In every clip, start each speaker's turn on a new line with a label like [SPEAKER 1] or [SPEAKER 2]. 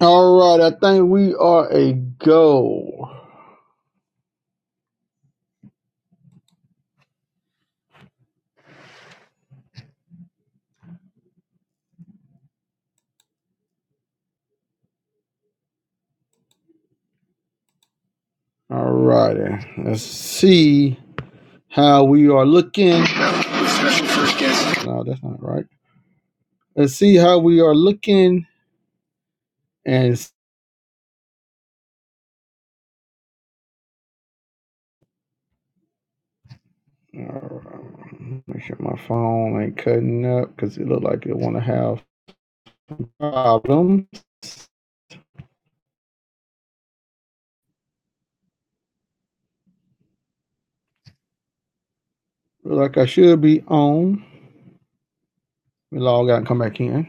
[SPEAKER 1] All right, I think we are a go. All righty, let's see how we are looking. Special first guest. No, that's not right. Let's see how we are looking and uh, make sure my phone ain't cutting up because it look like it want to have problems. Look like I should be on. We log out and come back in.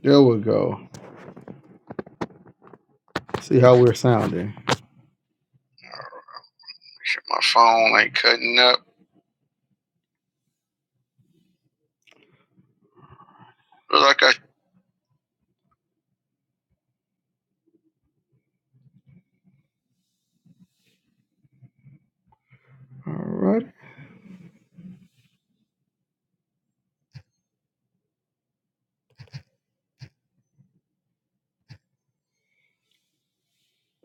[SPEAKER 1] There we go. See how we're sounding. Make sure my phone ain't cutting up. Look like I. All right.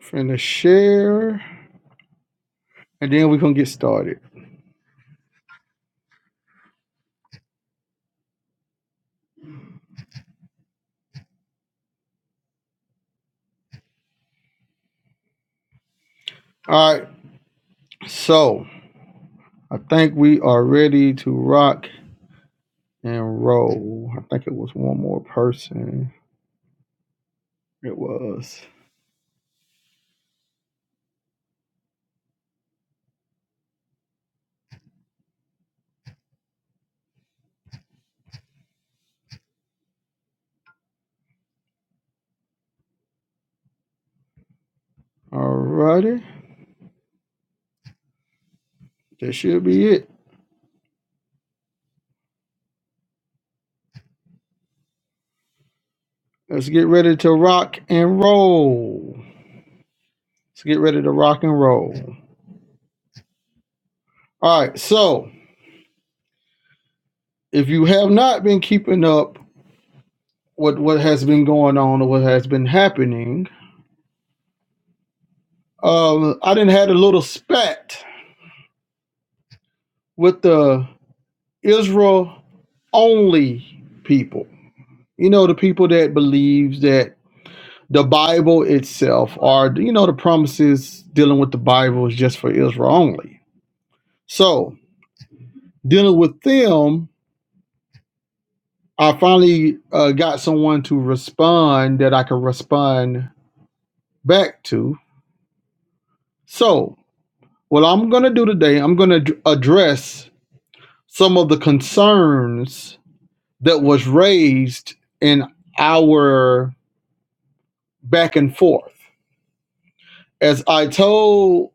[SPEAKER 1] Finna share, and then we're gonna get started. All right, so I think we are ready to rock and roll. I think it was one more person. It was. All righty, that should be it. Let's get ready to rock and roll. Let's get ready to rock and roll. All right, so if you have not been keeping up with what has been going on or what has been happening, um, I didn't had a little spat with the Israel only people. You know, the people that believes that the Bible itself or you know the promises dealing with the Bible is just for Israel only. So dealing with them, I finally uh, got someone to respond that I could respond back to. So what I'm gonna do today, I'm gonna address some of the concerns that was raised in our back and forth. As I told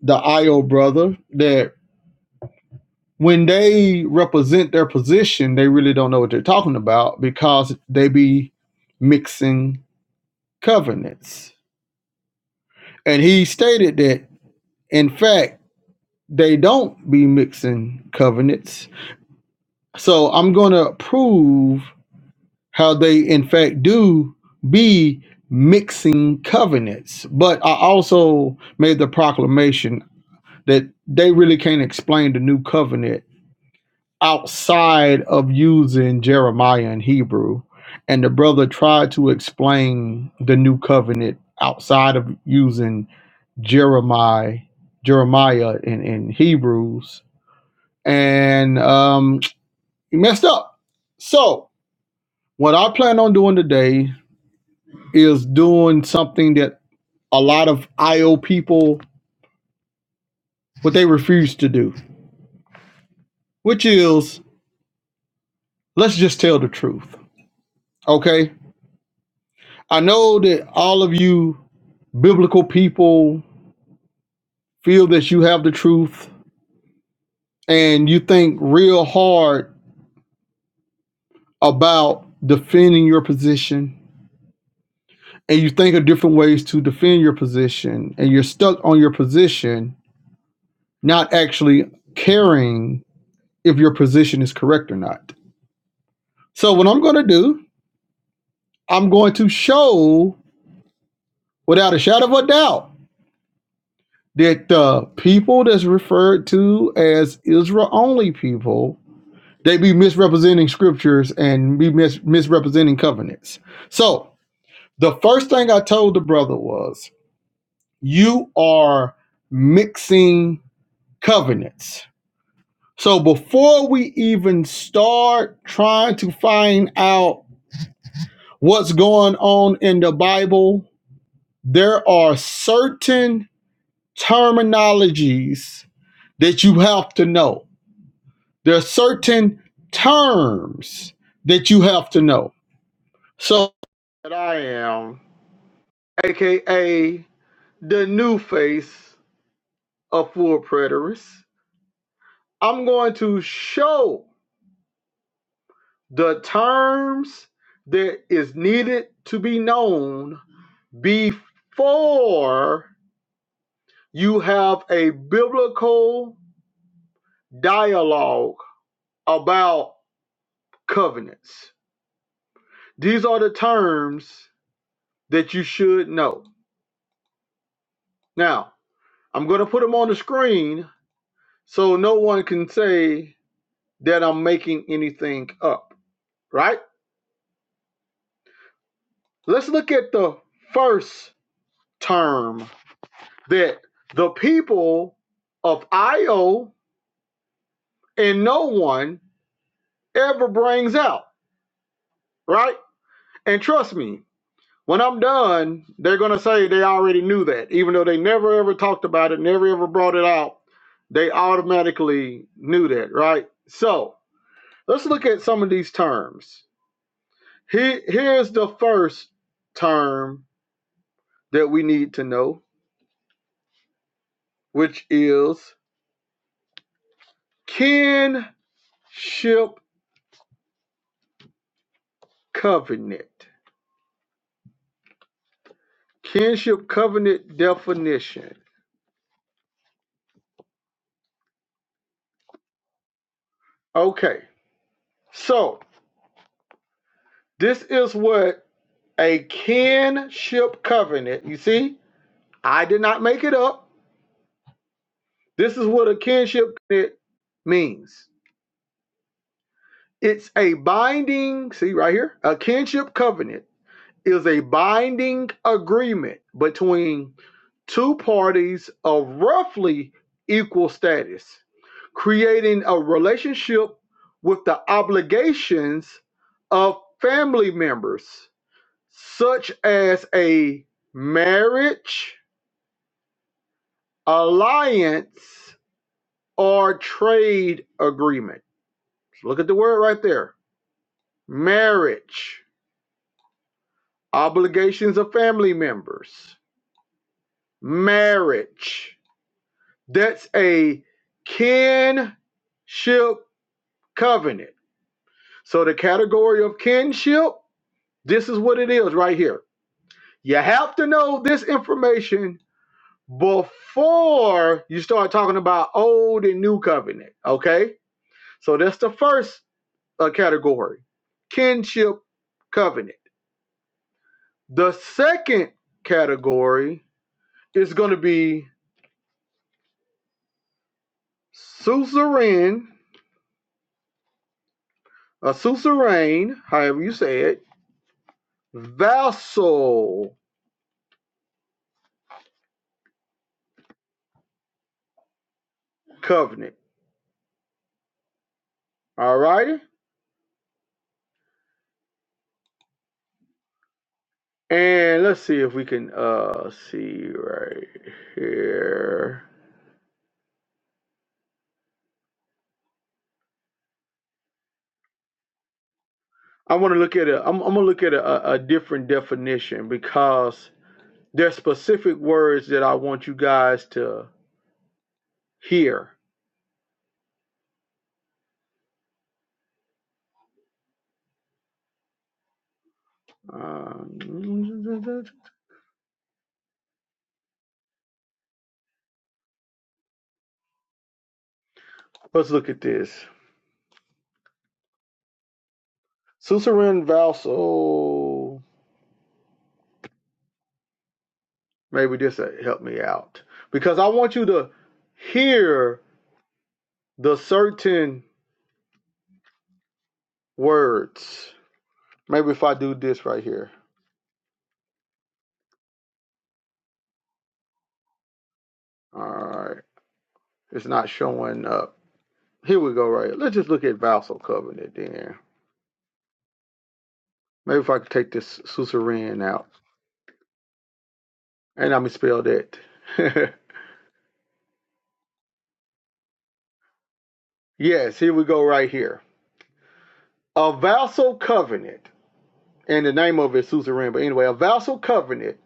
[SPEAKER 1] the IO brother that when they represent their position, they really don't know what they're talking about because they be mixing covenants. And he stated that, in fact, they don't be mixing covenants. So I'm going to prove how they, in fact, do be mixing covenants. But I also made the proclamation that they really can't explain the new covenant outside of using Jeremiah in Hebrew. And the brother tried to explain the new covenant outside of using Jeremiah, Jeremiah in, in Hebrews, and um, he messed up. So, what I plan on doing today is doing something that a lot of IO people what they refuse to do, which is let's just tell the truth. Okay, I know that all of you biblical people feel that you have the truth and you think real hard about defending your position and you think of different ways to defend your position and you're stuck on your position not actually caring if your position is correct or not so what i'm going to do i'm going to show without a shadow of a doubt that the people that's referred to as israel only people They be misrepresenting scriptures and be mis- misrepresenting covenants. So the first thing I told the brother was, you are mixing covenants. So before we even start trying to find out what's going on in the Bible, there are certain terminologies that you have to know. There are certain terms that you have to know. So that I am, aka the new face of Full preterists. I'm going to show the terms that is needed to be known before you have a biblical dialogue about covenants. These are the terms that you should know. Now, I'm going to put them on the screen so no one can say that I'm making anything up, right? Let's look at the first term that the people of Io and no one ever brings out, right? And trust me, when I'm done, they're going to say they already knew that, even though they never ever talked about it, never ever brought it out. They automatically knew that, right? So let's look at some of these terms. Here, here's the first term that we need to know which is kinship covenant. Kinship covenant definition. Okay, so this is what a kinship covenant, you see, I did not make it up. This is what a kinship covenant means. It's a binding, see right here, a kinship covenant is a binding agreement between two parties of roughly equal status, creating a relationship with the obligations of family members, such as a marriage, alliance, or trade agreement. Look at the word right there marriage, obligations of family members, marriage That's a kinship covenant. So the category of kinship, this is what it is right here. You have to know this information before you start talking about old and new covenant. Okay? So that's the first uh, category, kinship covenant. The second category is going to be suzerain, a suzerain, however you say it vassal covenant. All righty. And let's see if we can uh see right here. I want to look at a I'm, I'm gonna look at a, a different definition because there's specific words that I want you guys to hear. Um, let's look at this. Suzerain vassal. Maybe this will help me out because I want you to hear the certain words Maybe if I do this right here. All right. It's not showing up. Here we go, right? Let's just look at Vassal Covenant then. Maybe if I could take this suzerain out. And i misspelled going that. yes, here we go right here. A vassal covenant, and the name of it is suzerain, but anyway, a vassal covenant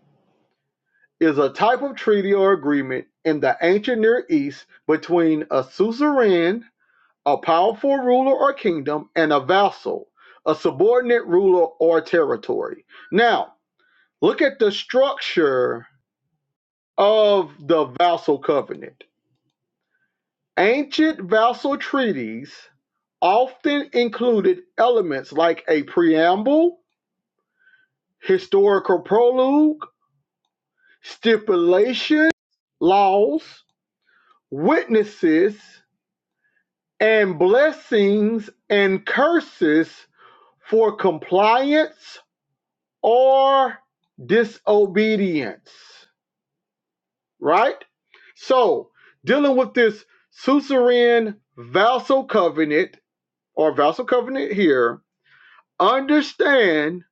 [SPEAKER 1] is a type of treaty or agreement in the ancient Near East between a suzerain a powerful ruler or kingdom, and a vassal, a subordinate ruler or territory. Now, look at the structure of the vassal covenant. Ancient vassal treaties often included elements like a preamble, historical prologue, stipulation, laws, witnesses, and blessings and curses for compliance or disobedience, right? So, dealing with this suzerain vassal covenant or vassal covenant here, understand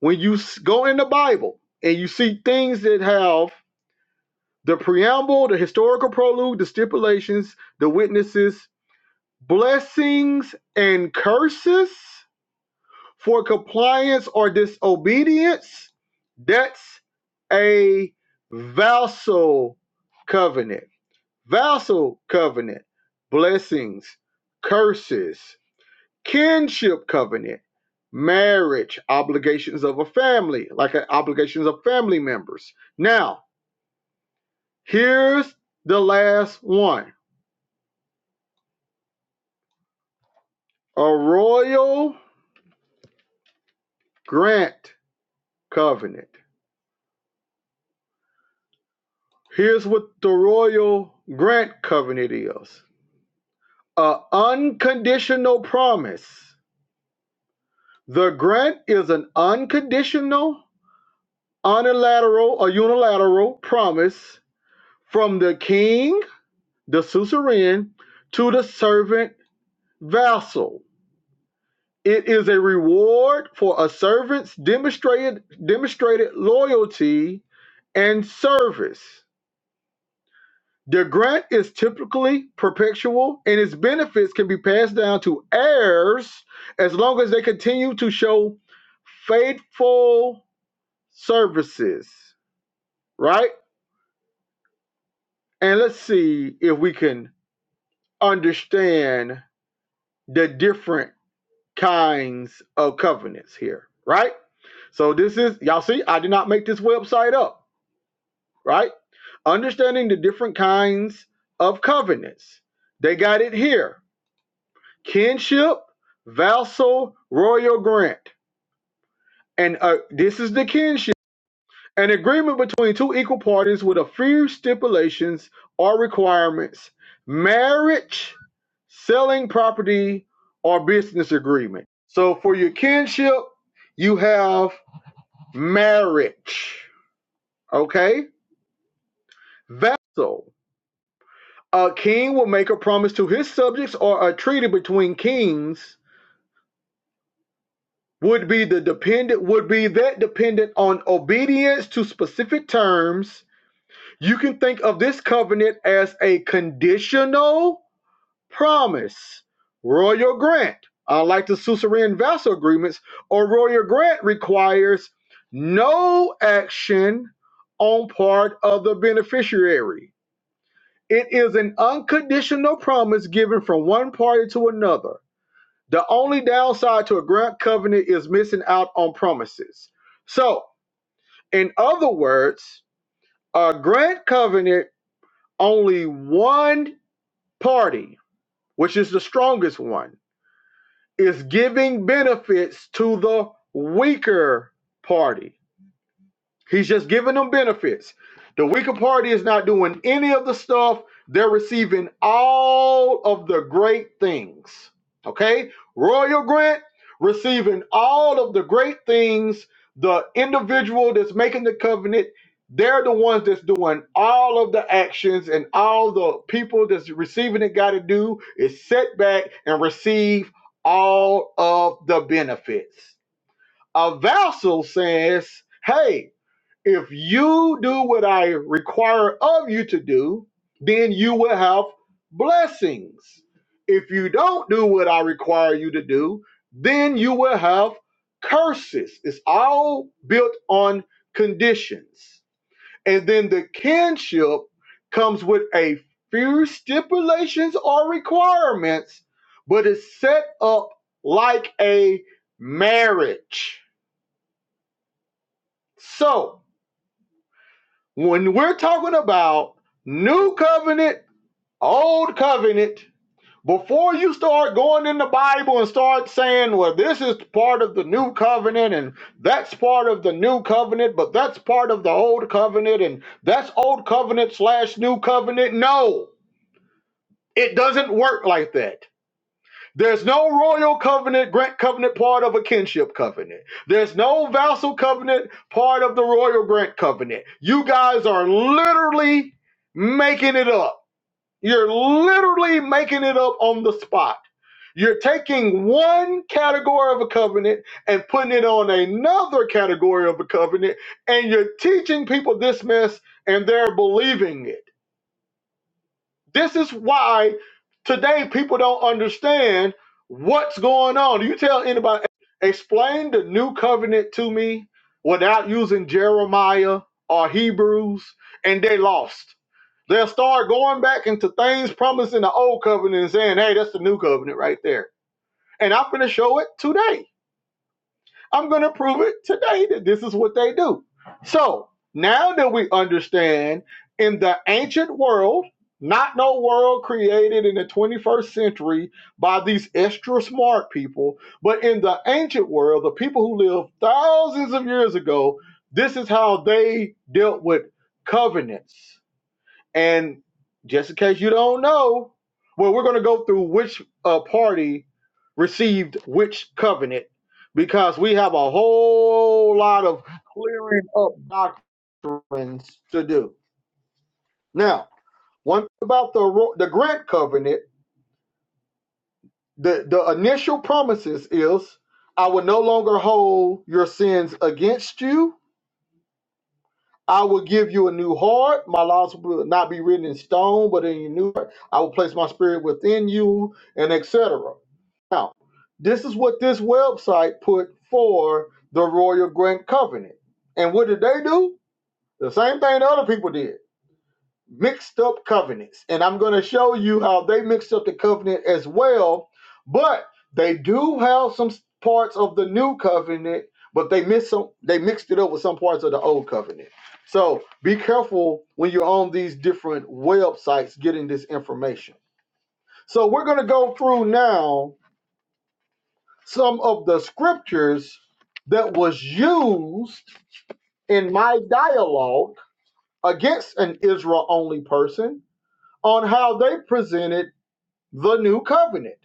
[SPEAKER 1] when you go in the Bible and you see things that have the preamble, the historical prologue, the stipulations, the witnesses, blessings, and curses for compliance or disobedience, that's a vassal covenant. Vassal covenant, blessings, curses, kinship covenant, marriage, obligations of a family, like uh, obligations of family members. Now, here's the last one a royal grant covenant. Here's what the royal grant covenant is An unconditional promise. The grant is an unconditional, unilateral, or unilateral promise from the king, the suzerain, to the servant vassal. It is a reward for a servant's demonstrated demonstrated loyalty and service. The grant is typically perpetual and its benefits can be passed down to heirs as long as they continue to show faithful services, right? And let's see if we can understand the different kinds of covenants here, right? So this is y'all see, I did not make this website up, right? Understanding the different kinds of covenants. They got it here kinship, vassal, royal grant. And uh, this is the kinship. An agreement between two equal parties with a few stipulations or requirements. Marriage, selling property, or business agreement. So for your kinship, you have marriage. Okay? Vassal. A king will make a promise to his subjects or a treaty between kings would be the dependent would be that dependent on obedience to specific terms you can think of this covenant as a conditional promise royal grant unlike the suzerain vassal agreements a royal grant requires no action on part of the beneficiary it is an unconditional promise given from one party to another the only downside to a grant covenant is missing out on promises. So, in other words, a grant covenant, only one party, which is the strongest one, is giving benefits to the weaker party. He's just giving them benefits. The weaker party is not doing any of the stuff. They're receiving all of the great things. Okay? Royal Grant receiving all of the great things. The individual that's making the covenant, they're the ones that's doing all of the actions and all the people that's receiving it got to do is sit back and receive all of the benefits. A vassal says, hey, if you do what I require of you to do, then you will have blessings. If you don't do what I require you to do, then you will have curses. It's all built on conditions. And then the kinship comes with a few stipulations or requirements, but it's set up like a marriage. So, When we're talking about new covenant, old covenant, before you start going in the Bible and start saying, well, this is part of the new covenant and that's part of the new covenant, but that's part of the old covenant and that's old covenant slash new covenant. No, it doesn't work like that. There's no royal covenant, grant covenant part of a kinship covenant. There's no vassal covenant part of the royal grant covenant. You guys are literally making it up. You're literally making it up on the spot. You're taking one category of a covenant and putting it on another category of a covenant, and you're teaching people this mess and they're believing it. This is why today people don't understand what's going on. You tell anybody, explain the new covenant to me without using Jeremiah or Hebrews, and they lost. They'll start going back into things promised in the old covenant and saying, hey, that's the new covenant right there. And I'm going to show it today. I'm going to prove it today that this is what they do. So now that we understand in the ancient world, not no world created in the 21st century by these extra smart people, but in the ancient world, the people who lived thousands of years ago, this is how they dealt with covenants. And just in case you don't know, well, we're going to go through which uh, party received which covenant because we have a whole lot of clearing up doctrines to do. Now, one thing about the the Grant Covenant, the the initial promises is, I will no longer hold your sins against you I will give you a new heart. My laws will not be written in stone, but in your new heart. I will place my spirit within you, and etc. Now, this is what this website put for the Royal Grant Covenant. And what did they do? The same thing the other people did mixed up covenants. And I'm going to show you how they mixed up the covenant as well. But they do have some parts of the new covenant, but they miss some they mixed it up with some parts of the old covenant. So be careful when you're on these different websites getting this information. So we're going to go through now some of the scriptures that was used in my dialogue against an Israel only person on how they presented the new covenant.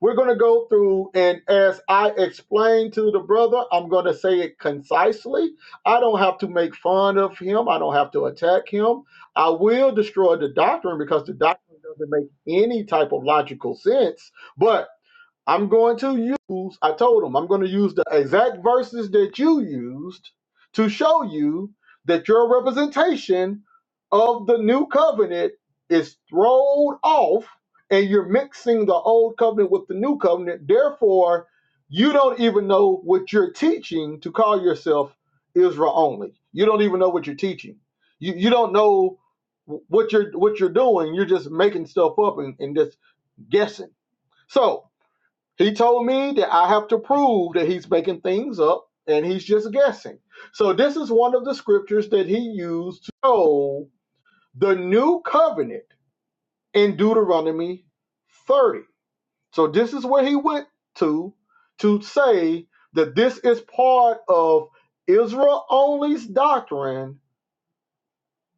[SPEAKER 1] We're going to go through, and as I explained to the brother, I'm going to say it concisely. I don't have to make fun of him, I don't have to attack him. I will destroy the doctrine because the doctrine doesn't make any type of logical sense. But I'm going to use, I told them I'm going to use the exact verses that you used to show you that your representation of the new covenant is thrown off and you're mixing the old covenant with the new covenant. Therefore, you don't even know what you're teaching to call yourself Israel only. You don't even know what you're teaching. You, you don't know what you're what you're doing. You're just making stuff up and, and just guessing. So he told me that I have to prove that he's making things up and he's just guessing. So this is one of the scriptures that he used to show the new covenant in Deuteronomy 30. So this is where he went to to say that this is part of Israel only's doctrine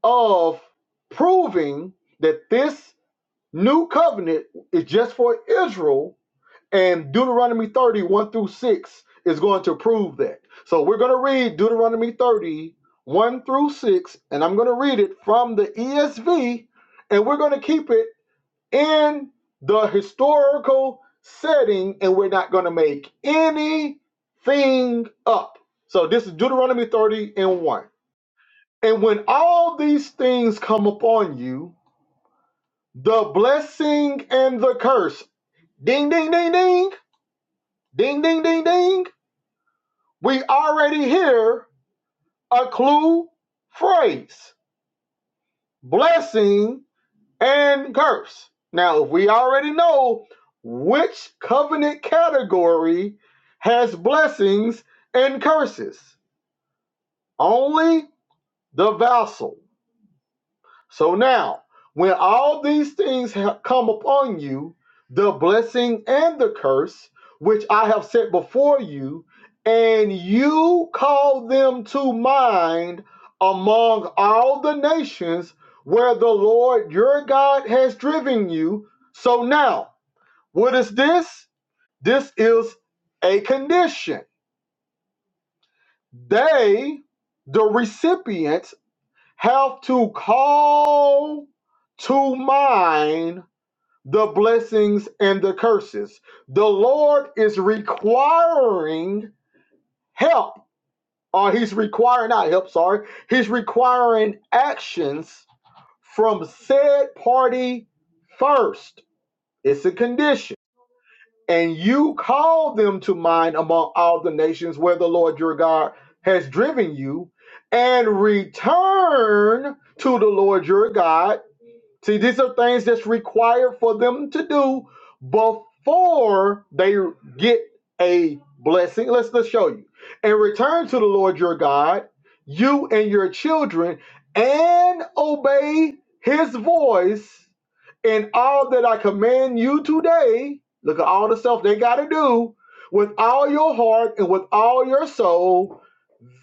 [SPEAKER 1] of proving that this new covenant is just for Israel And Deuteronomy thirty one through 6 is going to prove that. So we're going to read Deuteronomy thirty one through 6, and I'm going to read it from the ESV, and we're going to keep it in the historical setting, and we're not going to make anything up. So this is Deuteronomy 30 and 1. And when all these things come upon you, the blessing and the curse, ding, ding, ding, ding, ding, ding, ding, ding, We already hear a clue phrase blessing and curse. Now, if we already know which covenant category has blessings and curses, only the vassal. So now, when all these things have come upon you, the blessing and the curse, which I have set before you, and you call them to mind among all the nations where the Lord your God has driven you. So now, what is this? This is a condition. They, the recipients, have to call to mind the blessings and the curses. The Lord is requiring help, or He's requiring not help, sorry, He's requiring actions from said party first. It's a condition. And you call them to mind among all the nations where the Lord your God has driven you, and return to the Lord your God See, these are things that's required for them to do before they get a blessing. Let's let's show you. And return to the Lord your God, you and your children, and obey his voice in all that I command you today. Look at all the stuff they gotta do with all your heart and with all your soul.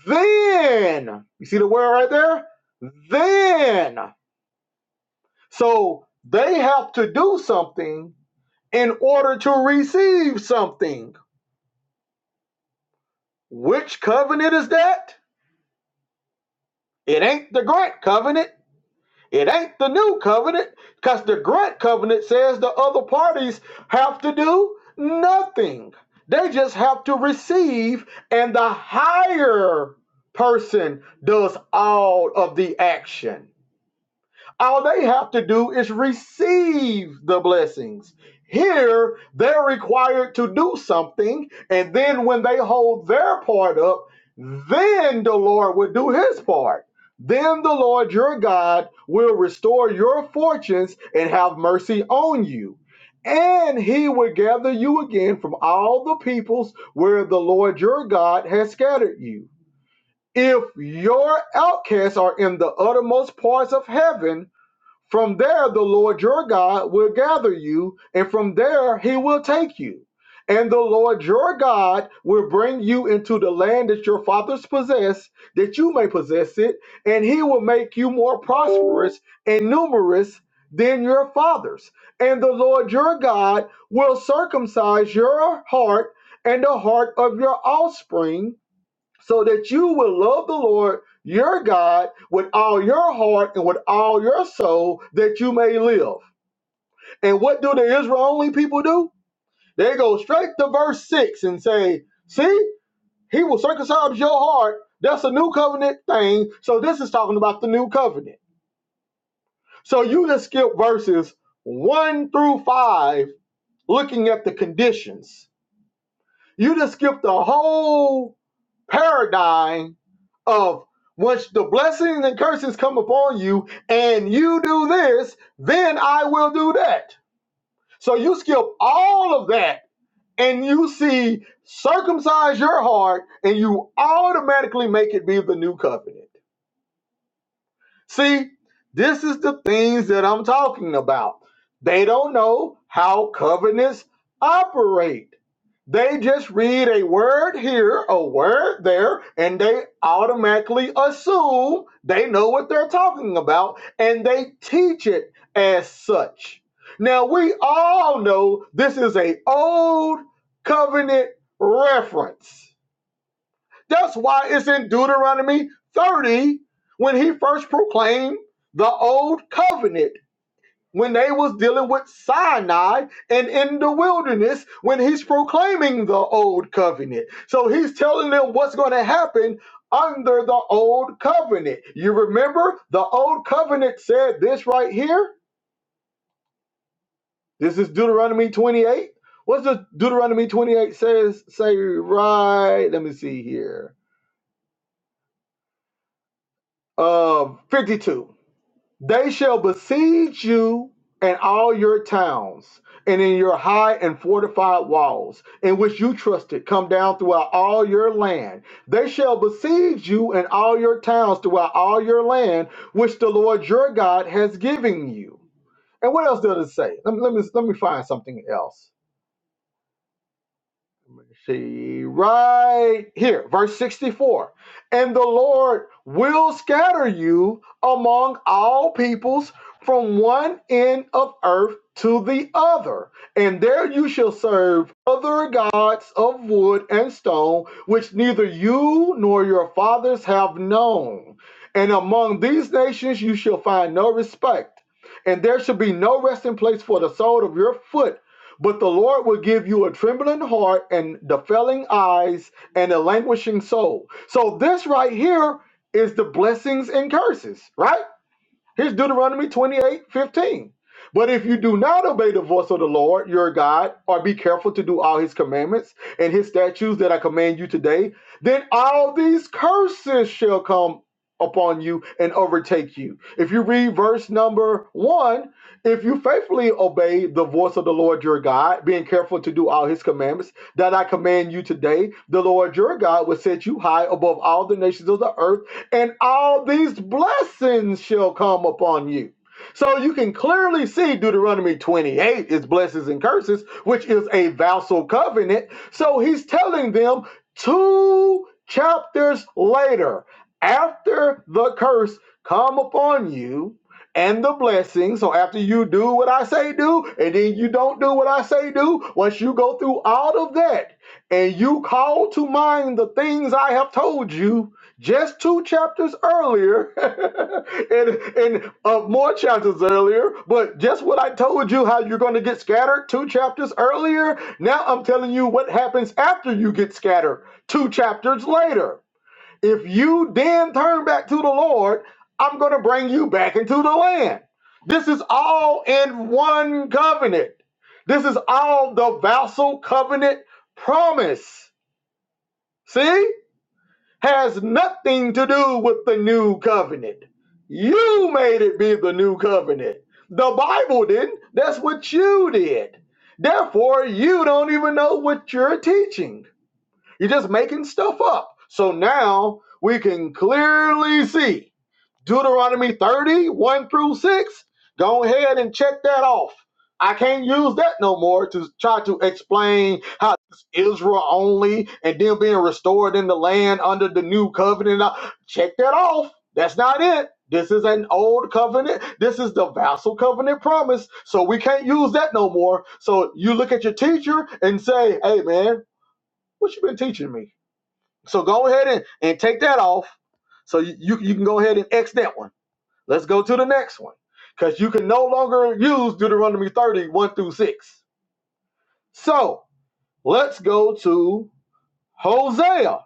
[SPEAKER 1] Then you see the word right there? Then so they have to do something in order to receive something. Which covenant is that? It ain't the grant covenant. It ain't the new covenant because the grant covenant says the other parties have to do nothing. They just have to receive, and the higher person does all of the action. All they have to do is receive the blessings. Here, they're required to do something, and then when they hold their part up, then the Lord will do his part. Then the Lord your God will restore your fortunes and have mercy on you. And he will gather you again from all the peoples where the Lord your God has scattered you. If your outcasts are in the uttermost parts of heaven, from there, the Lord your God will gather you, and from there, he will take you. And the Lord your God will bring you into the land that your fathers possessed, that you may possess it, and he will make you more prosperous and numerous than your fathers. And the Lord your God will circumcise your heart and the heart of your offspring so that you will love the Lord your God with all your heart and with all your soul that you may live. And what do the Israeli people do? They go straight to verse 6 and say, See, he will circumcise your heart. That's a new covenant thing. So this is talking about the new covenant. So you just skip verses 1 through 5, looking at the conditions. You just skip the whole paradigm of once the blessings and curses come upon you and you do this, then I will do that. So you skip all of that and you see circumcise your heart and you automatically make it be the new covenant. See, this is the things that I'm talking about. They don't know how covenants operate. They just read a word here, a word there, and they automatically assume they know what they're talking about and they teach it as such. Now, we all know this is a old covenant reference. That's why it's in Deuteronomy 30 when he first proclaimed the old covenant when they was dealing with Sinai and in the wilderness when he's proclaiming the old covenant. So he's telling them what's going to happen under the old covenant. You remember the old covenant said this right here? This is Deuteronomy 28. What's the Deuteronomy 28 says say right, let me see here. Uh 52. They shall besiege you and all your towns, and in your high and fortified walls, in which you trusted, come down throughout all your land. They shall besiege you and all your towns throughout all your land, which the Lord your God has given you. And what else does it say? Let me, let me, let me find something else me see right here, verse 64. And the Lord will scatter you among all peoples from one end of earth to the other. And there you shall serve other gods of wood and stone, which neither you nor your fathers have known. And among these nations you shall find no respect. And there shall be no resting place for the sole of your foot but the Lord will give you a trembling heart and the failing eyes and a languishing soul. So this right here is the blessings and curses, right? Here's Deuteronomy 28:15. But if you do not obey the voice of the Lord your God, or be careful to do all his commandments and his statutes that I command you today, then all these curses shall come upon you and overtake you. If you read verse number one, if you faithfully obey the voice of the Lord your God, being careful to do all his commandments that I command you today, the Lord your God will set you high above all the nations of the earth and all these blessings shall come upon you. So you can clearly see Deuteronomy 28 is blessings and curses, which is a vassal covenant. So he's telling them two chapters later, after the curse come upon you and the blessing. So after you do what I say do, and then you don't do what I say do, once you go through all of that and you call to mind the things I have told you, just two chapters earlier and and uh, more chapters earlier but just what i told you how you're going to get scattered two chapters earlier now i'm telling you what happens after you get scattered two chapters later if you then turn back to the lord i'm going to bring you back into the land this is all in one covenant this is all the vassal covenant promise see has nothing to do with the new covenant. You made it be the new covenant. The Bible didn't. That's what you did. Therefore, you don't even know what you're teaching. You're just making stuff up. So now we can clearly see Deuteronomy thirty one through 6. Go ahead and check that off. I can't use that no more to try to explain how Israel only and then being restored in the land under the new covenant. Check that off. That's not it. This is an old covenant. This is the vassal covenant promise. So we can't use that no more. So you look at your teacher and say, hey, man, what you been teaching me? So go ahead and, and take that off. So you, you you can go ahead and X that one Let's go to the next one because you can no longer use Deuteronomy thirty one through 6. So let's go to Hosea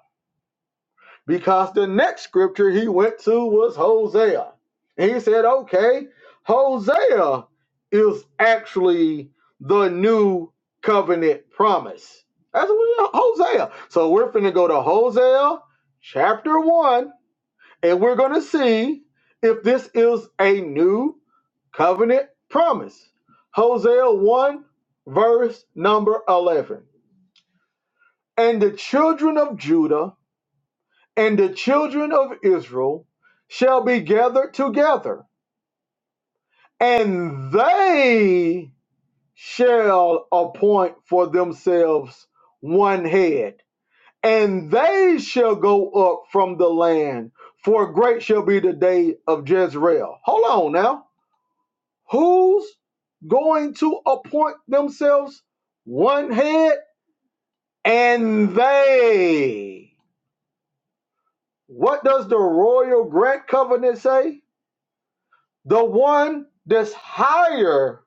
[SPEAKER 1] because the next scripture he went to was Hosea. And he said, okay, Hosea is actually the new covenant promise. That's what Hosea. So we're going to go to Hosea chapter 1 and we're going to see if this is a new covenant promise. Hosea 1, verse number 11. And the children of Judah and the children of Israel shall be gathered together, and they shall appoint for themselves one head, and they shall go up from the land, for great shall be the day of Jezreel. Hold on now. Who's going to appoint themselves one head? And they. What does the royal grant covenant say? The one that's higher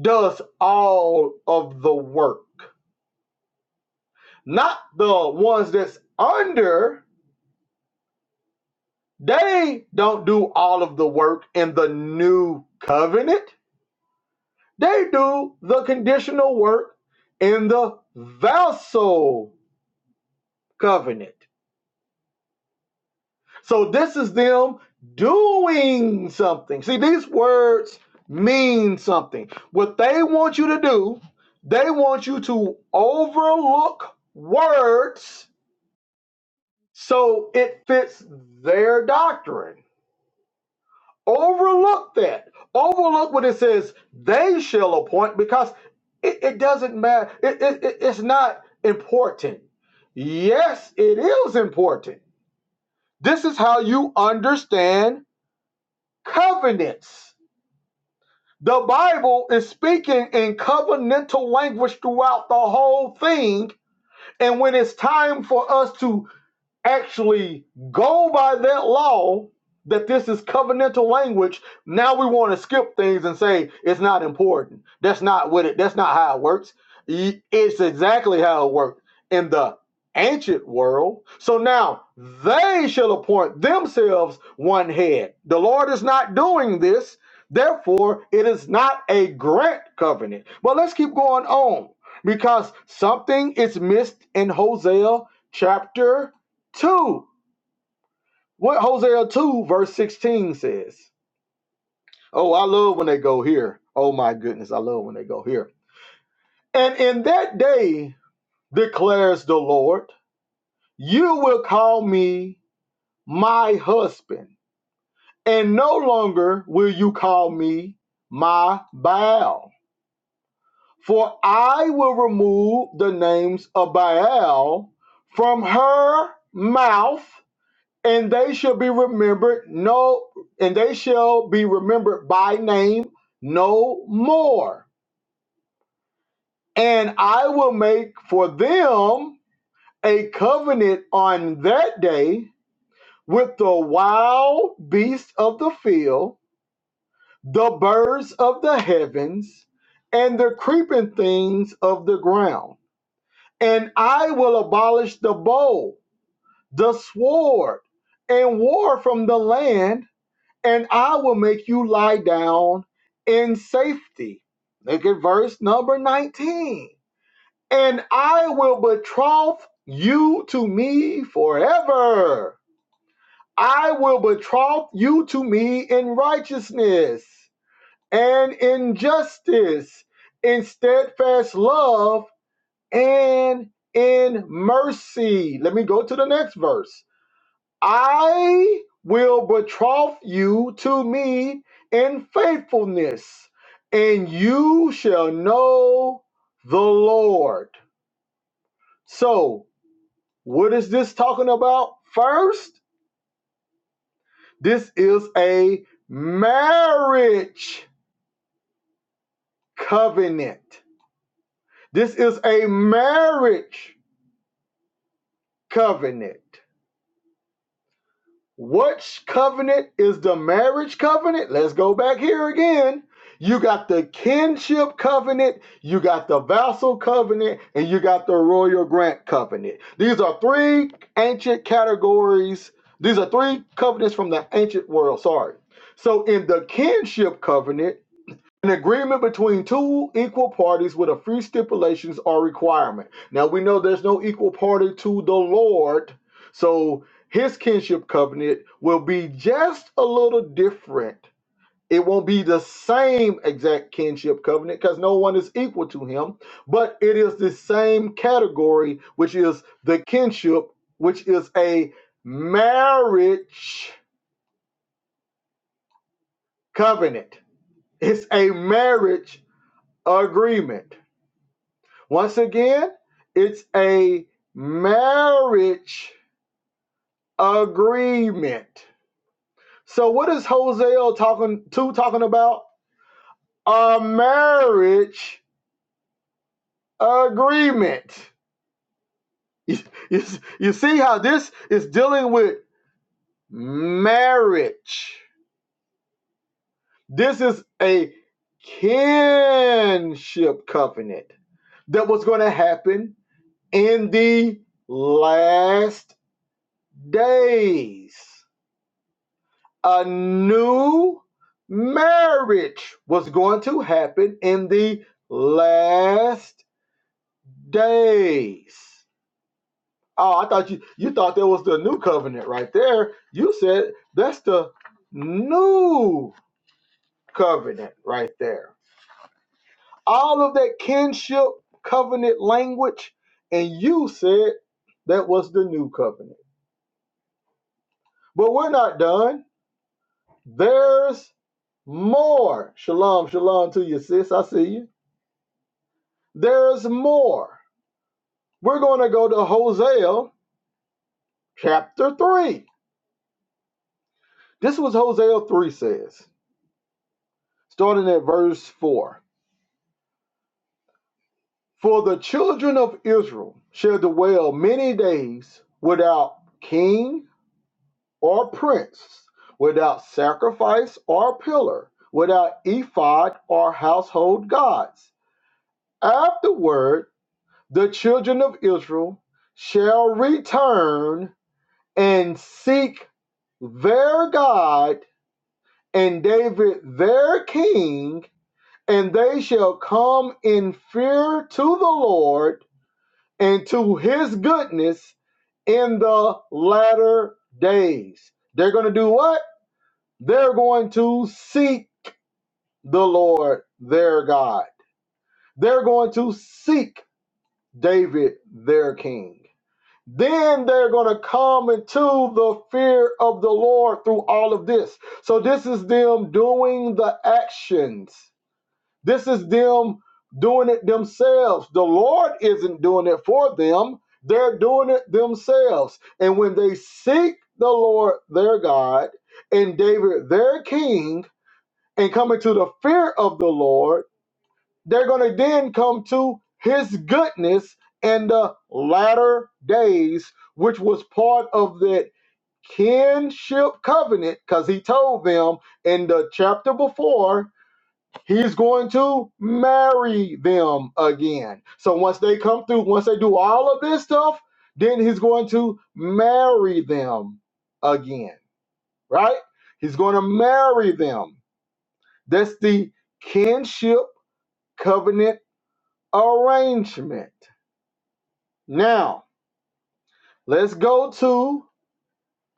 [SPEAKER 1] does all of the work, not the ones that's under. They don't do all of the work in the new covenant. They do the conditional work in the vassal covenant. So this is them doing something. See, these words mean something. What they want you to do, they want you to overlook words so it fits their doctrine. Overlook that. Overlook what it says they shall appoint because it, it doesn't matter. It, it, it- it's not important. Yes, it is important. This is how you understand covenants. The Bible is speaking in covenantal language throughout the whole thing. And when it's time for us to actually go by that law that this is covenantal language now we want to skip things and say it's not important that's not what it that's not how it works E, it's exactly how it worked in the ancient world so now they shall appoint themselves one head the lord is not doing this therefore it is not a grant covenant but let's keep going on because something is missed in hosea chapter 2. What Hosea 2, verse 16 says. Oh, I love when they go here. Oh, my goodness. I love when they go here. And in that day, declares the Lord, you will call me my husband, and no longer will you call me my Baal. For I will remove the names of Baal from her mouth and they shall be remembered no and they shall be remembered by name no more and i will make for them a covenant on that day with the wild beasts of the field the birds of the heavens and the creeping things of the ground and i will abolish the bow the sword and war from the land and I will make you lie down in safety. Look at verse number 19. And I will betroth you to me forever. I will betroth you to me in righteousness and in justice, in steadfast love and in mercy. Let me go to the next verse. I will betroth you to me in faithfulness, and you shall know the Lord. So, what is this talking about first? This is a marriage covenant. This is a marriage covenant. Which covenant is the marriage covenant? Let's go back here again. You got the kinship covenant, you got the vassal covenant, and you got the royal grant covenant. These are three ancient categories. These are three covenants from the ancient world, sorry. So in the kinship covenant, an agreement between two equal parties with a few stipulations or requirement. Now we know there's no equal party to the Lord, so his kinship covenant will be just a little different. It won't be the same exact kinship covenant because no one is equal to him, but it is the same category, which is the kinship, which is a marriage covenant. It's a marriage agreement. Once again, it's a marriage agreement. So what is Hosea talking to talking about? A marriage agreement. You, you, you see how this is dealing with marriage. This is a kinship covenant that was going to happen in the last days. a new marriage was going to happen in the last days. Oh, I thought you you thought that was the new covenant right there. You said that's the new covenant right there. All of that kinship covenant language, and you said that was the new covenant. But we're not done. There's more. Shalom, shalom to you, sis. I see you. There's more. We're going to go to Hosea chapter 3. This was Hosea 3 says, starting at verse 4. For the children of Israel shall dwell many days without king or prince, without sacrifice or pillar, without ephod or household gods. Afterward, the children of Israel shall return and seek their God and David their king, and they shall come in fear to the Lord and to his goodness in the latter days. They're going to do what? They're going to seek the Lord their God. They're going to seek David their king. Then they're going to come into the fear of the Lord through all of this. So, this is them doing the actions This is them doing it themselves. The Lord isn't doing it for them, they're doing it themselves. And when they seek the Lord their God and David their king and come into the fear of the Lord, they're going to then come to his goodness in the latter days, which was part of that kinship covenant, because he told them in the chapter before He's going to marry them again. So once they come through, once they do all of this stuff, then he's going to marry them again, right? He's going to marry them. That's the kinship covenant arrangement. Now, let's go to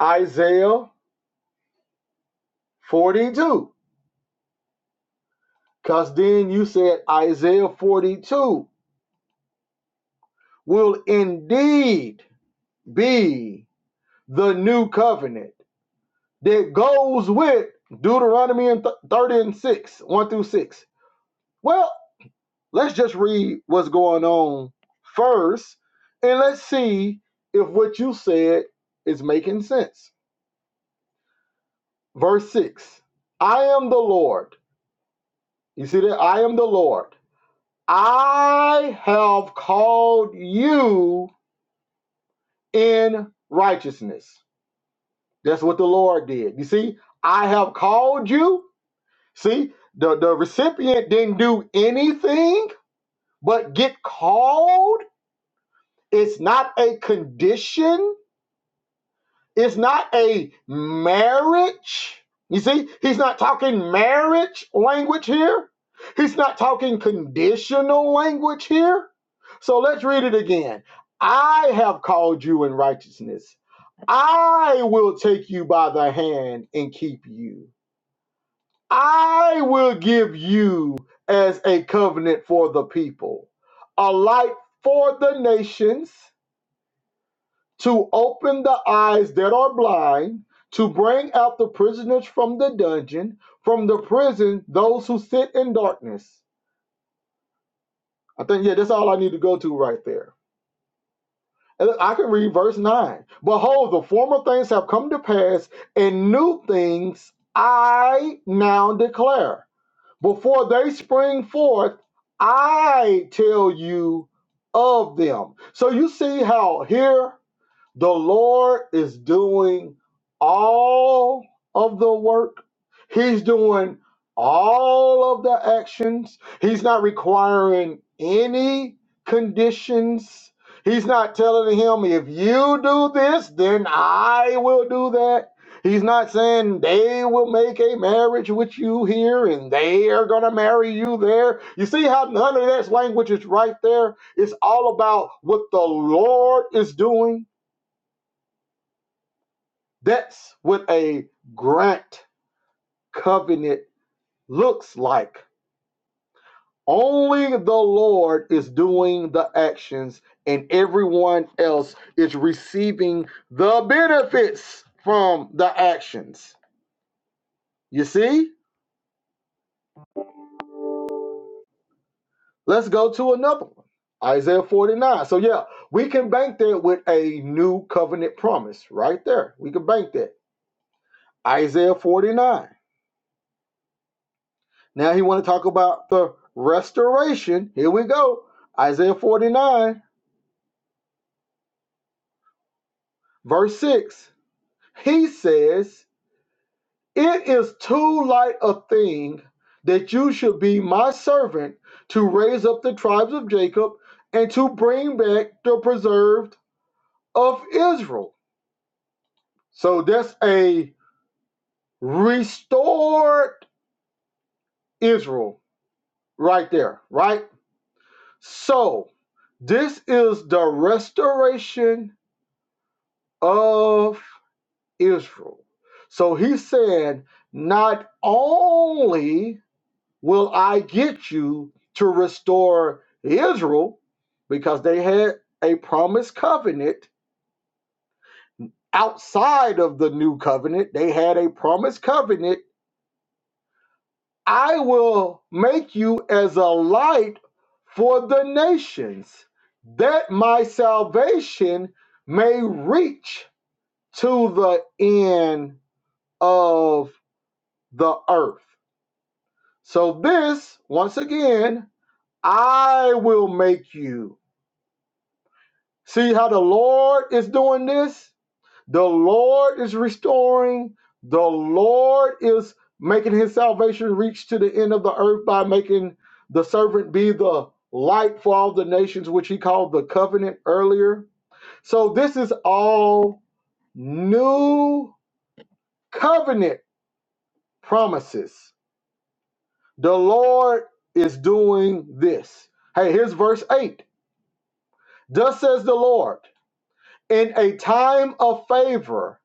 [SPEAKER 1] Isaiah 42, because then you said Isaiah 42 will indeed be the new covenant that goes with Deuteronomy and 30 and 6, 1 through 6. Well, let's just read what's going on first and let's see if what you said is making sense. Verse 6 I am the Lord. You see that? I am the Lord. I have called you in righteousness. That's what the Lord did. You see, I have called you. See, the, the recipient didn't do anything But get called, it's not a condition, it's not a marriage. You see, he's not talking marriage language here, he's not talking conditional language here. So let's read it again. I have called you in righteousness. I will take you by the hand and keep you. I will give you as a covenant for the people, a light for the nations, to open the eyes that are blind, to bring out the prisoners from the dungeon, from the prison, those who sit in darkness. I think, yeah, that's all I need to go to right there. And I can read verse 9. Behold, the former things have come to pass, and new things I now declare. before they spring forth, I tell you of them. So you see how here the Lord is doing all of the work. He's doing all of the actions. He's not requiring any conditions. He's not telling him, if you do this, then I will do that. He's not saying they will make a marriage with you here and they are going to marry you there. You see how none of this language is right there? It's all about what the Lord is doing that's what a grant covenant looks like. Only the Lord is doing the actions, and everyone else is receiving the benefits from the actions. You see? Let's go to another one Isaiah 49. So, yeah, we can bank that with a new covenant promise right there. We can bank that. Isaiah 49. Now he want to talk about the restoration. Here we go. Isaiah 49, verse 6. He says, It is too light a thing that you should be my servant to raise up the tribes of Jacob and to bring back the preserved of Israel. So that's a restored Israel right there, right? So this is the restoration of Israel. So he said, Not only will I get you to restore Israel, because they had a promised covenant outside of the new covenant, they had a promised covenant. I will make you as a light for the nations, that my salvation may reach to the end of the earth. So, this, once again, I will make you. See how the Lord is doing this? The Lord is restoring. The Lord is making his salvation reach to the end of the earth by making the servant be the light for all the nations, which he called the covenant earlier. So, this is all new covenant promises. The Lord is doing this. Hey, here's verse 8. Thus says the Lord, in a time of favor,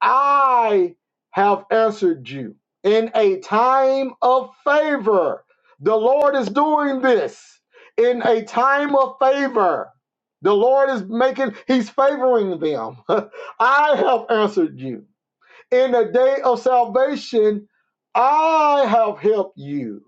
[SPEAKER 1] I have answered you. In a time of favor, the Lord is doing this. In a time of favor, the Lord is making, He's favoring them. I have answered you. In a day of salvation, I have helped you.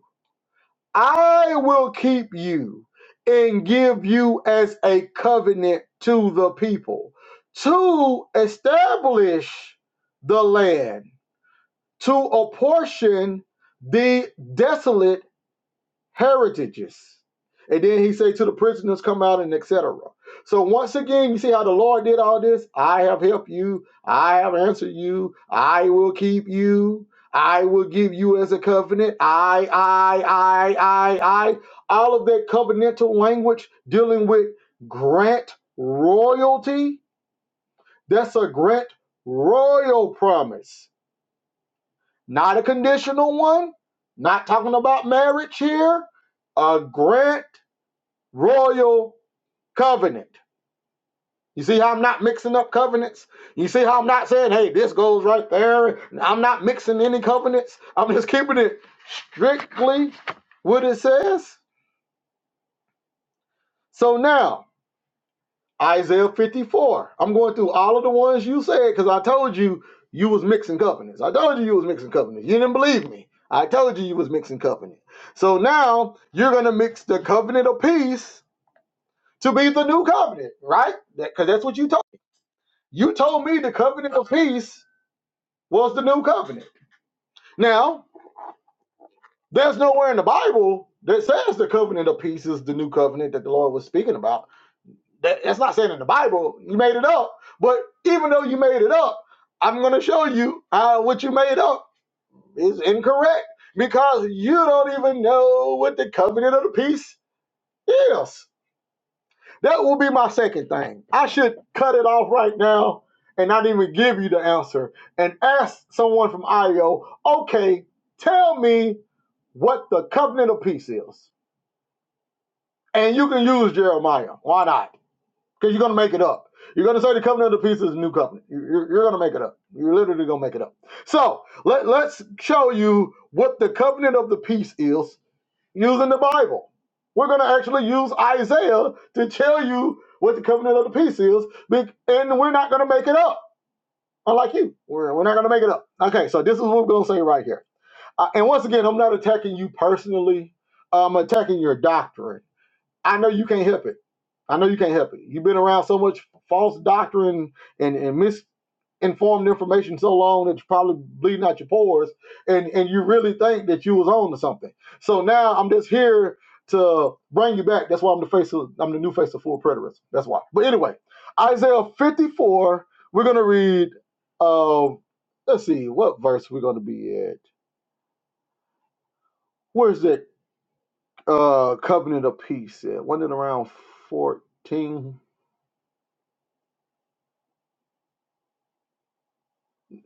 [SPEAKER 1] I will keep you and give you as a covenant to the people to establish the land, to apportion the desolate heritages. And then he said to the prisoners, come out and etc. So once again, you see how the Lord did all this? I have helped you. I have answered you. I will keep you. I will give you as a covenant. I, I, I, I, I. All of that covenantal language dealing with grant royalty. That's a grant royal promise, not a conditional one. Not talking about marriage here. A grant royal covenant. You see how I'm not mixing up covenants? You see how I'm not saying, hey, this goes right there. I'm not mixing any covenants. I'm just keeping it strictly what it says. So now, Isaiah 54. I'm going through all of the ones you said because I told you you was mixing covenants. I told you you was mixing covenants. You didn't believe me. I told you you was mixing covenant. So now you're going to mix the covenant of peace to be the new covenant, right? Because that's what you told You told me the covenant of peace was the new covenant. Now, there's nowhere in the Bible that says the covenant of peace is the new covenant that the Lord was speaking about. That, that's not saying in the Bible. You made it up. But even though you made it up, I'm going to show you how what you made up is incorrect because you don't even know what the covenant of the peace is. That will be my second thing. I should cut it off right now and not even give you the answer and ask someone from IO, okay, tell me what the covenant of peace is. And you can use Jeremiah. Why not? Because you're going to make it up. You're going to say the covenant of peace is a new covenant. You- You're, going to make it up. You're literally going to make it up. So let, let's show you what the covenant of the peace is using the Bible. We're going to actually use Isaiah to tell you what the covenant of the peace is, and we're not going to make it up. Unlike you, we're, we're not going to make it up. Okay, so this is what we're going to say right here. Uh, and once again, I'm not attacking you personally. I'm attacking your doctrine I know you can't help it. I know you can't help it. You've been around so much false doctrine and, and misinformed information so long that you're probably bleeding out your pores and, and you really think that you was on to something. So now I'm just here to bring you back. That's why I'm the face of I'm the new face of full preterism. That's why. But anyway, Isaiah 54, we're gonna read um let's see what verse we're gonna be at. Where's that uh covenant of peace at? Wasn't it around 14?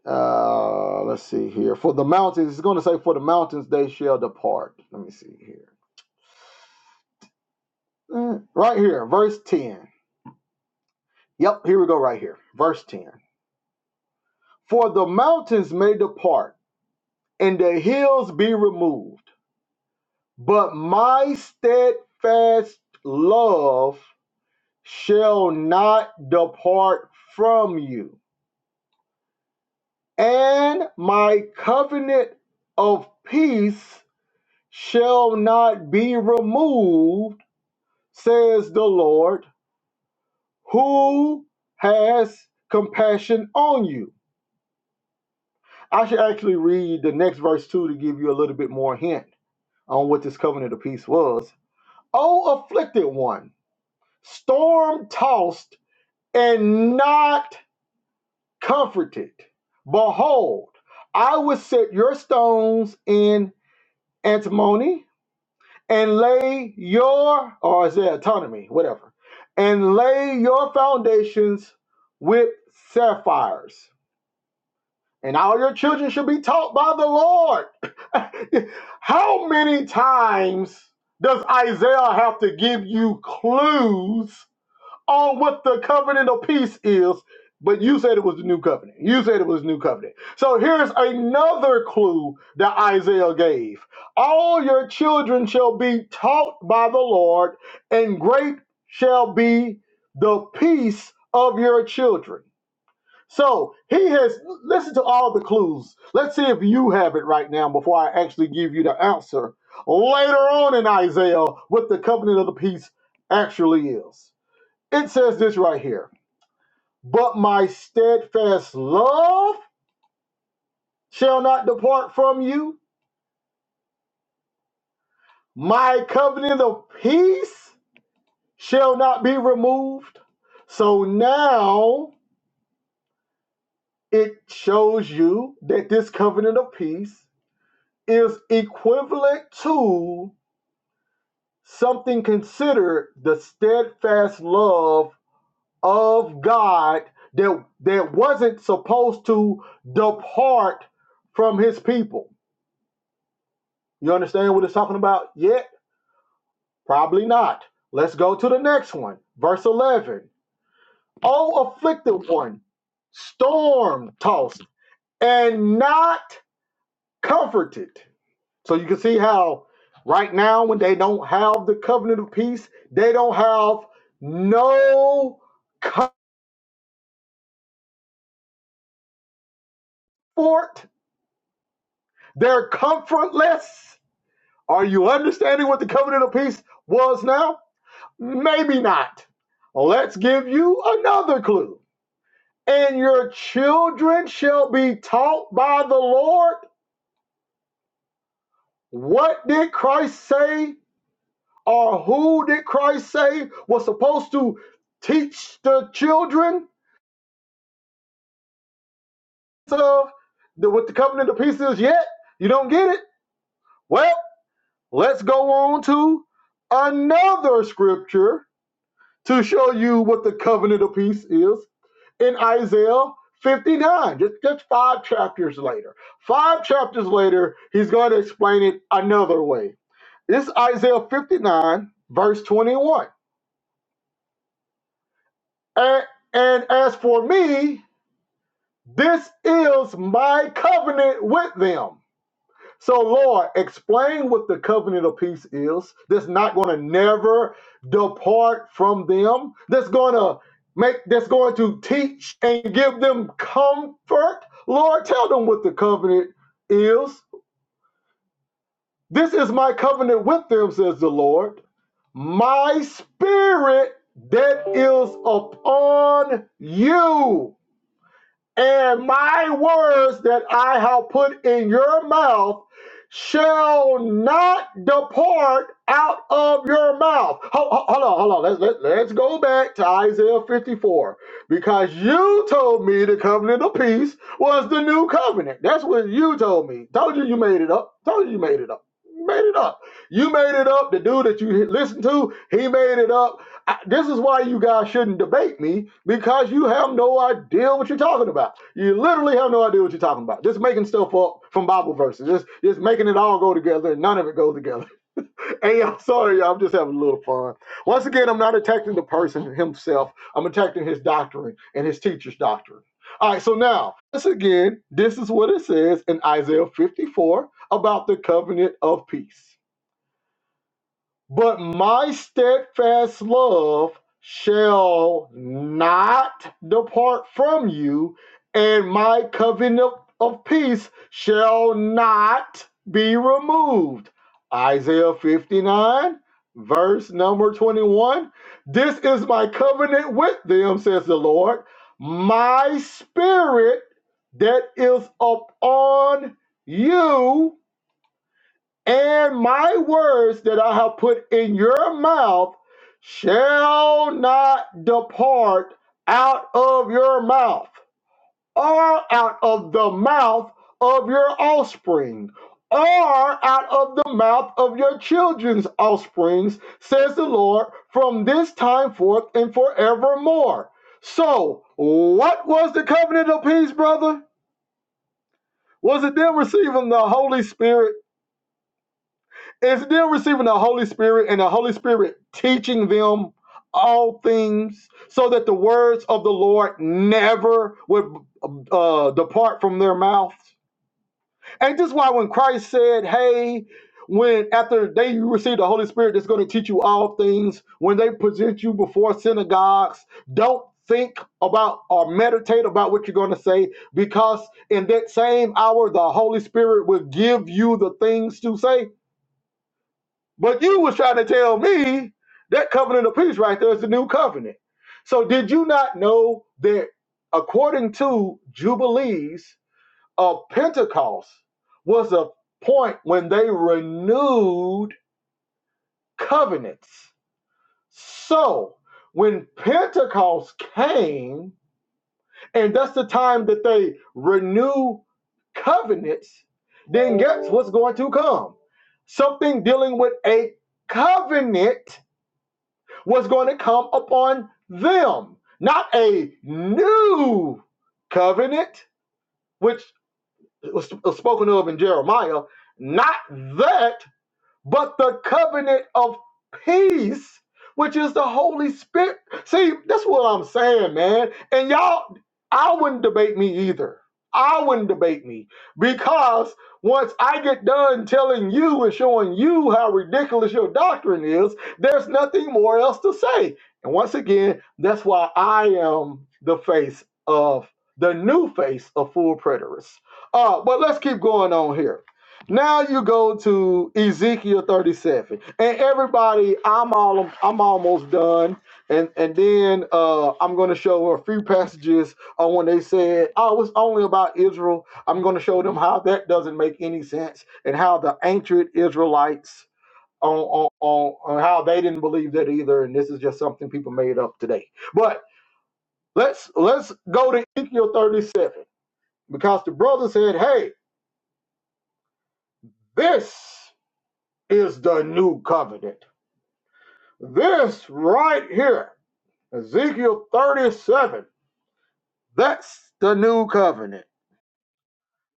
[SPEAKER 1] Uh, let's see here. For the mountains, it's going to say, For the mountains they shall depart. Let me see here. Eh, Right here, verse 10. Yep, here we go, right here. Verse 10. For the mountains may depart and the hills be removed, but my steadfast love shall not depart from you, and my covenant of peace shall not be removed says the Lord, who has compassion on you. I should actually read the next verse too to give you a little bit more hint on what this covenant of peace was. O afflicted one, storm tossed and not comforted, behold, I will set your stones in antimony and lay your or is it autonomy whatever and lay your foundations with sapphires and all your children shall be taught by the lord how many times does isaiah have to give you clues on what the covenant of peace is, but you said it was the new covenant. You said it was the new covenant. So here's another clue that Isaiah gave. All your children shall be taught by the Lord, and great shall be the peace of your children. So he has listen to all the clues. Let's see if you have it right now before I actually give you the answer later on in Isaiah what the covenant of the peace actually is. It says this right here But my steadfast love shall not depart from you, my covenant of peace shall not be removed. So now it shows you that this covenant of peace is equivalent to something considered the steadfast love of God that, that wasn't supposed to depart from his people You understand what it's talking about yet? Probably not. Let's go to the next one. Verse 11. O afflicted one, storm tossed and not comforted. So you can see how right now, when they don't have the covenant of peace, they don't have no comfort. They're comfortless. Are you understanding what the covenant of peace was now? Maybe not. Let's give you another clue. and your children shall be taught by the Lord. What did Christ say, or who did Christ say was supposed to teach the children of the, what the covenant of peace is? Yet you don't get it. Well, let's go on to another scripture to show you what the covenant of peace is. in Isaiah 59, just, just five chapters later. Five chapters later, he's going to explain it another way. This is Isaiah 59, verse 21. And, and as for me, this is my covenant with them. So, Lord, explain what the covenant of peace is that's not going to never depart from them, that's going to make, that's going to teach and give them comfort. Lord, tell them what the covenant is. This is my covenant with them, says the Lord. My spirit that is upon you and my words that I have put in your mouth shall not depart out of your mouth. Ho- ho- Hold on, hold on. Let's, let, let's go back to Isaiah 54 because you told me the covenant of peace was the new covenant. That's what you told me. Told you you made it up. Told you you made it up. You Made it up. You made it up. The dude that you listened to, he made it up. I, this is why you guys shouldn't debate me because you have no idea what you're talking about. You literally have no idea what you're talking about. Just making stuff up from Bible verses, just just making it all go together, and none of it goes together. Hey, I'm sorry, y'all, I'm just having a little fun. Once again, I'm not attacking the person himself. I'm attacking his doctrine and his teacher's doctrine. All right, so now, once again, this is what it says in Isaiah 54 about the covenant of peace. But my steadfast love shall not depart from you, and my covenant of peace shall not be removed. Isaiah 59, verse number 21. This is my covenant with them, says the Lord. My spirit that is upon you and my words that I have put in your mouth shall not depart out of your mouth, or out of the mouth of your offspring, or out of the mouth of your children's offsprings, says the Lord, from this time forth and forevermore. So, what was the covenant of peace, brother? Was it them receiving the Holy Spirit? Is them receiving the Holy Spirit and the Holy Spirit teaching them all things so that the words of the Lord never would uh, depart from their mouths? And this is why when Christ said, Hey, when after they receive the Holy Spirit that's going to teach you all things, when they present you before synagogues, don't think about or meditate about what you're going to say because in that same hour the Holy Spirit will give you the things to say but you was trying to tell me that covenant of peace right there is the new covenant. So did you not know that according to Jubilees of Pentecost was a point when they renewed covenants? So when Pentecost came, and that's the time that they renew covenants, then guess what's going to come? Something dealing with a covenant was going to come upon them. Not a new covenant, which was spoken of in Jeremiah, not that, but the covenant of peace, which is the Holy Spirit. See, that's what I'm saying, man. And y'all, I wouldn't debate me either. I wouldn't debate me because once I get done telling you and showing you how ridiculous your doctrine is, there's nothing more else to say. And once again, that's why I am the face of the new face of full preterists. Uh, but let's keep going on here. Now you go to Ezekiel 37. And everybody, I'm all I'm almost done. And and then uh, I'm going to show a few passages on when they said, "Oh, it's only about Israel." I'm going to show them how that doesn't make any sense, and how the ancient Israelites on on, on on how they didn't believe that either, and this is just something people made up today. But let's let's go to Ezekiel 37 because the brother said, "Hey, this is the new covenant." This right here, Ezekiel 37, that's the new covenant.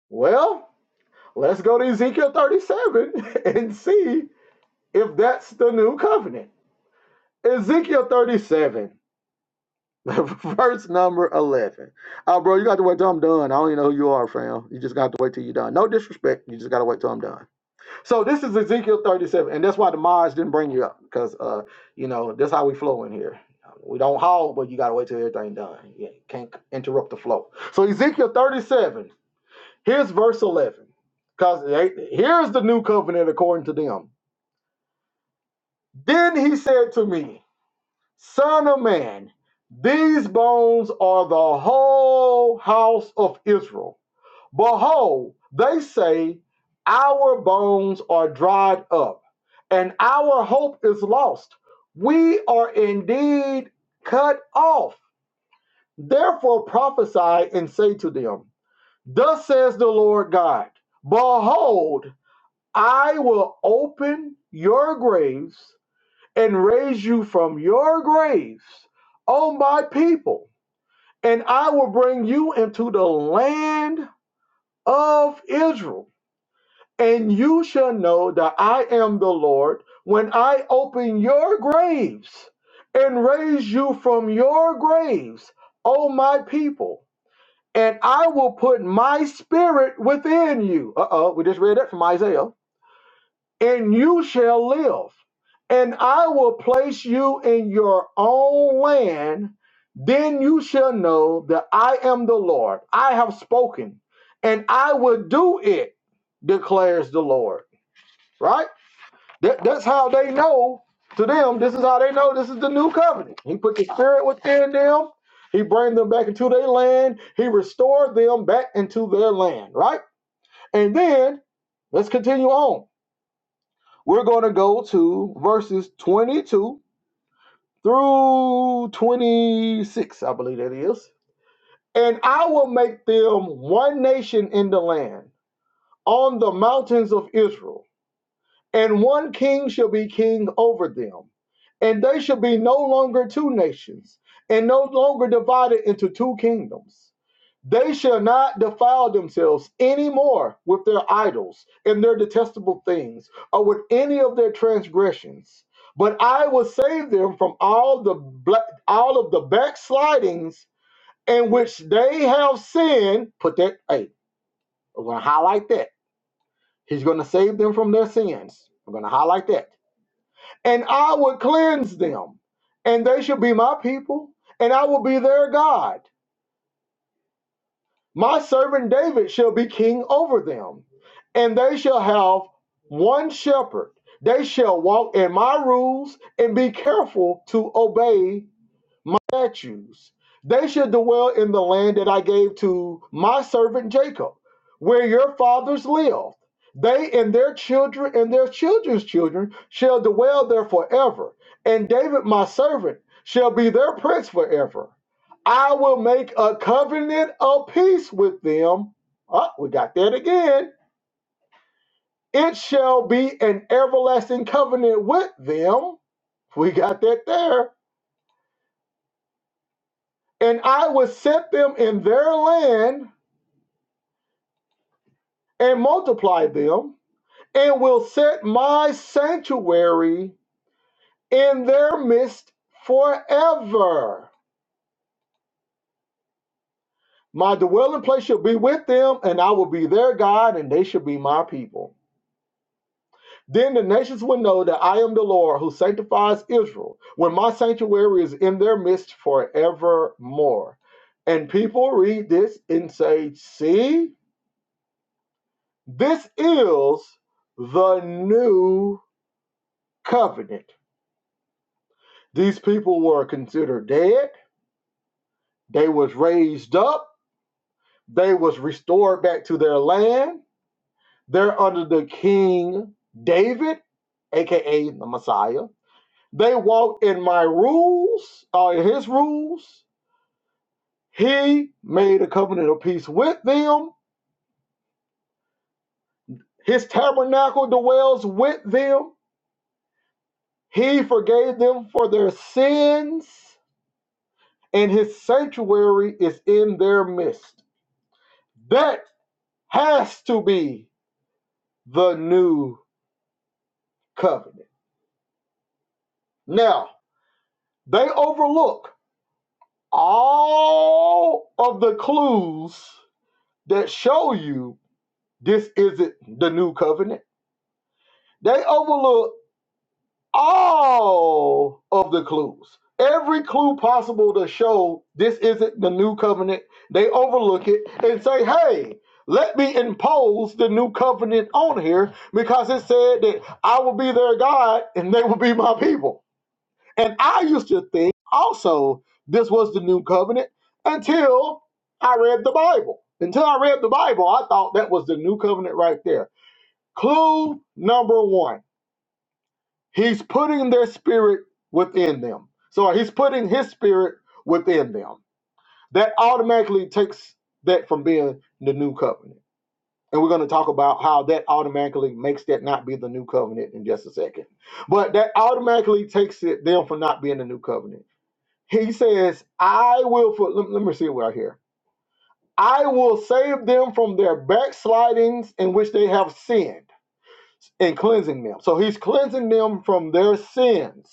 [SPEAKER 1] Well, let's go to Ezekiel 37 and see if that's the new covenant. Ezekiel 37, verse number 11. Oh, bro, you got to wait till I'm done. I don't even know who you are, fam. You just got to wait till you're done. No disrespect. You just got to wait till I'm done. So this is Ezekiel 37, and that's why the Maj didn't bring you up because uh, you know that's how we flow in here. We don't haul, but you gotta wait till everything done. You can't interrupt the flow. So Ezekiel 37, here's verse 11, because here's the new covenant according to them. Then he said to me. Son of man, these bones are the whole house of Israel. Behold, they say, Our bones are dried up, and our hope is lost. We are indeed cut off. Therefore prophesy and say to them, Thus says the Lord God, Behold, I will open your graves and raise you from your graves, O my people, and I will bring you into the land of Israel. And you shall know that I am the Lord when I open your graves and raise you from your graves, O my people. And I will put my spirit within you. Uh oh, we just read that from Isaiah and you shall live. And I will place you in your own land. Then you shall know that I am the Lord. I have spoken, and I will do it, declares the Lord. Right? That, that's how they know to them. This is how they know this is the new covenant. He put the spirit within them. He bring them back into their land. He restored them back into their land. Right? And then let's continue on we're going to go to verses 22 through 26, I believe that is. And I will make them one nation in the land, on the mountains of Israel, and one king shall be king over them. And they shall be no longer two nations, and no longer divided into two kingdoms. They shall not defile themselves any more with their idols and their detestable things, or with any of their transgressions. But I will save them from all the bla- all of the backslidings in which they have sinned. Put that. Hey, we're gonna highlight that. He's gonna save them from their sins. We're gonna highlight that. And I will cleanse them, and they shall be my people, and I will be their God My servant David shall be king over them, and they shall have one shepherd. They shall walk in my rules and be careful to obey my statues. They should dwell in the land that I gave to my servant Jacob, where your fathers lived. They and their children and their children's children shall dwell there forever. And David, my servant, shall be their prince forever. I will make a covenant of peace with them. Oh, we got that again. It shall be an everlasting covenant with them. We got that there and I will set them in their land and multiply them, and will set my sanctuary in their midst forever. My dwelling place shall be with them, and I will be their God, and they shall be my people. Then the nations will know that I am the Lord who sanctifies Israel, when my sanctuary is in their midst forevermore. And people read this and say, See, this is the new covenant. These people were considered dead. They was raised up. They was restored back to their land. They're under the king David, aka the Messiah. They walk in my rules, or in his rules. He made a covenant of peace with them. His tabernacle dwells with them. He forgave them for their sins, and his sanctuary is in their midst. That has to be the new covenant. Now, they overlook all of the clues that show you this isn't the new covenant. They overlook all of the clues. Every clue possible to show this isn't the new covenant, they overlook it and say, hey, let me impose the new covenant on here because it said that I will be their God and they will be my people. And I used to think also this was the new covenant until I read the Bible. Until I read the Bible, I thought that was the new covenant right there. Clue number one He's putting their spirit within them. So he's putting his spirit within them. That automatically takes that from being the new covenant. And we're going to talk about how that automatically makes that not be the new covenant in just a second. But that automatically takes it them from not being the new covenant he says, I will, for, let, let me see it right here. I will save them from their backslidings in which they have sinned and cleansing them. So he's cleansing them from their sins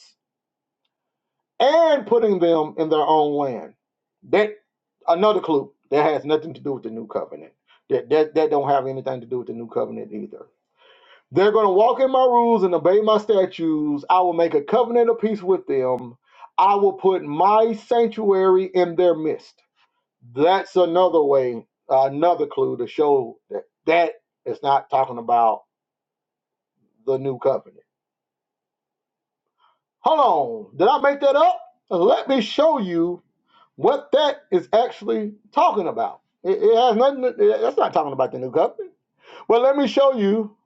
[SPEAKER 1] and putting them in their own land. That another clue that has nothing to do with the new covenant. That that that don't have anything to do with the new covenant either. They're going to walk in my rules and obey my statutes. I will make a covenant of peace with them. I will put my sanctuary in their midst. That's another way, another clue to show that that is not talking about the new covenant. Hold on, did I make that up? Let me show you what that is actually talking about. It, it has nothing. to- that's not talking about the new covenant. Well, let me show you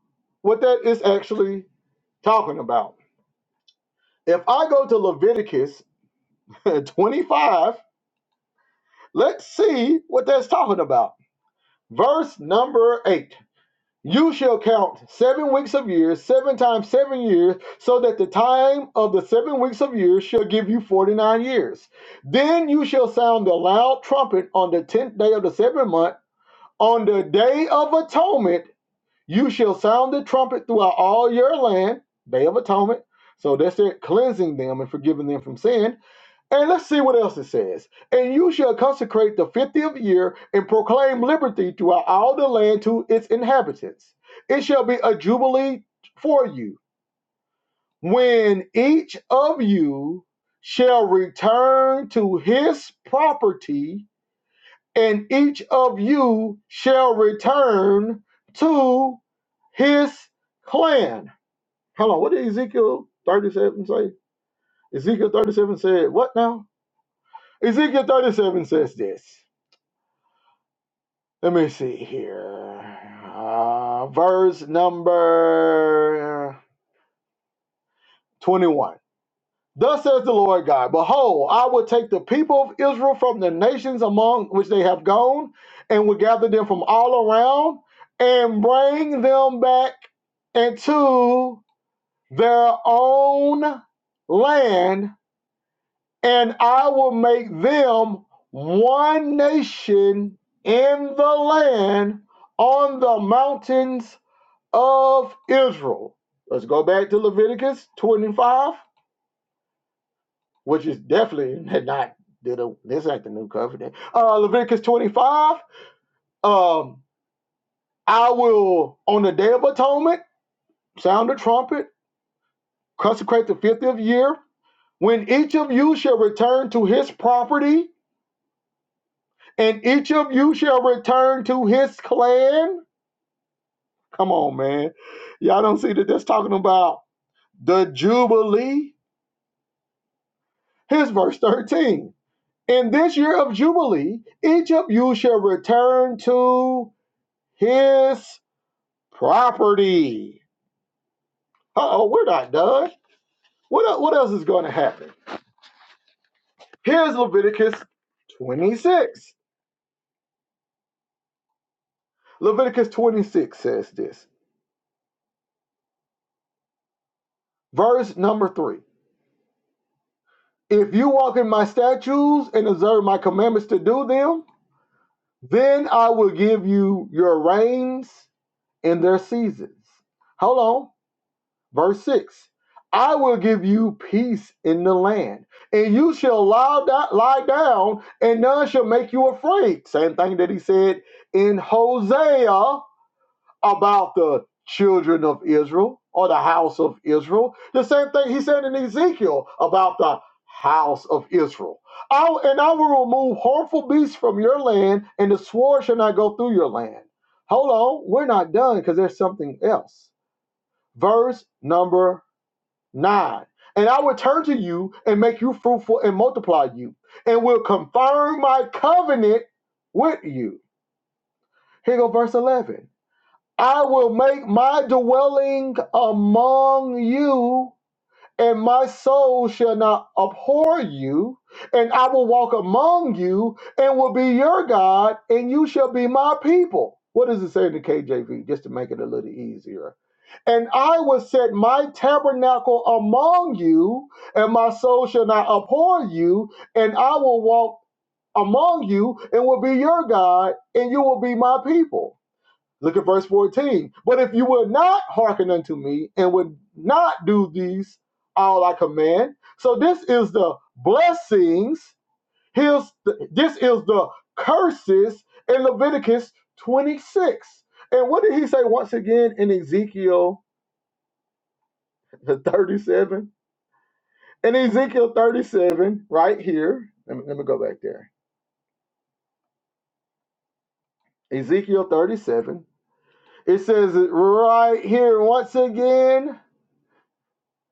[SPEAKER 1] what that is actually talking about. If I go to Leviticus 25, let's see what that's talking about. Verse number eight. You shall count seven weeks of years, seven times seven years, so that the time of the seven weeks of years shall give you forty nine years. Then you shall sound the loud trumpet on the tenth day of the seventh month. On the day of atonement, you shall sound the trumpet throughout all your land. Day of atonement. So that's it, cleansing them and forgiving them from sin and let's see what else it says. And you shall consecrate the fiftieth year and proclaim liberty throughout all the land to its inhabitants. It shall be a jubilee for you, when each of you shall return to his property, and each of you shall return to his clan. Hold on, what did Ezekiel 37 say? Ezekiel 37 said, what now? Ezekiel 37 says this. Let me see here. Uh, verse number 21. Thus says the Lord God, Behold, I will take the people of Israel from the nations among which they have gone, and will gather them from all around, and bring them back into their own land, and I will make them one nation in the land on the mountains of Israel. Let's go back to Leviticus 25, which is definitely not this ain't the new covenant. Uh, Leviticus 25. Um, I will on the day of atonement sound the trumpet, consecrate the fiftieth year, when each of you shall return to his property, and each of you shall return to his clan. Come on, man. Y'all don't see that that's talking about the Jubilee. Here's verse 13. In this year of Jubilee, each of you shall return to his property. Uh oh, we're not done. What, what else is going to happen? Here's Leviticus 26. Leviticus 26 says this. Verse number 3 If you walk in my statutes and observe my commandments to do them, then I will give you your rains in their seasons. Hold on. Verse 6 I will give you peace in the land, and you shall lie, da- lie down, and none shall make you afraid. Same thing that he said in Hosea about the children of Israel or the house of Israel. The same thing he said in Ezekiel about the house of Israel. I, and I will remove harmful beasts from your land, and the sword shall not go through your land. Hold on, we're not done because there's something else. Verse number 9. And I will turn to you and make you fruitful and multiply you, and will confirm my covenant with you. Here go verse 11. I will make my dwelling among you and my soul shall not abhor you, and I will walk among you and will be your God, and you shall be my people. What does it say in the KJV, just to make it a little easier? And I will set my tabernacle among you, and my soul shall not abhor you, and I will walk among you and will be your God, and you will be my people. Look at verse 14. But if you will not hearken unto me and would not do these all I command, so this is the blessings, His this is the curses in Leviticus 26. And what did he say once again in Ezekiel 37? In Ezekiel 37, right here, let me, let me go back there. Ezekiel 37, it says it right here once again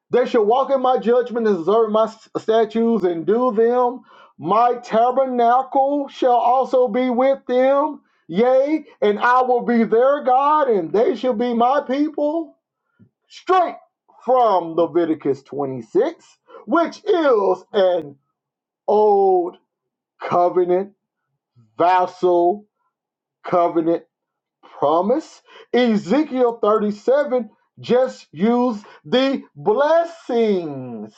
[SPEAKER 1] They shall walk in my judgment and observe my statutes and do them. My tabernacle shall also be with them. Yea, and I will be their God, and they shall be my people. Straight from Leviticus 26, which is an old covenant, vassal covenant promise. Ezekiel 37 just used the blessings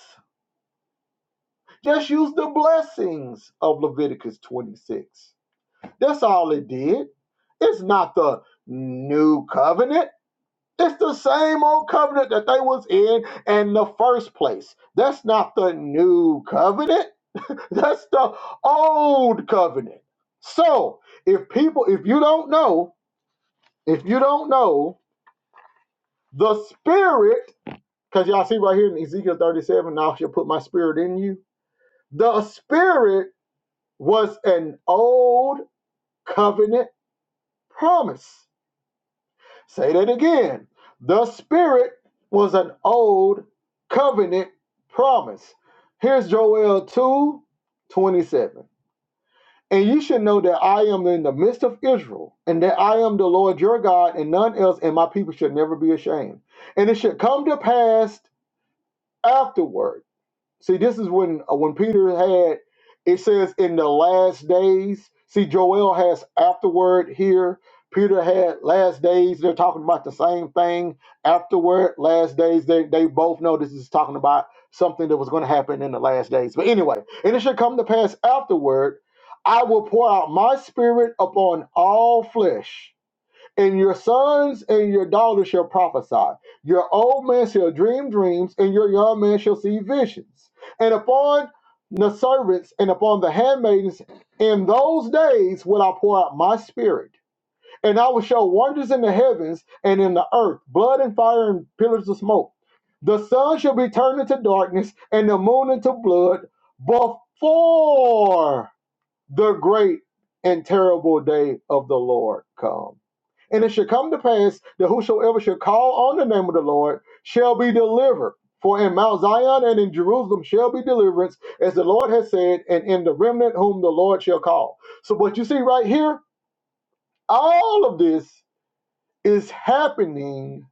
[SPEAKER 1] Just use the blessings of Leviticus 26. That's all it did. It's not the new covenant. It's the same old covenant that they was in in the first place. That's not the new covenant. That's the old covenant. So, if people, if you don't know, if you don't know, the spirit, because y'all see right here in Ezekiel 37, now she'll put my spirit in you. The spirit was an old covenant promise. Say that again. The Spirit was an old covenant promise. Here's Joel 2, 27, And you should know that I am in the midst of Israel, and that I am the Lord your God, and none else, and my people should never be ashamed. And it should come to pass afterward See, this is when uh, when Peter had it says in the last days. See, Joel has afterward here. Peter had last days. They're talking about the same thing. Afterward, last days. They they both know this is talking about something that was going to happen in the last days. But anyway, and it should come to pass afterward. I will pour out my spirit upon all flesh and your sons and your daughters shall prophesy. Your old man shall dream dreams, and your young man shall see visions. And upon the servants and upon the handmaidens, in those days will I pour out my spirit. And I will show wonders in the heavens and in the earth, blood and fire and pillars of smoke. The sun shall be turned into darkness and the moon into blood before the great and terrible day of the Lord come. And it shall come to pass that whosoever shall call on the name of the Lord shall be delivered. For in Mount Zion and in Jerusalem shall be deliverance, as the Lord has said, and in the remnant whom the Lord shall call. So, what you see right here, all of this is happening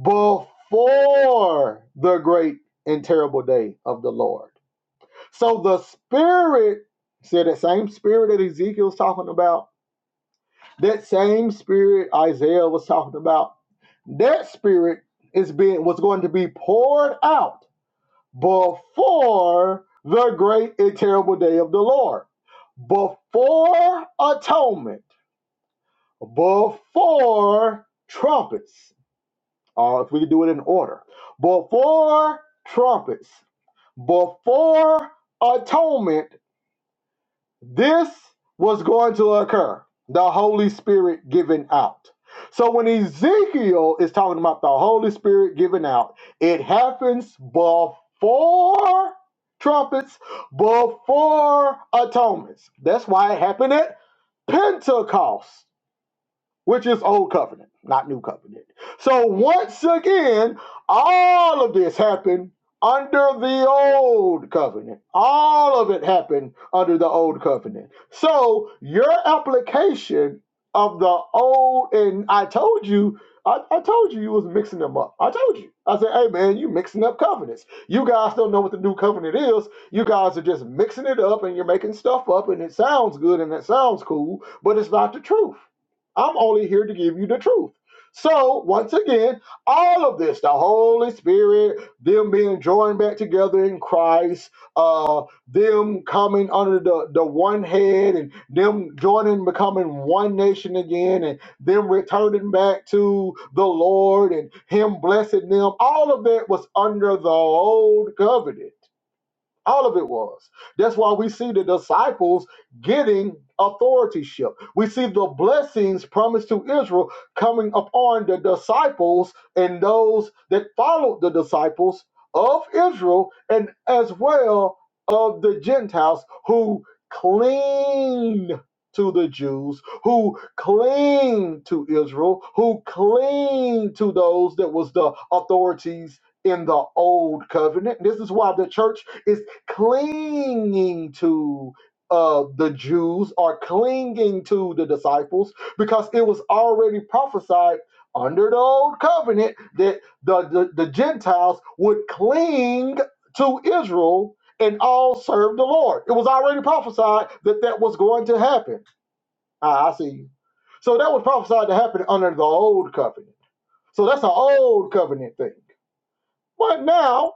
[SPEAKER 1] before the great and terrible day of the Lord. So, the Spirit, see that same Spirit that Ezekiel's talking about, That same spirit Isaiah was talking about, that spirit is being was going to be poured out before the great and terrible day of the Lord, before atonement, before trumpets. Uh, if we could do it in order, before trumpets, before atonement, This was going to occur the Holy Spirit giving out. So when Ezekiel is talking about the Holy Spirit giving out, it happens before trumpets, before atonements. That's why it happened at Pentecost which is old covenant, not new covenant. So once again, all of this happened under the old covenant. All of it happened under the old covenant. So your application of the old and I told you. I, I told you you was mixing them up. I told you. I said, hey man, you mixing up covenants. You guys don't know what the new covenant is. You guys are just mixing it up and you're making stuff up and it sounds good and it sounds cool, but it's not the truth. I'm only here to give you the truth. So, once again, all of this, the Holy Spirit, them being joined back together in Christ, uh, them coming under the, the one head and them joining, becoming one nation again, and them returning back to the Lord and Him blessing them, all of that was under the old covenant. All of it was. That's why we see the disciples getting authorityship. We see the blessings promised to Israel coming upon the disciples and those that followed the disciples of Israel and as well of the Gentiles who cling to the Jews, who cling to Israel, who cling to those that was the authorities in the old covenant. This is why the church is clinging to uh, the Jews or clinging to the disciples because it was already prophesied under the old covenant that the, the, the Gentiles would cling to Israel and all serve the Lord. It was already prophesied that that was going to happen. Ah, I see you. So that was prophesied to happen under the old covenant. So that's an old covenant thing. But now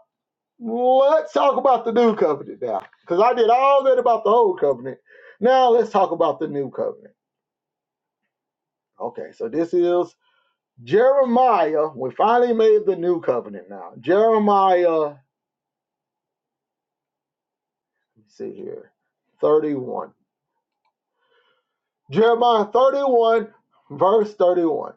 [SPEAKER 1] Let's talk about the new covenant now, because I did all that about the old covenant. Now let's talk about the new covenant. Okay, so this is Jeremiah. We finally made the new covenant now. Jeremiah, let me see here, 31. Jeremiah 31, verse 31.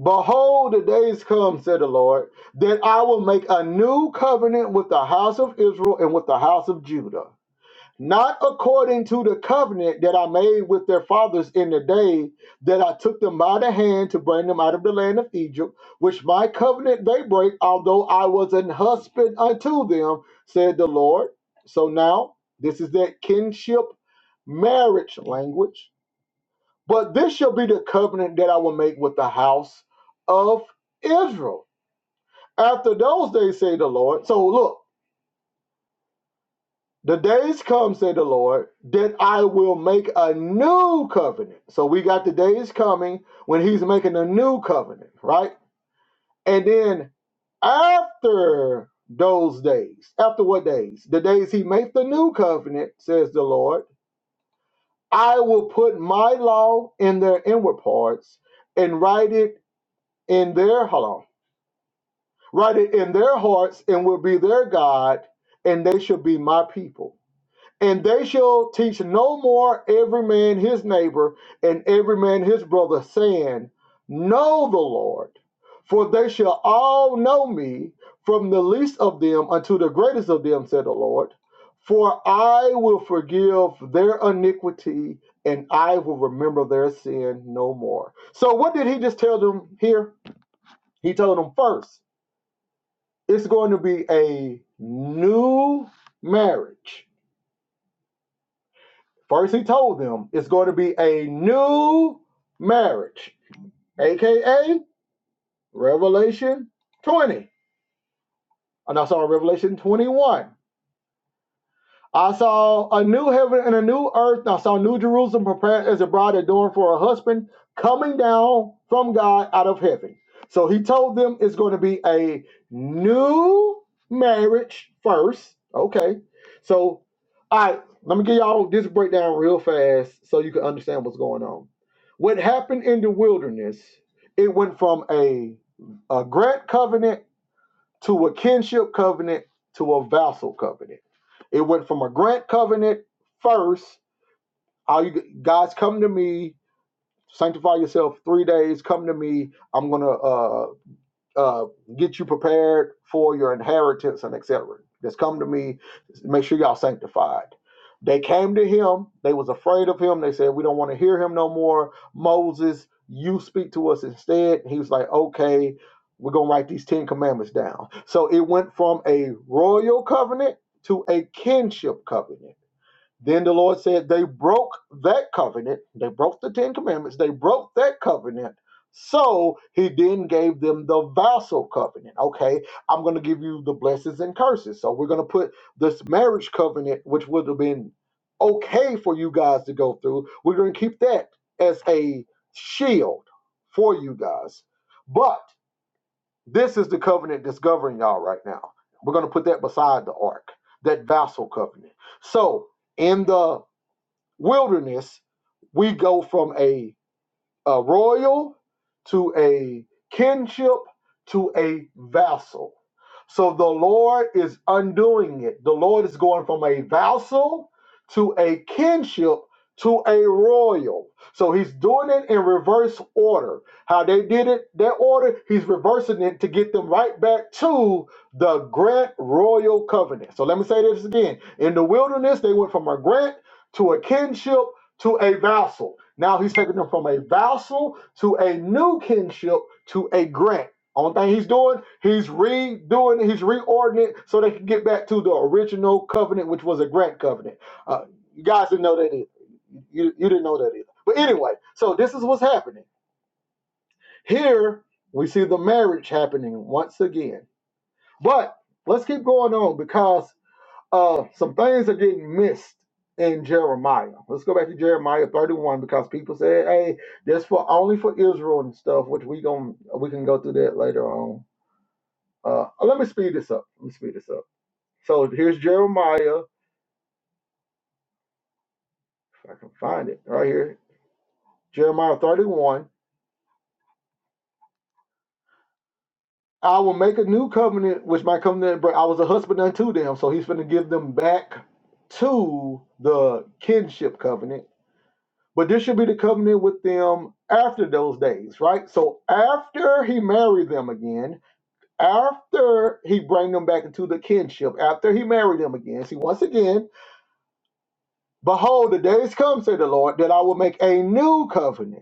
[SPEAKER 1] Behold, the days come, said the Lord, that I will make a new covenant with the house of Israel and with the house of Judah. not according to the covenant that I made with their fathers in the day that I took them by the hand to bring them out of the land of Egypt, which my covenant they break, although I was an husband unto them, said the Lord. So now, this is that kinship marriage language. But this shall be the covenant that I will make with the house of Israel. After those days, say the Lord. So look, The days come, said the Lord, that I will make a new covenant. So we got the days coming when he's making a new covenant, right? And then after those days, after what days? The days he makes the new covenant, says the Lord, I will put my law in their inward parts and write it in their hold on, write it in their hearts and will be their God, and they shall be my people. And they shall teach no more every man his neighbor and every man his brother, saying, Know the Lord. For they shall all know me, from the least of them unto the greatest of them, said the Lord. For I will forgive their iniquity and I will remember their sin no more. So, what did he just tell them here? He told them first, it's going to be a new marriage First, he told them it's going to be a new marriage, aka Revelation 20. Oh, no, saw Revelation 21. I saw a new heaven and a new earth. I saw New Jerusalem prepared as a bride adorned for her husband, coming down from God out of heaven. So he told them it's going to be a new marriage first. Okay. So, all right, let me give y'all this breakdown real fast so you can understand what's going on. What happened in the wilderness, it went from a, a grant covenant to a kinship covenant to a vassal covenant. It went from a grant covenant first. All you guys come to me, sanctify yourself three days. Come to me. I'm gonna uh uh, get you prepared for your inheritance and etc. Just come to me, make sure y'all sanctified. They came to him. They was afraid of him. They said, "We don't want to hear him no more." Moses, you speak to us instead. He was like, "Okay, we're gonna write these Ten Commandments down." So it went from a royal covenant to a kinship covenant. Then the Lord said, They broke that covenant. They broke the Ten Commandments. They broke that covenant. So he then gave them the vassal covenant. Okay, I'm going to give you the blessings and curses. So we're going to put this marriage covenant, which would have been okay for you guys to go through, we're going to keep that as a shield for you guys. But this is the covenant that's governing y'all right now. We're going to put that beside the ark, that vassal covenant. So in the wilderness, we go from a, a royal to a kinship to a vassal. So the Lord is undoing it. The Lord is going from a vassal to a kinship to a royal. So he's doing it in reverse order. How they did it, their order, he's reversing it to get them right back to the grant royal covenant. So let me say this again. In the wilderness, they went from a grant to a kinship to a vassal. Now he's taking them from a vassal to a new kinship to a grant. Only thing he's doing, he's redoing, it, he's reordering it so they can get back to the original covenant, which was a grant covenant. Uh, you guys didn't know that either. You, you didn't know that either. But anyway, so this is what's happening. Here we see the marriage happening once again. But let's keep going on because uh, some things are getting missed in Jeremiah. Let's go back to Jeremiah 31 because people say, "Hey, that's for only for Israel and stuff," which we going we can go through that later on. Uh, let me speed this up. Let me speed this up. So here's Jeremiah. If I can find it right here, Jeremiah 31. I will make a new covenant with my covenant, but I was a husband unto them. So he's going to give them back to the kinship covenant But this should be the covenant with them after those days, right? So after he married them again, after he bring them back into the kinship, after he married them again, see once again, behold, the days come, said the Lord, that I will make a new covenant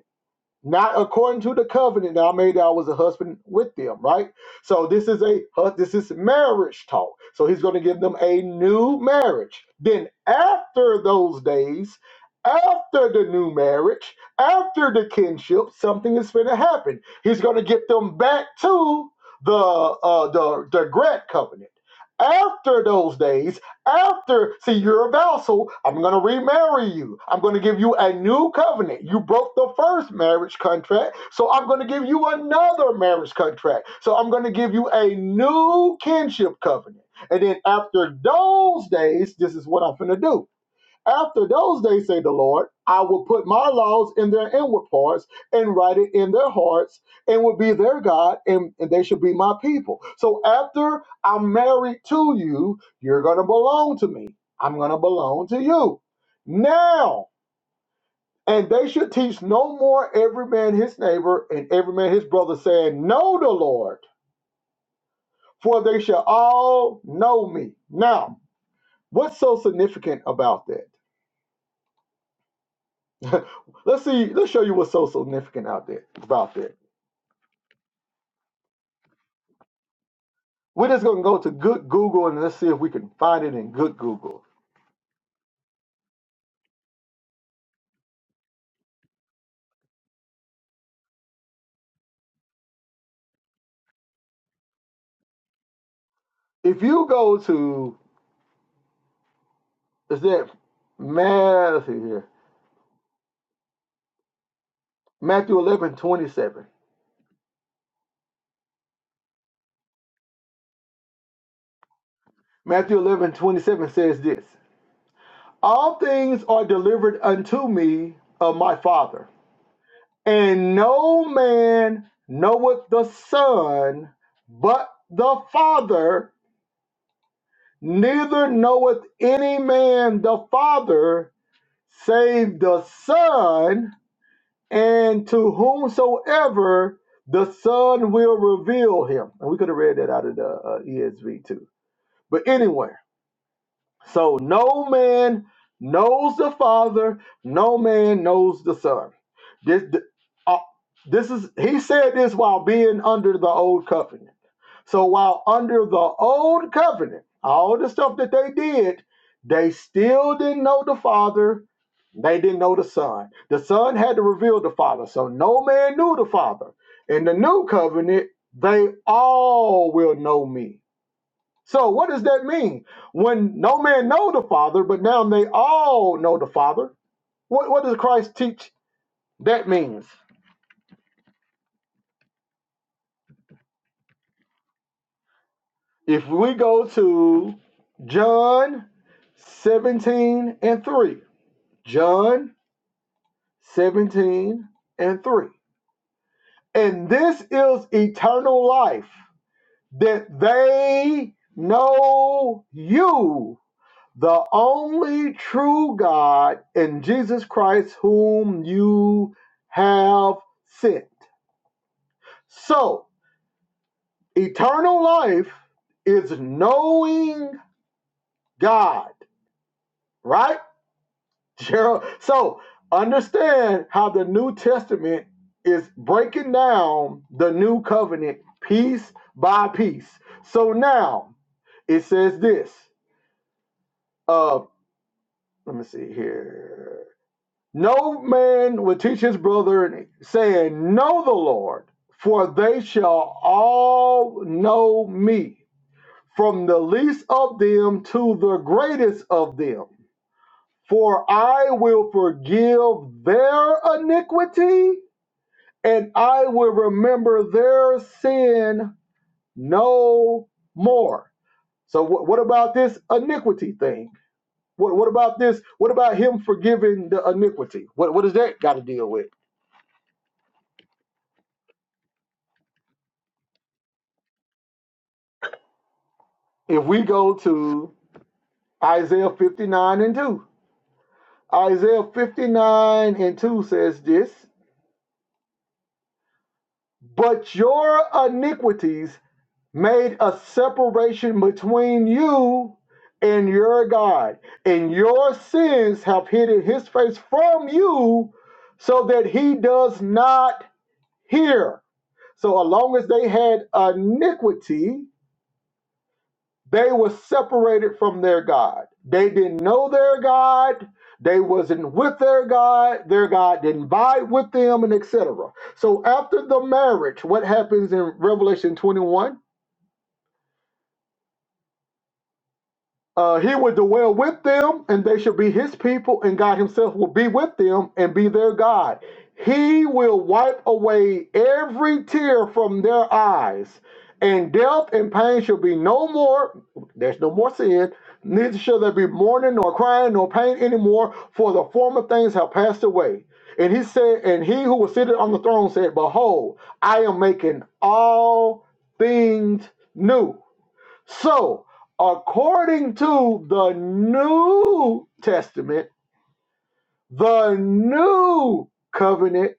[SPEAKER 1] not according to the covenant that I made that I was a husband with them, right? So this is a uh, this is marriage talk. So he's going to give them a new marriage. Then after those days, after the new marriage, after the kinship, something is going to happen. He's going to get them back to the uh, the the grant covenant. After those days, after, see, you're a vassal. I'm going to remarry you. I'm going to give you a new covenant. You broke the first marriage contract, so I'm going to give you another marriage contract. So I'm going to give you a new kinship covenant. And then after those days, this is what I'm going to do. After those days, say the Lord, I will put my laws in their inward parts and write it in their hearts and will be their God and, and they shall be my people. So after I'm married to you, you're going to belong to me. I'm going to belong to you. Now, and they should teach no more every man his neighbor and every man his brother, saying, Know the Lord, for they shall all know me. Now, what's so significant about that? let's see. Let's show you what's so significant out there about that. We're just gonna go to Good Google and let's see if we can find it in Good Google. If you go to is that Matthew here? Matthew eleven twenty seven. Matthew eleven twenty seven says this: All things are delivered unto me of my Father, and no man knoweth the Son but the Father, neither knoweth any man the Father save the Son, and to whomsoever the Son will reveal him. And we could have read that out of the uh, ESV too. But anyway, so no man knows the Father, no man knows the Son. This, th- uh, this is he said this while being under the old covenant. So while under the old covenant, all the stuff that they did, they still didn't know the Father. They didn't know the Son. The Son had to reveal the Father. So no man knew the Father. In the new covenant, they all will know me. So what does that mean? When no man know the Father, but now they all know the Father. What, what does Christ teach that means? If we go to John 17 and 3. John 17 and 3. And this is eternal life, that they know you, the only true God, and Jesus Christ, whom you have sent. So, eternal life is knowing God, right? Gerald. So understand how the New Testament is breaking down the new covenant piece by piece. So now it says this. Uh, let me see here. No man will teach his brother, saying, Know the Lord, for they shall all know me, from the least of them to the greatest of them. For I will forgive their iniquity, and I will remember their sin no more. So, wh- what about this iniquity thing? What, what about this? What about him forgiving the iniquity? What, what does that got to deal with? If we go to Isaiah 59 and 2, Isaiah 59 and 2 says this But your iniquities made a separation between you and your God, and your sins have hidden his face from you so that he does not hear. So, as long as they had iniquity, they were separated from their God. They didn't know their God. They wasn't with their God. Their God didn't vibe with them, and etc. So after the marriage, what happens in Revelation 21? Uh, he would dwell with them, and they shall be his people, and God himself will be with them and be their God. He will wipe away every tear from their eyes, and death and pain shall be no more. There's no more sin, neither shall there be mourning, nor crying, nor pain anymore, for the former things have passed away. And he said, and he who was seated on the throne said, Behold, I am making all things new. So, according to the New Testament, the new covenant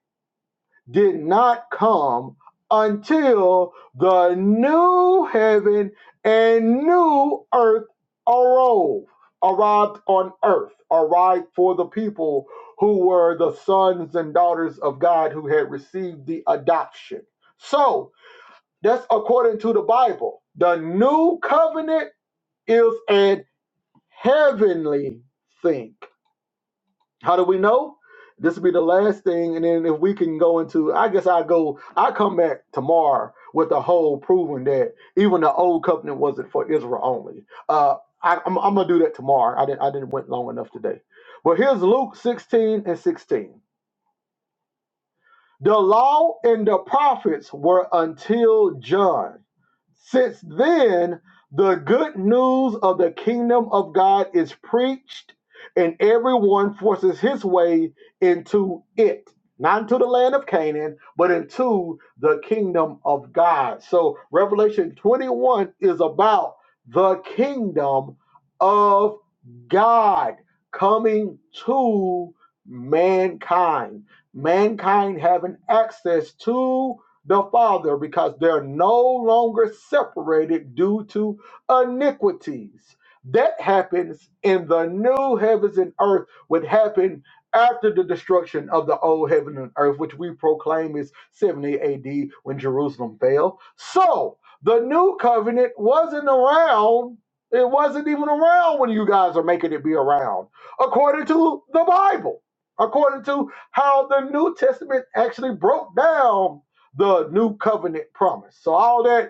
[SPEAKER 1] did not come until the new heaven and new earth arose, arrived on earth, arrived for the people who were the sons and daughters of God who had received the adoption. So, that's according to the Bible. The new covenant is adoption heavenly think. How do we know? This will be the last thing, and then if we can go into, I guess I go, I come back tomorrow with the whole proving that even the old covenant wasn't for Israel only. Uh, I, I'm, I'm gonna do that tomorrow. I didn't, I didn't went long enough today. But here's Luke 16 and 16. The law and the prophets were until John. Since then, the good news of the kingdom of God is preached, and everyone forces his way into it. Not into the land of Canaan, but into the kingdom of God. So, Revelation 21 is about the kingdom of God coming to mankind, mankind having access to the Father because they're no longer separated due to iniquities. That happens in the new heavens and earth, would happen after the destruction of the old heaven and earth, which we proclaim is 70 AD when Jerusalem fell. So the new covenant wasn't around it wasn't even around when you guys are making it be around, according to the Bible, according to how the New Testament actually broke down the new covenant promise. So all that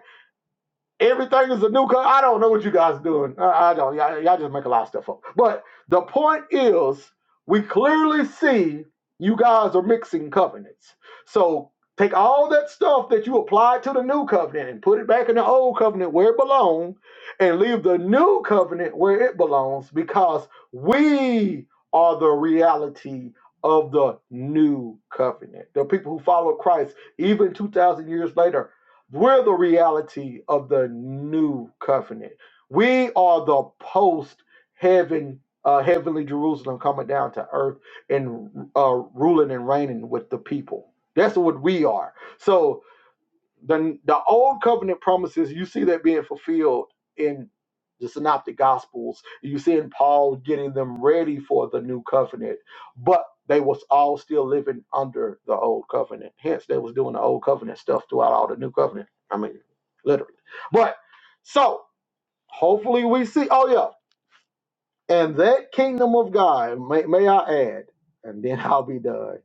[SPEAKER 1] Everything is a new car. I don't know what you guys are doing. I, I don't. Y'all, y'all just make a lot of stuff up. But the point is, we clearly see you guys are mixing covenants. So take all that stuff that you applied to the new covenant and put it back in the old covenant where it belongs, and leave the new covenant where it belongs because we are the reality of the new covenant. The people who follow Christ, even 2,000 years later, we're the reality of the new covenant. We are the post heaven, uh, heavenly Jerusalem coming down to earth and uh, ruling and reigning with the people. That's what we are. So the the old covenant promises you see that being fulfilled in the synoptic gospels you see in paul getting them ready for the new covenant but they was all still living under the old covenant hence they was doing the old covenant stuff throughout all the new covenant i mean literally but so hopefully we see oh yeah and that kingdom of god may, may i add and then i'll be done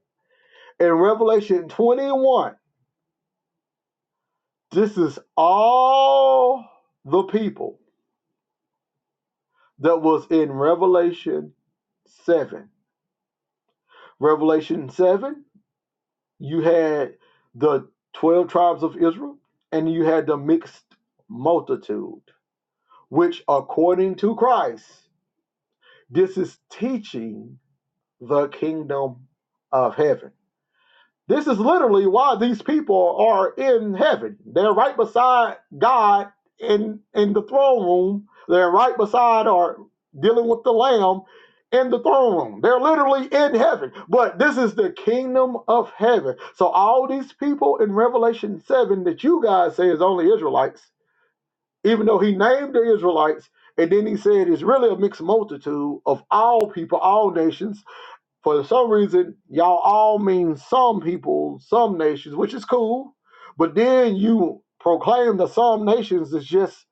[SPEAKER 1] in revelation 21 This is all the people that was in Revelation 7. Revelation 7, you had the 12 tribes of Israel and you had the mixed multitude, which, according to Christ, this is teaching the kingdom of heaven. This is literally why these people are in heaven. They're right beside God in in the throne room. They're right beside or dealing with the Lamb in the throne room. They're literally in heaven. But this is the kingdom of heaven. So all these people in Revelation 7 that you guys say is only Israelites, even though he named the Israelites, and then he said it's really a mixed multitude of all people, all nations for some reason, y'all all mean some people, some nations, which is cool. But then you proclaim that some nations is just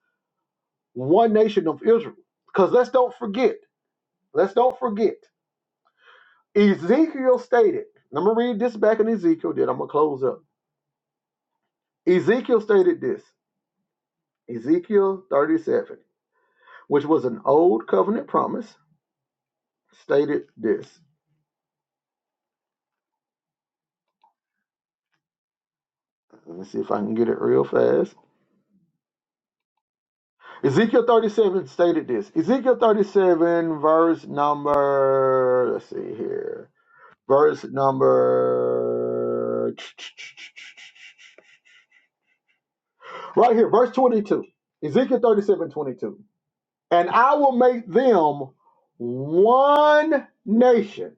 [SPEAKER 1] one nation of Israel. Because let's don't forget, let's don't forget. Ezekiel stated, and I'm going to read this back in Ezekiel, then I'm going to close up. Ezekiel stated this Ezekiel 37, which was an old covenant promise, stated this. Let me see if I can get it real fast. Ezekiel 37 stated this. Ezekiel 37, verse number, let's see here, verse number, right here, verse 22. Ezekiel thirty-seven, twenty-two. And I will make them one nation.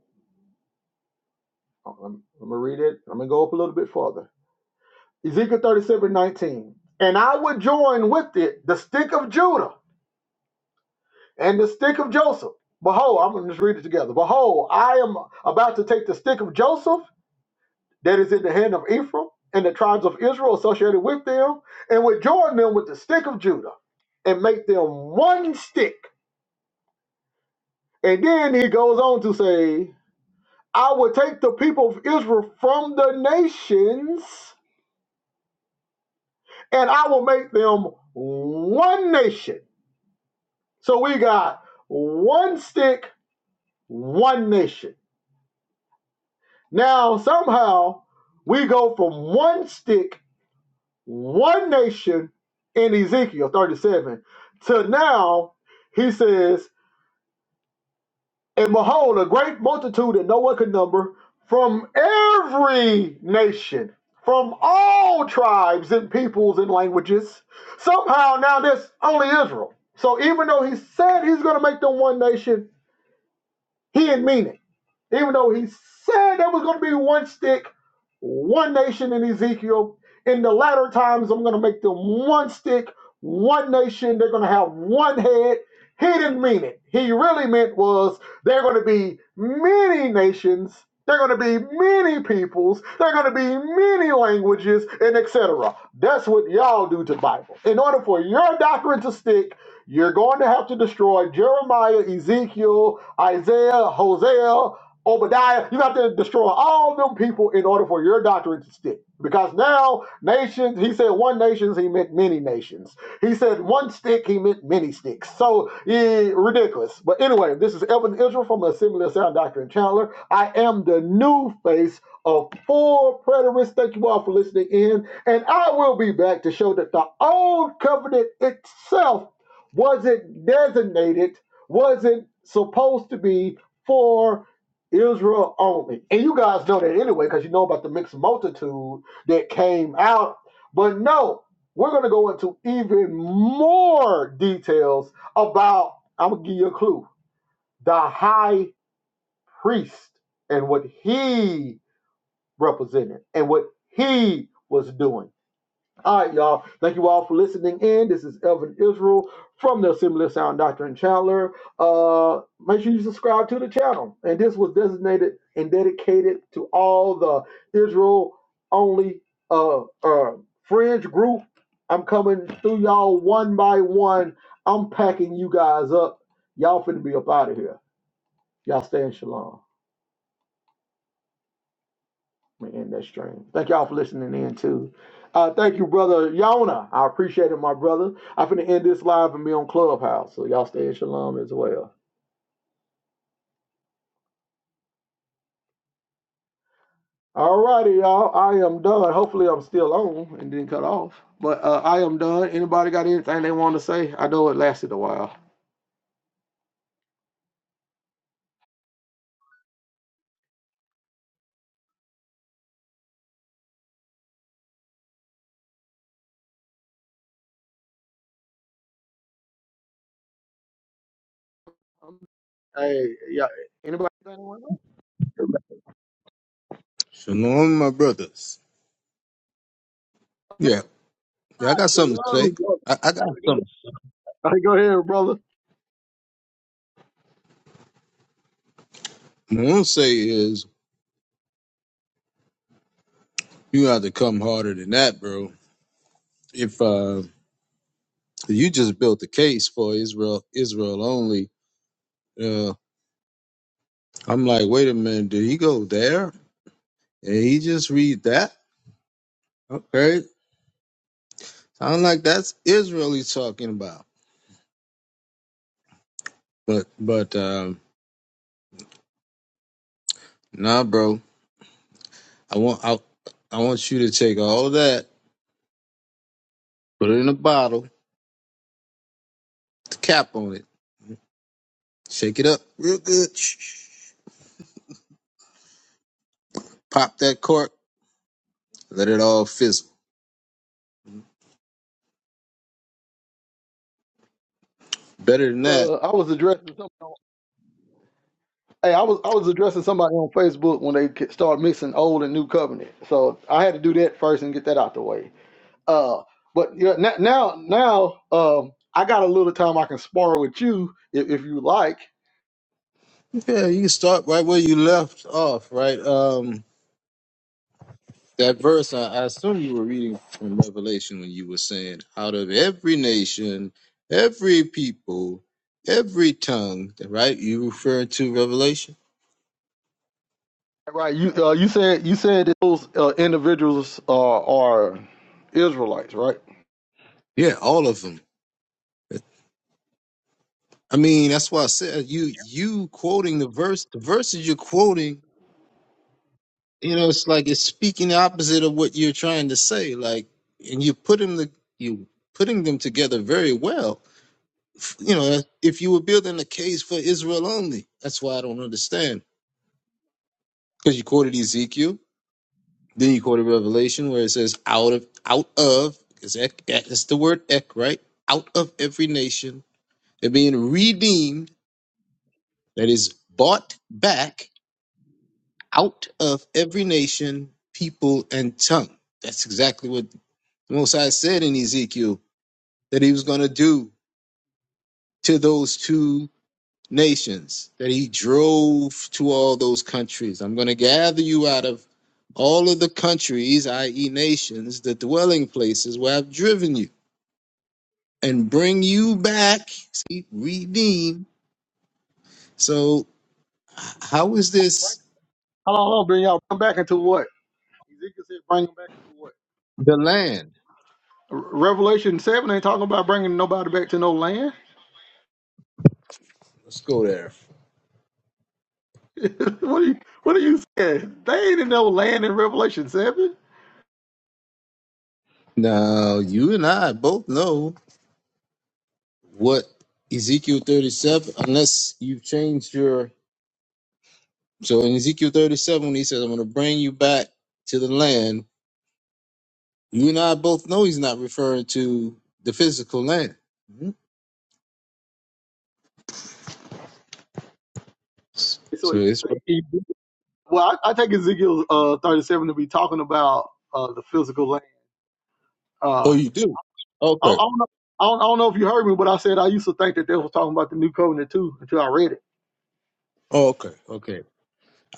[SPEAKER 1] Oh, I'm, I'm going to read it. I'm going to go up a little bit farther. Ezekiel 37, 19. And I will join with it the stick of Judah and the stick of Joseph. Behold, I'm going to just read it together. Behold, I am about to take the stick of Joseph that is in the hand of Ephraim and the tribes of Israel associated with them, and will join them with the stick of Judah and make them one stick. And then he goes on to say, I will take the people of Israel from the nations and I will make them one nation. So we got one stick, one nation. Now, somehow, we go from one stick, one nation in Ezekiel 37 to now, he says, And behold, a great multitude that no one could number from every nation, from all tribes and peoples and languages. Somehow, now there's only Israel. So even though he said he's going to make them one nation, he didn't mean it. Even though he said there was going to be one stick, one nation in Ezekiel, in the latter times, I'm going to make them one stick, one nation. They're going to have one head. He didn't mean it. He really meant was they're going to be many nations. They're going to be many peoples. They're going to be many languages and et cetera. That's what y'all do to the Bible. In order for your doctrine to stick, you're going to have to destroy Jeremiah, Ezekiel, Isaiah, Hosea. Obadiah, you have to destroy all them people in order for your doctrine to stick. Because now nations, he said one nations, he meant many nations. He said one stick, he meant many sticks. So eh, ridiculous. But anyway, this is Evan Israel from the Assembly of Sound Doctrine Chandler. I am the new face of full preterists. Thank you all for listening in. And I will be back to show that the old covenant itself wasn't designated, wasn't supposed to be for Israel only. And you guys know that anyway, because you know about the mixed multitude that came out. But no, we're going to go into even more details about, I'm going to give you a clue, the high priest and what he represented and what he was doing. All right, y'all. Thank you all for listening in. This is Elvin Israel from the Assembly of Sound Doctrine in Chandler. Uh, make sure you subscribe to the channel. And this was designated and dedicated to all the Israel only uh, uh, fringe group. I'm coming through y'all one by one. I'm packing you guys up. Y'all finna be up out of here. Y'all stay in shalom. I'm gonna end that stream. Thank y'all for listening in too. Uh, thank you, brother Yona. I appreciate it, my brother. I'm finna end this live and be on Clubhouse, so y'all stay in shalom as well. All righty, y'all. I am done. Hopefully, I'm still on and didn't cut off. But uh, I am done. Anybody got anything they want to say? I know it lasted a while. Um, Hey, yeah. Anybody? got anything they wanna say?
[SPEAKER 2] Shalom, my brothers. Yeah, yeah, I
[SPEAKER 1] Ah,
[SPEAKER 2] got something to say.
[SPEAKER 1] shalom. brother.
[SPEAKER 2] I, I got
[SPEAKER 1] I go
[SPEAKER 2] something.
[SPEAKER 1] I go ahead, brother.
[SPEAKER 2] What I'm say is you have to come harder than that, bro. If uh, you just built the case for Israel, Israel only. Uh, I'm like, wait a minute, did he go there? And he just read that? Okay, sound like that's Israel he's talking about. But but um, nah, bro. I want I, I want you to take all that, put it in a bottle, the cap on it, shake it up real good. pop that cork, let it all fizzle. Better than that,
[SPEAKER 1] Uh, I was addressing something. Hey, I was I was addressing somebody on Facebook when they ke- started mixing old and new covenant, so I had to do that first and get that out the way. Uh, but yeah, now now now um, I got a little time I can spar with you if, if you like.
[SPEAKER 2] yeah, you can start right where you left off, right? Um, that verse, I, I assume you were reading from Revelation when you were saying, out of every nation, every people, every tongue, right? You referring to Revelation?
[SPEAKER 1] Right? You uh, you said you said that those uh, individuals uh, are Israelites, right?
[SPEAKER 2] Yeah, all of them. I mean, that's why I said you you quoting the verse, the verses you're quoting you know it's like it's speaking the opposite of what you're trying to say like and you put them the you putting them together very well F- you know if you were building a case for israel only that's why i don't understand because you quoted ezekiel then you quoted revelation where it says out of out of because ek, ek, it's the word ek right out of every nation they're being redeemed that is bought back out of every nation people and tongue that's exactly what The Most High said in Ezekiel that he was going to do to those two nations that he drove to all those countries. I'm going to gather you out of all of the countries, i.e., nations, the dwelling places where I've driven you, and bring you back, see, redeem. So, h- how is
[SPEAKER 1] Right.
[SPEAKER 2] this
[SPEAKER 1] Hold on, hold on, bring y'all come back into what? Ezekiel said, bring them back into what?
[SPEAKER 2] the land?
[SPEAKER 1] Revelation seven ain't talking about bringing nobody back to no land.
[SPEAKER 2] Let's go there.
[SPEAKER 1] what are you What are you saying? They ain't in no land in Revelation seven.
[SPEAKER 2] Now, you and I both know what Ezekiel 37, unless you've changed your So in Ezekiel 37, when he says, I'm going to bring you back to the land, you and I both know he's not referring to the physical land. Mhm.
[SPEAKER 1] So
[SPEAKER 2] So
[SPEAKER 1] if
[SPEAKER 2] it's,
[SPEAKER 1] you take well, I, I take Ezekiel uh, thirty seven to be talking about uh, the physical land. Uh,
[SPEAKER 2] oh,
[SPEAKER 1] I,
[SPEAKER 2] you do?
[SPEAKER 1] I
[SPEAKER 2] Okay.
[SPEAKER 1] don't know. I don't, I don't know if you heard me, but I said I used to think that they was talking about the new covenant too until I read it.
[SPEAKER 2] Oh, okay. Okay.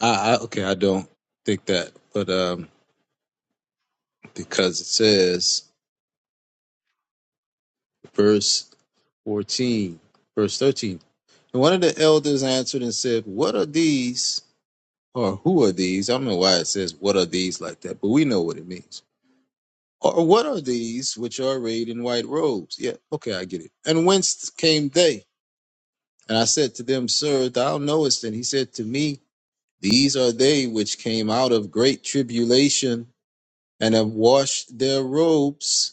[SPEAKER 2] I, I, okay. I don't think that, but, um, because it says verse 14, verse 13, and one of the elders answered and said, what are these? Or who are these? I don't know why it says, what are these like that, but we know what it means. Or what are these which are arrayed in white robes? Yeah, okay, I get it. And whence came they? And I said to them, Sir, thou knowest. And he said to me, These are they which came out of great tribulation and have washed their robes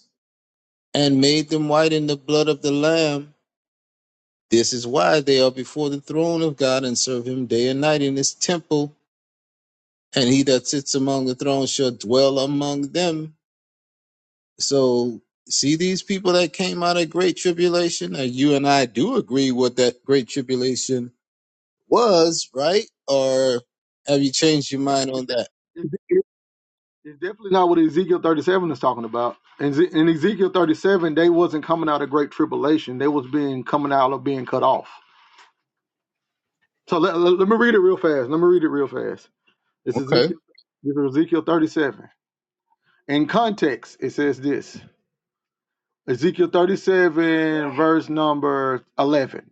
[SPEAKER 2] and made them white in the blood of the Lamb. This is why they are before the throne of God and serve him day and night in his temple. And he that sits among the throne shall dwell among them. So see these people that came out of great tribulation, and you and I do agree what that great tribulation was, right? Or have you changed your mind on that?
[SPEAKER 1] It's it's it's definitely not what Ezekiel 37 is talking about. And Ze- in Ezekiel 37, they wasn't coming out of great tribulation. They was being coming out of being cut off. So let, let, let me read it real fast. Let me read it real fast. It's
[SPEAKER 2] Okay.
[SPEAKER 1] Ezekiel. It's Ezekiel 37. In context, it says this. Ezekiel 37, verse number 11.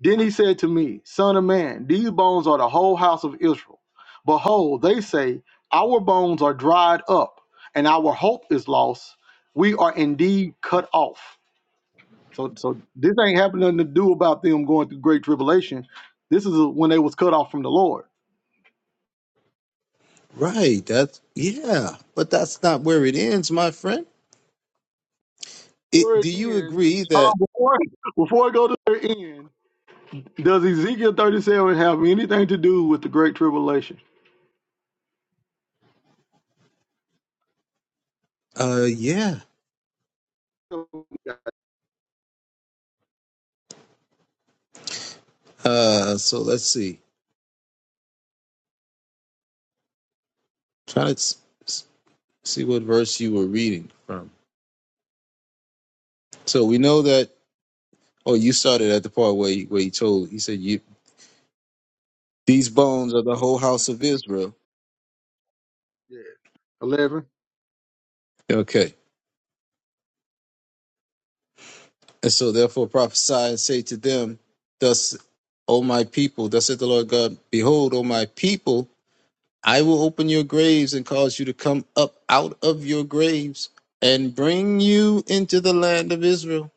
[SPEAKER 1] Then he said to me, Son of man, these bones are the whole house of Israel. Behold, they say, Our bones are dried up, and our hope is lost. We are indeed cut off. So, so this ain't having nothing to do about them going through great tribulation. This is when they was cut off from the Lord.
[SPEAKER 2] Right. That's yeah. But that's not where it ends, my friend. It,
[SPEAKER 1] Before it
[SPEAKER 2] do you
[SPEAKER 1] ends,
[SPEAKER 2] agree
[SPEAKER 1] hold
[SPEAKER 2] that
[SPEAKER 1] on, before, before I go to their end, Does Ezekiel 37 have anything to do with the Great Tribulation?
[SPEAKER 2] uh yeah.
[SPEAKER 1] Yeah.
[SPEAKER 2] Uh so let's see. Try to s- s- see what verse you were reading from. So we know that oh you started at the part where he, where he told he said you these bones are the whole house of Israel
[SPEAKER 1] 11.
[SPEAKER 2] Okay. And so therefore prophesy and say to them, Thus, O my people, thus saith the Lord God, behold, O my people, I will open your graves and cause you to come up out of your graves and bring you into the land of Israel.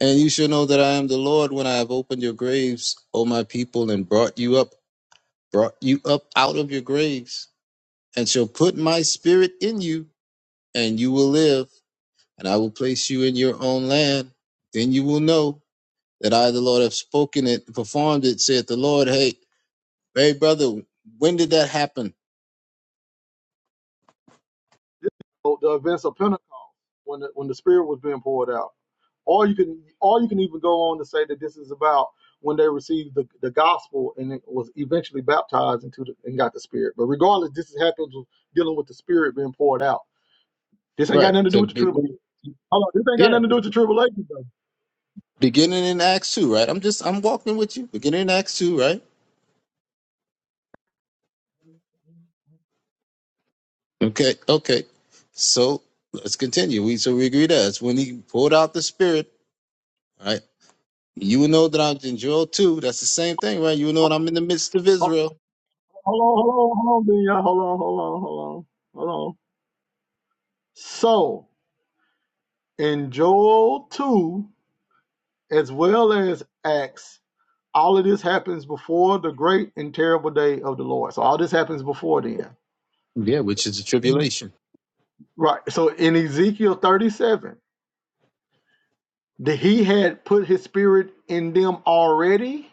[SPEAKER 2] And you shall know that I am the Lord when I have opened your graves, O my people, and brought you up, brought you up out of your graves, and shall put my spirit in you, and you will live, and I will place you in your own land. Then you will know that I, the Lord, have spoken it, performed it, said the Lord. Hey, hey, brother, when did that happen?
[SPEAKER 1] So The events of Pentecost, when the, when the Spirit was being poured out. Or you can or you can even go on to say that this is about when they received the, the gospel and it was eventually baptized into the, and got the Spirit. But regardless, this is happens with dealing with the Spirit being poured out. This ain't got
[SPEAKER 2] Right.
[SPEAKER 1] nothing to do
[SPEAKER 2] To
[SPEAKER 1] with the
[SPEAKER 2] begin.
[SPEAKER 1] tribulation. Hold on, this ain't got
[SPEAKER 2] Yeah.
[SPEAKER 1] nothing to do with the tribulation though.
[SPEAKER 2] Beginning in Acts 2, right? I'm just, I'm walking with you. Beginning in Acts 2, right? Okay. Okay. So let's continue. We, so we agree that it's when he poured out the spirit, right? You know that I'm in Joel 2. That's the same thing, right? You know that I'm
[SPEAKER 1] Hold
[SPEAKER 2] in the midst of Israel.
[SPEAKER 1] on, hold on, hold on, hold on, y'all. hold on, hold on, hold on, hold on. So in Joel 2, as well as Acts, all of this happens before the great and terrible day of the Lord. So all this happens before then.
[SPEAKER 2] Yeah, which is the tribulation.
[SPEAKER 1] Right. So in Ezekiel 37, that he had put his spirit in them already,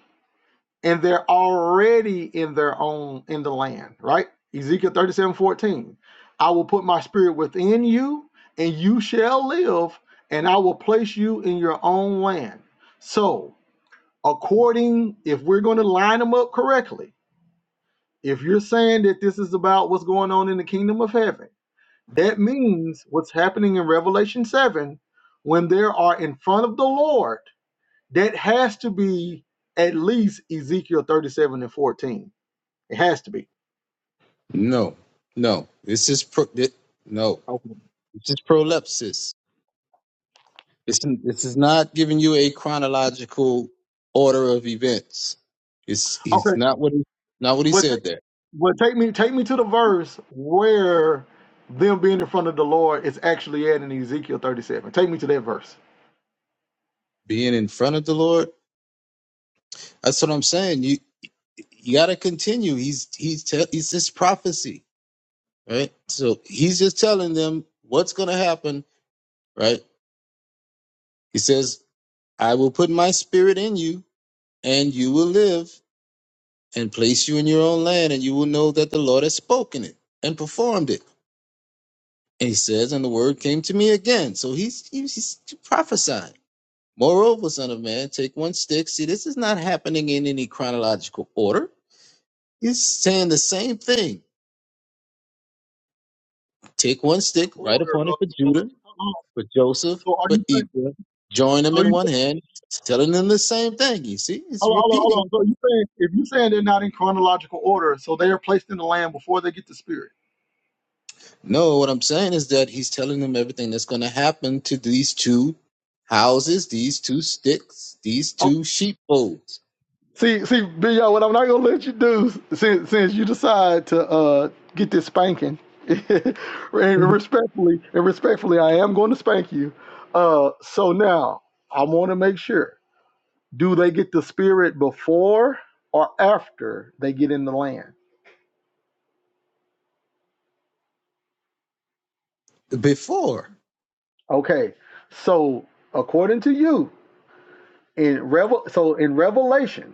[SPEAKER 1] and they're already in their own in the land, right? Ezekiel 37 14, I will put my spirit within you, and you shall live, and I will place you in your own land. So according if we're going to line them up correctly if you're saying that this is about what's going on in the kingdom of heaven that means what's happening in revelation 7 when there are in front of the lord that has to be at least ezekiel 37 and 14 it has to be
[SPEAKER 2] No, no. This is pro, thi- no.
[SPEAKER 1] okay
[SPEAKER 2] This is prolepsis. This, this is not giving you a chronological order of events. It's he's
[SPEAKER 1] okay
[SPEAKER 2] not what he not what he
[SPEAKER 1] well, take,
[SPEAKER 2] said there.
[SPEAKER 1] well take me take me to the verse where them being in front of the lord is actually at in ezekiel 37 take me to that verse
[SPEAKER 2] Being in front of the Lord. That's what I'm saying. You you got to continue. He's he's te- he's this prophecy, right? So he's just telling them what's going to happen, right? He says, "I will put my spirit in you, and you will live, and place you in your own land, and you will know that the Lord has spoken it and performed it." And he says, and the word came to me again. So he's, he's, he's prophesying. Moreover, son of man, take one stick. See, this is not happening in any chronological order. He's saying the same thing. Take one
[SPEAKER 1] in
[SPEAKER 2] stick, write
[SPEAKER 1] order
[SPEAKER 2] upon it
[SPEAKER 1] of
[SPEAKER 2] for Judah, for Joseph,
[SPEAKER 1] so are
[SPEAKER 2] for
[SPEAKER 1] you
[SPEAKER 2] Ephraim. Join them
[SPEAKER 1] So
[SPEAKER 2] in
[SPEAKER 1] you
[SPEAKER 2] one hand, It's telling them the same thing. You see, it's
[SPEAKER 1] hold on, hold on, hold on.
[SPEAKER 2] repeating.
[SPEAKER 1] So you saying if you saying they're not in chronological order, so they are placed in the land before they get the spirit.
[SPEAKER 2] No, what I'm saying is that he's telling them everything that's going to happen to these two houses, these two sticks, these
[SPEAKER 1] Oh,
[SPEAKER 2] two sheepfolds
[SPEAKER 1] see, see, Bill, what I'm not gonna let you do since since you decide to uh get this spanking, and respectfully, and respectfully, I am going to spank you. Uh, so now I want to make sure: do they get the spirit before or after they get in the land?
[SPEAKER 2] before.
[SPEAKER 1] Okay, so according to you, in Revel, so in Revelation.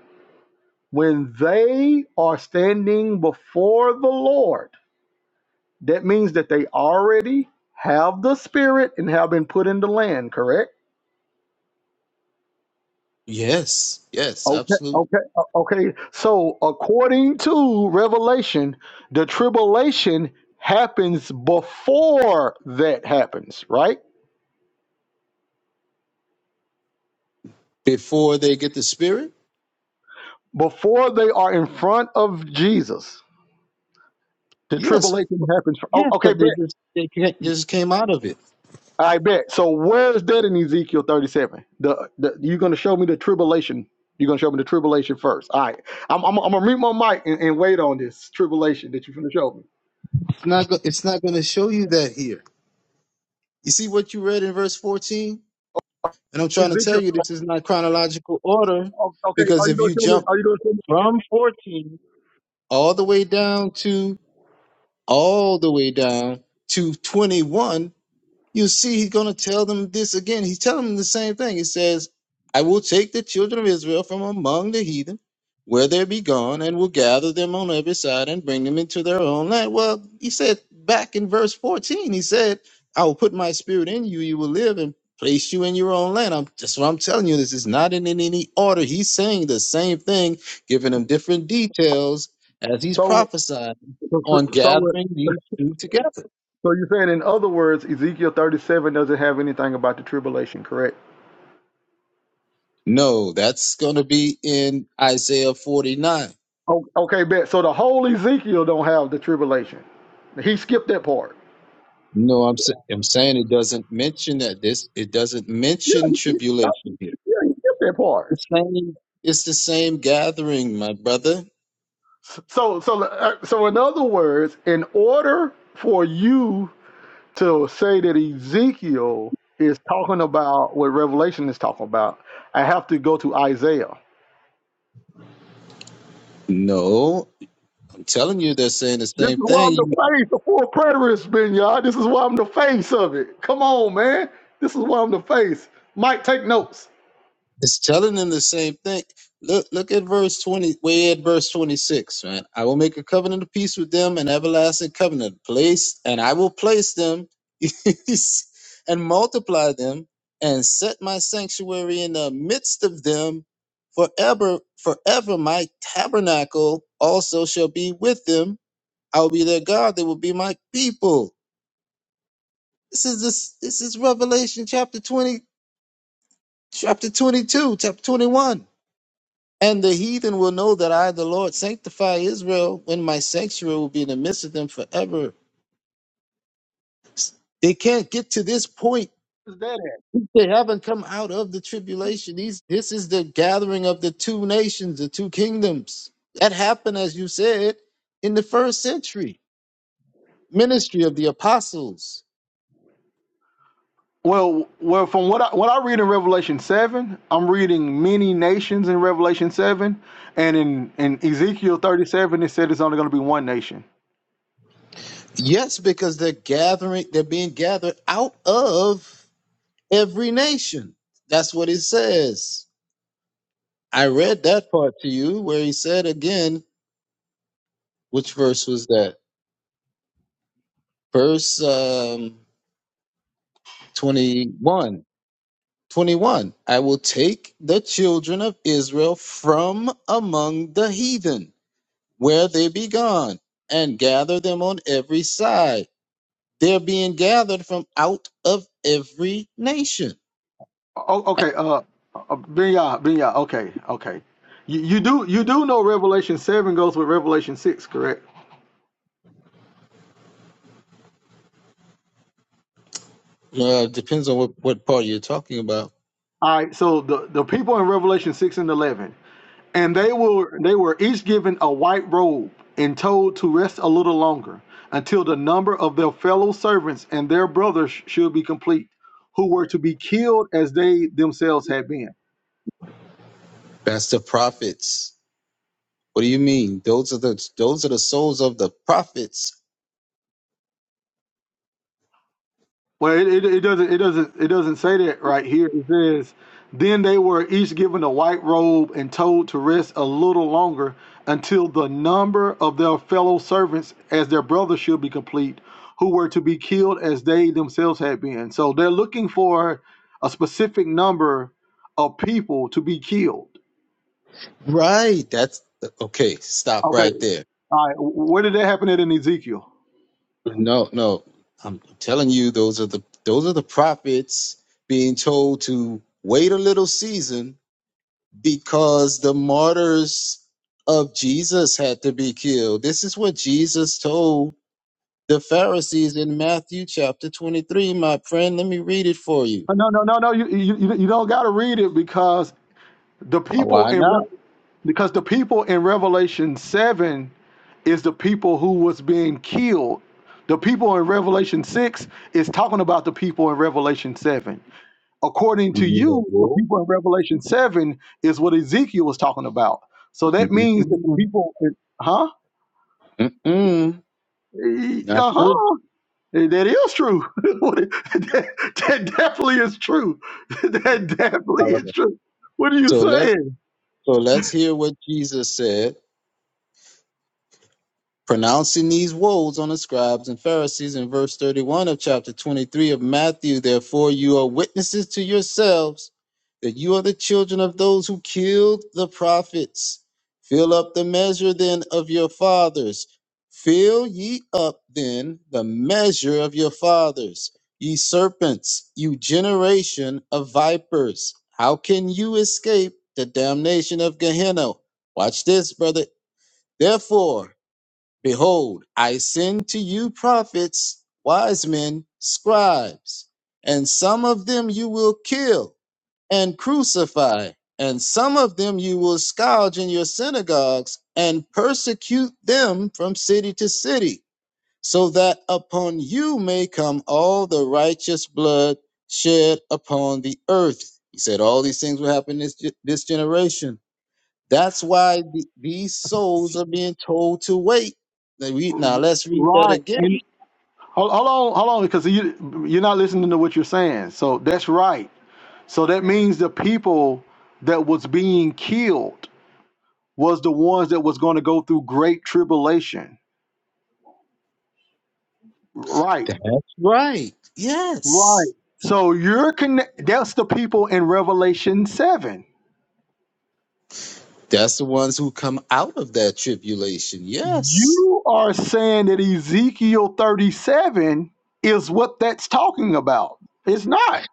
[SPEAKER 1] When they are standing before the Lord, that means that they already have the Spirit and have been put in the land, correct?
[SPEAKER 2] Yes, yes,
[SPEAKER 1] Okay,
[SPEAKER 2] absolutely.
[SPEAKER 1] okay, o- okay. So, according to Revelation, the tribulation happens before that happens, right?
[SPEAKER 2] Before they get the spirit,
[SPEAKER 1] Before they are in front of Jesus, the
[SPEAKER 2] yes,
[SPEAKER 1] tribulation happens. o-
[SPEAKER 2] yeah,
[SPEAKER 1] Okay,
[SPEAKER 2] because they
[SPEAKER 1] bet.
[SPEAKER 2] just they can't, just came out of it.
[SPEAKER 1] I bet. So where is that in Ezekiel 37? The, the you're gonna show me the tribulation. You're gonna show me the tribulation first. All right. I'm I'm, I'm gonna mute my mic and, and wait on this tribulation that you're gonna show me.
[SPEAKER 2] It's not go, it's not going to show you that here. You see what you read in verse fourteen, and I'm trying to tell
[SPEAKER 1] Ezekiel.
[SPEAKER 2] you
[SPEAKER 1] 37.
[SPEAKER 2] this is not chronological order
[SPEAKER 1] Oh, okay.
[SPEAKER 2] because
[SPEAKER 1] Are you
[SPEAKER 2] if
[SPEAKER 1] gonna
[SPEAKER 2] you
[SPEAKER 1] show me?
[SPEAKER 2] jump
[SPEAKER 1] Are you gonna show me?
[SPEAKER 2] from fourteen all the way down to all the way down to twenty one. You see, he's going to tell them this again. He's telling them the same thing. He says, I will take the children of Israel from among the heathen, where they be gone, and will gather them on every side and bring them into their own land. Well, he said back in verse 14, he said, I will put my spirit in you, you will live and place you in your own land. I'm, that's what I'm telling you. This is not in in any order. He's saying the same thing, giving them different details as he's
[SPEAKER 1] So
[SPEAKER 2] prophesying
[SPEAKER 1] so
[SPEAKER 2] on
[SPEAKER 1] so
[SPEAKER 2] gathering these two together.
[SPEAKER 1] so you're saying in other words, Ezekiel 37 doesn't have anything about the tribulation, correct?
[SPEAKER 2] No, that's going to be in Isaiah 49.
[SPEAKER 1] Oh, okay, bet. So the whole Ezekiel don't have the tribulation. He skipped that part.
[SPEAKER 2] No, I'm sa- I'm saying it doesn't mention that this it doesn't
[SPEAKER 1] Yeah,
[SPEAKER 2] mention
[SPEAKER 1] he, he- uh,
[SPEAKER 2] tribulation here.
[SPEAKER 1] yeah, he skipped that part.
[SPEAKER 2] The same it's the same gathering, my brother.
[SPEAKER 1] So, so, uh, so, in other words, in order for you to say that Ezekiel is talking about what Revelation is talking about, I have to go to Isaiah.
[SPEAKER 2] No, I'm telling you they're saying the
[SPEAKER 1] This is
[SPEAKER 2] same
[SPEAKER 1] why I'm
[SPEAKER 2] thing.
[SPEAKER 1] the face, the full preterist, been y'all. This is why I'm the face of it. Come on, man. This is why I'm the face. Mike, take notes.
[SPEAKER 2] It's telling them the same thing. Look, look at verse twenty. Way at verse twenty-six, man. I will make a covenant of peace with them, an everlasting covenant. Place, and I will place them, and multiply them, and set my sanctuary in the midst of them, forever. Forever, my tabernacle also shall be with them. I will be their God. They will be my people. This is this. This is Revelation chapter twenty, chapter twenty-two, chapter twenty-one. And the heathen will know that I, the Lord, sanctify Israel when my sanctuary will be in the midst of them forever. They can't get to this point.
[SPEAKER 1] Where's that at?
[SPEAKER 2] They haven't come out of the tribulation. These, this is the gathering of the two nations, the two kingdoms. That happened, as you said, in the first century. Ministry of the apostles.
[SPEAKER 1] Well, well, from what I what I read in Revelation seven, I'm reading many nations in Revelation seven, and in in Ezekiel thirty seven, it said it's only going to be one nation.
[SPEAKER 2] Yes, because they're gathering, they're being gathered out of every nation. That's what it says. I read that part to you where he said again. Which verse was that? Verse um, 21. 21. I will take the children of Israel from among the heathen, where they be gone, and gather them on every side. They're being gathered from out of every nation.
[SPEAKER 1] Oh, okay. Uh, uh Benya, Benya. Okay, okay. You, you do you do know Revelation seven goes with Revelation six, correct?
[SPEAKER 2] Uh, depends on what, what part you're talking about.
[SPEAKER 1] All right. So the the people in Revelation six and eleven. And they were they were each given a white robe and told to rest a little longer until the number of their fellow servants and their brothers should be complete, who were to be killed as they themselves had been.
[SPEAKER 2] That's the prophets. What do you mean? Those are the those are the souls of the prophets
[SPEAKER 1] Well, it, it, it doesn't it doesn't it doesn't say that right here. It says, "Then they were each given a white robe and told to rest a little longer until the number of their fellow servants as their brothers should be complete, who were to be killed as they themselves had been." So they're looking for a specific number of people to be killed.
[SPEAKER 2] Right. That's okay. Stop
[SPEAKER 1] Okay,
[SPEAKER 2] right there.
[SPEAKER 1] all right. Where did that happen at in Ezekiel?
[SPEAKER 2] No, no. I'm telling you, those are the those are the prophets being told to wait a little season because the martyrs of Jesus had to be killed. This is what Jesus told the Pharisees in Matthew chapter 23, my friend. Let me read it for you.
[SPEAKER 1] Uh, No, no, no, no. You you, you you don't got to read it because The people
[SPEAKER 2] Why
[SPEAKER 1] in
[SPEAKER 2] not?
[SPEAKER 1] Re- because the people in Revelation 7 is the people who was being killed. The people in Revelation 6 is talking about the people in Revelation 7. According to you, the
[SPEAKER 2] No.
[SPEAKER 1] people in Revelation 7 is what Ezekiel was talking about. So that means that the
[SPEAKER 2] Mm-mm.
[SPEAKER 1] people, in- huh?
[SPEAKER 2] Mm-mm.
[SPEAKER 1] E-
[SPEAKER 2] Not true.
[SPEAKER 1] Uh-huh. That is true. What it- that, that definitely is true. That definitely
[SPEAKER 2] All
[SPEAKER 1] is
[SPEAKER 2] right.
[SPEAKER 1] true. What are you
[SPEAKER 2] So let's
[SPEAKER 1] saying?
[SPEAKER 2] so let's hear what Jesus said. Pronouncing these woes on the scribes and Pharisees in verse 31 of chapter 23 of Matthew, therefore you are witnesses to yourselves that you are the children of those who killed the prophets. Fill up the measure then of your fathers. Fill ye up then the measure of your fathers. Ye serpents, you generation of vipers, how can you escape the damnation of Gehenna? Watch this, brother. Therefore, Behold, I send to you prophets, wise men, scribes, and some of them you will kill and crucify, and some of them you will scourge in your synagogues and persecute them from city to city, so that upon you may come all the righteous blood shed upon the earth. He said all these things will happen this, this generation that's why the, these souls are being told to wait. Now, we, now let's read that again.
[SPEAKER 1] Right. Hold, hold on, hold on, because you you're not listening to what you're saying. So that's right. So that means the people that was being killed was the ones that was going to go through great tribulation. Right.
[SPEAKER 2] That's right.
[SPEAKER 1] Right.
[SPEAKER 2] Yes.
[SPEAKER 1] So you're connect. That's the people in Revelation seven.
[SPEAKER 2] That's the ones who come out of that tribulation. Yes.
[SPEAKER 1] You are saying that Ezekiel 37 is what that's talking about. It's not.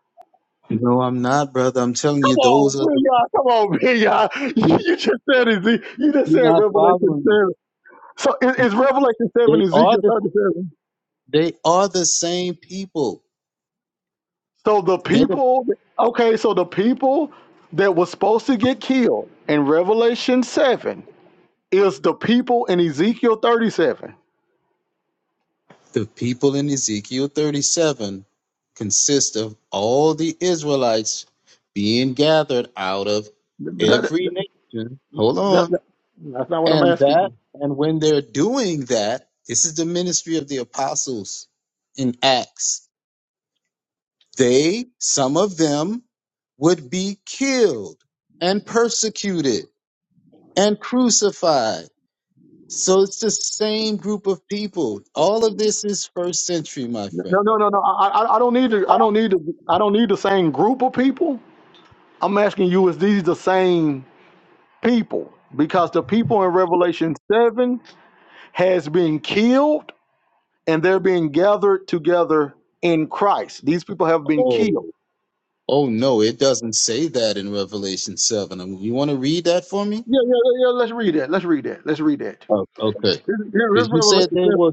[SPEAKER 2] No, I'm not, brother. I'm telling
[SPEAKER 1] Come
[SPEAKER 2] you, those
[SPEAKER 1] on,
[SPEAKER 2] are the
[SPEAKER 1] man, y'all. Come on, man, y'all.
[SPEAKER 2] you-
[SPEAKER 1] You just said Ezekiel. You just
[SPEAKER 2] you're
[SPEAKER 1] said
[SPEAKER 2] not
[SPEAKER 1] Revelation
[SPEAKER 2] following
[SPEAKER 1] So it-
[SPEAKER 2] me.
[SPEAKER 1] it's Revelation 7,
[SPEAKER 2] They are
[SPEAKER 1] Ezekiel
[SPEAKER 2] the
[SPEAKER 1] 37.
[SPEAKER 2] they are the same people.
[SPEAKER 1] So the
[SPEAKER 2] They're the.
[SPEAKER 1] people, okay, so the people that was supposed to get killed in Revelation 7 is the people in Ezekiel 37.
[SPEAKER 2] The people in Ezekiel 37 consist of all the Israelites being gathered out of
[SPEAKER 1] That-
[SPEAKER 2] every nation. Hold
[SPEAKER 1] that-
[SPEAKER 2] on.
[SPEAKER 1] that- that's not what I'm
[SPEAKER 2] And
[SPEAKER 1] asking
[SPEAKER 2] that,
[SPEAKER 1] you.
[SPEAKER 2] and when they're doing that, this is the ministry of the apostles in Acts. They, some of them, would be killed and persecuted and crucified. So it's the same group of people. All of this is first century, my friend.
[SPEAKER 1] No, no, no, no. I, I I don't need to. I don't need to. I don't need the same group of people. I'm asking you: Is these the same people? Because the people in Revelation seven has been killed and they're being gathered together in Christ. These people have been
[SPEAKER 2] Oh.
[SPEAKER 1] killed.
[SPEAKER 2] Oh no, it doesn't say that in Revelation seven. Um, You want to read that for me?
[SPEAKER 1] Yeah, yeah, yeah. yeah, Let's read that. Let's read that. Let's read that.
[SPEAKER 2] Oh, okay.
[SPEAKER 1] Here- here-
[SPEAKER 2] Because
[SPEAKER 1] Here's
[SPEAKER 2] you said
[SPEAKER 1] Revelation
[SPEAKER 2] they
[SPEAKER 1] 7.
[SPEAKER 2] were.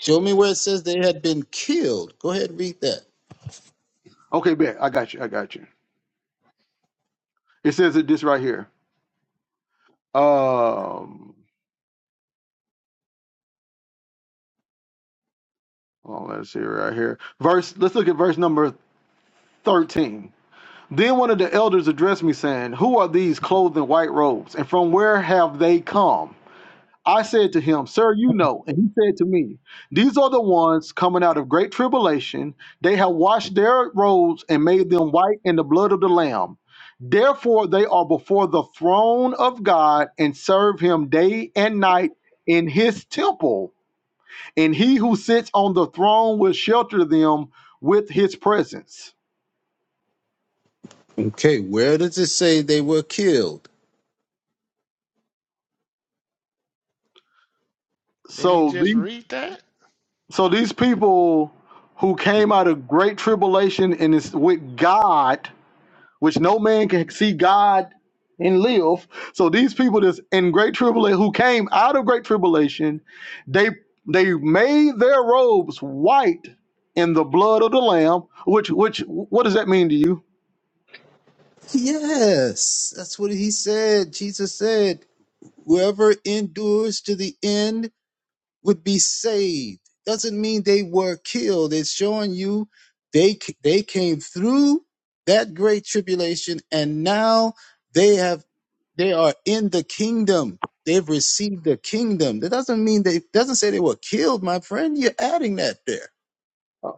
[SPEAKER 2] Show me where it says they had been killed. Go ahead, read that.
[SPEAKER 1] Okay, bet. I got you. I got you. It says it this right here. Um, oh, let's see right here. Verse. Let's look at verse number thirteen. Then one of the elders addressed me, saying, "Who are these clothed in white robes, and from where have they come?" I said to him, Sir, you know. And he said to me, These are the ones coming out of great tribulation. They have washed their robes and made them white in the blood of the Lamb. Therefore, they are before the throne of God and serve him day and night in his temple. And he who sits on the throne will shelter them with his presence.
[SPEAKER 2] Okay, where does it say they were killed?
[SPEAKER 3] Didn't he
[SPEAKER 1] So
[SPEAKER 3] just
[SPEAKER 1] these,
[SPEAKER 3] read that?
[SPEAKER 1] so these people who came out of great tribulation and is with God which no man can see God and live. So these people that's in great tribulation who came out of great tribulation, they they made their robes white in the blood of the Lamb. Which which what does that mean to you?
[SPEAKER 2] Yes, that's what he said. Jesus said, "Whoever endures to the end." would be saved. Doesn't mean they were killed. It's showing you they c- they came through that great tribulation, and now they have they are in the kingdom. They've received the kingdom. That doesn't mean they doesn't say they were killed, my friend. You're adding that there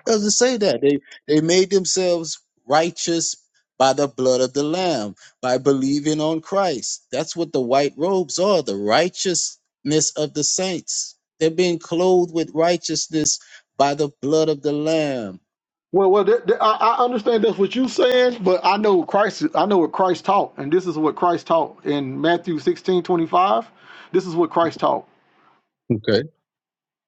[SPEAKER 2] doesn't say that. They they made themselves righteous by the blood of the Lamb, by believing on Christ. That's what the white robes are, the righteousness of the saints. They're being clothed with righteousness by the blood of the Lamb.
[SPEAKER 1] Well, well, that, that- I, I understand that's what you're saying, but I know Christ. I know what Christ taught, and this is what Christ taught in Matthew 16 25. This is what Christ taught.
[SPEAKER 2] Okay.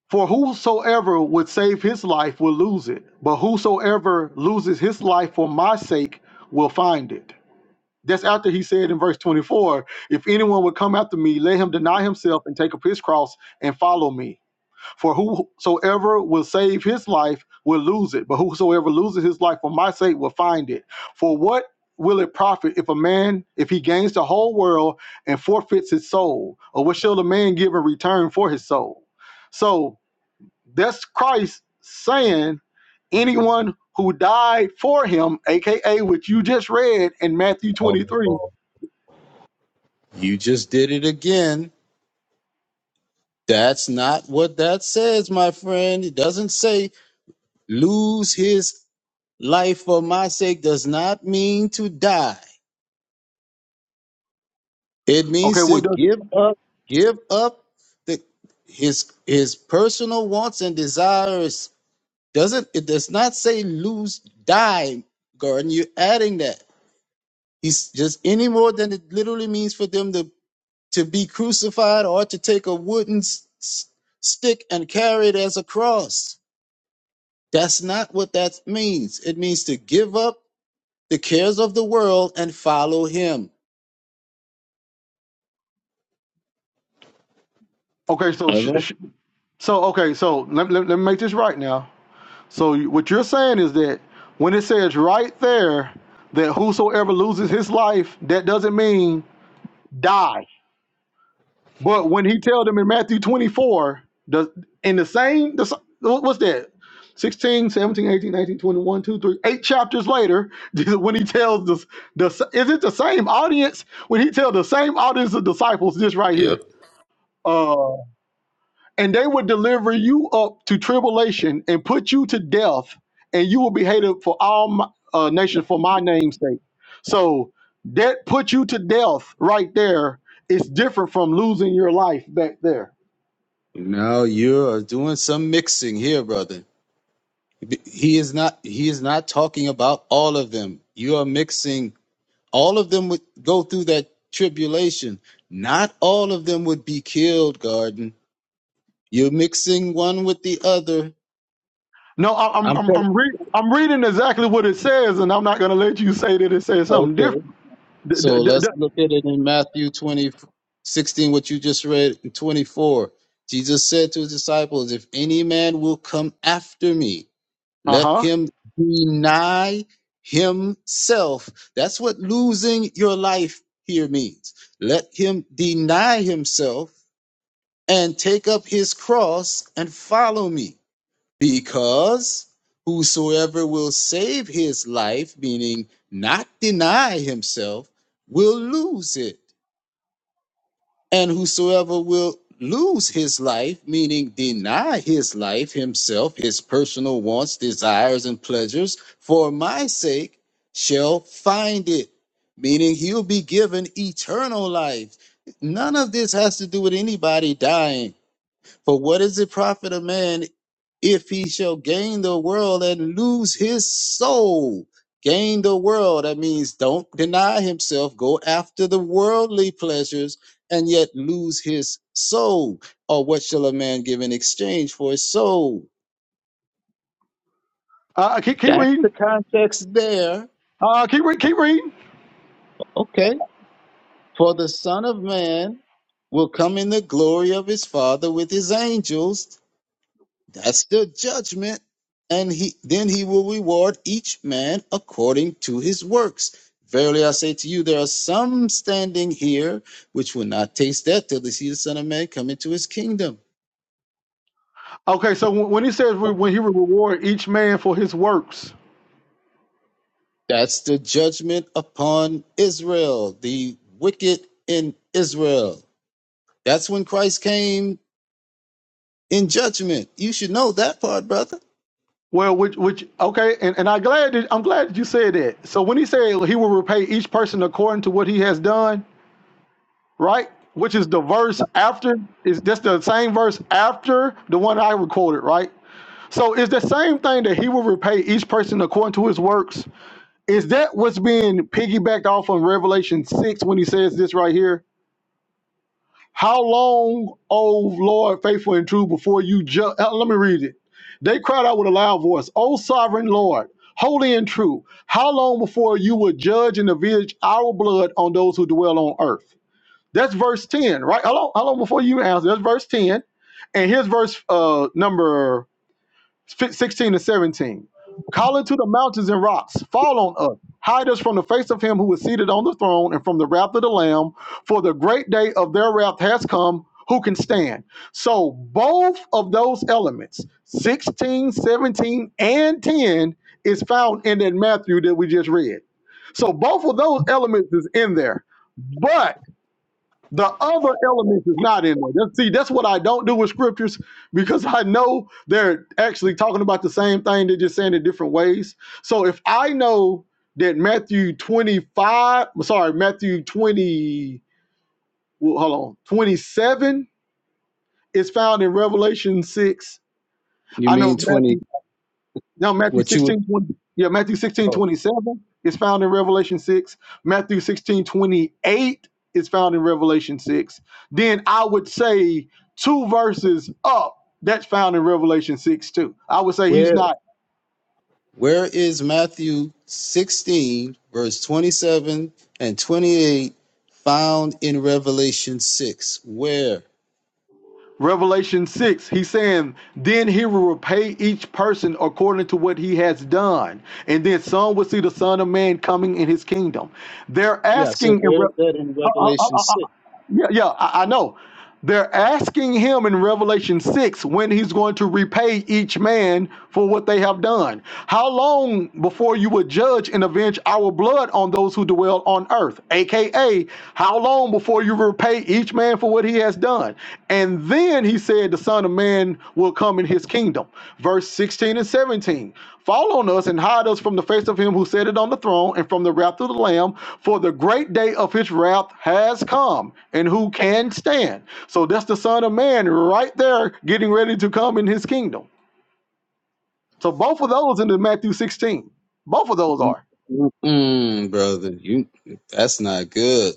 [SPEAKER 1] For whosoever would save his life will lose it, but whosoever loses his life for my sake will find it. That's after he said in verse 24, if anyone would come after me, let him deny himself and take up his cross and follow me. For whosoever will save his life will lose it, but whosoever loses his life for my sake will find it. For what will it profit if a man, if he gains the whole world and forfeits his soul? Or what shall a man give in return for his soul? So that's Christ saying anyone who died for him, aka what you just read in Matthew
[SPEAKER 2] Oh,
[SPEAKER 1] 23.
[SPEAKER 2] oh. You just did it again. That's not what that says, my friend. It doesn't say lose his life for my sake, does not mean to die. It
[SPEAKER 1] Okay,
[SPEAKER 2] means to
[SPEAKER 1] what does it?
[SPEAKER 2] give up, give up the his his personal wants and desires. Doesn't it does not say lose, die, Garden. You're adding that. He's just any more than it literally means for them to to be crucified or to take a wooden s- s- stick and carry it as a cross. That's not what that means. It means to give up the cares of the world and follow him.
[SPEAKER 1] Okay, so
[SPEAKER 2] That's
[SPEAKER 1] sh-
[SPEAKER 2] all.
[SPEAKER 1] sh- so okay, so let, let, let me make this right now. So you- what you're saying is that when it says right there that whosoever loses his life, that doesn't mean die. But when he tell them in Matthew 24, the in the same the, what's that? 16, 17, 18, 19, 21, 2, three, eight chapters later, when he tells the, the is it the same audience? When he tells the same audience of disciples this right
[SPEAKER 4] Yep.
[SPEAKER 1] here. Uh, and they would deliver you up to tribulation and put you to death, and you will be hated for all my, uh, nations for my name's sake. So that put you to death right there is different from losing your life back there.
[SPEAKER 2] Now you are doing some mixing here, brother. B- He is not he is not talking about all of them. You are mixing all of them would go through that tribulation. Not all of them would be killed, Garden. You're mixing one with the other.
[SPEAKER 1] No, I- I'm
[SPEAKER 2] I'm
[SPEAKER 1] I'm
[SPEAKER 2] saying
[SPEAKER 1] I'm, re- I'm reading exactly what it says, and I'm not going to let you say that it says something
[SPEAKER 2] okay.
[SPEAKER 1] different. D-
[SPEAKER 2] So
[SPEAKER 1] d- d-
[SPEAKER 2] let's
[SPEAKER 1] d-
[SPEAKER 2] look at it in Matthew 20 16. what you just read in 24. Jesus said to his disciples, if any man will come after me, Let
[SPEAKER 1] uh-huh.
[SPEAKER 2] him deny himself. That's what losing your life here means. Let him deny himself and take up his cross and follow me. Because whosoever will save his life, meaning not deny himself, will lose it. And whosoever will lose his life, meaning deny his life, himself, his personal wants, desires, and pleasures, for my sake, shall find it, meaning he'll be given eternal life. None of this has to do with anybody dying. For what is it profit a man if he shall gain the world and lose his soul. Gain the world, that means don't deny himself, go after the worldly pleasures, and yet lose his soul. Or what shall a man give in exchange for his soul?
[SPEAKER 1] Uh Keep keep
[SPEAKER 2] That's
[SPEAKER 1] reading.
[SPEAKER 2] the context there.
[SPEAKER 1] Uh, keep re- keep reading.
[SPEAKER 2] Okay. For the Son of Man will come in the glory of his Father with his angels That's the judgment. And he then he will reward each man according to his works. Verily I say to you, there are some standing here which will not taste death till they see the Son of Man come into his kingdom.
[SPEAKER 1] Okay, so when when he says we- when he will reward each man for his works,
[SPEAKER 2] That's the judgment upon Israel, the wicked in Israel. That's when Christ came in judgment. You should know that part, brother.
[SPEAKER 1] well, which which okay, and, and I glad that, I'm glad that you said that. So when he said he will repay each person according to what he has done, right? Which is the verse after is that's the same verse after the one I quoted, right? So it's the same thing that he will repay each person according to his works. Is that what's being piggybacked off on Revelation 6 when he says this right here? How long, O Lord, faithful and true, before you judge? Let me read it. They cried out with a loud voice, O sovereign Lord, holy and true, how long before you will judge and avenge our blood on those who dwell on earth? That's verse 10, right? How long, how long before you answer? That's verse 10. And here's verse uh, number 16 and 17. Call into the mountains and rocks, fall on us, hide us from the face of him who is seated on the throne and from the wrath of the Lamb, for the great day of their wrath has come. Who can stand? So, both of those elements, 16, 17, and 10, is found in that Matthew that we just read. So, both of those elements is in there. But the other element is not in there. That's, see, that's what I don't do with scriptures because I know they're actually talking about the same thing. They're just saying it different ways. So if I know that Matthew 25, I'm sorry, Matthew 20, well, hold on, 27 is found in Revelation 6.
[SPEAKER 2] You
[SPEAKER 1] I know
[SPEAKER 2] mean
[SPEAKER 1] Matthew
[SPEAKER 2] 20,
[SPEAKER 1] now Matthew
[SPEAKER 2] what you would,
[SPEAKER 1] 16 20 yeah, Matthew sixteen
[SPEAKER 2] oh.
[SPEAKER 1] 27 is found in Revelation 6. Matthew 16 28 is found in Revelation 6. Then I would say two verses up, that's found in Revelation 6 too. I would say he's
[SPEAKER 2] where
[SPEAKER 1] not
[SPEAKER 2] Where is Matthew 16, verse 27 and 28 found in Revelation 6? Where?
[SPEAKER 1] Revelation 6. He's saying, Then he will repay each person according to what he has done. And then some will see the Son of Man coming in his kingdom. They're
[SPEAKER 2] Yeah, I said,
[SPEAKER 1] asking in
[SPEAKER 2] where
[SPEAKER 1] Re-
[SPEAKER 2] is that in
[SPEAKER 1] uh, uh,
[SPEAKER 2] Revelation
[SPEAKER 1] uh,
[SPEAKER 2] 6?
[SPEAKER 1] Yeah, yeah, I, I know. They're asking him in Revelation 6 when he's going to repay each man for what they have done. How long before you would judge and avenge our blood on those who dwell on earth? AKA, how long before you repay each man for what he has done? And then he said, The Son of Man will come in his kingdom. Verse 16 and 17. Fall on us and hide us from the face of him who sitteth on the throne and from the wrath of the Lamb, for the great day of his wrath has come, and who can stand? So that's the Son of Man right there getting ready to come in his kingdom. So both of those in the Matthew 16. Both of those are.
[SPEAKER 2] Mm-mm, brother, you that's not good.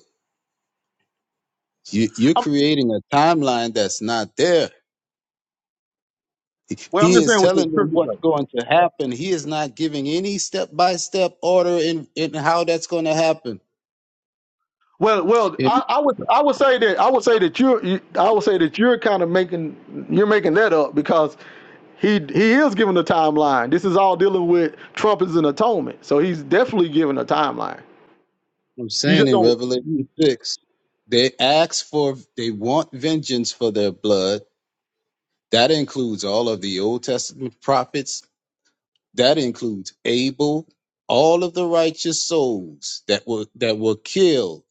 [SPEAKER 2] You, you're
[SPEAKER 1] I'm-
[SPEAKER 2] creating a timeline that's not there.
[SPEAKER 1] well, I'm
[SPEAKER 2] He
[SPEAKER 1] just
[SPEAKER 2] is
[SPEAKER 1] saying what the
[SPEAKER 2] telling them
[SPEAKER 1] scriptures say.
[SPEAKER 2] what's going to happen. He is not giving any step by step order in, in how that's going to happen.
[SPEAKER 1] Well, well, I, I would I would say that I would say that you're you, I would say that you're kind of making you're making that up because he he is giving a timeline. This is all dealing with Trump is an atonement, so he's definitely giving a timeline.
[SPEAKER 2] I'm
[SPEAKER 1] You
[SPEAKER 2] saying
[SPEAKER 1] just
[SPEAKER 2] in
[SPEAKER 1] don't.
[SPEAKER 2] Revelation 6, they ask for, they want vengeance for their blood. That includes all of the Old Testament prophets. That includes Abel, all of the righteous souls that were that were killed.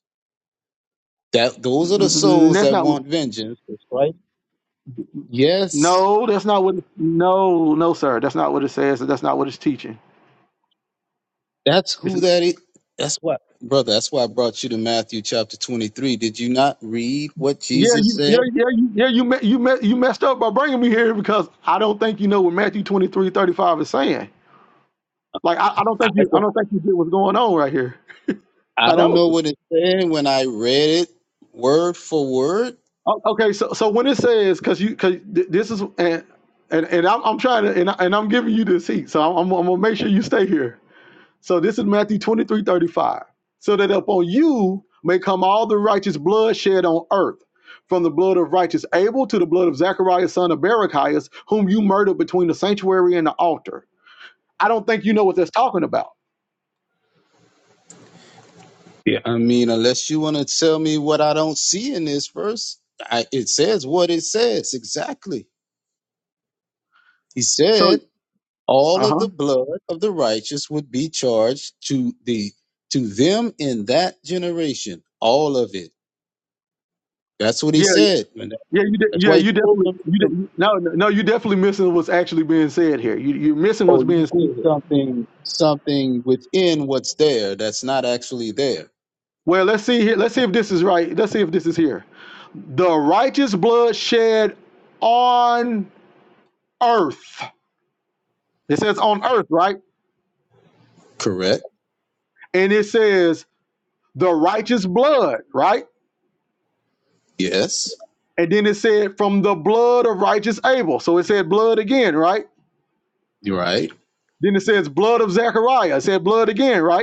[SPEAKER 2] That those are the
[SPEAKER 1] n-
[SPEAKER 2] souls
[SPEAKER 1] That's
[SPEAKER 2] that
[SPEAKER 1] not what.
[SPEAKER 2] want vengeance. That's right. Yes,
[SPEAKER 1] No, that's not what. No, no, sir, that's not what it says. That's not what it's teaching.
[SPEAKER 2] that's
[SPEAKER 1] It's,
[SPEAKER 2] who that is. That's what, brother. That's why I brought you to Matthew chapter 23. Did you not read what
[SPEAKER 1] yeah,
[SPEAKER 2] Jesus
[SPEAKER 1] you, yeah,
[SPEAKER 2] said?
[SPEAKER 1] yeah, you, yeah. You me, you me, you messed up by bringing me here because I don't think you know what Matthew 23 35 is saying. Like I, I don't
[SPEAKER 2] I
[SPEAKER 1] think you I
[SPEAKER 2] don't.
[SPEAKER 1] don't think you get what's going on right here.
[SPEAKER 2] I
[SPEAKER 1] I
[SPEAKER 2] don't
[SPEAKER 1] don't.
[SPEAKER 2] know what it said when I read it word for word.
[SPEAKER 1] O- Okay, so so when it says because you because this is and and, and I'm, I'm trying to and, I, and I'm giving you this heat, so I'm, I'm, I'm gonna make sure you stay here. So this is Matthew 23 35. So that upon you may come all the righteous blood shed on earth, from the blood of righteous Abel to the blood of Zacharias son of Barachias, whom you murdered between the sanctuary and the altar. I don't think you know what that's talking about.
[SPEAKER 2] Yeah. I mean, unless you want to tell me what I don't see in this verse, I, it says what it says exactly. He
[SPEAKER 1] So
[SPEAKER 2] said, "All
[SPEAKER 1] uh
[SPEAKER 2] of
[SPEAKER 1] huh.
[SPEAKER 2] the blood of the righteous would be charged to the to them in that generation. All of it. That's what he
[SPEAKER 1] Yeah,
[SPEAKER 2] said. And that-
[SPEAKER 1] Yeah, you de-
[SPEAKER 2] that's
[SPEAKER 1] yeah,
[SPEAKER 2] why he
[SPEAKER 1] you
[SPEAKER 2] told
[SPEAKER 1] definitely
[SPEAKER 2] them to
[SPEAKER 1] you
[SPEAKER 2] come.
[SPEAKER 1] de- no no no, you definitely missing what's actually being said here. You you're missing
[SPEAKER 2] Oh,
[SPEAKER 1] what's
[SPEAKER 2] you
[SPEAKER 1] being
[SPEAKER 2] see
[SPEAKER 1] said here.
[SPEAKER 2] something something within what's there that's not actually there.
[SPEAKER 1] Well, let's see here. Let's see if this is right. Let's see if this is here. The righteous blood shed on earth. It says on earth, right?
[SPEAKER 2] Correct?
[SPEAKER 1] And it says the righteous blood, right?
[SPEAKER 2] Yes.
[SPEAKER 1] And then it said from the blood of righteous Abel. So it said blood again, right?
[SPEAKER 2] You're right.
[SPEAKER 1] Then it says blood of Zechariah. It said blood again, right?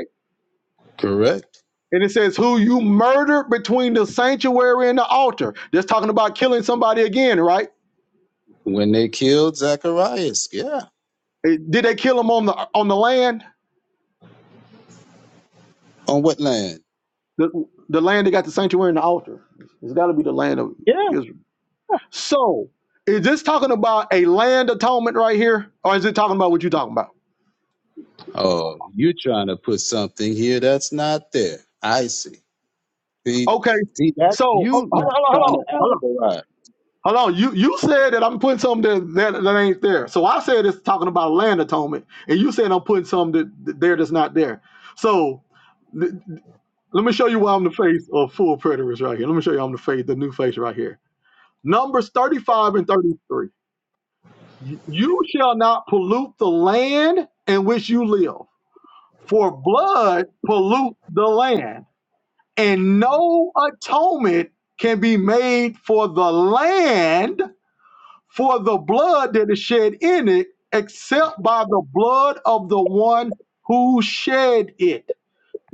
[SPEAKER 2] Correct.
[SPEAKER 1] And it says, Who you murdered between the sanctuary and the altar. Just talking about killing somebody again, right?
[SPEAKER 2] When they killed Zacharias, yeah.
[SPEAKER 1] Eh, Did they kill him on the on the land?
[SPEAKER 2] On what land?
[SPEAKER 1] The, the land that got the sanctuary and the altar. It's gotta be the land of
[SPEAKER 2] Yeah.
[SPEAKER 1] Israel. So is this talking about a land atonement right here? Or is it talking about what you're talking about?
[SPEAKER 2] Oh, you're trying to put something here that's not there. I see. See,
[SPEAKER 1] Okay,
[SPEAKER 2] see that's
[SPEAKER 1] so oh, hold
[SPEAKER 2] you not
[SPEAKER 1] on, hold on,
[SPEAKER 2] trying to
[SPEAKER 1] hold on.
[SPEAKER 2] allegorize,
[SPEAKER 1] Hold on, you you said that I'm putting something that, that that ain't there. So I said it's talking about land atonement, and you said I'm putting something that, that there that's not there. So th Let me show you why I'm the face of full preterists right here. Let me show you I'm the face, the new face right here. Numbers 35 and 33. You shall not pollute the land in which you live, for blood pollute the land, and no atonement can be made for the land for the blood that is shed in it, except by the blood of the one who shed it.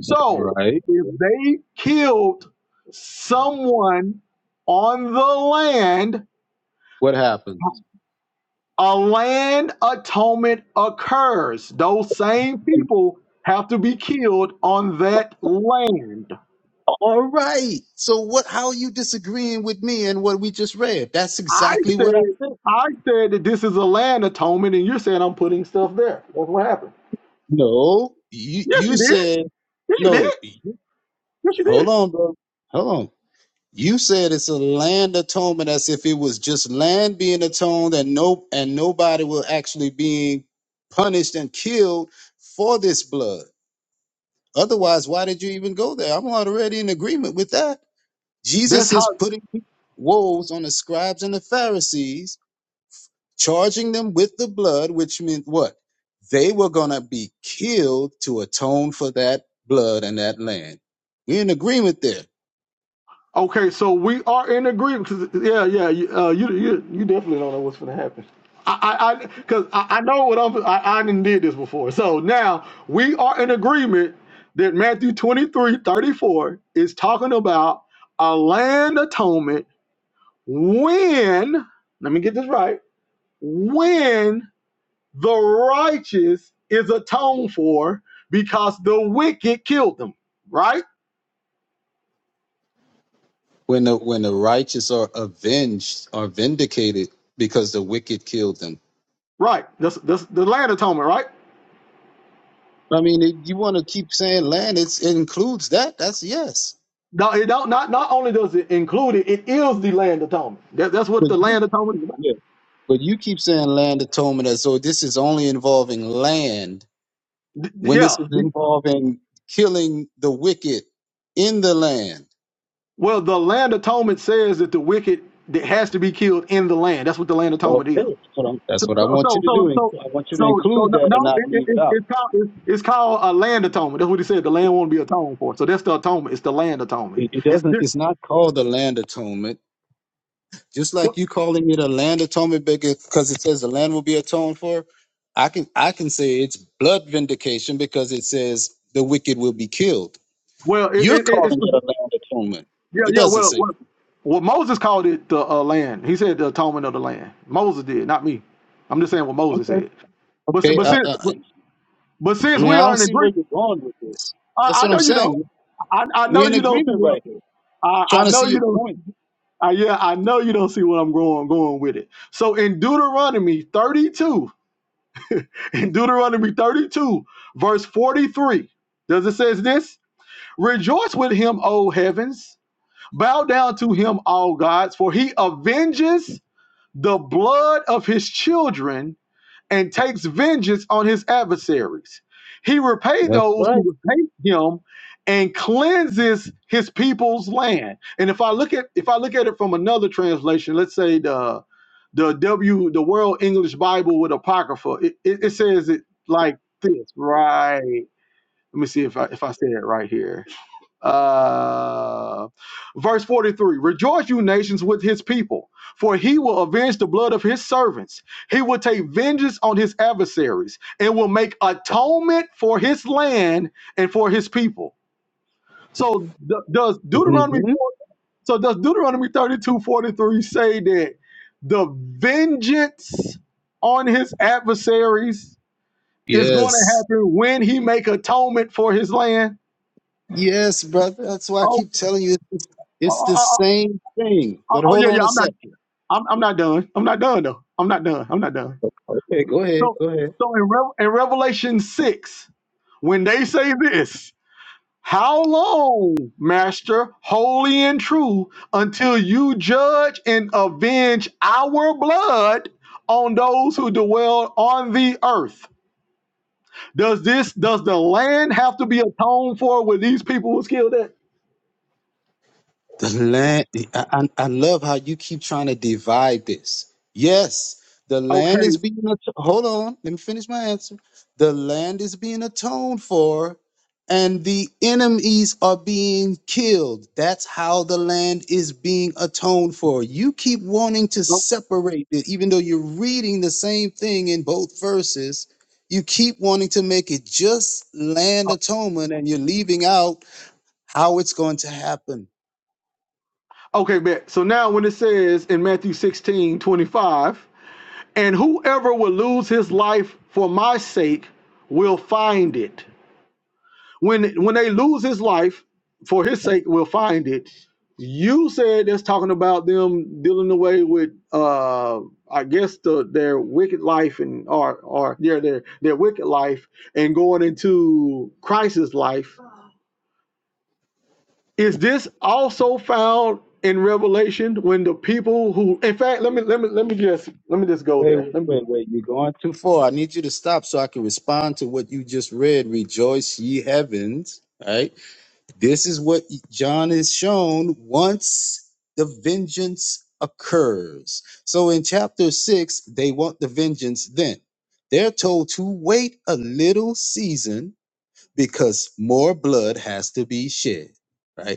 [SPEAKER 1] So
[SPEAKER 2] right?
[SPEAKER 1] if they killed someone on the land,
[SPEAKER 2] What happens?
[SPEAKER 1] a land atonement occurs. Those same people have to be killed on that land.
[SPEAKER 2] All right. So what? How are you disagreeing with me and what we just read? That's
[SPEAKER 1] I
[SPEAKER 2] exactly
[SPEAKER 1] said,
[SPEAKER 2] what I said.
[SPEAKER 1] I said that this is a land atonement, and you're saying I'm putting stuff there. That's what happened.
[SPEAKER 2] No, you
[SPEAKER 1] Yes,
[SPEAKER 2] you
[SPEAKER 1] you did.
[SPEAKER 2] said
[SPEAKER 1] Yes, you did.
[SPEAKER 2] no. you-
[SPEAKER 1] Yes, you
[SPEAKER 2] Hold
[SPEAKER 1] did.
[SPEAKER 2] on, bro. Hold on. You said it's a land atonement as if it was just land being atoned and no and nobody will actually being punished and killed for this blood. Otherwise, why did you even go there? I'm already in agreement with that.
[SPEAKER 1] That's
[SPEAKER 2] Jesus
[SPEAKER 1] how.
[SPEAKER 2] is putting woes on the scribes and the Pharisees, charging them with the blood, which meant what? They were gonna be killed to atone for that blood and that land. We're in agreement there.
[SPEAKER 1] Okay, so we are in agreement. 'cause- yeah, yeah, you, uh, you you you definitely don't know what's going to happen. I I because I, 'cause I, I know what I'm. I, I didn't did this before. So now we are in agreement that Matthew 23 34 is talking about a land atonement when. Let me get this right. When the righteous is atoned for because the wicked killed them. Right.
[SPEAKER 2] when the when the righteous are avenged are vindicated because the wicked killed them
[SPEAKER 1] Right. That's that's the land atonement. Right.
[SPEAKER 2] i mean if you want to keep saying land it's, it includes that that's yes
[SPEAKER 1] No, it don't, not not only does it include it, it is the land atonement. That, that's what
[SPEAKER 2] but
[SPEAKER 1] the
[SPEAKER 2] you,
[SPEAKER 1] land atonement is about.
[SPEAKER 2] yeah. but you keep saying land atonement as though this is only involving land
[SPEAKER 1] D-
[SPEAKER 2] when this
[SPEAKER 1] yeah.
[SPEAKER 2] is involving killing the wicked in the land
[SPEAKER 1] Well, the land atonement says that the wicked that has to be killed in the land. That's what the land
[SPEAKER 2] okay
[SPEAKER 1] atonement is.
[SPEAKER 2] that's what, I'm- that's
[SPEAKER 1] So
[SPEAKER 2] what i
[SPEAKER 1] so
[SPEAKER 2] want you
[SPEAKER 1] so
[SPEAKER 2] to do
[SPEAKER 1] so so,
[SPEAKER 2] i want you to
[SPEAKER 1] so so
[SPEAKER 2] include
[SPEAKER 1] no,
[SPEAKER 2] that and
[SPEAKER 1] no
[SPEAKER 2] not
[SPEAKER 1] it, it,
[SPEAKER 2] leave it
[SPEAKER 1] it,
[SPEAKER 2] out
[SPEAKER 1] it's called it's, it's called a land atonement. That's what he said. The land won't be atoned for. So that's the atonement. It's the land atonement.
[SPEAKER 2] it, it
[SPEAKER 1] It's
[SPEAKER 2] doesn't
[SPEAKER 1] di-
[SPEAKER 2] it's not called the land atonement Just like you calling it a land atonement because it says the land will be atoned for, I can I can say it's blood vindication because it says the wicked will be killed.
[SPEAKER 1] well, it,
[SPEAKER 2] You're
[SPEAKER 1] it,
[SPEAKER 2] calling
[SPEAKER 1] it's
[SPEAKER 2] it a land atonement.
[SPEAKER 1] Yeah,
[SPEAKER 2] It
[SPEAKER 1] yeah.
[SPEAKER 2] doesn't
[SPEAKER 1] Well,
[SPEAKER 2] say.
[SPEAKER 1] well, well Moses called it the uh, land. He said the atonement of the land. Moses did, not me. I'm just saying what Moses
[SPEAKER 2] Okay.
[SPEAKER 1] said. But si-
[SPEAKER 2] Okay.
[SPEAKER 1] but
[SPEAKER 2] I, I,
[SPEAKER 1] since
[SPEAKER 2] I
[SPEAKER 1] but, but since
[SPEAKER 2] mean,
[SPEAKER 1] we
[SPEAKER 2] I
[SPEAKER 1] are
[SPEAKER 2] don't
[SPEAKER 1] in
[SPEAKER 2] see where
[SPEAKER 1] agreement,
[SPEAKER 2] you're going with this. That's
[SPEAKER 1] I, I
[SPEAKER 2] what I'm
[SPEAKER 1] know you don't.
[SPEAKER 2] saying.
[SPEAKER 1] I, I know
[SPEAKER 2] We're in
[SPEAKER 1] you don't. See
[SPEAKER 2] agreement
[SPEAKER 1] what,
[SPEAKER 2] right here.
[SPEAKER 1] I, I
[SPEAKER 2] Trying to
[SPEAKER 1] know
[SPEAKER 2] see
[SPEAKER 1] you
[SPEAKER 2] your
[SPEAKER 1] don't.
[SPEAKER 2] point.
[SPEAKER 1] I, yeah, I know you don't see what I'm going going with it. So in Deuteronomy 32, in Deuteronomy 32, verse 43, does it says this? Rejoice with him, O heavens! Bow down to him, all gods, for he avenges the blood of his children and takes vengeance on his adversaries. He repaid
[SPEAKER 2] That's
[SPEAKER 1] those
[SPEAKER 2] right.
[SPEAKER 1] who hate him and cleanses his people's land. And if I look at if I look at it from another translation, let's say the the W the World English Bible with Apocrypha, it, it, it says it like this, right? Let me see if I if I say it right here uh, verse 43 Rejoice, you nations, with his people, for he will avenge the blood of his servants. He will take vengeance on his adversaries and will make atonement for his land and for his people. So, d- does Deuteronomy
[SPEAKER 2] hmm
[SPEAKER 1] four so does Deuteronomy 32 43 say that the vengeance on his adversaries is going to
[SPEAKER 2] Yes.
[SPEAKER 1] happen when he make atonement for his land?
[SPEAKER 2] Yes, brother. That's why I
[SPEAKER 1] Oh,
[SPEAKER 2] keep telling you it's,
[SPEAKER 1] oh,
[SPEAKER 2] it's
[SPEAKER 1] oh,
[SPEAKER 2] the
[SPEAKER 1] oh,
[SPEAKER 2] same thing.
[SPEAKER 1] oh,
[SPEAKER 2] But
[SPEAKER 1] oh,
[SPEAKER 2] hold
[SPEAKER 1] yeah, yeah.
[SPEAKER 2] on a
[SPEAKER 1] I'm not
[SPEAKER 2] second.
[SPEAKER 1] I'm, I'm not done. I'm not done though. I'm not done. I'm not done.
[SPEAKER 2] Okay, go ahead.
[SPEAKER 1] So,
[SPEAKER 2] Go ahead.
[SPEAKER 1] so in, Rev in Revelation six, when they say this, how long, Master, holy and true, until you judge and avenge our blood on those who dwell on the earth? Does this does the land have to be atoned for where these people was killed at?
[SPEAKER 2] The land, I, I I love how you keep trying to divide this. Yes, the
[SPEAKER 1] Okay.
[SPEAKER 2] land is being, at- hold on, let me finish my answer. The land is being atoned for, and the enemies are being killed. That's how the land is being atoned for. You keep wanting to separate it, even though you're reading the same thing in both verses. You keep wanting to make it just land atonement, and you're leaving out how it's going to happen.
[SPEAKER 1] Okay, bet. So now when it says in Matthew 16 25. And whoever will lose his life for my sake will find it. When when they lose his life for his sake will find it. You said that's talking about them dealing away with uh I guess the their wicked life and or or yeah, their their wicked life and going into Christ's life. Is this also found in Revelation when the people who in fact let me let me let me just let me just go
[SPEAKER 2] Wait,
[SPEAKER 1] there.
[SPEAKER 2] wait,
[SPEAKER 1] Let me.
[SPEAKER 2] wait, wait. You're going too far. I need you to stop so I can respond to what you just read. Rejoice, ye heavens. Right? This is what John is shown once the vengeance occurs. So in chapter six, they want the vengeance then. They're told to wait a little season because more blood has to be shed. Right.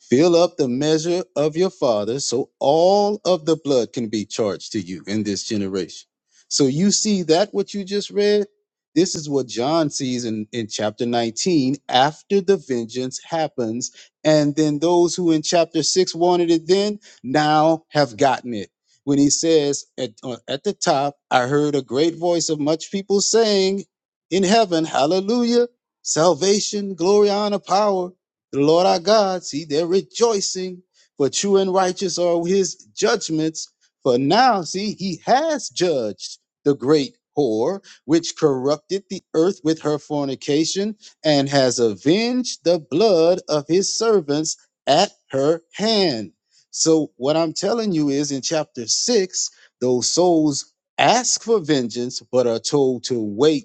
[SPEAKER 2] Fill up the measure of your father so all of the blood can be charged to you in this generation. So you see that what you just read? This is what John sees in, in chapter 19 after the vengeance happens. And then those who in chapter 6 wanted it then now have gotten it. When he says at, uh, at the top, I heard a great voice of much people saying in heaven, Hallelujah, salvation, glory, honor, power the Lord our God, see, they're rejoicing, for true and righteous are his judgments. For now, see, he has judged the great whore, which corrupted the earth with her fornication, and has avenged the blood of his servants at her hand. So, what I'm telling you is in chapter six, those souls ask for vengeance, but are told to wait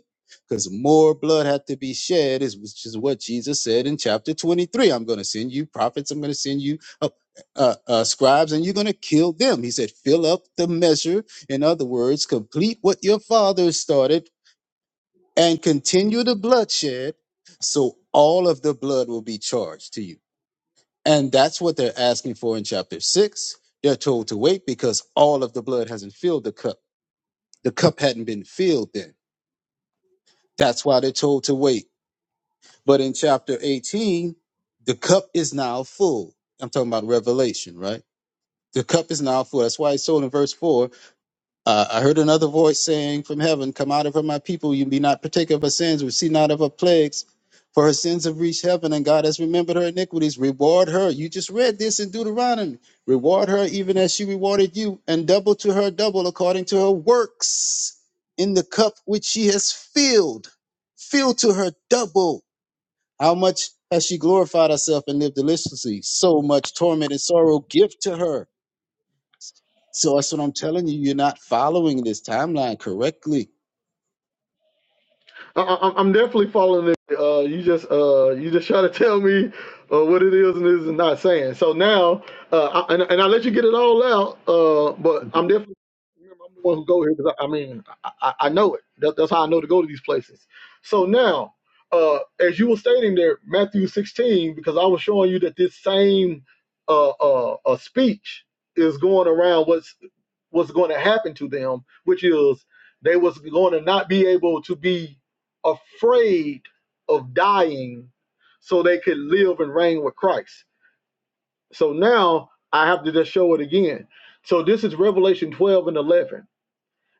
[SPEAKER 2] because more blood had to be shed, is which is what Jesus said in chapter 23. I'm going to send you prophets, I'm going to send you uh, uh, uh, scribes, and you're going to kill them. He said, fill up the measure. In other words, complete what your father started and continue the bloodshed, so all of the blood will be charged to you. And that's what they're asking for in chapter six. They're told to wait because all of the blood hasn't filled the cup. The cup hadn't been filled then. That's why they're told to wait But in chapter 18, the cup is now full. I'm talking about Revelation, right? The cup is now full. That's why it's told in verse 4 uh, I heard another voice saying from heaven, Come out of her, my people. You be not partaker of her sins, receive not of her plagues. For her sins have reached heaven, and God has remembered her iniquities. Reward her. You just read this in Deuteronomy. Reward her even as she rewarded you, and double to her double according to her works in the cup which she has filled. Fill to her double how much has she glorified herself and lived deliciously? So much torment and sorrow give to her. So that's what I'm telling you. You're not following this timeline correctly.
[SPEAKER 1] I, I, I'm definitely following it. Uh, you just uh, you just try to tell me uh, what it is and is not saying. So now, uh, I, and, and I let you get it all out. Uh, but I'm definitely remember I'm the one who go here because I, I mean I, I I know it. That, that's how I know to go to these places. So now, uh, as you were stating there, Matthew 16, because I was showing you that this same uh, uh, uh speech is going around. What's was going to happen to them, which is they was going to not be able to be afraid of dying so they could live and reign with Christ. So now I have to just show it again. So this is Revelation 12 and 11.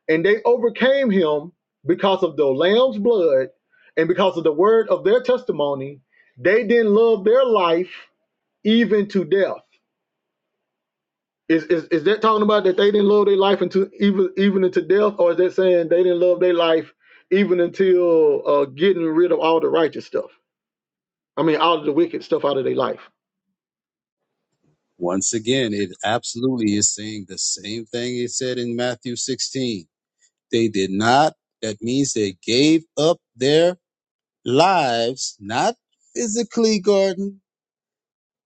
[SPEAKER 1] And they overcame him because of the lamb's blood and because of the word of their testimony. They didn't love their life even to death. Is, is is that talking about that they didn't love their life until even even into death, or is that saying they didn't love their life even until uh, getting rid of all the righteous stuff? I mean, all of the wicked stuff out of their life.
[SPEAKER 2] Once again, it absolutely is saying the same thing it said in Matthew 16. They did not. That means they gave up their lives, not physically, Gordon.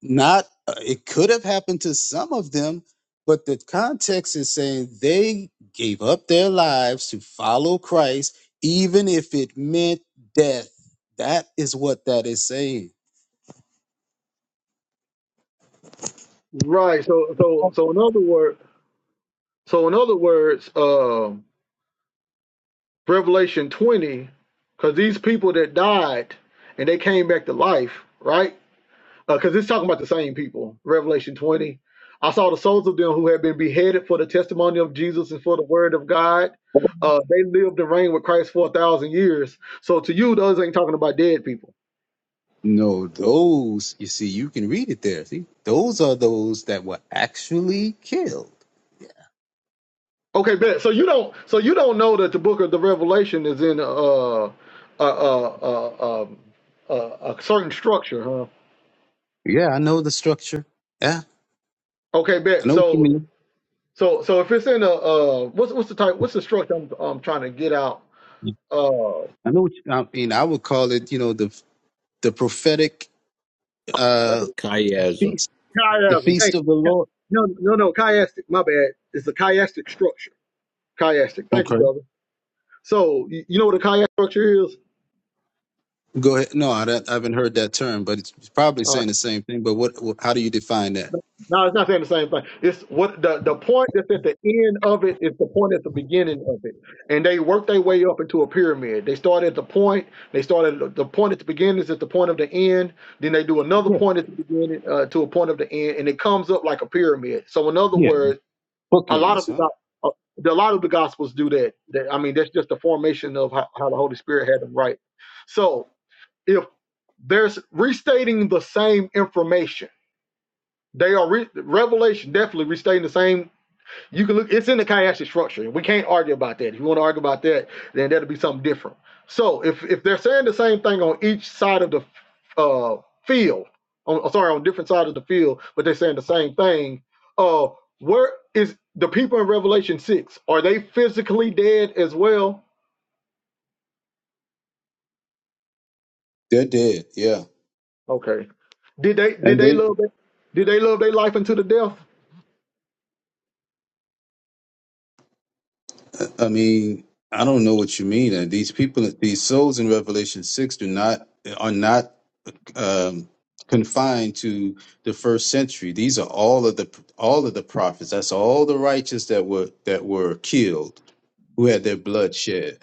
[SPEAKER 2] not uh, it could have happened to some of them but the context is saying they gave up their lives to follow christ even if it meant death that is what that is saying
[SPEAKER 1] Right. So so so in other words, so in other words, um, Revelation twenty, because these people that died and they came back to life, right? because it's talking about the same people. Revelation 20. I saw the souls of them who had been beheaded for the testimony of Jesus and for the word of God. Uh, they lived and reigned with Christ for a thousand years. So to you, those ain't talking about dead people.
[SPEAKER 2] no those you see you can read it there see those are those that were actually killed
[SPEAKER 1] Okay, bet. So you don't. So you don't know that the book of the Revelation is in uh, a a a a, a, a certain structure, huh?
[SPEAKER 2] yeah i know the structure yeah
[SPEAKER 1] Okay,
[SPEAKER 2] i
[SPEAKER 1] bet.
[SPEAKER 2] know what you
[SPEAKER 1] So
[SPEAKER 2] mean
[SPEAKER 1] so so if it's in a uh, what's what's the type? What's the structure I'm, I'm trying to get out? Uh,
[SPEAKER 2] i know what you, i mean i would call it you know the the prophetic
[SPEAKER 1] that's
[SPEAKER 2] uh
[SPEAKER 1] a
[SPEAKER 4] chiasm.
[SPEAKER 2] feast the
[SPEAKER 1] chiasm. Thank
[SPEAKER 2] feast of the lord
[SPEAKER 1] No, no, no. Chiastic. My bad. It's the chiastic structure. Chiastic. Thank
[SPEAKER 2] Okay.
[SPEAKER 1] you, brother. So you, you know what a chiastic structure is?
[SPEAKER 2] Go ahead. No, I, don't- I haven't heard that term, but it's probably
[SPEAKER 1] Uh,
[SPEAKER 2] saying the same thing. But what? what how do you define that?
[SPEAKER 1] no, it's not saying the same thing. It's what the, the point that's at the end of it is the point at the beginning of it, and they work their way up into a pyramid. They start at the point. They start at the the point at the beginning is at the point of the end. Then they do another
[SPEAKER 2] Yeah,
[SPEAKER 1] point at the beginning uh, to a point of the end, and it comes up like a pyramid. So in other
[SPEAKER 2] yeah.
[SPEAKER 1] words a lot of
[SPEAKER 2] Bookends,
[SPEAKER 1] the
[SPEAKER 2] huh?
[SPEAKER 1] go- uh, a lot of the gospels do that. That- I mean, that's just the formation of how, how the Holy Spirit had them write. So if there's restating the same information, they are re- revelation definitely restating the same. You can look, it's in the chiastic structure, we can't argue about that. If you want to argue about that, then that'll be something different. So if if they're saying the same thing on each side of the uh, field, on, oh, sorry, on different sides of the field, but they're saying the same thing, uh, where is the people in Revelation six? Are they physically dead as well?
[SPEAKER 2] They're dead. Yeah,
[SPEAKER 1] Okay. Did they did
[SPEAKER 2] and
[SPEAKER 1] they
[SPEAKER 2] they.
[SPEAKER 1] love that? Did they love their life unto the death?
[SPEAKER 2] I mean, I don't know what you mean. And these people, these souls in Revelation six, do not are not um, confined to the first century. These are all of the all of the prophets. That's all the righteous that were that were killed, who had their blood shed.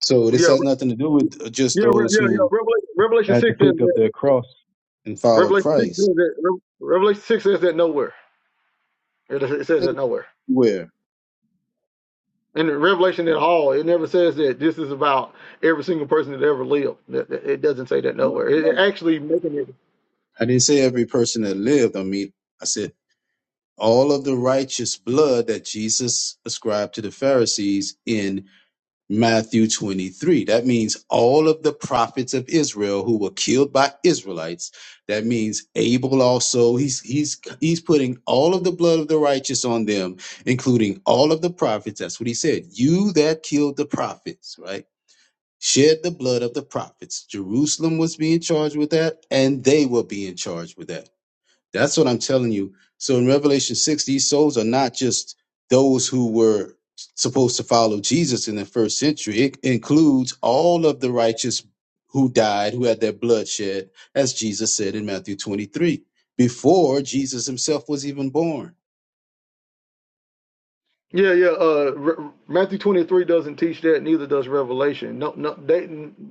[SPEAKER 2] So this
[SPEAKER 1] Yeah,
[SPEAKER 2] has
[SPEAKER 1] re-
[SPEAKER 2] nothing to do with just
[SPEAKER 1] yeah, re-
[SPEAKER 2] those
[SPEAKER 1] yeah, yeah.
[SPEAKER 2] who
[SPEAKER 1] Revelation, Revelation
[SPEAKER 2] had to
[SPEAKER 1] six says
[SPEAKER 2] pick up
[SPEAKER 1] that.
[SPEAKER 2] their cross and follow
[SPEAKER 1] Revelation six
[SPEAKER 2] Christ.
[SPEAKER 1] says that. Re- Revelation six says that nowhere. It, it says that nowhere.
[SPEAKER 2] Where?
[SPEAKER 1] In Revelation at all, it never says that this is about every single person that ever lived. That- It doesn't say that
[SPEAKER 2] No,
[SPEAKER 1] nowhere. It it
[SPEAKER 2] no.
[SPEAKER 1] actually making it.
[SPEAKER 2] I didn't say every person that lived. I mean, I said all of the righteous blood that Jesus ascribed to the Pharisees in Matthew 23. That means all of the prophets of Israel who were killed by Israelites. That means Abel also. He's he's he's putting all of the blood of the righteous on them, including all of the prophets. That's what he said. You that killed the prophets, right? shed the blood of the prophets. Jerusalem was being charged with that, and they were being charged with that. That's what I'm telling you. So in Revelation 6, these souls are not just those who were supposed to follow Jesus in the first century, it includes all of the righteous who died, who had their blood shed, as Jesus said in Matthew 23, before Jesus himself was even born.
[SPEAKER 1] Yeah, yeah. Uh, Re- Matthew twenty three doesn't teach that. Neither does Revelation. No, no. They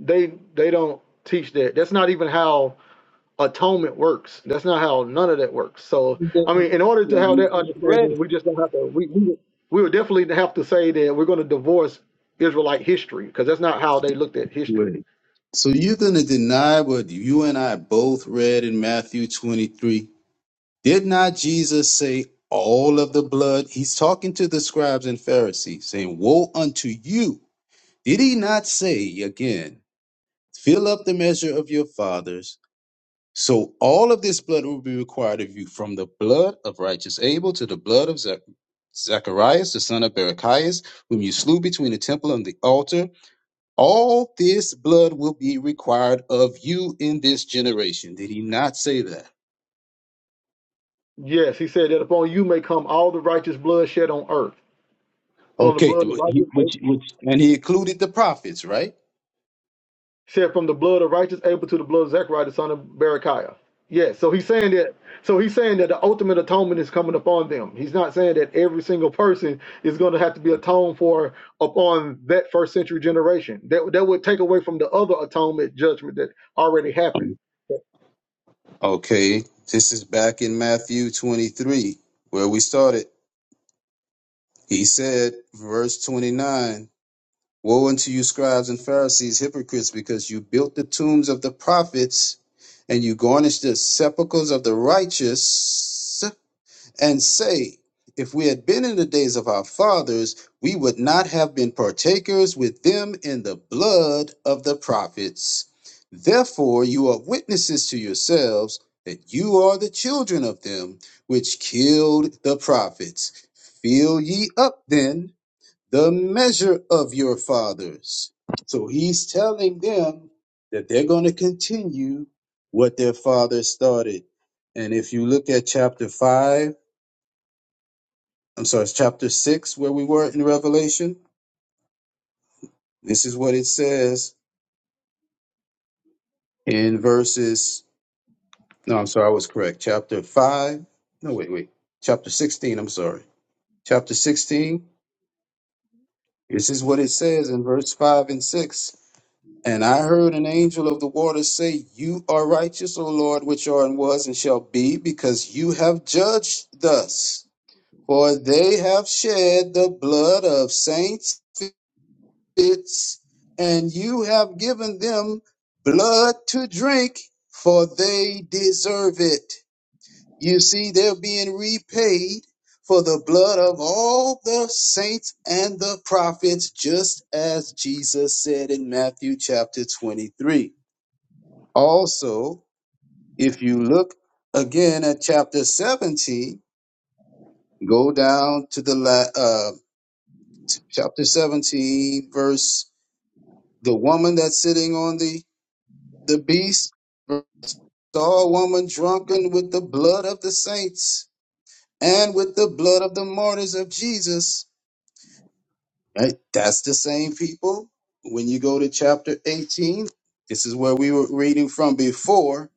[SPEAKER 1] they they don't teach that. That's not even how atonement works. That's not how none of that works. So
[SPEAKER 2] He
[SPEAKER 1] I
[SPEAKER 2] doesn't
[SPEAKER 1] mean, in
[SPEAKER 2] teach
[SPEAKER 1] order to
[SPEAKER 2] that.
[SPEAKER 1] have
[SPEAKER 2] We
[SPEAKER 1] that
[SPEAKER 2] just read it.
[SPEAKER 1] understanding, we just don't have to. We we we would definitely have to say that we're going to divorce Israelite history because that's not how they looked at history.
[SPEAKER 2] Wait. So you're going to deny what you and I both read in Matthew 23? Did not Jesus say all of the blood? He's talking to the scribes and Pharisees, saying, Woe unto you. Did he not say again, Fill up the measure of your fathers? So all of this blood will be required of you, from the blood of righteous Abel to the blood of Zach- Zacharias, the son of Barachias, whom you slew between the temple and the altar. All this blood will be required of you in this generation. Did he not say that?
[SPEAKER 1] Yes, he said that upon you may come all the righteous blood shed on earth, from the
[SPEAKER 2] Okay,
[SPEAKER 1] blood of
[SPEAKER 2] th- he-
[SPEAKER 1] righteous, he
[SPEAKER 2] which which and he included the prophets, right?
[SPEAKER 1] said from the blood of righteous Abel to the blood of Zechariah the son of Berechiah. Yes, so he's saying that. So he's saying that the ultimate atonement is coming upon them. He's not saying that every single person is going to have to be atoned for upon that first century generation. That that would take away from the other atonement judgment that already happened.
[SPEAKER 2] Okay, this is back in Matthew 23, where we started. He said, verse 29, Woe unto you, scribes and Pharisees, hypocrites, because you built the tombs of the prophets and you garnished the sepulchres of the righteous and say, If we had been in the days of our fathers, we would not have been partakers with them in the blood of the prophets. Therefore, you are witnesses to yourselves that you are the children of them which killed the prophets. Fill ye up then the measure of your fathers. So he's telling them that they're going to continue what their fathers started. And if you look at chapter 5, I'm sorry, it's chapter 6 where we were in Revelation. This is what it says in verses. No, I'm sorry, I was correct. Chapter 5. No, wait, wait. Chapter 16, I'm sorry. Chapter 16. This is what it says in verse 5 and 6. And I heard an angel of the waters say, You are righteous, O Lord, which are and was and shall be, because you have judged thus. For they have shed the blood of saints prophets, and you have given them blood to drink, for they deserve it. You see, they're being repaid for the blood of all the saints and the prophets, just as Jesus said in Matthew chapter 23. Also, if you look again at chapter 17, go down to the la- uh, to chapter 17, verse the woman that's sitting on the The beast saw a woman drunken with the blood of the saints and with the blood of the martyrs of Jesus. Right? That's the same people. When you go to chapter 18, this is where we were reading from before.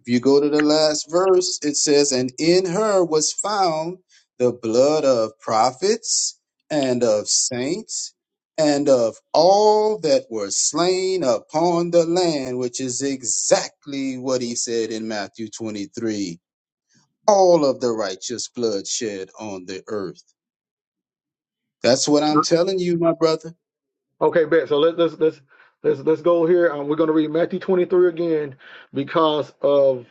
[SPEAKER 2] If you go to the last verse, it says, And in her was found the blood of prophets and of saints and of all that were slain upon the land, which is exactly what he said in Matthew 23 all of the righteous blood shed on the earth. That's what I'm telling you, my brother.
[SPEAKER 1] Okay, bet. So let, let's let's let's let's go here. Um, we're going to read Matthew 23 again because of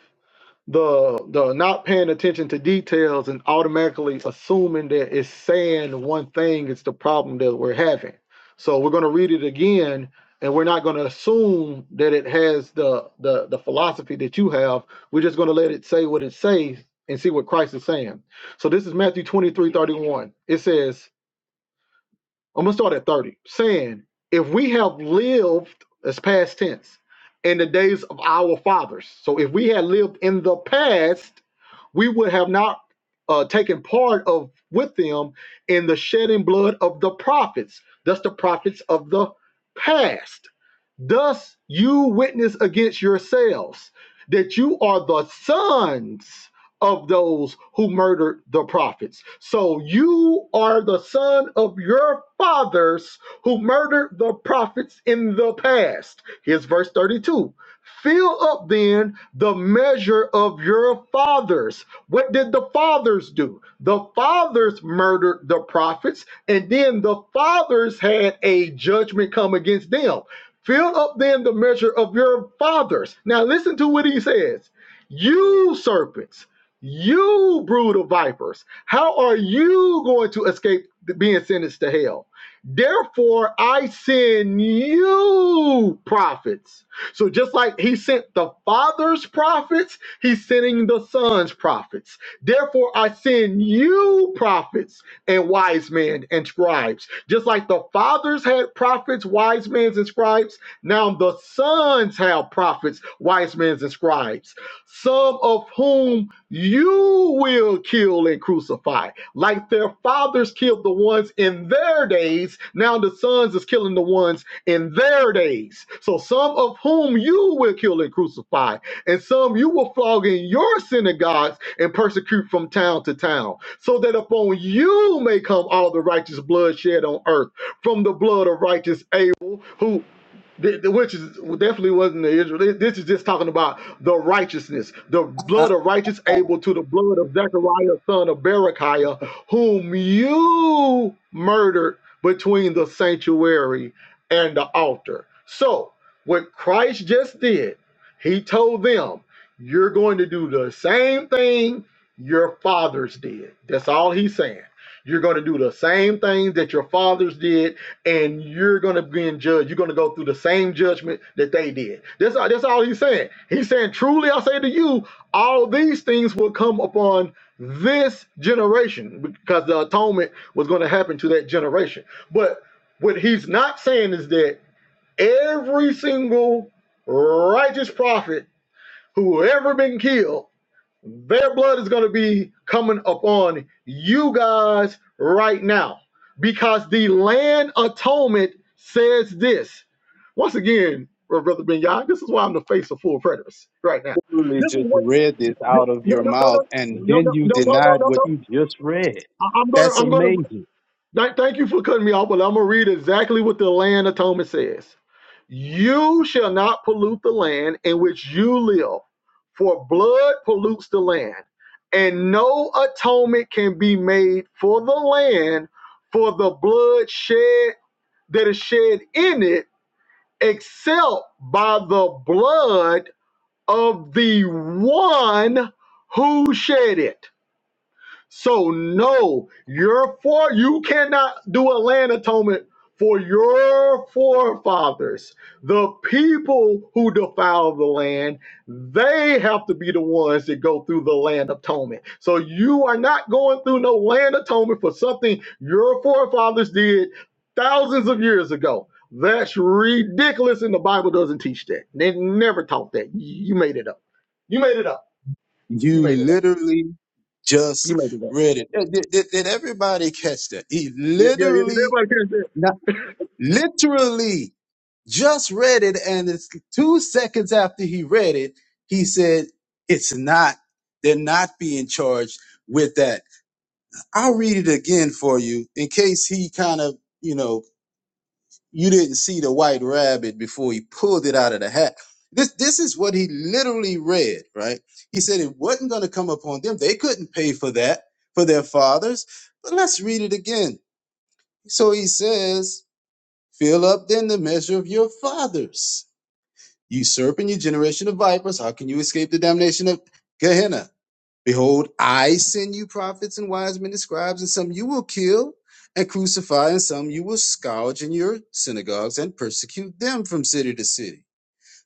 [SPEAKER 1] the the not paying attention to details and automatically assuming that it's saying one thing is the problem that we're having. So we're going to read it again and we're not going to assume that it has the the the philosophy that you have. We're just going to let it say what it says and see what Christ is saying. So this is Matthew 23 31. It says, I'm going to start at 30, saying, if we have lived, as past tense, in the days of our fathers. So if we had lived in the past, we would have not uh, taken part of with them in the shedding blood of the prophets. That's the prophets of the past. Thus you witness against yourselves that you are the sons of those who murdered the prophets. So you are the son of your fathers who murdered the prophets in the past. Here's verse 32. Fill up then the measure of your fathers what did the fathers do? The fathers murdered the prophets, and then the fathers had a judgment come against them. Fill up then the measure of your fathers. Now listen to what he says. You serpents, you brood of vipers, how are you going to escape being sentenced to hell? Therefore, I send you prophets. So just like he sent the father's prophets, He's sending the sons prophets. Therefore, I send you prophets and wise men and scribes. Just like the fathers had prophets, wise men, and scribes, now the sons have prophets, wise men, and scribes, some of whom you will kill and crucify. Like their fathers killed the ones in their days, now the sons is killing the ones in their days. So some of whom you will kill and crucify and some you will flog in your synagogues and persecute from town to town, so that upon you may come all the righteous blood shed on earth, from the blood of righteous Abel, who th- th- which is definitely wasn't the Israel. This is just talking about the righteousness, the
[SPEAKER 2] I,
[SPEAKER 1] blood of righteous
[SPEAKER 2] I
[SPEAKER 1] Abel to the blood of Zechariah, son of Berechiah, whom you murdered between the sanctuary and the altar. So, what Christ just did he told them, You're going to do the same thing your fathers did. That's all he's saying. You're going to do the same things that your fathers did, and you're going to be in judge. You're going to go through the same judgment that they did. That's all, that's all he's saying. He's saying, Truly, I say to you, all these things will come upon this generation because the atonement was going to happen to that generation. But what he's not saying is that Every single righteous prophet who ever been killed, their blood is going to be coming upon you guys right now because the land atonement says this. Once again, Brother Ben this is why I'm the face of full preterists right now.
[SPEAKER 2] literally
[SPEAKER 1] This is
[SPEAKER 2] just
[SPEAKER 1] what
[SPEAKER 2] read this
[SPEAKER 1] no
[SPEAKER 2] out of
[SPEAKER 1] no
[SPEAKER 2] your
[SPEAKER 1] no
[SPEAKER 2] mouth,
[SPEAKER 1] no
[SPEAKER 2] and
[SPEAKER 1] no
[SPEAKER 2] then
[SPEAKER 1] no
[SPEAKER 2] you
[SPEAKER 1] no no no
[SPEAKER 2] denied
[SPEAKER 1] no.
[SPEAKER 2] what
[SPEAKER 1] no.
[SPEAKER 2] you just read.
[SPEAKER 1] I- I'm gonna
[SPEAKER 2] That's
[SPEAKER 1] I'm gonna
[SPEAKER 2] amazing.
[SPEAKER 1] Thank, thank you for cutting me off, but I'm gonna read exactly what the land atonement says. You shall not pollute the land in which you live, for blood pollutes the land, and no atonement can be made for the land for the blood shed that is shed in it, except by the blood of the one who shed it. So no, your for you cannot do a land atonement for your forefathers. The people who defile the land, they have to be the ones that go through the land atonement. So you are not going through no land atonement for something your forefathers did thousands of years ago. That's ridiculous, and the Bible doesn't teach that. They never taught that. You made it up. You made it up. You
[SPEAKER 2] You
[SPEAKER 1] made it up.
[SPEAKER 2] literally
[SPEAKER 1] You
[SPEAKER 2] just
[SPEAKER 1] made it up.
[SPEAKER 2] read it. Did, did- did- did everybody catch that? He
[SPEAKER 1] Yeah, yeah, yeah.
[SPEAKER 2] literally,
[SPEAKER 1] Everybody can.
[SPEAKER 2] not, literally just read it. And it's two seconds after he read it, he said, it's not, they're not being charged with that. I'll read it again for you in case he kind of, you know, you didn't see the white rabbit before he pulled it out of the hat. This this is what he literally read, right? He said it wasn't going to come upon them. They couldn't pay for that for their fathers. But let's read it again. So he says, "Fill up then the measure of your fathers, usurping your generation of vipers. How can you escape the damnation of Gehenna?" Behold, I send you prophets and wise men and scribes, and some you will kill and crucify, and some you will scourge in your synagogues and persecute them from city to city.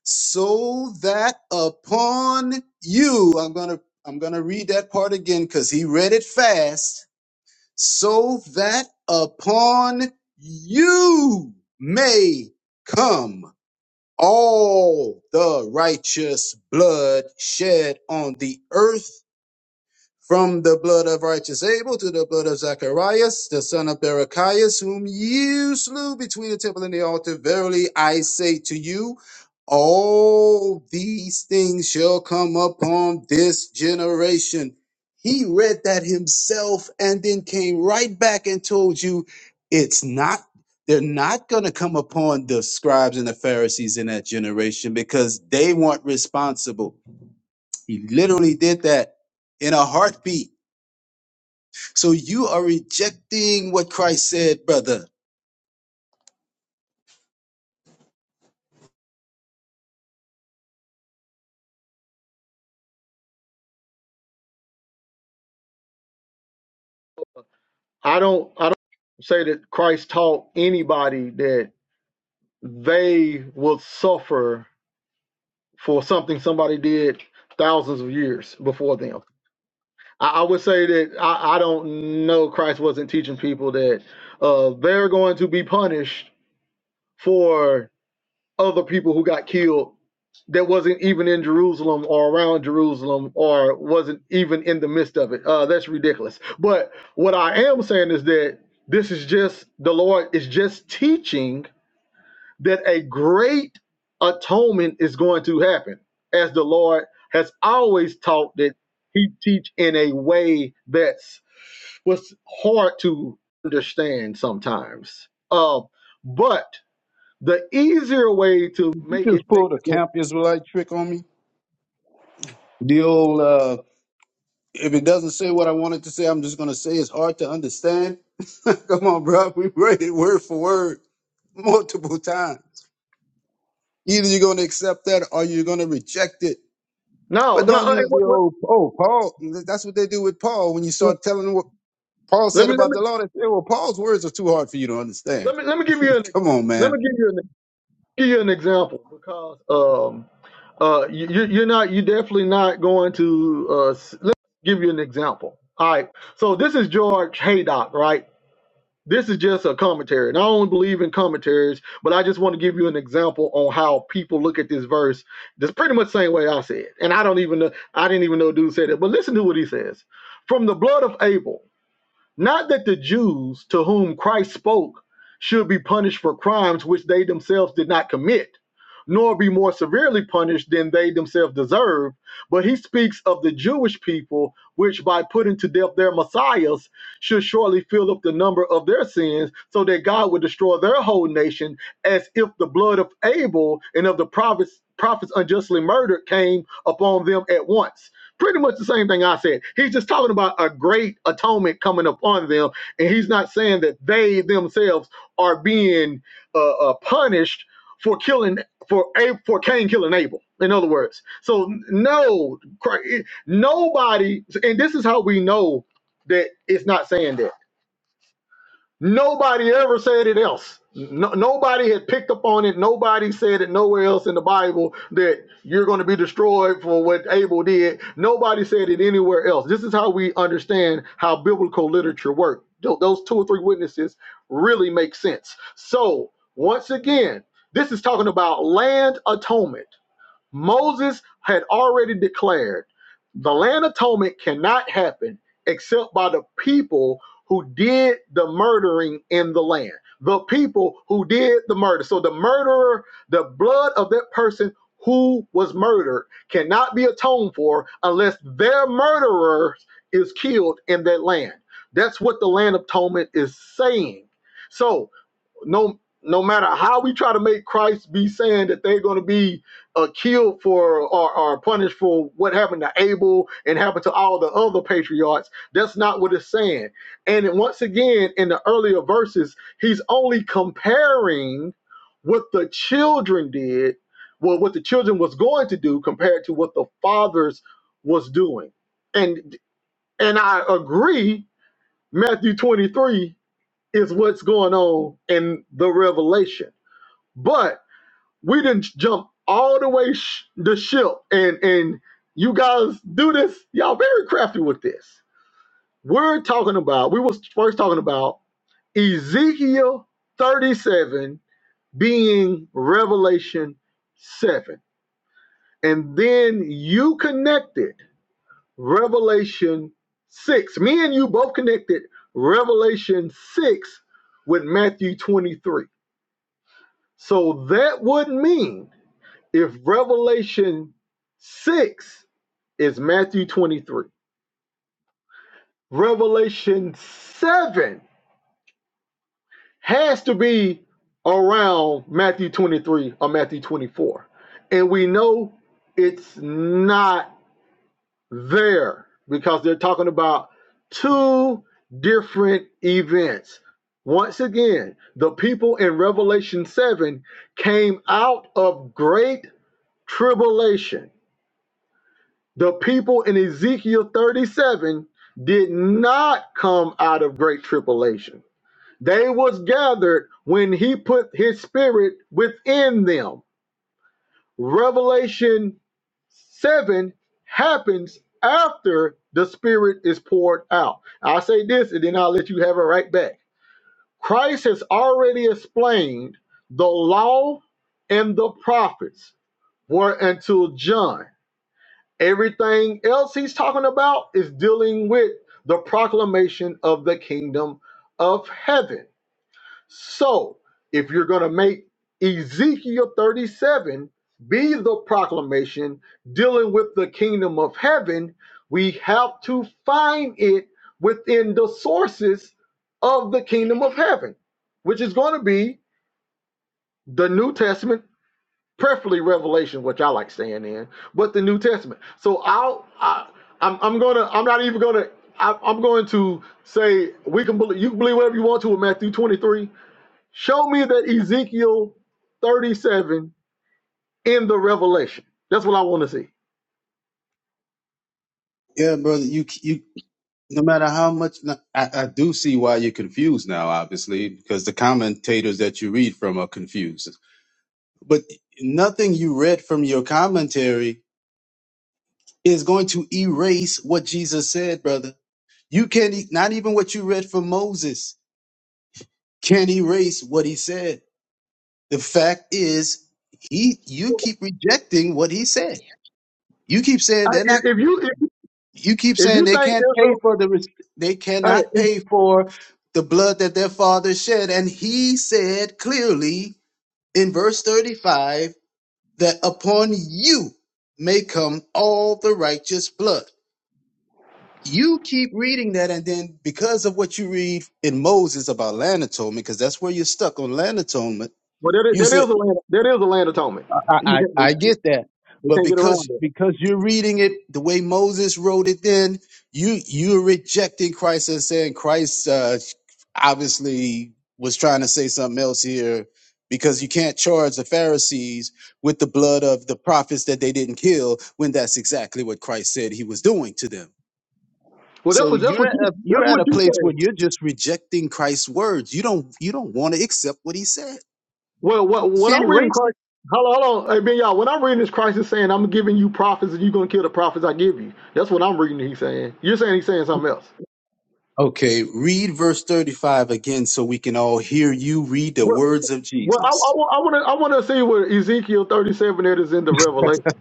[SPEAKER 2] So that upon you, I'm gonna I'm gonna read that part again because he read it fast. So that upon you may come all the righteous blood shed on the earth from the blood of righteous Abel to the blood of Zacharias, the son of Berechias, whom you slew between the temple and the altar. Verily I say to you, all these things shall come upon this generation. He read that himself and then came right back and told you it's not, they're not going to come upon the scribes and the Pharisees in that generation because they weren't responsible. He literally did that in a heartbeat so you are rejecting what Christ said, brother.
[SPEAKER 1] I don't I don't say that Christ taught anybody that they will suffer for something somebody did thousands of years before them. I, I would say that I, I don't know Christ wasn't teaching people that uh, they're going to be punished for. other people who got killed that wasn't even in Jerusalem or around Jerusalem or wasn't even in the midst of it. Uh, that's ridiculous. But what I am saying is that this is just the Lord is just teaching that a great atonement is going to happen, as the Lord has always taught that He teach in a way that's was hard to understand sometimes. Uh, but the easier way to
[SPEAKER 2] You
[SPEAKER 1] make it
[SPEAKER 2] just
[SPEAKER 1] make
[SPEAKER 2] pulled a
[SPEAKER 1] sense.
[SPEAKER 2] camp Israelite trick on me. The old, uh, if it doesn't say what I wanted to say, I'm just going to say it's hard to understand. Come on, bro. We read it word for word multiple times. Either you're going to accept that or you're going to reject it.
[SPEAKER 1] No,
[SPEAKER 2] But
[SPEAKER 1] no.
[SPEAKER 2] don't
[SPEAKER 1] uh,
[SPEAKER 2] use the
[SPEAKER 1] what- what-
[SPEAKER 2] old, oh, Paul. That's what they do with Paul. When you
[SPEAKER 1] what-
[SPEAKER 2] start telling what Paul
[SPEAKER 1] let
[SPEAKER 2] said
[SPEAKER 1] me let
[SPEAKER 2] about
[SPEAKER 1] me
[SPEAKER 2] the law, they say, well, Paul's words are too hard for you to understand.
[SPEAKER 1] let me let me give you an
[SPEAKER 2] Come on,
[SPEAKER 1] let
[SPEAKER 2] man.
[SPEAKER 1] me give you an give you an example because um uh you you- you're not you are definitely not going to uh s- let me give you an example. All right. So this is George Haydock, right? This is just a commentary, and I only believe in commentaries, but I just want to give you an example on how people look at this verse. That's pretty much the same way I said, and I don't even know. I didn't even know dude said it, but listen to what he says: "From the blood of Abel." Not that the Jews to whom Christ spoke should be punished for crimes which they themselves did not commit, nor be more severely punished than they themselves deserve, but he speaks of the Jewish people, which by putting to death their messiahs should surely fill up the number of their sins, so that God would destroy their whole nation, as if the blood of Abel and of the prophets, prophets unjustly murdered came upon them at once Pretty much the same thing I said. He's just talking about a great atonement coming upon them, and he's not saying that they themselves are being uh, uh, punished for killing for A- for Cain killing Abel. In other words, so no, Christ- nobody, and this is how we know that it's not saying that Nobody ever said it else. No, nobody had picked up on it. Nobody said it nowhere else in the Bible that you're going to be destroyed for what Abel did. Nobody said it anywhere else. This is how we understand how biblical literature works. Those two or three witnesses really make sense. So, once again, this is talking about land atonement. Moses had already declared the land atonement cannot happen except by the people who did the murdering in the land. The people who did the murder. So the murderer, the blood of that person who was murdered cannot be atoned for unless their murderer is killed in that land. That's what the land atonement is saying. So no no matter how we try to make Christ be saying that they're going to be uh, killed for or, or punished for what happened to Abel and happened to all the other patriarchs, that's not what it's saying. And then once again, in the earlier verses, he's only comparing what the children did, well, what the children was going to do compared to what the fathers was doing. And and I agree, Matthew 23 is what's going on in the revelation. But we didn't jump all the way sh- the ship, and and you guys do this. Y'all very crafty with this. We're talking about. We was first talking about Ezekiel 37 being Revelation 7. And then you connected Revelation 6. Me and you both connected Revelation 6 with Matthew 23. So that would mean if Revelation 6 is Matthew 23, Revelation 7 has to be around Matthew 23 or Matthew 24. And we know it's not there because they're talking about two different events. Once again, the people in Revelation 7 came out of great tribulation The people in Ezekiel 37 did not come out of great tribulation. They was gathered when he put his spirit within them. Revelation 7 happens after the spirit is poured out. I'll say this and then I'll let you have it right back. Christ has already explained the law and the prophets were until John. Everything else he's talking about is dealing with the proclamation of the kingdom of heaven. So, if you're going to make Ezekiel 37 be the proclamation dealing with the kingdom of heaven, we have to find it within the sources of the kingdom of heaven, which is going to be the New Testament preferably Revelation, which I like staying in, but the New Testament. So I'll, I, I'm, I'm gonna, I'm not even gonna, I, I'm going to say we can believe, you can believe whatever you want to with Matthew 23. Show me that Ezekiel 37 in the Revelation. That's what I want to see.
[SPEAKER 2] Yeah, brother. You you. No matter how much no, I, I do see why you're confused now, obviously, because the commentators that you read from are confused. But nothing you read from your commentary is going to erase what Jesus said, brother. You can't, e- not even what you read from Moses can erase what he said. The fact is, he, you keep rejecting what he said. You keep saying
[SPEAKER 1] I,
[SPEAKER 2] they're not.
[SPEAKER 1] if if you, if,
[SPEAKER 2] You keep
[SPEAKER 1] if
[SPEAKER 2] saying
[SPEAKER 1] you
[SPEAKER 2] they
[SPEAKER 1] think
[SPEAKER 2] can't pay
[SPEAKER 1] Israel,
[SPEAKER 2] for the res- they
[SPEAKER 1] hey,
[SPEAKER 2] cannot
[SPEAKER 1] if-
[SPEAKER 2] pay for the blood that their father shed and he said clearly in verse 35 that upon you may come all the righteous blood. You keep reading that and then because of what you read in Moses about land atonement because that's where you're stuck on land atonement,
[SPEAKER 1] well, that is,
[SPEAKER 2] you
[SPEAKER 1] that
[SPEAKER 2] said.
[SPEAKER 1] is a land, that is a land atonement.
[SPEAKER 2] I,
[SPEAKER 1] You
[SPEAKER 2] I
[SPEAKER 1] can't,
[SPEAKER 2] I
[SPEAKER 1] you
[SPEAKER 2] get that, but
[SPEAKER 1] can't get around
[SPEAKER 2] because
[SPEAKER 1] that.
[SPEAKER 2] because you're reading it the way Moses wrote it, then you you're rejecting Christ and saying Christ uh, obviously was trying to say something else here, because you can't charge the Pharisees with the blood of the prophets that they didn't kill when that's exactly what Christ said he was doing to them.
[SPEAKER 1] Well, that's
[SPEAKER 2] So
[SPEAKER 1] what that's
[SPEAKER 2] you're
[SPEAKER 1] what
[SPEAKER 2] at
[SPEAKER 1] you
[SPEAKER 2] a,
[SPEAKER 1] that's
[SPEAKER 2] you're at
[SPEAKER 1] what
[SPEAKER 2] a
[SPEAKER 1] you
[SPEAKER 2] place
[SPEAKER 1] say.
[SPEAKER 2] where you're just rejecting Christ's words. You don't you don't want to accept what he said.
[SPEAKER 1] Well, what
[SPEAKER 2] You
[SPEAKER 1] what
[SPEAKER 2] can't
[SPEAKER 1] I'm reading
[SPEAKER 2] erase it.
[SPEAKER 1] Christ. Hold on, hold on. Hey, Ben, y'all. What I'm reading is Christ is saying, "I'm giving you prophets, and you're gonna kill the prophets I give you." That's what I'm reading. He's saying. You're saying he's saying something else.
[SPEAKER 2] Okay, read verse 35 again so we can all hear you read the
[SPEAKER 1] Well,
[SPEAKER 2] words of
[SPEAKER 1] well, I, I,
[SPEAKER 2] Jesus.
[SPEAKER 1] wa- I want to I want to see what Ezekiel 37 that is in the Revelation.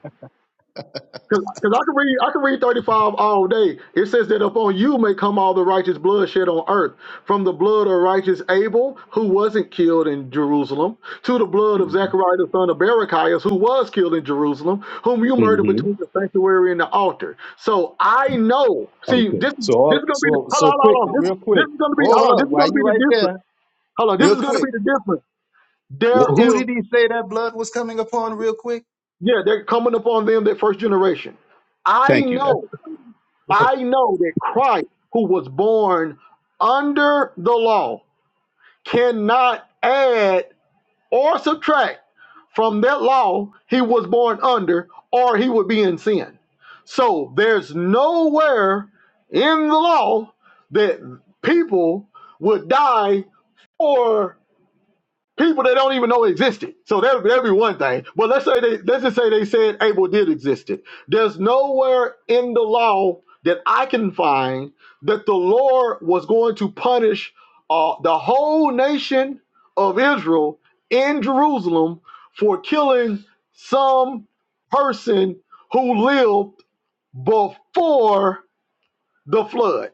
[SPEAKER 1] Because I can read, I can read 35 all day. It says that upon you may come all the righteous blood shed on earth, from the blood of righteous Abel, who wasn't killed in Jerusalem, to the blood of Zechariah the son of Berechiah, who was killed in Jerusalem, whom you murdered
[SPEAKER 2] Mm-hmm.
[SPEAKER 1] between the sanctuary and the altar. So I know. See,
[SPEAKER 2] Okay.
[SPEAKER 1] this
[SPEAKER 2] So
[SPEAKER 1] this
[SPEAKER 2] all
[SPEAKER 1] is gonna be the
[SPEAKER 2] so
[SPEAKER 1] hold
[SPEAKER 2] so
[SPEAKER 1] on, hold
[SPEAKER 2] quickly,
[SPEAKER 1] on. This
[SPEAKER 2] real quick.
[SPEAKER 1] this is gonna be hold on.
[SPEAKER 2] Hold
[SPEAKER 1] This
[SPEAKER 2] up,
[SPEAKER 1] is
[SPEAKER 2] why
[SPEAKER 1] gonna be
[SPEAKER 2] you
[SPEAKER 1] the
[SPEAKER 2] right
[SPEAKER 1] difference.
[SPEAKER 2] there?
[SPEAKER 1] Hold on. This
[SPEAKER 2] Real
[SPEAKER 1] is gonna
[SPEAKER 2] quick.
[SPEAKER 1] be the difference. There
[SPEAKER 2] Wh- Who
[SPEAKER 1] is
[SPEAKER 2] did he say that blood was coming upon real quick?
[SPEAKER 1] yeah, they're coming upon them that first generation. I
[SPEAKER 2] Thank you. That's
[SPEAKER 1] know.
[SPEAKER 2] okay.
[SPEAKER 1] I know that Christ, who was born under the law, cannot add or subtract from that law he was born under, or he would be in sin. So there's nowhere in the law that people would die or people that don't even know existed. So that that'd be one thing. But let's say they let's just say they said Abel did existed. There's nowhere in the law that I can find that the Lord was going to punish uh, the whole nation of Israel in Jerusalem for killing some person who lived before the flood.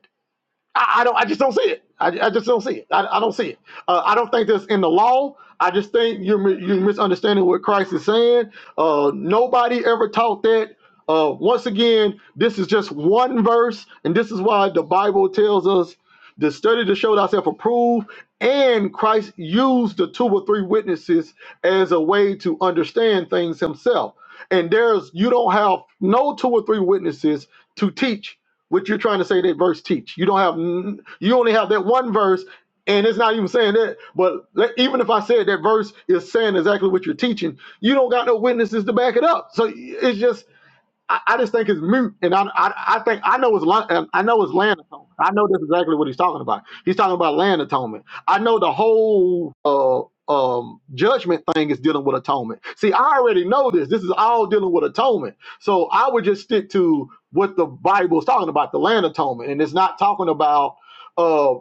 [SPEAKER 1] I, I don't. I just don't see it. I, I just don't see it. I, I don't see it. Uh, I don't think that's in the law. I just think you're mi- you're misunderstanding what Christ is saying. Uh, nobody ever taught that. Uh, once again, this is just one verse, and this is why the Bible tells us the study to show thyself approved, and Christ used the two or three witnesses as a way to understand things himself. And there's you don't have no two or three witnesses to teach what you're trying to say that verse teach. You don't have n- you only have that one verse, and it's not even saying that. But let- even if I said that verse is saying exactly what you're teaching, you don't got no witnesses to back it up. So it's just I, I just think it's mute, and I, I, I think I know it's li- um, I know it's land atonement. I know that's exactly what he's talking about. He's talking about land atonement. I know the whole uh, um, judgment thing is dealing with atonement. See, I already know this. This is all dealing with atonement. So I would just stick to what the Bible is talking about, the land atonement, and it's not talking about. uh,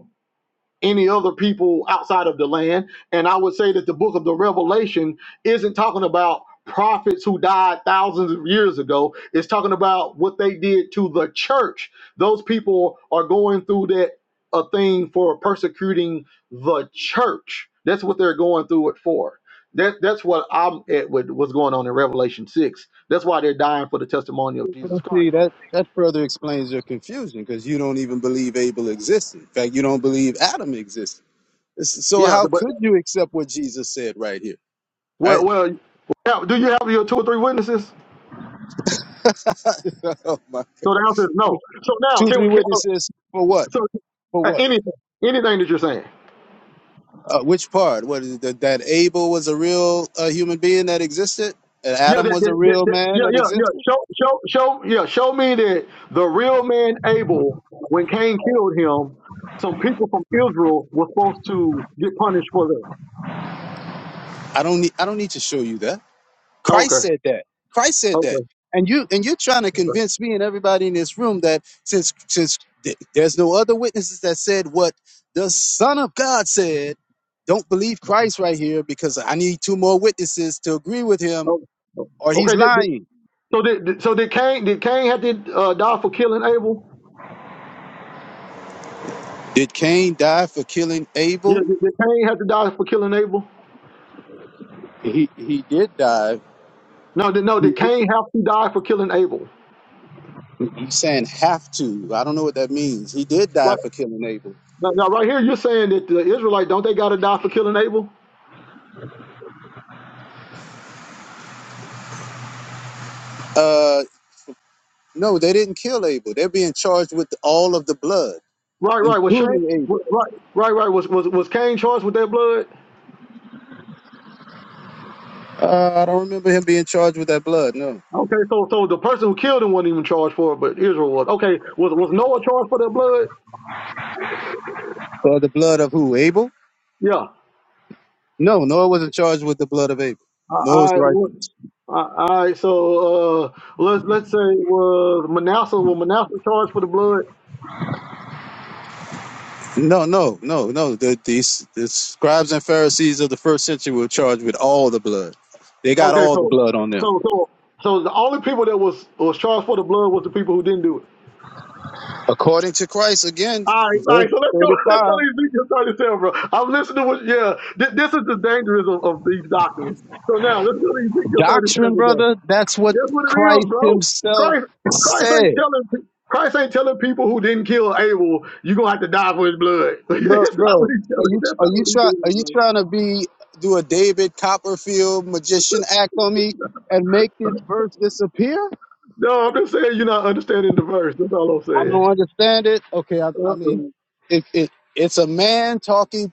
[SPEAKER 1] any other people outside of the land. And I would say that the book of the Revelation isn't talking about prophets who died thousands of years ago. It's talking about what they did to the church. Those people are going through that a thing for persecuting the church. That's what they're going through it for. That that's what I'm at with what's going on in Revelation six. That's why they're dying for the testimony of Jesus
[SPEAKER 2] Well, See,
[SPEAKER 1] Christ.
[SPEAKER 2] that that further explains your confusion because you don't even believe Abel existed. In fact, you don't believe Adam existed. This- So
[SPEAKER 1] Yeah,
[SPEAKER 2] how
[SPEAKER 1] but
[SPEAKER 2] could you accept what Jesus said right here? All
[SPEAKER 1] well well yeah, do you have your two or three witnesses?
[SPEAKER 2] right? oh my.
[SPEAKER 1] So the answer is no. So now,
[SPEAKER 2] Two,
[SPEAKER 1] can
[SPEAKER 2] three
[SPEAKER 1] we? Can,
[SPEAKER 2] witnesses for what?
[SPEAKER 1] so
[SPEAKER 2] For
[SPEAKER 1] uh,
[SPEAKER 2] what?
[SPEAKER 1] anything, anything that you're saying,
[SPEAKER 2] Uh, which part? What is it, that, that Abel was a real uh, human being that existed? That
[SPEAKER 1] yeah,
[SPEAKER 2] Adam
[SPEAKER 1] that,
[SPEAKER 2] was a
[SPEAKER 1] that, that,
[SPEAKER 2] real
[SPEAKER 1] that-
[SPEAKER 2] man
[SPEAKER 1] yeah,
[SPEAKER 2] that
[SPEAKER 1] yeah, yeah.
[SPEAKER 2] existed?
[SPEAKER 1] Show, show, show, yeah. Show me that the real man Abel, when Cain killed him, some people from Israel were supposed to get punished for that.
[SPEAKER 2] I don't need. I don't need to show you that. Christ
[SPEAKER 1] Okay,
[SPEAKER 2] said that. Christ said that.
[SPEAKER 1] okay,
[SPEAKER 2] And you and you're trying to
[SPEAKER 1] okay,
[SPEAKER 2] convince me and everybody in this room that since since th- there's no other witnesses that said what the Son of God said, don't believe Christ right here because I need two more witnesses to agree with him
[SPEAKER 1] okay.
[SPEAKER 2] or he's
[SPEAKER 1] okay did, did,
[SPEAKER 2] lying.
[SPEAKER 1] so did, did- so did Cain? Did Cain have to uh, die for killing Abel?
[SPEAKER 2] Did Cain die for killing
[SPEAKER 1] Yeah,
[SPEAKER 2] Abel?
[SPEAKER 1] did, did Cain have to die for killing Abel?
[SPEAKER 2] He he did die
[SPEAKER 1] No, did, no. Did Cain have to die for killing Abel?
[SPEAKER 2] He's saying have to. I don't know what that means. He did
[SPEAKER 1] Like,
[SPEAKER 2] die for killing Abel.
[SPEAKER 1] Now, now, right here, you're saying that the Israelite don't they got to die for killing Abel?
[SPEAKER 2] Uh, no, they didn't kill Abel. They're being charged with all of the blood,
[SPEAKER 1] Right, right. Was Shane?
[SPEAKER 2] including Abel.
[SPEAKER 1] wa- Right, right, right. Was was was Cain charged with their blood?
[SPEAKER 2] Uh, I don't remember him being charged with that blood. No,
[SPEAKER 1] Okay, so so the person who killed him wasn't even charged for it, but Israel was. Okay, was was Noah charged for their blood?
[SPEAKER 2] or the blood of who? Abel?
[SPEAKER 1] Yeah.
[SPEAKER 2] No, Noah wasn't charged with the blood of Abel.
[SPEAKER 1] I,
[SPEAKER 2] Noah's
[SPEAKER 1] I what-
[SPEAKER 2] righteous.
[SPEAKER 1] I- all right, so uh, let's let's say was Manasseh was Manasseh charged for the blood?
[SPEAKER 2] No, no, no, no. The, these the scribes and Pharisees of the first century were charged with all the blood. They got
[SPEAKER 1] Okay,
[SPEAKER 2] all the
[SPEAKER 1] so
[SPEAKER 2] blood on them.
[SPEAKER 1] so so so the only people that was was charged for the blood was the people who didn't do it.
[SPEAKER 2] According to Christ, again,
[SPEAKER 1] All right, all
[SPEAKER 2] verse
[SPEAKER 1] right. So let's go. Let's go
[SPEAKER 2] 35.
[SPEAKER 1] to Ezekiel 37, bro. I'm listening to what. Yeah, thi- this is the dangerous of, of these doctrines. So now let's go to Ezekiel
[SPEAKER 2] Doctrine,
[SPEAKER 1] 37. Then.
[SPEAKER 2] brother, that's what
[SPEAKER 1] That's what it
[SPEAKER 2] Christ
[SPEAKER 1] is, bro?
[SPEAKER 2] himself
[SPEAKER 1] Christ, Christ
[SPEAKER 2] said.
[SPEAKER 1] ain't telling. pe- Christ ain't telling people who didn't kill Abel, you're gonna have to die for his blood.
[SPEAKER 2] Bro,
[SPEAKER 1] That's not what
[SPEAKER 2] bro
[SPEAKER 1] he's
[SPEAKER 2] are
[SPEAKER 1] telling.
[SPEAKER 2] you
[SPEAKER 1] That's
[SPEAKER 2] are
[SPEAKER 1] not
[SPEAKER 2] you
[SPEAKER 1] what he's
[SPEAKER 2] try are
[SPEAKER 1] doing,
[SPEAKER 2] you
[SPEAKER 1] bro.
[SPEAKER 2] trying to be do a David Copperfield magician act on me and make this verse disappear?
[SPEAKER 1] No, I'm just saying you're not understanding the verse. That's all I'm
[SPEAKER 2] I
[SPEAKER 1] saying.
[SPEAKER 2] don't understand it. Okay, I, I
[SPEAKER 1] Uh-uh.
[SPEAKER 2] mean, it, it it's a man talking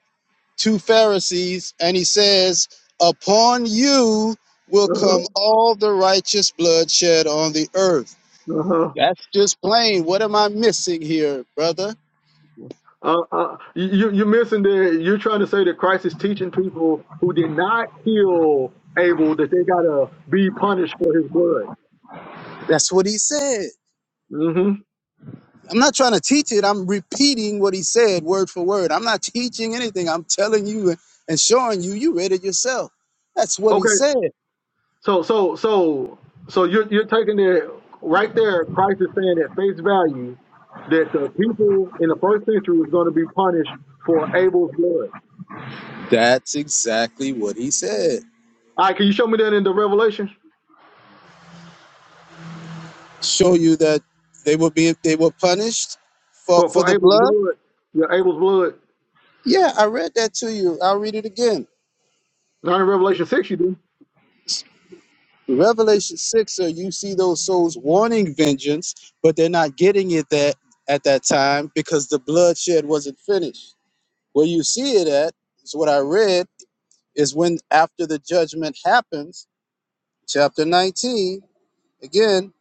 [SPEAKER 2] to Pharisees, and he says, "Upon you will
[SPEAKER 1] Uh-huh.
[SPEAKER 2] come all the righteous bloodshed on the earth."
[SPEAKER 1] Uh-huh.
[SPEAKER 2] That's just plain. What am I missing here, brother?
[SPEAKER 1] Uh, uh, you you're missing the. You're trying to say that Christ is teaching people who did not heal Abel that they gotta be punished for his blood.
[SPEAKER 2] That's what he said.
[SPEAKER 1] hmm
[SPEAKER 2] I'm not trying to teach it. I'm repeating what he said word for word. I'm not teaching anything. I'm telling you and showing you. You read it yourself. That's what he
[SPEAKER 1] Okay.
[SPEAKER 2] said.
[SPEAKER 1] So so so so you're you're taking it right there. Christ is saying at face value that the people in the first century is going to be punished for Abel's blood.
[SPEAKER 2] That's exactly what he said.
[SPEAKER 1] All right. Can you show me that in the Revelation
[SPEAKER 2] Show you that they will be they were punished for
[SPEAKER 1] for
[SPEAKER 2] for
[SPEAKER 1] for
[SPEAKER 2] the
[SPEAKER 1] Abel's
[SPEAKER 2] blood.
[SPEAKER 1] blood? Yeah, Abel's blood.
[SPEAKER 2] Yeah, I read that to you. I'll read it again.
[SPEAKER 1] Not in Revelation six, you do.
[SPEAKER 2] Revelation 6, sir, you see those souls wanting vengeance, but they're not getting it that at that time because the bloodshed wasn't finished. Where you see it at is what I read is when after the judgment happens, chapter 19, again,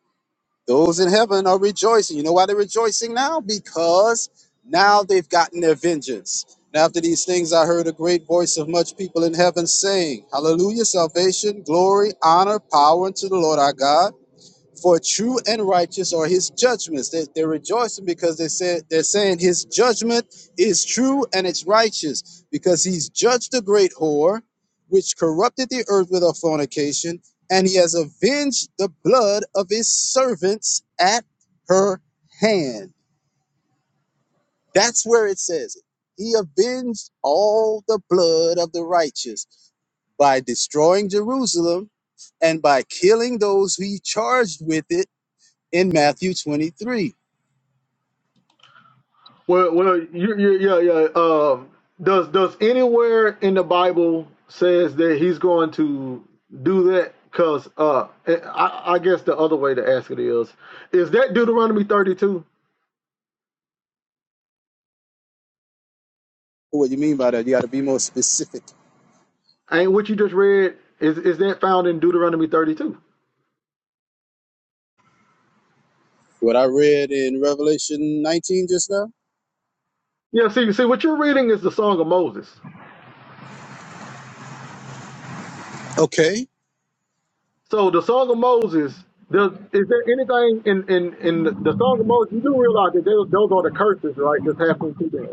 [SPEAKER 2] those in heaven are rejoicing. You know why they're rejoicing now? Because now they've gotten their vengeance. And after these things, I heard a great voice of much people in heaven saying, Hallelujah, salvation, glory, honor, power unto the Lord our God. For true and righteous are his judgments. They, they're rejoicing because they said they're saying his judgment is true and it's righteous because he's judged the great whore, which corrupted the earth with her fornication, and he has avenged the blood of his servants at her hand. That's where it says it. He avenged all the blood of the righteous by destroying Jerusalem and by killing those who he charged with it in Matthew 23.
[SPEAKER 1] Well, well, you, you, yeah, yeah. Um, does does anywhere in the Bible says that he's going to do that? Because uh, eh, I, I guess the other way to ask it is, is that Deuteronomy thirty two?
[SPEAKER 2] What do you mean by that? You got to be more specific.
[SPEAKER 1] Ain't what you just read? Is is that found in Deuteronomy thirty two?
[SPEAKER 2] What I read in Revelation 19 just now?
[SPEAKER 1] Yeah. See, see, what you're reading is the Song of Moses.
[SPEAKER 2] Okay.
[SPEAKER 1] So the Song of Moses. Does, is there anything in, in, in the Song of Moses? You do realize that those, those are the curses, right? That's happening to them.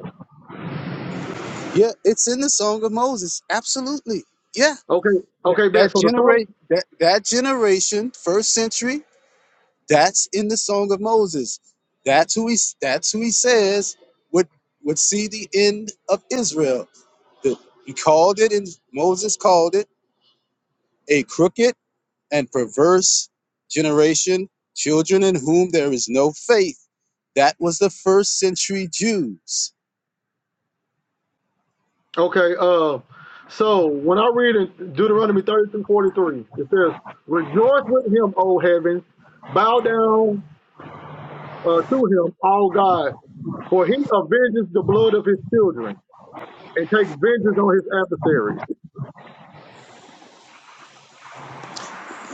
[SPEAKER 2] Yeah, it's in the Song of Moses. Absolutely. Yeah.
[SPEAKER 1] Okay,
[SPEAKER 2] That,
[SPEAKER 1] okay, bet.
[SPEAKER 2] that
[SPEAKER 1] So the song
[SPEAKER 2] generate that, that generation, first century, that's in the Song of Moses. That's who he that's who he says would would see the end of Israel. The- he called it and Moses called it a crooked and perverse generation, children in whom there is no faith. That was the first century Jews.
[SPEAKER 1] Okay, uh, so when I read in Deuteronomy 30 through 43, it says, Rejoice with him, O heavens, bow down uh, to him, all God, for he avenges the blood of his children and takes vengeance on his adversaries.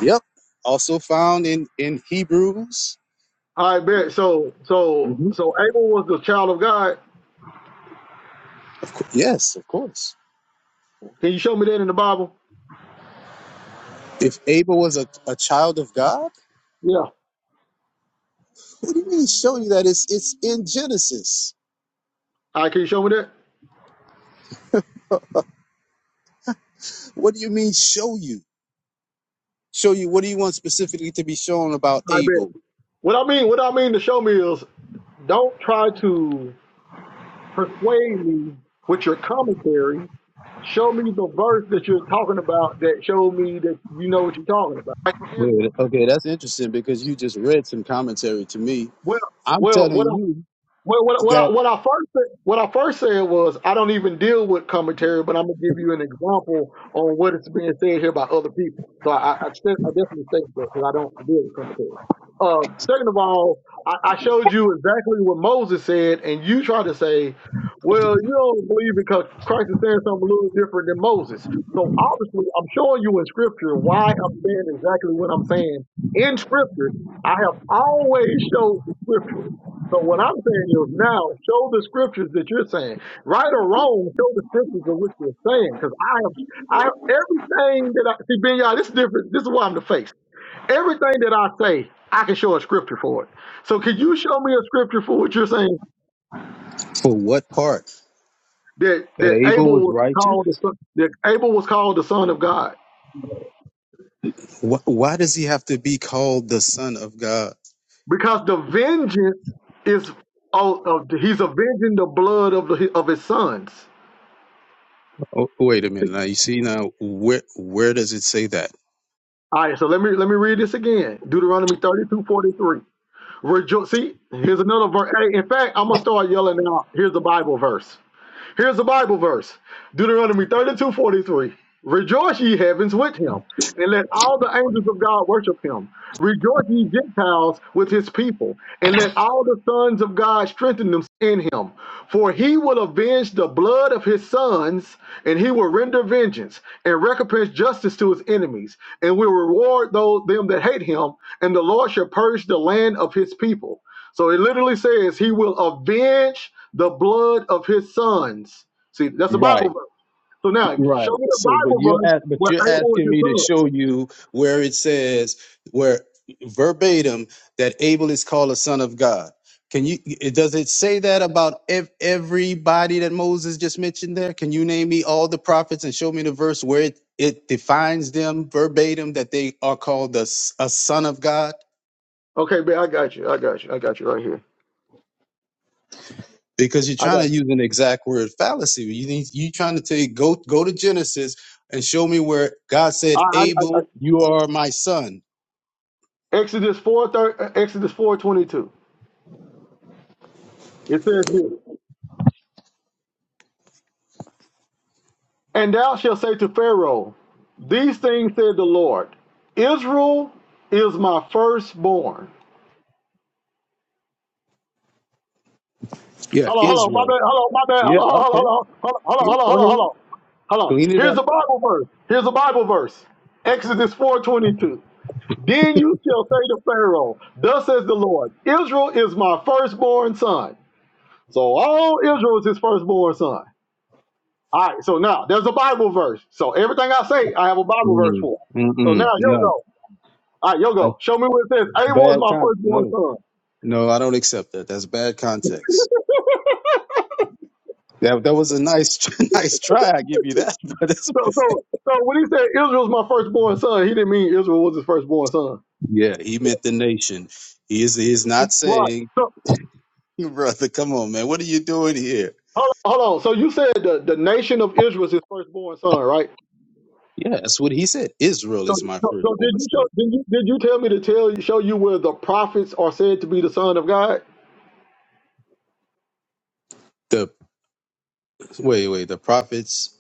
[SPEAKER 2] Yep. Also found in, in Hebrews.
[SPEAKER 1] I bet. So, so,
[SPEAKER 2] hmm
[SPEAKER 1] so Abel was the child of God.
[SPEAKER 2] Yes, of course.
[SPEAKER 1] Can you show me that in the Bible?
[SPEAKER 2] If Abel was a, a child of God,
[SPEAKER 1] Yeah.
[SPEAKER 2] what do you mean show you that? It's, it's in Genesis.
[SPEAKER 1] I can you show me that?
[SPEAKER 2] What do you mean show you? Show you what do you want specifically to be shown about
[SPEAKER 1] I bet.
[SPEAKER 2] Abel?
[SPEAKER 1] What I mean, what I mean to show me is don't try to persuade me with your commentary Show me the verse that you're talking about that showed me that you know what you're talking about. Like for instance,
[SPEAKER 2] Wait, okay, that's interesting because you just read some commentary to me.
[SPEAKER 1] well,
[SPEAKER 2] I'm
[SPEAKER 1] well, what
[SPEAKER 2] telling you
[SPEAKER 1] Well, what, what, I,
[SPEAKER 2] that
[SPEAKER 1] what I first said, what I first said was I don't even deal with commentary, but I'm gonna give you an example on what is being said here by other people. So I, I, I said- I definitely state that because I don't deal with commentary. Uh, second of all, I, I showed you exactly what Moses said, and you try to say, "Well, you don't believe because Christ is saying something a little different than Moses." So obviously, I'm showing you in Scripture why I'm saying exactly what I'm saying in Scripture. I have always showed the Scripture. So what I'm saying is now show the scriptures that you're saying. Right or wrong, show the scriptures of what you're saying. Because I have I everything that I see Ben Yah, this is different. This is why I'm the face. Everything that I say, I can show a scripture for it. So can you show me a scripture for what you're saying
[SPEAKER 2] for what part?
[SPEAKER 1] that
[SPEAKER 2] that
[SPEAKER 1] that
[SPEAKER 2] Abel
[SPEAKER 1] Abel
[SPEAKER 2] was
[SPEAKER 1] was
[SPEAKER 2] righteous?
[SPEAKER 1] called the son that Abel was called the son of God?
[SPEAKER 2] Why, why does he have to be called the son of God?
[SPEAKER 1] Because the vengeance is oh, oh, he's avenging the blood of the, of his sons.
[SPEAKER 2] Oh, wait a minute. Now you see now where where does it say that?
[SPEAKER 1] All right, so let me let me read this again. Deuteronomy 32 43. Rejoice. See, here's another verse. Hey, in fact, I'm gonna start yelling out. Here's the Bible verse. Here's a Bible verse Deuteronomy 32:43. Rejoice, ye heavens, with him, and let all the angels of God worship him. Rejoice, ye Gentiles, with his people, and let all the sons of God strengthen them in him. For he will avenge the blood of his sons, and he will render vengeance and recompense justice to his enemies, and will reward those them that hate him, and the Lord shall purge the land of his people. So it literally says he will avenge the blood of his sons. See, that's a
[SPEAKER 2] Right.
[SPEAKER 1] Bible verse. So now show
[SPEAKER 2] Right.
[SPEAKER 1] me the
[SPEAKER 2] So, but
[SPEAKER 1] Bible
[SPEAKER 2] you're
[SPEAKER 1] verse
[SPEAKER 2] at, but
[SPEAKER 1] where
[SPEAKER 2] you're
[SPEAKER 1] Abel was
[SPEAKER 2] asking
[SPEAKER 1] his
[SPEAKER 2] me to
[SPEAKER 1] son.
[SPEAKER 2] show you where it says where verbatim that Abel is called a son of God. Can you? it- Does it say that about ev- everybody that Moses just mentioned there? Can you name me all the prophets and show me the verse where it, it defines them verbatim that they are called the s- a son of God?
[SPEAKER 1] Okay, man, I got you. I got you. I got you right here.
[SPEAKER 2] Because you're
[SPEAKER 1] I
[SPEAKER 2] trying
[SPEAKER 1] got.
[SPEAKER 2] to use an exact word fallacy. You need, you trying to take go go to Genesis and show me where God said,
[SPEAKER 1] I, I, I, I
[SPEAKER 2] Abel, you are my son.
[SPEAKER 1] Exodus four thir- Exodus four twenty two. It says here, and thou shalt say to Pharaoh, These things said the Lord, Israel is my firstborn.
[SPEAKER 2] Yeah,
[SPEAKER 1] Hold on, hold on, my
[SPEAKER 2] Israel.
[SPEAKER 1] bad, hold on, my bad, hold
[SPEAKER 2] Yeah,
[SPEAKER 1] on, hold
[SPEAKER 2] okay.
[SPEAKER 1] on, hold on, hold on,
[SPEAKER 2] Yeah,
[SPEAKER 1] hold on,
[SPEAKER 2] go
[SPEAKER 1] hold on,
[SPEAKER 2] ahead.
[SPEAKER 1] hold on. Hold on.
[SPEAKER 2] Clean it
[SPEAKER 1] Here's
[SPEAKER 2] up.
[SPEAKER 1] a Bible verse. Here's a Bible verse. Exodus four twenty two. Then you shall say to Pharaoh, Thus says the Lord, Israel is my firstborn son. So all Israel is his firstborn son. All right, so now there's a Bible verse. So everything I say, I have a Bible verse
[SPEAKER 2] Mm,
[SPEAKER 1] for. So now
[SPEAKER 2] mm-mm.
[SPEAKER 1] you
[SPEAKER 2] No,
[SPEAKER 1] go. All right, you
[SPEAKER 2] that's
[SPEAKER 1] go. Show me what it says. Abel is
[SPEAKER 2] bad
[SPEAKER 1] my
[SPEAKER 2] context.
[SPEAKER 1] firstborn
[SPEAKER 2] No,
[SPEAKER 1] son.
[SPEAKER 2] no, I don't accept that. That's bad context. That that was a nice nice try. I give you that, but that's
[SPEAKER 1] So, so, so when he said Israel's my firstborn son, he didn't mean Israel was his firstborn son.
[SPEAKER 2] yeah. He meant the nation. He is he is not
[SPEAKER 1] Right.
[SPEAKER 2] saying,
[SPEAKER 1] So,
[SPEAKER 2] brother. Come on, man. What are you doing here?
[SPEAKER 1] hold on. Hold on. So you said the, the nation of Israel is his firstborn son, right?
[SPEAKER 2] Yeah, that's what he said. Israel
[SPEAKER 1] So,
[SPEAKER 2] is my
[SPEAKER 1] so, so did
[SPEAKER 2] firstborn
[SPEAKER 1] you show,
[SPEAKER 2] son.
[SPEAKER 1] did you did you tell me to tell you show you where the prophets are said to be the son of God?
[SPEAKER 2] The wait, wait. The prophets.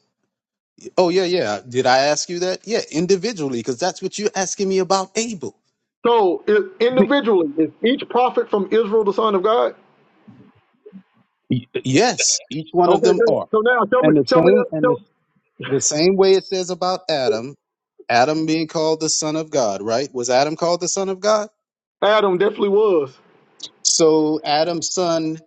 [SPEAKER 2] Oh yeah, yeah. Did I ask you that? Yeah, individually, because that's what you're asking me about Abel.
[SPEAKER 1] So i individually, is each prophet from Israel the son of God?
[SPEAKER 2] Y- Yes, each one of
[SPEAKER 1] Okay,
[SPEAKER 2] them
[SPEAKER 1] then-
[SPEAKER 2] are.
[SPEAKER 1] so now show me
[SPEAKER 2] And the
[SPEAKER 1] show me
[SPEAKER 2] same
[SPEAKER 1] that.
[SPEAKER 2] and the,
[SPEAKER 1] Show,
[SPEAKER 2] the same way it says about Adam, Adam being called the son of God, right? Was Adam called the son of God?
[SPEAKER 1] Adam definitely was.
[SPEAKER 2] So Adam's son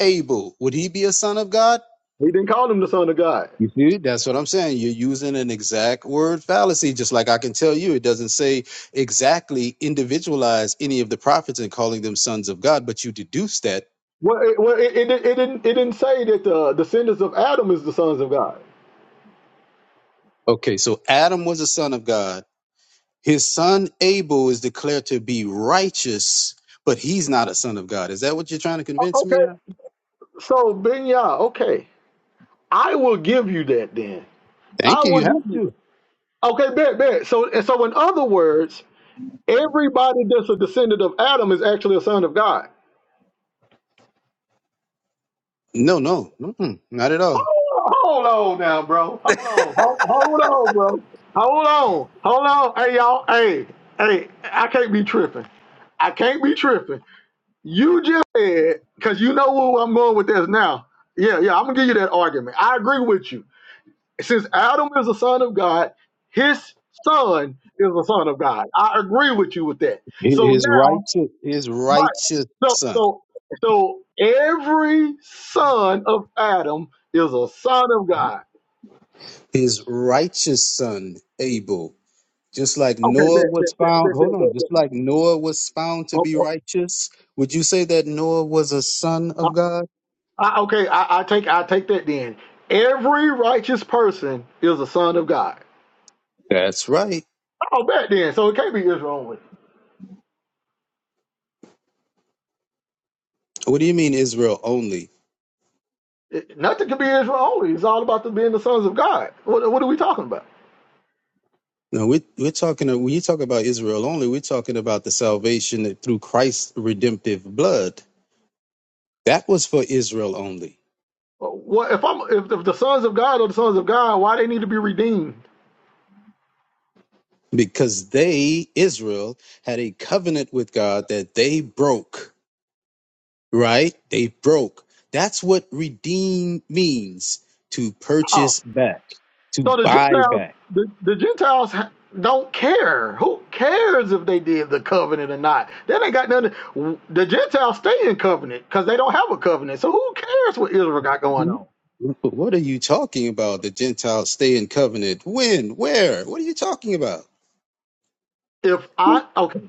[SPEAKER 2] Abel, would he be a son of God?
[SPEAKER 1] He didn't call him the son of God.
[SPEAKER 2] You see, that's what I'm saying. You're using an exact word fallacy, just like I can tell you, it doesn't say exactly individualize any of the prophets and calling them sons of God, but you deduce that.
[SPEAKER 1] Well, it, well, it, it, it didn't it didn't say that the descendants of Adam is the sons of God.
[SPEAKER 2] Okay, so Adam was a son of God His son Abel is declared to be righteous, but he's not a son of God. Is that what you're trying to
[SPEAKER 1] O-
[SPEAKER 2] convince me
[SPEAKER 1] Okay,
[SPEAKER 2] of?
[SPEAKER 1] so Ben Yah, okay, I will give you that then. I
[SPEAKER 2] Thank you.
[SPEAKER 1] will
[SPEAKER 2] You
[SPEAKER 1] give
[SPEAKER 2] have
[SPEAKER 1] you.
[SPEAKER 2] to.
[SPEAKER 1] That. Okay, bet bet. So and so in other words. Everybody that's a descendant of Adam is actually a son of God.
[SPEAKER 2] No, no, mm-mm, not at all.
[SPEAKER 1] Hold on hold on now, bro. Hold on. Hold, hold on, bro. Hold on. Hold on. Hey, y'all. Hey, hey, I can't be tripping. I can't be tripping. You just said, because you know where I'm going with this now. Yeah, yeah, I'm going to give you that argument. I agree with you. Since Adam is a son of God, his son is a son of God. I agree with you with that. So
[SPEAKER 2] His
[SPEAKER 1] now,
[SPEAKER 2] righteous, his righteous
[SPEAKER 1] So,
[SPEAKER 2] son,
[SPEAKER 1] so, so every son of Adam is a son of God.
[SPEAKER 2] his righteous son Abel, just like
[SPEAKER 1] Okay, bet,
[SPEAKER 2] Noah was
[SPEAKER 1] bet, bet,
[SPEAKER 2] found.
[SPEAKER 1] bet,
[SPEAKER 2] Hold
[SPEAKER 1] bet,
[SPEAKER 2] on,
[SPEAKER 1] bet, bet.
[SPEAKER 2] just like Noah was found to
[SPEAKER 1] Oh,
[SPEAKER 2] be
[SPEAKER 1] oh,
[SPEAKER 2] righteous. Would you say that Noah was a son
[SPEAKER 1] I,
[SPEAKER 2] of God?
[SPEAKER 1] I- okay, I, I take, I take that then. Every righteous person is a son of God.
[SPEAKER 2] That's right.
[SPEAKER 1] Oh, bet then. So it can't be Israel only.
[SPEAKER 2] What do you mean Israel only?
[SPEAKER 1] It- nothing can be Israel only. It's all about the, being the sons of God. What, what are we talking about?
[SPEAKER 2] No, we're, we're talking, when you talk about Israel only, we're talking about the salvation that through Christ's redemptive blood. That was for Israel only
[SPEAKER 1] What if I'm if, if the sons of God are the sons of God? Why they need to be redeemed?
[SPEAKER 2] because they, Israel, had a covenant with God that they broke, right? They broke. That's what redeem means to
[SPEAKER 1] Oh,
[SPEAKER 2] purchase back, to
[SPEAKER 1] So the
[SPEAKER 2] buy
[SPEAKER 1] Gentiles,
[SPEAKER 2] back.
[SPEAKER 1] the, the Gentiles ha- don't care. Who cares if they did the covenant or not? They ain't got nothing. The Gentiles stay in covenant because they don't have a covenant. So who cares what Israel got going on?
[SPEAKER 2] But What are you talking about? The Gentiles stay in covenant. When? Where? What are you talking about?
[SPEAKER 1] If
[SPEAKER 2] When,
[SPEAKER 1] I okay,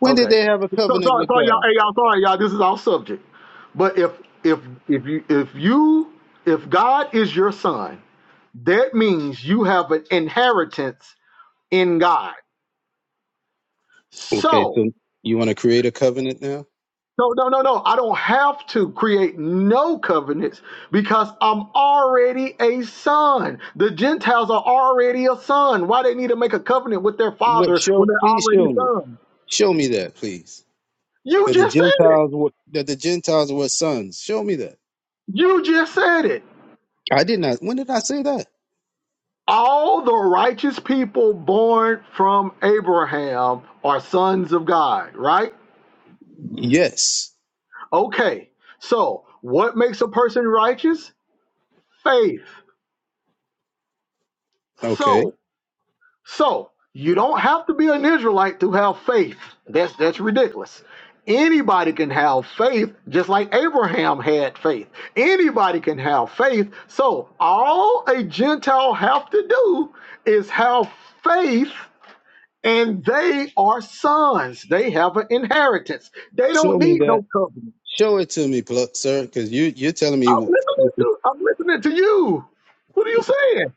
[SPEAKER 2] when did
[SPEAKER 1] okay.
[SPEAKER 2] they have a
[SPEAKER 1] So,
[SPEAKER 2] covenant
[SPEAKER 1] sorry,
[SPEAKER 2] with
[SPEAKER 1] sorry, y'all.
[SPEAKER 2] God?
[SPEAKER 1] Hey, y'all. Sorry, y'all. This is off subject. But if if if you if you if God is your son, that means you have an inheritance in God.
[SPEAKER 2] Okay,
[SPEAKER 1] So
[SPEAKER 2] so you want to create a covenant now?
[SPEAKER 1] No, no, no, no. I don't have to create no covenants because I'm already a son. The Gentiles are already a son. Why they need to make a covenant with their
[SPEAKER 2] What
[SPEAKER 1] father
[SPEAKER 2] show?
[SPEAKER 1] when they're
[SPEAKER 2] Please
[SPEAKER 1] already
[SPEAKER 2] show me.
[SPEAKER 1] son?
[SPEAKER 2] Show me that, please.
[SPEAKER 1] You
[SPEAKER 2] That the
[SPEAKER 1] just said it.
[SPEAKER 2] Gentiles were that the Gentiles were sons. Show me that.
[SPEAKER 1] You just said it.
[SPEAKER 2] I did not. When did I say that?
[SPEAKER 1] All the righteous people born from Abraham are sons of God, right?
[SPEAKER 2] Yes.
[SPEAKER 1] Okay. So, what makes a person righteous? Faith.
[SPEAKER 2] Okay.
[SPEAKER 1] So, So you don't have to be an Israelite to have faith. That's that's ridiculous. Anybody can have faith, just like Abraham had faith. Anybody can have faith. So all a Gentile have to do is have faith, and they are sons. They have an inheritance. They
[SPEAKER 2] Show
[SPEAKER 1] don't
[SPEAKER 2] me
[SPEAKER 1] need
[SPEAKER 2] that.
[SPEAKER 1] no covenant.
[SPEAKER 2] Show it to me, pl- sir, because you you're telling me.
[SPEAKER 1] I'm
[SPEAKER 2] w-
[SPEAKER 1] listening
[SPEAKER 2] w-
[SPEAKER 1] to I'm listening to you. What are you saying?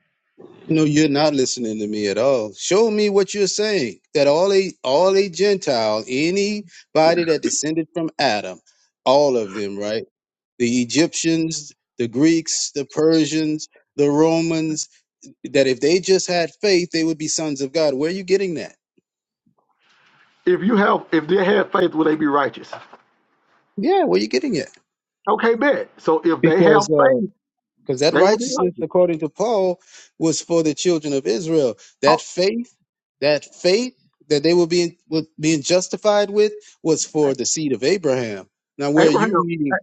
[SPEAKER 2] No, you're not listening to me at all. Show me what you're saying. That all a all a Gentile, anybody that descended from Adam, all of them, right? the Egyptians, the Greeks, the Persians, the Romans, that if they just had faith, they would be sons of God. Where are you getting that?
[SPEAKER 1] If you have if they had faith, would they be righteous?
[SPEAKER 2] Yeah, where are you getting it?
[SPEAKER 1] Okay, bet. So if they have
[SPEAKER 2] Because
[SPEAKER 1] faith.
[SPEAKER 2] uh, because that
[SPEAKER 1] They will be
[SPEAKER 2] righteousness,
[SPEAKER 1] righteous.
[SPEAKER 2] according to Paul, was for the children of Israel.
[SPEAKER 1] Oh,
[SPEAKER 2] That faith, that faith that they were being was being justified with was for the seed of Abraham. Now, where are you
[SPEAKER 1] Abraham,
[SPEAKER 2] reading?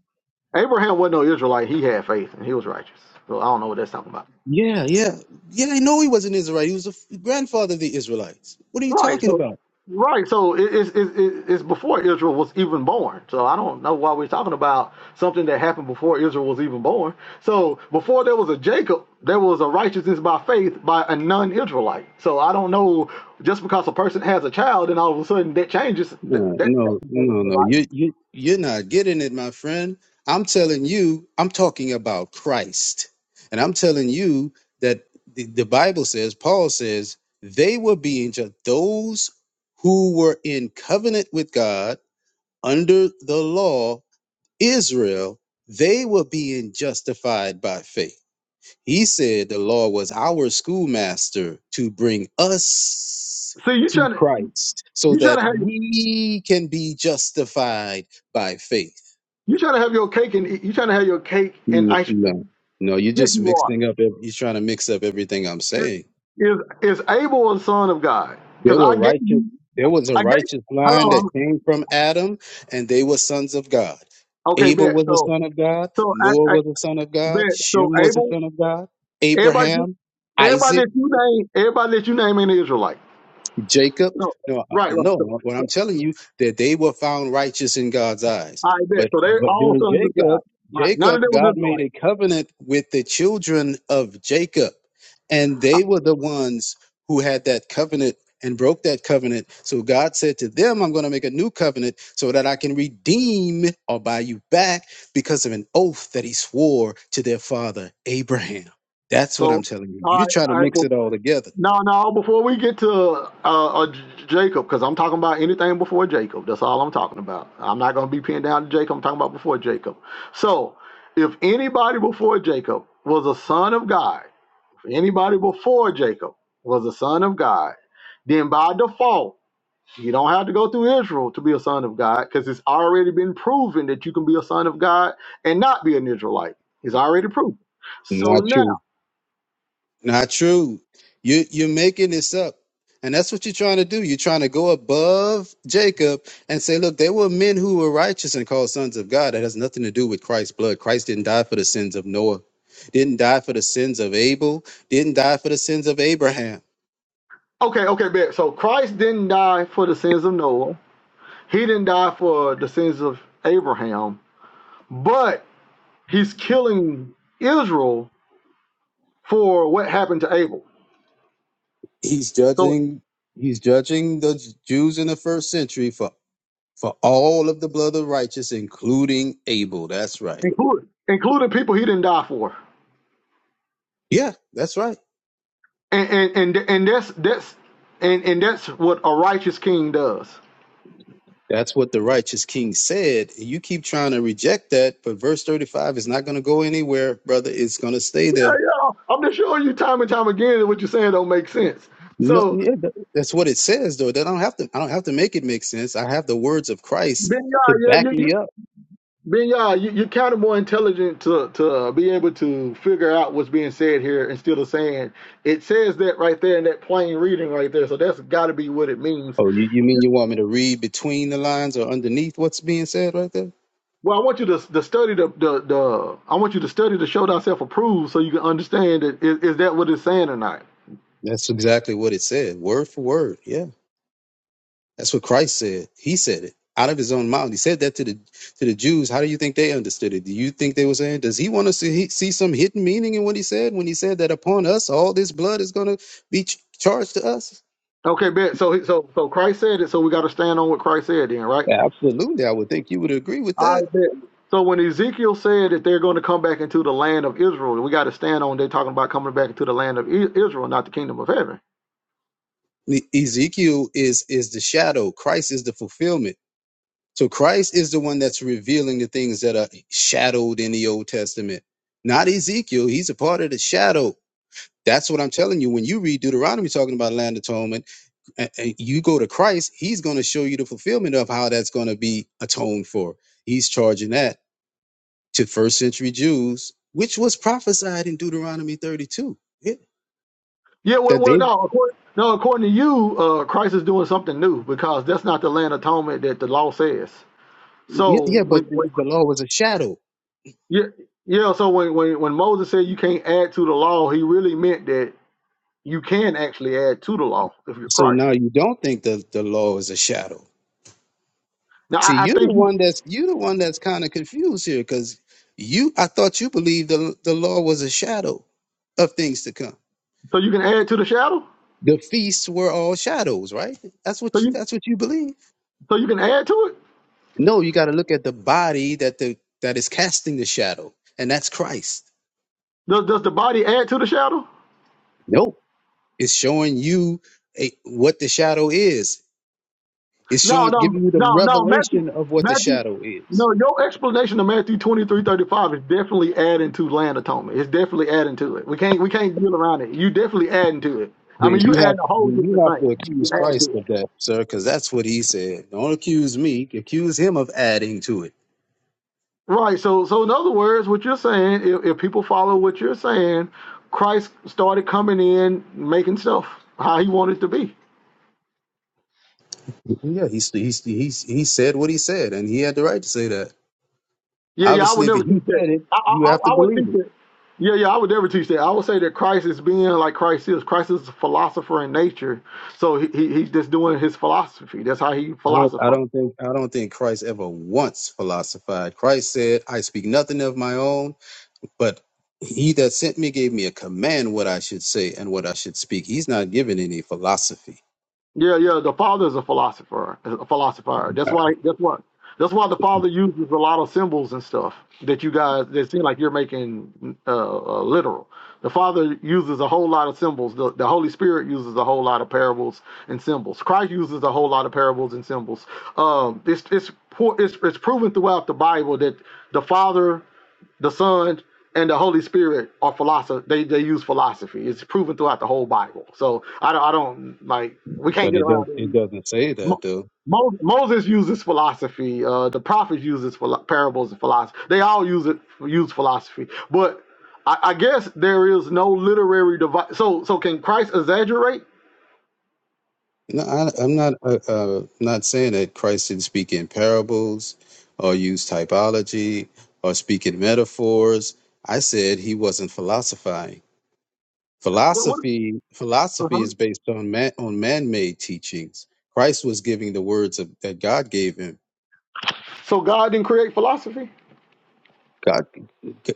[SPEAKER 1] Abraham wasn't no Israelite. He had faith and he was righteous. So I don't know what that's talking about.
[SPEAKER 2] Yeah, yeah, yeah. I know he was an Israelite. He was the f- grandfather of the Israelites. What are you
[SPEAKER 1] Right.
[SPEAKER 2] talking
[SPEAKER 1] So,
[SPEAKER 2] about?
[SPEAKER 1] right. So it, it's it's it's it's before Israel was even born. So I don't know why we're talking about something that happened before Israel was even born. So before there was a Jacob, there was a righteousness by faith by a non-Israelite. So I don't know. Just because a person has a child and all of a sudden that changes, that,
[SPEAKER 2] No,
[SPEAKER 1] that that's
[SPEAKER 2] no,
[SPEAKER 1] the
[SPEAKER 2] no,
[SPEAKER 1] in the
[SPEAKER 2] no.
[SPEAKER 1] Bible.
[SPEAKER 2] You, you, you're not getting it, my friend. I'm telling you, I'm talking about Christ. And I'm telling you that the, the Bible says, Paul says, they were being just those who were in covenant with God under the law, Israel, they were being justified by faith. He said the law was our schoolmaster to bring us
[SPEAKER 1] See, you
[SPEAKER 2] to
[SPEAKER 1] trying to
[SPEAKER 2] Christ so
[SPEAKER 1] you trying
[SPEAKER 2] that
[SPEAKER 1] to have
[SPEAKER 2] we can be justified by faith.
[SPEAKER 1] You're trying to have your cake and eat- you're trying to have your cake and
[SPEAKER 2] N-
[SPEAKER 1] ice
[SPEAKER 2] No,
[SPEAKER 1] cream.
[SPEAKER 2] no, you're
[SPEAKER 1] Yes,
[SPEAKER 2] just
[SPEAKER 1] you are.
[SPEAKER 2] mixing up, ev- you're trying to mix up everything I'm
[SPEAKER 1] Is
[SPEAKER 2] saying.
[SPEAKER 1] is is Abel a son of God?
[SPEAKER 2] There
[SPEAKER 1] Because I
[SPEAKER 2] were
[SPEAKER 1] gave
[SPEAKER 2] righteous.
[SPEAKER 1] you,
[SPEAKER 2] There was a
[SPEAKER 1] I gave.
[SPEAKER 2] righteous line that
[SPEAKER 1] Hello.
[SPEAKER 2] came from Adam, and they were sons of God.
[SPEAKER 1] Okay,
[SPEAKER 2] Abel
[SPEAKER 1] bet.
[SPEAKER 2] was a
[SPEAKER 1] So
[SPEAKER 2] son of God.
[SPEAKER 1] so
[SPEAKER 2] Noah
[SPEAKER 1] I, I
[SPEAKER 2] was a son of God.
[SPEAKER 1] bet. So
[SPEAKER 2] Shem was a
[SPEAKER 1] Abel,
[SPEAKER 2] son of God.
[SPEAKER 1] everybody,
[SPEAKER 2] Abraham,
[SPEAKER 1] everybody
[SPEAKER 2] Isaac.
[SPEAKER 1] that you name, everybody that you name in Israelite.
[SPEAKER 2] Jacob.
[SPEAKER 1] No,
[SPEAKER 2] No, uh,
[SPEAKER 1] right, right.
[SPEAKER 2] no.
[SPEAKER 1] So,
[SPEAKER 2] What
[SPEAKER 1] so
[SPEAKER 2] I'm telling you that they were found righteous in God's eyes.
[SPEAKER 1] I bet.
[SPEAKER 2] But
[SPEAKER 1] So they
[SPEAKER 2] but
[SPEAKER 1] all
[SPEAKER 2] during
[SPEAKER 1] sons of God.
[SPEAKER 2] Jacob,
[SPEAKER 1] Right. None
[SPEAKER 2] Jacob,
[SPEAKER 1] of them was
[SPEAKER 2] God made
[SPEAKER 1] Israelite.
[SPEAKER 2] a covenant with the children of Jacob, and they were the ones who had that covenant and broke that covenant. So God said to them, "I'm going to make a new covenant so that I can redeem or buy you back because of an oath that He swore to their father Abraham." That's what I'm
[SPEAKER 1] So
[SPEAKER 2] telling you. You're
[SPEAKER 1] all right,
[SPEAKER 2] trying to
[SPEAKER 1] all right.
[SPEAKER 2] mix it all together.
[SPEAKER 1] No, no. Before we get to uh, uh, J- Jacob, because I'm talking about anything before Jacob. That's all I'm talking about. I'm not going to be pinned down to Jacob. I'm talking about before Jacob. So, if anybody before Jacob was a son of God, if anybody before Jacob was a son of God, then by default, you don't have to go through Israel to be a son of God, because it's already been proven that you can be a son of God and not be an Israelite. It's already proven. So
[SPEAKER 2] Not
[SPEAKER 1] now.
[SPEAKER 2] true. Not true. You you're making this up. And that's what you're trying to do. You're trying to go above Jacob and say, look, there were men who were righteous and called sons of God. That has nothing to do with Christ's blood. Christ didn't die for the sins of Noah, didn't die for the sins of Abel, didn't die for the sins of Abraham.
[SPEAKER 1] Okay, okay, bet. So Christ didn't die for the sins of Noah. He didn't die for the sins of Abraham, but he's killing Israel for what happened to Abel.
[SPEAKER 2] He's
[SPEAKER 1] So
[SPEAKER 2] judging, he's judging the Jews in the first century for, for all of the blood of righteous, including Abel. That's right.
[SPEAKER 1] including including people he didn't die for.
[SPEAKER 2] Yeah, that's right.
[SPEAKER 1] And and and, and that's that's and, and that's what a righteous king does.
[SPEAKER 2] That's what the righteous king said. You keep trying to reject that, but verse 35 is not going to go anywhere, brother. It's going to stay
[SPEAKER 1] Yeah,
[SPEAKER 2] there.
[SPEAKER 1] yeah. I'm just showing you time and time again that what you're saying don't make sense.
[SPEAKER 2] No,
[SPEAKER 1] So
[SPEAKER 2] yeah, th- that's what it says, though. That I don't have to. I don't have to make it make sense. I have the words of Christ
[SPEAKER 1] Ben, yeah,
[SPEAKER 2] to
[SPEAKER 1] yeah, you,
[SPEAKER 2] back
[SPEAKER 1] you
[SPEAKER 2] me up.
[SPEAKER 1] Ben Yah, you, you're kind of more intelligent to to uh, be able to figure out what's being said here instead of saying it says that right there in that plain reading right there. So that's got to be what it means.
[SPEAKER 2] Oh, you, you mean you want me to read between the lines or underneath what's being said right there?
[SPEAKER 1] Well, I want you to, to study the, the the I want you to study the show thyself approved so you can understand that is, is that what it's saying or not.
[SPEAKER 2] That's exactly what it said, word for word. Yeah. That's what Christ said. He said it out of his own mouth. He said that to the to the Jews. How do you think they understood it? Do you think they were saying, does he want to see, see some hidden meaning in what he said when he said that upon us all this blood is going to be ch- charged to us?
[SPEAKER 1] Okay, bet. So so so Christ said it. So we got to stand on what Christ said then, right?
[SPEAKER 2] Absolutely, I would think you would agree with that.
[SPEAKER 1] I bet. So when Ezekiel said that they're going to come back into the land of Israel, we got to stand on. They're talking about coming back into the land of I- Israel, not the kingdom of heaven.
[SPEAKER 2] E- Ezekiel is is the shadow. Christ is the fulfillment. So Christ is the one that's revealing the things that are shadowed in the Old Testament. Not Ezekiel. He's a part of the shadow. That's what I'm telling you. When you read Deuteronomy talking about land atonement and, and you go to Christ, He's going to show you the fulfillment of how that's going to be atoned for. He's charging that to first century Jews, which was prophesied in Deuteronomy 32. Yeah,
[SPEAKER 1] Yeah, well,
[SPEAKER 2] that
[SPEAKER 1] well,
[SPEAKER 2] they,
[SPEAKER 1] no, according, no. According to you, uh, Christ is doing something new because that's not the land atonement that the law says.
[SPEAKER 2] yeah,
[SPEAKER 1] So
[SPEAKER 2] yeah, but
[SPEAKER 1] when,
[SPEAKER 2] the,
[SPEAKER 1] when
[SPEAKER 2] the law was a shadow.
[SPEAKER 1] yeah, yeah. So when, when when Moses said you can't add to the law, he really meant that you can actually add to the law if you're
[SPEAKER 2] So
[SPEAKER 1] Christ.
[SPEAKER 2] now you don't think the the law is a shadow.
[SPEAKER 1] Now,
[SPEAKER 2] See,
[SPEAKER 1] I, I
[SPEAKER 2] you're
[SPEAKER 1] think
[SPEAKER 2] the
[SPEAKER 1] you,
[SPEAKER 2] one that's you're the one that's kind of confused here because you I thought you believed the the law was a shadow of things to come.
[SPEAKER 1] so. You can add to the shadow.
[SPEAKER 2] The feasts were all shadows, right? That's what
[SPEAKER 1] So
[SPEAKER 2] you,
[SPEAKER 1] you
[SPEAKER 2] that's what you believe.
[SPEAKER 1] so you can add to it.
[SPEAKER 2] No, you got to look at the body that the that is casting the shadow, and that's Christ.
[SPEAKER 1] Does does the body add to the shadow?
[SPEAKER 2] Nope, it's showing you a, what the shadow is. It's
[SPEAKER 1] No,
[SPEAKER 2] showing,
[SPEAKER 1] no,
[SPEAKER 2] giving you the
[SPEAKER 1] no, no, Matthew,
[SPEAKER 2] revelation of what the
[SPEAKER 1] Matthew.
[SPEAKER 2] shadow is.
[SPEAKER 1] No, your explanation of Matthew twenty three thirty five is definitely adding to land atonement. It's definitely adding to it. We can't we can't deal around it. You definitely adding to it. I
[SPEAKER 2] Then
[SPEAKER 1] mean, you
[SPEAKER 2] you have
[SPEAKER 1] adding a whole
[SPEAKER 2] then you
[SPEAKER 1] different
[SPEAKER 2] have
[SPEAKER 1] thing.
[SPEAKER 2] to
[SPEAKER 1] You
[SPEAKER 2] accuse
[SPEAKER 1] adding to
[SPEAKER 2] Christ
[SPEAKER 1] it.
[SPEAKER 2] of that, sir, because that's what he said. Don't accuse me. Accuse him of adding to it.
[SPEAKER 1] Right. So, so in other words, what you're saying, if, if people follow what you're saying, Christ started coming in making stuff how he wanted to be.
[SPEAKER 2] Yeah, he he he he said what he said, and he had the right to say that.
[SPEAKER 1] Yeah, yeah, I
[SPEAKER 2] Obviously,
[SPEAKER 1] would
[SPEAKER 2] if
[SPEAKER 1] never
[SPEAKER 2] he
[SPEAKER 1] teach that.
[SPEAKER 2] said it,
[SPEAKER 1] I, I,
[SPEAKER 2] you have to
[SPEAKER 1] I I would
[SPEAKER 2] believe it.
[SPEAKER 1] teach that. Yeah, yeah, I would never teach that. I would say that Christ is being like Christ is. Christ is a philosopher in nature, so he, he he's just doing his philosophy. That's how he
[SPEAKER 2] I don't I
[SPEAKER 1] philosophizes.
[SPEAKER 2] don't think I don't think Christ ever once philosophized. Christ said, I speak nothing of my own, but he that sent me gave me a command what I should say and what I should speak. He's not giving any philosophy.
[SPEAKER 1] Yeah, yeah. The father is a philosopher, a philosopher. That's why. That's why. That's why the father uses a lot of symbols and stuff that you guys that seem like you're making uh, uh, literal. The father uses a whole lot of symbols. The, the Holy Spirit uses a whole lot of parables and symbols. Christ uses a whole lot of parables and symbols. Um, it's it's po- it's it's proven throughout the Bible that the father the Son and the Holy Spirit are philosophy. They they use philosophy. It's proven throughout the whole Bible. So I don't I don't like we can't
[SPEAKER 2] But
[SPEAKER 1] get
[SPEAKER 2] it does
[SPEAKER 1] around it.
[SPEAKER 2] it doesn't say that
[SPEAKER 1] Mo-
[SPEAKER 2] though.
[SPEAKER 1] Mo- Moses uses philosophy. Uh, the prophets uses philo- parables and philosophy. They all use it use philosophy. But I, I guess there is no literary device. So so can Christ exaggerate?
[SPEAKER 2] No, I, I'm not uh, uh, not saying that Christ didn't speak in parables or use typology or speak in metaphors. I said he wasn't philosophizing.
[SPEAKER 1] What, what?
[SPEAKER 2] philosophy philosophy
[SPEAKER 1] Uh-huh.
[SPEAKER 2] is based on man on man-made teachings christ was giving the words of, that god gave him
[SPEAKER 1] So God didn't create philosophy.
[SPEAKER 2] god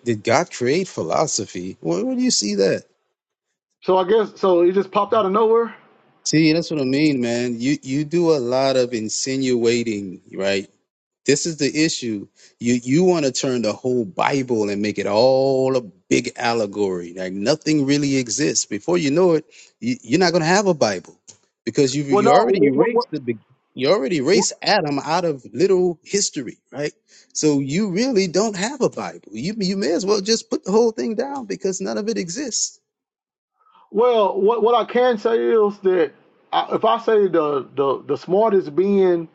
[SPEAKER 2] did god create philosophy where, where do you see that
[SPEAKER 1] So I guess so. It just popped out of nowhere.
[SPEAKER 2] see that's what i mean man you you do a lot of insinuating right This is the issue. You you want to turn the whole Bible and make it all a big allegory. Like nothing really exists. Before you know it, you, you're not going to have a Bible because you
[SPEAKER 1] Well,
[SPEAKER 2] you
[SPEAKER 1] no.
[SPEAKER 2] already
[SPEAKER 1] What
[SPEAKER 2] erased
[SPEAKER 1] what?
[SPEAKER 2] the big. You already
[SPEAKER 1] what,
[SPEAKER 2] erased Adam out of literal history, right? So you really don't have a Bible. You you may as well just put the whole thing down because none of it exists.
[SPEAKER 1] Well, what what I can say is that I, if I say the, the the smartest being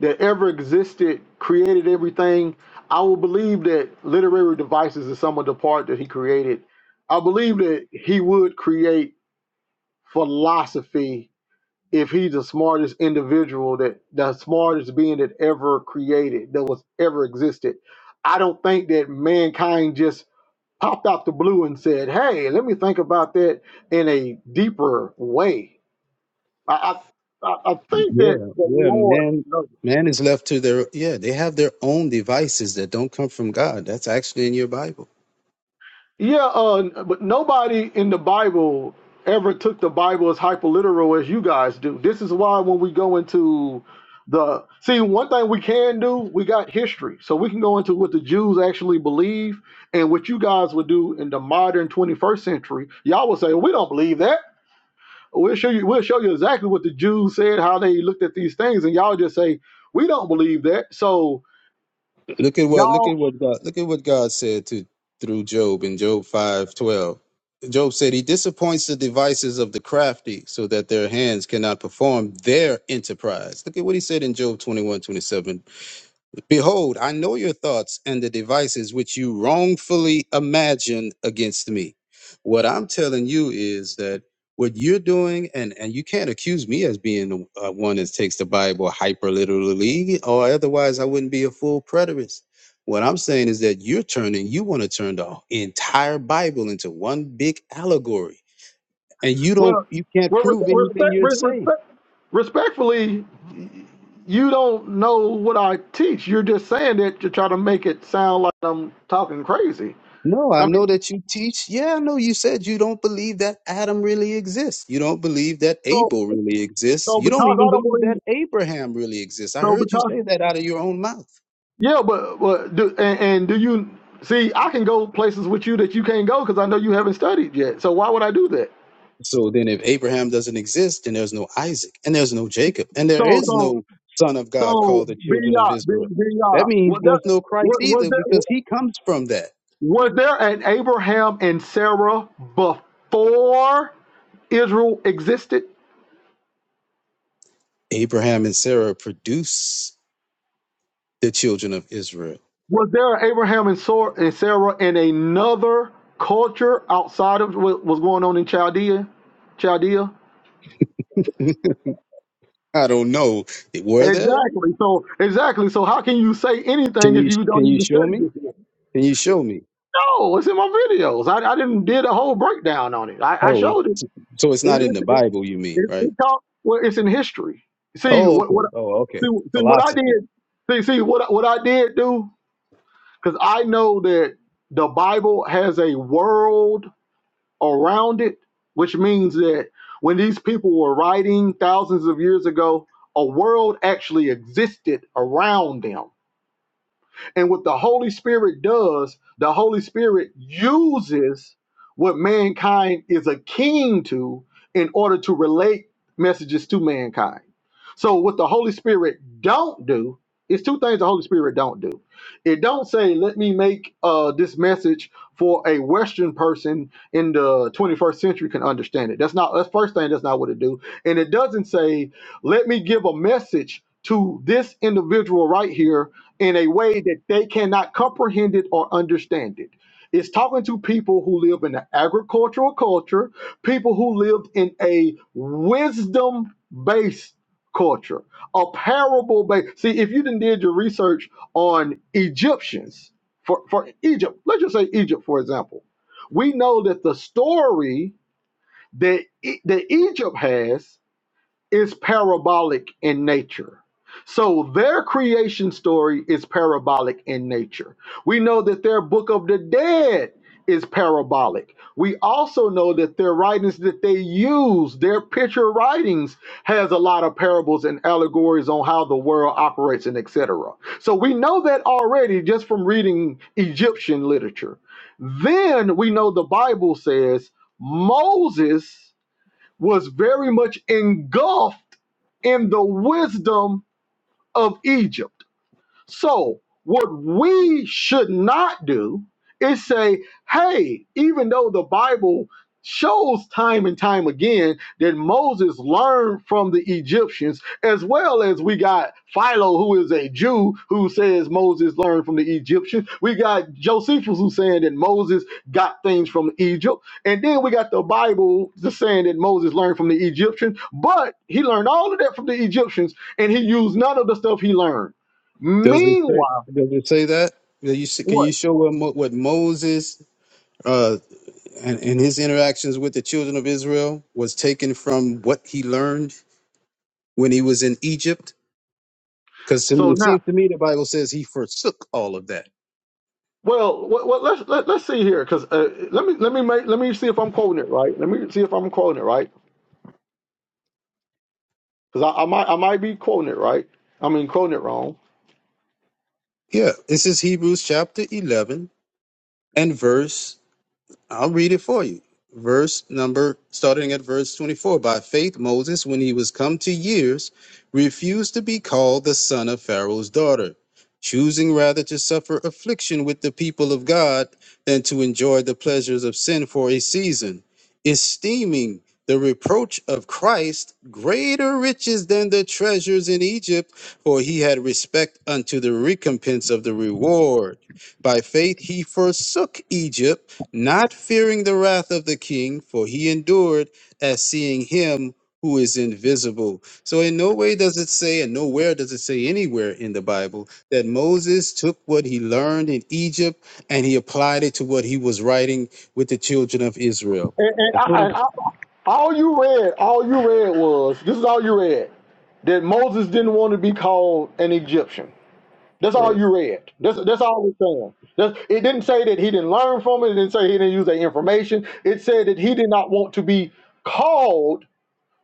[SPEAKER 1] that ever existed created everything, I will believe that literary devices is some of the part that he created. I believe that he would create philosophy if he's the smartest individual that the smartest being that ever created that was ever existed. I don't think that mankind just popped out the blue and said, "Hey, let me think about that in a deeper way." I I, I I think
[SPEAKER 2] Yeah,
[SPEAKER 1] that the
[SPEAKER 2] yeah,
[SPEAKER 1] Lord,
[SPEAKER 2] man.
[SPEAKER 1] knows.
[SPEAKER 2] Man is left to their yeah. They have their own devices that don't come from God. That's actually in your Bible.
[SPEAKER 1] yeah, uh, but nobody in the Bible ever took the Bible as hyperliteral as you guys do. This is why when we go into the see one thing we can do we got history so we can go into what the jews actually believe and what you guys would do in the modern 21st century y'all would say "Well, we don't believe that We'll show you. We'll show you exactly what the Jews said, how they looked at these things, and y'all just say we don't believe that. So
[SPEAKER 2] Look at what look
[SPEAKER 1] y'all,
[SPEAKER 2] at what God look at what God said to through Job in Job five twelve. Job said he disappoints the devices of the crafty so that their hands cannot perform their enterprise. Look at what he said in Job twenty one twenty seven. Behold, I know your thoughts and the devices which you wrongfully imagined against me. What I'm telling you is that what you're doing, and, and you can't accuse me as being the uh, one that takes the Bible hyper literally, or otherwise I wouldn't be a full preterist. What I'm saying is that you're turning, you want to turn the entire Bible into one big allegory, and you don't,
[SPEAKER 1] well,
[SPEAKER 2] you can't
[SPEAKER 1] well
[SPEAKER 2] prove
[SPEAKER 1] respect,
[SPEAKER 2] anything you're
[SPEAKER 1] respect,
[SPEAKER 2] saying.
[SPEAKER 1] respectfully, you don't know what I teach. You're just saying that to try to make it sound like I'm talking crazy.
[SPEAKER 2] No,
[SPEAKER 1] I
[SPEAKER 2] I know
[SPEAKER 1] mean,
[SPEAKER 2] that you teach. Yeah, I know you said you don't believe that Adam really exists. You don't believe that
[SPEAKER 1] so
[SPEAKER 2] Abel really exists.
[SPEAKER 1] so
[SPEAKER 2] You don't
[SPEAKER 1] because
[SPEAKER 2] even
[SPEAKER 1] I don't
[SPEAKER 2] believe
[SPEAKER 1] believe,
[SPEAKER 2] that Abraham really exists. I
[SPEAKER 1] so
[SPEAKER 2] heard you
[SPEAKER 1] because
[SPEAKER 2] say that out of your own mouth.
[SPEAKER 1] yeah, but but do, and, and do you see? I can go places with you that you can't go because I know you haven't studied yet. So why would I do that?
[SPEAKER 2] So then, if Abraham doesn't exist, then there's no Isaac and there's no Jacob and there
[SPEAKER 1] So
[SPEAKER 2] is
[SPEAKER 1] so
[SPEAKER 2] no son of God
[SPEAKER 1] So,
[SPEAKER 2] called the children of
[SPEAKER 1] Binya,
[SPEAKER 2] Israel. That
[SPEAKER 1] Binya,
[SPEAKER 2] means
[SPEAKER 1] was
[SPEAKER 2] there's no
[SPEAKER 1] there
[SPEAKER 2] Christ
[SPEAKER 1] was, was
[SPEAKER 2] either
[SPEAKER 1] there
[SPEAKER 2] because he comes from that.
[SPEAKER 1] was there an Abraham and Sarah before Israel existed?
[SPEAKER 2] Abraham and Sarah produce the children of Israel.
[SPEAKER 1] Was there an Abraham and Sor- and Sarah in another culture outside of what was going on in Chaldea? Chaldea.
[SPEAKER 2] I don't know. Were there?
[SPEAKER 1] Exactly. So exactly. So how can you say
[SPEAKER 2] Can
[SPEAKER 1] anything if
[SPEAKER 2] you
[SPEAKER 1] you don't
[SPEAKER 2] can you
[SPEAKER 1] even
[SPEAKER 2] show
[SPEAKER 1] study
[SPEAKER 2] me?
[SPEAKER 1] this? One?
[SPEAKER 2] Can you show me?
[SPEAKER 1] No, it's in my videos. I, I didn't did a whole breakdown on it. I, I
[SPEAKER 2] Oh,
[SPEAKER 1] showed
[SPEAKER 2] so it's not in the
[SPEAKER 1] it.
[SPEAKER 2] Bible, you mean,
[SPEAKER 1] It,
[SPEAKER 2] right?
[SPEAKER 1] it's all- well, it's in history. See
[SPEAKER 2] Oh,
[SPEAKER 1] what
[SPEAKER 2] okay.
[SPEAKER 1] what
[SPEAKER 2] Oh, okay.
[SPEAKER 1] see, see what I did.
[SPEAKER 2] Philosophy.
[SPEAKER 1] See see what what I did do because I know that the Bible has a world around it, which means that when these people were writing thousands of years ago, a world actually existed around them. And what the Holy Spirit does, the Holy Spirit uses what mankind is akin to in order to relate messages to mankind. So what the Holy Spirit don't do is two things the Holy Spirit don't do. It don't say, let me make uh, this message for a Western person in the 21st century can understand it. That's not that's first thing. That's not what it do. And it doesn't say, let me give a message to this individual right here in a way that they cannot comprehend it or understand it. It's talking to people who live in an agricultural culture, people who lived in a wisdom based culture, a parable based. See, if you didn't did your research on Egyptians, for, for Egypt, let's just say Egypt, for example, we know that the story that, E- that Egypt has is parabolic in nature. So their creation story is parabolic in nature. We know that their book of the dead is parabolic. We also know that their writings that they use, their picture writings has a lot of parables and allegories on how the world operates and et cetera. So we know that already just from reading Egyptian literature. Then we know the Bible says Moses was very much engulfed in the wisdom of Egypt. So, what we should not do is say, hey, even though the Bible shows time and time again that Moses learned from the Egyptians, as well as we got Philo, who is a Jew, who says Moses learned from the Egyptians. We got Josephus, who's saying that Moses got things from Egypt. And then we got the Bible just saying that Moses learned from the Egyptians, but he learned all of that from the Egyptians and he used none of the stuff he learned.
[SPEAKER 2] Does it say?
[SPEAKER 1] Meanwhile,
[SPEAKER 2] Does it say that? That you s- can
[SPEAKER 1] what?
[SPEAKER 2] you show what, Mo- what Moses uh, and, and his interactions with the children of Israel was taken from what he learned when he was in Egypt? Because
[SPEAKER 1] So
[SPEAKER 2] it
[SPEAKER 1] now,
[SPEAKER 2] seems to me the Bible says he forsook all of that.
[SPEAKER 1] well, what, what, let's let, let's see here, because uh, let me let me make let me see if I'm quoting it right. Let me see if I'm quoting it right, because I, I might I might be quoting it right. I mean, quoting it wrong.
[SPEAKER 2] Yeah, this is Hebrews chapter eleven and verse I'll read it for you. Verse number, starting at verse 24. By faith, Moses, when he was come to years, refused to be called the son of Pharaoh's daughter, choosing rather to suffer affliction with the people of God than to enjoy the pleasures of sin for a season, esteeming the reproach of Christ greater riches than the treasures in Egypt, for he had respect unto the recompense of the reward. By faith, he forsook Egypt not fearing the wrath of the king, for he endured as seeing him who is invisible. So, in no way does it say, and nowhere does it say anywhere in the Bible, that Moses took what he learned in Egypt and he applied it to what he was writing with the children of Israel.
[SPEAKER 1] And, and,
[SPEAKER 2] That's what
[SPEAKER 1] I,
[SPEAKER 2] I'm
[SPEAKER 1] and I, all you read, all you read was this is all you read that Moses didn't want to be called an Egyptian. That's
[SPEAKER 4] Right.
[SPEAKER 1] all you read. That's that's all it's saying. That's, it didn't say that he didn't learn from it. It didn't say he didn't use that information. It said that he did not want to be called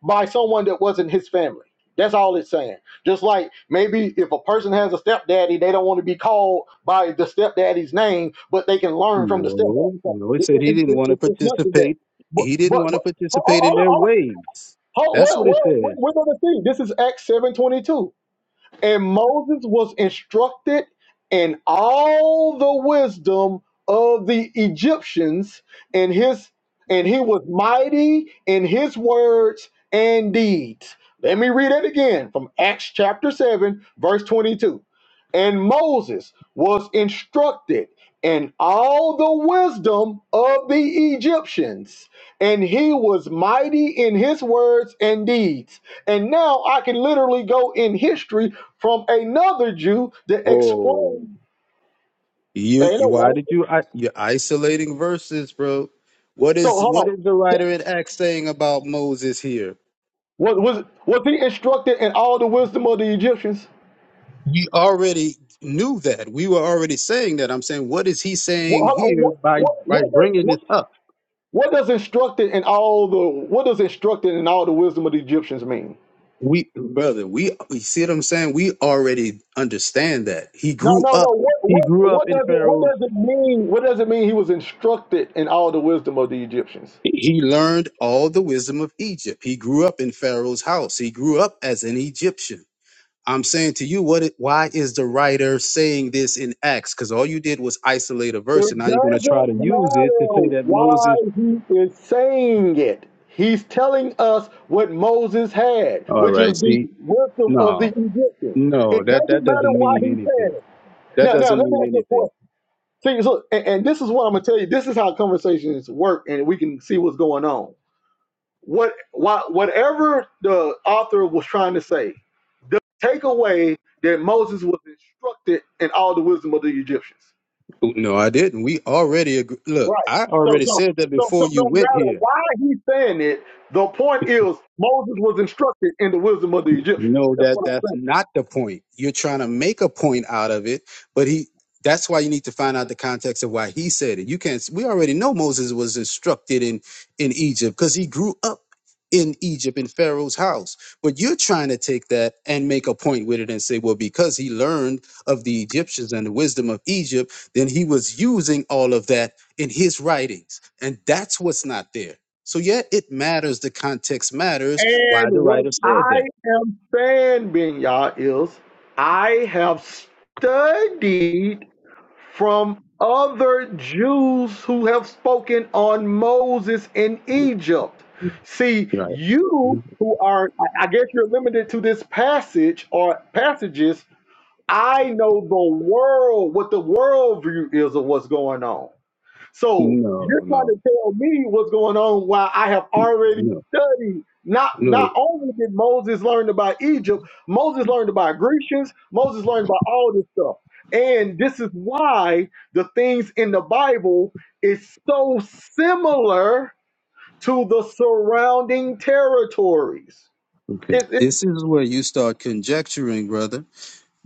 [SPEAKER 1] by someone that wasn't his family. That's all it's saying. Just like maybe if a person has a stepdaddy, they don't want to be called by the stepdaddy's name, but they can learn from the
[SPEAKER 2] No,
[SPEAKER 1] stepdad.
[SPEAKER 2] no, He
[SPEAKER 1] It- it-
[SPEAKER 2] said he
[SPEAKER 1] it-
[SPEAKER 2] didn't
[SPEAKER 1] it-
[SPEAKER 2] want to
[SPEAKER 1] it- it's nothing that.
[SPEAKER 2] participate.
[SPEAKER 1] But,
[SPEAKER 2] He didn't
[SPEAKER 1] but,
[SPEAKER 2] want to
[SPEAKER 1] but hold, hold,
[SPEAKER 2] participate in
[SPEAKER 1] hold,
[SPEAKER 2] their
[SPEAKER 1] hold,
[SPEAKER 2] ways.
[SPEAKER 1] hold,
[SPEAKER 2] That's
[SPEAKER 1] well,
[SPEAKER 2] what it
[SPEAKER 1] well,
[SPEAKER 2] says.
[SPEAKER 1] we're going to see. This is Acts 7.22. And Moses was instructed in all the wisdom of the Egyptians, and his and he was mighty in his words and deeds. Let me read it again from Acts chapter 7, verse 22. And Moses was instructed in all the wisdom of the Egyptians, and he was mighty in his words and deeds. And now I can literally go in history from another Jew that
[SPEAKER 2] Oh,
[SPEAKER 1] explained.
[SPEAKER 2] you,
[SPEAKER 1] Ain't
[SPEAKER 2] you
[SPEAKER 1] no
[SPEAKER 2] why
[SPEAKER 1] one.
[SPEAKER 2] did you? I, you're isolating verses, bro. What
[SPEAKER 1] So
[SPEAKER 2] is
[SPEAKER 1] hold
[SPEAKER 2] what
[SPEAKER 1] on.
[SPEAKER 2] is the writer in Acts saying about Moses here?
[SPEAKER 1] Was, was was he instructed in all the wisdom of the Egyptians?
[SPEAKER 2] We already knew that. We were already saying that. I'm saying, what is he
[SPEAKER 1] What,
[SPEAKER 2] saying
[SPEAKER 1] hold on,
[SPEAKER 2] here
[SPEAKER 1] what,
[SPEAKER 2] by
[SPEAKER 1] what,
[SPEAKER 2] by
[SPEAKER 1] what, does,
[SPEAKER 2] bringing
[SPEAKER 1] what,
[SPEAKER 2] this up?
[SPEAKER 1] what does instructed in all the what does instructed in all the wisdom of the Egyptians mean?
[SPEAKER 2] We, brother, we you see what I'm saying. We already understand that he
[SPEAKER 1] No,
[SPEAKER 2] grew
[SPEAKER 1] no, no.
[SPEAKER 2] up.
[SPEAKER 1] What,
[SPEAKER 2] He
[SPEAKER 1] what,
[SPEAKER 2] grew up
[SPEAKER 1] what
[SPEAKER 2] in
[SPEAKER 1] does it what
[SPEAKER 2] Pharaoh's.
[SPEAKER 1] does it mean? What does it mean he was instructed in all the wisdom of the Egyptians?
[SPEAKER 2] He learned all the wisdom of Egypt. He grew up in Pharaoh's house. He grew up as an Egyptian. I'm saying to you, what? It, why is the writer saying this in Acts? Because all you did was isolate a verse,
[SPEAKER 1] It
[SPEAKER 2] and now you're going to try to
[SPEAKER 1] doesn't
[SPEAKER 2] use it to say
[SPEAKER 1] matter
[SPEAKER 2] that
[SPEAKER 1] why
[SPEAKER 2] Moses.
[SPEAKER 1] he is saying it. He's telling us what Moses had,
[SPEAKER 2] All
[SPEAKER 1] which is
[SPEAKER 2] right,
[SPEAKER 1] the
[SPEAKER 2] see,
[SPEAKER 1] wisdom of
[SPEAKER 2] no.
[SPEAKER 1] the Egyptians.
[SPEAKER 2] No,
[SPEAKER 1] It
[SPEAKER 2] that
[SPEAKER 1] doesn't
[SPEAKER 2] that
[SPEAKER 1] matter
[SPEAKER 2] doesn't
[SPEAKER 1] why
[SPEAKER 2] mean
[SPEAKER 1] he said
[SPEAKER 2] anything.
[SPEAKER 1] it.
[SPEAKER 2] That
[SPEAKER 1] Now, now
[SPEAKER 2] doesn't
[SPEAKER 1] let me
[SPEAKER 2] mean
[SPEAKER 1] ask you a
[SPEAKER 2] anything.
[SPEAKER 1] question. See, look, and, and this is what I'm gonna tell you. This is how conversations work, and we can see what's going on. What, why, whatever the author was trying to say, the takeaway that Moses was instructed in all the wisdom of the Egyptians.
[SPEAKER 2] No, I didn't. We already agree. look.
[SPEAKER 1] Right.
[SPEAKER 2] I
[SPEAKER 1] So,
[SPEAKER 2] already
[SPEAKER 1] so,
[SPEAKER 2] said that
[SPEAKER 1] so,
[SPEAKER 2] before
[SPEAKER 1] so no
[SPEAKER 2] you went here.
[SPEAKER 1] matter why he's saying it, the point is Moses was instructed in the wisdom of the Egyptians.
[SPEAKER 2] No,
[SPEAKER 1] That's
[SPEAKER 2] that
[SPEAKER 1] what I'm
[SPEAKER 2] that's
[SPEAKER 1] saying.
[SPEAKER 2] not the point. You're trying to make a point out of it, but he that's why you need to find out the context of why he said it. You can't we already know Moses was instructed in in Egypt because he grew up in Egypt in Pharaoh's house. But you're trying to take that and make a point with it and say, well, because he learned of the Egyptians and the wisdom of Egypt, then he was using all of that in his writings. And that's what's not there. So yeah, it matters. The context matters
[SPEAKER 1] And
[SPEAKER 2] why the
[SPEAKER 1] what
[SPEAKER 2] writer said
[SPEAKER 1] I
[SPEAKER 2] that.
[SPEAKER 1] am saying, Ben is I have studied from other Jews who have spoken on Moses in Egypt. See, you
[SPEAKER 2] No,
[SPEAKER 1] who are, I I guess you're limited to this passage or passages I know the world, what the world view is of what's going on. So you're trying
[SPEAKER 2] no,
[SPEAKER 1] to tell me what's going on while I have already
[SPEAKER 2] no,
[SPEAKER 1] studied. Not
[SPEAKER 2] no.
[SPEAKER 1] not only did Moses learn about Egypt, Moses learned about Grecians, Moses learned about all this stuff. And this is why the things in the Bible is so similar to the surrounding territories.
[SPEAKER 2] Okay.
[SPEAKER 1] It,
[SPEAKER 2] This is where you start conjecturing, brother.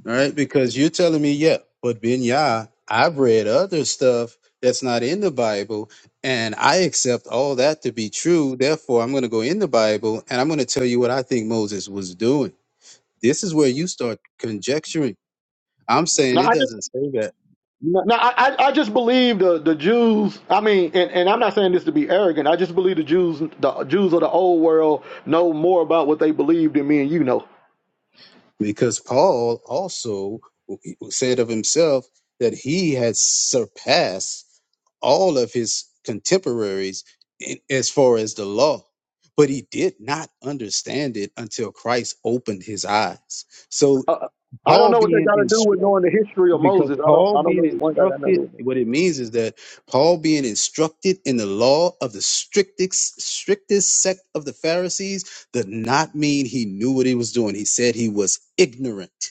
[SPEAKER 2] All right, because you're telling me, yeah, but Ben Yah, I've read other stuff that's not in the Bible, and I accept all that to be true. Therefore, I'm going to go in the Bible and I'm going to tell you what I think Moses was doing. This is where you start conjecturing. I'm saying it
[SPEAKER 1] it,
[SPEAKER 2] doesn't say that
[SPEAKER 1] No, no, I, I I just believe the, the Jews. I mean, and, and I'm not saying this to be arrogant. I just believe the Jews, the Jews of the old world, know more about what they believe than me and you know.
[SPEAKER 2] because Paul also said of himself that he had surpassed all of his contemporaries in, as far as the law, but he did not understand it until Christ opened his eyes. So
[SPEAKER 1] Uh, I don't
[SPEAKER 2] Paul
[SPEAKER 1] know what they
[SPEAKER 2] being
[SPEAKER 1] got to do
[SPEAKER 2] instru-
[SPEAKER 1] with knowing the history of
[SPEAKER 2] because
[SPEAKER 1] Moses. I don't.
[SPEAKER 2] Paul
[SPEAKER 1] I don't
[SPEAKER 2] being
[SPEAKER 1] know. One got nothing to do
[SPEAKER 2] instructed,
[SPEAKER 1] with it.
[SPEAKER 2] what it means is that Paul being instructed in the law of the strictest strictest sect of the Pharisees did not mean he knew what he was doing. He said he was ignorant.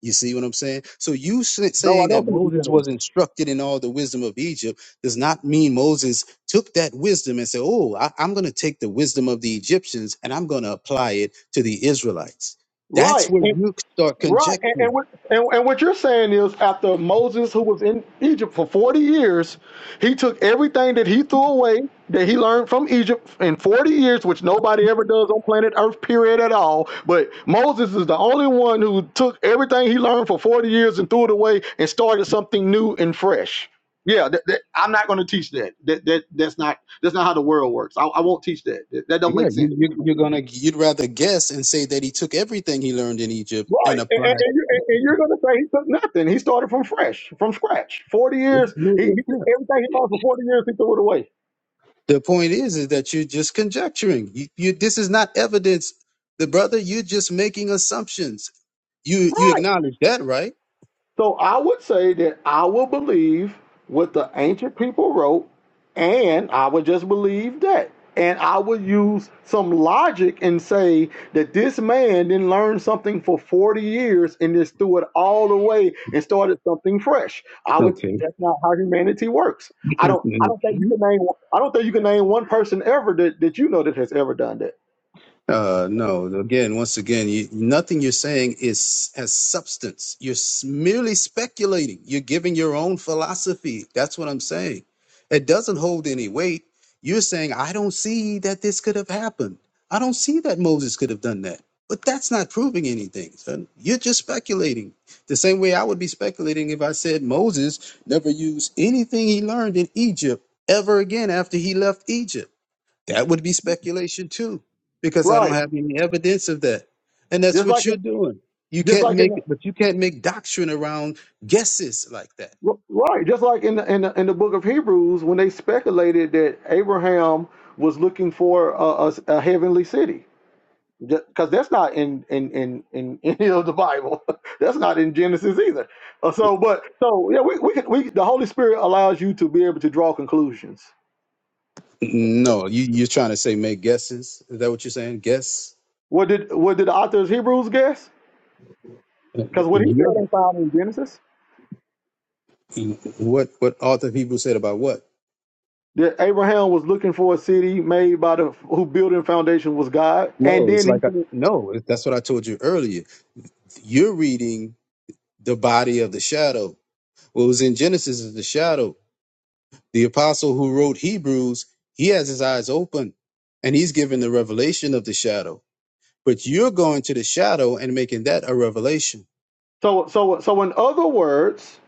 [SPEAKER 2] You see what I'm saying? So you s-
[SPEAKER 1] No, I
[SPEAKER 2] saying
[SPEAKER 1] don't
[SPEAKER 2] that
[SPEAKER 1] think you
[SPEAKER 2] Moses
[SPEAKER 1] can.
[SPEAKER 2] was instructed in all the wisdom of Egypt does not mean Moses took that wisdom and said, "Oh, I, I'm going to take the wisdom of the Egyptians and I'm going to apply it to the Israelites." That's
[SPEAKER 1] Right.
[SPEAKER 2] where
[SPEAKER 1] And,
[SPEAKER 2] you start
[SPEAKER 1] Right, and, and,
[SPEAKER 2] conjecturing.
[SPEAKER 1] what, and, and what you're saying is after Moses, who was in Egypt for 40 years, he took everything that he threw away that he learned from Egypt in 40 years, which nobody ever does on planet Earth, period, at all. But Moses is the only one who took everything he learned for 40 years and threw it away and started something new and fresh. Yeah, that, that, I'm not going to teach that. That, that. That's not that's not how the world works. I, I won't teach that. That, that don't
[SPEAKER 2] Yeah,
[SPEAKER 1] make
[SPEAKER 2] you,
[SPEAKER 1] sense.
[SPEAKER 2] you, you're gonna you'd rather guess and say that he took everything he learned in Egypt
[SPEAKER 1] Right,
[SPEAKER 2] and
[SPEAKER 1] and, and,
[SPEAKER 2] applied.
[SPEAKER 1] and, you, and, and you're going to say he took nothing. He started from fresh, from scratch. Forty years, he, he everything
[SPEAKER 2] Yeah.
[SPEAKER 1] he lost for forty years, he threw it away.
[SPEAKER 2] The point is, is that you're just conjecturing. You, you this is not evidence the brother you're just making assumptions You you
[SPEAKER 1] Right.
[SPEAKER 2] acknowledge that, right?
[SPEAKER 1] So I would say that I will believe what the ancient people wrote, and I would just believe that. And I would use some logic and say that this man didn't learn something for 40 years and just threw it all away and started something fresh. I would
[SPEAKER 2] Okay.
[SPEAKER 1] that's not how humanity works. I don't I don't think you can name I don't think you can name one person ever that, that you know that has ever done that.
[SPEAKER 2] Uh, no. Again, once again, you, nothing you're saying is has substance. You're s- merely speculating. You're giving your own philosophy. That's what I'm saying. It doesn't hold any weight. You're saying I don't see that this could have happened. I don't see that Moses could have done that. But that's not proving anything. Son. You're just speculating. The same way I would be speculating if I said Moses never used anything he learned in Egypt ever again after he left Egypt. That would be speculation too, because I don't
[SPEAKER 1] Right.
[SPEAKER 2] have any evidence of that. And that's
[SPEAKER 1] Just
[SPEAKER 2] what
[SPEAKER 1] like
[SPEAKER 2] you're
[SPEAKER 1] in,
[SPEAKER 2] doing. You
[SPEAKER 1] just
[SPEAKER 2] can't
[SPEAKER 1] like
[SPEAKER 2] make
[SPEAKER 1] in
[SPEAKER 2] it, but you can't make doctrine around guesses like that.
[SPEAKER 1] right, just like in the, in the in the book of Hebrews when they speculated that Abraham was looking for a, a, a heavenly city. because that's not in in in in any of the Bible. that's not in Genesis either. Uh, So, but so yeah, we we can we the Holy Spirit allows you to be able to draw conclusions.
[SPEAKER 2] No, you, you're trying to say make guesses. Is that what you're saying? Guess
[SPEAKER 1] What did what did the author of Hebrews guess? Because what he said
[SPEAKER 2] you're
[SPEAKER 1] ain't found in Genesis.
[SPEAKER 2] what what author people said about what?
[SPEAKER 1] That Abraham was looking for a city made by the who building foundation was God, and
[SPEAKER 2] No, it's
[SPEAKER 1] then he
[SPEAKER 2] like I,
[SPEAKER 1] said-
[SPEAKER 2] no. it- That's what I told you earlier. You're reading the body of the shadow. What was in Genesis is the shadow The apostle who wrote Hebrews, he has his eyes open and he's given the revelation of the shadow. But you're going to the shadow and making that a revelation.
[SPEAKER 1] so so so in other words,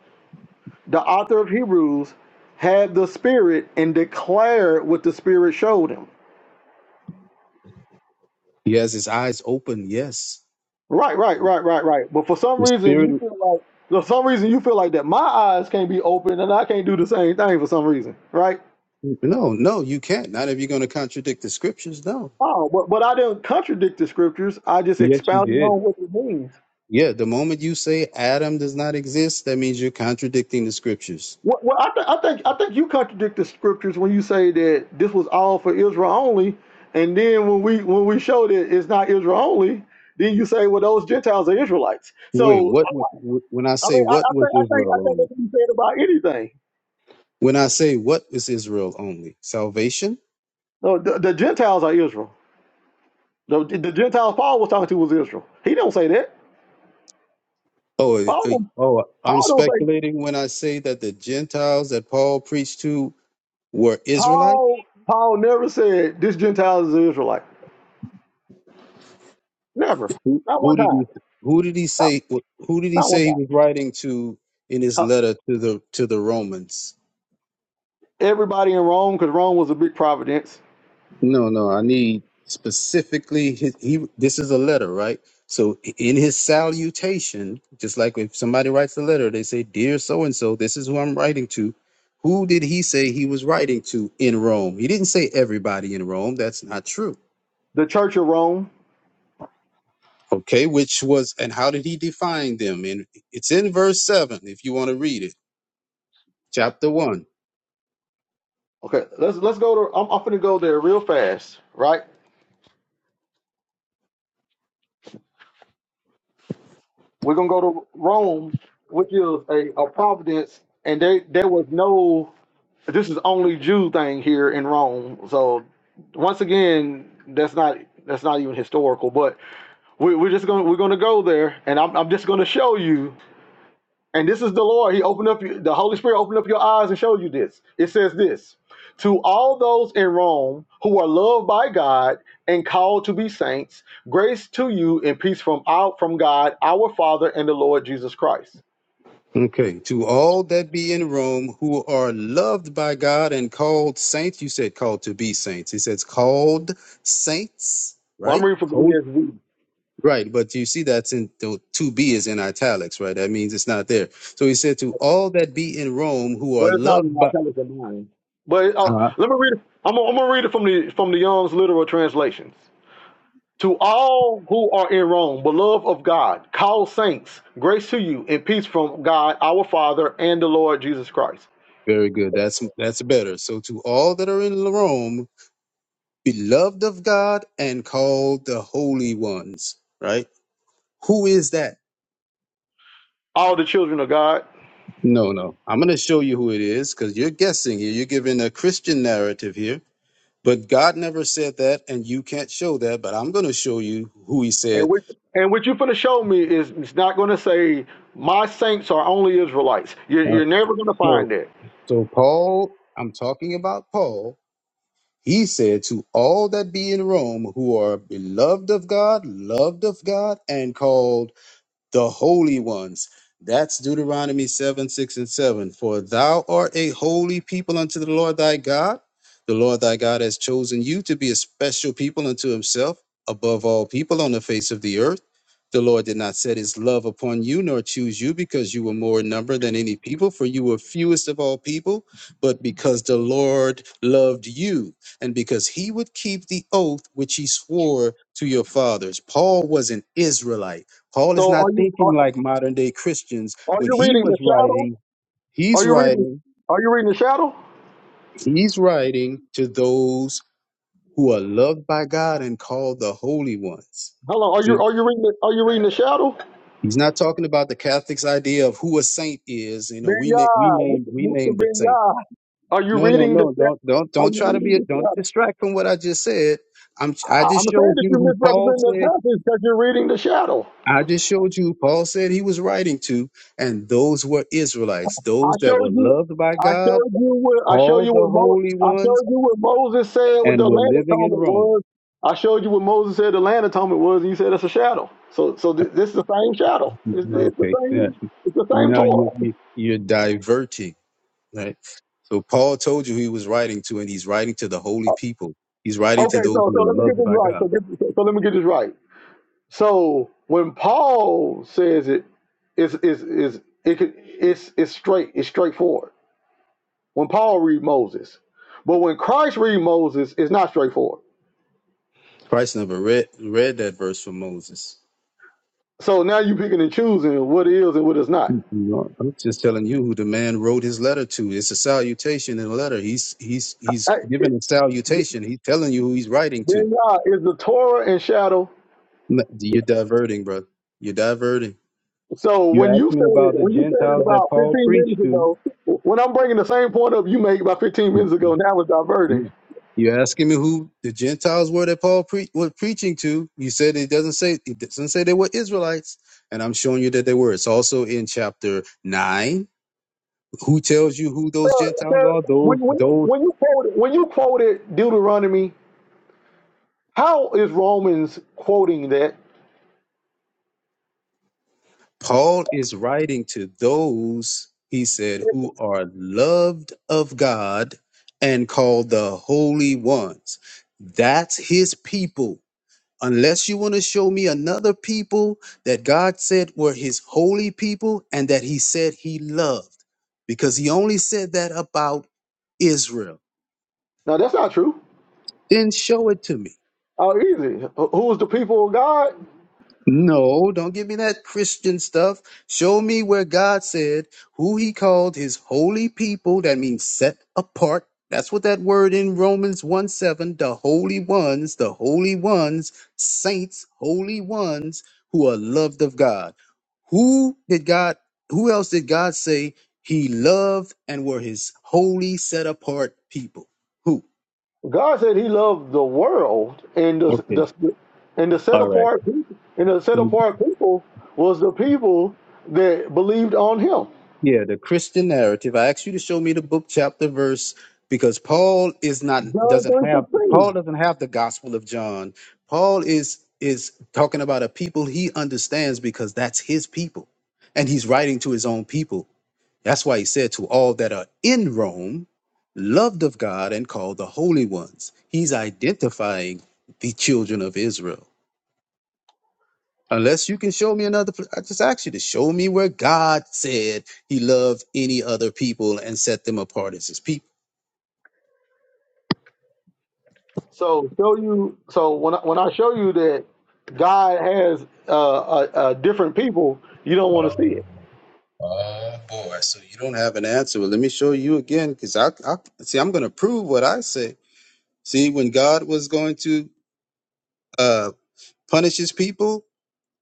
[SPEAKER 1] the author of Hebrews had the Spirit and declared what the Spirit showed him.
[SPEAKER 2] He has his eyes open, yes.
[SPEAKER 1] Right, right, right, right, right. But for some
[SPEAKER 2] The
[SPEAKER 1] reason,
[SPEAKER 2] spirit
[SPEAKER 1] you feel like for some reason you feel like that my eyes can't be open and I can't do the same thing for some reason, right?
[SPEAKER 2] no, no, you can't. Not if you're going to contradict the scriptures, no.
[SPEAKER 1] Oh, but but I didn't contradict the scriptures. I just
[SPEAKER 2] Yes, you
[SPEAKER 1] expounded
[SPEAKER 2] did.
[SPEAKER 1] on what it means.
[SPEAKER 2] Yeah, the moment you say Adam does not exist, that means you're contradicting the scriptures.
[SPEAKER 1] What, what I, th- I think I think you contradict the scriptures when you say that this was all for Israel only, and then when we when we show that it's not Israel only, then you say, well, those Gentiles are Israelites.
[SPEAKER 2] Wait,
[SPEAKER 1] So
[SPEAKER 2] what was- when I
[SPEAKER 1] I
[SPEAKER 2] say
[SPEAKER 1] mean, I,
[SPEAKER 2] what
[SPEAKER 1] I
[SPEAKER 2] was
[SPEAKER 1] think I think I
[SPEAKER 2] Israel
[SPEAKER 1] think that
[SPEAKER 2] only?
[SPEAKER 1] can be said about anything.
[SPEAKER 2] When I say what is Israel only? Salvation?
[SPEAKER 1] No, the, the Gentiles are Israel. The, the Gentiles Paul was talking to was Israel. He don't say that.
[SPEAKER 2] Oh, eh,
[SPEAKER 1] Paul
[SPEAKER 2] eh,
[SPEAKER 1] don't,
[SPEAKER 2] oh, I'm
[SPEAKER 1] Paul don't say
[SPEAKER 2] speculating when I say that the Gentiles that Paul preached to were Israelites.
[SPEAKER 1] Paul Paul never said this Gentile is an Israelite. Never.
[SPEAKER 2] Who,
[SPEAKER 1] Not one
[SPEAKER 2] who did
[SPEAKER 1] time.
[SPEAKER 2] he? Who did he
[SPEAKER 1] Not,
[SPEAKER 2] say? Who did he
[SPEAKER 1] not one
[SPEAKER 2] say he
[SPEAKER 1] time.
[SPEAKER 2] was writing to in his
[SPEAKER 1] Huh.
[SPEAKER 2] letter to the to the Romans?
[SPEAKER 1] Everybody in Rome, because Rome was a big providence.
[SPEAKER 2] No, no. I need specifically. His, he. This is a letter, right? So in his salutation, just like if somebody writes a letter, they say, "Dear so and so, this is who I'm writing to." Who did he say he was writing to in Rome? He didn't say everybody in Rome. That's not true
[SPEAKER 1] The Church of Rome.
[SPEAKER 2] Okay, which was, and how did he define them? And it's in verse 7, if you want to read it, chapter 1.
[SPEAKER 1] Okay, let's let's go to. I'm, I'm gonna go there real fast. Right, we're gonna go to Rome, which is a, a providence, and they there was no This is only Jew thing here in Rome. So once again, that's not that's not even historical. But we, we're just gonna we're gonna go there, and I'm I'm just gonna show you. And this is the Lord. He opened up the Holy Spirit opened up your eyes and showed you this. It says this to all those in Rome who are loved by God and called to be saints. Grace to you and peace from out from God, our Father, and the Lord Jesus Christ.
[SPEAKER 2] Okay, to all that be in Rome who are loved by God and called saints, you said called to be saints. He says called saints,
[SPEAKER 1] Well,
[SPEAKER 2] right?
[SPEAKER 1] I'm reading from the
[SPEAKER 2] Holy.
[SPEAKER 1] ESV.
[SPEAKER 2] Right, but you see that's in the to be is in italics, right? That means it's not there. So he said to all that be in Rome who are loved by,
[SPEAKER 1] But uh,
[SPEAKER 2] huh?
[SPEAKER 1] let me read. It. I'm gonna, I'm gonna read it from the from the Young's literal translations. To all who are in Rome, beloved of God, call saints, grace to you and peace from God our Father and the Lord Jesus Christ.
[SPEAKER 2] very good. That's that's better. So to all that are in Rome beloved of God and called the holy ones, right? Who is that?
[SPEAKER 1] All the children of God.
[SPEAKER 2] No, no. I'm going to show you who it is because you're guessing here. You're giving a Christian narrative here, but God never said that, and you can't show that. But I'm going to show you who he
[SPEAKER 1] And
[SPEAKER 2] said.
[SPEAKER 1] what and what you are gonna show me is it's not gonna say my saints are only Israelites. You're,
[SPEAKER 2] Uh,
[SPEAKER 1] you're never gonna
[SPEAKER 2] so,
[SPEAKER 1] find that.
[SPEAKER 2] so Paul, I'm talking about Paul. He said to all that be in Rome who are beloved of God, loved of God, and called the holy ones. That's Deuteronomy 7, 6, and 7. For thou art a holy people unto the Lord thy God. The Lord thy God has chosen you to be a special people unto himself above all people on the face of the earth. The Lord did not set his love upon you nor choose you because you were more in number than any people, for you were fewest of all people, but because the Lord loved you and because he would keep the oath which he swore to your fathers. Paul was an Israelite Paul is
[SPEAKER 1] So
[SPEAKER 2] not
[SPEAKER 1] are you
[SPEAKER 2] thinking
[SPEAKER 1] are,
[SPEAKER 2] like modern day Christians.
[SPEAKER 1] are
[SPEAKER 2] When
[SPEAKER 1] you
[SPEAKER 2] he
[SPEAKER 1] reading the
[SPEAKER 2] was
[SPEAKER 1] shadow?
[SPEAKER 2] writing, he's
[SPEAKER 1] Are you reading
[SPEAKER 2] writing,
[SPEAKER 1] are you reading the shadow?
[SPEAKER 2] he's writing to those who are loved by God and called the holy ones.
[SPEAKER 1] Hello, are you
[SPEAKER 2] See,
[SPEAKER 1] are you reading the, are you reading the shadow?
[SPEAKER 2] he's not talking about the Catholics' idea of who a saint is. You know, we na-
[SPEAKER 1] Benya,
[SPEAKER 2] we name we
[SPEAKER 1] Mr.
[SPEAKER 2] name the saint.
[SPEAKER 1] Benya, are you
[SPEAKER 2] No, no,
[SPEAKER 1] reading the
[SPEAKER 2] no. Don't don't
[SPEAKER 1] shadow? Are
[SPEAKER 2] don't
[SPEAKER 1] you
[SPEAKER 2] try to
[SPEAKER 1] reading
[SPEAKER 2] be a,
[SPEAKER 1] the
[SPEAKER 2] don't
[SPEAKER 1] shadow?
[SPEAKER 2] distract from what I just said. I'm I
[SPEAKER 1] I- I'm
[SPEAKER 2] just
[SPEAKER 1] saying
[SPEAKER 2] showed
[SPEAKER 1] that
[SPEAKER 2] you
[SPEAKER 1] you
[SPEAKER 2] who Paul
[SPEAKER 1] misrepresent that
[SPEAKER 2] said.
[SPEAKER 1] passage because you're reading the shadow.
[SPEAKER 2] I just showed you Paul said he was writing to, and those were Israelites,
[SPEAKER 1] I
[SPEAKER 2] those that were
[SPEAKER 1] showed you,
[SPEAKER 2] loved by
[SPEAKER 1] I
[SPEAKER 2] God
[SPEAKER 1] showed you what I showed
[SPEAKER 2] called
[SPEAKER 1] you
[SPEAKER 2] the
[SPEAKER 1] what Mo,
[SPEAKER 2] holy
[SPEAKER 1] I
[SPEAKER 2] ones
[SPEAKER 1] showed you what Moses said what the
[SPEAKER 2] and were
[SPEAKER 1] land
[SPEAKER 2] living in
[SPEAKER 1] atonement
[SPEAKER 2] Rome.
[SPEAKER 1] was. I showed you what Moses said the land atonement was, and you said it's a shadow. So, so th- this is the same shadow. It's, it's the
[SPEAKER 2] Okay, yeah.
[SPEAKER 1] same. It's the same
[SPEAKER 2] Now you,
[SPEAKER 1] Torah.
[SPEAKER 2] you you're diverting, right? So Paul told you he was writing to, and he's writing to the holy people. He's writing to
[SPEAKER 1] Okay,
[SPEAKER 2] those
[SPEAKER 1] so
[SPEAKER 2] who
[SPEAKER 1] so
[SPEAKER 2] were
[SPEAKER 1] let me get
[SPEAKER 2] loved
[SPEAKER 1] this
[SPEAKER 2] by
[SPEAKER 1] right.
[SPEAKER 2] God.
[SPEAKER 1] So get, so let me get this right. So when Paul says it, it's is is it could it's it's straight, it's straightforward. When Paul read Moses. But when Christ read Moses, it's not straightforward.
[SPEAKER 2] Christ never read read that verse from Moses.
[SPEAKER 1] So now you picking and choosing what is and what is not.
[SPEAKER 2] You know, I'm just telling you who the man wrote his letter to. It's a salutation in a letter. He's he's he's
[SPEAKER 1] Hey,
[SPEAKER 2] giving a salutation. He's telling you who he's writing to.
[SPEAKER 1] Then God is the Torah and shadow.
[SPEAKER 2] N- You're diverting, brother. You're diverting.
[SPEAKER 1] So
[SPEAKER 2] You
[SPEAKER 1] when
[SPEAKER 2] asked
[SPEAKER 1] you
[SPEAKER 2] me
[SPEAKER 1] said it,
[SPEAKER 2] about the
[SPEAKER 1] when you said it
[SPEAKER 2] Gentiles that
[SPEAKER 1] about
[SPEAKER 2] Paul
[SPEAKER 1] 15
[SPEAKER 2] preached
[SPEAKER 1] minutes
[SPEAKER 2] to.
[SPEAKER 1] ago, when I'm bringing the same point up you made about 15 minutes ago, now it's diverting.
[SPEAKER 2] Yeah. You asking me who the Gentiles were that Paul pre- was preaching to? You said it doesn't say it doesn't say they were Israelites, and I'm showing you that they were. It's also in chapter nine. Who tells you who
[SPEAKER 1] So,
[SPEAKER 2] those
[SPEAKER 1] so
[SPEAKER 2] Gentiles are? Those
[SPEAKER 1] when, when you
[SPEAKER 2] those
[SPEAKER 1] when you quoted when you quoted Deuteronomy How is Romans quoting that?
[SPEAKER 2] Paul is writing to those he said who are loved of God and called the holy ones. That's his people. unless you want to show me another people that God said were his holy people and that he said he loved, because he only said that about Israel,
[SPEAKER 1] Now, that's not true.
[SPEAKER 2] then show it to me.
[SPEAKER 1] How easy. Who is the people of God?
[SPEAKER 2] No, don't give me that Christian stuff. Show me where God said who he called his holy people. That means set apart. That's what that word in Romans 1 7, the holy ones, the holy ones, saints, holy ones who are loved of God. Who did God, who else did God say he loved and were his holy set apart people? Who?
[SPEAKER 1] God said He loved the world, and the,
[SPEAKER 2] Okay.
[SPEAKER 1] the and the set
[SPEAKER 2] All right.
[SPEAKER 1] apart and the set apart people was the people that believed on Him.
[SPEAKER 2] Yeah, the Christian narrative. I asked you to show me the book, chapter, verse, because Paul is not
[SPEAKER 1] John
[SPEAKER 2] doesn't
[SPEAKER 1] three
[SPEAKER 2] have Paul
[SPEAKER 1] sixteen.
[SPEAKER 2] doesn't have the Gospel of John. Paul is is talking about a people he understands because that's his people, and he's writing to his own people. That's why he said to all that are in Rome, loved of God and called the holy ones. He's identifying the children of Israel. Unless you can show me another, pl- I just ask you to show me where God said He loved any other people and set them apart as His people.
[SPEAKER 1] So show you. So when I, when I show you that God has uh, a, a different people, you don't want to
[SPEAKER 2] Oh,
[SPEAKER 1] see it.
[SPEAKER 2] oh boy. So you don't have an answer. Well, let me show you again, because I, I see I'm going to prove what I say. See, when God was going to uh, punish His people,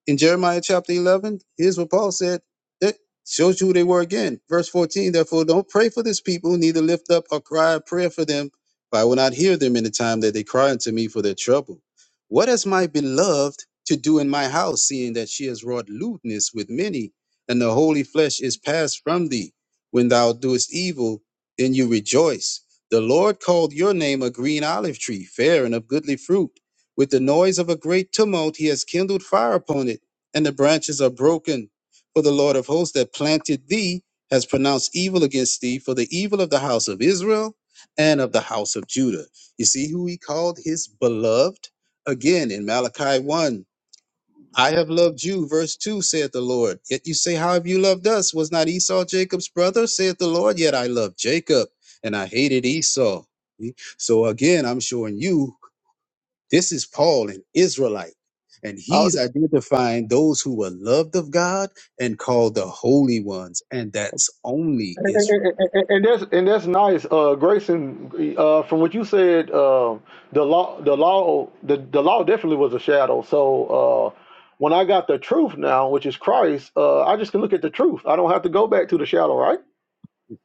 [SPEAKER 2] in Jeremiah chapter 11, here's what Paul said that shows you who they were again. Verse 14, therefore, don't pray for this people, neither lift up a cry of prayer for them, for I will not hear them in the time that they cry unto me for their trouble. What has my beloved to do in my house, seeing that she has wrought lewdness with many, and the holy flesh is passed from thee? When thou doest evil, then you rejoice. The Lord called your name a green olive tree, fair and of goodly fruit with the noise of a great tumult, he has kindled fire upon it, and the branches are broken. For the Lord of hosts that planted thee has pronounced evil against thee for the evil of the house of Israel and of the house of Judah. You see who he called his beloved? Again, in Malachi 1, I have loved you, verse 2, saith the Lord. Yet you say, How have you loved us? Was not Esau Jacob's brother, saith the Lord? Yet I loved Jacob, and I hated Esau. So again, I'm showing you this is Paul, an Israelite, and
[SPEAKER 1] I'll,
[SPEAKER 2] he's identifying those who were loved of God and called the holy ones, and that's only
[SPEAKER 1] And, and,
[SPEAKER 2] Israel.
[SPEAKER 1] and, and that's and that's nice, uh, Grayson. Uh, from what you said, uh, the law, the law, the, the law definitely was a shadow. So uh, when I got the truth now, which is Christ, uh, I just can look at the truth. I don't have to go back to the shadow, right?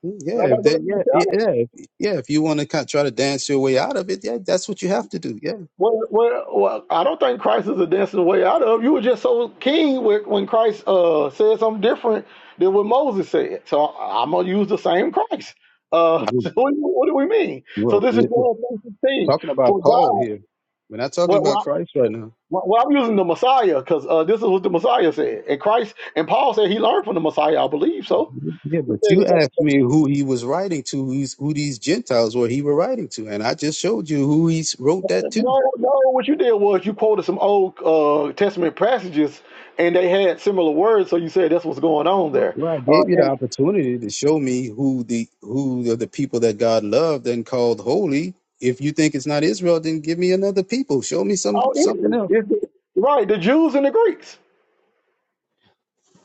[SPEAKER 2] Yeah,
[SPEAKER 1] I got
[SPEAKER 2] if
[SPEAKER 1] to go
[SPEAKER 2] that,
[SPEAKER 1] back to the
[SPEAKER 2] yeah,
[SPEAKER 1] shadow.
[SPEAKER 2] yeah, if- yeah. If you want to try to dance your way out of it, yeah, that's what you have to do. Yeah,
[SPEAKER 1] Well, well, well, I don't think Christ is a dancing way out of. You were just so keen with, when Christ uh, said something different than what Moses said. So I'm gonna use the same Christ. Uh,
[SPEAKER 2] I don't,
[SPEAKER 1] so what, do you- what do we mean? So
[SPEAKER 2] well,
[SPEAKER 1] this is
[SPEAKER 2] we're, we're
[SPEAKER 1] John 16.
[SPEAKER 2] talking about
[SPEAKER 1] For
[SPEAKER 2] Paul
[SPEAKER 1] God,
[SPEAKER 2] here. We're not talking
[SPEAKER 1] well, well,
[SPEAKER 2] about
[SPEAKER 1] I-
[SPEAKER 2] Christ right now.
[SPEAKER 1] well, I'm using the Messiah because uh, this is what the Messiah said, and Christ and Paul said he learned from the Messiah. I believe so.
[SPEAKER 2] Yeah, but you asked me who he was writing to, who's, who these Gentiles were he were writing to, and I just showed you who he wrote that to.
[SPEAKER 1] No, no. What you did was you quoted some old uh, Testament passages, and they had similar words. So you said that's what's going on
[SPEAKER 2] Well,
[SPEAKER 1] there.
[SPEAKER 2] well, I
[SPEAKER 1] Uh,
[SPEAKER 2] gave you the
[SPEAKER 1] and,
[SPEAKER 2] opportunity to show me who the who are the people that God loved and called holy. If you think it's not Israel, then give me another people. Show me some
[SPEAKER 1] oh, it is.
[SPEAKER 2] something else.
[SPEAKER 1] It's- right. The Jews and the Greeks.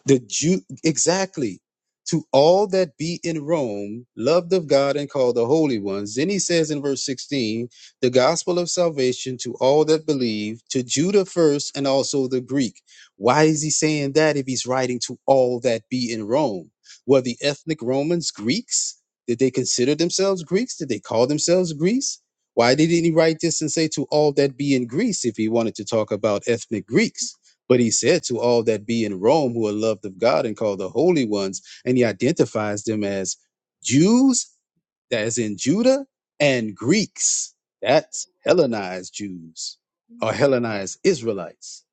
[SPEAKER 2] The Jew, exactly. To all that be in Rome, loved of God and called the holy ones. Then he says in verse 16, the gospel of salvation to all that believe, to Judah first and also the Greek. Why is he saying that if he's writing to all that be in Rome? Were the ethnic Romans Greeks? Did they consider themselves Greeks? Did they call themselves Greece? Why didn't he write this and say to all that be in Greece if he wanted to talk about ethnic Greeks? But he said to all that be in Rome who are loved of God and called the holy ones, and he identifies them as Jews, that is in Judah, and Greeks, that's Hellenized Jews or Hellenized Israelites.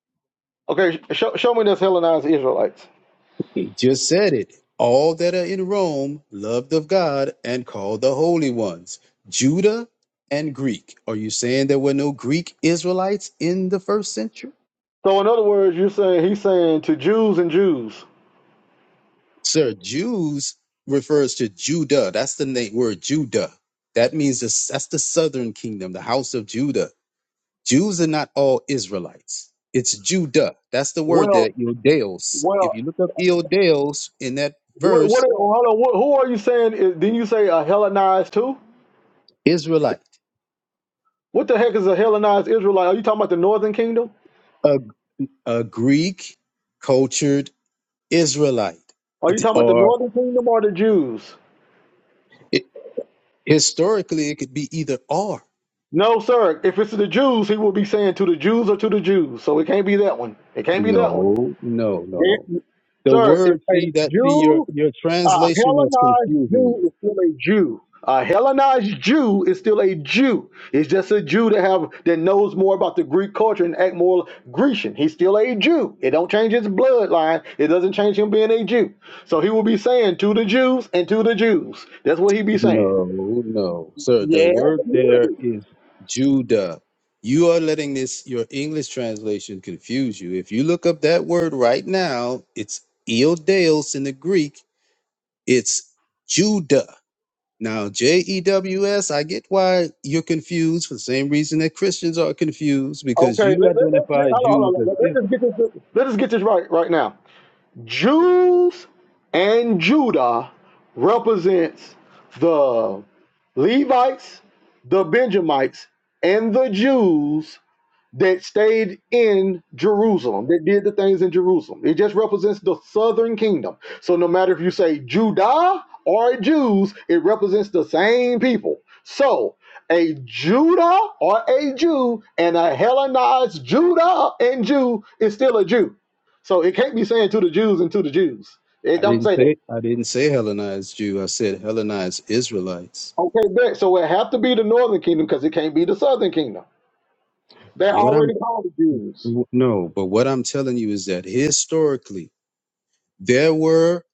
[SPEAKER 1] Okay, sh- show show me this Hellenized Israelites.
[SPEAKER 2] He just said it. All that are in Rome, loved of God and called the holy ones, Judah and Greek. Are you saying there were no Greek Israelites in the first century?
[SPEAKER 1] So in other words, you're saying he's saying to Jews and Jews.
[SPEAKER 2] Sir, Jews refers to Judah. That's the na- word Judah. That means this, that's the southern kingdom, the house of Judah. Jews are not all Israelites. It's Judah. That's the word there,
[SPEAKER 1] Well,
[SPEAKER 2] Iodales. If
[SPEAKER 1] well,
[SPEAKER 2] you look up Iodales in that
[SPEAKER 1] what? what
[SPEAKER 2] verse,
[SPEAKER 1] hold on. What, who are you saying? Is, didn't you say a Hellenized too?
[SPEAKER 2] Israelite,
[SPEAKER 1] What the heck is a Hellenized Israelite? Are you talking about the Northern Kingdom?
[SPEAKER 2] a, a Greek cultured Israelite,
[SPEAKER 1] Are you talking about the
[SPEAKER 2] or
[SPEAKER 1] Northern Kingdom or the Jews?
[SPEAKER 2] it, historically it could be either or.
[SPEAKER 1] No, sir. If it's to the Jews, he will be saying to the Jews or to the Jews. So it can't be that one. It can't be that one.
[SPEAKER 2] No, no, no, no.
[SPEAKER 1] It-
[SPEAKER 2] The
[SPEAKER 1] sir, if
[SPEAKER 2] word,
[SPEAKER 1] a
[SPEAKER 2] see that, see your
[SPEAKER 1] Jew,
[SPEAKER 2] your
[SPEAKER 1] a
[SPEAKER 2] translation is
[SPEAKER 1] Hellenized
[SPEAKER 2] confusing
[SPEAKER 1] Jew
[SPEAKER 2] you.
[SPEAKER 1] is still a Jew. A Hellenized Jew is still a Jew. It's just a Jew that have that knows more about the Greek culture and act more Grecian. He's still a Jew. It don't change his bloodline. It doesn't change him being a Jew. So he will be saying to the Jews and to the Jews. That's what he be saying.
[SPEAKER 2] No, no, sir. The
[SPEAKER 1] Yeah.
[SPEAKER 2] word there is Judah. You are letting this your English translation confuse you. If you look up that word right now, it's Eodeos in the Greek. It's Judah. Now, J E W S. I get why you're confused for the same reason that Christians are confused because
[SPEAKER 1] Okay,
[SPEAKER 2] you
[SPEAKER 1] let, let, let, let,
[SPEAKER 2] identify
[SPEAKER 1] hold on,
[SPEAKER 2] Jews
[SPEAKER 1] hold on.
[SPEAKER 2] as
[SPEAKER 1] Let,
[SPEAKER 2] Israel.
[SPEAKER 1] let's just get this. Let us get this right right now. Jews and Judah represents the Levites, the Benjamites, and the Jews that stayed in Jerusalem, that did the things in Jerusalem. It just represents the southern kingdom. So no matter if you say Judah or Jews, it represents the same people. So a Judah or a Jew and a Hellenized Judah and Jew is still a Jew. So it can't be saying to the Jews and to the Jews. It
[SPEAKER 2] I
[SPEAKER 1] don't
[SPEAKER 2] didn't
[SPEAKER 1] say that.
[SPEAKER 2] say I didn't say Hellenized Jew. I said Hellenized Israelites.
[SPEAKER 1] Okay, bet. So it have to be the northern kingdom because it can't be the southern kingdom. They're
[SPEAKER 2] What I'm
[SPEAKER 1] already called the Jews.
[SPEAKER 2] no, but what I'm telling you is that historically there were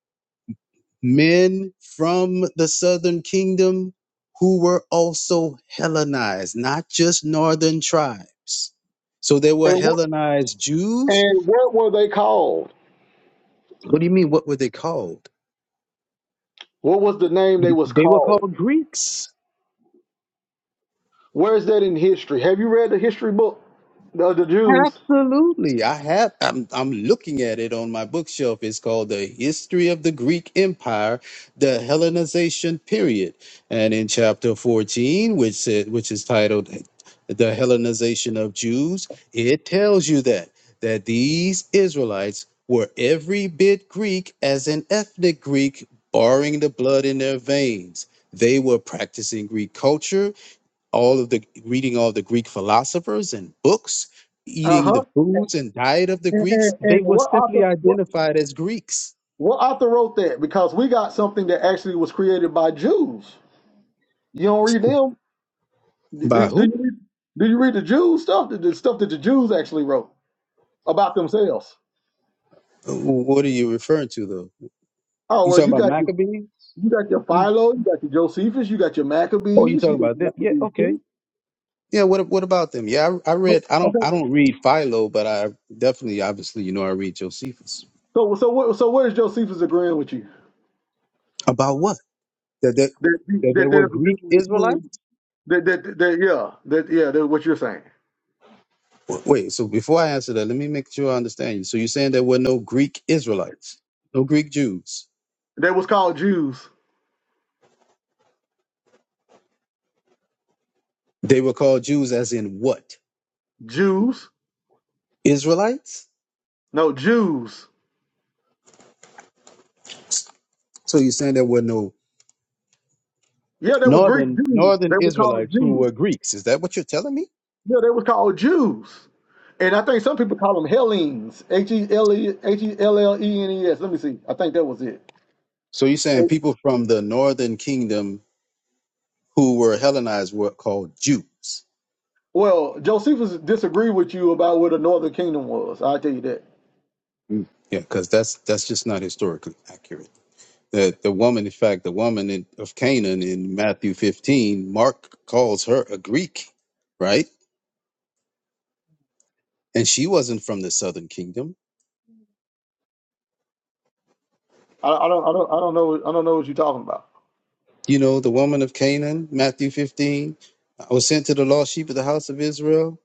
[SPEAKER 2] men from the southern kingdom who were also Hellenized, not just northern tribes. So there were
[SPEAKER 1] And what
[SPEAKER 2] Hellenized Jews.
[SPEAKER 1] and what were they called?
[SPEAKER 2] What do you mean? What were they called?
[SPEAKER 1] What was the name they was
[SPEAKER 2] They were
[SPEAKER 1] called?
[SPEAKER 2] called Greeks.
[SPEAKER 1] Where is that in history? Have you read the history book of the Jews?
[SPEAKER 2] Absolutely. I have I'm I'm looking at it on my bookshelf. It's called The History of the Greek Empire, the Hellenization Period. And in chapter 14, which said which is titled The Hellenization of Jews, it tells you that that these Israelites were every bit Greek as an ethnic Greek, barring the blood in their veins. They were practicing Greek culture all of the reading all of the Greek philosophers and books,
[SPEAKER 1] Uh
[SPEAKER 2] eating
[SPEAKER 1] huh.
[SPEAKER 2] the foods and diet of the
[SPEAKER 1] And,
[SPEAKER 2] Greeks,
[SPEAKER 1] and, and
[SPEAKER 2] they were
[SPEAKER 1] what
[SPEAKER 2] simply
[SPEAKER 1] author? What,
[SPEAKER 2] identified as Greeks.
[SPEAKER 1] what author wrote that? Because we got something that actually was created by Jews. You don't read them.
[SPEAKER 2] By
[SPEAKER 1] Do, do
[SPEAKER 2] who?
[SPEAKER 1] you read? Do you read the Jews stuff? The, the stuff that the Jews actually wrote about themselves.
[SPEAKER 2] What are you referring to, though?
[SPEAKER 1] Oh
[SPEAKER 2] You
[SPEAKER 1] well,
[SPEAKER 2] talking
[SPEAKER 1] you
[SPEAKER 2] about
[SPEAKER 1] got your
[SPEAKER 2] Maccabees?
[SPEAKER 1] you got your
[SPEAKER 2] What are you-
[SPEAKER 1] Philo, you got your Josephus, you got your
[SPEAKER 2] Oh, you
[SPEAKER 1] Maccabees,
[SPEAKER 2] talking
[SPEAKER 1] you got
[SPEAKER 2] about
[SPEAKER 1] your
[SPEAKER 2] them? Yeah,
[SPEAKER 1] Maccabees
[SPEAKER 2] okay.
[SPEAKER 1] too.
[SPEAKER 2] Yeah, what what about them? Yeah, I, I
[SPEAKER 1] Oh,
[SPEAKER 2] read. I don't I
[SPEAKER 1] Okay.
[SPEAKER 2] don't read Philo, but I definitely, obviously, you know, I read Josephus.
[SPEAKER 1] So so what, so where is Josephus agreeing with you?
[SPEAKER 2] About what? That that
[SPEAKER 1] that
[SPEAKER 2] that there
[SPEAKER 1] that
[SPEAKER 2] were
[SPEAKER 1] there's a
[SPEAKER 2] Greek
[SPEAKER 1] difference
[SPEAKER 2] Israelites.
[SPEAKER 1] between that that, that yeah that yeah that what you're saying.
[SPEAKER 2] W- Wait, so before I answer that, let me make sure I understand you. So you're saying there were no Greek Israelites, no Greek Jews.
[SPEAKER 1] They was called Jews.
[SPEAKER 2] They were called Jews as in what?
[SPEAKER 1] Jews.
[SPEAKER 2] Israelites?
[SPEAKER 1] No Jews.
[SPEAKER 2] So you're saying there were no
[SPEAKER 1] Yeah, they were Greek
[SPEAKER 2] northern
[SPEAKER 1] Jews.
[SPEAKER 2] northern
[SPEAKER 1] They were called
[SPEAKER 2] Israelites who
[SPEAKER 1] Jews.
[SPEAKER 2] were Greeks. Is that what you're telling me?
[SPEAKER 1] Yeah, they were called Jews. And I think some people call them Hellenes. H e l e h e l l e n e s. Let me see. I think that was it.
[SPEAKER 2] So you're saying
[SPEAKER 1] Eh,
[SPEAKER 2] people from the northern kingdom who were Hellenized were called Jews.
[SPEAKER 1] Well, Josephus disagreed with you about where the Northern Kingdom was. I'll tell you that.
[SPEAKER 2] Mm. Yeah, because that's that's just not historically accurate. The the woman, in fact, the woman in, of Canaan in Matthew 15, Mark calls her a Greek, right? and she wasn't from the southern kingdom.
[SPEAKER 1] I, I don't. I don't. I don't know. I don't know what you're talking about.
[SPEAKER 2] You know, the woman of Canaan, Matthew 15, I was sent to the lost sheep of the house of Israel.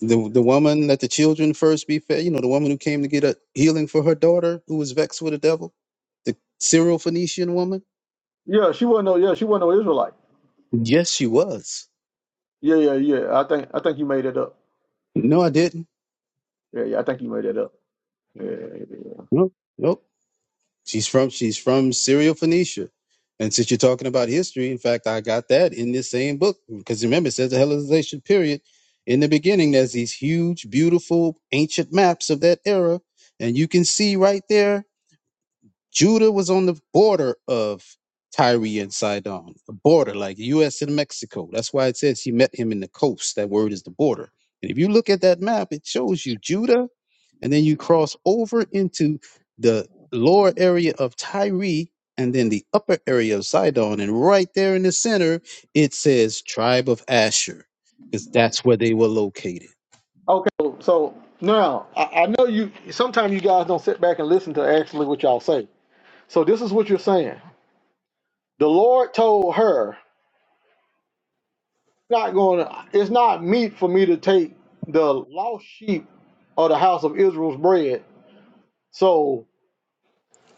[SPEAKER 2] The, the woman that the children first be fed, you know, the woman who came to get a healing for her daughter who was vexed with the devil, the Syro Phoenician woman.
[SPEAKER 1] Yeah, she wasn't no. Yeah, she wasn't no Israelite.
[SPEAKER 2] Yes, she was.
[SPEAKER 1] Yeah, yeah, yeah. I think I think you made it up.
[SPEAKER 2] No, I didn't.
[SPEAKER 1] Yeah, yeah. I think you made it up. Yeah, yeah. yeah.
[SPEAKER 2] No, nope. She's from she's from Syria, Phoenicia. And since you're talking about history, in fact, I got that in this same book because remember it says the Hellenization period. In the beginning, there's these huge, beautiful, ancient maps of that era, and you can see right there Judah was on the border of Tyre and Sidon, a border like U.S. and Mexico. That's why it says he met him in the coast. That word is the border. And if you look at that map, it shows you Judah, and then you cross over into the lower area of Tyre and then the upper area of Sidon. And right there in the center, it says tribe of Asher, because that's where they were located.
[SPEAKER 1] Okay. So so now I, I know you. Sometimes you guys don't sit back and listen to actually what y'all say. So this is what you're saying. The Lord told her, "Not going. to It's not meet for me to take the lost sheep of the house of Israel's bread." So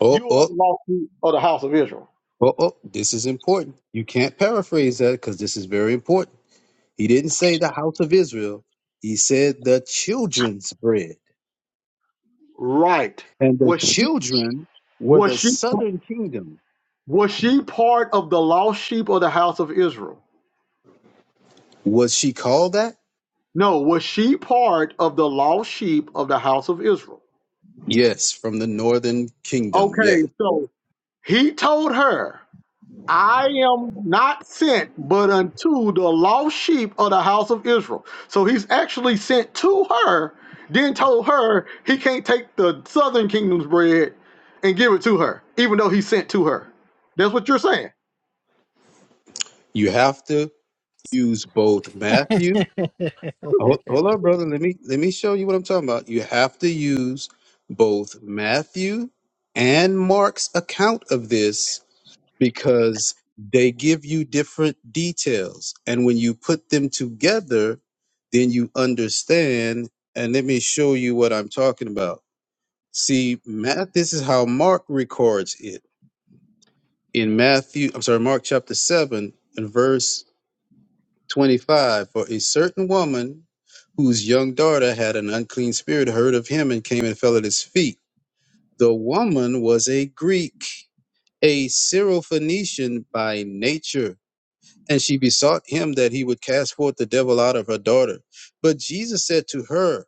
[SPEAKER 2] Oh,
[SPEAKER 1] you are
[SPEAKER 2] oh,
[SPEAKER 1] the lost sheep of the house of Israel.
[SPEAKER 2] oh, oh, this is important. You can't paraphrase that because this is very important He didn't say the house of Israel. He said the children's bread.
[SPEAKER 1] Right.
[SPEAKER 2] And the
[SPEAKER 1] Was she?
[SPEAKER 2] children were
[SPEAKER 1] Was
[SPEAKER 2] the
[SPEAKER 1] she?
[SPEAKER 2] southern kingdom.
[SPEAKER 1] Was she part of the lost sheep of the house of Israel?
[SPEAKER 2] Was she called that?
[SPEAKER 1] No, was she part of the lost sheep of the house of Israel?
[SPEAKER 2] Yes, from the northern kingdom.
[SPEAKER 1] Okay,
[SPEAKER 2] Yes.
[SPEAKER 1] so he told her, I am not sent but unto the lost sheep of the house of Israel. So he's actually sent to her, then told her he can't take the southern kingdom's bread and give it to her, even though he sent to her. That's what you're saying.
[SPEAKER 2] You have to use both Matthew. Hold,
[SPEAKER 5] it.
[SPEAKER 2] hold on, brother. Let me let me show you what I'm talking about. You have to use both Matthew and Mark's account of this because they give you different details. And when you put them together, then you understand. And let me show you what I'm talking about. See, Matt, this is how Mark records it in Matthew, I'm sorry, Mark chapter 7 and verse 25. For a certain woman whose young daughter had an unclean spirit heard of him and came and fell at his feet. The woman was a Greek, a Syrophoenician by nature And she besought him that he would cast forth the devil out of her daughter. But Jesus said to her,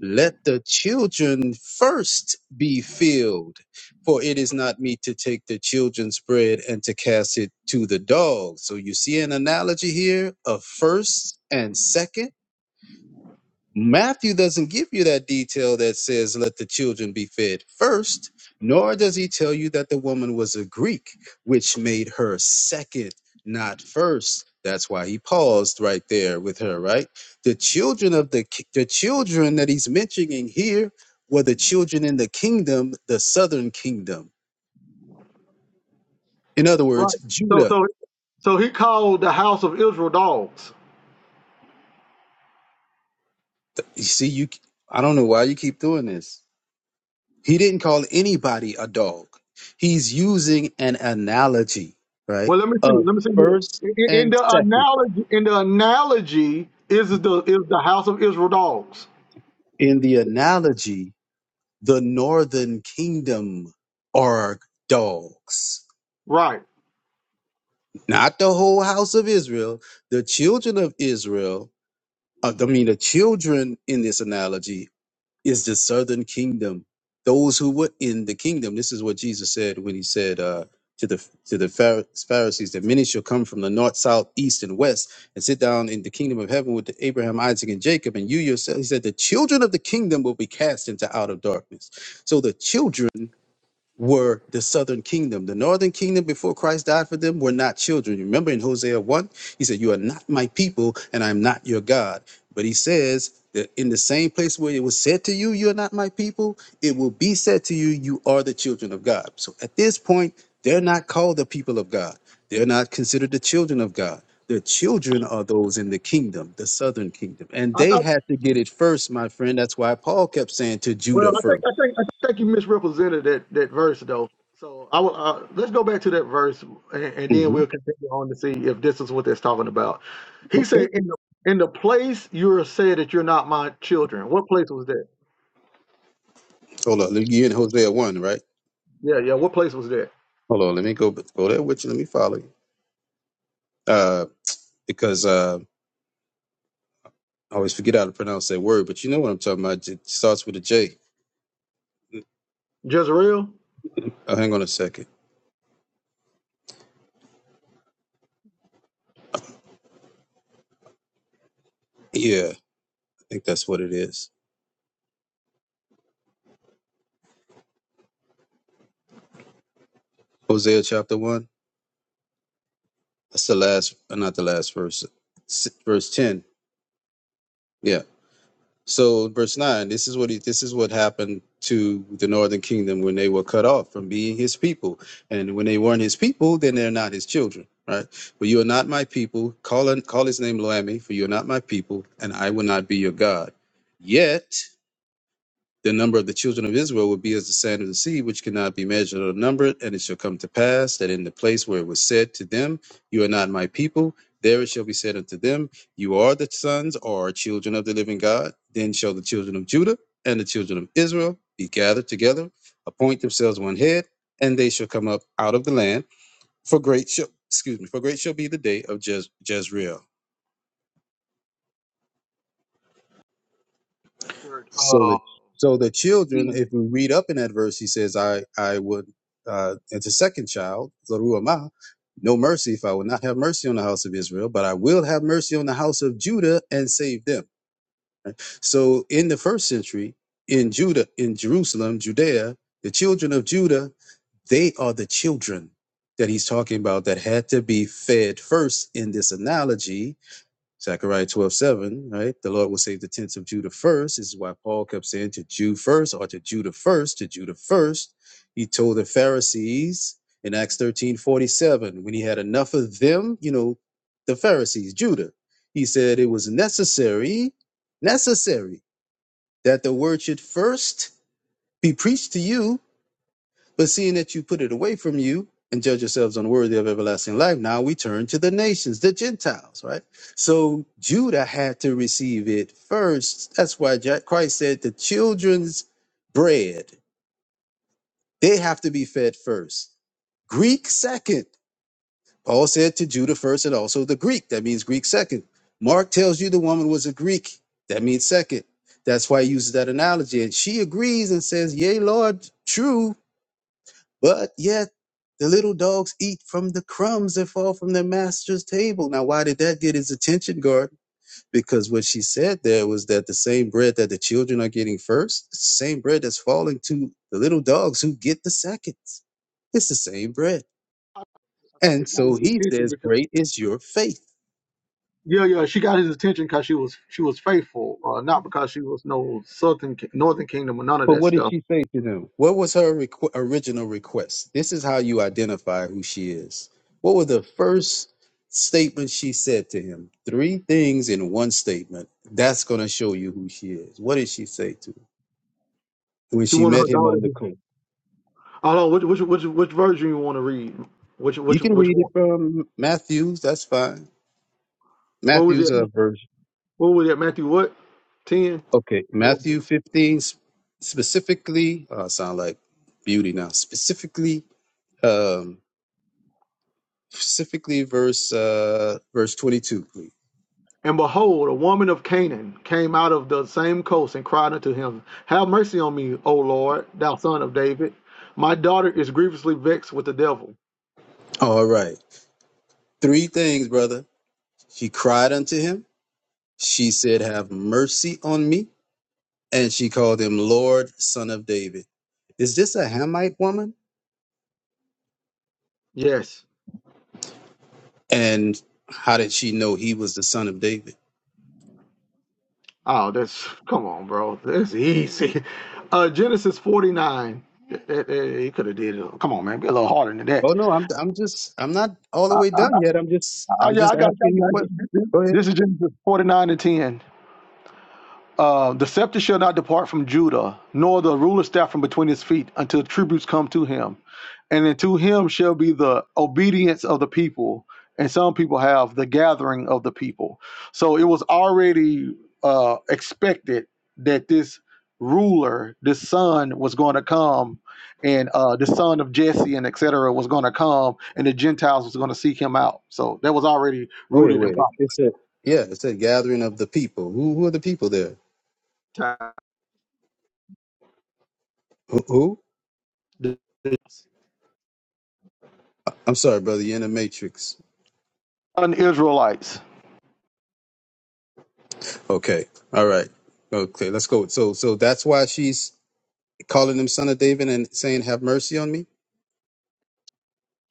[SPEAKER 2] Let the children first be filled, for it is not meet to take the children's bread and to cast it to the dogs. So you see an analogy here of first and second. Matthew doesn't give you that detail that says, let the children be fed first, nor does he tell you that the woman was a Greek, which made her second, not first. That's why he paused right there with her, right? The children of the, ki- the children that he's mentioning here were the children in the kingdom, the southern kingdom. In other
[SPEAKER 1] Right.
[SPEAKER 2] words,
[SPEAKER 1] So
[SPEAKER 2] Judah.
[SPEAKER 1] so so he called the house of Israel dogs.
[SPEAKER 2] You see, you, I don't know why you keep doing this. He didn't call anybody a dog. He's using an analogy, right?
[SPEAKER 1] Well, let me see.
[SPEAKER 2] Of
[SPEAKER 1] Let me see. here.
[SPEAKER 2] first
[SPEAKER 1] In, in
[SPEAKER 2] and
[SPEAKER 1] the
[SPEAKER 2] second.
[SPEAKER 1] analogy, in the analogy, is the is the house of Israel dogs,
[SPEAKER 2] In the analogy, the northern kingdom are dogs,
[SPEAKER 1] right?
[SPEAKER 2] not the whole house of Israel. The children of Israel, uh, I mean, the children in this analogy is the southern kingdom. Those who were in the kingdom. This is what Jesus said when he said uh, to the to the Phar- Pharisees that many shall come from the north, south, east, and west, and sit down in the kingdom of heaven with Abraham, Isaac, and Jacob. And you yourself, he said, the children of the kingdom will be cast into outer darkness. So the children were the southern kingdom. The northern kingdom before Christ died for them were not children. You Remember in Hosea 1, he said, You are not my people, and I'm not your God. But he says that in the same place where it was said to you, You are not my people, it will be said to you, You are the children of God. So at this point, they're not called the people of God. They're not considered the children of God. The children are those in the kingdom, the southern kingdom. And
[SPEAKER 1] I
[SPEAKER 2] they
[SPEAKER 1] thought.
[SPEAKER 2] had to get it first, my friend. That's why Paul kept saying to
[SPEAKER 1] Well,
[SPEAKER 2] Judah
[SPEAKER 1] I think
[SPEAKER 2] 1st
[SPEAKER 1] I think I think you misrepresented that that verse though. So I will. Uh, let's go back to that verse, and, and then we'll continue on to see if this is what that's talking about. He said, "In the in the place you are said that you're not my children." What place was that?
[SPEAKER 2] Hold on, let me- you in Hosea one, right?
[SPEAKER 1] Yeah, yeah. What place was that?
[SPEAKER 2] Hold on, let me go go there with you. Let me follow you, uh, because uh, I always forget how to pronounce that word. But you know what I'm talking about? It starts with a J.
[SPEAKER 1] Jezreel.
[SPEAKER 2] Oh, hang on a second. Yeah, I think that's what it is. Hosea chapter one. That's the last, uh, not the last verse. S- Verse ten. Yeah. So verse nine, this is what he, this is what happened to the northern kingdom when they were cut off from being his people. And when they weren't his people, then they're not his children, right? But you are not my people. Call call his name Loami, for you are not my people, and I will not be your God. Yet the number of the children of Israel will be as the sand of the sea, which cannot be measured or numbered. And it shall come to pass that in the place where it was said to them, You are not my people, there it shall be said unto them, You are the sons or children of the living God. Then shall the children of Judah and the children of Israel be gathered together, appoint themselves one head, and they shall come up out of the land. For great shall excuse me, for great shall be the day of Jez- Jezreel.
[SPEAKER 1] Third,
[SPEAKER 2] So
[SPEAKER 1] Uh,
[SPEAKER 2] that so the children,
[SPEAKER 1] the
[SPEAKER 2] if we read up in that verse, he says, I I would uh it's a second child, Zeruiah, no mercy if I would not have mercy on the house of Israel, but I will have mercy on the house of Judah and save them. So in the first century, in Judah, in Jerusalem, Judea, the children of Judah, they are the children that he's talking about that had to be fed first in this analogy Zechariah 12 7 right? The Lord will save the tents of Judah first. This is why Paul kept saying to Jew first or to Judah first, to Judah first. He told the Pharisees in Acts 13 47 when he had enough of them, you know, the Pharisees, Judah, he said it was necessary, necessary that the word should first be preached to you but seeing that you put it away from you and judge yourselves unworthy of everlasting life, now we turn to the nations, the Gentiles, right? So Judah had to receive it first. That's why Ja- Christ said the children's bread, they have to be fed first. Greek second. Paul said to Judah first and also the Greek. That means Greek second. Mark tells you the woman was a Greek. That means second. That's why he uses that analogy. And she agrees and says, Yea, Lord, true. But yet the little dogs eat from the crumbs that fall from their master's table. Now, why did that get his attention, guard? Because what she said there was that the same bread that the children are getting first, it's the same bread that's falling to the little dogs who get the seconds. It's the same bread. And so he says, Great is your faith.
[SPEAKER 1] Yeah, yeah, she got his attention because she was she was faithful, uh, not because she was no southern ki- northern kingdom or none of
[SPEAKER 2] But
[SPEAKER 1] that
[SPEAKER 2] what did
[SPEAKER 1] stuff.
[SPEAKER 2] she say to them? What was her requ- original request? This is how you identify who she is. What were the first statements she said to him? Three things in one statement. That's going to show you who she is. What did she say to him when
[SPEAKER 1] She
[SPEAKER 2] she
[SPEAKER 1] wanted her
[SPEAKER 2] met him
[SPEAKER 1] daughter.
[SPEAKER 2] on the
[SPEAKER 1] to-
[SPEAKER 2] coast?
[SPEAKER 1] I don't know which which which which version you want to read. Which
[SPEAKER 2] You
[SPEAKER 1] which
[SPEAKER 2] can
[SPEAKER 1] which
[SPEAKER 2] read it
[SPEAKER 1] one?
[SPEAKER 2] from Matthew's. That's fine.
[SPEAKER 1] What was
[SPEAKER 2] Matthew's
[SPEAKER 1] it?
[SPEAKER 2] uh, version.
[SPEAKER 1] What was it? Matthew what? Ten.
[SPEAKER 2] Okay, Matthew 15 s- specifically. Uh, sound like beauty now. Specifically, um, specifically verse uh, verse 22, please.
[SPEAKER 1] And behold, a woman of Canaan came out of the same coast and cried unto him, Have mercy on me, O Lord, thou son of David. My daughter is grievously vexed with the devil.
[SPEAKER 2] All right. Three things, brother. She cried unto him. She said, Have mercy on me. And she called him Lord, son of David. Is this a Hamite woman?
[SPEAKER 1] Yes.
[SPEAKER 2] And how did she know he was the son of David?
[SPEAKER 1] Oh, that's come on, bro. That's easy. Uh, Genesis 49. That, that, that- he could have did it. Come on, man. Be a little harder than that.
[SPEAKER 2] Oh no, I'm I'm just I'm not all the way done yet. I'm just
[SPEAKER 1] Oh
[SPEAKER 2] I'm
[SPEAKER 1] yeah,
[SPEAKER 2] just
[SPEAKER 1] I got, I
[SPEAKER 2] asking you
[SPEAKER 1] got you.
[SPEAKER 2] questions. Go ahead.
[SPEAKER 1] This is Genesis 49 and 10. Uh, the scepter shall not depart from Judah, nor the ruler's staff from between his feet, until tributes come to him. And unto him shall be the obedience of the people. And some people have the gathering of the people. So it was already uh, expected that this ruler, this son, was going to come, and uh, the son of Jesse and etc. was going to come, and the Gentiles was going to seek him out. So that was already
[SPEAKER 2] Wait,
[SPEAKER 1] rooted in
[SPEAKER 2] wait.
[SPEAKER 1] prophecy.
[SPEAKER 2] It said yeah, it said gathering of the people. Who who are the people there? Who, who? I'm sorry, brother. You're in a matrix.
[SPEAKER 1] Un-Israelites
[SPEAKER 2] Okay. All right. Okay. Let's go. So so that's why she's calling him son of David and saying, Have mercy on me?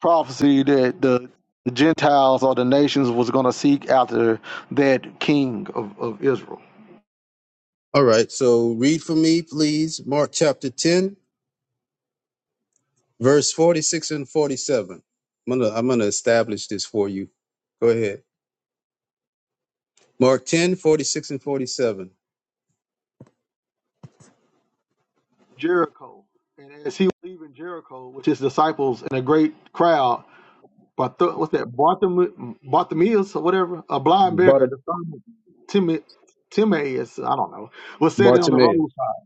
[SPEAKER 1] prophecy that the, the Gentiles or the nations was going to seek after that king of, of Israel,
[SPEAKER 2] All right, so read for me, please, Mark chapter 10, verse 46 and 47. I'm gonna, I'm gonna establish this for you. Go ahead. Mark 10, 46 and 47.
[SPEAKER 1] Jericho. And as he was leaving Jericho with his disciples and a great crowd, but th- what's that, Barthom- Bartimaeus or whatever, a blind
[SPEAKER 2] Bart-
[SPEAKER 1] beggar, the son of Tim- Timaeus, I don't know, was sitting on the
[SPEAKER 2] Bartimaeus.
[SPEAKER 1] roadside.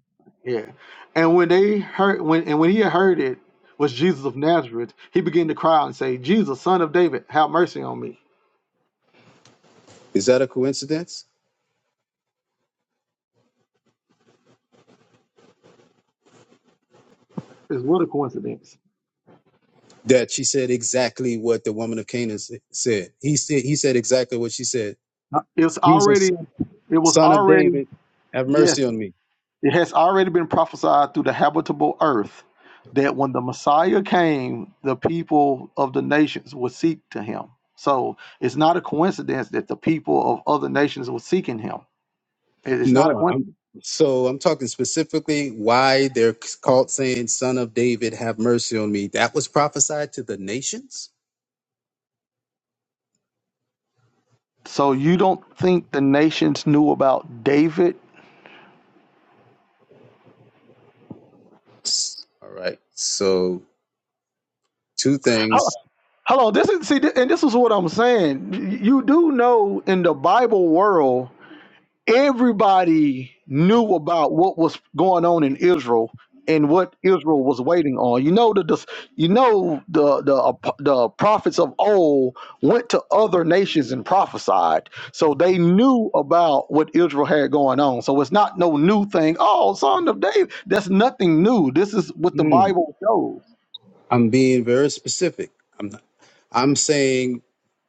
[SPEAKER 1] Yeah, and when they heard when and when he had heard it was Jesus of Nazareth, he began to cry out and say, "Jesus, Son of David, have mercy on me."
[SPEAKER 2] Is that a coincidence?
[SPEAKER 1] It's what a coincidence.
[SPEAKER 2] That she said exactly what the woman of Canaan s- said. He said, he said exactly what she said.
[SPEAKER 1] It's
[SPEAKER 2] Jesus,
[SPEAKER 1] already, it was
[SPEAKER 2] son of
[SPEAKER 1] already,
[SPEAKER 2] David, have
[SPEAKER 1] yes,
[SPEAKER 2] mercy on me.
[SPEAKER 1] it has already been prophesied through the habitable earth that when the Messiah came, the people of the nations would seek to him. So it's not a coincidence that the people of other nations were seeking him. It- It's not a
[SPEAKER 2] No, I'm
[SPEAKER 1] coincidence.
[SPEAKER 2] so I'm talking specifically why they're called saying, Son of David, have mercy on me. That was prophesied to the nations.
[SPEAKER 1] So you don't think the nations knew about David?
[SPEAKER 2] All right. So two
[SPEAKER 1] Hello,
[SPEAKER 2] things.
[SPEAKER 1] hello, this is see, th- and this is what I'm saying. You do know in the Bible world everybody knew about what was going on in Israel and what Israel was waiting on. You know the, the you know the the the prophets of old went to other nations and prophesied, so they knew about what Israel had going on. So it's not no new thing. Oh, son of David, that's nothing new. This is what the
[SPEAKER 2] Hmm.
[SPEAKER 1] Bible shows.
[SPEAKER 2] I'm being very specific. I'm not, I'm saying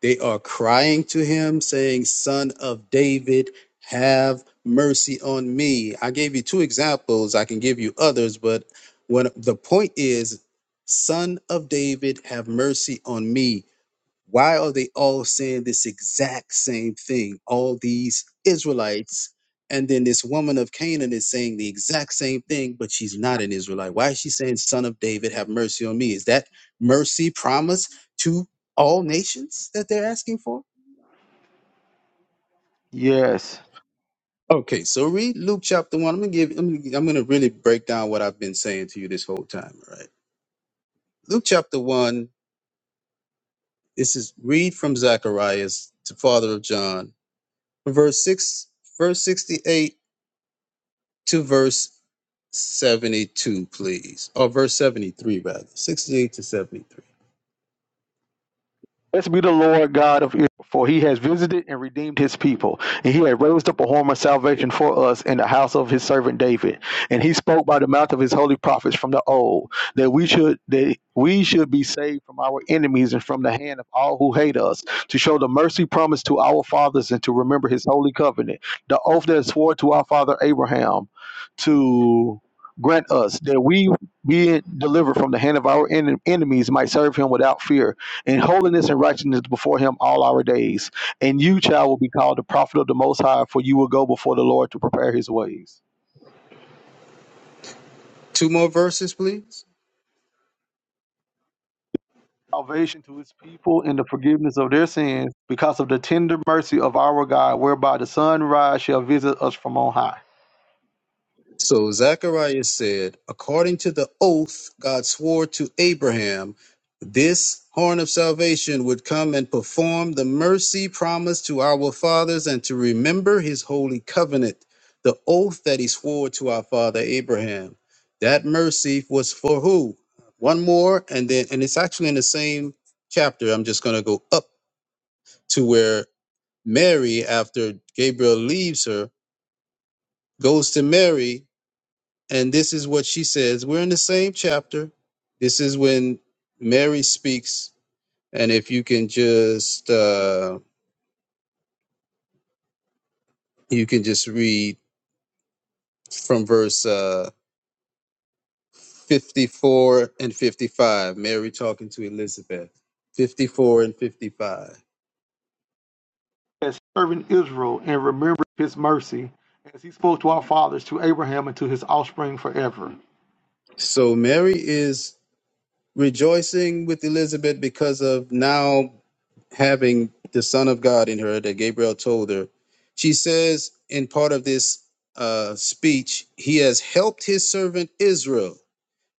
[SPEAKER 2] they are crying to him, saying, Son of David, have mercy on me. I gave you two examples. I can give you others, but when the point is, Son of David, have mercy on me. Why are they all saying this exact same thing? All these Israelites, and then this woman of Canaan is saying the exact same thing, but she's not an Israelite. Why is she saying, Son of David, have mercy on me? Is that mercy promise to all nations that they're asking for?
[SPEAKER 1] Yes.
[SPEAKER 2] Okay, so read Luke chapter one. I'm gonna give. I'm gonna, I'm gonna really break down what I've been saying to you this whole time. All right, Luke chapter one. This is read from Zacharias, the father of John, verse six, verse sixty-eight to verse 72, please. Or verse 73, rather. 68 to 73.
[SPEAKER 1] Blessed be the Lord God of Israel, for he has visited and redeemed his people, and he has raised up a horn of salvation for us in the house of his servant David. And he spoke by the mouth of his holy prophets from the old, that we should that we should be saved from our enemies and from the hand of all who hate us, to show the mercy promised to our fathers and to remember his holy covenant, the oath that is swore to our father Abraham, to grant us that we being delivered from the hand of our en- enemies might serve him without fear and holiness and righteousness before him all our days. And you, child, will be called the prophet of the Most High, for you will go before the Lord to prepare his ways.
[SPEAKER 2] Two more verses, please.
[SPEAKER 1] salvation to his people and the forgiveness of their sins because of the tender mercy of our God, whereby the sunrise shall visit us from on high.
[SPEAKER 2] So Zacharias said, according to the oath God swore to Abraham, this horn of salvation would come and perform the mercy promised to our fathers and to remember his holy covenant, the oath that he swore to our father Abraham. That mercy was for who? One more, and then, and it's actually in the same chapter. I'm just going to go up to where Mary, after Gabriel leaves her, goes to Mary and this is what she says. We're in the same chapter. This is when Mary speaks. And if you can just uh you can just read from verse uh 54 and 55, Mary talking to Elizabeth. 54 and 55.
[SPEAKER 1] As serving Israel and remembering his mercy, as he spoke to our fathers, to Abraham and to his offspring forever.
[SPEAKER 2] So Mary is rejoicing with Elizabeth because of now having the Son of God in her that Gabriel told her. She says in part of this uh, speech, He has helped His servant Israel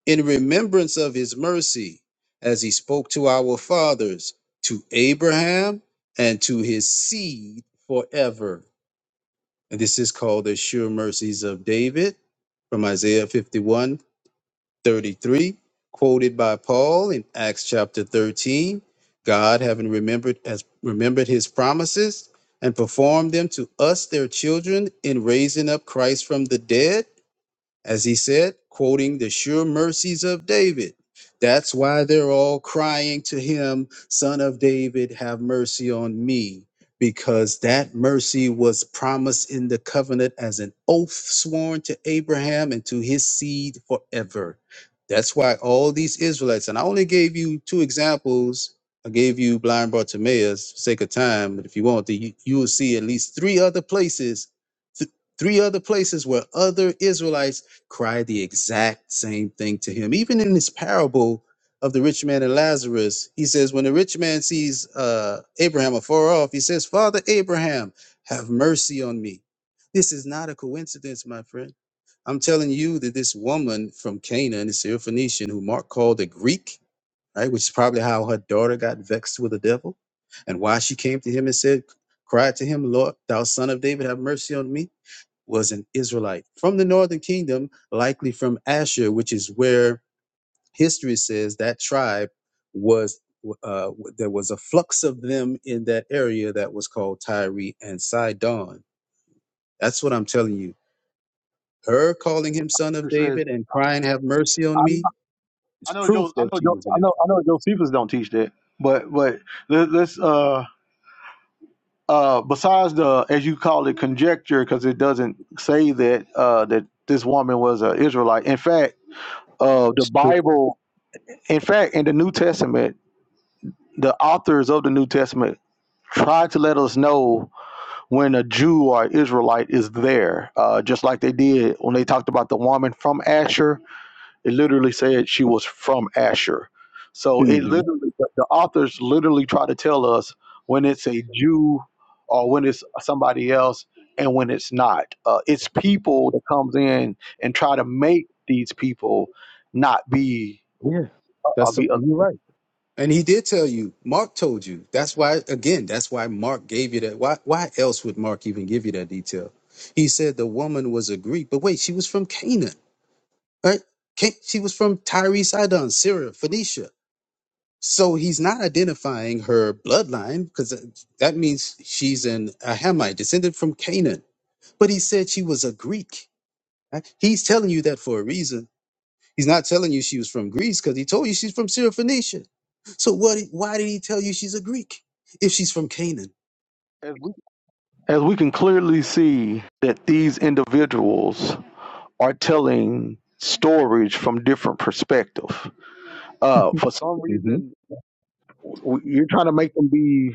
[SPEAKER 2] in remembrance of His mercy, as He spoke to our fathers, to Abraham, and to His seed forever. And this is called the sure mercies of David from Isaiah 51 33, quoted by Paul in Acts chapter 13, God having remembered has remembered his promises and performed them to us their children in raising up Christ from the dead as he said, quoting the sure mercies of David. That's why they're all crying to him, Son of David, have mercy on me, because that mercy was promised in the covenant as an oath sworn to Abraham and to his seed forever. That's why all these Israelites, and I only gave you two examples. I gave you blind Bartimaeus for sake of time, but if you want, to, you, you will see at least three other places th- three other places where other Israelites cried the exact same thing to him. Even in this parable of the rich man and Lazarus, he says, When the rich man sees uh, Abraham afar off, he says, Father Abraham, have mercy on me. This is not a coincidence, my friend. I'm telling you that this woman from Canaan, this Syrophoenician, who Mark called a Greek, right, which is probably how her daughter got vexed with the devil, and why she came to him and said, Cried to him, Lord, thou son of David, have mercy on me was an Israelite from the northern kingdom, likely from Asher, which is where history says that tribe was. Uh, there was a flux of them in that area that was called Tyre and Sidon. That's what I'm telling you. Her calling him son of
[SPEAKER 1] Scripture says,
[SPEAKER 2] David and crying, "Have mercy
[SPEAKER 1] I,
[SPEAKER 2] on me," is
[SPEAKER 1] I know
[SPEAKER 2] proof
[SPEAKER 1] Joe, I
[SPEAKER 2] that
[SPEAKER 1] know
[SPEAKER 2] she
[SPEAKER 1] Joe,
[SPEAKER 2] was in
[SPEAKER 1] I know
[SPEAKER 2] Israel.
[SPEAKER 1] I know Josephus don't teach that, but but let, let's uh uh besides the as you call it conjecture because it doesn't say that uh that this woman was an Israelite. In fact, uh the
[SPEAKER 2] It's true.
[SPEAKER 1] Bible, in fact, in the New Testament, the authors of the New Testament try to let us know when a Jew or Israelite is there, uh, just like they did when they talked about the woman from Asher It literally said she was from Asher. So it
[SPEAKER 2] hmm
[SPEAKER 1] literally, the the authors literally try to tell us when it's a Jew or when it's somebody else and when it's not. Uh, it's people that comes in and try to make these people not be,
[SPEAKER 2] Yeah.
[SPEAKER 1] uh, uh,
[SPEAKER 2] That's the,
[SPEAKER 1] be other.
[SPEAKER 2] you're right. And he did tell you. Mark told you. That's why, again, that's why Mark gave you that. Why, why else would Mark even give you that detail? He said the woman was a Greek, but wait, she was from Canaan, right? Can- She was from Tyre, Sidon, Syria, Phoenicia. So he's not identifying her bloodline because that means she's an Ahamite, descended from Canaan. But he said she was a Greek. right? He's telling you that for a reason He's not telling you she was from Greece because he told you she's from Syrophoenicia. So what? Why did he tell you she's a Greek if she's from Canaan?
[SPEAKER 1] As we, as we can clearly see that these individuals are telling stories from different perspective. Uh, for some
[SPEAKER 2] hmm
[SPEAKER 1] reason, w- you're trying to make them be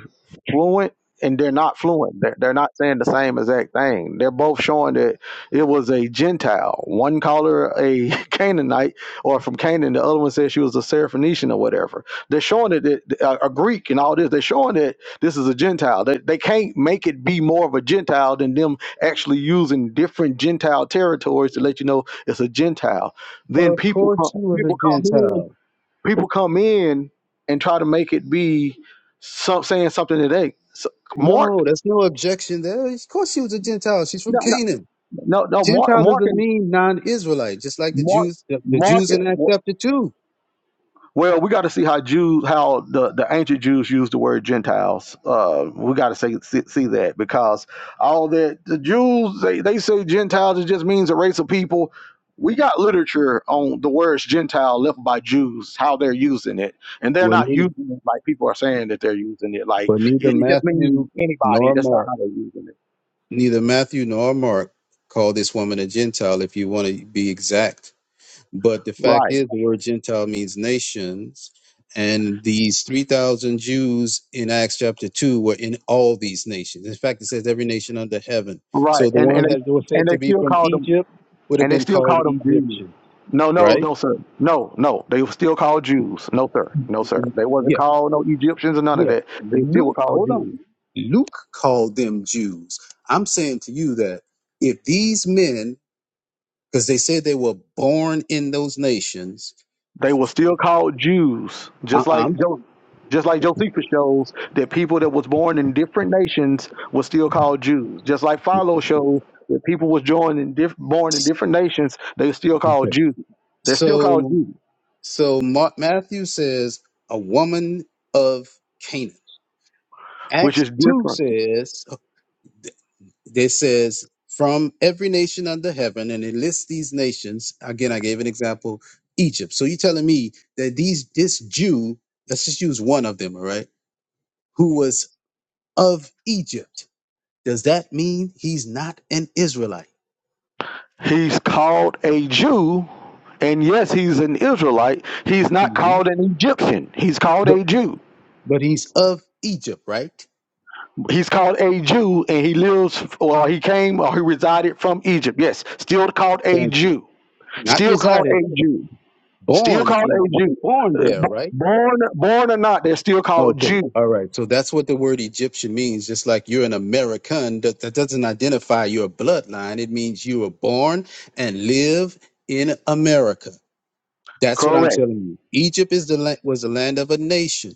[SPEAKER 1] fluent and they're not fluent they're, they're not saying the same exact thing they're both showing that it was a gentile one called her a canaanite or from canaan the other one said she was a Syrophoenician or whatever they're showing that it, a, a greek and all this they're showing that this is a gentile they, they can't make it be more of a gentile than them actually using different gentile territories to let you know it's a gentile
[SPEAKER 2] Well,
[SPEAKER 1] then
[SPEAKER 2] Of
[SPEAKER 1] people come
[SPEAKER 2] course she was a
[SPEAKER 1] people come in
[SPEAKER 2] Gentile.
[SPEAKER 1] people come in and try to make it be some, saying something today. So Mark,
[SPEAKER 2] No, there's no objection there. Of course she was a Gentile. She's from
[SPEAKER 1] no, no,
[SPEAKER 2] Canaan.
[SPEAKER 1] no, no Mark,
[SPEAKER 2] Gentile
[SPEAKER 1] Mark
[SPEAKER 2] doesn't
[SPEAKER 1] and
[SPEAKER 2] mean non-Israelite, just like the
[SPEAKER 1] Mark,
[SPEAKER 2] Jews, the, the
[SPEAKER 1] Mark.
[SPEAKER 2] Jews in Acts chapter two.
[SPEAKER 1] Well, we got to see how Jews, how the, the ancient Jews use the word Gentiles. Uh, we got to see, see see that because all that the Jews they, they say Gentiles it just means a race of people. We got literature on the words Gentile left by Jews, how they're using it, and they're
[SPEAKER 2] Well,
[SPEAKER 1] not
[SPEAKER 2] neither,
[SPEAKER 1] using it like people are saying that they're using it. Like
[SPEAKER 2] well, neither
[SPEAKER 1] it, it just means
[SPEAKER 2] Matthew
[SPEAKER 1] anybody.
[SPEAKER 2] nor
[SPEAKER 1] That's
[SPEAKER 2] Mark.
[SPEAKER 1] not how they're using it.
[SPEAKER 2] Neither Matthew nor Mark call this woman a Gentile, if you want to be exact. But the fact
[SPEAKER 1] Right,
[SPEAKER 2] is, the word Gentile means nations. And these 3,000 Jews in Acts chapter 2 were in all these nations. In fact, it says every nation under heaven.
[SPEAKER 1] right,
[SPEAKER 2] So the
[SPEAKER 1] and
[SPEAKER 2] ones
[SPEAKER 1] and
[SPEAKER 2] that
[SPEAKER 1] they
[SPEAKER 2] were said
[SPEAKER 1] and
[SPEAKER 2] to
[SPEAKER 1] they
[SPEAKER 2] be
[SPEAKER 1] still
[SPEAKER 2] from
[SPEAKER 1] call them
[SPEAKER 2] Egypt would have
[SPEAKER 1] And they
[SPEAKER 2] been
[SPEAKER 1] still
[SPEAKER 2] called
[SPEAKER 1] called them Jews.
[SPEAKER 2] Egyptians,
[SPEAKER 1] No, no,
[SPEAKER 2] right?
[SPEAKER 1] no, sir. No, no. They were still called Jews. No, sir. No, sir. They wasn't
[SPEAKER 2] Yeah,
[SPEAKER 1] called no Egyptians or none of
[SPEAKER 2] yeah.
[SPEAKER 1] that. They still were
[SPEAKER 2] Luke,
[SPEAKER 1] called
[SPEAKER 2] hold on.
[SPEAKER 1] Jews.
[SPEAKER 2] Luke called them Jews. I'm saying to you that if these men because they say they were born in those nations.
[SPEAKER 1] They were still called Jews,
[SPEAKER 2] Uh,
[SPEAKER 1] just
[SPEAKER 2] I'm
[SPEAKER 1] like Jo- just like Josephus shows that people that was born in different nations were still called Jews. Just like Philo shows that people was joined in diff- born in different nations, they were still called
[SPEAKER 2] Okay.
[SPEAKER 1] Jews. They're still called
[SPEAKER 2] So,
[SPEAKER 1] Jews,
[SPEAKER 2] so Mark Matthew says a woman of Canaan.
[SPEAKER 1] which
[SPEAKER 2] Acts
[SPEAKER 1] is
[SPEAKER 2] two
[SPEAKER 1] different.
[SPEAKER 2] says they says from every nation under heaven, and it lists these nations. Again, I gave an example, Egypt. So you're telling me that these this Jew, let's just use one of them, all right, who was of Egypt. Does that mean he's not an Israelite?
[SPEAKER 1] He's called a Jew, and yes, he's an Israelite. He's not
[SPEAKER 2] Mhm.
[SPEAKER 1] called an Egyptian. He's called a Jew.
[SPEAKER 2] but he's of Egypt, right?
[SPEAKER 1] He's called a Jew, and he lives, or he came, or he resided from Egypt. Yes, still called a
[SPEAKER 2] Thank you.
[SPEAKER 1] Jew.
[SPEAKER 2] Not
[SPEAKER 1] Still called
[SPEAKER 2] resided,
[SPEAKER 1] a Jew. Still
[SPEAKER 2] born
[SPEAKER 1] called
[SPEAKER 2] in,
[SPEAKER 1] a Jew.
[SPEAKER 2] born there, right?
[SPEAKER 1] Born, born or not, they're still called
[SPEAKER 2] Okay,
[SPEAKER 1] Jew.
[SPEAKER 2] all right. So that's what the word Egyptian means. Just like you're an American, that, that doesn't identify your bloodline. It means you were born and live in America. That's what I'm
[SPEAKER 1] Correct.
[SPEAKER 2] telling you. Egypt is the land, was the land of a nation.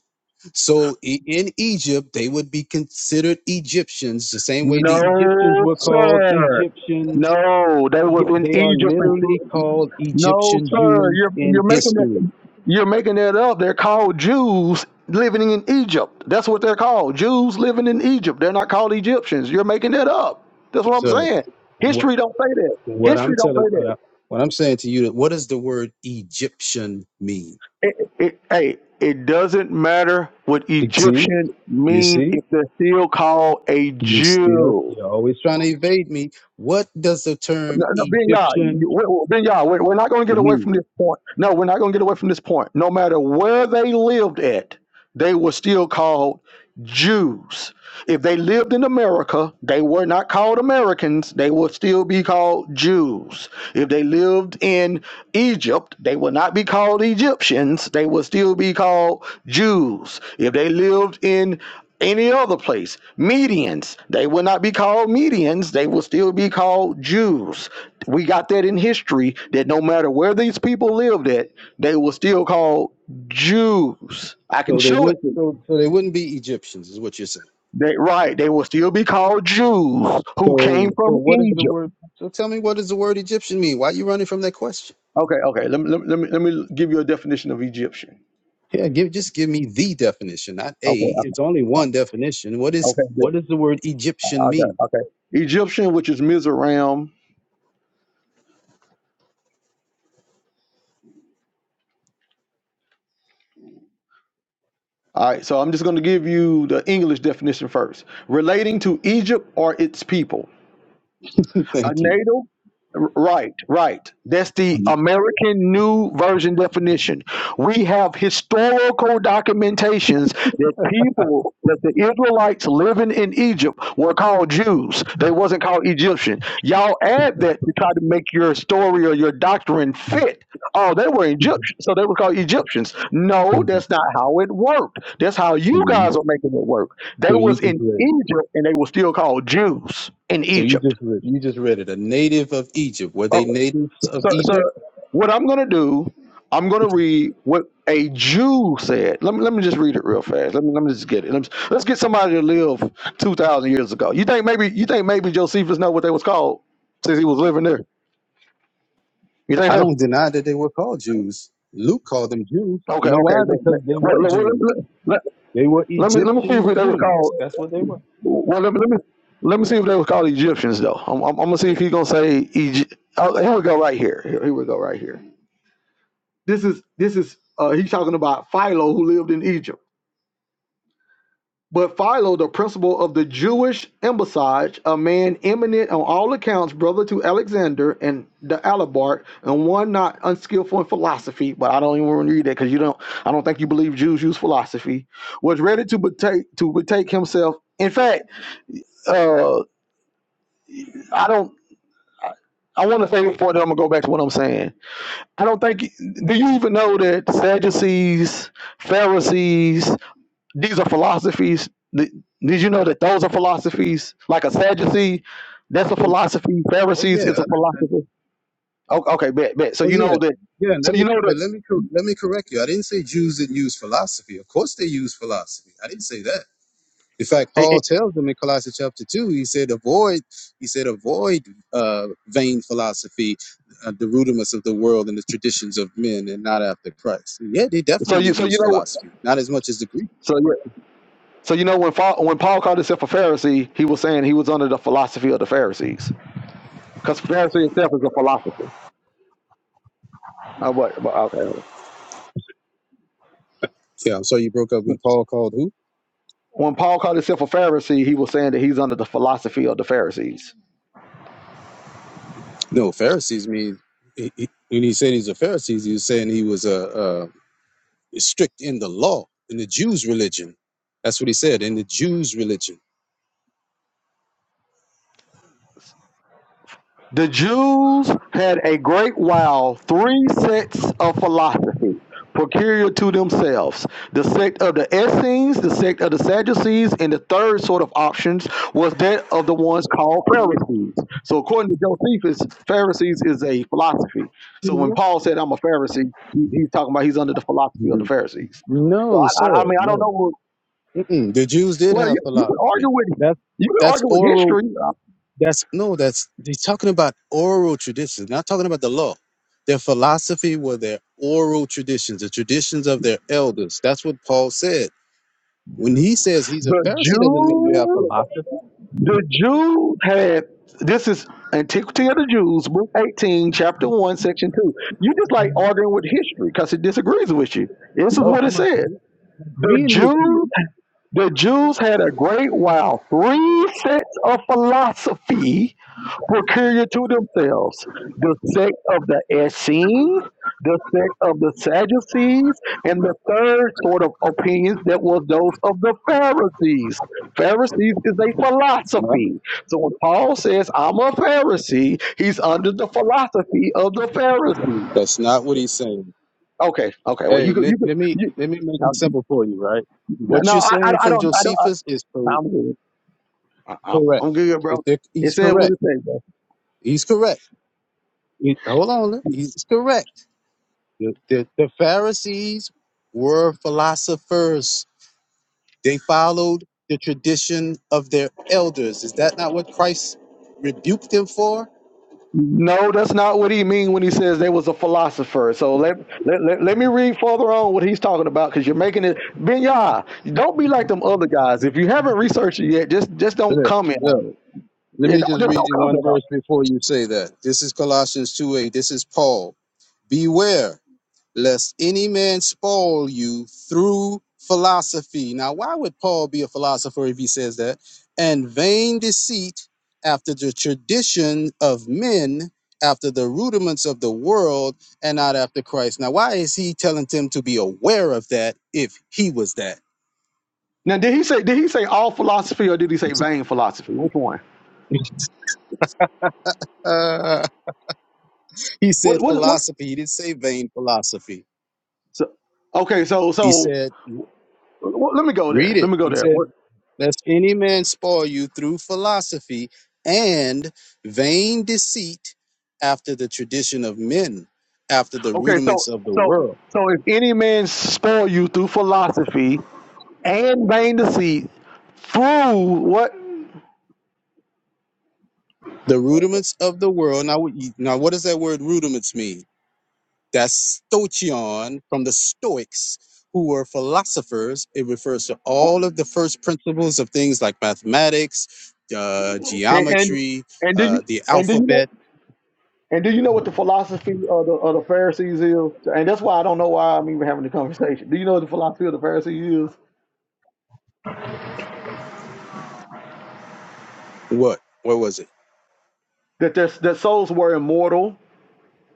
[SPEAKER 2] So i- in Egypt, they would be considered Egyptians, the same way the Egyptians
[SPEAKER 1] No,
[SPEAKER 2] were called
[SPEAKER 1] sir.
[SPEAKER 2] Egyptians
[SPEAKER 1] No, they
[SPEAKER 2] Ye-
[SPEAKER 1] was in
[SPEAKER 2] They are
[SPEAKER 1] Egypt.
[SPEAKER 2] literally
[SPEAKER 1] until
[SPEAKER 2] called
[SPEAKER 1] No,
[SPEAKER 2] Egyptian
[SPEAKER 1] sir.
[SPEAKER 2] Jews
[SPEAKER 1] You're you're
[SPEAKER 2] in
[SPEAKER 1] making it.
[SPEAKER 2] history.
[SPEAKER 1] You're making that up. They're called Jews living in Egypt. That's what they're called. Jews living in Egypt. They're not called Egyptians. You're making that up. That's what I'm
[SPEAKER 2] So
[SPEAKER 1] saying.
[SPEAKER 2] what
[SPEAKER 1] History don't say that.
[SPEAKER 2] what I'm
[SPEAKER 1] History don't
[SPEAKER 2] telling
[SPEAKER 1] say that.
[SPEAKER 2] uh, what I'm saying to you, what does the word Egyptian mean?
[SPEAKER 1] It, it, hey, it doesn't matter what
[SPEAKER 2] You see,
[SPEAKER 1] Egyptian
[SPEAKER 2] you
[SPEAKER 1] mean
[SPEAKER 2] see,
[SPEAKER 1] if they're still called a
[SPEAKER 2] you still
[SPEAKER 1] Jew.
[SPEAKER 2] you're always trying to evade me. What does the term
[SPEAKER 1] No, no, Ben Yah,
[SPEAKER 2] Egyptian
[SPEAKER 1] we- Ben Yah, we- we're not going to get away from
[SPEAKER 2] mean?
[SPEAKER 1] this point. No, we're not going to get away from this point. No matter where they lived at, they were still called Jews. If they lived in America, they were not called Americans, they would still be called Jews. If they lived in Egypt, they would not be called Egyptians, they would still be called Jews. If they lived in any other place, Medians, they would not be called Medians, they would still be called Jews. We got that in history that no matter where these people lived at, they were still called Jews. I can
[SPEAKER 2] So they
[SPEAKER 1] show it
[SPEAKER 2] would
[SPEAKER 1] to you.
[SPEAKER 2] so so they wouldn't be Egyptians, is what you're saying.
[SPEAKER 1] They, right, they will still be called Jews who came
[SPEAKER 2] So so
[SPEAKER 1] from
[SPEAKER 2] what is the
[SPEAKER 1] Egypt.
[SPEAKER 2] word? So tell me, what does the word Egyptian mean? Why are you running from that question?
[SPEAKER 1] Okay, okay. Let me let me let me, let me give you a definition of Egyptian.
[SPEAKER 2] Yeah, give just give me the definition, not a.
[SPEAKER 1] Okay, okay,
[SPEAKER 2] It's only one
[SPEAKER 1] uh,
[SPEAKER 2] definition. What is
[SPEAKER 1] okay, good.
[SPEAKER 2] what does the word Egyptian
[SPEAKER 1] Okay,
[SPEAKER 2] mean?
[SPEAKER 1] okay. Egyptian, which is Mizoram. All right, so I'm just going to give you the English definition first. Relating to Egypt or its people, a
[SPEAKER 2] Thank you.
[SPEAKER 1] native. Right, right. That's the
[SPEAKER 2] So
[SPEAKER 1] American New Version definition. We have historical documentations that people, that the Israelites living in Egypt were called Jews. They wasn't called Egyptian. Y'all add that to try to make your story or your doctrine fit. Oh, they were Egyptians, so they were called Egyptians. No, that's not how it worked. That's how you guys are making it work. They
[SPEAKER 2] you
[SPEAKER 1] was
[SPEAKER 2] just
[SPEAKER 1] in
[SPEAKER 2] read.
[SPEAKER 1] Egypt and they were still called Jews in
[SPEAKER 2] So you
[SPEAKER 1] Egypt.
[SPEAKER 2] just read. You just read it. A native of Egypt. Were
[SPEAKER 1] Oh,
[SPEAKER 2] they natives of
[SPEAKER 1] so, so
[SPEAKER 2] Egypt?
[SPEAKER 1] what I'm going to do, I'm going to read what a Jew said. Let me let me just read it real fast. Let me let me just get it. Let's let's get somebody to live two thousand years ago. You think maybe you think maybe Josephus know what they was called since he was living there? You think
[SPEAKER 2] I
[SPEAKER 1] so?
[SPEAKER 2] don't deny that they were called Jews. Luke called them Jews. You
[SPEAKER 1] Okay,
[SPEAKER 2] know
[SPEAKER 1] okay.
[SPEAKER 2] why?
[SPEAKER 1] But, but,
[SPEAKER 2] Because they were
[SPEAKER 1] well, let, let,
[SPEAKER 2] Jews.
[SPEAKER 1] let,
[SPEAKER 2] They were
[SPEAKER 1] let me let me see
[SPEAKER 2] Egyptian
[SPEAKER 1] if they were
[SPEAKER 2] Jews.
[SPEAKER 1] called.
[SPEAKER 2] That's what they were.
[SPEAKER 1] Well, let me let me, let me see if they were called Egyptians though. I'm, I'm, I'm gonna see if he's gonna say Egypt. Oh, here we go right here. Here, here we go right here. This is this is uh, he's talking about Philo who lived in Egypt. But Philo, the principal of the Jewish embassage, a man eminent on all accounts, brother to Alexander and the Alabart, and one not unskillful in philosophy, but I don't even want to read that because you don't I don't think you believe Jews use philosophy, was ready to betake to betake himself. In fact, uh, I don't I want to say before that I'm gonna go back to what I'm saying. I don't think do you even know that Sadducees, Pharisees, These are philosophies. Th- Did you know that those are philosophies? Like a Sadducee, that's a
[SPEAKER 2] They-
[SPEAKER 1] philosophy.
[SPEAKER 2] oh
[SPEAKER 1] Pharisees is a
[SPEAKER 2] yeah,
[SPEAKER 1] philosophy. O- Okay, bet, bet. So
[SPEAKER 2] Oh
[SPEAKER 1] you
[SPEAKER 2] yeah,
[SPEAKER 1] know that.
[SPEAKER 2] yeah. and
[SPEAKER 1] So
[SPEAKER 2] Let
[SPEAKER 1] you
[SPEAKER 2] me,
[SPEAKER 1] know that.
[SPEAKER 2] but let me, cor- let me correct you. I didn't say Jews didn't use philosophy. Of course they use philosophy. I didn't say that. In fact,
[SPEAKER 1] and-
[SPEAKER 2] Paul
[SPEAKER 1] and-
[SPEAKER 2] tells them in Colossians chapter two. He said, "Avoid," he said, "Avoid uh, vain philosophy, uh, the rudiments of the world and the traditions of men, and not after Christ." Yeah, they
[SPEAKER 1] so
[SPEAKER 2] definitely
[SPEAKER 1] you, so
[SPEAKER 2] use
[SPEAKER 1] you know.
[SPEAKER 2] philosophy, not as much as the Greek.
[SPEAKER 1] So yeah. So you know when Paul, when Paul called himself a Pharisee, he was saying he was under the philosophy of the Pharisees, because Pharisee itself is a philosophy. Oh, what? Okay.
[SPEAKER 2] Yeah, I'm sorry you broke up when Paul called who?
[SPEAKER 1] When Paul called himself a Pharisee, he was saying that he's under the philosophy of the Pharisees.
[SPEAKER 2] No, Pharisees. I mean, he, he, when he said he's a Pharisee, he was saying he was a. uh, Is strict in the law, in the Jews' religion. That's what he said, in the Jews' religion.
[SPEAKER 1] The Jews had a great while three sects of philosophy peculiar to themselves the sect of the Essenes, the sect of the Sadducees, and the third sort of options was that of the ones called Pharisees. So, according to Josephus, Pharisees is a philosophy. So, when Paul said, I'm a Pharisee, he, he's talking about he's under the philosophy of the
[SPEAKER 2] Mhm.
[SPEAKER 1] Pharisees. So,
[SPEAKER 2] No,
[SPEAKER 1] I,
[SPEAKER 2] sir,
[SPEAKER 1] I, I mean, I don't
[SPEAKER 2] no.
[SPEAKER 1] know. What,
[SPEAKER 2] Mm-mm. The Jews did
[SPEAKER 1] well,
[SPEAKER 2] have
[SPEAKER 1] you, you can
[SPEAKER 2] philosophy.
[SPEAKER 1] argue with
[SPEAKER 2] That's
[SPEAKER 1] you can
[SPEAKER 2] that's
[SPEAKER 1] argue with
[SPEAKER 2] oral.
[SPEAKER 1] history.
[SPEAKER 2] That's no. That's he's talking about oral traditions, not talking about the law. Their philosophy were their oral traditions, the traditions of their elders. That's what Paul said. When he says he's a
[SPEAKER 1] The
[SPEAKER 2] Pharisee, doesn't mean you have
[SPEAKER 1] Jews.
[SPEAKER 2] philosophy.
[SPEAKER 1] The Jews had this is Antiquity of the Jews, book 18, chapter 1, section 2. You just like arguing with history because it disagrees with you. This is
[SPEAKER 2] No,
[SPEAKER 1] what it
[SPEAKER 2] I'm
[SPEAKER 1] said. The
[SPEAKER 2] agreeing with you.
[SPEAKER 1] Jews, the Jews had a great while, three sets of philosophy peculiar to themselves. The sect of the Essenes, the sect of the Sadducees, and the third sort of opinions that was those of the Pharisees. Pharisees is a
[SPEAKER 2] Huh?
[SPEAKER 1] philosophy. So when Paul says, I'm a Pharisee, he's under the philosophy of the Pharisees.
[SPEAKER 2] That's not what he's saying.
[SPEAKER 1] Okay, okay. Well, you
[SPEAKER 2] Hey,
[SPEAKER 1] could,
[SPEAKER 2] let,
[SPEAKER 1] you could,
[SPEAKER 2] let me
[SPEAKER 1] you,
[SPEAKER 2] let me make
[SPEAKER 1] no,
[SPEAKER 2] it simple for you, right? What
[SPEAKER 1] no,
[SPEAKER 2] you're
[SPEAKER 1] I, I
[SPEAKER 2] saying
[SPEAKER 1] don't, I
[SPEAKER 2] from
[SPEAKER 1] don't, I don't,
[SPEAKER 2] Josephus
[SPEAKER 1] I,
[SPEAKER 2] is co-
[SPEAKER 1] I'm good. I,
[SPEAKER 2] correct.
[SPEAKER 1] I- I'm good,
[SPEAKER 2] Is
[SPEAKER 1] bro.
[SPEAKER 2] that
[SPEAKER 1] It
[SPEAKER 2] he's
[SPEAKER 1] says what
[SPEAKER 2] correct.
[SPEAKER 1] it says, bro.
[SPEAKER 2] He's correct. He- hold on, he's correct. The, the, the Pharisees were philosophers. They followed the tradition of their elders. Is that not what Christ rebuked them for?
[SPEAKER 1] No, that's not what he mean when he says they was a philosopher. So let let, let, let me read further on what he's talking about because you're making it Ben don't be like them other guys. If you haven't researched it yet, just just don't
[SPEAKER 2] Look,
[SPEAKER 1] comment
[SPEAKER 2] look.
[SPEAKER 1] on it.
[SPEAKER 2] Let
[SPEAKER 1] Yeah,
[SPEAKER 2] me
[SPEAKER 1] don't
[SPEAKER 2] just
[SPEAKER 1] just
[SPEAKER 2] read
[SPEAKER 1] don't
[SPEAKER 2] you one
[SPEAKER 1] comment on
[SPEAKER 2] verse
[SPEAKER 1] it.
[SPEAKER 2] before you say that. This is Colossians two eight. This is Paul. Beware. lest any man spoil you through philosophy. Now, why would Paul be a philosopher if he says that? And vain deceit after the tradition of men, after the rudiments of the world, and not after Christ. Now, why is he telling them to be aware of that if he was that?
[SPEAKER 1] Now did he say did he say all philosophy or did he say vain philosophy? Which one?
[SPEAKER 2] Uh, he said
[SPEAKER 1] What what what
[SPEAKER 2] philosophy. He didn't say vain philosophy.
[SPEAKER 1] so, okay, so
[SPEAKER 2] He
[SPEAKER 1] so
[SPEAKER 2] said,
[SPEAKER 1] wh- let me go
[SPEAKER 2] read
[SPEAKER 1] there. Let
[SPEAKER 2] it.
[SPEAKER 1] me go
[SPEAKER 2] He
[SPEAKER 1] there.
[SPEAKER 2] said,
[SPEAKER 1] What,
[SPEAKER 2] Lest any man spoil you through philosophy and vain deceit after the tradition of men, after the
[SPEAKER 1] okay, so
[SPEAKER 2] rudiments of the
[SPEAKER 1] so
[SPEAKER 2] world.
[SPEAKER 1] so if any man spoil you through philosophy and vain deceit through what
[SPEAKER 2] The rudiments of the world. Now, what you- now what does that word rudiments mean? That's stoichion from the Stoics, who were philosophers. It refers to all of the first principles of things like mathematics, uh,
[SPEAKER 1] And and,
[SPEAKER 2] geometry,
[SPEAKER 1] and do
[SPEAKER 2] uh,
[SPEAKER 1] you
[SPEAKER 2] the
[SPEAKER 1] and do you know
[SPEAKER 2] alphabet.
[SPEAKER 1] and do you know what the philosophy of the of the Pharisees is? And that's why I don't know why I'm even having the conversation. Do you know what the philosophy of the Pharisees is?
[SPEAKER 2] What? What was it?
[SPEAKER 1] That their that souls were immortal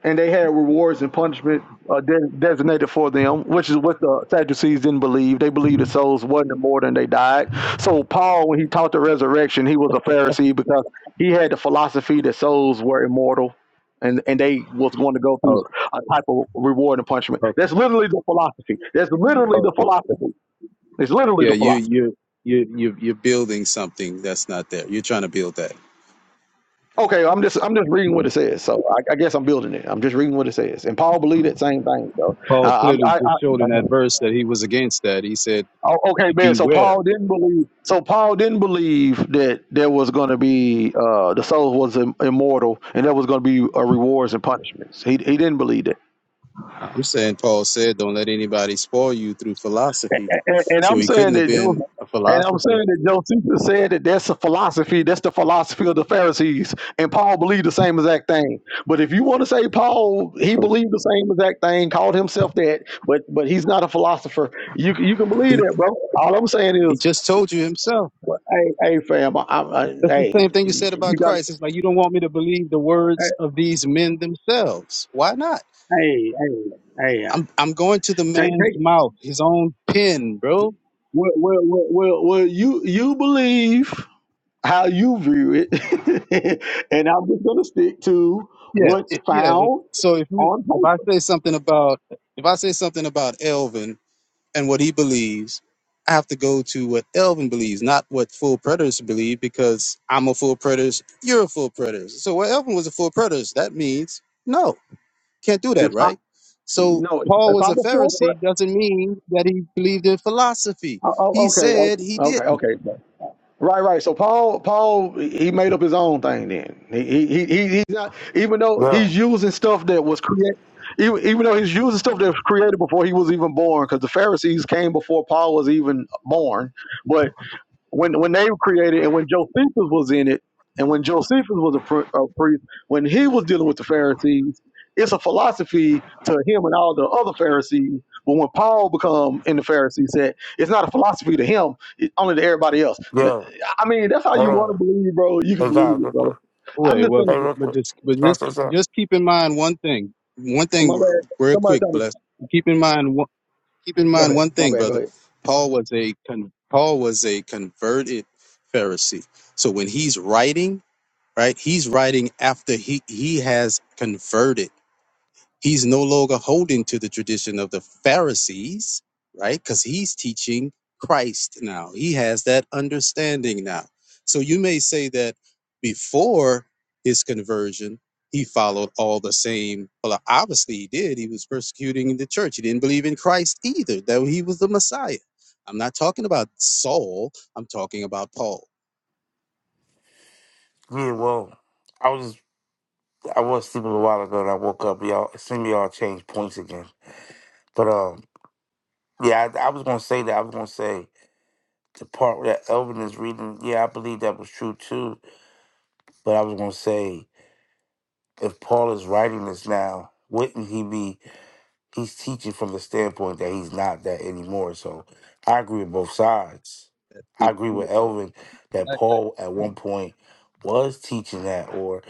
[SPEAKER 1] and they had rewards and punishment uh, de- designated for them, which is what the Sadducees didn't believe. They believed the souls wasn't immortal and they died. So Paul, when he taught the resurrection, he was a Pharisee because he had the philosophy that souls were immortal, and and they was going to go through
[SPEAKER 2] Oh,
[SPEAKER 1] a type of reward and punishment.
[SPEAKER 2] okay,
[SPEAKER 1] That's literally the philosophy. That's literally the
[SPEAKER 2] okay.
[SPEAKER 1] philosophy. It's literally
[SPEAKER 2] Yeah,
[SPEAKER 1] the
[SPEAKER 2] you
[SPEAKER 1] philosophy.
[SPEAKER 2] you you you you're building something that's not there. You're trying to build that.
[SPEAKER 1] Okay, I'm just I'm just reading what it says. So I, I guess I'm building it. I'm just reading what it says. And Paul believed that same thing. So
[SPEAKER 2] Paul
[SPEAKER 1] I,
[SPEAKER 2] clearly
[SPEAKER 1] I, I,
[SPEAKER 2] just showed in
[SPEAKER 1] I
[SPEAKER 2] that verse that he was against that. He said,
[SPEAKER 1] Oh, okay, man. So
[SPEAKER 2] "Beware."
[SPEAKER 1] Paul didn't believe. So Paul didn't believe that there was going to be uh, the soul was im- immortal, and there was going to be uh, rewards and punishments. He he didn't believe that.
[SPEAKER 2] You're saying Paul said, "Don't let anybody spoil you through philosophy."
[SPEAKER 1] And, and-
[SPEAKER 2] So
[SPEAKER 1] I'm
[SPEAKER 2] he couldn't
[SPEAKER 1] saying
[SPEAKER 2] have
[SPEAKER 1] that
[SPEAKER 2] been
[SPEAKER 1] Joseph,
[SPEAKER 2] a
[SPEAKER 1] and I'm
[SPEAKER 2] philosopher.
[SPEAKER 1] saying that Josephus said that that's a philosophy. That's the philosophy of the Pharisees, and Paul believed the same exact thing. But if you want to say Paul, he believed the same exact thing, called himself that, but but he's not a philosopher. You can- you can believe
[SPEAKER 2] He
[SPEAKER 1] that, bro. All I'm saying
[SPEAKER 2] he
[SPEAKER 1] is
[SPEAKER 2] just told you himself.
[SPEAKER 1] Well, Hey, hey, fam. I, I,
[SPEAKER 2] That's the
[SPEAKER 1] hey,
[SPEAKER 2] same thing you said about
[SPEAKER 1] you got.
[SPEAKER 2] Christ. It's like you don't want me to believe the words of these men themselves. Why not?
[SPEAKER 1] Hey, hey, hey. uh,
[SPEAKER 2] I'm I'm going to the
[SPEAKER 1] Take,
[SPEAKER 2] man's
[SPEAKER 1] take.
[SPEAKER 2] mouth, his own pen, bro.
[SPEAKER 1] Well, well, well, well, well. You, you believe how you view it, and I'm just gonna stick to
[SPEAKER 2] Yeah,
[SPEAKER 1] what's
[SPEAKER 2] it- yeah. it-
[SPEAKER 1] found
[SPEAKER 2] So if you
[SPEAKER 1] on
[SPEAKER 2] if I
[SPEAKER 1] paper.
[SPEAKER 2] say something about if I say something about Elvin and what he believes, I have to go to what Elvin believes, not what full predators believe, because I'm a full preterist, you're a full preterist. So well, Elvin was a full preterist. That means no, can't do that,
[SPEAKER 1] If I
[SPEAKER 2] right? So
[SPEAKER 1] no,
[SPEAKER 2] Paul
[SPEAKER 1] if
[SPEAKER 2] was a
[SPEAKER 1] I'm a full pre-
[SPEAKER 2] Pharisee doesn't mean that he believed in philosophy.
[SPEAKER 1] oh, oh,
[SPEAKER 2] He
[SPEAKER 1] okay,
[SPEAKER 2] said
[SPEAKER 1] okay,
[SPEAKER 2] he
[SPEAKER 1] okay,
[SPEAKER 2] didn't.
[SPEAKER 1] okay. Right, right. So Paul, Paul, he made up his own thing. Then he, he, he he's not even though
[SPEAKER 6] Yeah,
[SPEAKER 1] he's using stuff that was created, even, even though he's using stuff that was created before he was even born, because the Pharisees came before Paul was even born. But when when they were created and when Josephus was in it, and when Josephus was a, pr- a priest, when he was dealing with the Pharisees, it's a philosophy to him and all the other Pharisees. But when Paul become in the Pharisee set, it's not a philosophy to him, it's only to everybody else. N-
[SPEAKER 6] yeah.
[SPEAKER 1] I mean, that's how you
[SPEAKER 6] Hold
[SPEAKER 1] want to
[SPEAKER 6] on.
[SPEAKER 1] believe, bro. You can
[SPEAKER 6] Hey
[SPEAKER 1] believe
[SPEAKER 6] guys,
[SPEAKER 1] it,
[SPEAKER 6] real quick.
[SPEAKER 1] bro. I'm
[SPEAKER 2] Wait,
[SPEAKER 1] just
[SPEAKER 2] well,
[SPEAKER 1] saying.
[SPEAKER 6] Hey, real
[SPEAKER 2] but
[SPEAKER 6] quick.
[SPEAKER 2] just but
[SPEAKER 6] Can I
[SPEAKER 2] just
[SPEAKER 6] say something?
[SPEAKER 2] just keep in mind one thing. One
[SPEAKER 1] oh,
[SPEAKER 2] thing,
[SPEAKER 1] My
[SPEAKER 2] real
[SPEAKER 1] bad.
[SPEAKER 2] real
[SPEAKER 1] Somebody
[SPEAKER 2] quick,
[SPEAKER 1] tell me.
[SPEAKER 2] bless keep in mind keep in
[SPEAKER 1] Go
[SPEAKER 2] mind
[SPEAKER 1] ahead.
[SPEAKER 2] one
[SPEAKER 1] My
[SPEAKER 2] thing,
[SPEAKER 1] bad. Go
[SPEAKER 2] brother.
[SPEAKER 1] ahead.
[SPEAKER 2] Paul was a con- Paul was a converted Pharisee. So when he's writing, right, he's writing after he he has converted. He's no longer holding to the tradition of the Pharisees, right? Because he's teaching Christ now. He has that understanding now. So you may say that before his conversion, he followed all the same. Well, obviously he did. He was persecuting the church. He didn't believe in Christ either, that he was the Messiah. I'm not talking about Saul. I'm talking about Paul.
[SPEAKER 6] Yeah, well, I was I was sleeping a while ago and I woke up. Y'all, some me? y'all changed points again. But um, yeah, I, I was gonna say that. I was gonna say the part that Elvin is reading. Yeah, I believe that was true too. But I was gonna say if Paul is writing this now, wouldn't he be? he's teaching from the standpoint that he's not that anymore. So I agree with both sides. I agree with Elvin that Paul at one point was teaching that, or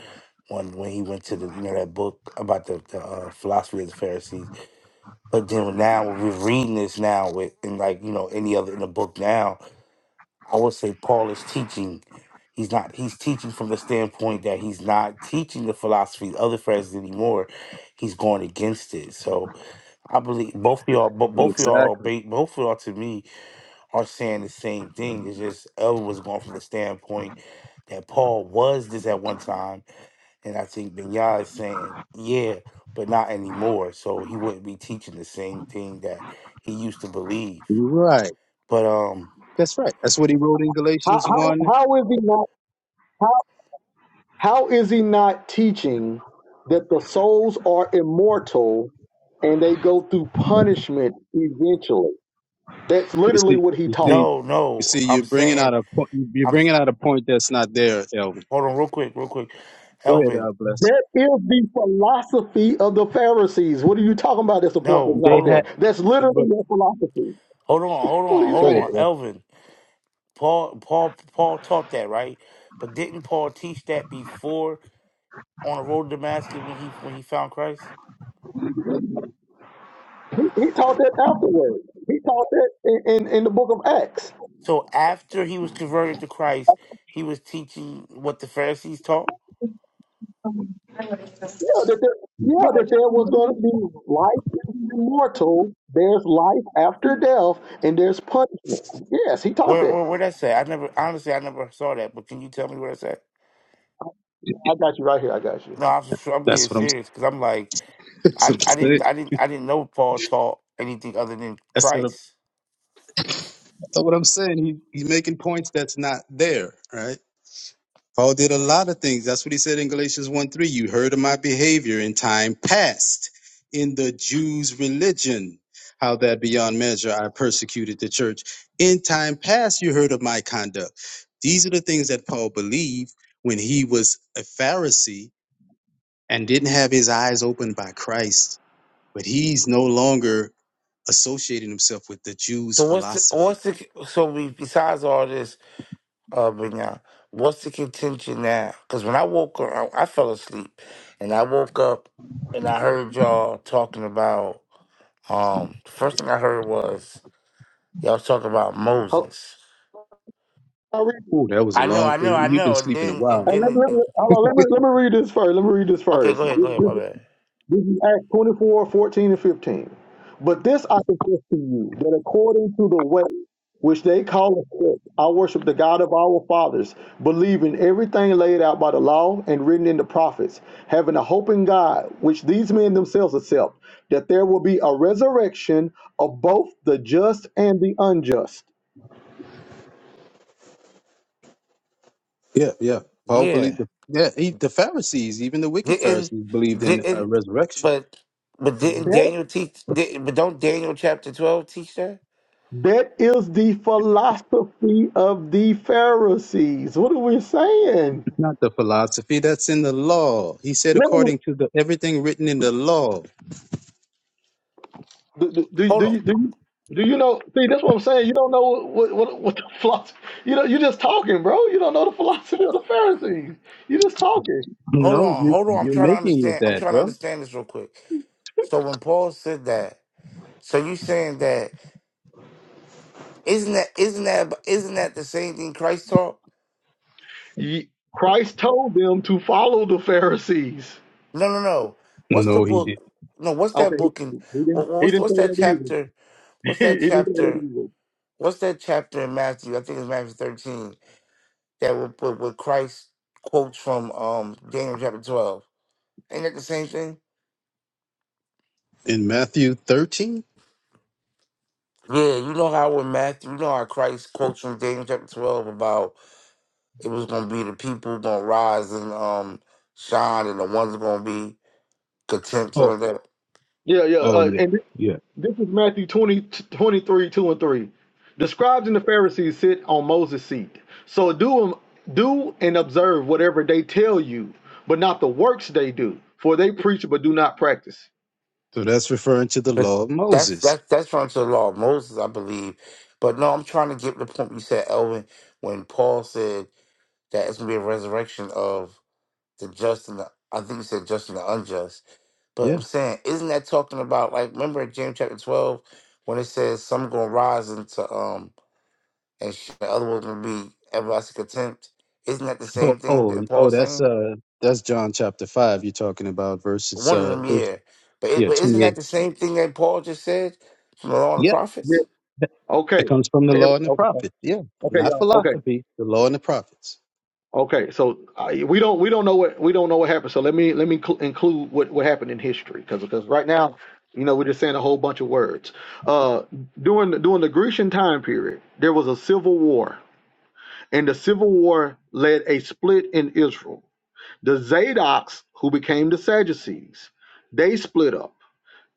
[SPEAKER 6] when when he went to the you know that book about the, the uh, philosophy of the Pharisees. But then now we're reading this now with and like you know any other in the book now, I would say Paul is teaching. He's not. He's teaching from the standpoint that he's not teaching the philosophy of the Pharisees anymore. He's going against it. So I believe both of y'all, but both of y'all,
[SPEAKER 2] Exactly.
[SPEAKER 6] ba- both of y'all to me are saying the same thing. It's just Elvin was going from the standpoint that Paul was this at one time, and I think Benyai is saying, yeah, but not anymore. So he wouldn't be teaching the same thing that he used to believe.
[SPEAKER 2] Right.
[SPEAKER 6] But um,
[SPEAKER 2] That's right. That's what he wrote in
[SPEAKER 1] How
[SPEAKER 2] Galatians 1
[SPEAKER 1] how, how is he not? how is he not teaching that the souls are immortal? and they go through punishment eventually. That's
[SPEAKER 2] You
[SPEAKER 1] literally
[SPEAKER 2] see,
[SPEAKER 1] what he
[SPEAKER 2] you
[SPEAKER 1] taught.
[SPEAKER 2] see,
[SPEAKER 6] no,
[SPEAKER 2] you
[SPEAKER 6] no,
[SPEAKER 2] see, you're
[SPEAKER 6] I'm
[SPEAKER 2] bringing out
[SPEAKER 6] saying
[SPEAKER 2] a point. You're
[SPEAKER 6] I'm. s-
[SPEAKER 2] bringing out a point that's not there, Elvin.
[SPEAKER 6] Hold on, real quick, real quick,
[SPEAKER 2] Go ahead,
[SPEAKER 6] Elvin.
[SPEAKER 2] uh, bless.
[SPEAKER 1] That is the philosophy of the Pharisees. What are you talking about? That's the point that's
[SPEAKER 6] No,
[SPEAKER 2] They
[SPEAKER 1] not
[SPEAKER 6] hold
[SPEAKER 2] had,
[SPEAKER 6] on,
[SPEAKER 1] there. That's
[SPEAKER 2] but
[SPEAKER 1] literally their philosophy.
[SPEAKER 6] hold on, hold
[SPEAKER 1] What are
[SPEAKER 6] on,
[SPEAKER 1] you
[SPEAKER 6] hold
[SPEAKER 2] go ahead,
[SPEAKER 6] on,
[SPEAKER 1] saying?
[SPEAKER 2] bless.
[SPEAKER 6] Elvin. Paul Paul Paul taught that, right? But didn't Paul teach that before on the road to Damascus when he when he found Christ?
[SPEAKER 1] He, he taught that afterwards. He taught that in, in, in the book of Acts.
[SPEAKER 6] So after he was converted to Christ, he was teaching what the Pharisees taught.
[SPEAKER 1] Yeah, that there, yeah, that there was going to be life is immortal. There's life after death, and there's punishment. Yes, he taught
[SPEAKER 6] Where
[SPEAKER 1] that.
[SPEAKER 6] where where that say? I never honestly I never saw that. But can you tell me where that's at?
[SPEAKER 1] I got you right here. I got you.
[SPEAKER 6] No, I'm I'm being
[SPEAKER 2] That's what I'm.
[SPEAKER 6] serious because I'm like
[SPEAKER 2] That's
[SPEAKER 6] I,
[SPEAKER 2] what
[SPEAKER 6] I
[SPEAKER 2] I'm saying.
[SPEAKER 6] didn't I didn't I didn't know Paul taught anything other than
[SPEAKER 2] That's what I'm,
[SPEAKER 6] Christ.
[SPEAKER 2] that's what I'm saying. He, he's making points that's not there, right? Paul did a lot of things. That's what he said in Galatians 1 3. You heard of my behavior in time past in the Jews' religion, how that beyond measure I persecuted the church. In time past, you heard of my conduct. These are the things that Paul believed when he was a Pharisee and didn't have his eyes opened by Christ, but he's no longer associating himself with the Jews'
[SPEAKER 6] So what's the,
[SPEAKER 2] philosophy.
[SPEAKER 6] what's the so we, besides all this? uh, Benya, what's the contention now? Because when I woke up, I, I fell asleep, and I woke up and I heard y'all talking about. Um, the first thing I heard was y'all talking about
[SPEAKER 1] Ho-
[SPEAKER 6] Moses.
[SPEAKER 2] Oh, that was a
[SPEAKER 6] I know,
[SPEAKER 2] long,
[SPEAKER 6] I know, I
[SPEAKER 2] you've been
[SPEAKER 6] know. And
[SPEAKER 2] sleeping a
[SPEAKER 6] then,
[SPEAKER 2] while.
[SPEAKER 6] and
[SPEAKER 1] And
[SPEAKER 6] then,
[SPEAKER 1] let,
[SPEAKER 6] it-
[SPEAKER 1] let,
[SPEAKER 6] and,
[SPEAKER 1] let- hold on, let me, let me read this first. Let me read this
[SPEAKER 6] okay,
[SPEAKER 1] first.
[SPEAKER 6] go ahead, go
[SPEAKER 1] This,
[SPEAKER 6] ahead.
[SPEAKER 1] this,
[SPEAKER 6] My bad.
[SPEAKER 1] this is Acts 24, 14, and 15. But this I confess to you, that according to the way which they call a sect, I worship the God of our fathers, believing everything laid out by the law and written in the prophets, having a hope in God, which these men themselves accept, that there will be a resurrection of both the just and the unjust.
[SPEAKER 2] Yeah, yeah. Paul believed.
[SPEAKER 6] Yeah,
[SPEAKER 2] The, yeah, he, the Pharisees, even the wicked
[SPEAKER 6] didn't,
[SPEAKER 2] Pharisees, believed in a
[SPEAKER 6] didn't,
[SPEAKER 2] resurrection,
[SPEAKER 6] but, but didn't Daniel teach? Didn't, but don't Daniel chapter twelve teach that?
[SPEAKER 1] That is the philosophy of the Pharisees. What are we saying?
[SPEAKER 2] not the philosophy that's in the law. He said,
[SPEAKER 1] Let me,
[SPEAKER 2] according to the everything written in the law.
[SPEAKER 1] do, do, do,
[SPEAKER 6] Hold
[SPEAKER 1] do,
[SPEAKER 6] on,
[SPEAKER 1] you- do, you- do you know? See, that's what I'm saying. You don't know what, what, what the philosophy. You know, you're just talking, bro. You don't know the philosophy of the Pharisees. You're just talking.
[SPEAKER 6] hold
[SPEAKER 2] No,
[SPEAKER 6] on,
[SPEAKER 2] you
[SPEAKER 6] hold on. I'm
[SPEAKER 2] you're
[SPEAKER 6] trying to
[SPEAKER 2] making it
[SPEAKER 6] understand. I'm
[SPEAKER 2] that,
[SPEAKER 6] trying to
[SPEAKER 2] bro.
[SPEAKER 6] understand this real quick. So when Paul said that. So you saying that isn't that isn't that isn't that the same thing Christ taught?
[SPEAKER 1] Ye- Christ told them to follow the Pharisees.
[SPEAKER 6] No, no, no. What's the
[SPEAKER 2] No, he
[SPEAKER 6] book?
[SPEAKER 2] didn't.
[SPEAKER 6] No, what's
[SPEAKER 1] Okay,
[SPEAKER 6] that book in?
[SPEAKER 1] he, he
[SPEAKER 6] what-
[SPEAKER 1] didn't. He
[SPEAKER 6] What's
[SPEAKER 1] didn't
[SPEAKER 6] what's
[SPEAKER 1] say
[SPEAKER 6] that
[SPEAKER 1] that either.
[SPEAKER 6] chapter?
[SPEAKER 1] He,
[SPEAKER 6] What's
[SPEAKER 1] he
[SPEAKER 6] that
[SPEAKER 1] didn't say that
[SPEAKER 6] chapter?
[SPEAKER 1] either.
[SPEAKER 6] What's that chapter in Matthew? I think it's Matthew thirteen that where, where where Christ quotes from um Daniel chapter twelve. Ain't that the same thing?
[SPEAKER 2] In Matthew 13.
[SPEAKER 6] Yeah, you know how with Matthew, you know how Christ quotes from Daniel chapter twelve about it was gonna be the people gonna rise and um shine and the ones gonna be contempt
[SPEAKER 2] Oh,
[SPEAKER 6] something like that.
[SPEAKER 1] Yeah, yeah.
[SPEAKER 2] oh
[SPEAKER 1] Uh,
[SPEAKER 2] yeah,
[SPEAKER 1] and
[SPEAKER 2] yeah.
[SPEAKER 1] This is Matthew twenty twenty 2 and 3. The scribes and the Pharisees sit on Moses' seat. So do, um, do and observe whatever they tell you, but not the works they do, for they preach but do not practice.
[SPEAKER 2] So that's referring to the
[SPEAKER 6] But
[SPEAKER 2] law of
[SPEAKER 6] that's
[SPEAKER 2] Moses.
[SPEAKER 6] that's that's from the law of Moses, I believe. But no, I'm trying to get to the point you said, Elvin, when Paul said that it's gonna be a resurrection of the just and the I think you said just and the unjust. But
[SPEAKER 2] Yeah.
[SPEAKER 6] I'm saying, isn't that talking about like remember in James chapter twelve when it says some gonna rise into um and sh- the other one's gonna be everlasting contempt? Isn't that the
[SPEAKER 2] Oh,
[SPEAKER 6] same thing
[SPEAKER 2] oh,
[SPEAKER 6] that
[SPEAKER 2] oh.
[SPEAKER 6] Paul's
[SPEAKER 2] That's
[SPEAKER 6] saying?
[SPEAKER 2] uh, that's John chapter five. You're talking about verses
[SPEAKER 6] One of
[SPEAKER 2] uh,
[SPEAKER 6] them,
[SPEAKER 2] verse
[SPEAKER 6] yeah. But, it,
[SPEAKER 2] yeah,
[SPEAKER 6] but isn't that
[SPEAKER 2] 28.
[SPEAKER 6] the same thing that Paul just said from the law and the
[SPEAKER 2] Yep.
[SPEAKER 6] prophets?
[SPEAKER 1] Yeah. Okay.
[SPEAKER 2] It comes from the law
[SPEAKER 1] Ev-
[SPEAKER 2] and the
[SPEAKER 1] Okay,
[SPEAKER 2] prophets. Yeah.
[SPEAKER 1] okay,
[SPEAKER 2] Not
[SPEAKER 1] y'all. Okay.
[SPEAKER 2] philosophy, the law and the prophets.
[SPEAKER 1] Okay. So I, we don't we don't know what we don't know what happened. So let me let me cl- include what, what happened in history because because right now, you know, we're just saying a whole bunch of words. Uh during the, during the Grecian time period, there was a civil war and the civil war led a split in Israel. The Zadoks, who became the Sadducees, they split up.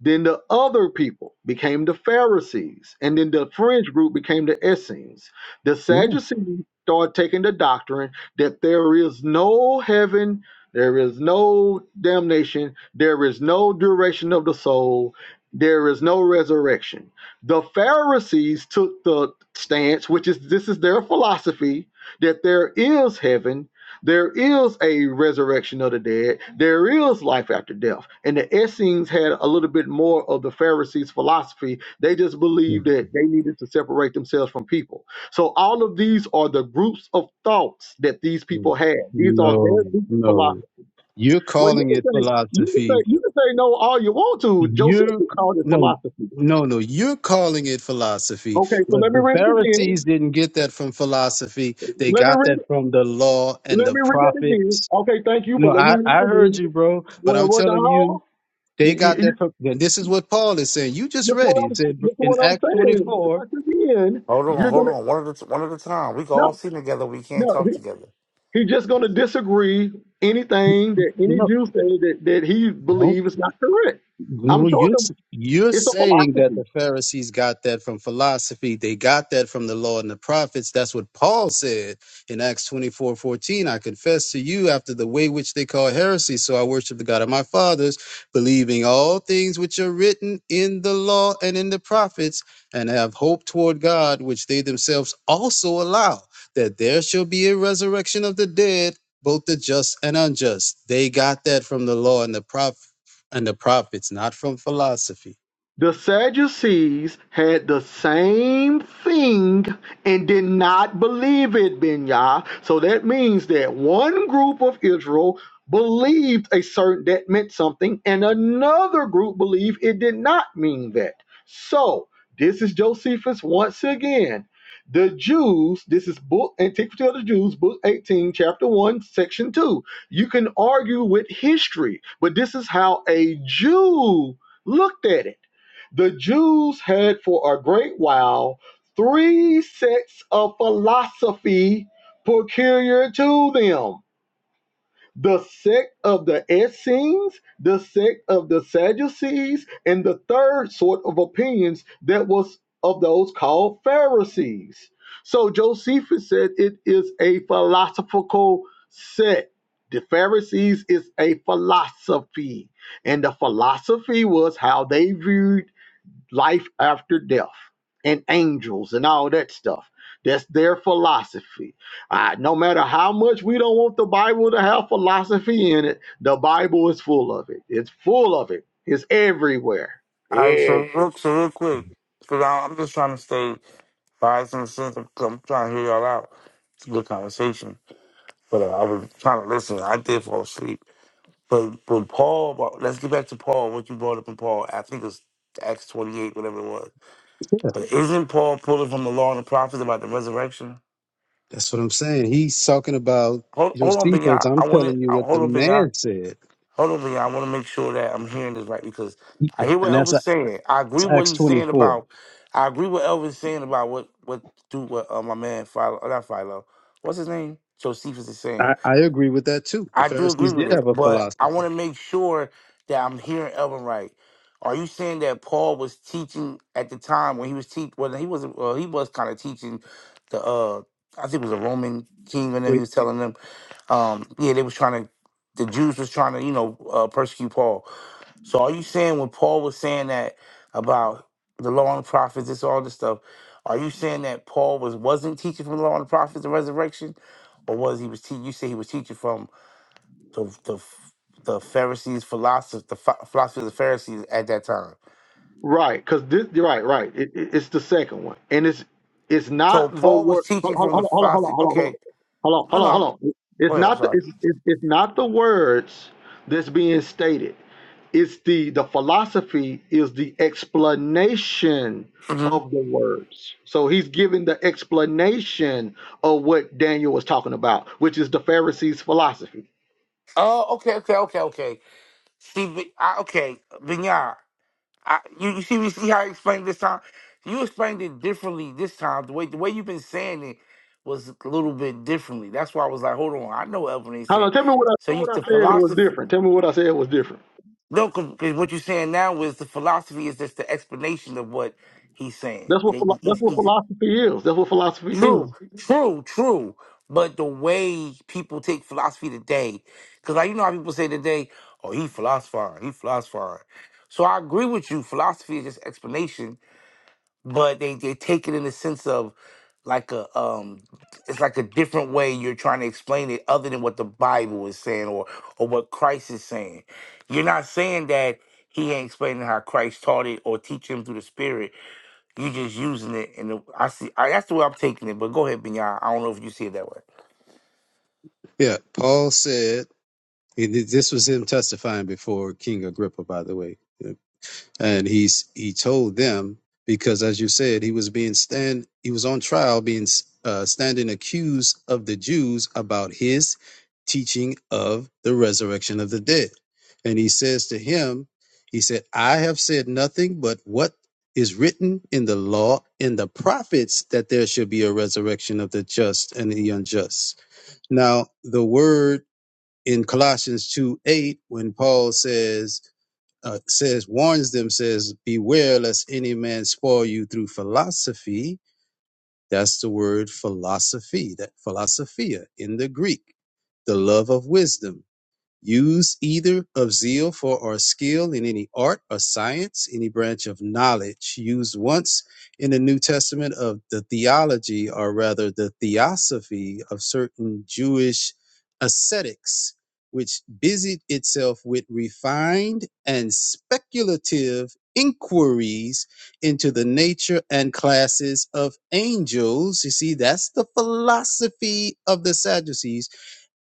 [SPEAKER 1] Then the other people became the Pharisees, and then the fringe group became the Essenes. The
[SPEAKER 2] Yeah.
[SPEAKER 1] Sadducees started taking the doctrine that there is no heaven, there is no damnation, there is no duration of the soul, there is no resurrection. The Pharisees took the stance, which is this is their philosophy, that there is heaven there is a resurrection of the dead. There is life after death. And the Essenes had a little bit more of the Pharisees' philosophy. They just believed that they needed to separate themselves from people. So all of these are the groups of thoughts that these people
[SPEAKER 2] Mhm.
[SPEAKER 1] had. These are
[SPEAKER 2] No,
[SPEAKER 1] their deep
[SPEAKER 2] no.
[SPEAKER 1] philosophy.
[SPEAKER 2] You're
[SPEAKER 1] Well, you
[SPEAKER 2] calling
[SPEAKER 1] can
[SPEAKER 2] it
[SPEAKER 1] say you can
[SPEAKER 2] philosophy.
[SPEAKER 1] say you can say no all you want to.
[SPEAKER 2] You're,
[SPEAKER 1] Josephus called it
[SPEAKER 2] no,
[SPEAKER 1] philosophy.
[SPEAKER 2] no, no. You're calling it philosophy,
[SPEAKER 1] Okay, so
[SPEAKER 2] but
[SPEAKER 1] let me
[SPEAKER 2] the
[SPEAKER 1] read it
[SPEAKER 2] Pharisees
[SPEAKER 1] again.
[SPEAKER 2] didn't get that from philosophy. They
[SPEAKER 1] Let me
[SPEAKER 2] got
[SPEAKER 1] read
[SPEAKER 2] that
[SPEAKER 1] it.
[SPEAKER 2] from the law and
[SPEAKER 1] let
[SPEAKER 2] the
[SPEAKER 1] me read it again.
[SPEAKER 2] prophets.
[SPEAKER 1] Okay, thank you,
[SPEAKER 2] No,
[SPEAKER 1] but let me
[SPEAKER 2] I,
[SPEAKER 1] read
[SPEAKER 2] I
[SPEAKER 1] it
[SPEAKER 2] heard
[SPEAKER 1] again.
[SPEAKER 2] you, bro, but
[SPEAKER 1] Well,
[SPEAKER 2] I'm
[SPEAKER 1] well,
[SPEAKER 2] telling you,
[SPEAKER 1] dog.
[SPEAKER 2] they got
[SPEAKER 1] you,
[SPEAKER 2] that. From, and this is what Paul is saying. You just
[SPEAKER 1] That's
[SPEAKER 2] read.
[SPEAKER 1] what
[SPEAKER 2] it. He
[SPEAKER 1] I'm.
[SPEAKER 2] said
[SPEAKER 1] That's what
[SPEAKER 2] in
[SPEAKER 1] I'm
[SPEAKER 2] Acts
[SPEAKER 1] saying.
[SPEAKER 2] 24.
[SPEAKER 1] Once again,
[SPEAKER 6] Hold on,
[SPEAKER 1] you're
[SPEAKER 6] hold
[SPEAKER 1] gonna
[SPEAKER 6] on. One at a, one at a time. We can all
[SPEAKER 1] no,
[SPEAKER 6] sing together. We can't
[SPEAKER 1] no. He,
[SPEAKER 6] talk together.
[SPEAKER 1] he's just gonna disagree anything that any
[SPEAKER 2] No,
[SPEAKER 1] Jew says that that he
[SPEAKER 2] no.
[SPEAKER 1] believes is not correct. I'm
[SPEAKER 2] No, you're,
[SPEAKER 1] showing
[SPEAKER 2] s-
[SPEAKER 1] him
[SPEAKER 2] you're
[SPEAKER 1] it's a
[SPEAKER 2] saying
[SPEAKER 1] philosophy.
[SPEAKER 2] that the Pharisees got that from philosophy. They got that from the law and the prophets. That's what Paul said in Acts 24 14. I confess to you after the way which they call heresy. So I worship the God of my fathers, believing all things which are written in the law and in the prophets, and have hope toward God, which they themselves also allow that there shall be a resurrection of the dead. Both the just and unjust. They got that from the law and the prophets and the prophets, not from philosophy.
[SPEAKER 1] The Sadducees had the same thing and did not believe it, Binyah. So that means that one group of Israel believed a certain that meant something, and another group believed it did not mean that. So this is Josephus once again. The Jews, this is book Antiquity of the Jews, book 18, chapter 1, section 2. You can argue with history, but this is how a Jew looked at it. The Jews had for a great while three sects of philosophy peculiar to them the sect of the Essenes, the sect of the Sadducees, and the third sort of opinions that was of those called Pharisees. So Josephus said it is a philosophical sect. The Pharisees is a philosophy, and the philosophy was how they viewed life after death and angels and all that stuff. That's their philosophy. Uh, no matter how much we don't want the Bible to have philosophy in it, the Bible is full of it. It's full of it. It's everywhere.
[SPEAKER 6] All right,
[SPEAKER 1] Yeah.
[SPEAKER 6] so real, so real quick, because I'm just trying to stay five and sense. I'm, I'm trying to hear y'all out. It's a good conversation, but uh, I was trying to listen. I did fall asleep. But but Paul, but let's get back to Paul. What you brought up in Paul, I think it's Acts 28, whatever it was.
[SPEAKER 2] Yeah,
[SPEAKER 6] But isn't Paul pulling from the law and the prophets about the resurrection?
[SPEAKER 2] that's what I'm saying. He's talking about
[SPEAKER 6] Hold, hold on,
[SPEAKER 2] Josephus.
[SPEAKER 6] Benya.
[SPEAKER 2] I'm
[SPEAKER 6] I want to
[SPEAKER 2] telling you what the
[SPEAKER 6] hold on, Benya.
[SPEAKER 2] man said,
[SPEAKER 6] Hold on, y'all. I want to make sure that I'm hearing this right because I
[SPEAKER 2] yeah.
[SPEAKER 6] hear what
[SPEAKER 2] and that's,
[SPEAKER 6] Elvis saying. I agree
[SPEAKER 2] that's
[SPEAKER 6] what
[SPEAKER 2] Acts
[SPEAKER 6] he's saying
[SPEAKER 2] 24.
[SPEAKER 6] about. I agree what Elvis saying about what what do what uh, my man Philo, uh, not Philo, what's his name? Josephus is saying.
[SPEAKER 2] I, I agree with that too. The
[SPEAKER 6] I do agree
[SPEAKER 2] Pharisees
[SPEAKER 6] with
[SPEAKER 2] did
[SPEAKER 6] it,
[SPEAKER 2] have a
[SPEAKER 6] but I want
[SPEAKER 2] philosophy.
[SPEAKER 6] to make sure that I'm hearing Elvin right. Are you saying that Paul was teaching at the time when he was teach? Well, he was uh, he was kind of teaching the. uh I think it was a Roman king, and then he
[SPEAKER 2] Wait,
[SPEAKER 6] was telling them um yeah they was trying to the jews was trying to you know uh, persecute paul so are you saying when paul was saying that about the law and prophets this all this stuff are you saying that paul was wasn't teaching from the law and the prophets the resurrection or was he was te- you say he was teaching from the the the pharisees philosophy the phi- philosophy of the pharisees at that time
[SPEAKER 1] Right. Because this. Right. Right. It, it- it's the second one, and it's it's
[SPEAKER 6] so
[SPEAKER 1] not the
[SPEAKER 6] paul was
[SPEAKER 1] word. Hold,
[SPEAKER 6] teaching
[SPEAKER 1] hold,
[SPEAKER 6] from the
[SPEAKER 1] hold on. Hold on.
[SPEAKER 6] philosophy
[SPEAKER 1] Hold on. Hold on.
[SPEAKER 6] okay
[SPEAKER 1] Hold on.
[SPEAKER 6] no
[SPEAKER 1] Hold
[SPEAKER 6] no
[SPEAKER 1] on.
[SPEAKER 6] i'm
[SPEAKER 1] Hold on.
[SPEAKER 6] oh
[SPEAKER 1] It's
[SPEAKER 6] yeah, i'm
[SPEAKER 1] not the.
[SPEAKER 6] sorry
[SPEAKER 1] It's, it's it's not the words that's being stated. It's the the philosophy is the explanation
[SPEAKER 6] hmm
[SPEAKER 1] of the words. So he's giving the explanation of what Daniel was talking about, which is the Pharisees' philosophy.
[SPEAKER 6] oh okay okay okay okay see Bi- I, okay Vinyard, I, you, you see, we see how I explained this time. You explained it differently this time. The way the way you've been saying it was a little bit differently. That's why I was like, hold on, I know what Evelyn ain't
[SPEAKER 1] Hold
[SPEAKER 6] saying.
[SPEAKER 1] on, tell me what I
[SPEAKER 6] So you
[SPEAKER 1] what I
[SPEAKER 6] the
[SPEAKER 1] said it was
[SPEAKER 6] philosophy.
[SPEAKER 1] different. Tell me what I said was different.
[SPEAKER 6] No, because what you're saying now is the philosophy is just the explanation of what he's saying.
[SPEAKER 1] That's what
[SPEAKER 6] He-
[SPEAKER 1] philo- that's
[SPEAKER 6] he's-
[SPEAKER 1] what
[SPEAKER 6] he's-
[SPEAKER 1] philosophy is. That's what philosophy means.
[SPEAKER 6] true, true, true. But the way people take philosophy today, because like you know how people say today, oh, he philosophized, he philosophized. So I agree with you. Philosophy is just explanation but they, they take it in the sense of like a um it's like a different way you're trying to explain it other than what the bible is saying or or what christ is saying you're not saying that he ain't explaining how christ taught it or teaching him through the spirit you're just using it and the, i see I, that's the way i'm taking it but go ahead Binyan. i don't know if you see it that way
[SPEAKER 2] yeah. Paul said, and this was him testifying before King Agrippa, by the way. and he's he told them because as you said he was being stand he was on trial being uh, standing accused of the jews about his teaching of the resurrection of the dead and he says to him he said i have said nothing but what is written in the law in the prophets that there should be a resurrection of the just and the unjust now the word in colossians 2 8 when paul says uh, says warns them says beware lest any man spoil you through philosophy that's the word philosophy that philosophia in the greek the love of wisdom Use either of zeal for or skill in any art or science, any branch of knowledge used once in the New Testament of the theology, or rather the theosophy of certain Jewish ascetics, which busied itself with refined and speculative inquiries into the nature and classes of angels. You see, that's the philosophy of the Sadducees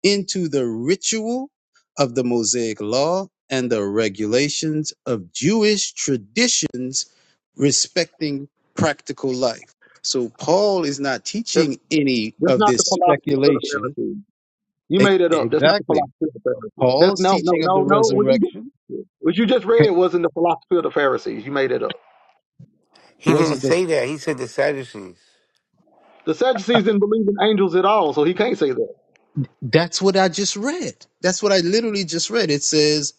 [SPEAKER 2] into the ritual of the Mosaic law and the regulations of Jewish traditions respecting practical life. So Paul is not
[SPEAKER 1] That's
[SPEAKER 2] teaching any
[SPEAKER 1] that's
[SPEAKER 2] of
[SPEAKER 1] not
[SPEAKER 2] this
[SPEAKER 1] the philosophy of the
[SPEAKER 2] speculation.
[SPEAKER 1] Pharisees. You
[SPEAKER 2] E-
[SPEAKER 1] made it up. That's not the
[SPEAKER 2] Exactly.
[SPEAKER 1] philosophy of the Pharisees. That's
[SPEAKER 2] Paul's
[SPEAKER 1] no no
[SPEAKER 2] teaching of the
[SPEAKER 1] no no. What you
[SPEAKER 2] resurrection
[SPEAKER 1] what you just read wasn't the philosophy of the Pharisees. You made it up.
[SPEAKER 6] he didn't
[SPEAKER 2] wasn't the
[SPEAKER 6] say that he said the sadducees
[SPEAKER 1] The Sadducees didn't believe in angels at all, so he can't say that.
[SPEAKER 2] that's what I just read. That's what I literally just read. It says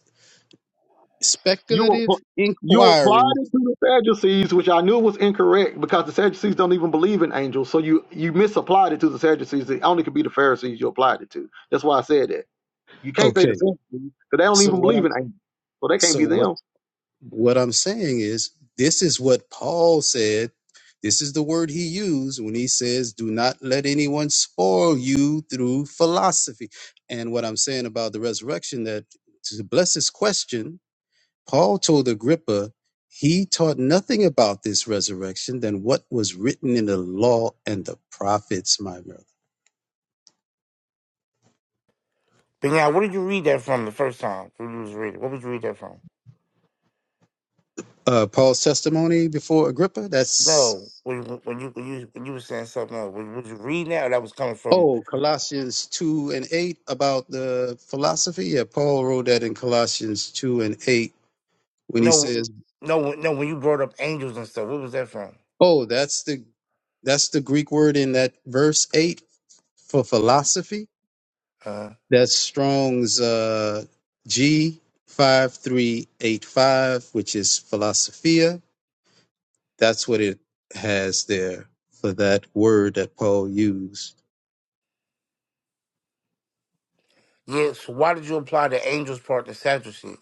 [SPEAKER 1] You
[SPEAKER 2] speculative
[SPEAKER 1] app- you applied
[SPEAKER 2] inquiries.
[SPEAKER 1] it to the Sadducees, which I knew was incorrect because the Sadducees don't even believe in angels. So you you misapplied it to the Sadducees. It only could be the Pharisees you applied it to. That's why I said that. You can't say
[SPEAKER 2] Okay.
[SPEAKER 1] the Sadducees because they don't
[SPEAKER 2] So
[SPEAKER 1] even
[SPEAKER 2] what
[SPEAKER 1] believe
[SPEAKER 2] I'm
[SPEAKER 1] in angels, so they can't be
[SPEAKER 2] so what
[SPEAKER 1] them.
[SPEAKER 2] What I'm saying is, this is what Paul said. This is the word he used when he says, Do not let anyone spoil you through philosophy. And what I'm saying about the resurrection, that to bless his question, Paul told Agrippa, he taught nothing about this resurrection than what was written in the law and the prophets, my brother.
[SPEAKER 6] Binyan, where did you read that from the first time Where did you was reading what did you read that from
[SPEAKER 2] Uh, Paul's testimony before Agrippa, thats
[SPEAKER 6] No, when when you when you when you were saying something else, was, was you reading that or that was coming from
[SPEAKER 2] Oh, Colossians 2 and 8 about the philosophy. Yeah, Paul wrote that in Colossians 2 and 8 when he says,
[SPEAKER 6] no no no when you brought up angels and stuff, what was that from?
[SPEAKER 2] "Oh, that's the that's the Greek word in that verse 8 for philosophy.
[SPEAKER 6] Uh
[SPEAKER 2] That's Strong's uh G 5385, which is philosophia. That's what it has there for that word that Paul used.
[SPEAKER 6] yes, why did you apply the angels part to Sadducees?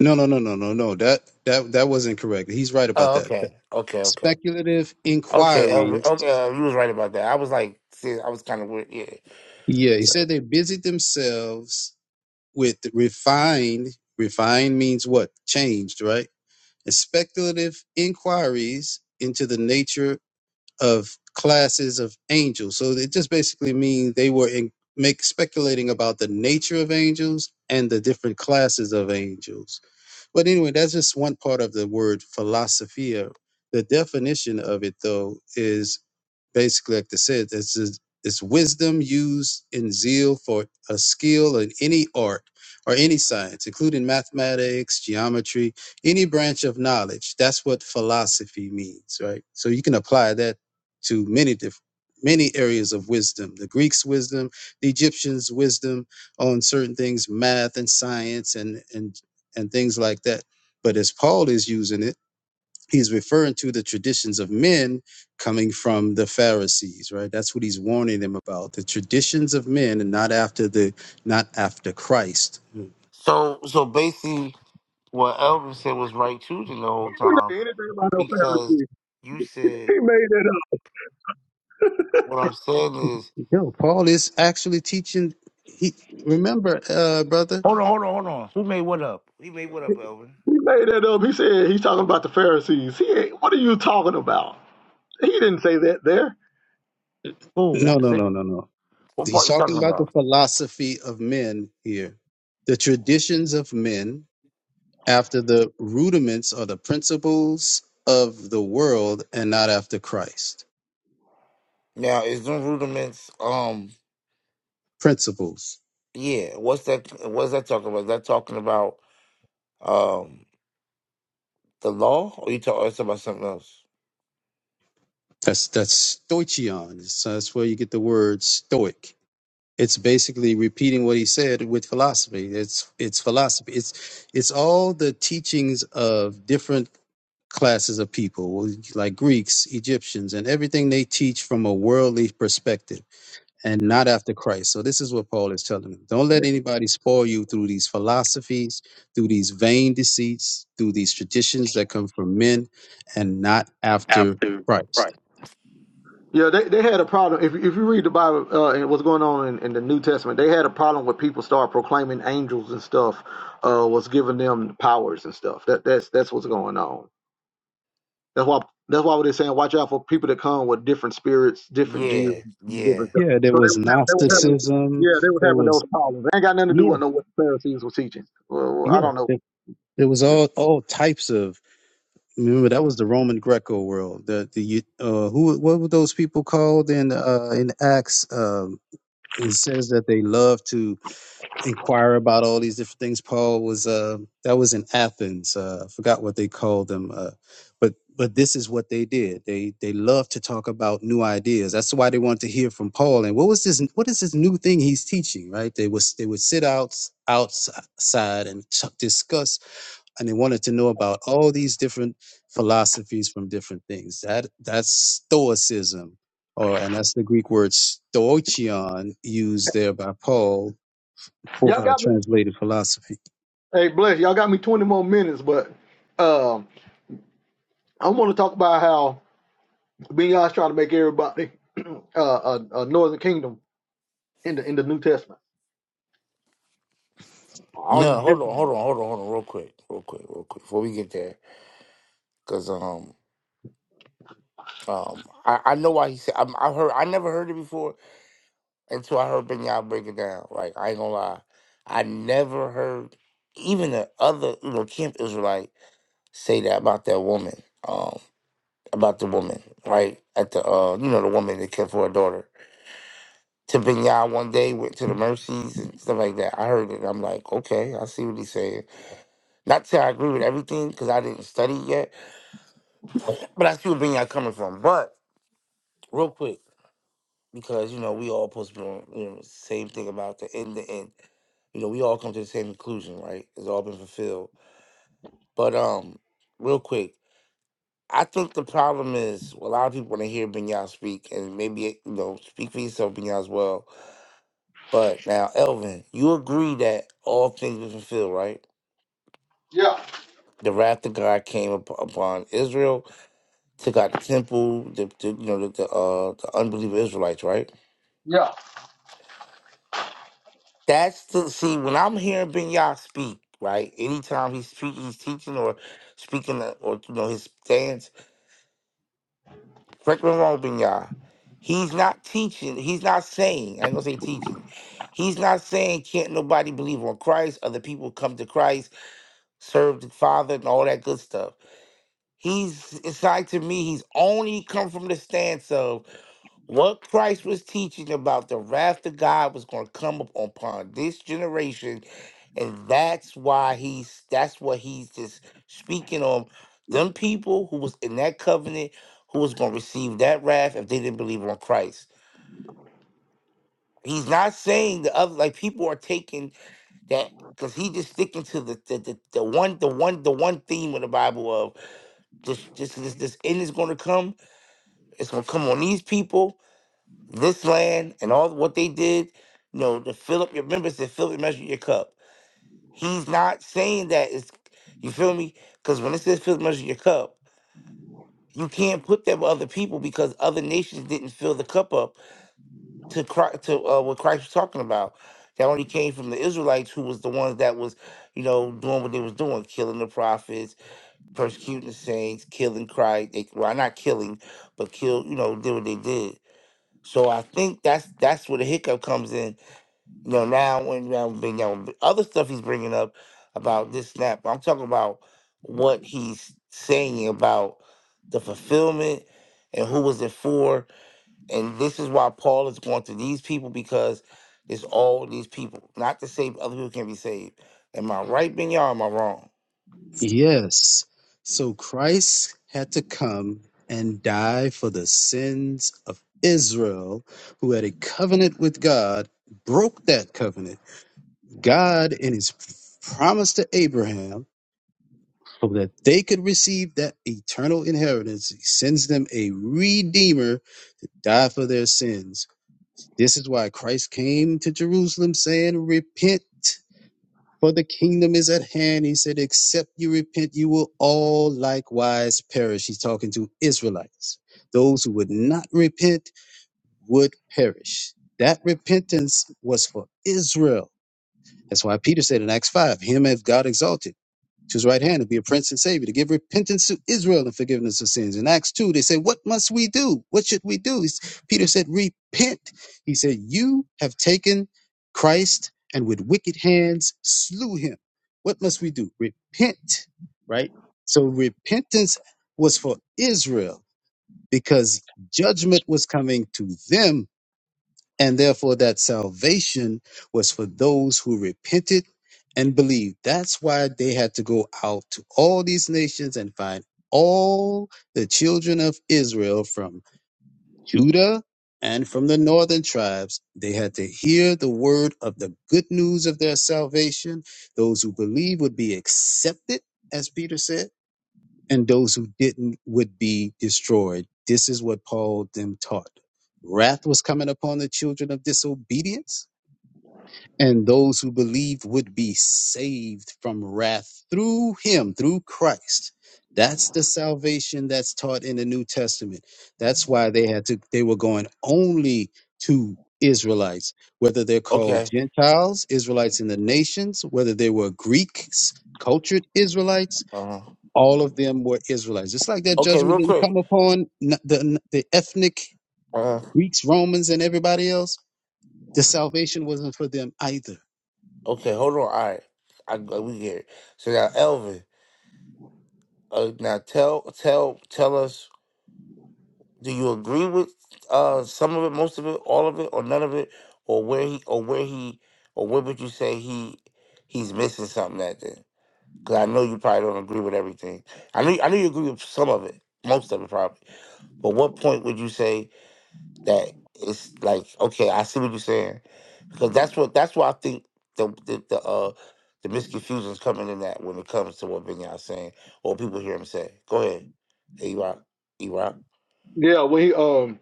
[SPEAKER 2] No, no, no, no, no, no. That that that wasn't correct. He's right about
[SPEAKER 6] Oh,
[SPEAKER 2] that.
[SPEAKER 6] okay. Okay, okay.
[SPEAKER 2] speculative
[SPEAKER 6] Okay, uh,
[SPEAKER 2] inquiries.
[SPEAKER 6] okay, uh, you was right about that. I was like, see, I was kind of weird, yeah.
[SPEAKER 2] Yeah, he
[SPEAKER 6] So,
[SPEAKER 2] said they busied themselves with refined. Refined means what? Changed, right? And speculative inquiries into the nature of classes of angels. So it just basically means they were in, make speculating about the nature of angels and the different classes of angels. But anyway, that's just one part of the word philosophia. The definition of it, though, is basically like I said it's is- it's wisdom used in zeal for a skill in any art or any science including mathematics geometry any branch of knowledge that's what philosophy means right so you can apply that to many different many areas of wisdom the greeks wisdom the egyptians wisdom on certain things math and science and and and things like that but as paul is using it he's referring to the traditions of men coming from the Pharisees, right? That's what he's warning them about. The traditions of men and not after the not after Christ.
[SPEAKER 6] so, so basically, what Elvin said was right too the whole time
[SPEAKER 1] Ain't no
[SPEAKER 6] because
[SPEAKER 1] Pharisees.
[SPEAKER 6] you said
[SPEAKER 1] He made that up.
[SPEAKER 6] what I'm saying is,
[SPEAKER 2] Mm. Yo, Paul is actually teaching he remember, uh brother?
[SPEAKER 6] hold on, hold on, hold on. Who made what up? He made what up, Elvin?
[SPEAKER 1] He made that up. He said he's talking about the Pharisees. He ain't- what are you talking about? He didn't say that there.
[SPEAKER 6] Who?
[SPEAKER 2] No,
[SPEAKER 6] What,
[SPEAKER 2] no,
[SPEAKER 6] say-
[SPEAKER 2] no, no, no.
[SPEAKER 6] what
[SPEAKER 2] He's
[SPEAKER 6] part you
[SPEAKER 2] talking
[SPEAKER 6] talking
[SPEAKER 2] about the
[SPEAKER 6] about?
[SPEAKER 2] philosophy of men here. The traditions of men after the rudiments or the principles of the world and not after Christ.
[SPEAKER 6] Now, is them rudiments? Um,
[SPEAKER 2] Principles.
[SPEAKER 6] yeah. What's that? What's that talking about? Is that talking about um the law, or you talk? Or it's about something else?
[SPEAKER 2] That's that's stoichion. It's, uh, that's where you get the word stoic. It's basically repeating what he said with philosophy. It's it's philosophy. It's it's all the teachings of different classes of people, like Greeks, Egyptians, and everything they teach from a worldly perspective and not after Christ. So this is what Paul is telling them. Don't let anybody spoil you through these philosophies, through these vain deceits, through these traditions that come from men and not after
[SPEAKER 6] Dude,
[SPEAKER 2] Christ.
[SPEAKER 6] Right.
[SPEAKER 1] Yeah, they, they had a problem. If, if you read the Bible uh, and what's going on in, in the New Testament, they had a problem with people start proclaiming angels and stuff uh, was giving them powers and stuff. That that's that's what's going on. That's why that's why they're saying watch out for people that come with different spirits, different Jesus,
[SPEAKER 6] Yeah, yeah.
[SPEAKER 1] different stuff.
[SPEAKER 2] Yeah, there
[SPEAKER 1] So they
[SPEAKER 2] was
[SPEAKER 1] were having, they were
[SPEAKER 6] Yeah.
[SPEAKER 1] having
[SPEAKER 2] Gnosticism.
[SPEAKER 1] yeah they were
[SPEAKER 2] There
[SPEAKER 1] having those
[SPEAKER 2] was
[SPEAKER 1] problems. They ain't got nothing to do
[SPEAKER 2] yeah,
[SPEAKER 1] with no what the Pharisees were teaching. Well, well, I
[SPEAKER 2] yeah.
[SPEAKER 1] don't know.
[SPEAKER 2] There, there was all all types of. Remember that was the Roman Greco world. The the you- uh, who what were those people called in uh, in Acts? Um, it says that they love to inquire about all these different things. Paul was uh, that was in Athens. Uh, I forgot what they called them, uh, but but this is what they did. They they loved to talk about new ideas. That's why they wanted to hear from Paul. And what was this? What is this new thing he's teaching? Right? They was they would sit out outside and discuss, and they wanted to know about all these different philosophies from different things. That that's Stoicism or and that's the Greek word stoichion used there by Paul Qu-
[SPEAKER 1] Y'all
[SPEAKER 2] uh,
[SPEAKER 1] got me.
[SPEAKER 2] translated philosophy.
[SPEAKER 1] Hey, bless y'all got me twenty more minutes, but um, I want to talk about how. Beyonce trying to make everybody uh, a, a northern kingdom in the in the New Testament. All you
[SPEAKER 6] No,
[SPEAKER 1] just
[SPEAKER 6] hold on, hold on, hold on, hold on, real quick, real quick, real quick, before we get there, because um um I, I know why he said i I heard I never heard it before until I heard Ben Yah break it down. Like I ain't gonna lie, I never heard even the other you know camp Israelite. say that about that woman, um, about the woman, right? At the uh, you know, the woman that cared for her daughter. To Binyai one day went to the mercies and stuff like that. I heard it. I'm like, okay, I see what he's saying. Not to say I agree with everything because I didn't study yet, but I see where Binyai coming from. But real quick, because you know we all supposed to be on you know same thing about the end The end. You know we all come to the same conclusion, right? It's all been fulfilled. But um, real quick. I think the problem is well, a lot of people want to hear Binyao speak, and maybe you know, speak for yourself, Binyao, as well. But now, Elvin, you agree that all things were fulfilled, right?
[SPEAKER 1] Yeah,
[SPEAKER 6] The wrath of God came up- upon Israel, took out the temple, the, the you know the the, uh, the unbelieving Israelites, right? That's the see when I'm hearing Binyao speak, right? Anytime he's speaking, he's teaching or speaking, uh, or you know his stance Franklin me He's not teaching. He's not saying. I ain't gonna say teaching. He's not saying can't nobody believe on Christ. Other people come to Christ, serve the Father, and all that good stuff. He's it's like to me. He's only come from the stance of what Christ was teaching about the wrath of God was going to come up upon this generation, and that's why he's that's what he's just speaking on them people who was in that covenant who was going to receive that wrath if they didn't believe on Christ. He's not saying the other like people are taking that because he just sticking to the the, the the one the one the one theme of the Bible of just just this this end is going to come. It's going to come on these people this land and all what they did, you know, to fill up your remember it said fill up and measure your cup. He's not saying that it's you feel me? Because when it says fill up and measure your cup, you can't put that with other people because other nations didn't fill the cup up to Christ, to uh, what Christ was talking about. That only came from the Israelites, who was the ones that was, you know, doing what they was doing, killing the prophets, persecuting the saints, killing Christ. They, well, not killing, but kill, you know, did what they did. So I think that's that's where the hiccup comes in You know, now when now bring down other stuff he's bringing up about this snap. I'm talking about what he's saying about the fulfillment and who was it for. And this is why Paul is going to these people because it's all these people. Not to say other people can be saved. Am I right, Binyar? Or am I wrong?
[SPEAKER 2] Yes. So Christ had to come and die for the sins of Israel, who had a covenant with God, broke that covenant. God, in his promise to Abraham, so that they could receive that eternal inheritance, he sends them a redeemer to die for their sins. This is why Christ came to Jerusalem saying, Repent For the kingdom is at hand. He said, except you repent, you will all likewise perish. He's talking to Israelites. Those who would not repent would perish. That repentance was for Israel. That's why Peter said in Acts 5, Him hath God exalted to his right hand to be a prince and savior, to give repentance to Israel and forgiveness of sins. In Acts 2, they said, What must we do? What should we do? He's- Peter said, Repent. He said, You have taken Christ and with wicked hands slew him. What must we do? Repent, right? So repentance was for Israel because judgment was coming to them and therefore that salvation was for those who repented and believed. That's why they had to go out to all these nations and find all the children of Israel from Judah and from the northern tribes. They had to hear the word of the good news of their salvation. Those who believe would be accepted, as Peter said and those who didn't would be destroyed. This is what Paul them taught. Wrath was coming upon the children of disobedience, and those who believed would be saved from wrath through him, through Christ. That's the salvation that's taught in the New Testament. That's why they had to, they were going only to Israelites, whether they're called
[SPEAKER 6] Okay.
[SPEAKER 2] Gentiles, Israelites in the nations, whether they were Greeks, cultured Israelites,
[SPEAKER 6] Uh-huh.
[SPEAKER 2] all of them were Israelites. Just like that
[SPEAKER 6] Okay,
[SPEAKER 2] judgment
[SPEAKER 6] real
[SPEAKER 2] didn't
[SPEAKER 6] quick.
[SPEAKER 2] come upon n- the, the ethnic
[SPEAKER 6] Uh-huh.
[SPEAKER 2] Greeks, Romans, and everybody else, the salvation wasn't for them either.
[SPEAKER 6] Okay, hold on. All right. I, I- we get it. So now, Elvin, uh, now tell tell tell us Do you agree with uh some of it, most of it, all of it, or none of it, or where he, or where he, or where would you say he he's missing something at then? Because I know you probably don't agree with everything. I know I know you agree with some of it, most of it probably. But what point would you say that it's like okay, I see what you're saying, because that's what that's why I think the the, the uh the misconfusion is coming in that when it comes to what Vinyar's saying or people hear him say. Go ahead, E Rock, E Rock.
[SPEAKER 1] yeah. When he um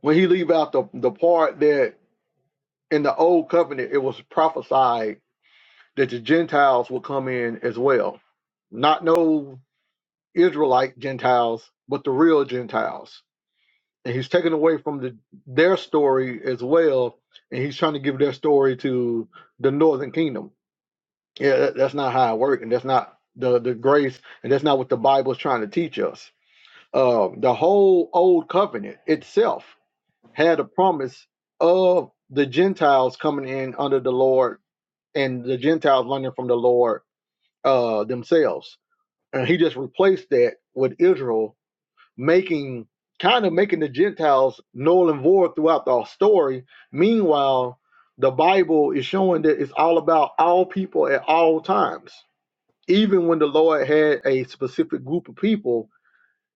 [SPEAKER 1] when he leave out the the part that in the old covenant it was prophesied that the Gentiles would come in as well, not no Israelite Gentiles, but the real Gentiles. And he's taken away from the their story as well, and he's trying to give their story to the northern kingdom. Yeah, that, that's not how it works, and that's not the the grace, and that's not what the Bible is trying to teach us. Um, the whole old covenant itself had a promise of the Gentiles coming in under the Lord and the Gentiles learning from the Lord uh, themselves, and He just replaced that with Israel, making kind of making the Gentiles null and void throughout the story. Meanwhile, the Bible is showing that it's all about all people at all times even when the Lord had a specific group of people,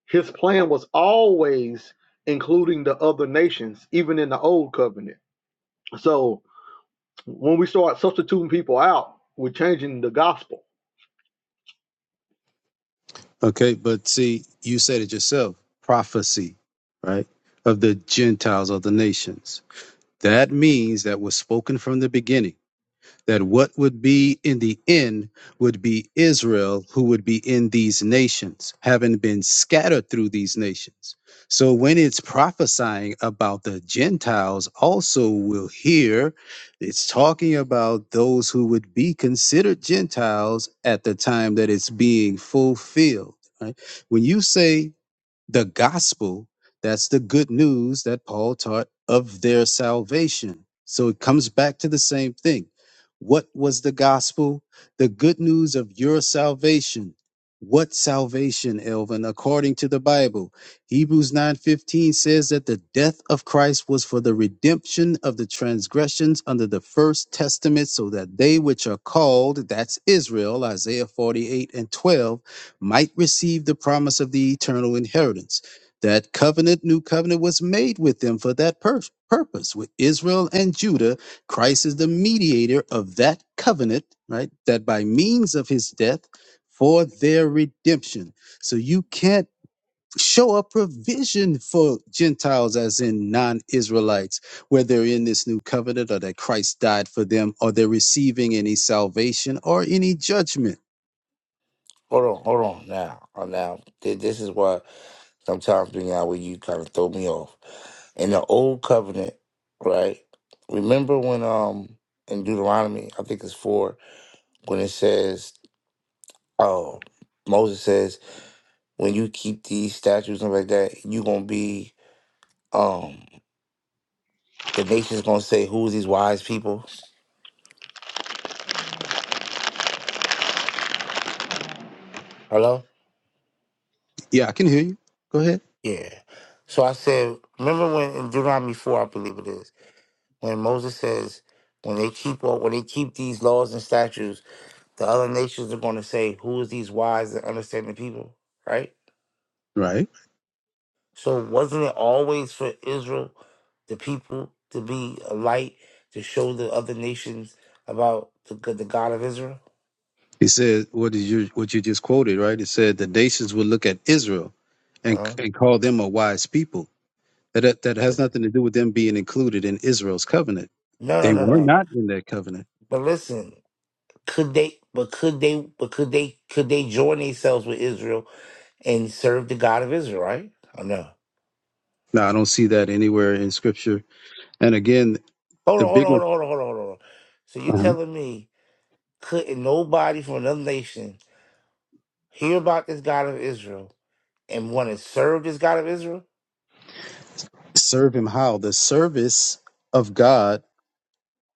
[SPEAKER 1] his plan was always including the other nations, even in the old covenant. So when we start substituting people out, we're changing the gospel.
[SPEAKER 2] Okay, but see, you said it yourself prophecy, right, of the Gentiles or the nations. That means that was spoken from the beginning that what would be in the end would be Israel, who would be in these nations, having been scattered through these nations. So when it's prophesying about the Gentiles, also will hear it's talking about those who would be considered Gentiles at the time that it's being fulfilled. Right? When you say the gospel that's the good news that paul taught of their salvation so it comes back to the same thing what was the gospel the good news of your salvation what salvation elvin according to the bible hebrews 9:15 says that the death of christ was for the redemption of the transgressions under the first testament so that they which are called that's israel isaiah 48 and 12 might receive the promise of the eternal inheritance. That covenant, new covenant, was made with them for that pur- purpose. With Israel and Judah, Christ is the mediator of that covenant, right? That by means of his death for their redemption. So you can't show a provision for Gentiles, as in non Israelites, whether in this new covenant or that Christ died for them, or they're receiving any salvation or any judgment.
[SPEAKER 6] Hold on, hold on now. Hold Now, Th- this is why sometimes you know, where you kind of throw me off. In the old covenant, right? Remember when um in Deuteronomy, I think it's four, when it says, "Oh, Moses says, when you keep these statues and like that, you gonna be um the nation's gonna say, who's these wise people?" Hello,
[SPEAKER 2] Yeah, I can hear you. Go ahead.
[SPEAKER 6] yeah. So I said, remember when in Deuteronomy four, I believe it is. when Moses says, when they keep all, when they keep these laws and statutes, the other nations are going to say, "Who is these wise and understanding people?" Right.
[SPEAKER 2] Right.
[SPEAKER 6] So wasn't it always for Israel, the people, to be a light to show the other nations about the good, the God of Israel?
[SPEAKER 2] He said, "What did you what you just quoted? Right. It said the nations will look at Israel, and
[SPEAKER 6] Uh-huh.
[SPEAKER 2] and call them a wise people. That that has nothing to do with them being included in Israel's covenant.
[SPEAKER 6] No,
[SPEAKER 2] They
[SPEAKER 6] no, no,
[SPEAKER 2] were
[SPEAKER 6] no.
[SPEAKER 2] not in that covenant.
[SPEAKER 6] But listen, could they? But could they? But could they? Could they join themselves with Israel and serve the God of Israel? Right? Or no?
[SPEAKER 2] Now I don't see that anywhere in Scripture. And again,
[SPEAKER 6] Hold
[SPEAKER 2] the
[SPEAKER 6] on, hold
[SPEAKER 2] bigger
[SPEAKER 6] on, hold on, hold on, hold on, hold on. So you
[SPEAKER 2] uh
[SPEAKER 6] telling me couldn't nobody from another nation hear about this God of Israel and want to serve this God of Israel?
[SPEAKER 2] serve Him how the service of God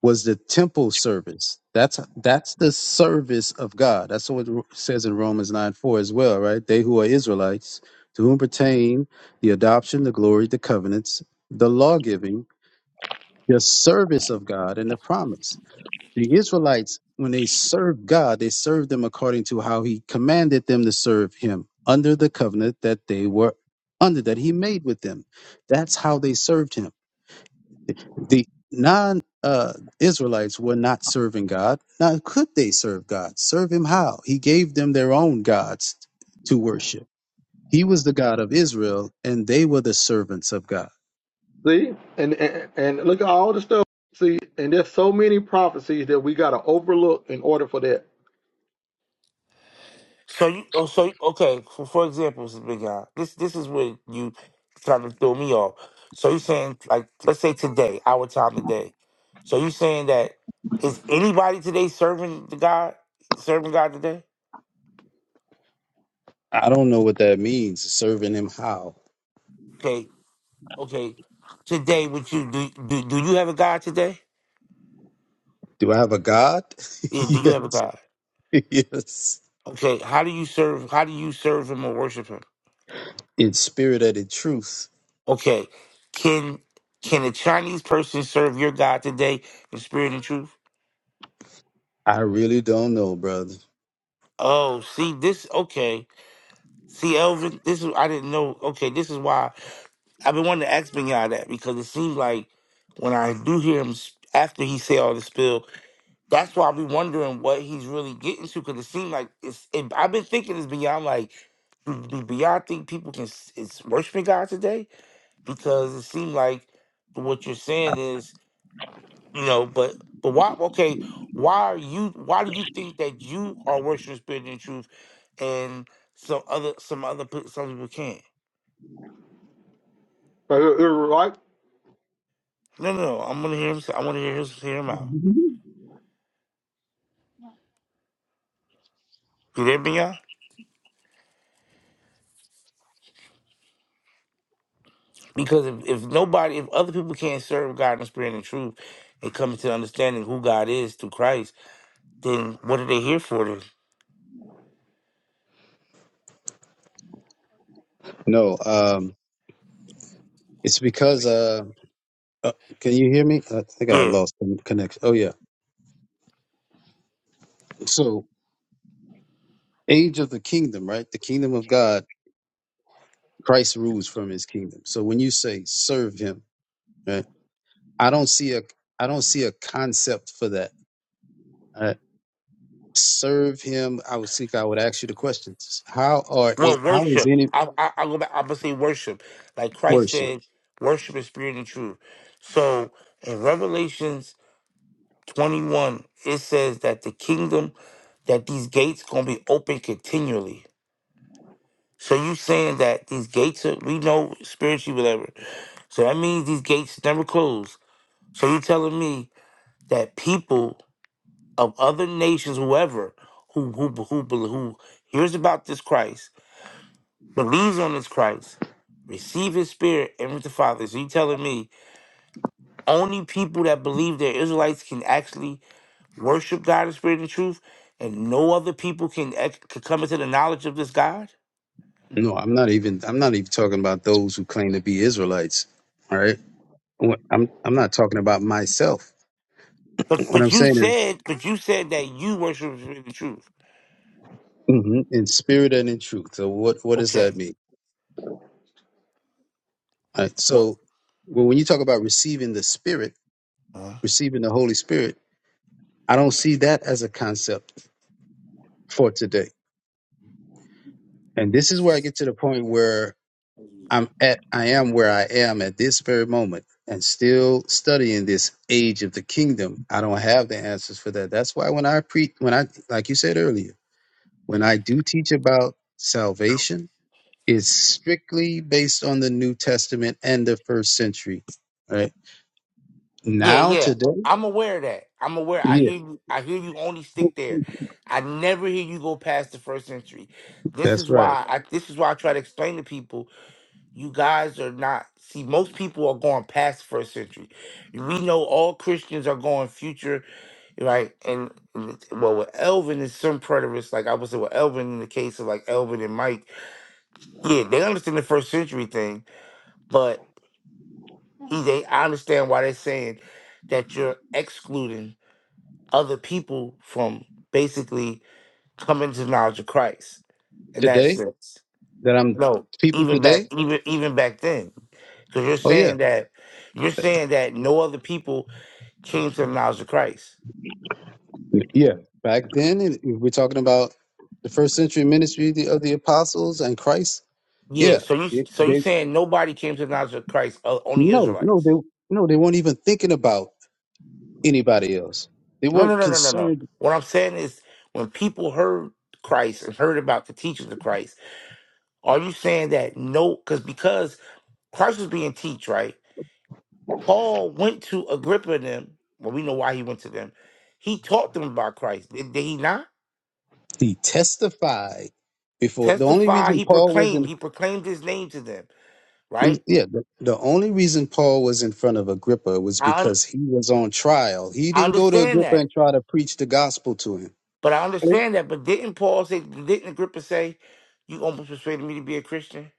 [SPEAKER 2] was the temple service. That's that's the service of God. That's what it says in Romans nine four as well, right? They who are Israelites, to whom pertain the adoption, the glory, the covenants, the law giving, the service of God, and the promise. The Israelites, when they served God, they served them according to how he commanded them to serve him under the covenant that they were under, that he made with them. That's how they served him. The non uh, Israelites were not serving God. Now, could they serve God? Serve him how? He gave them their own gods to worship. He was the God of Israel, and they were the servants of God.
[SPEAKER 1] See? And and, and look at all the stuff. See, and there's so many prophecies that we gotta overlook in order for that.
[SPEAKER 6] So you, oh, so you- okay. For, for example, this big guy. This this is where you trying to throw me off. So you're saying like let's say today, our time today. So you saying that is anybody today serving the God, serving God today?
[SPEAKER 2] I don't know what that means. Serving him how?
[SPEAKER 6] Okay, okay. Today, would you do do, do you have a God today?
[SPEAKER 2] Do I have a God?
[SPEAKER 6] Yeah, do you have a God?
[SPEAKER 2] Yeah, yes.
[SPEAKER 6] Okay, how do you serve how do you serve him or worship him?
[SPEAKER 2] In spirit and in truth.
[SPEAKER 6] Okay. Can can a Chinese person serve your God today in spirit and truth?
[SPEAKER 2] I really don't know, brother.
[SPEAKER 6] Oh, see this okay. See Elvin, this is I didn't know okay, this is why I've been wanting to ask Benya that because it seems like when I do hear him s- after he say all the spill, that's why we wondering what he's really getting to because it seems like it's it, I've been thinking this beyond like do beyond think people can s- is worshiping God today? because it seemed like what you're saying is, you know, but but why? Okay, why are you? Why do you think that you are worshiping the spirit and truth, and some other some other pe- some people can't?
[SPEAKER 1] Right? right?
[SPEAKER 6] No, no, no. I'm gonna hear. Him, I want to hear his hear him out. You there, me, Because if, if nobody, if other people can't serve God in the spirit and truth, and come to understanding who God is through Christ, then what are they here for? Then?
[SPEAKER 2] No, um, it's because uh, uh can you hear me? I think I
[SPEAKER 6] Yeah.
[SPEAKER 2] lost the connection. Oh yeah. So age of the kingdom, right? The kingdom of God Christ rules from his kingdom. So when you say serve him, right, I don't see a I don't see a concept for that. all right? Serve him. I would think I would ask you the question: How are it,
[SPEAKER 6] Well,
[SPEAKER 2] how is
[SPEAKER 6] worship.
[SPEAKER 2] any
[SPEAKER 6] I, I, I go back. I'm gonna say worship, like Christ
[SPEAKER 2] worship?
[SPEAKER 6] said, worship is spirit and truth. So in Revelations 21, it says that the kingdom, that these gates gonna be open continually. So you saying that these gates are we know spiritually whatever. So that means these gates never close. So you telling me that people of other nations, whoever who who who who, who hears about this Christ believes on this Christ, receive his spirit, and with the Father. So you telling me only people that believe they're Israelites can actually worship God in spirit and truth, and no other people can, ex- can come into the knowledge of this God?
[SPEAKER 2] No, I'm not even I'm not even talking about those who claim to be Israelites. All right, What- I'm I'm not talking about myself.
[SPEAKER 6] But
[SPEAKER 2] What I'm
[SPEAKER 6] but you
[SPEAKER 2] saying is
[SPEAKER 6] said but you said that you worship in spirit and truth.
[SPEAKER 2] mhm, in spirit and in truth. So what what does
[SPEAKER 6] Okay.
[SPEAKER 2] that mean? All right,
[SPEAKER 6] Well,
[SPEAKER 2] so well, when you talk about receiving the Spirit, receiving the Holy Spirit. I don't see that as a concept for today. And this is where I get to the point where I'm at, I am where I am at this very moment and still studying this age of the kingdom. I don't have the answers for that. That's why when I pre, when I, like you said earlier, when I do teach about
[SPEAKER 6] uh,
[SPEAKER 2] salvation, it's strictly based on the New Testament and the first century, right?
[SPEAKER 6] Yeah,
[SPEAKER 2] Now,
[SPEAKER 6] yeah.
[SPEAKER 2] today,
[SPEAKER 6] I'm aware of that. I'm aware. I
[SPEAKER 2] yeah,
[SPEAKER 6] hear you. I hear you only stick there. I never hear you go past the first century. This
[SPEAKER 2] that's
[SPEAKER 6] is
[SPEAKER 2] right.
[SPEAKER 6] why I this is why I try to explain to people, you guys are not see, most people are going past first century. We know all Christians are going future, right? And and it's- well with Elvin and some preterists, like I would say with Elvin in the case of like Elvin and Mike, yeah, they understand the first century thing, but he they I understand why they're saying that you're excluding other people from basically coming to the knowledge of Christ in that
[SPEAKER 2] Today,
[SPEAKER 6] sense.
[SPEAKER 2] that I'm
[SPEAKER 6] No,
[SPEAKER 2] people
[SPEAKER 6] even back
[SPEAKER 2] today,
[SPEAKER 6] even even back then. Because you're
[SPEAKER 2] oh yeah.
[SPEAKER 6] saying that you're saying that no other people came to the knowledge of Christ.
[SPEAKER 2] Yeah. Back then, if we're talking about the first century ministry of the, of the apostles and Christ.
[SPEAKER 6] Yeah,
[SPEAKER 2] Yeah.
[SPEAKER 6] so you
[SPEAKER 2] They,
[SPEAKER 6] so you
[SPEAKER 2] they,
[SPEAKER 6] saying nobody came to the knowledge of Christ, o- only
[SPEAKER 2] no, no, they
[SPEAKER 6] Israelites.
[SPEAKER 2] no, they weren't even thinking about anybody else. They
[SPEAKER 6] No, no,
[SPEAKER 2] weren't
[SPEAKER 6] no, no, no, no.
[SPEAKER 2] concerned.
[SPEAKER 6] What I'm saying is when people heard Christ and heard about the teachings of Christ, are you saying that no because because Christ was being teach, right? Paul went to Agrippa and them. Well, we know why he went to them. He taught them about Christ. Did, did he not?
[SPEAKER 2] He testified before. The only
[SPEAKER 6] Testify,
[SPEAKER 2] reason
[SPEAKER 6] he
[SPEAKER 2] Paul was
[SPEAKER 6] proclaimed.
[SPEAKER 2] in
[SPEAKER 6] He proclaimed his name to them, right?
[SPEAKER 2] yeah, the, the only reason Paul was in front of Agrippa was
[SPEAKER 6] I, un-
[SPEAKER 2] because he was on trial. He
[SPEAKER 6] I
[SPEAKER 2] didn't go to
[SPEAKER 6] understand
[SPEAKER 2] Agrippa
[SPEAKER 6] that.
[SPEAKER 2] and try to preach the gospel to him.
[SPEAKER 6] But I
[SPEAKER 1] And,
[SPEAKER 6] understand that. But didn't Paul say, didn't Agrippa say, you almost persuaded me to be a Christian?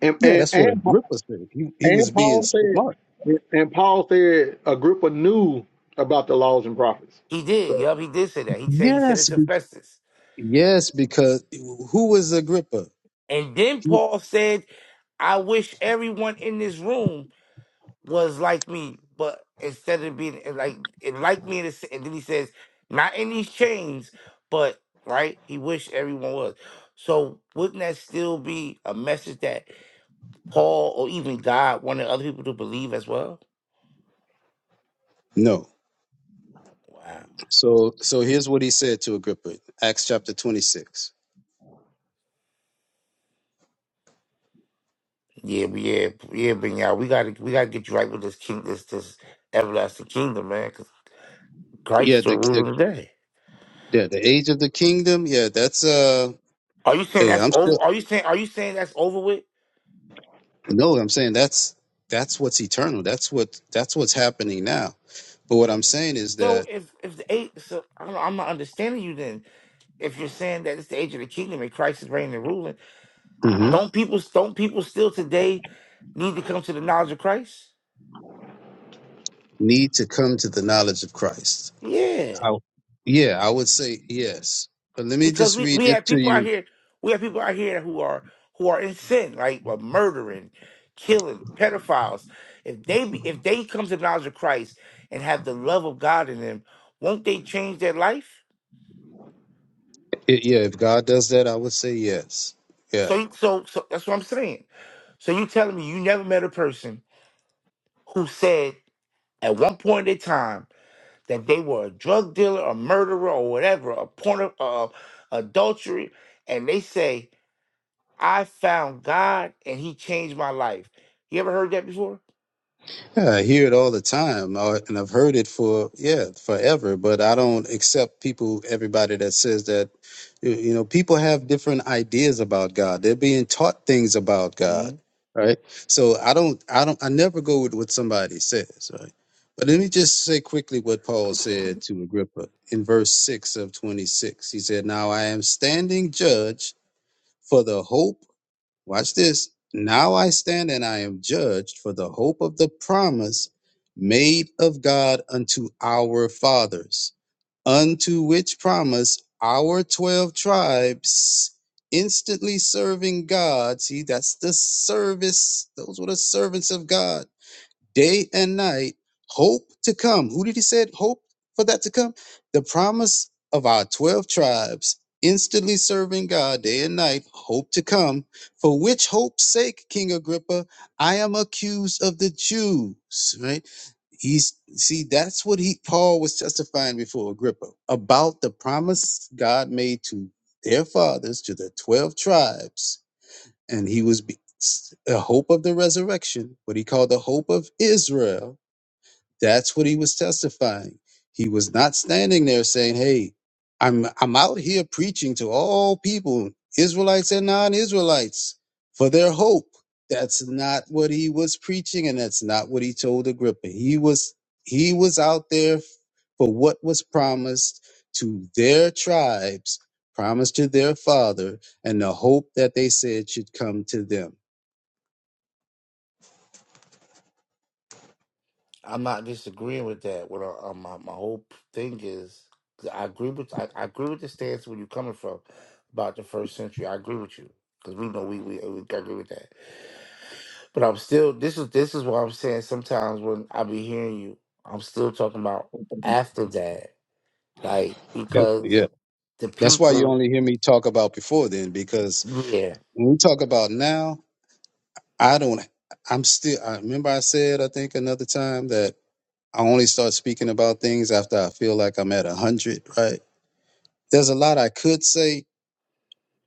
[SPEAKER 1] and
[SPEAKER 2] Yeah, that's
[SPEAKER 1] and
[SPEAKER 2] what Agrippa said. He he was
[SPEAKER 1] and
[SPEAKER 2] being
[SPEAKER 1] Paul said,
[SPEAKER 2] smart.
[SPEAKER 1] and Paul said, a group knew about the laws and prophets.
[SPEAKER 6] He did.
[SPEAKER 1] So.
[SPEAKER 6] Yup, he did say that. He said he said it
[SPEAKER 2] Yes,
[SPEAKER 6] to Festus.
[SPEAKER 2] Yes, because who was Agrippa?
[SPEAKER 6] And then
[SPEAKER 2] He-
[SPEAKER 6] Paul said, I wish everyone in this room was like me, but instead of being and like it like me, in the, and then he says, not in these chains, but right, he wished everyone was. So wouldn't that still be a message that Paul or even God wanted other people to believe as well?
[SPEAKER 2] No.
[SPEAKER 6] Wow.
[SPEAKER 2] So so here's what he said to Agrippa, Acts chapter 26.
[SPEAKER 6] Yeah, but yeah, yeah, but yeah, we gotta we gotta get you right with this king, this this everlasting kingdom, man. Because
[SPEAKER 2] Yeah,
[SPEAKER 6] Christ
[SPEAKER 2] the
[SPEAKER 6] will
[SPEAKER 2] the
[SPEAKER 6] rule in the day.
[SPEAKER 2] yeah, the age of the kingdom, yeah, that's uh
[SPEAKER 6] Are you saying
[SPEAKER 2] hey,
[SPEAKER 6] that's
[SPEAKER 2] I'm
[SPEAKER 6] over?
[SPEAKER 2] still
[SPEAKER 6] Are you saying are you saying that's over with?
[SPEAKER 2] no, I'm saying that's that's what's eternal. That's what that's what's happening now. But what I'm saying is
[SPEAKER 6] So
[SPEAKER 2] that
[SPEAKER 6] if if the eight, so I don't, I'm not understanding you then if you're saying that it's the age of the kingdom and Christ is reigning and ruling,
[SPEAKER 2] Mhm.
[SPEAKER 6] don't people don't people still today need to come to the knowledge of Christ?
[SPEAKER 2] need to come to the knowledge of Christ.
[SPEAKER 6] Yeah,
[SPEAKER 2] I, yeah, I would say yes. But let me
[SPEAKER 6] because
[SPEAKER 2] just
[SPEAKER 6] we
[SPEAKER 2] read
[SPEAKER 6] we
[SPEAKER 2] this
[SPEAKER 6] have
[SPEAKER 2] to
[SPEAKER 6] people out
[SPEAKER 2] you.
[SPEAKER 6] here we have people out here who are who are in sin, like uh, murdering, killing, pedophiles. If they be, if they come to the knowledge of Christ and have the love of God in them, won't they change their life?
[SPEAKER 2] It, yeah, if God does that, I would say yes. Yeah.
[SPEAKER 6] So you- so so that's what I'm saying. So you telling me you never met a person who said at one point in time that they were a drug dealer, a murderer, or whatever, a porn, uh, adultery, and they say, "I found God and He changed my life." You ever heard that before?
[SPEAKER 2] Yeah, I hear it all the time, uh, and I've heard it for yeah forever. But I don't accept people, everybody that says that. You you know, people have different ideas about God. They're being taught things about
[SPEAKER 6] hmm
[SPEAKER 2] God, right? So I don't, I don't, I never go with what somebody says, right? But let me just say quickly what Paul said to Agrippa in verse six of twenty six. He said, "Now I am standing judge." For the hope Watch this. Now I stand and I am judged for the hope of the promise made of God unto our fathers, unto which promise our 12 tribes instantly serving God. See, that's the service. Those were the servants of God day and night, hope to come. Who did he say? hope for that to come? The promise of our 12 tribes instantly serving God day and night, hope to come. For which hope's sake, King Agrippa, I am accused of the Jews, right? He's see, that's what he Paul was justifying before Agrippa about the promise God made to their fathers, to the 12 tribes and he was be- s- the hope of the resurrection, what he called the hope of Israel, that's what he was testifying. He was not standing there saying, "Hey, I'm I'm out here preaching to all people, Israelites and non-Israelites, for their hope." That's not what he was preaching, and that's not what he told Agrippa. He was he was out there for what was promised to their tribes, promised to their father, and the hope that they said should come to them.
[SPEAKER 6] I'm not disagreeing with that. What I, uh, my my whole p- thing is, I agree with I, I agree with the stance where you're coming from about the first century. I agree with you because we know we, we we agree with that. But I'm still this is this is what I'm saying. Sometimes when I be hearing you, I'm still talking about after that like
[SPEAKER 2] That's yeah.
[SPEAKER 6] because the
[SPEAKER 2] That's why you
[SPEAKER 6] people
[SPEAKER 2] only hear me talk about before then, because.
[SPEAKER 6] yeah
[SPEAKER 2] when we talk about now, I don't. I'm still. I remember I said I think another time that I only start speaking about things after I feel like I'm at a hundred. Right? There's a lot I could say,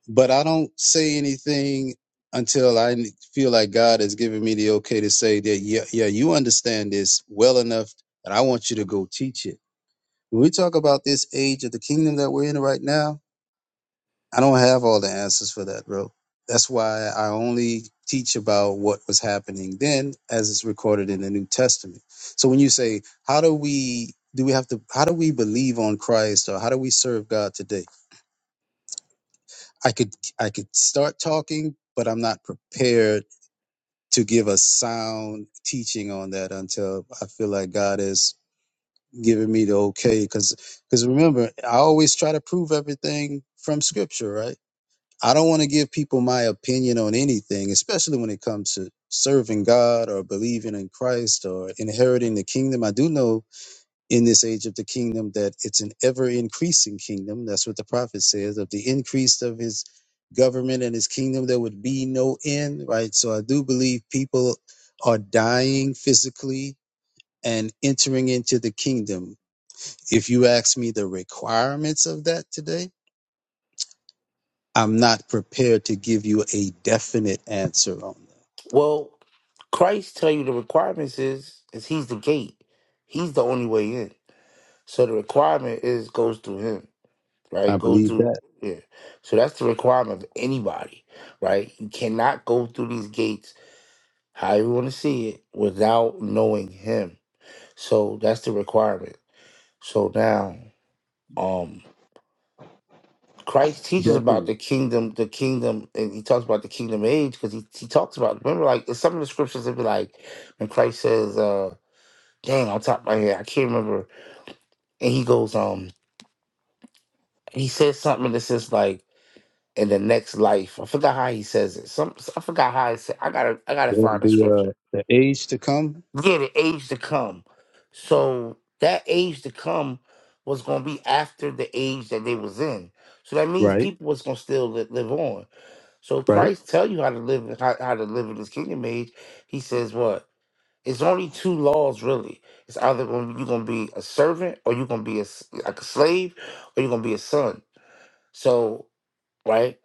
[SPEAKER 2] but I don't say anything until I n- feel like God has given me the okay to say that. Yeah, yeah, you understand this well enough that I want you to go teach it. When we talk about this age of the kingdom that we're in right now, I don't have all the answers for that, bro. That's why I only teach about what was happening then as it's recorded in the New Testament. So when you say, how do we do we have to how do we believe on Christ or how do we serve God today? I could I could start talking, but I'm not prepared to give a sound teaching on that until I feel like God is giving me the okay cuz cuz remember, I always try to prove everything from scripture, right? I don't want to give people my opinion on anything, especially when it comes to serving God or believing in Christ or inheriting the kingdom. I do know in this age of the kingdom that it's an ever increasing kingdom. That's what the prophet says of the increase of his government and his kingdom, there would be no end, right? So I do believe people are dying physically and entering into the kingdom. If you ask me the requirements of that today, I'm not prepared to give you a definite answer on
[SPEAKER 6] well christ tell you the requirements is is he's the gate he's the only way in so the requirement is goes through him
[SPEAKER 2] that. I
[SPEAKER 6] right goes
[SPEAKER 2] believe
[SPEAKER 6] through
[SPEAKER 2] that
[SPEAKER 6] yeah so that's the requirement of anybody right you cannot go through these gates however you want to see it without knowing him so that's the requirement so now um Christ teaches about
[SPEAKER 2] definitely
[SPEAKER 6] the kingdom, the kingdom, and he talks about the kingdom age because he, he talks about remember like in some of the scriptures it be like when Christ says, uh, dang, on top of my head, I can't remember. And he goes, um, he says something that says like in the next life. I forgot how he says it. Some I forgot how he said I gotta I gotta
[SPEAKER 2] the
[SPEAKER 6] find the
[SPEAKER 2] the, uh,
[SPEAKER 6] scripture.
[SPEAKER 2] the age to come.
[SPEAKER 6] Yeah, the age to come. So that age to come was gonna be after the age that they was in. So that means
[SPEAKER 2] Right,
[SPEAKER 6] people was gonna still li- live on. So if
[SPEAKER 2] right,
[SPEAKER 6] Christ tell you how to live how, how to live in his kingdom age. He says what? It's only two laws really. It's either gonna, you're gonna be a servant or you're gonna be a, s- like a slave or you're gonna be a son. So right?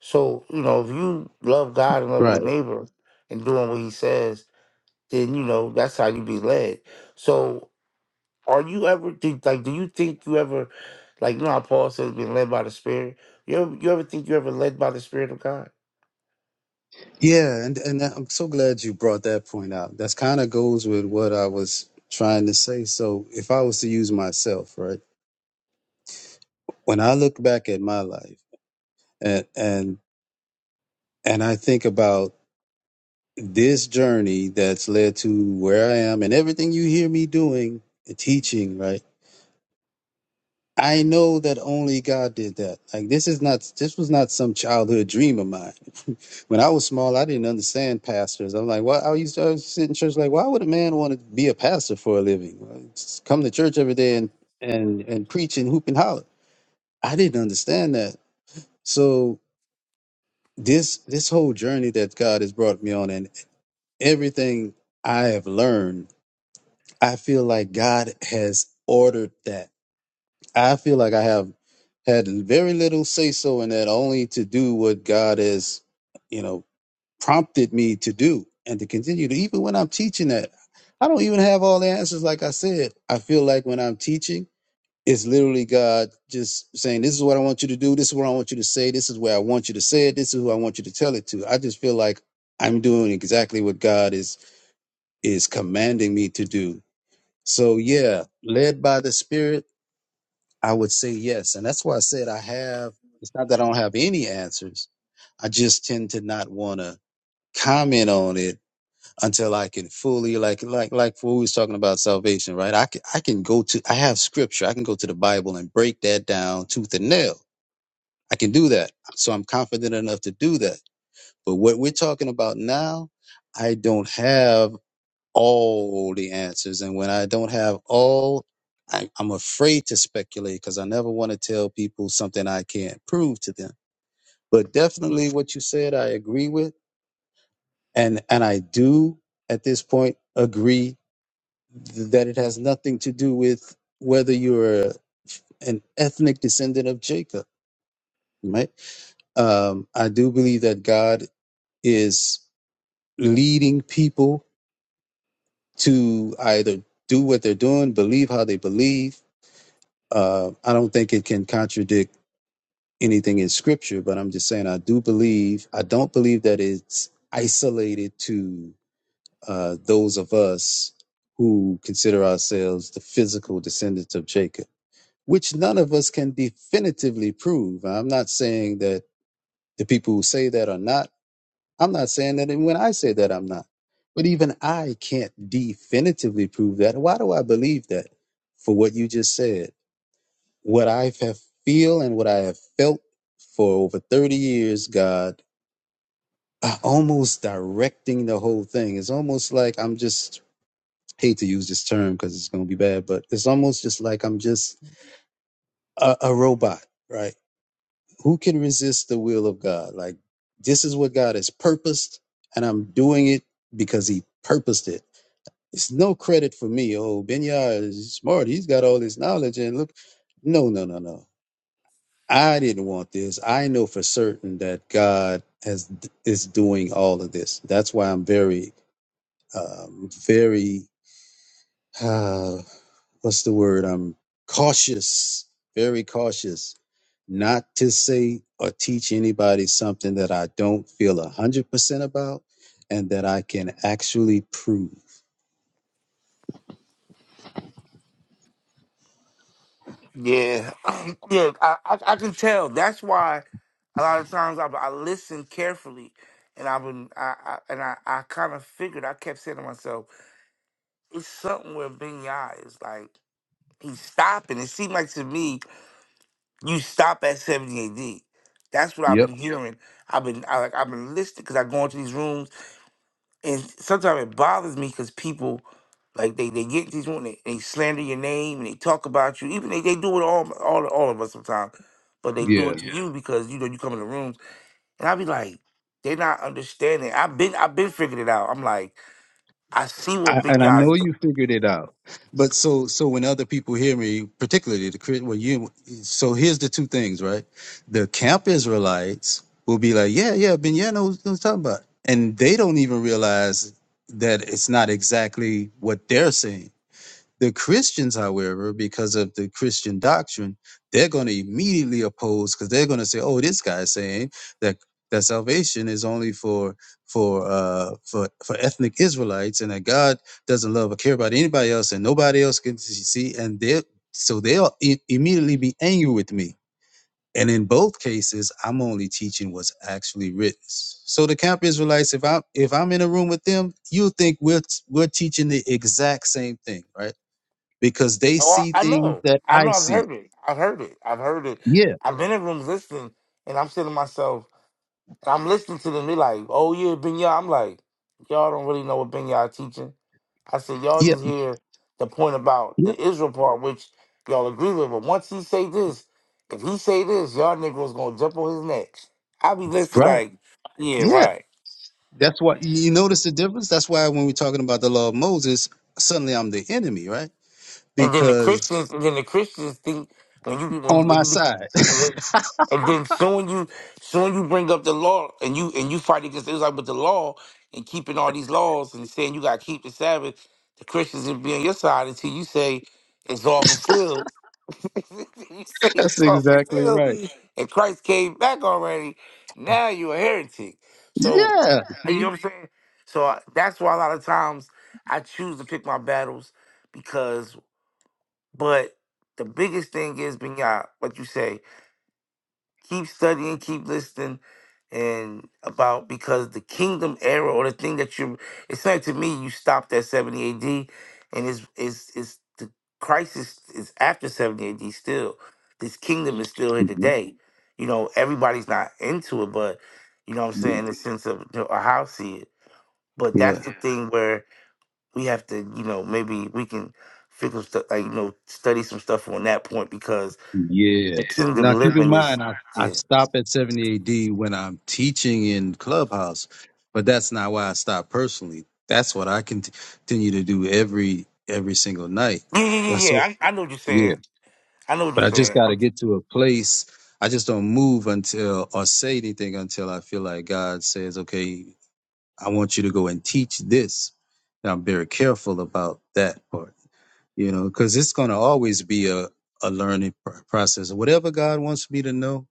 [SPEAKER 6] So, you know, if you love God and love your
[SPEAKER 2] right.
[SPEAKER 6] neighbor and doing what he says, then you know that's how you be led. So are you ever think like do you think you ever like you know how Paul says being led by the Spirit? You ever you ever think you ever led by the Spirit of God?
[SPEAKER 2] Yeah, and and I'm so glad you brought that point out. That's kind of goes with what I was trying to say. So if I was to use myself, right, when I look back at my life and and and I think about this journey that's led to where I am and everything you hear me doing, teaching, right I know that only God did that. Like this is not this was not some childhood dream of mine. When I was small, I didn't understand pastors. I'm like, why? I used to I was sit in church like, why would a man want to be a pastor for a living? Like, just come to church every day and and and preach and hoop and holler. I didn't understand that. So this this whole journey that God has brought me on and everything I have learned, I feel like God has ordered that I feel like I have had very little say so in that, only to do what God has, you know, prompted me to do and to continue to. Even when I'm teaching that, I don't even have all the answers. Like I said, I feel like when I'm teaching, it's literally God just saying, "This is what I want you to do. This is what I want you to say. This is where I want you to say it. This is who I want you to tell it to." I just feel like I'm doing exactly what God is is commanding me to do. So yeah, led by the Spirit I would say yes. And that's why I said I have, it's not that I don't have any answers. I just tend to not want to comment on it until I can fully, like, like, like what we was talking about salvation, right? I can, I can go to, I have scripture. I can go to the Bible and break that down tooth and nail. I can do that. So I'm confident enough to do that. But what we're talking about now, I don't have all the answers. And when I don't have all, I, I'm afraid to speculate because I never want to tell people something I can't prove to them. But definitely what you said, I agree with. And, and I do at this point agree th- that it has nothing to do with whether you're an ethnic descendant of Jacob, right? Um, I do believe that God is leading people to either do what they're doing, believe how they believe, Uh, I don't think it can contradict anything in scripture, but I'm just saying I do believe, I don't believe that it's isolated to uh, those of us who consider ourselves the physical descendants of Jacob, which none of us can definitively prove. I'm not saying that the people who say that are not. I'm not saying that and when I say that, I'm not. But even I can't definitively prove that. Why do I believe that? For what you just said What I have feel and what I have felt for over 30 years, God, uh, almost directing the whole thing. It's almost like I'm just, hate to use this term because it's going to be bad, but it's almost just like I'm just a, a robot, right? Who can resist the will of God? Like, this is what God has purposed, and I'm doing it because He purposed it. It's no credit for me. Oh, Benya is smart. He's got all this knowledge, and look, no, no, no, no. I didn't want this. I know for certain that God has is doing all of this. That's why I'm very, um, very, uh, what's the word? I'm cautious, very cautious, not to say or teach anybody something that I don't feel a hundred percent about, and that I can actually prove.
[SPEAKER 6] Yeah, yeah, I, I I can tell. That's why a lot of times I I listen carefully, and I've been I, I and I I kind of figured. I kept saying to myself, it's something where Benya is like he's stopping. It seemed like to me You stop at 70 AD. That's what I've
[SPEAKER 2] Yep.
[SPEAKER 6] been hearing. I've been I, like I've been listening because I go into these rooms and sometimes it bothers me because people like they, they get these rooms and they, they slander your name and they talk about you. Even they, they do it all all all of us sometimes, but they do
[SPEAKER 2] Yeah.
[SPEAKER 6] it to Yeah. you because you know you come in the rooms and I be like they're not understanding. I've been I've been figuring it out. I'm like I see
[SPEAKER 2] I,
[SPEAKER 6] what Big
[SPEAKER 2] and I
[SPEAKER 6] Nas.
[SPEAKER 2] know
[SPEAKER 6] do-
[SPEAKER 2] you figured it out. But so so when other people hear me, particularly the Chris, well, you. So here's the two things, right? The camp Israelites will be like, yeah, yeah, Ben yeah, knows what I'm talking about, and they don't even realize that it's not exactly what they're saying. The Christians, however, because of the Christian doctrine, they're going to immediately oppose because they're going to say, "Oh, this guy's saying that that salvation is only for for uh, for for ethnic Israelites, and that God doesn't love or care about anybody else, and nobody else can see." And they so they'll i- immediately be angry with me. And in both cases, I'm only teaching what's actually written. So the camp Israelites, if I'm if I'm in a room with them, you'll think we're we're teaching the exact same thing, right? because they
[SPEAKER 6] Oh,
[SPEAKER 2] see
[SPEAKER 6] I
[SPEAKER 2] things
[SPEAKER 6] know.
[SPEAKER 2] that
[SPEAKER 6] I
[SPEAKER 2] I
[SPEAKER 6] know. I've
[SPEAKER 2] see.
[SPEAKER 6] heard it. I've heard it. I've heard it.
[SPEAKER 2] Yeah,
[SPEAKER 6] I've been in rooms listening, and I'm saying to myself. And I'm listening to them. They like, oh yeah, Benya. I'm like, y'all don't really know what Benya teaching. I said, y'all
[SPEAKER 2] yeah,
[SPEAKER 6] just hear the point about
[SPEAKER 2] yeah,
[SPEAKER 6] the Israel part, which y'all agree with. But once he say this, if he say this, y'all niggas gonna jump on his neck. I be listening
[SPEAKER 2] right.
[SPEAKER 6] like, yeah,
[SPEAKER 2] Yeah,
[SPEAKER 6] right.
[SPEAKER 2] that's why you notice the difference. That's why when we're talking about the law of Moses, suddenly I'm the enemy, right?
[SPEAKER 6] And then the
[SPEAKER 2] Because
[SPEAKER 6] Christians, and then the Christians think when you when you,
[SPEAKER 2] on my
[SPEAKER 6] when you
[SPEAKER 2] side.
[SPEAKER 6] and then, and then soon you soon you bring up the law and you and you fight against Israel with the law and keeping all these laws and saying you got to keep the Sabbath. The Christians will be on your side until you say it's all fulfilled. you say it's
[SPEAKER 2] that's
[SPEAKER 6] all
[SPEAKER 2] exactly
[SPEAKER 6] fulfilled,
[SPEAKER 2] right.
[SPEAKER 6] and Christ came back already. Now you're a heretic. So
[SPEAKER 2] Yeah,
[SPEAKER 6] you
[SPEAKER 2] see?
[SPEAKER 6] know what I'm saying. So I, that's why a lot of times I choose to pick my battles because. But the biggest thing is being what you say, keep studying, keep listening, and about because the kingdom era or the thing that you it's like to me you stopped at 70 AD and it's it's it's the crisis is after 70 AD still. This kingdom is still here
[SPEAKER 2] Mhm.
[SPEAKER 6] today. You know, everybody's not into it, but you know what I'm saying,
[SPEAKER 2] Yeah,
[SPEAKER 6] in the sense of you know, how I see it. But that's
[SPEAKER 2] yeah.
[SPEAKER 6] the Yeah. thing where we have to, you know, maybe we can figure stuff, like, you know, study some stuff on that point because
[SPEAKER 2] Yeah.
[SPEAKER 6] the
[SPEAKER 2] Now
[SPEAKER 6] kingdom
[SPEAKER 2] keep in
[SPEAKER 6] living is,
[SPEAKER 2] mind, I, I
[SPEAKER 6] yeah.
[SPEAKER 2] stop at 70 AD when I'm teaching in Clubhouse, but that's not why I stop personally. That's what I cont- continue to do every every single night.
[SPEAKER 6] Yeah, yeah,
[SPEAKER 2] That's
[SPEAKER 6] yeah,
[SPEAKER 2] so
[SPEAKER 6] yeah. I, I know what you're
[SPEAKER 2] Yeah,
[SPEAKER 6] saying. I know what you're
[SPEAKER 2] but I just
[SPEAKER 6] saying.
[SPEAKER 2] got to
[SPEAKER 6] I'm,
[SPEAKER 2] get to a place. I just don't move until or say anything until I feel like God says, "Okay, I want you to go and teach this." And I'm very careful about that part, you know, because it's going to always be a a learning pr- process. Whatever God wants me to know,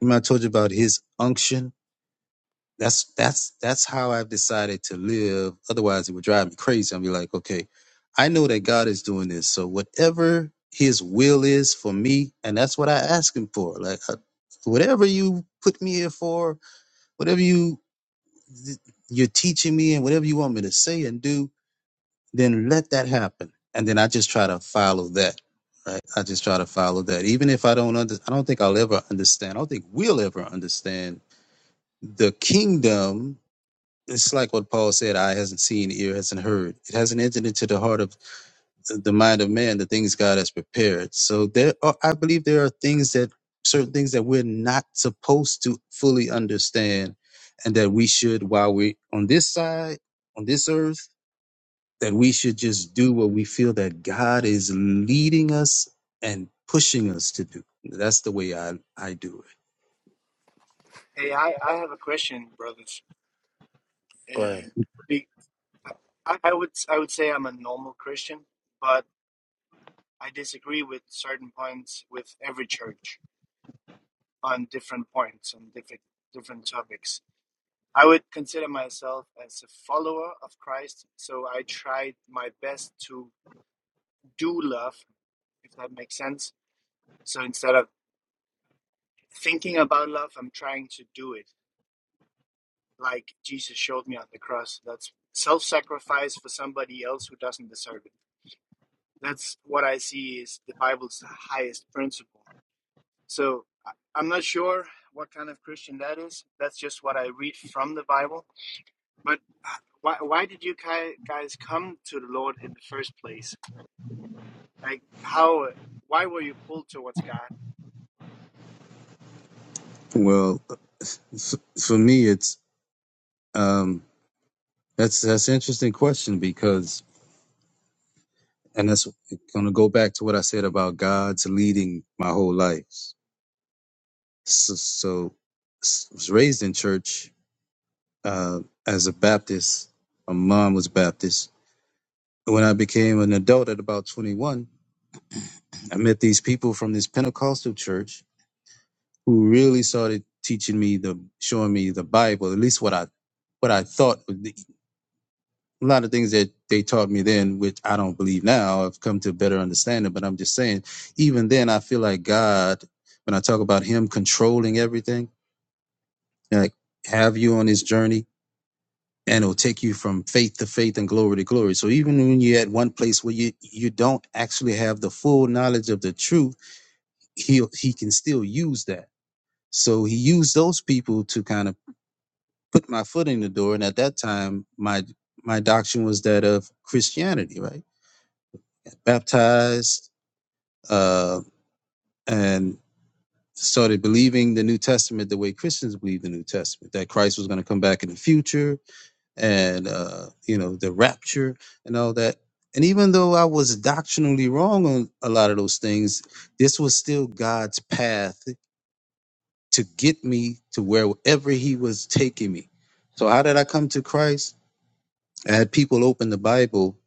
[SPEAKER 2] remember I told you about His unction. That's that's that's how I've decided to live. Otherwise, it would drive me crazy. I'd be like, okay, I know that God is doing this, so whatever His will is for me, and that's what I ask Him for. Like, I, whatever you put me here for, whatever you you're teaching me, and whatever you want me to say and do, then let that happen. And then I just try to follow that. Right? I just try to follow that, even if I don't under. I don't think I'll ever understand. I don't think we'll ever understand the kingdom it's like what Paul said, eye hasn't seen, ear hasn't heard. It hasn't entered into the heart of the mind of man the things God has prepared. So there are I believe there are things that certain things that we're not supposed to fully understand and that we should while we are on this side, on this earth, that we should just do what we feel that God is leading us and pushing us to do. That's the way I, I do
[SPEAKER 7] Hey, I, I have a question, brothers.
[SPEAKER 6] go ahead.
[SPEAKER 7] Um, be, I, I would I would say I'm a normal Christian, but I disagree with certain points with every church on different points on different different topics. I would consider myself as a follower of Christ, so I try my best to do love, if that makes sense. So instead of thinking about love, I'm trying to do it, like Jesus showed me on the cross. That's self-sacrifice for somebody else who doesn't deserve it. That's what I see is the Bible's highest principle. So I- am not sure what kind of Christian that is. That's just what I read from the Bible. But why, why did you guys come to the Lord in the first place? Like, how, why were you pulled towards God?
[SPEAKER 2] it. Well, f- for me, it's um, that's that's an interesting question because And that's going to go back to what I said about God's leading my whole life. So, so s- was raised in church uh, as a Baptist. My mom was Baptist. When I became an adult at about 21, I met these people from this Pentecostal church who really started teaching me the, showing me the Bible, at least what I, what I thought. a lot of things that they taught me then, which I don't believe now, I've come to a better understanding. But I'm just saying, even then, I feel like God, when I talk about Him controlling everything, like have you on His journey, and it'll take you from faith to faith and glory to glory. So even when you're at one place where you you don't actually have the full knowledge of the truth, He He can still use that. So He used those people to kind of put my foot in the door. And at that time, my my doctrine was that of Christianity, right? baptized, uh, and started believing the New Testament the way Christians believe the New Testament, that Christ was going to come back in the future and, uh, you know, the rapture and all that. And even though I was doctrinally wrong on a lot of those things, this was still God's path to get me to wherever He was taking me. So, how did I come to Christ? I had people open the Bible.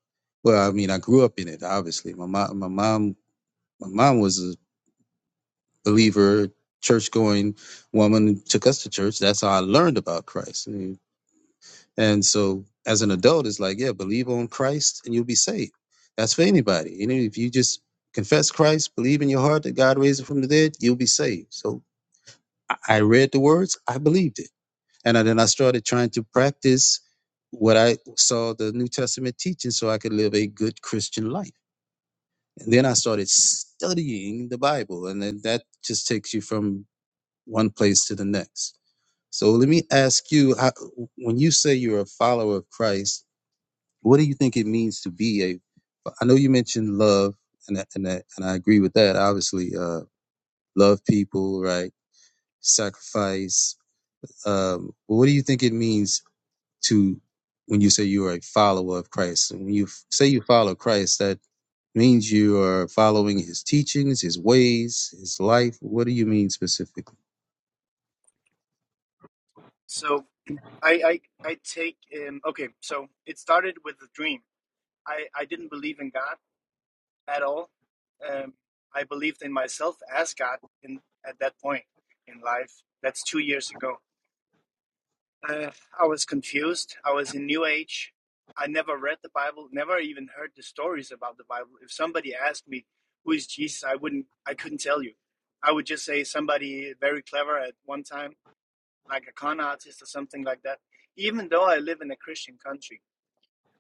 [SPEAKER 2] Well, I mean, I grew up in it, obviously. My mom, my mom, my mom was believer, church going woman took us to church. That's how I learned about Christ. And and so as an adult, it's like, yeah, believe on Christ and you'll be saved. That's for anybody. You know, if you just confess Christ, believe in your heart that God raised him from the dead, you'll be saved. So I I read the words, I believed it. And I- then I started trying to practice what I saw the New Testament teaching so I could live a good Christian life. And then I started studying the Bible. And then that just takes you from one place to the next. So let me ask you, how, when you say you're a follower of Christ, what do you think it means to be a? I know you mentioned love, and I- and I- and I agree with that. Obviously, uh, love people, right? Sacrifice. Um, but what do you think it means to when you say you are a follower of Christ? And when you f- say you follow Christ, that means you are following His teachings, His ways, His life. What do you mean specifically?
[SPEAKER 7] So I, I, I take, um, okay, so it started with a dream. I, I didn't believe in God at all. Um, I believed in myself as God in, at that point in life. That's two years ago Uh, I was confused. I was in New Age. I never read the Bible, never even heard the stories about the Bible. If somebody asked me who is Jesus, I wouldn't, I couldn't tell you. I would just say somebody very clever at one time, like a con artist or something like that. Even though I live in a Christian country,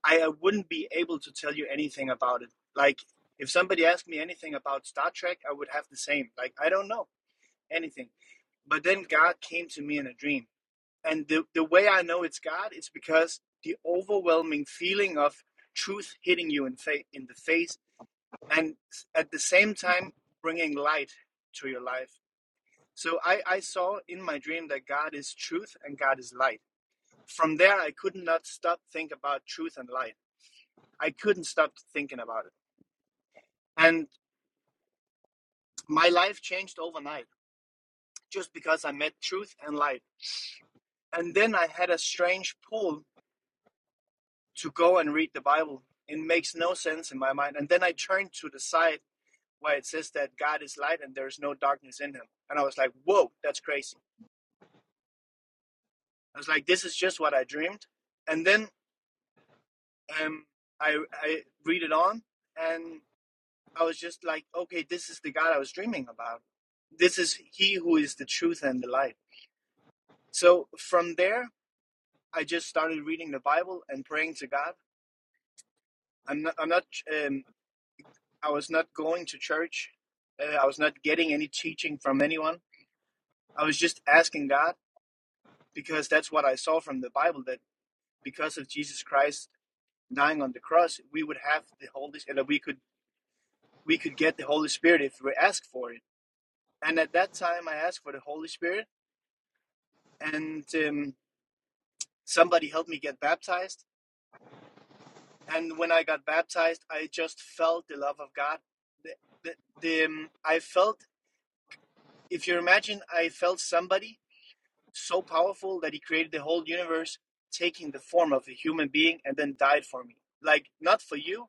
[SPEAKER 7] I, I wouldn't be able to tell you anything about it. Like if somebody asked me anything about Star Trek, I would have the same. Like I don't know anything. But then God came to me in a dream and the, the way I know it's God is because the overwhelming feeling of truth hitting you in fa- in the face and at the same time bringing light to your life. So I, I saw in my dream that God is truth and God is light. From there, I could not stop think about truth and light. I couldn't stop thinking about it. And my life changed overnight just because I met truth and light. And then I had a strange pull to go and read the Bible. It makes no sense in my mind. And then I turned to the side where it says that God is light and there is no darkness in him. And I was like, whoa, that's crazy. I was like, this is just what I dreamed. And then um, I, I read it on and I was just like, okay, this is the God I was dreaming about. This is he who is the truth and the light. So from there, I just started reading the Bible and praying to God. I'm not, I'm not um, I was not going to church. Uh, I was not getting any teaching from anyone. I was just asking God because that's what I saw from the Bible that because of Jesus Christ dying on the cross, we would have the Holy and that we could we could get the Holy Spirit if we asked for it. And at that time, I asked for the Holy Spirit, and um, somebody helped me get baptized. And when I got baptized, I just felt the love of God. The, the, the, um, I felt, if you imagine, I felt somebody so powerful that he created the whole universe taking the form of a human being and then died for me. Like, not for you,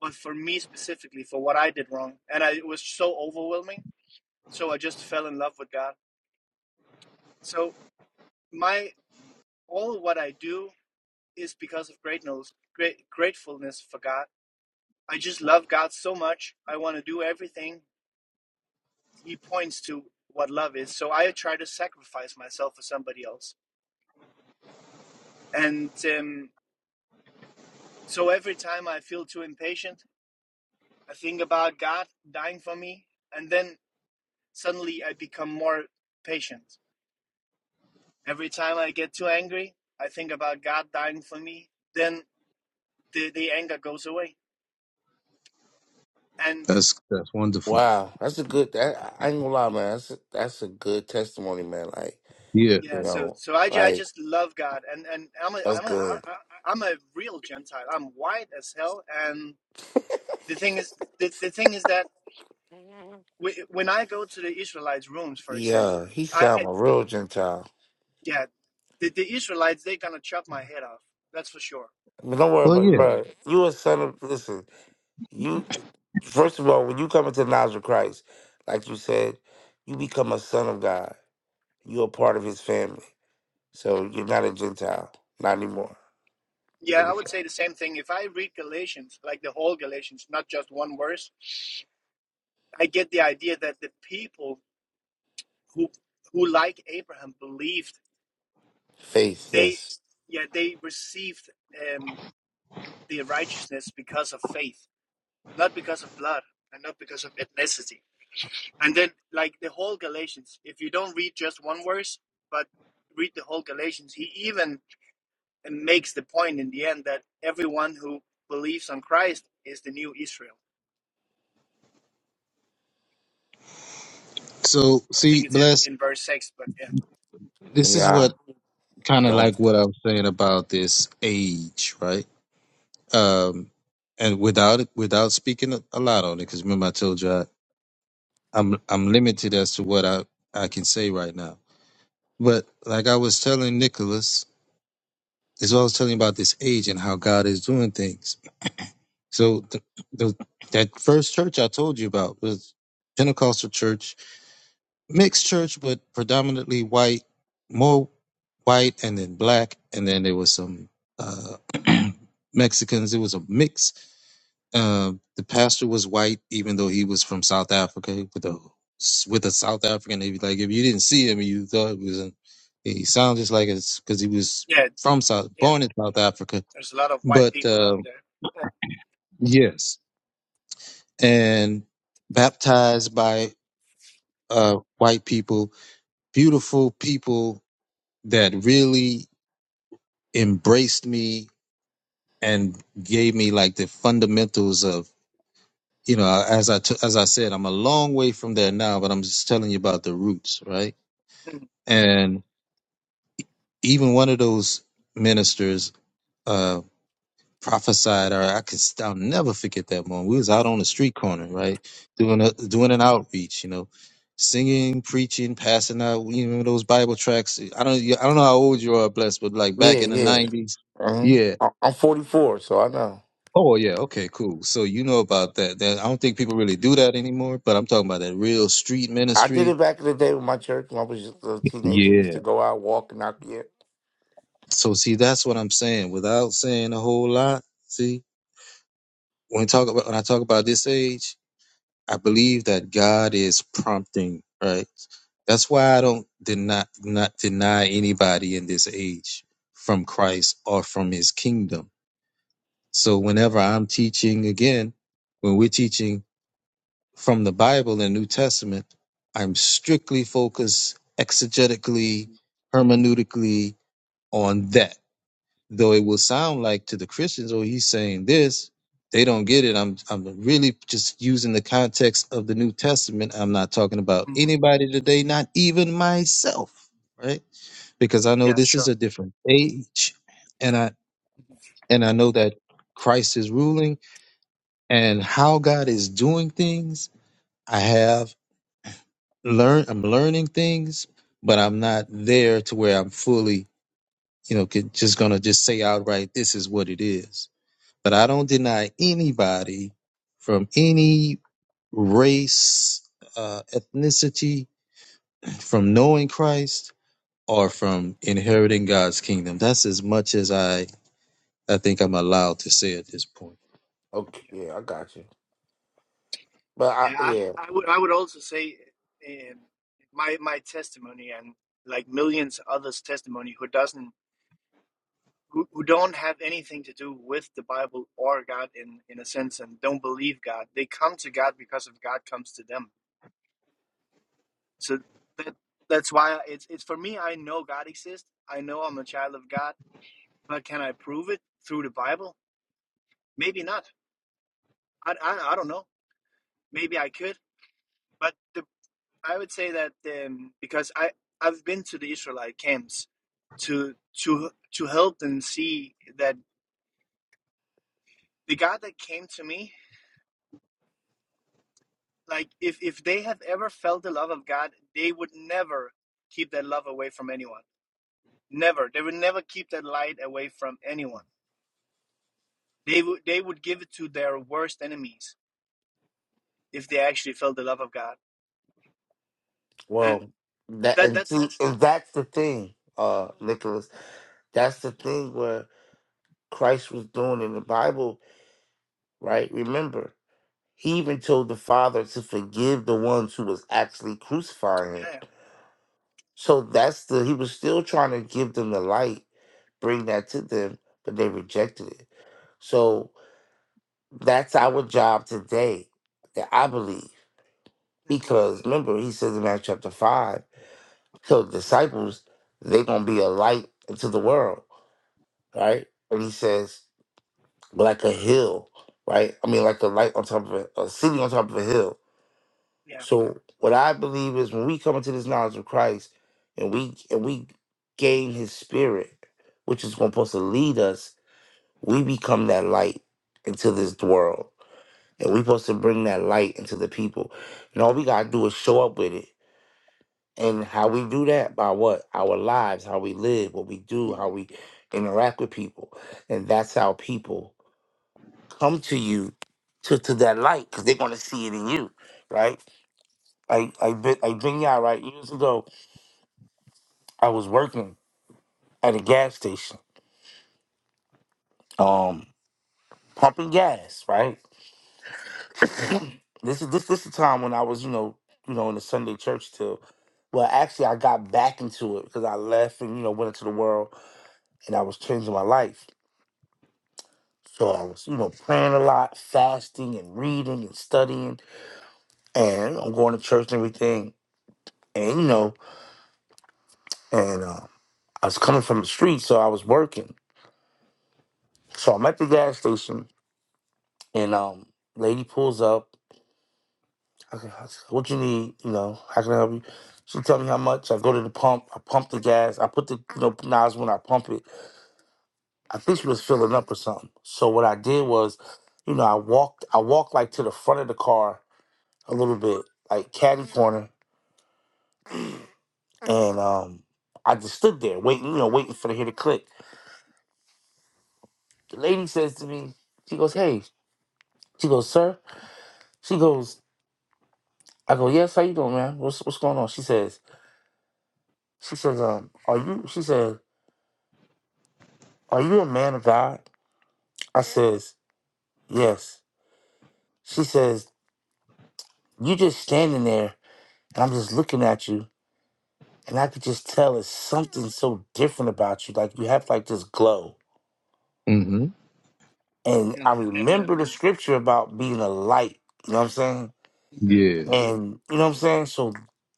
[SPEAKER 7] but for me specifically, for what I did wrong. And I, it was so overwhelming. So I just fell in love with God. So, my all what I do is because of gratefulness, great, gratefulness for God. I just love God so much. I want to do everything. He points to what love is. So, I try to sacrifice myself for somebody else. And um, so every time I feel too impatient, I think about God dying for me, and then suddenly I become more patient. Every time I get too angry, I think about God dying for me. Then the, the anger goes away. And
[SPEAKER 2] That's that's wonderful.
[SPEAKER 6] Wow, that's a good. That, I I ain't gonna lie, man. That's a, that's a good testimony, man. Like
[SPEAKER 2] Yeah.
[SPEAKER 6] you
[SPEAKER 7] yeah, so
[SPEAKER 6] know,
[SPEAKER 7] so I, I
[SPEAKER 6] like
[SPEAKER 7] just love God, and and I'm a
[SPEAKER 6] that's
[SPEAKER 7] I'm a
[SPEAKER 6] good.
[SPEAKER 7] I, I- I'm a real Gentile. I'm white as hell, and the thing is the, the thing is that whe- when I go to the Israelites' rooms, for example,
[SPEAKER 6] Yeah, he
[SPEAKER 7] I,
[SPEAKER 6] sound
[SPEAKER 7] I
[SPEAKER 6] a real Gentile.
[SPEAKER 7] yeah, the, the Israelites they're gonna chop my head off. That's for sure
[SPEAKER 6] But don't worry
[SPEAKER 2] Well,
[SPEAKER 6] about,
[SPEAKER 2] yeah.
[SPEAKER 6] bro. You a son of listen. You first of all, when you come into the knowledge of Christ, like you said, you become a son of God. You're a part of his family. So you're not a Gentile. Not anymore.
[SPEAKER 7] Yeah, I
[SPEAKER 6] Really.
[SPEAKER 7] would say the same thing. If I read Galatians, like the whole Galatians, not just one verse, I get the idea that the people who who like Abraham believed
[SPEAKER 6] Faith,
[SPEAKER 7] they
[SPEAKER 6] yes.
[SPEAKER 7] yeah, they received um the righteousness because of faith, not because of blood and not because of ethnicity. And then like the whole Galatians, if you don't read just one verse, but read the whole Galatians, he even makes the point in the end that everyone who believes on Christ is the new Israel
[SPEAKER 2] So,
[SPEAKER 7] I
[SPEAKER 2] see,
[SPEAKER 7] think it's in
[SPEAKER 2] bless.
[SPEAKER 7] in verse six, but yeah,
[SPEAKER 2] This is
[SPEAKER 6] Yeah.
[SPEAKER 2] what kind of
[SPEAKER 6] Don't.
[SPEAKER 2] like what I was saying about this age, right? Um, and without without speaking a a lot on it, because remember I told you I, I'm I'm limited as to what I I can say right now. But like I was telling Nicholas, is what I was telling you about this age and how God is doing things. So the, the that first church I told you about was Pentecostal church mixed church, but predominantly white, more white, and then black, and then there was some uh, Mexicans. It was a mix. Uh, the pastor was white, even though he was from South Africa with a with a South African. If like if you didn't see him, you thought it was an, he sounded just like it's because he was
[SPEAKER 7] yeah,
[SPEAKER 2] from South,
[SPEAKER 7] yeah.
[SPEAKER 2] born in South Africa.
[SPEAKER 7] There's a lot of white
[SPEAKER 2] But
[SPEAKER 7] people
[SPEAKER 2] uh,
[SPEAKER 7] out there. Yeah,
[SPEAKER 2] yes, and baptized by uh, white people, beautiful people that really embraced me and gave me like the fundamentals of you know as I t- as I said I'm a long way from there now but I'm just telling you about the roots right
[SPEAKER 7] Mhm,
[SPEAKER 2] and even one of those ministers uh prophesied or I could st- I'll never forget that moment we was out on the street corner right doing a doing an outreach you know singing preaching passing out you know those bible tracks I don't I don't know how old you are blessed but like back
[SPEAKER 6] Yeah,
[SPEAKER 2] in the
[SPEAKER 6] yeah.
[SPEAKER 2] 90s
[SPEAKER 6] Uh-huh.
[SPEAKER 2] yeah.
[SPEAKER 6] I- I'm 44, so I know.
[SPEAKER 2] Oh yeah, okay, cool. So you know about that. That I don't think people really do that anymore, but I'm talking about that real street
[SPEAKER 6] I did
[SPEAKER 2] ministry.
[SPEAKER 6] it back in the day with my church when I was just a teenager. We used
[SPEAKER 2] Yeah.
[SPEAKER 6] to go out, walk, and out yeah.
[SPEAKER 2] So see, that's what I'm saying. Without saying a whole lot, see, when talk about when I talk about this age, I believe that God is prompting, right? That's why I don't deny not deny anybody in this age from Christ or from his kingdom. So whenever I'm teaching again, when we're teaching from the Bible and New Testament, I'm strictly focused exegetically, hermeneutically on that. Though it will sound like to the Christians, oh, he's saying this, they don't get it. I'm I'm really just using the context of the New Testament. I'm not talking about
[SPEAKER 7] mhm.
[SPEAKER 2] anybody today, not even myself, right? Because I know
[SPEAKER 7] Yeah,
[SPEAKER 2] this is
[SPEAKER 7] sure.
[SPEAKER 2] a different age, and I and I know that Christ is ruling and how God is doing things. I have. learn i'm learning things but i'm not there to where i'm fully you know could, just gonna just say outright this is what it is but i don't deny anybody from any race uh, ethnicity from knowing christ or from inheriting god's kingdom that's as much as i i think i'm allowed to say at this point
[SPEAKER 6] Okay,
[SPEAKER 7] Yeah,
[SPEAKER 6] yeah, I got you. But I,
[SPEAKER 7] yeah.
[SPEAKER 6] yeah,
[SPEAKER 7] I, I would, I would also say, um, my my testimony and like millions others' testimony who doesn't, who, who don't have anything to do with the Bible or God in in a sense, and don't believe God. They come to God because of God comes to them. So that that's why it's it's for me. I know God exists. I know I'm a child of God, but can I prove it through the Bible? maybe not. I, I, I don't know. Maybe I could, but the, I would say that um, because I I've been to the Israelite camps to to to help them see that the God that came to me, like if if they have ever felt the love of God, they would never keep that love away from anyone. Never. They would never keep that light away from anyone. They would they would give it to their worst enemies if they actually felt the love of God. And
[SPEAKER 6] well, that
[SPEAKER 7] that
[SPEAKER 6] and,
[SPEAKER 7] that's
[SPEAKER 6] see, and that's the thing, uh, Nicholas. That's the thing where Christ was doing in the Bible, right? Remember, He even told the Father to forgive the ones who was actually crucifying him.
[SPEAKER 7] yeah.
[SPEAKER 6] So that's the he was still trying to give them the light, bring that to them, but they rejected it. So that's our job today, that I believe.
[SPEAKER 7] hmm
[SPEAKER 6] Because remember, he says in Matthew chapter five, so the disciples, they're gonna be a light into the world, right? And he says, like a hill, right? I mean like a light on top of a, a city on top of a hill
[SPEAKER 7] Yeah.
[SPEAKER 6] So what I believe is when we come into this knowledge of Christ and we and we gain his spirit, which is going to supposed to lead us, we become that light into this world. And we supposed to bring that light into the people. And all we
[SPEAKER 7] Yeah.
[SPEAKER 6] gotta do is show up with it. And how we do that by what? Our lives, how we live, what we do,
[SPEAKER 7] Mm-hmm.
[SPEAKER 6] how we interact with people. And that's how people come to you to, to that light, because they're gonna see it in you, right? I I been I been y'all right years ago I was working at a gas station, um, pumping gas. Right. This is this this the time when I was, you know, you know, in the Sunday church till. Well, actually, I got back into it because I left and you know went into the world, and I was changing my life. So I was, you know, praying a lot, fasting and reading and studying, and I'm going to church and everything. And you know, and uh, I was coming from the street, so I was working. So I'm at the gas station, and um, lady pulls up, Okay, what you need, you know, how can I help you? She tell me how much. I go to the pump. I pump the gas. I put the you know knives when I pump it. I think she was filling up or something. So what I did was, you know, I walked. I walked like to the front of the car a little bit, like caddy corner, and um, I just stood there waiting, you know, waiting for to hear the click. The lady says to me, she goes, "Hey," she goes, "Sir," she goes, I go, "Yes, how you doing, man? What's what's going on?" She says, she says, um, are you? She said, are you a man of God? I says, Yes. She says, You just standing there and I'm just looking at you and I could just tell it's something so different about you. Like you have like this glow.
[SPEAKER 2] hmm
[SPEAKER 6] And I
[SPEAKER 7] Mm, Amen.
[SPEAKER 6] remember the scripture about being a light. You know what I'm saying?
[SPEAKER 7] hmm
[SPEAKER 2] Yeah,
[SPEAKER 6] And you know what I'm saying? So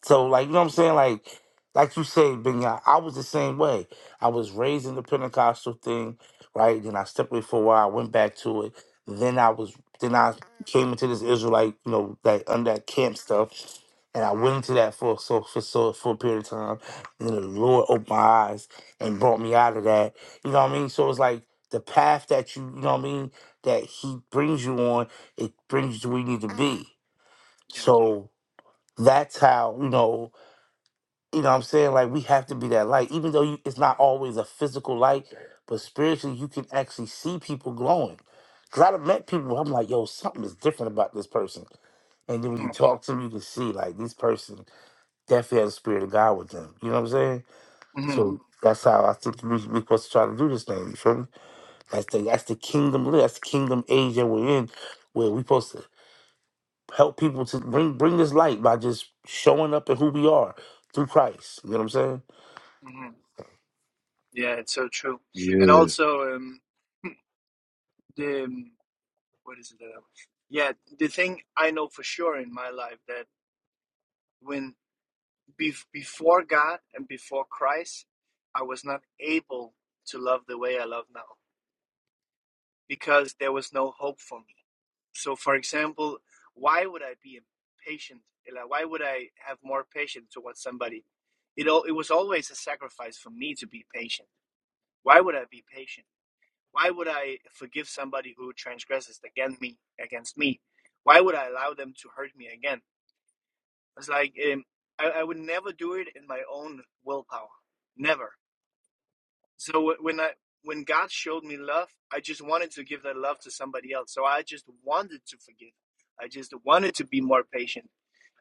[SPEAKER 6] so like you know what I'm saying? Like like you say, Benya, I was the same way. I was raised in the Pentecostal thing, right? Then I stepped away for a while, I went back to it. Then I was then I came into this Israelite, you know, that under that camp stuff. And I went into that for so for so for a period of time. And then the Lord opened my eyes and brought me out of that. You know what I mean? So it's like the path that you, you know what I mean, that he brings you on, it brings you to where you need to be.
[SPEAKER 7] Yeah.
[SPEAKER 6] So that's how you know you know what i'm saying like we have to be that light even though you, it's not always a physical light but spiritually you can actually see people glowing because i've met people where i'm like yo something is different about this person and then when you
[SPEAKER 7] hmm
[SPEAKER 6] talk to them you can see like this person definitely has the spirit of god with them you know what i'm saying
[SPEAKER 7] hmm
[SPEAKER 6] so that's how i think we, we're supposed to try to do this thing you feel me that's the that's the kingdom that's the kingdom age that we're in where we are supposed to help people to bring bring this light by just showing up at who we are through Christ. You know what I'm saying?
[SPEAKER 7] hmm Yeah, it's so true. And
[SPEAKER 2] yeah.
[SPEAKER 7] also, um, the um, what is it? Uh, yeah, the thing I know for sure in my life that when bef before God and before Christ, I was not able to love the way I love now because there was no hope for me. So, for example, why would I be impatient? Like, why would I have more patience towards somebody? It all, it was always a sacrifice for me to be patient Why would I be patient? Why would I forgive somebody who transgresses against me? Against me? Why would I allow them to hurt me again? It's like um, I, I would never do it in my own willpower, never. So when I when God showed me love, I just wanted to give that love to somebody else. So I just wanted to forgive. I just wanted to be more patient.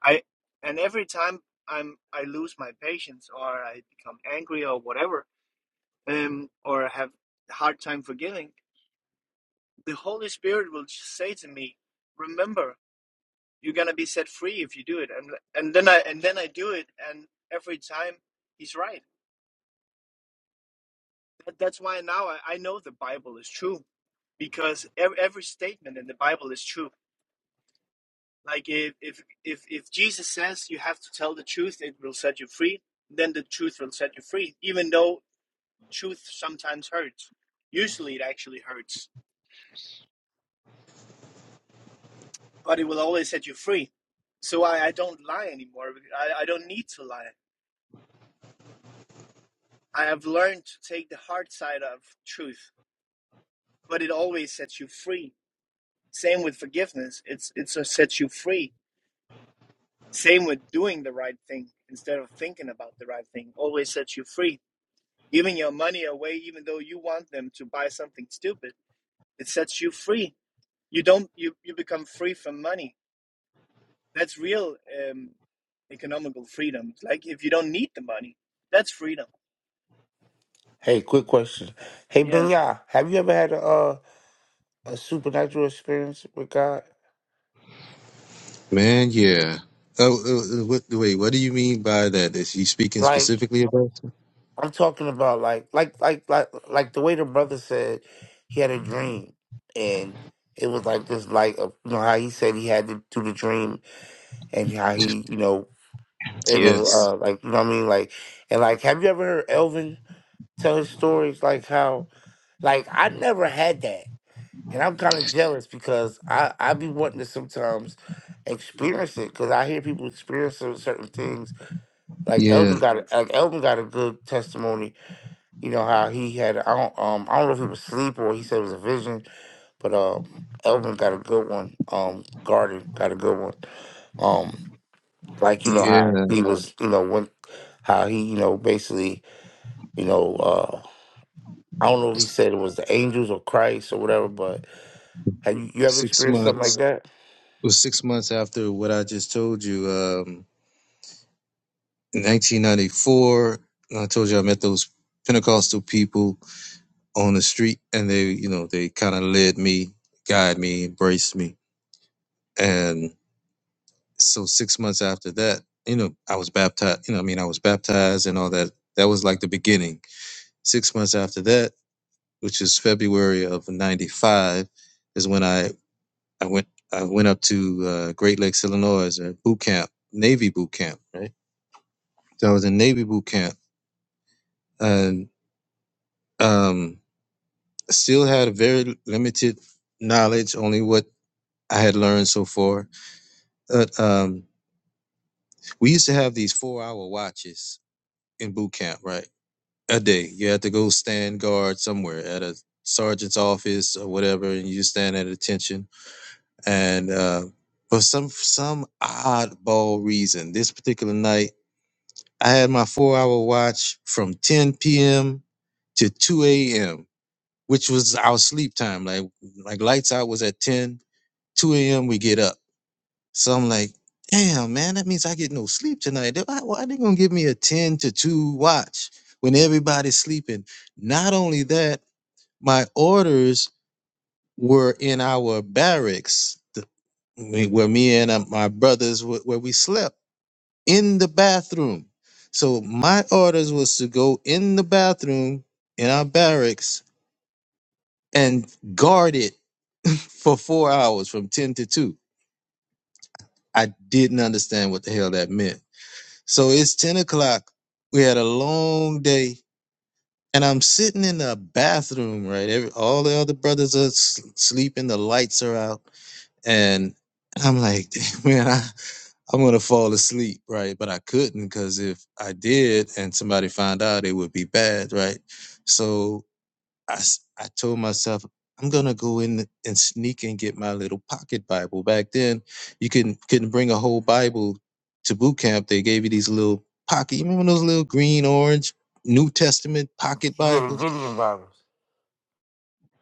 [SPEAKER 7] I and every time I'm I lose my patience or I become angry or whatever, um, or have a hard time forgiving the Holy Spirit will just say to me, "Remember, you're gonna be set free if you do it." And and then I and then I do it, and every time He's right. That, that's why now I, I know the Bible is true because every, every statement in the Bible is true. Like if, if if if Jesus says you have to tell the truth, it will set you free. Then the truth will set you free, even though truth sometimes hurts. Usually, it actually hurts, but it will always set you free so I, I don't lie anymore. I, I don't need to lie. I have learned to take the hard side of truth, but it always sets you free. Same with forgiveness. It's it sets you free. Same with doing the right thing instead of thinking about the right thing. Always sets you free. Giving your money away even though you want them to buy something stupid, it sets you free. You don't you, you become free from money. That's real um economical freedom. Like if you don't need the money, that's freedom.
[SPEAKER 6] Hey, quick question. Hey
[SPEAKER 7] Yeah.
[SPEAKER 6] Benya, have you ever had a uh, a supernatural experience with God?
[SPEAKER 2] man yeah oh, uh, uh, what, wait what do you mean by that is he speaking
[SPEAKER 6] Like
[SPEAKER 2] specifically about
[SPEAKER 6] I'm talking about like like like like like the way the brother said he had a dream and it was like this like uh, you know how he said he had to do the dream and how he you know in a
[SPEAKER 2] Yes.
[SPEAKER 6] uh, like you know what I mean like and like have you ever heard Elvin tell his stories like how Like I never had that, and I'm kind of jealous because I I be wanting to sometimes experience it because I hear people experience cer- certain things. Like Elvin
[SPEAKER 2] Yeah.
[SPEAKER 6] got a, like Elvin got a good testimony. You know how he had I don't um I don't know if he was asleep or he said it was a vision, but uh Elvin got a good one. Um Garden got a good one. Um like you know
[SPEAKER 2] Yeah.
[SPEAKER 6] how he was you know when how he you know basically you know. uh, I don't know if he said it was the angels or Christ or whatever, but have you, you ever
[SPEAKER 2] Six
[SPEAKER 6] experienced something Yeah,
[SPEAKER 2] months.
[SPEAKER 6] like that?
[SPEAKER 2] It was six months after what I just told you. Um, in 1994, I told you I met those Pentecostal people on the street, and they, you know, they kind of led me, guided me, embraced me, and so six months after that, you know, I was baptized. You know, I mean, I was baptized and all that. That was like the beginning. Six months after that, which is February of '95, is when I I went I went up to uh, Great Lakes, Illinois, at boot camp, Navy boot camp, right? So I was in Navy boot camp, and um, still had a very limited knowledge, only what I had learned so far. But um, we used to have these four-hour watches in boot camp, right? A day, you had to go stand guard somewhere at a sergeant's office or whatever, and you stand at attention. And uh, for some some oddball reason, this particular night I had my four hour watch from 10 p.m. to 2 a.m., which was our sleep time. Like, like lights out was at 10, 2 a.m. we get up. So I'm like, damn, man, that means I get no sleep tonight. They- Why, why they gonna give me a 10 to 2 watch when everybody's sleeping? Not only that, my orders were in our barracks, the- me- where me and uh, my brothers, wh- where we slept in the bathroom. So my orders was to go in the bathroom in our barracks and guard it for four hours from 10 to 2. I didn't understand what the hell that meant. So it's 10 o'clock. We had a long day and I'm sitting in the bathroom, right? Every, all the other brothers are s- sleeping. The lights are out. And I'm like, man, I. I'm gonna fall asleep, right? But I couldn't because if I did and somebody found out, it would be bad, right? So I s- I told myself I'm gonna go in and sneak and get my little pocket Bible. Back then, you couldn't couldn't bring a whole Bible to boot camp. They gave you these little pocket. You remember those little green, orange New Testament pocket
[SPEAKER 6] yeah, the
[SPEAKER 2] Bibles?
[SPEAKER 6] Gideon Bibles.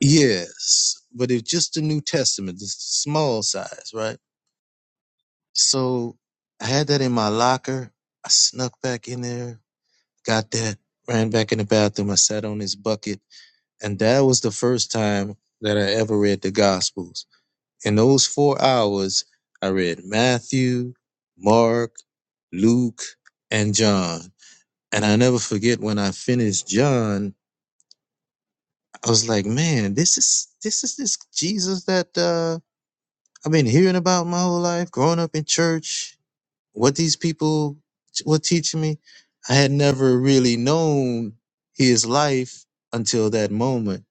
[SPEAKER 2] Yes, but it's just the New Testament, the small size, right? So I had that in my locker. I snuck back in there, got that, ran back in the bathroom. I sat on this bucket. And that was the first time that I ever read the Gospels. In those four hours, I read Matthew, Mark, Luke, and John. And I never forget when I finished John, I was like, man, this is this is this Jesus that uh, I've been hearing about my whole life, growing up in church, what these people were teaching me, I had never really known his life until that moment.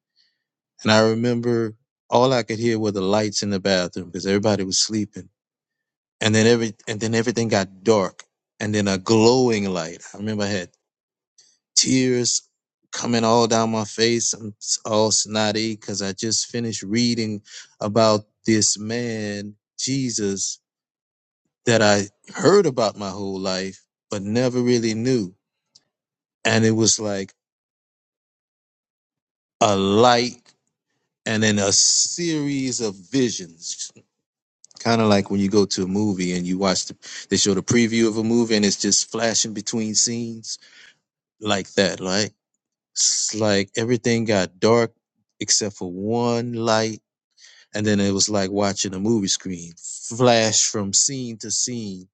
[SPEAKER 2] And I remember all I could hear were the lights in the bathroom because everybody was sleeping. And then every and then everything got dark. And then a glowing light. I remember I had tears coming all down my face. I'm s- all snotty because I just finished reading about this man, Jesus, that I heard about my whole life, but never really knew. And it was like a light and then a series of visions, kind of like when you go to a movie and you watch the, they show the preview of a movie and it's just flashing between scenes like that. Like, it's like everything got dark except for one light. And then it was like watching a movie screen flash from scene to scene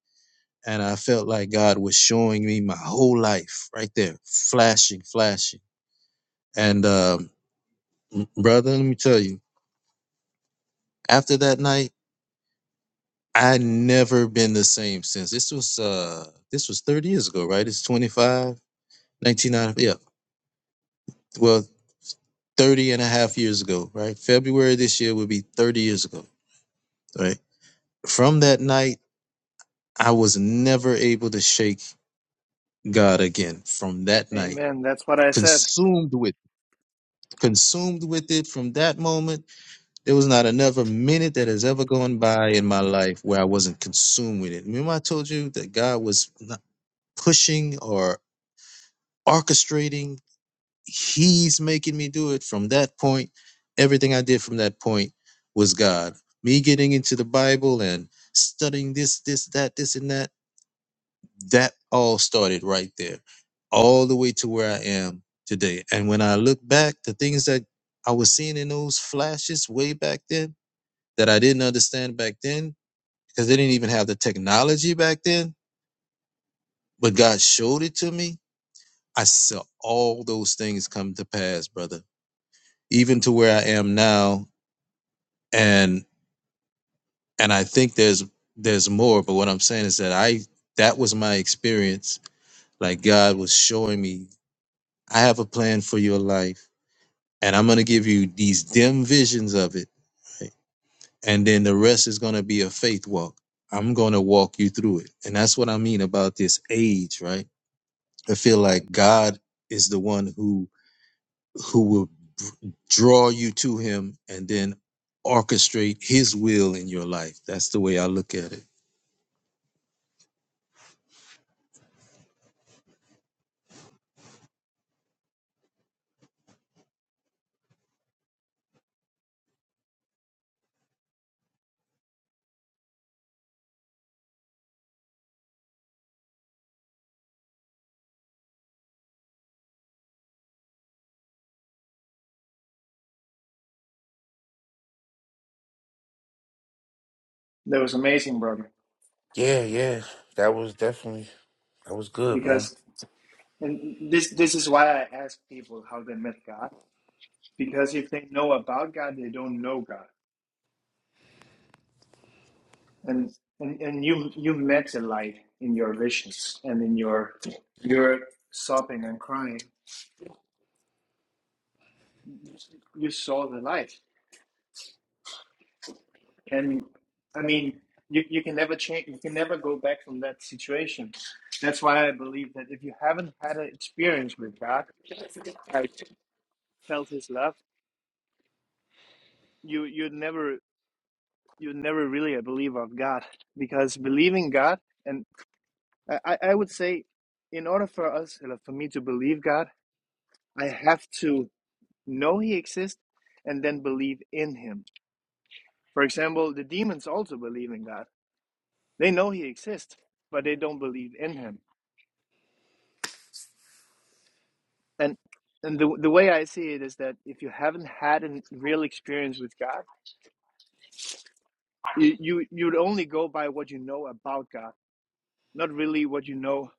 [SPEAKER 2] and I felt like God was showing me my whole life right there, flashing, flashing. And um, brother, let me tell you, after that night, I never been the same since. This was uh this was 30 years ago, right? It's 25, out of- yeah. Well, 30 and a half years ago, right? February this year would be 30 years ago, right? From that night, I was never able to shake God again from that night.
[SPEAKER 7] Amen. That's what I said.
[SPEAKER 2] Consumed with consumed with it from that moment There was not another minute that has ever gone by in my life where I wasn't consumed with it. Remember, I told you that God was not pushing or orchestrating, He's making me do it from that point. Everything I did from that point was God. Me getting into the Bible and studying this, this, that, this, and that, that all started right there, all the way to where I am today. And when I look back, the things that I was seeing in those flashes way back then, that I didn't understand back then because they didn't even have the technology back then, but God showed it to me. I saw all those things come to pass, brother, even to where I am now. And and I think there's there's more, but what I'm saying is that I that was my experience. Like God was showing me, I have a plan for your life, and I'm gonna give you these dim visions of it. Right? And then the rest is gonna be a faith walk. I'm gonna walk you through it. And that's what I mean about this age, right? I feel like God is the one who who will draw you to him and then orchestrate his will in your life. That's the way I look at
[SPEAKER 7] That was amazing, brother.
[SPEAKER 6] Yeah, yeah. That was definitely that was good, man.
[SPEAKER 7] Because And this this is why I ask people how they met God, because if they know about God, they don't know God. And and, and you you met the light in your visions and in your your sobbing and crying. You saw the light. And I mean you, you can never change you can never go back from that situation. That's why I believe that if you haven't had an experience with God, I felt his love, you you never you never really a believer of God because believing God, and I, I would say, in order for us, uh, for me to believe God, I have to know He exists and then believe in Him. For example, the demons also believe in God. They know He exists, but they don't believe in Him. And and the the way I see it is that if you haven't had a real experience with God, you you you'd only go by what you know about God, not really what you know.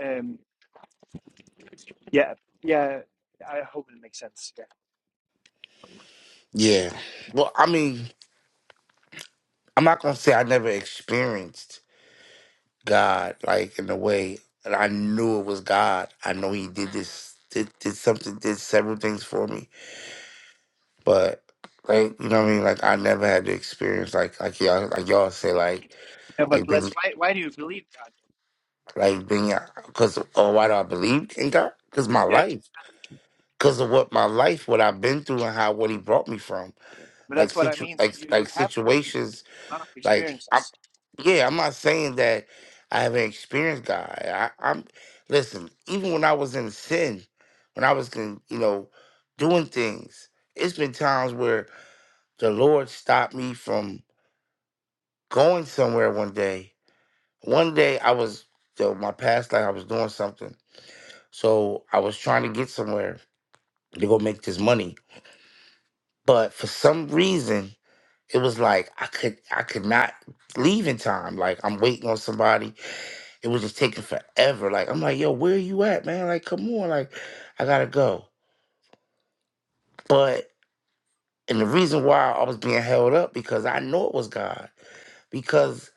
[SPEAKER 7] Um, Yeah, yeah. I hope it makes sense. Yeah,
[SPEAKER 6] Yeah. Well, I mean, I'm not gonna say I never experienced God like in a way that I knew it was God. I know he did this did, did something did several things for me. But like you know what I mean? Like I never had the experience like like y'all like y'all say like
[SPEAKER 7] yeah but
[SPEAKER 6] like Big
[SPEAKER 7] bless. Why? Why do you believe God?
[SPEAKER 6] like being because of why do I believe in God? Because my
[SPEAKER 7] Yeah,
[SPEAKER 6] life, because of what my life, what I've been through, and how what He brought me from,
[SPEAKER 7] but
[SPEAKER 6] like
[SPEAKER 7] that's what I
[SPEAKER 6] situ,
[SPEAKER 7] mean. So
[SPEAKER 6] like
[SPEAKER 7] you you
[SPEAKER 6] like
[SPEAKER 7] have
[SPEAKER 6] situations,
[SPEAKER 7] a lot of
[SPEAKER 6] like I'm,
[SPEAKER 7] experiences.
[SPEAKER 6] yeah, I'm not saying that I haven't experienced God. I, I'm listen, even when I was in sin, when I was in, you know doing things, it's been times where the Lord stopped me from going somewhere. One day, one day I was. So my past life, I was doing something, So I was trying to get somewhere to go make this money. But for some reason, it was like I could I could not leave in time. Like I'm waiting on somebody. It was just taking forever. Like I'm like, yo, where you at, man? Like, come on, like I gotta go. But and the reason why I was being held up because I know it was God. Because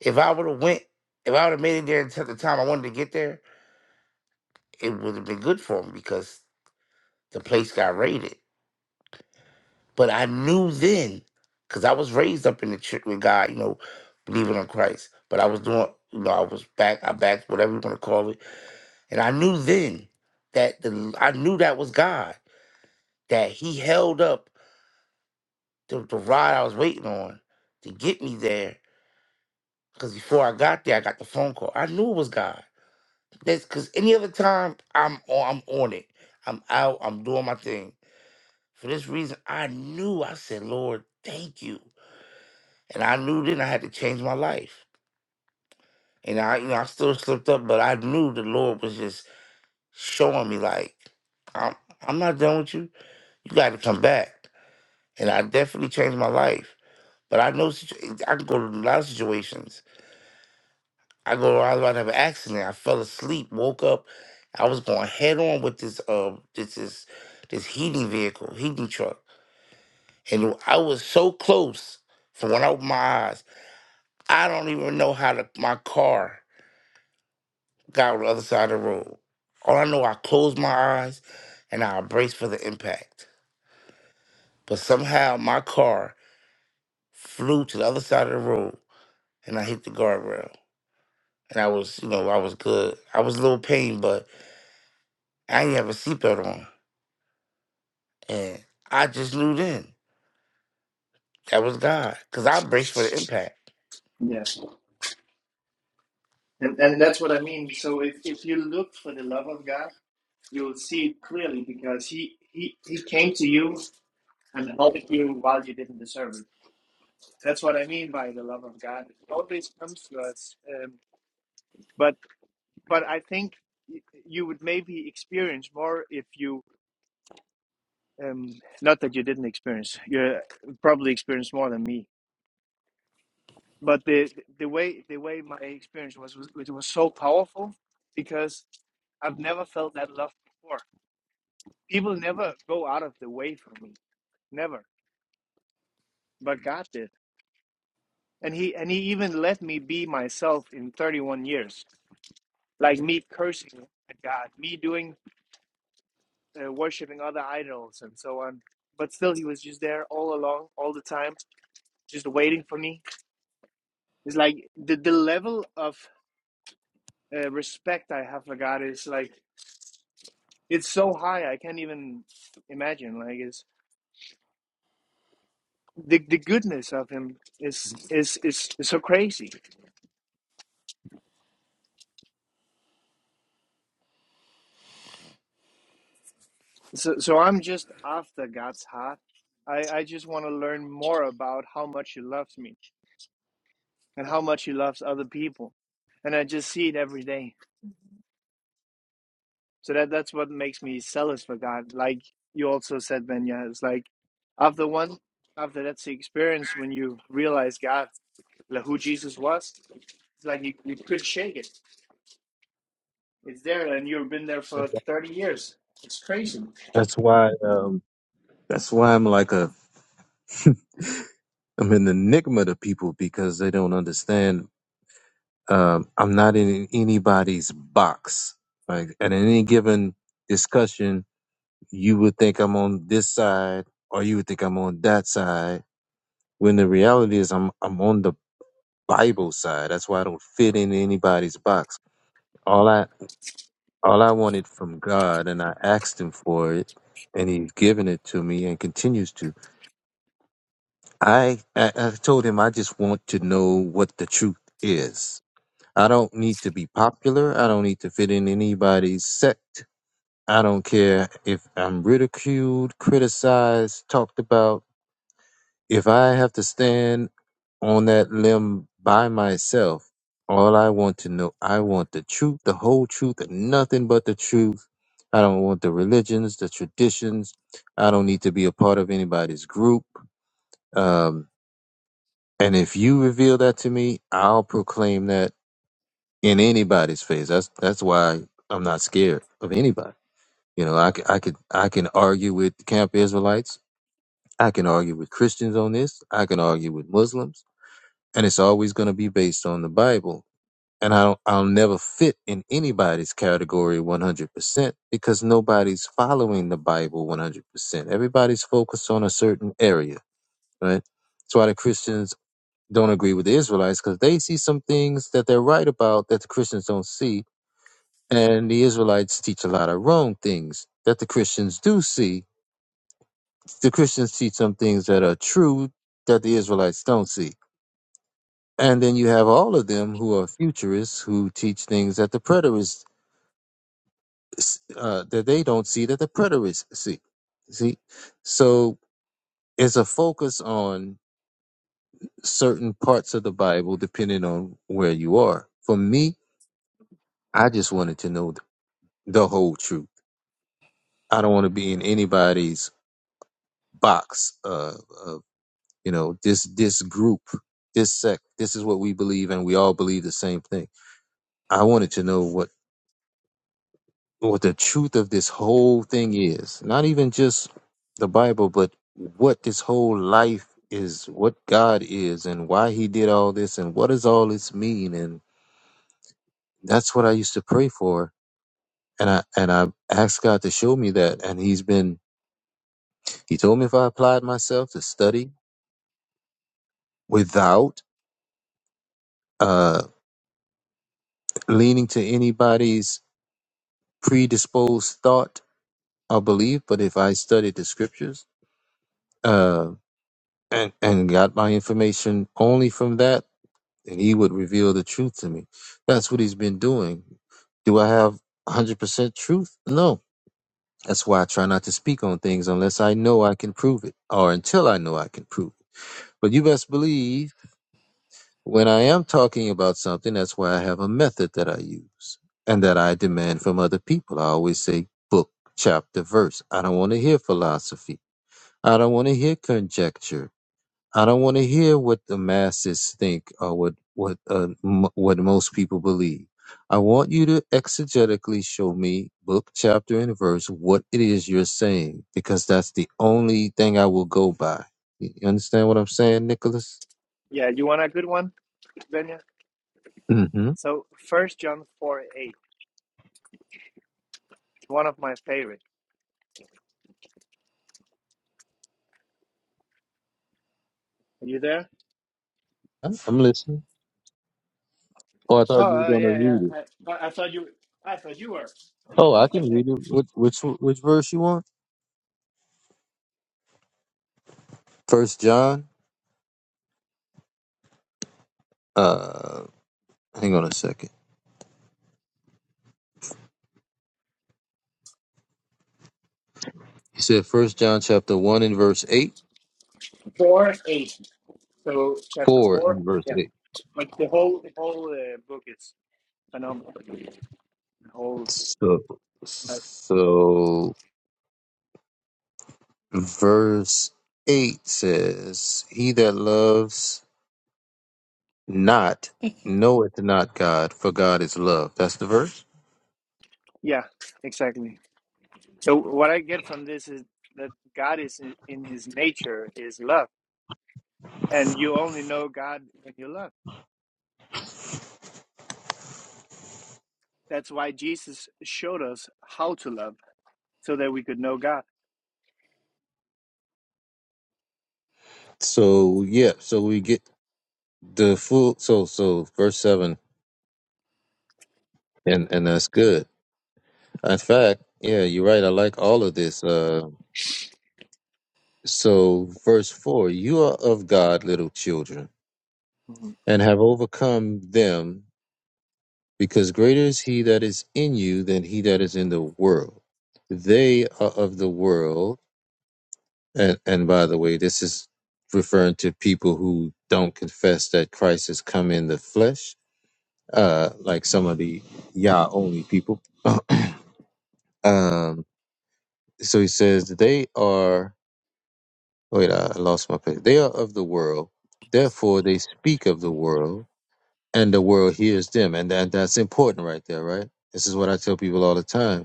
[SPEAKER 6] if I would have went, if I would have made it there until the time I wanted to get there, it would have been good for me because the place got raided But I knew then, because I was raised up in the church with God, you know, believing on Christ. But I was doing, you know, I was back, I backed, whatever you want to call it. And I knew then that the, I knew that was God, that He held up the, the rod I was waiting on to get me there. Because before I got there, I got the phone call. I knew it was God. That's because any other time I'm on, I'm on it. I'm out. I'm doing my thing. For this reason, I knew. I said, Lord, thank you. And I knew then I had to change my life. And I, you know, I still slipped up, but I knew the Lord was just showing me like, I'm, I'm not done with you. You got to come back. And I definitely changed my life. But I know situ- I can go to a lot of situations. I go, I was about to have an accident. I fell asleep, woke up. I was going head on with this, uh, this, this, this heating vehicle, heating truck, and I was so close. From when I opened my eyes, I don't even know how to, my car. got on the other side of the room. All I know, I closed my eyes and I braced for the impact. But somehow my car flew to the other side of the room and I hit the guardrail. And I was, you know, I was good. I was a little pain, but I didn't have a seatbelt on. And I just knew then that was God because I braced for the impact.
[SPEAKER 7] Yes, and and that's what I mean. So if if you look for the love of God, you'll see it clearly because he he he came to you and helped you while you didn't deserve it. That's what I mean by the love of God. It always comes to us. Um, but but I think you would maybe experience more if you um, not that you didn't experience you uh, probably experienced more than me but the the way the way my experience was, was it was so powerful because i've never felt that love before people never go out of the way for me never but god did and he and he even let me be myself in 31 years like me cursing at god me doing uh, worshiping other idols and so on but still he was just there all along all the time just waiting for me it's like the, the level of uh, respect I have for God is like it's so high I can't even imagine. Like it's the the goodness of Him is is is, is so crazy. So so I'm just after God's heart. I I just want to learn more about how much He loves me and how much He loves other people, and I just see it every day. So that that's what makes me zealous for God. Like you also said, Benya, it's like after one after that's the experience when you realize God, like who Jesus was It's like you, you could shake it. It's there, and you've been there for
[SPEAKER 2] it.
[SPEAKER 7] 30 years. It's crazy.
[SPEAKER 2] That's why um that's why I'm like a I'm an enigma to people because they don't understand um I'm not in anybody's box. Like at any given discussion, you would think I'm on this side or you would think I'm on that side when the reality is I'm I'm on the Bible side. That's why I don't fit in anybody's box. All I all I wanted from God and I asked him for it and he's given it to me and continues to. I I, I told him I just want to know what the truth is. I don't need to be popular. I don't need to fit in anybody's sect. I don't care if I'm ridiculed, criticized, talked about. if I have to stand on that limb by myself, all I want to know, I want the truth, the whole truth, and nothing but the truth. I don't want the religions, the traditions. I don't need to be a part of anybody's group. Um, and if you reveal that to me, I'll proclaim that in anybody's face. That's that's why I'm not scared of anybody. You know, I, c- I could I can argue with Camp Israelites. I can argue with Christians on this. I can argue with Muslims. and it's always going to be based on the Bible. And I don't, I'll never fit in anybody's category 100% because nobody's following the Bible 100%. Everybody's focused on a certain area, right? That's why the Christians don't agree with the Israelites because they see some things that they're right about that the Christians don't see. And the Israelites teach a lot of wrong things that the Christians do see. The Christians teach some things that are true that the Israelites don't see And then you have all of them who are futurists who teach things that the preterists uh, that they don't see that the preterists see. See, so it's a focus on certain parts of the Bible depending on where you are. For me, I just wanted to know th- the whole truth. I don't want to be in anybody's box. Uh, of, you know, this this group, this sect. This is what we believe, and we all believe the same thing. I wanted to know what what the truth of this whole thing is. Not even just the Bible, but what this whole life is, what God is, and why He did all this, and what does all this mean? And that's what I used to pray for. And I and I asked God to show me that, and He's been. He told me if I applied myself to study without uh, leaning to anybody's predisposed thought or belief, but if I studied the Scriptures, uh, and and got my information only from that and he would reveal the truth to me. That's what he's been doing. Do I have 100% truth? No. That's why I try not to speak on things unless I know I can prove it or until I know I can prove it. But you best believe when I am talking about something, that's why I have a method that I use and that I demand from other people. I always say book, chapter, verse. I don't want to hear philosophy. I don't want to hear conjecture. I don't want to hear what the masses think or what what uh, m- what most people believe. I want you to exegetically show me book, chapter, and verse what it is you're saying, because that's the only thing I will go by. You you understand what I'm saying, Nicholas?
[SPEAKER 7] Yeah, you want a good one, Benya?
[SPEAKER 2] Mm-hmm.
[SPEAKER 7] So, First John 4 8, one of my favorite. Are you there?
[SPEAKER 2] I'm listening. Oh, I thought you
[SPEAKER 7] Oh, uh,
[SPEAKER 2] were gonna
[SPEAKER 7] yeah, yeah.
[SPEAKER 2] read it.
[SPEAKER 7] I, I thought you. I thought you were
[SPEAKER 2] Oh, I can read it. Which which which verse you want? First John. Uh, hang on a second. You said First John chapter one and verse eight,
[SPEAKER 7] four eight. So chapter
[SPEAKER 2] four
[SPEAKER 7] four.
[SPEAKER 2] and verse
[SPEAKER 7] Yeah,
[SPEAKER 2] eight.
[SPEAKER 7] like the whole the whole uh, book is phenomenal. The whole,
[SPEAKER 2] So,
[SPEAKER 7] like,
[SPEAKER 2] so verse 8 says, He that loves not knoweth not God, for God is love. That's the verse.
[SPEAKER 7] yeah, exactly. So what I get from this is that God is in His nature is love And you only know God when you love. That's why Jesus showed us how to love so that we could know God.
[SPEAKER 2] So, yeah, so we get the full, so, so verse 7, and, and that's good. In fact, yeah, you're right. I like all of this. Uh, so, verse 4 You are of God, little children,
[SPEAKER 7] Mhm.
[SPEAKER 2] and have overcome them because greater is he that is in you than he that is in the world. They are of the world. And, and by the way, this is referring to people who don't confess that Christ has come in the flesh, uh, like some of the Yah only people. um, so he says, they are, wait, I lost my place. They are of the world. Therefore, they speak of the world and the world hears them. And that, that's important right there, right? This is what I tell people all the time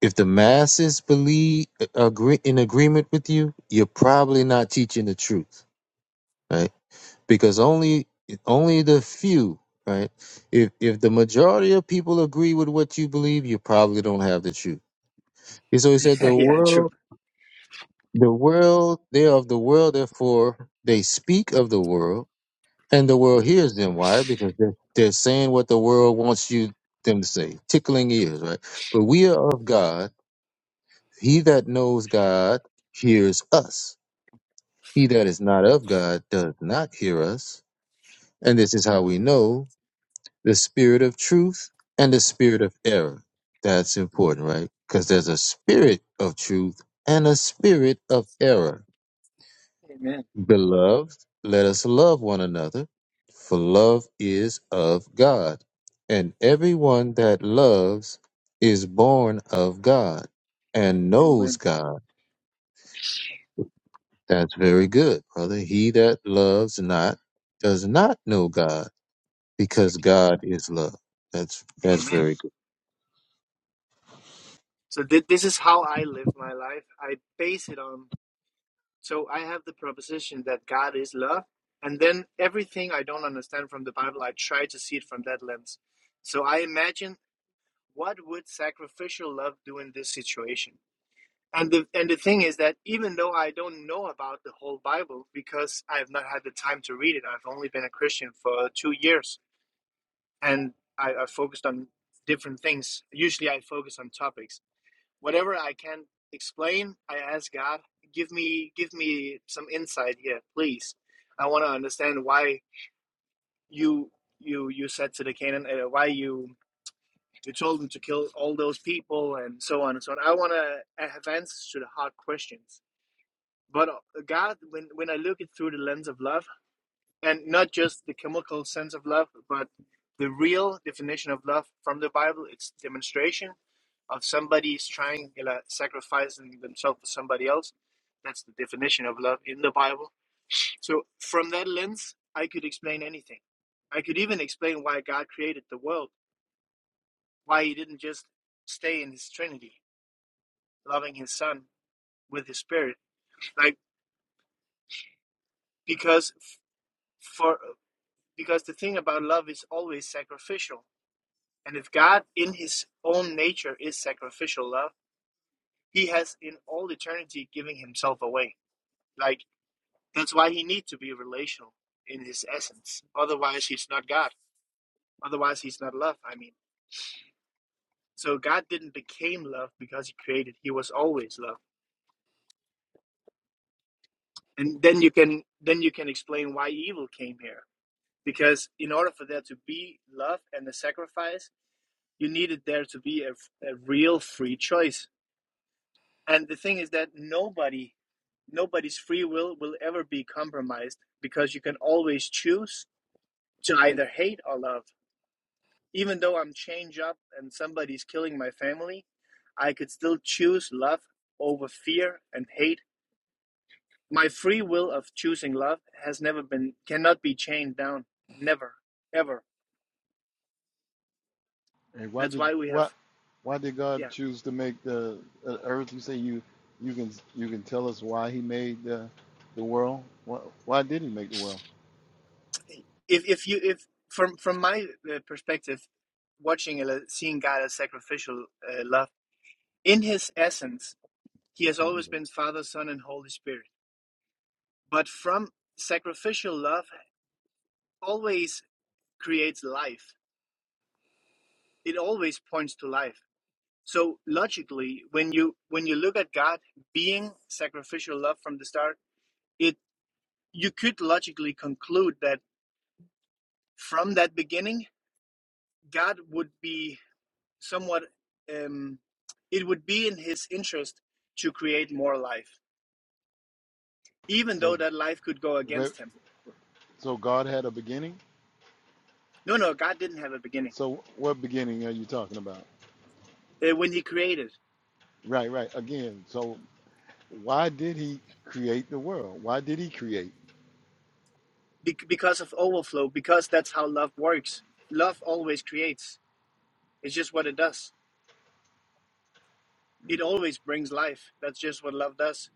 [SPEAKER 2] If the masses believe agree in agreement with you, you're probably not teaching the truth, right? Because only only the few, right? If if the majority of people agree with what you believe, you probably don't have the truth. And so he said, the
[SPEAKER 7] yeah, true.
[SPEAKER 2] world, the world, they are of the world, therefore they speak of the world, and the world hears them. Why? Because they're, they're saying what the world wants you them to say, tickling ears, right? But we are of God He that knows God hears us. He that is not of God does not hear us. And this is how we know the spirit of truth and the spirit of error. That's important, right? Because there's a spirit of truth and a spirit of error.
[SPEAKER 7] Amen.
[SPEAKER 2] Beloved, let us love one another, for love is of God. And everyone that loves is born of God and knows
[SPEAKER 7] Amen.
[SPEAKER 2] God. That's very good, brother. He that loves not does not know God, because
[SPEAKER 7] Exactly.
[SPEAKER 2] God is love. That's that's
[SPEAKER 7] Amen.
[SPEAKER 2] very good.
[SPEAKER 7] So th- this is how I live my life. I base it on, so I have the proposition that God is love. And then everything I don't understand from the Bible, I try to see it from that lens. So I imagine what would sacrificial love do in this situation? And the and the thing is that even though I don't know about the whole Bible because I have not had the time to read it, I've only been a Christian for two years, and I, I focused on different things. Usually, I focus on topics. Whatever I can explain, I ask God, give me give me some insight here, please. I want to understand why you you you said to the Canaan, uh, why you you told them to kill all those people and so on and so on. I want to have answers to the hard questions But uh, God, when when I look it through the lens of love, and not just the chemical sense of love, but the real definition of love from the Bible, it's demonstration of somebody's trying, you know, sacrificing themselves for somebody else. That's the definition of love in the Bible. So from that lens, I could explain anything. I could even explain why God created the world, why He didn't just stay in His Trinity, loving His Son with His Spirit, like because. for. because the thing about love is always sacrificial. And if God, in his own nature, is sacrificial love, he has in all eternity giving himself away. Like, that's why he needs to be relational in his essence. Otherwise, he's not God. Otherwise, he's not love, I mean. So God didn't became love because he created. He was always love. And then you can then you can explain why evil came here. Because in order for there to be love and the sacrifice, you needed there to be a, a real free choice and the thing is that nobody nobody's free will will ever be compromised because you can always choose to either hate or love even though i'm chained up and somebody's killing my family i could still choose love over fear and hate my free will of choosing love has never been cannot be chained down never ever
[SPEAKER 8] And why
[SPEAKER 7] that's
[SPEAKER 8] did
[SPEAKER 7] why we have
[SPEAKER 8] why why did God
[SPEAKER 7] yeah
[SPEAKER 8] choose to make the uh, earth? You say you you can you can tell us why He made the the world. Why, why did He make the world?
[SPEAKER 7] if if you if from from my uh, perspective watching uh, seeing god as sacrificial uh, love in his essence He has always been Father, Son, and Holy Spirit. But from sacrificial love always creates life. It always points to life. So logically, when you when you look at God being sacrificial love from the start, it you could logically conclude that from that beginning, God would be somewhat um, it would be in his interest to create more life, even though
[SPEAKER 8] So
[SPEAKER 7] that life could go
[SPEAKER 8] wh-
[SPEAKER 7] against him.
[SPEAKER 8] so God had a beginning.
[SPEAKER 7] No, no, God didn't have a beginning
[SPEAKER 8] So what beginning are you talking about?
[SPEAKER 7] uh, when he created.
[SPEAKER 8] Right, right. Again, so why did He create the world? Why did He create?
[SPEAKER 7] because of overflow, because that's how love works. Love always creates. It's just what it does. It always brings life. That's just what love does.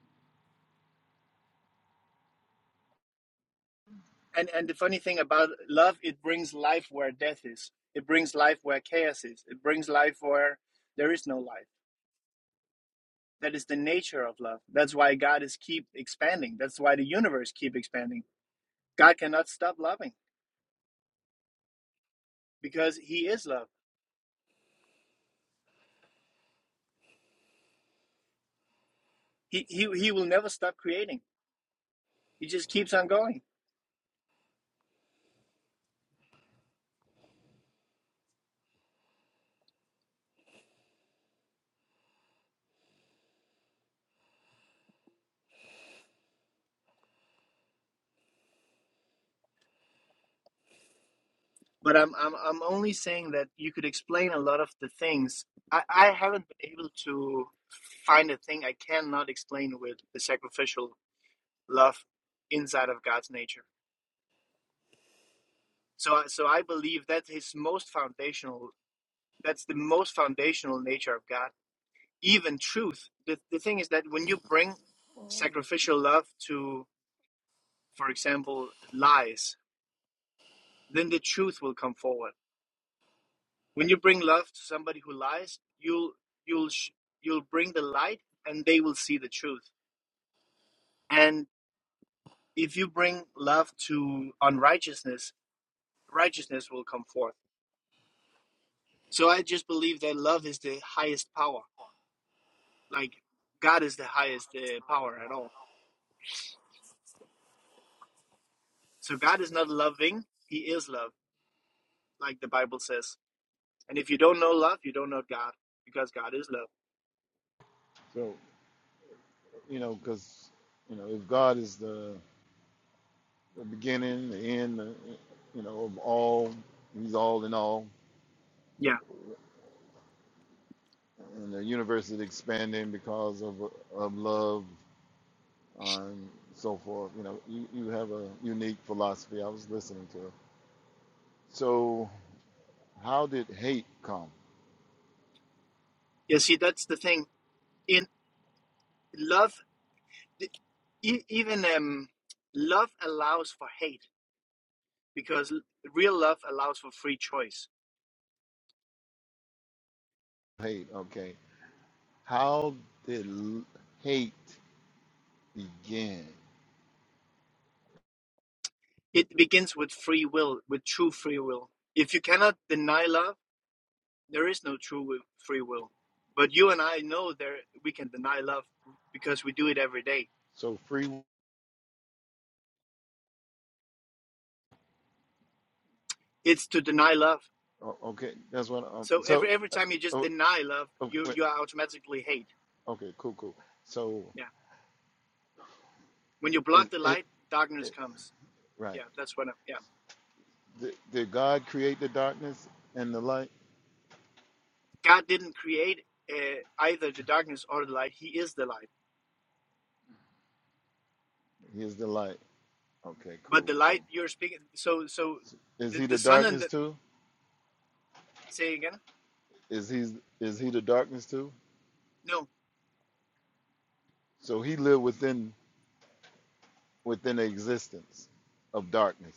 [SPEAKER 7] And and the funny thing about love, it brings life where death is. It brings life where chaos is. It brings life where there is no life. That is the nature of love. That's why God is keep expanding. That's why the universe keep expanding. God cannot stop loving because He is love. He He, he will never stop creating. He just keeps on going But I'm I'm I'm only saying that you could explain a lot of the things. I, I haven't been able to find a thing I cannot explain with the sacrificial love inside of God's nature. So I- so I believe that his most foundational that's the most foundational nature of God. Even truth. The the thing is that when you bring sacrificial love to, for example, lies, then the truth will come forward When you bring love to somebody who lies, you'll you'll sh- you'll bring the light, and they will see the truth. And if you bring love to unrighteousness, righteousness will come forth. So I just believe that love is the highest power. Like God is the highest uh, power at all. So God is not loving; He is love, like the Bible says. And if you don't know love, you don't know God, because God is love.
[SPEAKER 8] So you know, because you know, if God is the, the beginning, the end, the, you know, of all, He's all in all
[SPEAKER 7] Yeah.
[SPEAKER 8] and the universe is expanding because of of love and so forth. You know, you, you have a unique philosophy. I was listening to it. So, how did hate come?
[SPEAKER 7] Yeah. See, that's the thing. In love e- even um, love allows for hate because real love allows for free choice.
[SPEAKER 8] Hate, okay. How did l- hate begin?
[SPEAKER 7] It begins with free will, with true free will. If you cannot deny love, there is no true free will. But you and I know there we can deny love because we do it every day.
[SPEAKER 8] So free.
[SPEAKER 7] It's to deny love.
[SPEAKER 8] o- Okay, that's what. Um,
[SPEAKER 7] So
[SPEAKER 8] so,
[SPEAKER 7] every every time you just
[SPEAKER 8] oh,
[SPEAKER 7] deny love,
[SPEAKER 8] oh,
[SPEAKER 7] you
[SPEAKER 8] wait,
[SPEAKER 7] you automatically hate.
[SPEAKER 8] okay, cool, cool. So,
[SPEAKER 7] Yeah. When you
[SPEAKER 8] is
[SPEAKER 7] block the
[SPEAKER 8] it,
[SPEAKER 7] light, darkness
[SPEAKER 8] it
[SPEAKER 7] comes. Yeah,
[SPEAKER 8] right?
[SPEAKER 7] that's what. I, yeah.
[SPEAKER 8] Did, did God create the darkness and the light?
[SPEAKER 7] God didn't create uh, either the darkness or the light. He is the light.
[SPEAKER 8] He is the light. Okay,
[SPEAKER 7] But
[SPEAKER 8] cool,
[SPEAKER 7] the
[SPEAKER 8] cool.
[SPEAKER 7] light you're speaking, so so
[SPEAKER 8] Is
[SPEAKER 7] the,
[SPEAKER 8] he
[SPEAKER 7] the
[SPEAKER 8] the
[SPEAKER 7] sun and
[SPEAKER 8] darkness
[SPEAKER 7] the
[SPEAKER 8] too?
[SPEAKER 7] say again?
[SPEAKER 8] Is he is he the darkness too?
[SPEAKER 7] No,
[SPEAKER 8] So he lived within within the existence of darkness.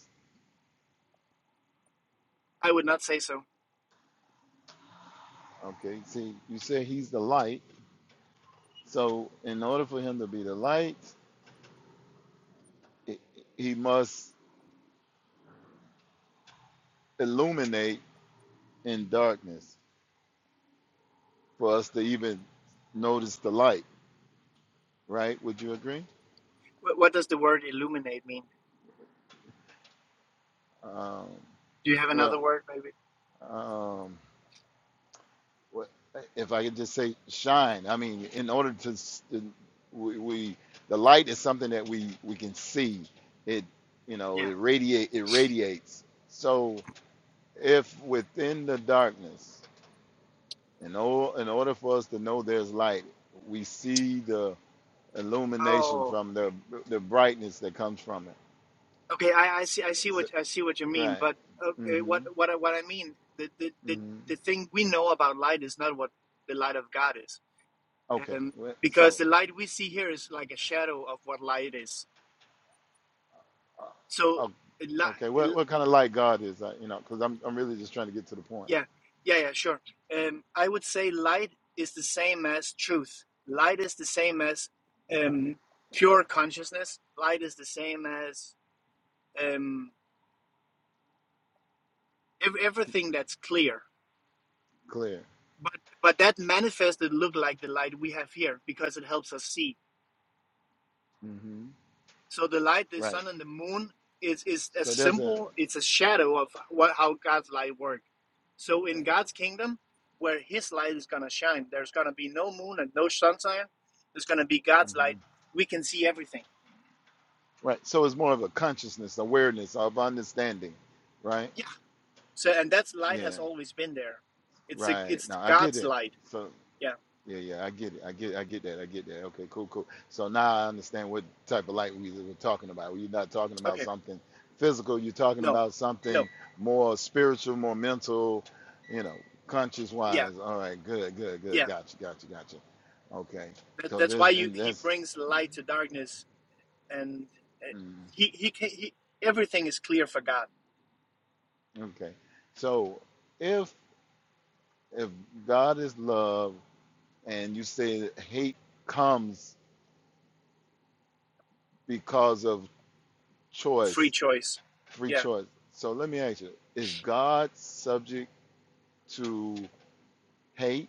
[SPEAKER 7] I would not say so.
[SPEAKER 8] Okay. See, you say he's the light. So in order for him to be the light, i- he must illuminate in darkness for us to even notice the light. Right? Would you agree?
[SPEAKER 7] What, what does the word illuminate mean?
[SPEAKER 8] Um,
[SPEAKER 7] Do you have
[SPEAKER 8] well,
[SPEAKER 7] another word, maybe?
[SPEAKER 8] um, Well, if I could just say shine, I mean, in order to, s- we, we the light is something that we we can see. It you know
[SPEAKER 7] Yeah.
[SPEAKER 8] it radiate it radiates. So if within the darkness, in or, in order for us to know there's light, we see the illumination
[SPEAKER 7] Oh,
[SPEAKER 8] from the the brightness that comes from it.
[SPEAKER 7] okay. I, I see. I see
[SPEAKER 8] So-
[SPEAKER 7] what I see what you mean.
[SPEAKER 8] right.
[SPEAKER 7] But okay,
[SPEAKER 8] hmm
[SPEAKER 7] what what I- what I mean the, the the
[SPEAKER 8] hmm
[SPEAKER 7] the thing we know about light is not what the light of God is,
[SPEAKER 8] Okay.
[SPEAKER 7] um,
[SPEAKER 8] Well, So
[SPEAKER 7] because the light we see here is like a shadow of what light is. So.
[SPEAKER 8] Oh, okay.
[SPEAKER 7] li-
[SPEAKER 8] What what kind of light God is that? You know, because I'm I'm really just trying to get to the point.
[SPEAKER 7] Yeah, yeah, yeah, sure. Um, I would say light is the same as truth. Light is the same as um, pure consciousness. Light is the same as um, ev
[SPEAKER 8] P-
[SPEAKER 7] everything that's clear.
[SPEAKER 8] Clear.
[SPEAKER 7] But but that manifested look like the light we have here because it helps us see.
[SPEAKER 8] hmm
[SPEAKER 7] So the light, the
[SPEAKER 8] Right.
[SPEAKER 7] sun, and the moon is is a
[SPEAKER 8] So there's a
[SPEAKER 7] symbol. It's a shadow of what how God's light works. So
[SPEAKER 8] right.
[SPEAKER 7] in God's kingdom, where His light is gonna shine, there's gonna be no moon and no sunshine. There's gonna be God's
[SPEAKER 8] hmm
[SPEAKER 7] light. We can see everything.
[SPEAKER 8] right. So it's more of a consciousness, awareness of understanding, right?
[SPEAKER 7] Yeah. So and that light
[SPEAKER 8] Yeah.
[SPEAKER 7] has always been there. It's a
[SPEAKER 8] Right.
[SPEAKER 7] it's
[SPEAKER 8] Now I get
[SPEAKER 7] God's
[SPEAKER 8] it.
[SPEAKER 7] light.
[SPEAKER 8] So
[SPEAKER 7] Yeah.
[SPEAKER 8] Yeah, yeah, I get it. I get, I get that. I get that. Okay, cool, cool. So now I understand what type of light we were talking about. You're not talking about
[SPEAKER 7] Okay.
[SPEAKER 8] something physical. You're talking
[SPEAKER 7] No.
[SPEAKER 8] about
[SPEAKER 7] No.
[SPEAKER 8] something more spiritual, more mental, you know, conscious
[SPEAKER 7] Yeah.
[SPEAKER 8] wise. All right, good, good, good.
[SPEAKER 7] Yeah.
[SPEAKER 8] Gotcha, gotcha, gotcha. Okay.
[SPEAKER 7] That,
[SPEAKER 8] So
[SPEAKER 7] that's why
[SPEAKER 8] this
[SPEAKER 7] you
[SPEAKER 8] and
[SPEAKER 7] He
[SPEAKER 8] that's
[SPEAKER 7] brings light to darkness, and uh,
[SPEAKER 8] mm,
[SPEAKER 7] He He can He everything is clear for God
[SPEAKER 8] okay. So if if God is love and you say that hate comes because of choice
[SPEAKER 7] Free choice.
[SPEAKER 8] free
[SPEAKER 7] Yeah.
[SPEAKER 8] choice. So let me ask you: Is God subject to hate?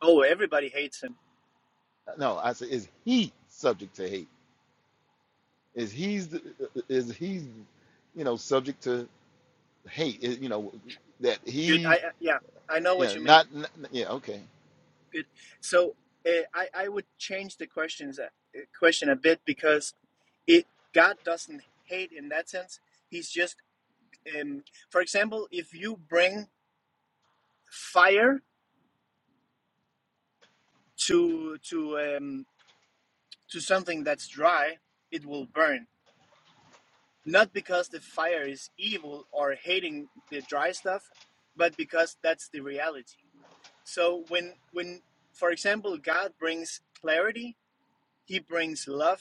[SPEAKER 7] Oh, everybody hates him.
[SPEAKER 8] No, I said, is He subject to hate? Is He's is He, you know, subject to hate? Is, you know, that
[SPEAKER 7] Good. I
[SPEAKER 8] He,
[SPEAKER 7] I- yeah. I know
[SPEAKER 8] you
[SPEAKER 7] what
[SPEAKER 8] know,
[SPEAKER 7] you mean.
[SPEAKER 8] not, not yeah, okay.
[SPEAKER 7] Good. So uh, I I would change the questions uh, uh, question a bit because it God doesn't hate in that sense. He's just um, for example, if you bring fire to to um, to something that's dry, it will burn. Not because the fire is evil or hating the dry stuff, but because that's the reality So when when for example God brings clarity, he brings love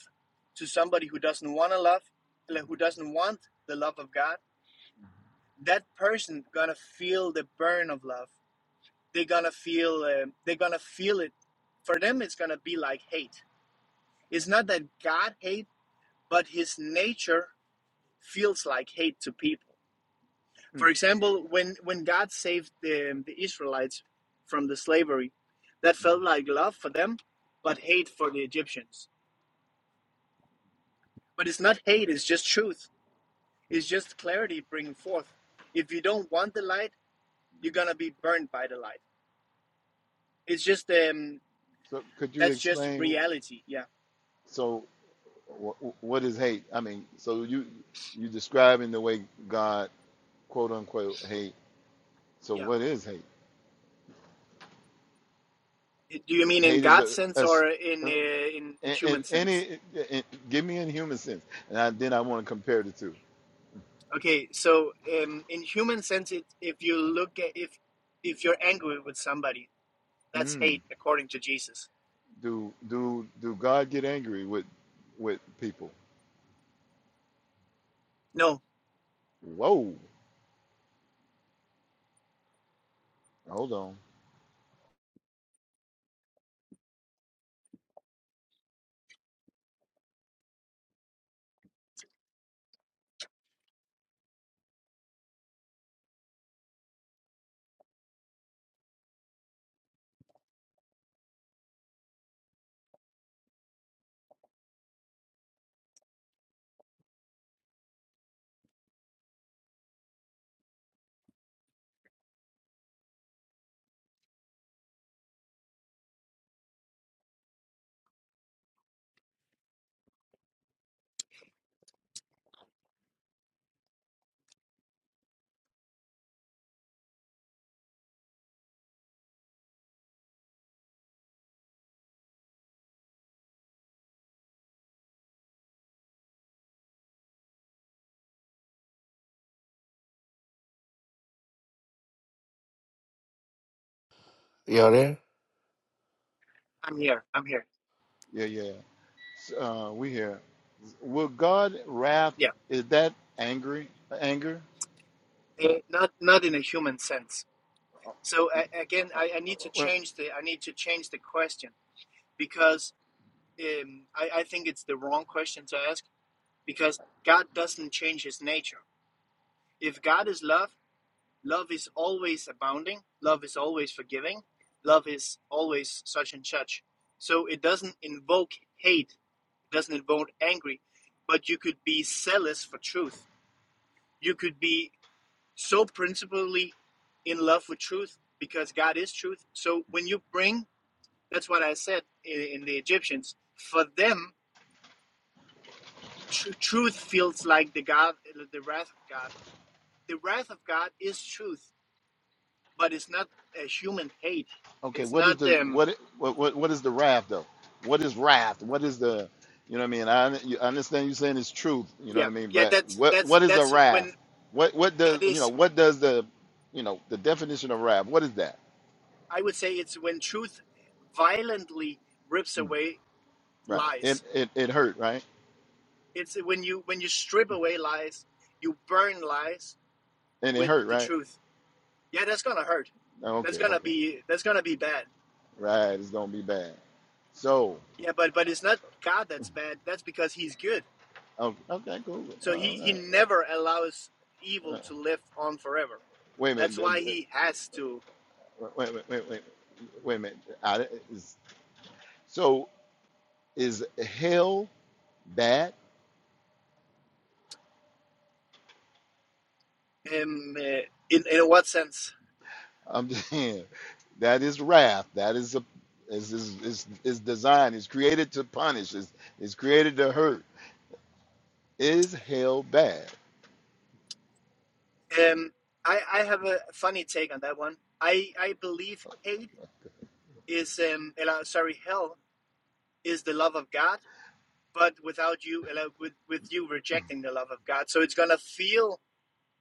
[SPEAKER 7] to somebody who doesn't want to love, like, who doesn't want the love of God, that person going to feel the burn of love. They're going to feel um they're going to feel it. For them it's going to be like hate. It's not that God hate, but his nature feels like hate to people
[SPEAKER 8] Mm.
[SPEAKER 7] For example, when, when God saved the, the Israelites from the slavery, that felt like love for them, but hate for the Egyptians. But it's not hate, it's just truth. It's just clarity bringing forth. If you don't want the light, you're going to be burned by the light. It's just, um,
[SPEAKER 8] So could you
[SPEAKER 7] that's just
[SPEAKER 8] explain?
[SPEAKER 7] reality. Yeah.
[SPEAKER 8] So wh- what is hate? I mean, so you you describing the way God quote unquote hate. So
[SPEAKER 7] Yeah.
[SPEAKER 8] what is hate?
[SPEAKER 7] Do you mean in
[SPEAKER 8] Hate is
[SPEAKER 7] God's
[SPEAKER 8] a
[SPEAKER 7] sense
[SPEAKER 8] us.
[SPEAKER 7] or in, uh, in, in
[SPEAKER 8] And,
[SPEAKER 7] human
[SPEAKER 8] and
[SPEAKER 7] sense?
[SPEAKER 8] any, and give me in human sense, and I, then I want to compare the two.
[SPEAKER 7] Okay. So, um, in human sense, it, if you look at, if, if you're angry with somebody, That's
[SPEAKER 8] Mm,
[SPEAKER 7] hate according to Jesus.
[SPEAKER 8] do do do God get angry with with people?
[SPEAKER 7] No,
[SPEAKER 8] Whoa, hold on.
[SPEAKER 6] You all there?
[SPEAKER 7] I'm here. I'm here.
[SPEAKER 8] Yeah, yeah. Uh, we here. Will God wrath?
[SPEAKER 7] Yeah,
[SPEAKER 8] Is that angry? Anger?
[SPEAKER 7] Eh, not not in a human sense. So uh, again, I, I need to
[SPEAKER 8] Well,
[SPEAKER 7] change the I need to change the question because um, I, I think it's the wrong question to ask because God doesn't change His nature. If God is love, love is always abounding. Love is always forgiving. Love is always such and such. So it doesn't invoke hate. It doesn't invoke angry. But you could be zealous for truth you could be so principally in love with truth because God is truth. So when you bring, that's what I said in, in the Egyptians. For them, tr- truth feels like the God, the wrath of God. The wrath of God is truth, but it's not a human hate.
[SPEAKER 8] Okay,
[SPEAKER 7] It's
[SPEAKER 8] what is
[SPEAKER 7] not
[SPEAKER 8] the
[SPEAKER 7] um
[SPEAKER 8] what what what what is the wrath though? What is wrath? What is the you know what I mean? I, un- you- I understand you saying it's truth. You know what
[SPEAKER 7] yeah
[SPEAKER 8] I mean?
[SPEAKER 7] yeah
[SPEAKER 8] But
[SPEAKER 7] that's
[SPEAKER 8] what
[SPEAKER 7] that's
[SPEAKER 8] what is a
[SPEAKER 7] that's when
[SPEAKER 8] wrath? What what does
[SPEAKER 7] that
[SPEAKER 8] you know
[SPEAKER 7] is
[SPEAKER 8] what does the you know the definition of wrath? What is that?
[SPEAKER 7] I would say it's when truth violently rips away
[SPEAKER 8] Right. It
[SPEAKER 7] lies.
[SPEAKER 8] it it hurt right?
[SPEAKER 7] It's when you when you strip away lies, you burn lies
[SPEAKER 8] And it
[SPEAKER 7] with
[SPEAKER 8] hurt
[SPEAKER 7] the
[SPEAKER 8] right?
[SPEAKER 7] truth Yeah, that's gonna hurt.
[SPEAKER 8] Oh,
[SPEAKER 7] That's
[SPEAKER 8] Okay
[SPEAKER 7] gonna
[SPEAKER 8] okay.
[SPEAKER 7] be that's gonna be bad.
[SPEAKER 8] Right. It's gonna be bad. So
[SPEAKER 7] Yeah, but but it's not God that's bad. That's because He's good.
[SPEAKER 8] okay okay cool. Uh,
[SPEAKER 7] So He He
[SPEAKER 8] uh,
[SPEAKER 7] never allows
[SPEAKER 8] uh,
[SPEAKER 7] evil
[SPEAKER 8] uh.
[SPEAKER 7] to live on forever.
[SPEAKER 8] Wait a minute.
[SPEAKER 7] That's
[SPEAKER 8] d-
[SPEAKER 7] why
[SPEAKER 8] d-
[SPEAKER 7] He has to.
[SPEAKER 8] Wait wait wait wait wait a minute. I, is, so is hell bad?
[SPEAKER 7] Um, uh, in in what sense?
[SPEAKER 8] I'm just saying that is wrath. That is a is is is, is designed. It's created to punish. It's, it's created to hurt. Is hell bad?
[SPEAKER 7] Um, I I have a funny take on that one. I I believe hate is um, sorry, hell is the love of God, but without you, with with you rejecting the love of God, so it's gonna feel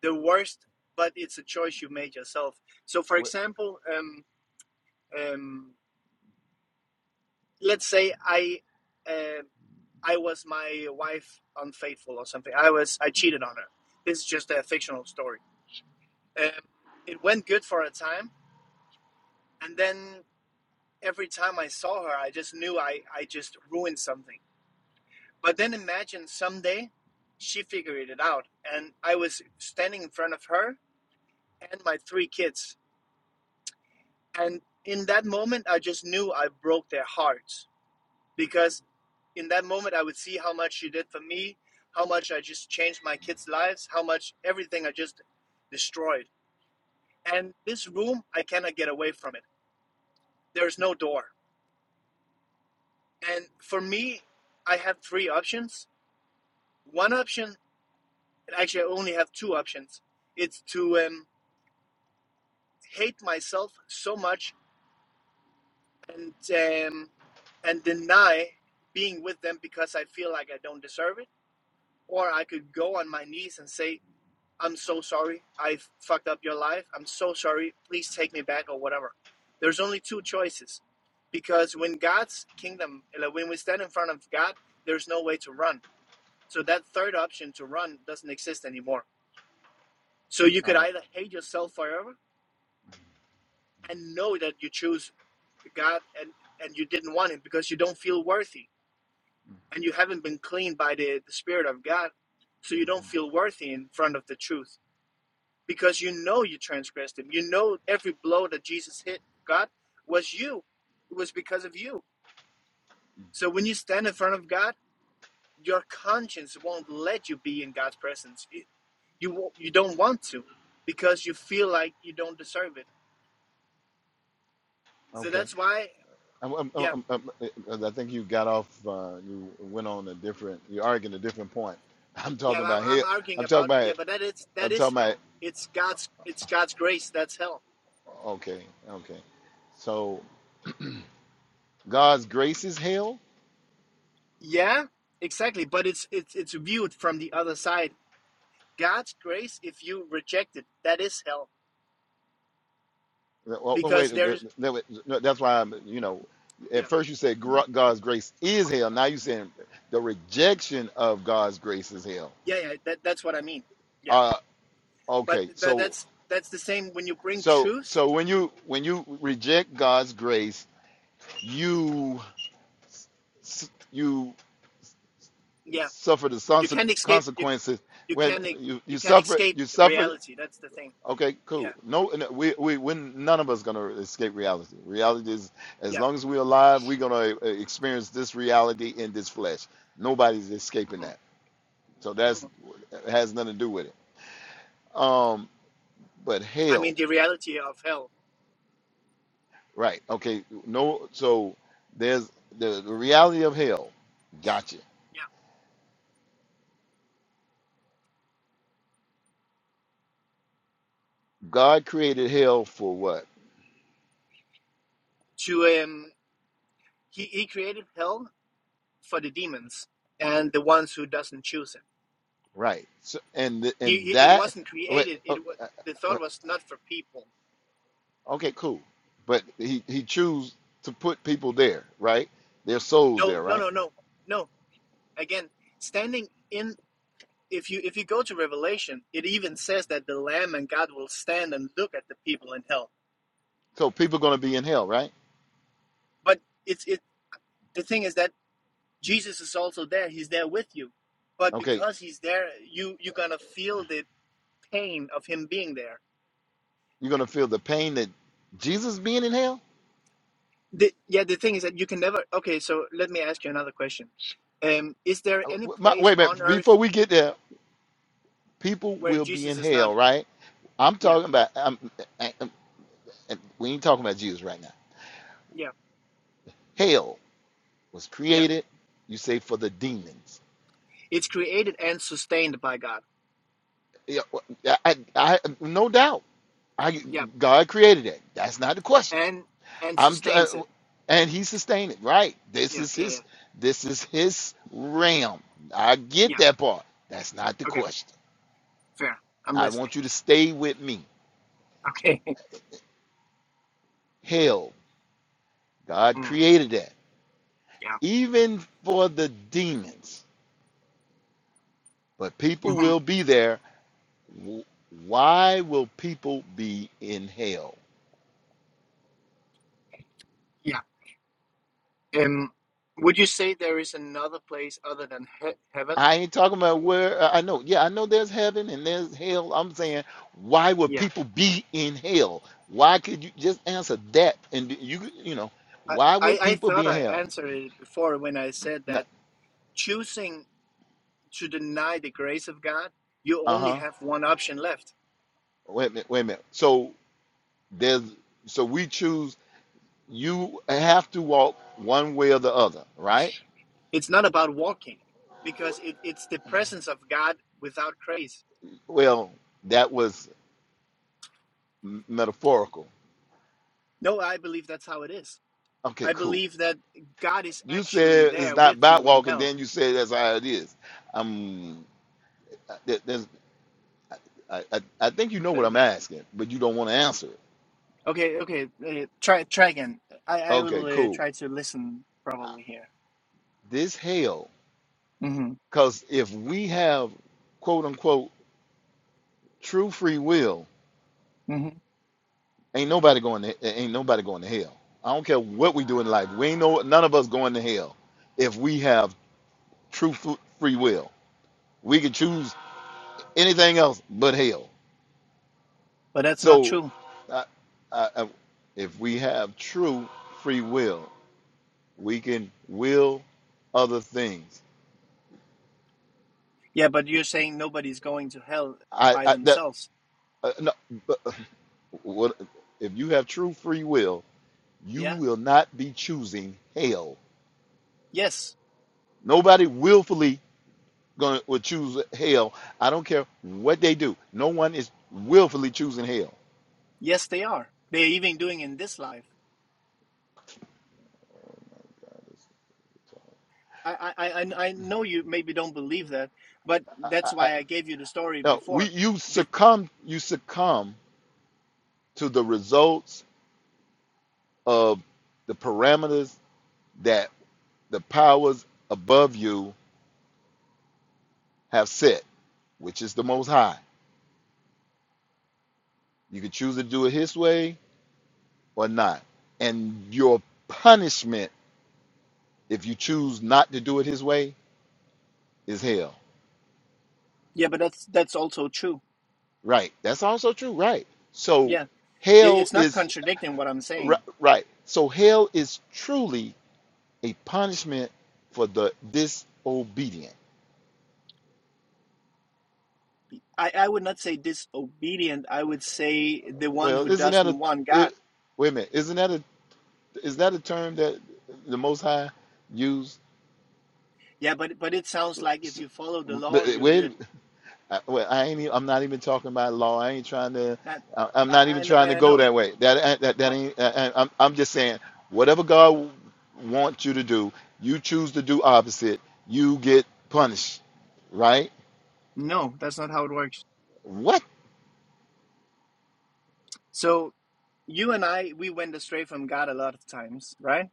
[SPEAKER 7] the worst, but it's a choice you made yourself. So, for
[SPEAKER 8] What?
[SPEAKER 7] example, um, um, let's say I, uh, I was my wife unfaithful or something. I was I cheated on her. This is just a fictional story. Um, it went good for a time, and then every time I saw her, I just knew I I just ruined something. But then imagine someday she figured it out, and I was standing in front of her and my three kids And in that moment, I just knew I broke their hearts because in that moment, I would see how much she did for me, how much I just changed my kids' lives, how much everything I just destroyed. And this room, I cannot get away from it. There is no door. And for me, I have three options. One option, actually, I only have two options. It's to um, hate myself so much and um, and deny being with them because I feel like I don't deserve it or I could go on my knees and say, I'm so sorry. I fucked up your life. I'm so sorry. Please take me back or whatever. There's only two choices. Because when God's kingdom, like, when we stand in front of God, there's no way to run. So that third option to run doesn't exist anymore. So you could either hate yourself forever and know that you choose God and, and you didn't want him because you don't feel worthy and you haven't been cleaned by the, the Spirit of God. So you don't feel worthy in front of the truth because you know you transgressed him. You know every blow that Jesus hit God was you. It was because of you. So when you stand in front of God, your conscience won't let you be in God's presence. It- you won't- you don't want to because you feel like you don't deserve it. So
[SPEAKER 8] Okay.
[SPEAKER 7] that's why,
[SPEAKER 8] I'm, I'm,
[SPEAKER 7] yeah,
[SPEAKER 8] I'm, I'm, I'm- I think you got off. Uh, you went on a different. You're arguing a different point. I'm talking
[SPEAKER 7] yeah, I'm,
[SPEAKER 8] about hell.
[SPEAKER 7] I'm arguing
[SPEAKER 8] I'm talking
[SPEAKER 7] about yeah,
[SPEAKER 8] about.
[SPEAKER 7] but that is that
[SPEAKER 8] I'm
[SPEAKER 7] is
[SPEAKER 8] talking about.
[SPEAKER 7] hell. It's God's it's God's grace that's hell.
[SPEAKER 8] Okay. Okay. So God's grace is hell.
[SPEAKER 7] Yeah, exactly. But it's it's it's viewed from the other side. God's grace, if you reject it, that is hell
[SPEAKER 8] Well, well, well,
[SPEAKER 7] because
[SPEAKER 8] wait, no,
[SPEAKER 7] there's
[SPEAKER 8] no, no, that's why I'm, you know, at
[SPEAKER 7] yeah
[SPEAKER 8] first you said gr- God's grace is hell. Now you're saying the rejection of God's grace is hell.
[SPEAKER 7] yeah yeah that, that's what i mean yeah
[SPEAKER 8] Uh,
[SPEAKER 7] but
[SPEAKER 8] okay,
[SPEAKER 7] but
[SPEAKER 8] so
[SPEAKER 7] that's that's the same when you bring
[SPEAKER 8] so
[SPEAKER 7] truth
[SPEAKER 8] so when you when you reject God's grace, you s- you
[SPEAKER 7] yeah
[SPEAKER 8] suffer the
[SPEAKER 7] you
[SPEAKER 8] sons-
[SPEAKER 7] can't escape you
[SPEAKER 8] consequences.
[SPEAKER 7] you
[SPEAKER 8] When
[SPEAKER 7] can not
[SPEAKER 8] you
[SPEAKER 7] you
[SPEAKER 8] you
[SPEAKER 7] can not
[SPEAKER 8] suffer
[SPEAKER 7] escape
[SPEAKER 8] you suffer
[SPEAKER 7] reality that's the thing
[SPEAKER 8] Okay,
[SPEAKER 7] yeah
[SPEAKER 8] cool. No, n- we we we none of us gonna escape reality. Reality is as
[SPEAKER 7] yeah
[SPEAKER 8] long as we're alive, we're gonna uh, experience this reality in this flesh. Nobody's escaping
[SPEAKER 7] hmm
[SPEAKER 8] that. So
[SPEAKER 7] hmm
[SPEAKER 8] that's it has nothing to do with it. Um, but
[SPEAKER 7] i
[SPEAKER 8] hell,
[SPEAKER 7] mean the reality of hell
[SPEAKER 8] right? Okay, no. So there's the, the reality of hell. Gotcha.
[SPEAKER 7] yeah
[SPEAKER 8] God created hell for what?
[SPEAKER 7] to um he, he created hell for the demons and the ones who doesn't choose him
[SPEAKER 8] Right. So and th- and
[SPEAKER 7] he it
[SPEAKER 8] that.
[SPEAKER 7] wasn't
[SPEAKER 8] Wait,
[SPEAKER 7] created it
[SPEAKER 8] oh,
[SPEAKER 7] was the thought was not for people
[SPEAKER 8] Okay, cool. But he he choose to put people there, right? Their souls there,
[SPEAKER 7] no no
[SPEAKER 8] right?
[SPEAKER 7] no no no again standing in if you if you go to Revelation, it even says that the Lamb and God will stand and look at the people in hell.
[SPEAKER 8] So people going to be in hell, right?
[SPEAKER 7] But it's it the thing is that Jesus is also there. He's there with you. But
[SPEAKER 8] Okay,
[SPEAKER 7] because he's there, you you're gonna feel the pain of him being there.
[SPEAKER 8] you're going to feel the pain that Jesus being in hell.
[SPEAKER 7] The, yeah, the thing is that you can never. Okay, so let me ask you another question. Um, is there
[SPEAKER 8] Uh,
[SPEAKER 7] any
[SPEAKER 8] My,
[SPEAKER 7] place
[SPEAKER 8] wait a
[SPEAKER 7] on
[SPEAKER 8] minute, before
[SPEAKER 7] earth
[SPEAKER 8] we get there, people
[SPEAKER 7] where
[SPEAKER 8] will be
[SPEAKER 7] Jesus
[SPEAKER 8] in
[SPEAKER 7] is not?
[SPEAKER 8] hell, right? I'm
[SPEAKER 7] Yeah,
[SPEAKER 8] talking about. I'm, I- I'm- and we ain't talking about Jesus right now.
[SPEAKER 7] yeah,
[SPEAKER 8] Hell was
[SPEAKER 7] yeah.
[SPEAKER 8] created, you say, for the demons.
[SPEAKER 7] It's created and sustained by God.
[SPEAKER 8] Yeah, I, I, I- no doubt. I,
[SPEAKER 7] Yeah,
[SPEAKER 8] God created that. That's not the question.
[SPEAKER 7] and and
[SPEAKER 8] I'm tr-
[SPEAKER 7] sustains
[SPEAKER 8] uh,
[SPEAKER 7] it.
[SPEAKER 8] and he sustained it. Right. This
[SPEAKER 7] Yeah,
[SPEAKER 8] is
[SPEAKER 7] yeah, yeah,
[SPEAKER 8] his this is his realm. I get
[SPEAKER 7] yeah.
[SPEAKER 8] that part. That's not the
[SPEAKER 7] Okay.
[SPEAKER 8] question.
[SPEAKER 7] Fair. I'm
[SPEAKER 8] I
[SPEAKER 7] listening.
[SPEAKER 8] want you to stay with me.
[SPEAKER 7] Okay.
[SPEAKER 8] Hell, God
[SPEAKER 7] Mm,
[SPEAKER 8] created that.
[SPEAKER 7] yeah.
[SPEAKER 8] Even for the demons. But people
[SPEAKER 7] hmm
[SPEAKER 8] will be there. W- Why will people be in hell?
[SPEAKER 7] Yeah. Um, would you say there is another place other than he heaven?
[SPEAKER 8] I ain't talking about where uh, I know. Yeah, I know there's heaven and there's hell. I'm saying, why would
[SPEAKER 7] Yeah.
[SPEAKER 8] people be in hell? Why could you just answer that? And you, you know,
[SPEAKER 7] I,
[SPEAKER 8] why
[SPEAKER 7] I,
[SPEAKER 8] would
[SPEAKER 7] I
[SPEAKER 8] people
[SPEAKER 7] thought
[SPEAKER 8] be in
[SPEAKER 7] I
[SPEAKER 8] hell?
[SPEAKER 7] answered it before when I said
[SPEAKER 8] No,
[SPEAKER 7] that choosing to deny the grace of God, you
[SPEAKER 8] uh
[SPEAKER 7] only
[SPEAKER 8] huh.
[SPEAKER 7] have one option left.
[SPEAKER 8] Wait a minute. Wait a minute. So there's, so we choose. You have to walk one way or the other, right?
[SPEAKER 7] It's not about walking because it, it's the presence of God without grace.
[SPEAKER 8] Well, that was m- metaphorical.
[SPEAKER 7] No, I believe that's how it is.
[SPEAKER 8] Okay,
[SPEAKER 7] I
[SPEAKER 8] cool.
[SPEAKER 7] believe that God is
[SPEAKER 8] You
[SPEAKER 7] actually
[SPEAKER 8] said it's
[SPEAKER 7] there
[SPEAKER 8] not
[SPEAKER 7] with
[SPEAKER 8] about
[SPEAKER 7] you in
[SPEAKER 8] walking.
[SPEAKER 7] hell.
[SPEAKER 8] Then you said that's how it is. Um, I, I, I think you know what I'm asking, but you don't want to answer it.
[SPEAKER 7] Okay, okay. Uh, try try again. I I will
[SPEAKER 8] Okay,
[SPEAKER 7] uh,
[SPEAKER 8] cool.
[SPEAKER 7] try to listen
[SPEAKER 8] Uh,
[SPEAKER 7] probably here.
[SPEAKER 8] This hell,
[SPEAKER 7] hmm
[SPEAKER 8] because if we have quote unquote true free will,
[SPEAKER 7] hmm
[SPEAKER 8] ain't nobody going to ain't nobody going to hell. I don't care what we do in life. We ain't no none of us going to hell if we have true f- free will. We could choose anything else but hell.
[SPEAKER 7] But that's not
[SPEAKER 8] So,
[SPEAKER 7] true.
[SPEAKER 8] I, I, I- if we have true free will, we can will other things.
[SPEAKER 7] Yeah, but you're saying nobody's going to hell
[SPEAKER 8] I,
[SPEAKER 7] by
[SPEAKER 8] I that
[SPEAKER 7] themselves.
[SPEAKER 8] Uh, no, but uh, what, if you have true free will, you
[SPEAKER 7] Yeah.
[SPEAKER 8] will not be choosing hell.
[SPEAKER 7] Yes.
[SPEAKER 8] Nobody willfully going to will choose hell. I don't care what they do. No one is willfully choosing hell.
[SPEAKER 7] Yes, they are. They're even doing in this life. I I I I I know you maybe don't believe that, but
[SPEAKER 8] I,
[SPEAKER 7] that's
[SPEAKER 8] I,
[SPEAKER 7] why I gave you the story
[SPEAKER 8] no, we
[SPEAKER 7] before.
[SPEAKER 8] you
[SPEAKER 7] The,
[SPEAKER 8] succumb you succumb to the results of the parameters that the powers above you have set, which is the Most High. You can choose to do it His way or not, and your punishment If you choose not to do it his way, is hell.
[SPEAKER 7] yeah, but that's that's also true.
[SPEAKER 8] Right. That's also true. Right. So
[SPEAKER 7] Yeah, it,
[SPEAKER 8] hell
[SPEAKER 7] it's not
[SPEAKER 8] is
[SPEAKER 7] contradicting what I'm
[SPEAKER 8] ri-
[SPEAKER 7] saying.
[SPEAKER 8] right. So hell is truly a punishment for the disobedient.
[SPEAKER 7] I, I would not say disobedient. I would say the one who
[SPEAKER 8] Well, isn't that a
[SPEAKER 7] doesn't want God
[SPEAKER 8] it, wait a minute? Isn't that a is that a term that the Most High used?
[SPEAKER 7] Yeah, but but it sounds like if
[SPEAKER 8] S-
[SPEAKER 7] you follow the law, you're
[SPEAKER 8] Wait,
[SPEAKER 7] good.
[SPEAKER 8] I, well, I ain't. e- I'm not even talking about law. I ain't trying to.
[SPEAKER 7] That
[SPEAKER 8] I- I'm not even
[SPEAKER 7] I
[SPEAKER 8] trying
[SPEAKER 7] I,
[SPEAKER 8] to
[SPEAKER 7] I
[SPEAKER 8] go
[SPEAKER 7] know.
[SPEAKER 8] that way. That uh, that that
[SPEAKER 7] I,
[SPEAKER 8] ain't. I- I'm I'm just saying whatever God wants you to do, you choose to do opposite. You get punished, right?
[SPEAKER 7] no, that's not how it works.
[SPEAKER 8] What?
[SPEAKER 7] So you and I, we went astray from God a lot of times, right?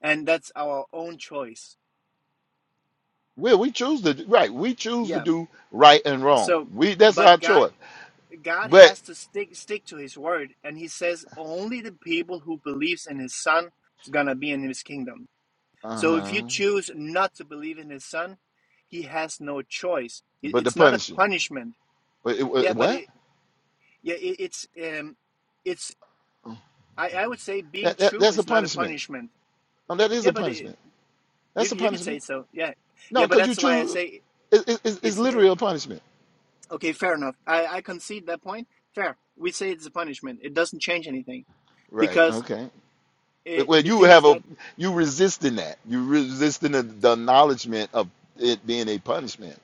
[SPEAKER 7] And that's our own choice.
[SPEAKER 8] Well, we choose to do- right. We choose to
[SPEAKER 7] Yeah.
[SPEAKER 8] do right and wrong.
[SPEAKER 7] So,
[SPEAKER 8] We that's our
[SPEAKER 7] but God
[SPEAKER 8] choice.
[SPEAKER 7] God
[SPEAKER 8] But
[SPEAKER 7] has to stick stick to His word, and He says only the people who believes in His Son is gonna be in His kingdom.
[SPEAKER 8] uh
[SPEAKER 7] So if you
[SPEAKER 8] huh.
[SPEAKER 7] choose not to believe in His Son, He has no choice. It-
[SPEAKER 8] But the
[SPEAKER 7] It's not a
[SPEAKER 8] punishing.
[SPEAKER 7] punishment.
[SPEAKER 8] But it-
[SPEAKER 7] Yeah,
[SPEAKER 8] it-
[SPEAKER 7] but it.
[SPEAKER 8] What?
[SPEAKER 7] Yeah, it, it's um, it's I, I would say being
[SPEAKER 8] That, that
[SPEAKER 7] true
[SPEAKER 8] that's a
[SPEAKER 7] is not a
[SPEAKER 8] punishment.
[SPEAKER 7] punishment.
[SPEAKER 8] No, that is
[SPEAKER 7] Yeah,
[SPEAKER 8] a
[SPEAKER 7] but it,
[SPEAKER 8] punishment.
[SPEAKER 7] you
[SPEAKER 8] That's a
[SPEAKER 7] c- you could say
[SPEAKER 8] punishment.
[SPEAKER 7] so. Yeah,
[SPEAKER 8] No,
[SPEAKER 7] yeah, but
[SPEAKER 8] because you
[SPEAKER 7] that's why I
[SPEAKER 8] choose.
[SPEAKER 7] say
[SPEAKER 8] It, it, it's it's
[SPEAKER 7] it's it,
[SPEAKER 8] literally a punishment
[SPEAKER 7] okay. Fair enough. I I concede that point. Fair. We say it's a punishment. It doesn't change anything
[SPEAKER 8] Right.
[SPEAKER 7] because
[SPEAKER 8] Okay. But-
[SPEAKER 7] it
[SPEAKER 8] Well,
[SPEAKER 7] the
[SPEAKER 8] you
[SPEAKER 7] thing is
[SPEAKER 8] have a
[SPEAKER 7] that
[SPEAKER 8] you resisting that. You resisting the, the acknowledgement of it being a punishment.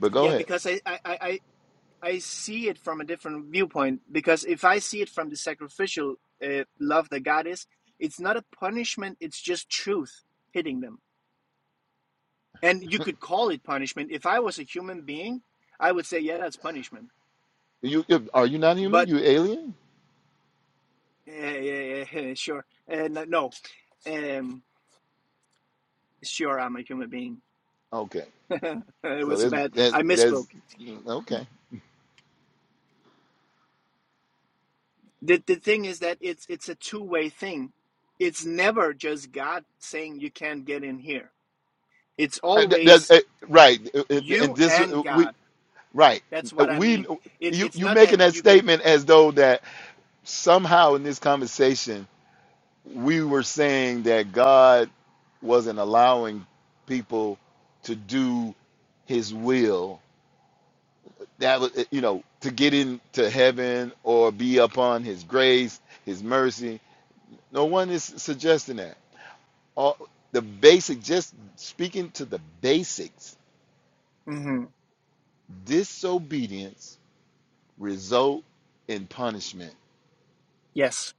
[SPEAKER 8] But go
[SPEAKER 7] yeah
[SPEAKER 8] ahead.
[SPEAKER 7] because I I I. I I see it from a different viewpoint because if I see it from the sacrificial uh, love that God is, it's not a punishment. It's just truth hitting them and you could call it punishment if i was a human being i would say yeah that's punishment
[SPEAKER 8] You are you not human?
[SPEAKER 7] but
[SPEAKER 8] You alien?
[SPEAKER 7] uh, yeah, yeah, sure and no um sure i'm a human being
[SPEAKER 8] Okay.
[SPEAKER 7] it
[SPEAKER 8] So
[SPEAKER 7] was
[SPEAKER 8] there's
[SPEAKER 7] bad
[SPEAKER 8] that
[SPEAKER 7] i
[SPEAKER 8] there's
[SPEAKER 7] misspoke
[SPEAKER 8] okay.
[SPEAKER 7] the, the thing is that it's it's a two-way thing it's never just god saying you can't get in here it's
[SPEAKER 8] Uh, th- there's-
[SPEAKER 7] always
[SPEAKER 8] uh, right. Uh, uh, And
[SPEAKER 7] you
[SPEAKER 8] this
[SPEAKER 7] and
[SPEAKER 8] uh, we
[SPEAKER 7] god
[SPEAKER 8] right.
[SPEAKER 7] that's
[SPEAKER 8] Uh,
[SPEAKER 7] what i
[SPEAKER 8] We
[SPEAKER 7] mean It's
[SPEAKER 8] you
[SPEAKER 7] it's
[SPEAKER 8] you
[SPEAKER 7] not that
[SPEAKER 8] making that
[SPEAKER 7] you get
[SPEAKER 8] statement as though that somehow in this conversation we were saying that God wasn't allowing people to do His will that was you know to get into heaven or be upon his grace his mercy no one is suggesting that all the basic just speaking to the basics
[SPEAKER 7] Mhm.
[SPEAKER 8] disobedience result in punishment
[SPEAKER 7] yes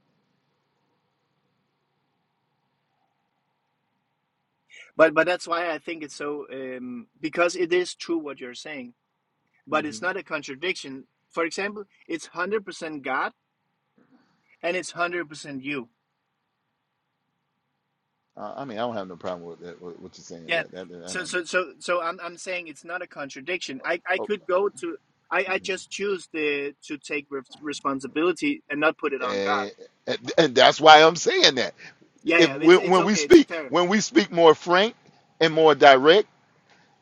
[SPEAKER 7] but but that's why i think it's so um because it is true what you're saying but it's not a contradiction. For example, it's one hundred percent God and it's one hundred percent you.
[SPEAKER 8] uh, i mean i don't have no problem with that what you're saying
[SPEAKER 7] Yeah.
[SPEAKER 8] that, that, that- i don't
[SPEAKER 7] So
[SPEAKER 8] know
[SPEAKER 7] so so so I'm I'm saying it's not a contradiction. I I
[SPEAKER 8] Oh,
[SPEAKER 7] could go to I I just choose the to take re- responsibility and not put it on God.
[SPEAKER 8] and, and and that's why i'm saying that
[SPEAKER 7] Yeah
[SPEAKER 8] if
[SPEAKER 7] yeah. It's
[SPEAKER 8] we,
[SPEAKER 7] it's
[SPEAKER 8] when we
[SPEAKER 7] okay. It's
[SPEAKER 8] speak
[SPEAKER 7] fair.
[SPEAKER 8] when we speak more frank and more direct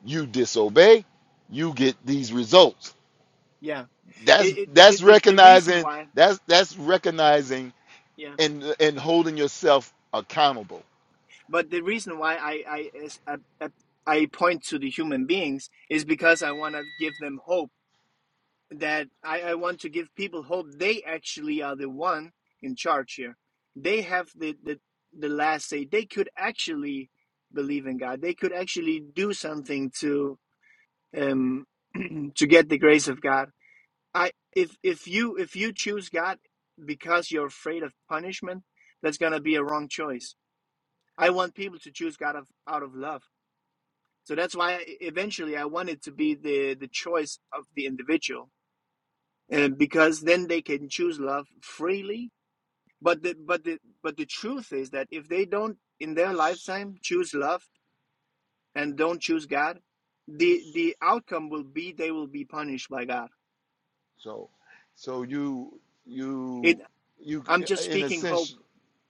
[SPEAKER 8] you disobey you get these results
[SPEAKER 7] Yeah.
[SPEAKER 8] that's
[SPEAKER 7] It, it the, the
[SPEAKER 8] that's
[SPEAKER 7] the reason
[SPEAKER 8] recognizing
[SPEAKER 7] why
[SPEAKER 8] that's that's recognizing
[SPEAKER 7] yeah.
[SPEAKER 8] and and holding yourself accountable
[SPEAKER 7] But the reason why I I is I, I I point to the human beings is because I want to give them hope that I, I want to give people hope they actually are the one in charge here. They have the, the, the last say. They could actually believe in God. They could actually do something to um to get the grace of God. I if if you if you choose God because you're afraid of punishment, that's gonna be a wrong choice. I want people to choose God of, out of love. So that's why eventually I want it to be the, the choice of the individual and because then they can choose love freely but the but the but the truth is that if they don't in their lifetime choose love and don't choose god the the outcome will be they will be punished by god
[SPEAKER 8] so so you
[SPEAKER 7] it
[SPEAKER 8] you you
[SPEAKER 7] i'm just
[SPEAKER 8] in a
[SPEAKER 7] speaking hope
[SPEAKER 8] sense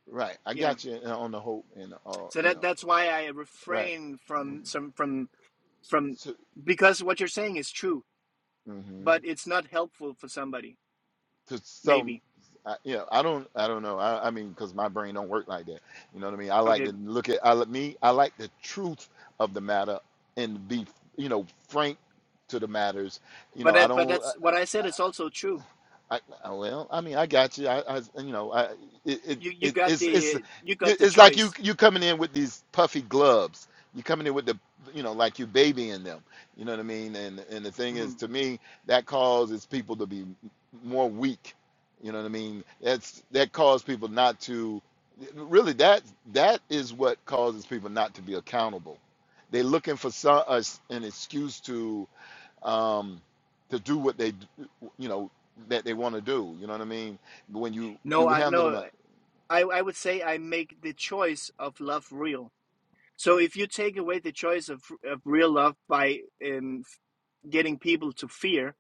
[SPEAKER 8] right i
[SPEAKER 7] yeah
[SPEAKER 8] got you on the hope and uh
[SPEAKER 7] so
[SPEAKER 8] you
[SPEAKER 7] that
[SPEAKER 8] know
[SPEAKER 7] that's why i
[SPEAKER 8] right
[SPEAKER 7] refrain from some from from
[SPEAKER 8] so,
[SPEAKER 7] because what you're saying is true
[SPEAKER 8] mhm.
[SPEAKER 7] but it's not helpful for somebody
[SPEAKER 8] to some
[SPEAKER 7] maybe
[SPEAKER 8] I, you know i don't i don't know i, I mean because my brain don't work like that you know what i mean i like
[SPEAKER 7] okay
[SPEAKER 8] to look at i li- me i like the truth of the matter and be you know frank to the matters you
[SPEAKER 7] but
[SPEAKER 8] know i
[SPEAKER 7] that, but
[SPEAKER 8] don't
[SPEAKER 7] that's what i said is also true
[SPEAKER 8] I, I- well, I mean, I got you. I, I you know, I, it, it,
[SPEAKER 7] you you
[SPEAKER 8] it,
[SPEAKER 7] got
[SPEAKER 8] it's, it's,
[SPEAKER 7] the you got the
[SPEAKER 8] it's like you,
[SPEAKER 7] choice
[SPEAKER 8] you coming in with these puffy gloves. You coming in with the, you know, like you babying them. You know what I mean? And, and the thing
[SPEAKER 7] Mm-hmm.
[SPEAKER 8] is, to me, that causes people to be more weak. You know what I mean? That's that causes people not to, really. That, that is what causes people not to be accountable. They're looking for some, uh, an excuse to um, to do what they, you know, that they want to do. You know what I mean? when you
[SPEAKER 7] No,
[SPEAKER 8] you
[SPEAKER 7] I
[SPEAKER 8] handle them,
[SPEAKER 7] no,
[SPEAKER 8] like,
[SPEAKER 7] I I would say I make the choice of love real. So if you take away the choice of of real love by um, getting people to fear,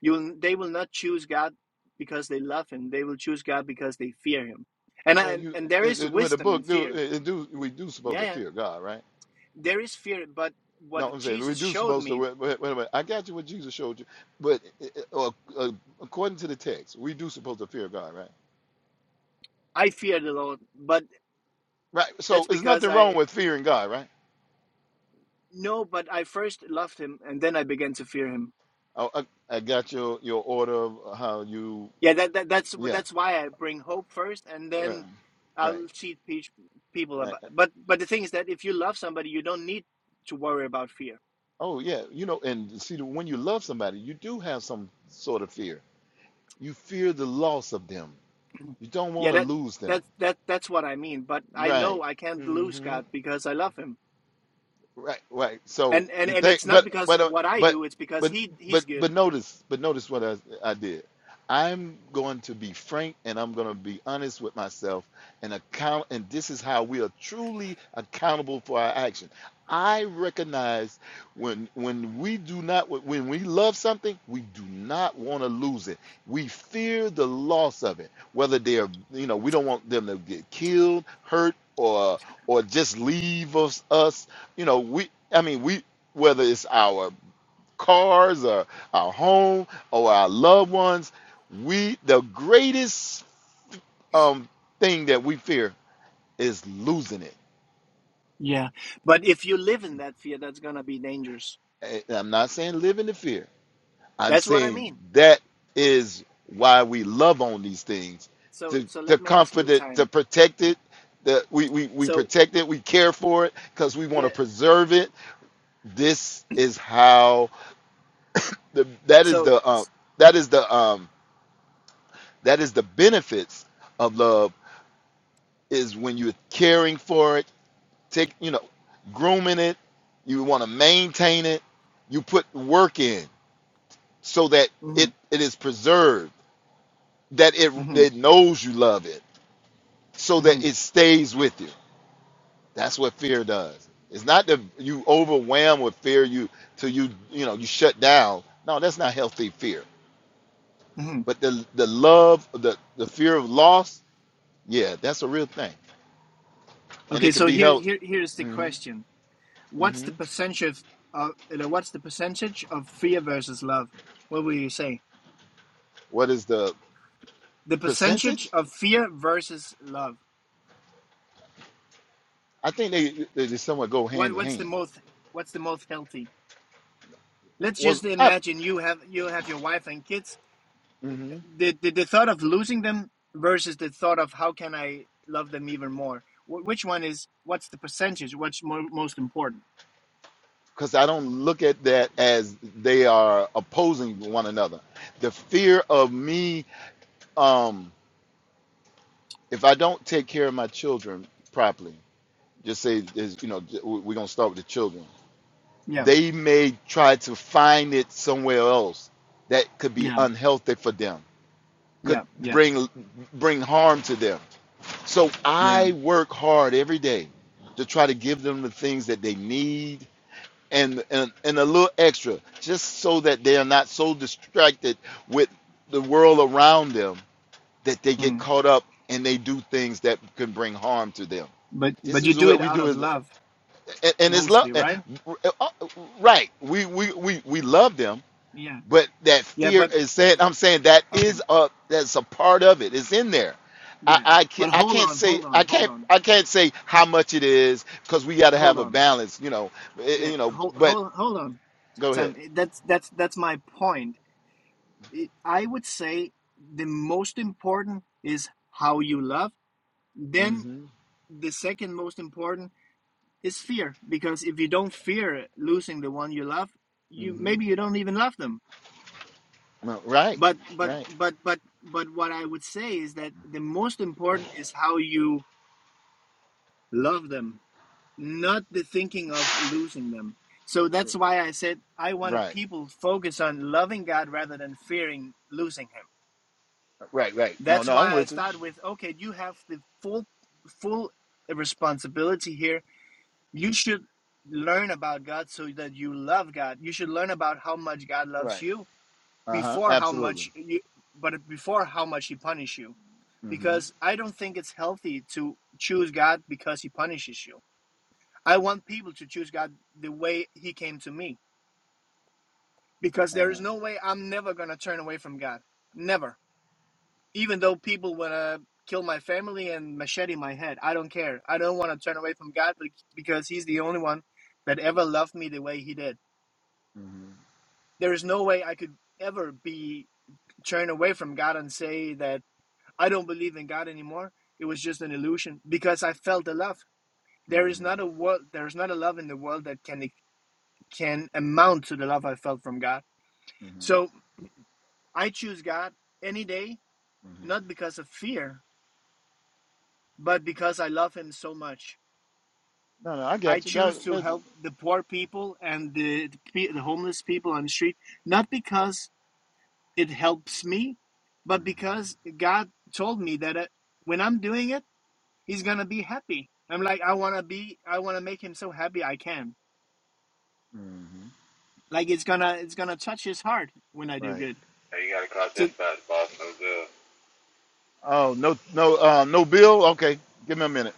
[SPEAKER 7] you they will not choose God because they love Him. They will choose God because they fear Him. And
[SPEAKER 8] well,
[SPEAKER 7] I,
[SPEAKER 8] you
[SPEAKER 7] and there
[SPEAKER 8] it,
[SPEAKER 7] is
[SPEAKER 8] it, with the
[SPEAKER 7] wisdom in
[SPEAKER 8] book, do
[SPEAKER 7] fear.
[SPEAKER 8] it, it do we do supposed
[SPEAKER 7] Yeah,
[SPEAKER 8] to
[SPEAKER 7] yeah,
[SPEAKER 8] fear God, right?
[SPEAKER 7] there is fear. But
[SPEAKER 8] No,
[SPEAKER 7] what
[SPEAKER 8] I'm saying we
[SPEAKER 7] Jesus
[SPEAKER 8] do
[SPEAKER 7] showed
[SPEAKER 8] supposed to.
[SPEAKER 7] me,
[SPEAKER 8] Wait, wait, wait a minute. I got you what Jesus showed you, but it, it- uh, according to the text, we do supposed to fear God, right?
[SPEAKER 7] I fear the Lord. But
[SPEAKER 8] Right. So
[SPEAKER 7] that's
[SPEAKER 8] there's
[SPEAKER 7] because
[SPEAKER 8] nothing wrong
[SPEAKER 7] I
[SPEAKER 8] with fearing God, right?
[SPEAKER 7] no, but I first loved Him and then I began to fear Him.
[SPEAKER 8] I, I, I got your your order of how you,
[SPEAKER 7] Yeah, that, that that's
[SPEAKER 8] yeah,
[SPEAKER 7] that's why I bring hope first, and
[SPEAKER 8] right,
[SPEAKER 7] then
[SPEAKER 8] right.
[SPEAKER 7] I'll teach peach- people
[SPEAKER 8] right.
[SPEAKER 7] about. But but the thing is that if you love somebody, you don't need to worry about fear.
[SPEAKER 8] Oh yeah, you know, and see, when you love somebody, you do have some sort of fear. You fear the loss of them. You don't want
[SPEAKER 7] Yeah,
[SPEAKER 8] to
[SPEAKER 7] that
[SPEAKER 8] lose them,
[SPEAKER 7] that that that's what I mean. But I know
[SPEAKER 8] right?
[SPEAKER 7] I can't lose God because I love Him,
[SPEAKER 8] Right, right. So
[SPEAKER 7] and and
[SPEAKER 8] the
[SPEAKER 7] and
[SPEAKER 8] thing,
[SPEAKER 7] it's not
[SPEAKER 8] but
[SPEAKER 7] because
[SPEAKER 8] but
[SPEAKER 7] of
[SPEAKER 8] uh,
[SPEAKER 7] what I
[SPEAKER 8] but
[SPEAKER 7] do; it's because
[SPEAKER 8] but
[SPEAKER 7] He
[SPEAKER 8] but
[SPEAKER 7] He's good.
[SPEAKER 8] but notice, but notice what I, I did. I'm going to be frank, and I'm going to be honest with myself, and account. And this is how we are truly accountable for our action. I recognize when when we do not when we love something, we do not want to lose it. We fear the loss of it. Whether they're you know we don't want them to get killed, hurt, or or just leave us us you know we i mean we whether it's our cars or our home or our loved ones we the greatest um thing that we fear is losing it
[SPEAKER 7] Yeah, but if you live in that fear, that's gonna be dangerous.
[SPEAKER 8] And i'm not saying live in the fear i'm
[SPEAKER 7] That's what I
[SPEAKER 8] saying
[SPEAKER 7] mean.
[SPEAKER 8] that is why we love on these things
[SPEAKER 7] So
[SPEAKER 8] to
[SPEAKER 7] so let
[SPEAKER 8] to
[SPEAKER 7] me ask
[SPEAKER 8] comfort
[SPEAKER 7] you,
[SPEAKER 8] it to
[SPEAKER 7] time.
[SPEAKER 8] protect it that we, we we
[SPEAKER 7] So
[SPEAKER 8] protect it we care for it because we want
[SPEAKER 7] yeah,
[SPEAKER 8] to preserve it this is how the that is
[SPEAKER 7] so.
[SPEAKER 8] the um that is the um That is the benefits of love is when you're caring for it, take you know, grooming it, you want to maintain it, you put work in so that
[SPEAKER 7] hmm
[SPEAKER 8] it it is preserved, that it
[SPEAKER 7] hmm
[SPEAKER 8] it knows you love it, so that it stays with you. That's what fear does. It's not that you overwhelm with fear you till you you know you shut down. No, that's not healthy fear.
[SPEAKER 7] hmm
[SPEAKER 8] But the the love, the the fear of loss, yeah, that's a real thing, and
[SPEAKER 7] Okay,
[SPEAKER 8] it can
[SPEAKER 7] so
[SPEAKER 8] be
[SPEAKER 7] here,
[SPEAKER 8] healthy.
[SPEAKER 7] here, here's the
[SPEAKER 8] Mm-hmm.
[SPEAKER 7] question: What's the
[SPEAKER 8] Mhm.
[SPEAKER 7] percentage of, you know, what's the percentage of fear versus love? What will you say?
[SPEAKER 8] What is the
[SPEAKER 7] The percentage
[SPEAKER 8] percentage?
[SPEAKER 7] of fear versus love.
[SPEAKER 8] I think they they just somewhat go
[SPEAKER 7] What,
[SPEAKER 8] hand in
[SPEAKER 7] what's the
[SPEAKER 8] hand.
[SPEAKER 7] most, what's the most healthy? Let's
[SPEAKER 8] Was
[SPEAKER 7] just
[SPEAKER 8] I?
[SPEAKER 7] imagine you have you have your wife and kids.
[SPEAKER 8] hmm
[SPEAKER 7] The the, the thought of losing them versus the thought of how can I love them even more. Wh- which one is? What's the percentage? What's mo- most important?
[SPEAKER 8] Because I don't look at that as they are opposing one another. The fear of me, um, if I don't take care of my children properly, just say is you know j- we- we're gonna start with the children.
[SPEAKER 7] Yeah,
[SPEAKER 8] They may try to find it somewhere else that could be
[SPEAKER 7] yeah,
[SPEAKER 8] unhealthy for them, could
[SPEAKER 7] yeah, yeah,
[SPEAKER 8] bring bring harm to them So
[SPEAKER 7] yeah.
[SPEAKER 8] I work hard every day to try to give them the things that they need and and, and a little extra, just so that they are not so distracted with the world around them that they get
[SPEAKER 7] Mm.
[SPEAKER 8] caught up and they do things that can bring harm to them.
[SPEAKER 7] But
[SPEAKER 8] This
[SPEAKER 7] but you
[SPEAKER 8] is
[SPEAKER 7] do
[SPEAKER 8] what
[SPEAKER 7] it
[SPEAKER 8] we
[SPEAKER 7] out
[SPEAKER 8] do,
[SPEAKER 7] of
[SPEAKER 8] is-
[SPEAKER 7] love
[SPEAKER 8] and, and it's love.
[SPEAKER 7] mostly, right?
[SPEAKER 8] Right? We, we we we love them,
[SPEAKER 7] Yeah.
[SPEAKER 8] but that
[SPEAKER 7] Yeah,
[SPEAKER 8] fear
[SPEAKER 7] but
[SPEAKER 8] is said. I'm saying that
[SPEAKER 7] okay.
[SPEAKER 8] is a that's a part of it. It's in there. I
[SPEAKER 7] Yeah.
[SPEAKER 8] I can't,
[SPEAKER 7] But
[SPEAKER 8] I
[SPEAKER 7] hold
[SPEAKER 8] can't
[SPEAKER 7] on,
[SPEAKER 8] say
[SPEAKER 7] hold
[SPEAKER 8] I
[SPEAKER 7] on, hold
[SPEAKER 8] can't
[SPEAKER 7] on.
[SPEAKER 8] I can't say how much it is because we got to have
[SPEAKER 7] Hold
[SPEAKER 8] a
[SPEAKER 7] on.
[SPEAKER 8] balance. You know, eh, eh,
[SPEAKER 7] Yeah,
[SPEAKER 8] you know.
[SPEAKER 7] hold
[SPEAKER 8] But
[SPEAKER 7] hold hold on.
[SPEAKER 8] go ahead.
[SPEAKER 7] Sam, it- that's that's that's my point. It, I would say the most important is how you love. Then the second most important is fear because if you don't fear losing the one you love, you maybe you don't even love them.
[SPEAKER 8] No, right,
[SPEAKER 7] But but
[SPEAKER 8] right,
[SPEAKER 7] but but but what I would say is that the most important is how you love them not the thinking of losing them. So that's why I said I wanted
[SPEAKER 8] right,
[SPEAKER 7] people to focus on loving God rather than fearing losing Him.
[SPEAKER 8] right, right. No,
[SPEAKER 7] That's
[SPEAKER 8] no, I'm
[SPEAKER 7] why I
[SPEAKER 8] with you.
[SPEAKER 7] start with okay, you have the full full responsibility here. You should learn about God so that you love God. You should learn about how much God loves
[SPEAKER 8] Right.
[SPEAKER 7] you
[SPEAKER 8] Uh huh.
[SPEAKER 7] before how
[SPEAKER 8] Absolutely.
[SPEAKER 7] much you, but before how much He punishes you. Because I don't think it's healthy to choose God because He punishes you I want people to choose God the way He came to me because there is no way I'm never going to turn away from God. Never. Even though people want to kill my family and machete my head, I don't care. I don't want to turn away from God be- because He's the only one that ever loved me the way He did. There is no way I could ever be turned away from God and say that I don't believe in God anymore. It was just an illusion because I felt the love. There is not a world. There is not a love in the world that can e-, can amount to the love I felt from God So I choose God any day, not because of fear, but because I love Him so much. I choose to help the poor people and the, the, pe- the homeless people on the street, not because it helps me, but because God told me that uh when I'm doing it, He's gonna be happy. I'm like, I wanna be, I wanna make Him so happy I can. Like it's gonna, it's gonna touch His heart when I do good.
[SPEAKER 8] Hey, you gotta call
[SPEAKER 7] So
[SPEAKER 8] dispatch, boss. No good. Oh no no um, no bill. Okay, give me a minute.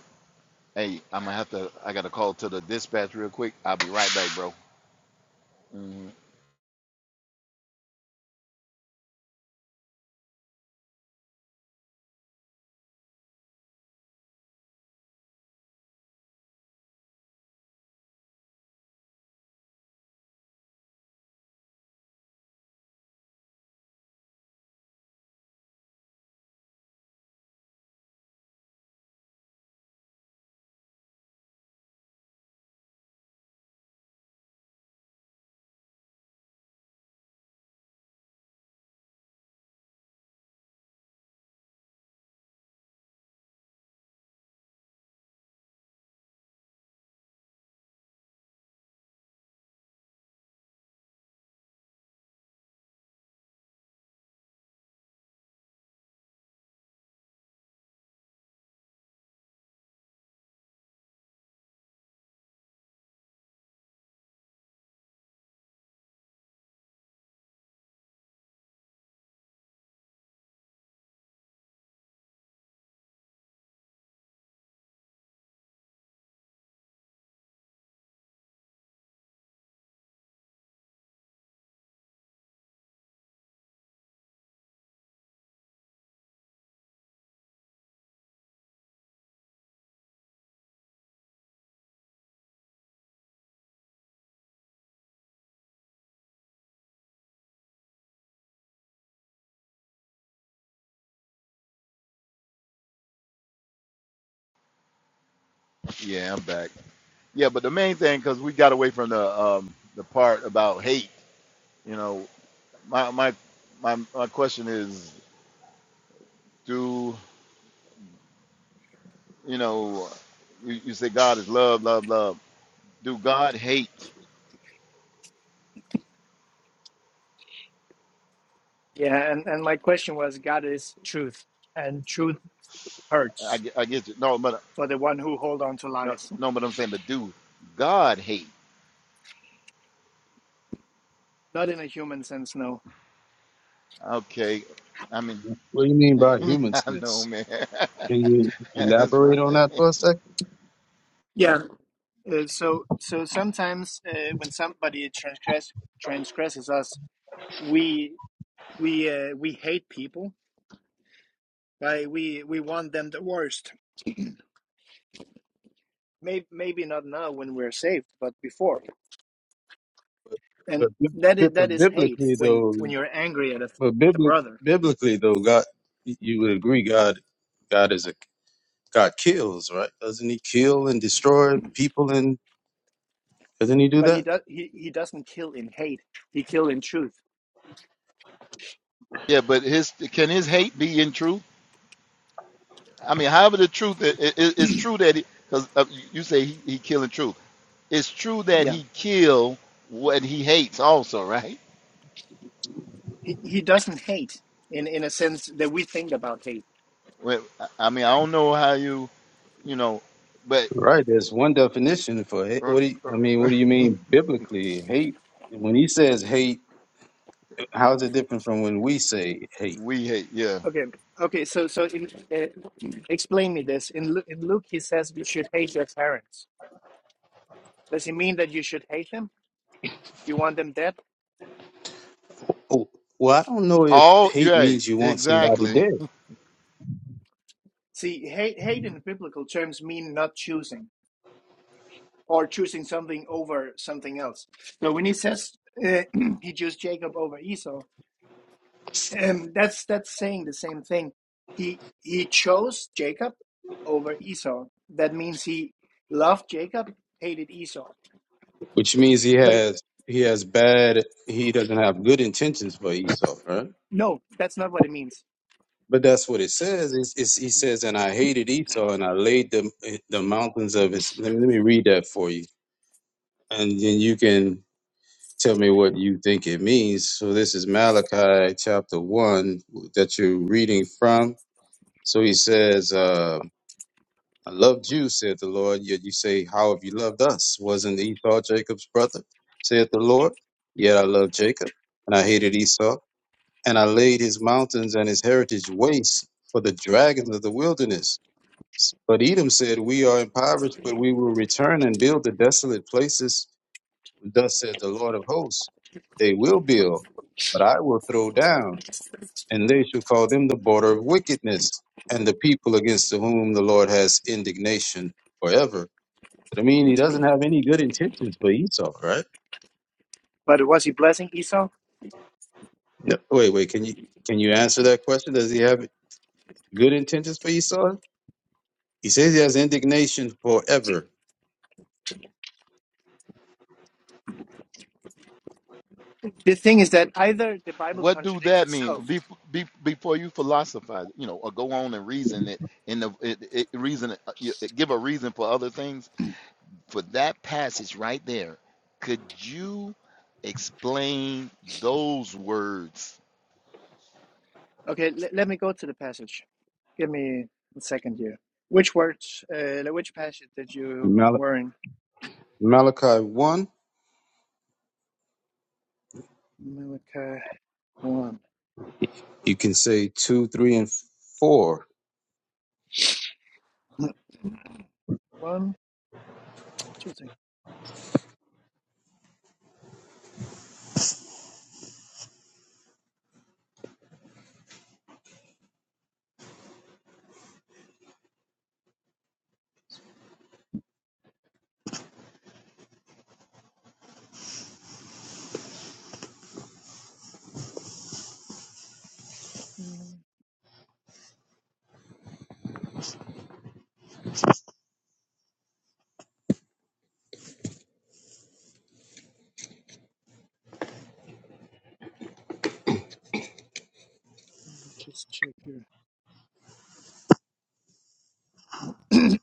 [SPEAKER 8] Hey, I'm gonna have to. I gotta call to the dispatch real quick. I'll be right back, bro. Yeah, I'm back. Yeah, but the main thing, because we got away from the um, the part about hate. You know, my my my my question is, do you know? You, you say God is love, love, love. Do God hate?
[SPEAKER 7] yeah, and and my question was, God is truth, and truth hurts
[SPEAKER 8] I, get- I get you. No, but
[SPEAKER 7] for the one who hold on to
[SPEAKER 8] no,
[SPEAKER 7] lies.
[SPEAKER 8] no, but I'm saying, but do God hate?
[SPEAKER 7] Not in a human sense, no.
[SPEAKER 8] Okay, I mean,
[SPEAKER 2] What do you mean by
[SPEAKER 8] I
[SPEAKER 2] human
[SPEAKER 8] know,
[SPEAKER 2] sense?
[SPEAKER 8] man.
[SPEAKER 2] Can you
[SPEAKER 8] That's right.
[SPEAKER 2] elaborate on that for a second?
[SPEAKER 7] Yeah. Uh, so so sometimes uh, when somebody transgress transgresses us, we we uh, we hate people. Right? We we want them the worst. Maybe maybe not now when we're saved, but before.
[SPEAKER 2] But,
[SPEAKER 7] And
[SPEAKER 2] bi-
[SPEAKER 7] that
[SPEAKER 2] bi-
[SPEAKER 7] is that
[SPEAKER 2] but
[SPEAKER 7] is hate
[SPEAKER 2] biblically,
[SPEAKER 7] when
[SPEAKER 2] though,
[SPEAKER 7] when you're angry at a,
[SPEAKER 2] but
[SPEAKER 7] a
[SPEAKER 2] bibli-
[SPEAKER 7] brother.
[SPEAKER 2] biblically, though, God, you would agree, God, God is a God kills, right? Doesn't He kill and destroy people? And doesn't He do
[SPEAKER 7] But he
[SPEAKER 2] that?
[SPEAKER 7] does he, he doesn't kill in hate. He kill in truth.
[SPEAKER 8] Yeah, but his can his hate be in truth? I mean, however the truth it, it, it's true that because uh, you you say he, he killing truth. it's true that
[SPEAKER 7] Yeah.
[SPEAKER 8] he killed what he hates also right
[SPEAKER 7] He he doesn't hate in in a sense that we think about hate
[SPEAKER 8] Well, i mean i don't know how you you know but
[SPEAKER 2] Right. There's one definition for hate. What do you, I mean? What do you mean biblically? Hate. When He says hate. How is it different from when we say hate?
[SPEAKER 8] we hate yeah
[SPEAKER 7] Okay, okay. So, so in, uh, explain me this. In Lu- in Luke, he says you should hate your parents. Does he mean that you should hate them? You want them dead?
[SPEAKER 2] Oh, well, I don't know if
[SPEAKER 8] all
[SPEAKER 2] hate
[SPEAKER 8] right
[SPEAKER 2] means you want somebody
[SPEAKER 8] exactly
[SPEAKER 2] dead,
[SPEAKER 7] See, hate hate in biblical terms mean not choosing or choosing something over something else. So when he says uh, he chose Jacob over Esau, um, that's that's saying the same thing. He he chose Jacob over Esau. That means he loved Jacob, hated Esau.
[SPEAKER 2] which means he
[SPEAKER 7] But it,
[SPEAKER 2] has he has bad he doesn't have good intentions for Esau, right?
[SPEAKER 7] no, that's not what it means
[SPEAKER 2] But that's what it says. It's, it's, he says, and I hated Esau, and I laid the the mountains of his. Let me, let me read that for you, and then you can tell me what you think it means. So this is Malachi chapter one that you're reading from. So he says. Uh, I loved you, said the Lord, yet you say, How have you loved us? Wasn't Esau Jacob's brother? said the Lord. Yet I loved Jacob, and I hated Esau, and I laid his mountains and his heritage waste for the dragons of the wilderness. But Edom said, We are impoverished, but we will return and build the desolate places. Thus says the Lord of hosts, They will build, but I will throw down, and they shall call them the border of wickedness, and the people against whom the Lord has indignation forever I mean, he doesn't have any good intentions for Esau, right?
[SPEAKER 7] But was he blessing Esau?
[SPEAKER 2] No, wait, wait. Can you can you answer that question? Does he have good intentions for Esau? He says he has indignation forever.
[SPEAKER 7] The thing is that either the Bible
[SPEAKER 8] what do
[SPEAKER 7] contradicts
[SPEAKER 8] that mean
[SPEAKER 7] itself.
[SPEAKER 8] be, be, before you philosophize you know or go on and reason it and the it, it, reason uh, you- give a reason for other things for that passage right there could you explain those words
[SPEAKER 7] Okay, le- let me go to the passage. Give me a second here. Which words, uh, like, which passage that you
[SPEAKER 2] Mal-
[SPEAKER 7] were in?
[SPEAKER 2] Malachi one,
[SPEAKER 7] Malachi 1.
[SPEAKER 2] you can say two, three, and four.
[SPEAKER 7] 1, two, three. Mm, Let me just check here.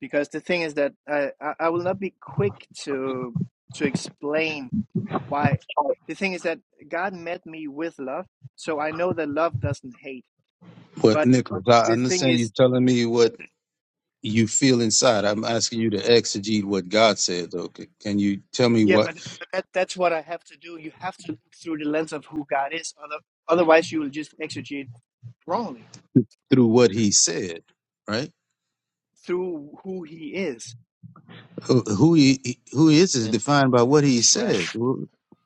[SPEAKER 7] because the thing is that I, I I will not be quick to to explain why. The thing is that God met me with love, so I know that love doesn't hate.
[SPEAKER 2] But
[SPEAKER 7] But
[SPEAKER 2] Nicholas, I
[SPEAKER 7] the thing
[SPEAKER 2] understand
[SPEAKER 7] is
[SPEAKER 2] you telling me what you feel inside. I'm asking you to exegete what God said, though. C- Can you tell me
[SPEAKER 7] Yeah,
[SPEAKER 2] what
[SPEAKER 7] but, but that, that's what I have to do. You have to look through the lens of who God is. Other, otherwise, you will just exegete wrongly
[SPEAKER 2] through what He said, right?
[SPEAKER 7] through who He is.
[SPEAKER 2] Who who he who he is is
[SPEAKER 8] and
[SPEAKER 2] defined by what He
[SPEAKER 8] right
[SPEAKER 2] says.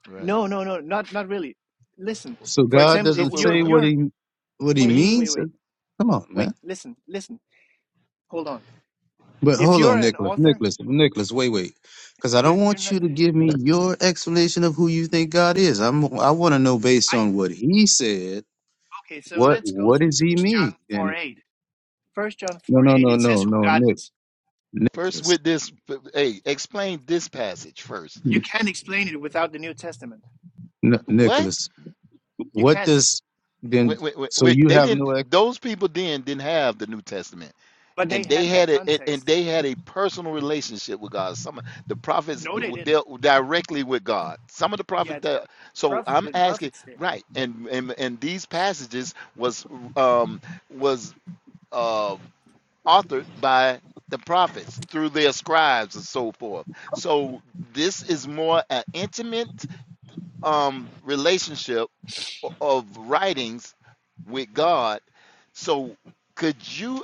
[SPEAKER 8] right
[SPEAKER 7] No, no, no, not not really. Listen,
[SPEAKER 2] So
[SPEAKER 7] for
[SPEAKER 2] God
[SPEAKER 8] So,
[SPEAKER 7] example,
[SPEAKER 8] so
[SPEAKER 7] if
[SPEAKER 2] doesn't
[SPEAKER 8] w- w-
[SPEAKER 7] you're
[SPEAKER 2] say
[SPEAKER 8] w-
[SPEAKER 2] what
[SPEAKER 7] you're
[SPEAKER 2] he what he
[SPEAKER 7] wait,
[SPEAKER 8] me
[SPEAKER 7] wait,
[SPEAKER 2] means.
[SPEAKER 7] wait,
[SPEAKER 2] Come on,
[SPEAKER 7] wait.
[SPEAKER 2] man.
[SPEAKER 7] Listen, listen. Hold on.
[SPEAKER 2] But
[SPEAKER 7] If
[SPEAKER 2] hold
[SPEAKER 7] you're
[SPEAKER 2] on,
[SPEAKER 7] an
[SPEAKER 2] Nicholas.
[SPEAKER 7] author,
[SPEAKER 2] Nicholas. Nicholas. Wait, wait. Because I
[SPEAKER 7] you're
[SPEAKER 2] don't
[SPEAKER 7] you're
[SPEAKER 2] want
[SPEAKER 7] not.
[SPEAKER 2] you to give me your explanation of who you think God is. I'm. I want to know based
[SPEAKER 7] I
[SPEAKER 2] on what He said.
[SPEAKER 7] okay. So
[SPEAKER 2] What
[SPEAKER 7] let's go to
[SPEAKER 2] What does He
[SPEAKER 7] First
[SPEAKER 2] mean?
[SPEAKER 7] John four
[SPEAKER 2] And
[SPEAKER 7] eight. First John
[SPEAKER 2] no,
[SPEAKER 7] four
[SPEAKER 2] no,
[SPEAKER 7] eight.
[SPEAKER 2] no,
[SPEAKER 7] It says
[SPEAKER 2] no,
[SPEAKER 7] who
[SPEAKER 2] no,
[SPEAKER 7] God
[SPEAKER 2] Nick,
[SPEAKER 7] is.
[SPEAKER 8] first
[SPEAKER 2] Nicholas,
[SPEAKER 8] with this. b- Hey, explain this passage first.
[SPEAKER 7] You can't explain it without the New Testament.
[SPEAKER 8] Uh,
[SPEAKER 2] N-
[SPEAKER 8] What?
[SPEAKER 2] Nicholas.
[SPEAKER 7] You
[SPEAKER 2] What
[SPEAKER 7] can't.
[SPEAKER 2] does then?
[SPEAKER 8] Wait, wait, wait,
[SPEAKER 2] So
[SPEAKER 8] wait,
[SPEAKER 2] you
[SPEAKER 8] They
[SPEAKER 2] have
[SPEAKER 8] didn't.
[SPEAKER 2] no ex.
[SPEAKER 8] Those people then didn't have the New Testament,
[SPEAKER 7] But they
[SPEAKER 8] and they
[SPEAKER 7] had that
[SPEAKER 8] had a and and
[SPEAKER 7] context.
[SPEAKER 8] they had a personal relationship with God. Some of the prophets
[SPEAKER 7] No, they
[SPEAKER 8] w-
[SPEAKER 7] didn't.
[SPEAKER 8] dealt directly with God. Some of the
[SPEAKER 7] Yeah,
[SPEAKER 8] prophets. Dealt, so
[SPEAKER 7] Prophet,
[SPEAKER 8] I'm
[SPEAKER 7] the
[SPEAKER 8] asking,
[SPEAKER 7] prophet said,
[SPEAKER 8] right?
[SPEAKER 7] yeah.
[SPEAKER 8] And and and these passages was um was. uh, authored by the prophets through their scribes and so forth. So this is more an intimate um, relationship of writings with God. So could you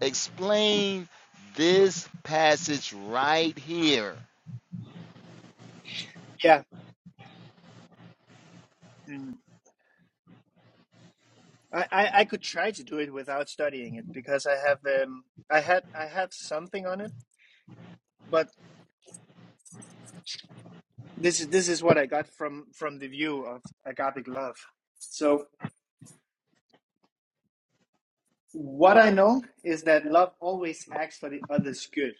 [SPEAKER 8] explain this passage right here?
[SPEAKER 7] Yeah, mm. I, I I could try to do it without studying it because I have um I had I had something on it, but this is this is what I got from from the view of agapic love. So what I know is that love always acts for the other's good.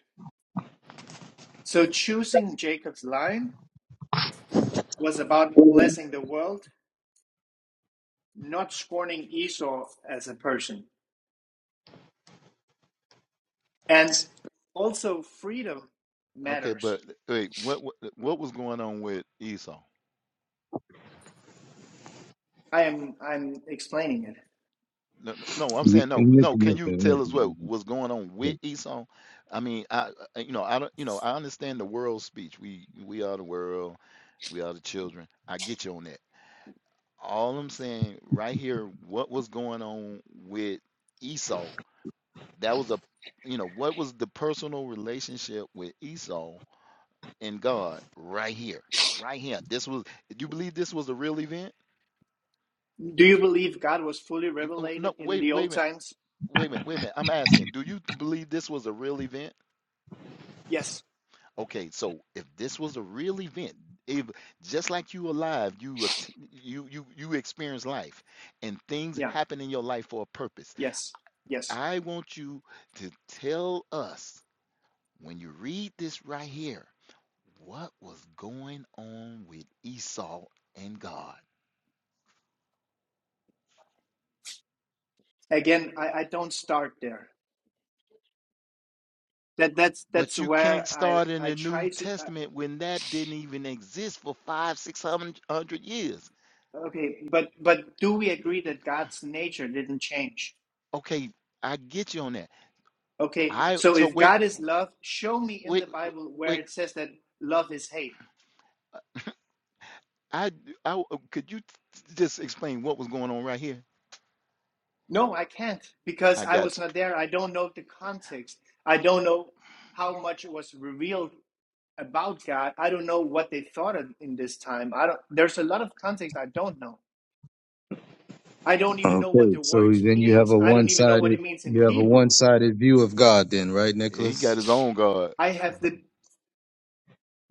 [SPEAKER 7] So choosing Jacob's line was about blessing the world, not scorning Esau as a person, and also freedom
[SPEAKER 8] Okay,
[SPEAKER 7] matters.
[SPEAKER 8] but wait, what what, what was going on with Esau?
[SPEAKER 7] I am I'm explaining it.
[SPEAKER 8] No, no, no, I'm
[SPEAKER 2] You,
[SPEAKER 8] saying no,
[SPEAKER 2] Nick,
[SPEAKER 8] no. Can
[SPEAKER 2] Nick,
[SPEAKER 8] you
[SPEAKER 2] Nick,
[SPEAKER 8] tell us what
[SPEAKER 2] Nick.
[SPEAKER 8] was going on with Esau? I mean, I, I- you know, I don't, you know, I understand the world speech. We, we are the world. We are the children. I get you on that. All I'm saying right here, what was going on with Esau? That was a, you know, what was the personal relationship with Esau and God right here, right here? This was. Do you believe this was a real event?
[SPEAKER 7] Do you believe God was fully
[SPEAKER 8] No, no,
[SPEAKER 7] revelated in
[SPEAKER 8] wait,
[SPEAKER 7] the
[SPEAKER 8] wait a
[SPEAKER 7] old
[SPEAKER 8] minute,
[SPEAKER 7] times?
[SPEAKER 8] wait a minute, wait a minute. I'm asking, do you believe this was a real event?
[SPEAKER 7] Yes.
[SPEAKER 8] Okay, so if this was a real event, if just like you alive, you att- you you you experience life, and things
[SPEAKER 7] Yeah.
[SPEAKER 8] happen in your life for a purpose.
[SPEAKER 7] Yes. Yes.
[SPEAKER 8] I want you to tell us when you read this right here, what was going on with Esau and God.
[SPEAKER 7] Again, I, I don't start there. That that's
[SPEAKER 8] But
[SPEAKER 7] that's
[SPEAKER 8] you can't
[SPEAKER 7] where I
[SPEAKER 8] start in
[SPEAKER 7] I
[SPEAKER 8] the New
[SPEAKER 7] try to.
[SPEAKER 8] Testament when that didn't even exist for five, six six, hundred years.
[SPEAKER 7] Uh, okay, but but do we agree that God's nature didn't change?
[SPEAKER 8] Okay, I get you on that.
[SPEAKER 7] Okay,
[SPEAKER 8] I
[SPEAKER 7] so
[SPEAKER 8] so
[SPEAKER 7] if
[SPEAKER 8] wait,
[SPEAKER 7] God is love, show me in the
[SPEAKER 8] wait,
[SPEAKER 7] Bible where
[SPEAKER 8] wait.
[SPEAKER 7] it says that love is hate.
[SPEAKER 8] I, I could you just explain what was going on right here?
[SPEAKER 7] No, I can't because
[SPEAKER 8] I
[SPEAKER 7] I
[SPEAKER 8] got
[SPEAKER 7] was not there. I don't know the context. I don't know how much was revealed about God. I don't know what they thought in in this time. I don't. There's a lot of context I don't know. I don't even know what
[SPEAKER 2] Okay,
[SPEAKER 7] the
[SPEAKER 2] so
[SPEAKER 7] word
[SPEAKER 2] then you have
[SPEAKER 7] means.
[SPEAKER 2] a
[SPEAKER 7] I don't even know what
[SPEAKER 2] one-sided
[SPEAKER 7] it means in
[SPEAKER 2] you have a
[SPEAKER 7] Hebrew.
[SPEAKER 2] one-sided view of God then, right,
[SPEAKER 8] you. Yeah, He got
[SPEAKER 2] Nicholas?
[SPEAKER 8] his own God.
[SPEAKER 7] I have the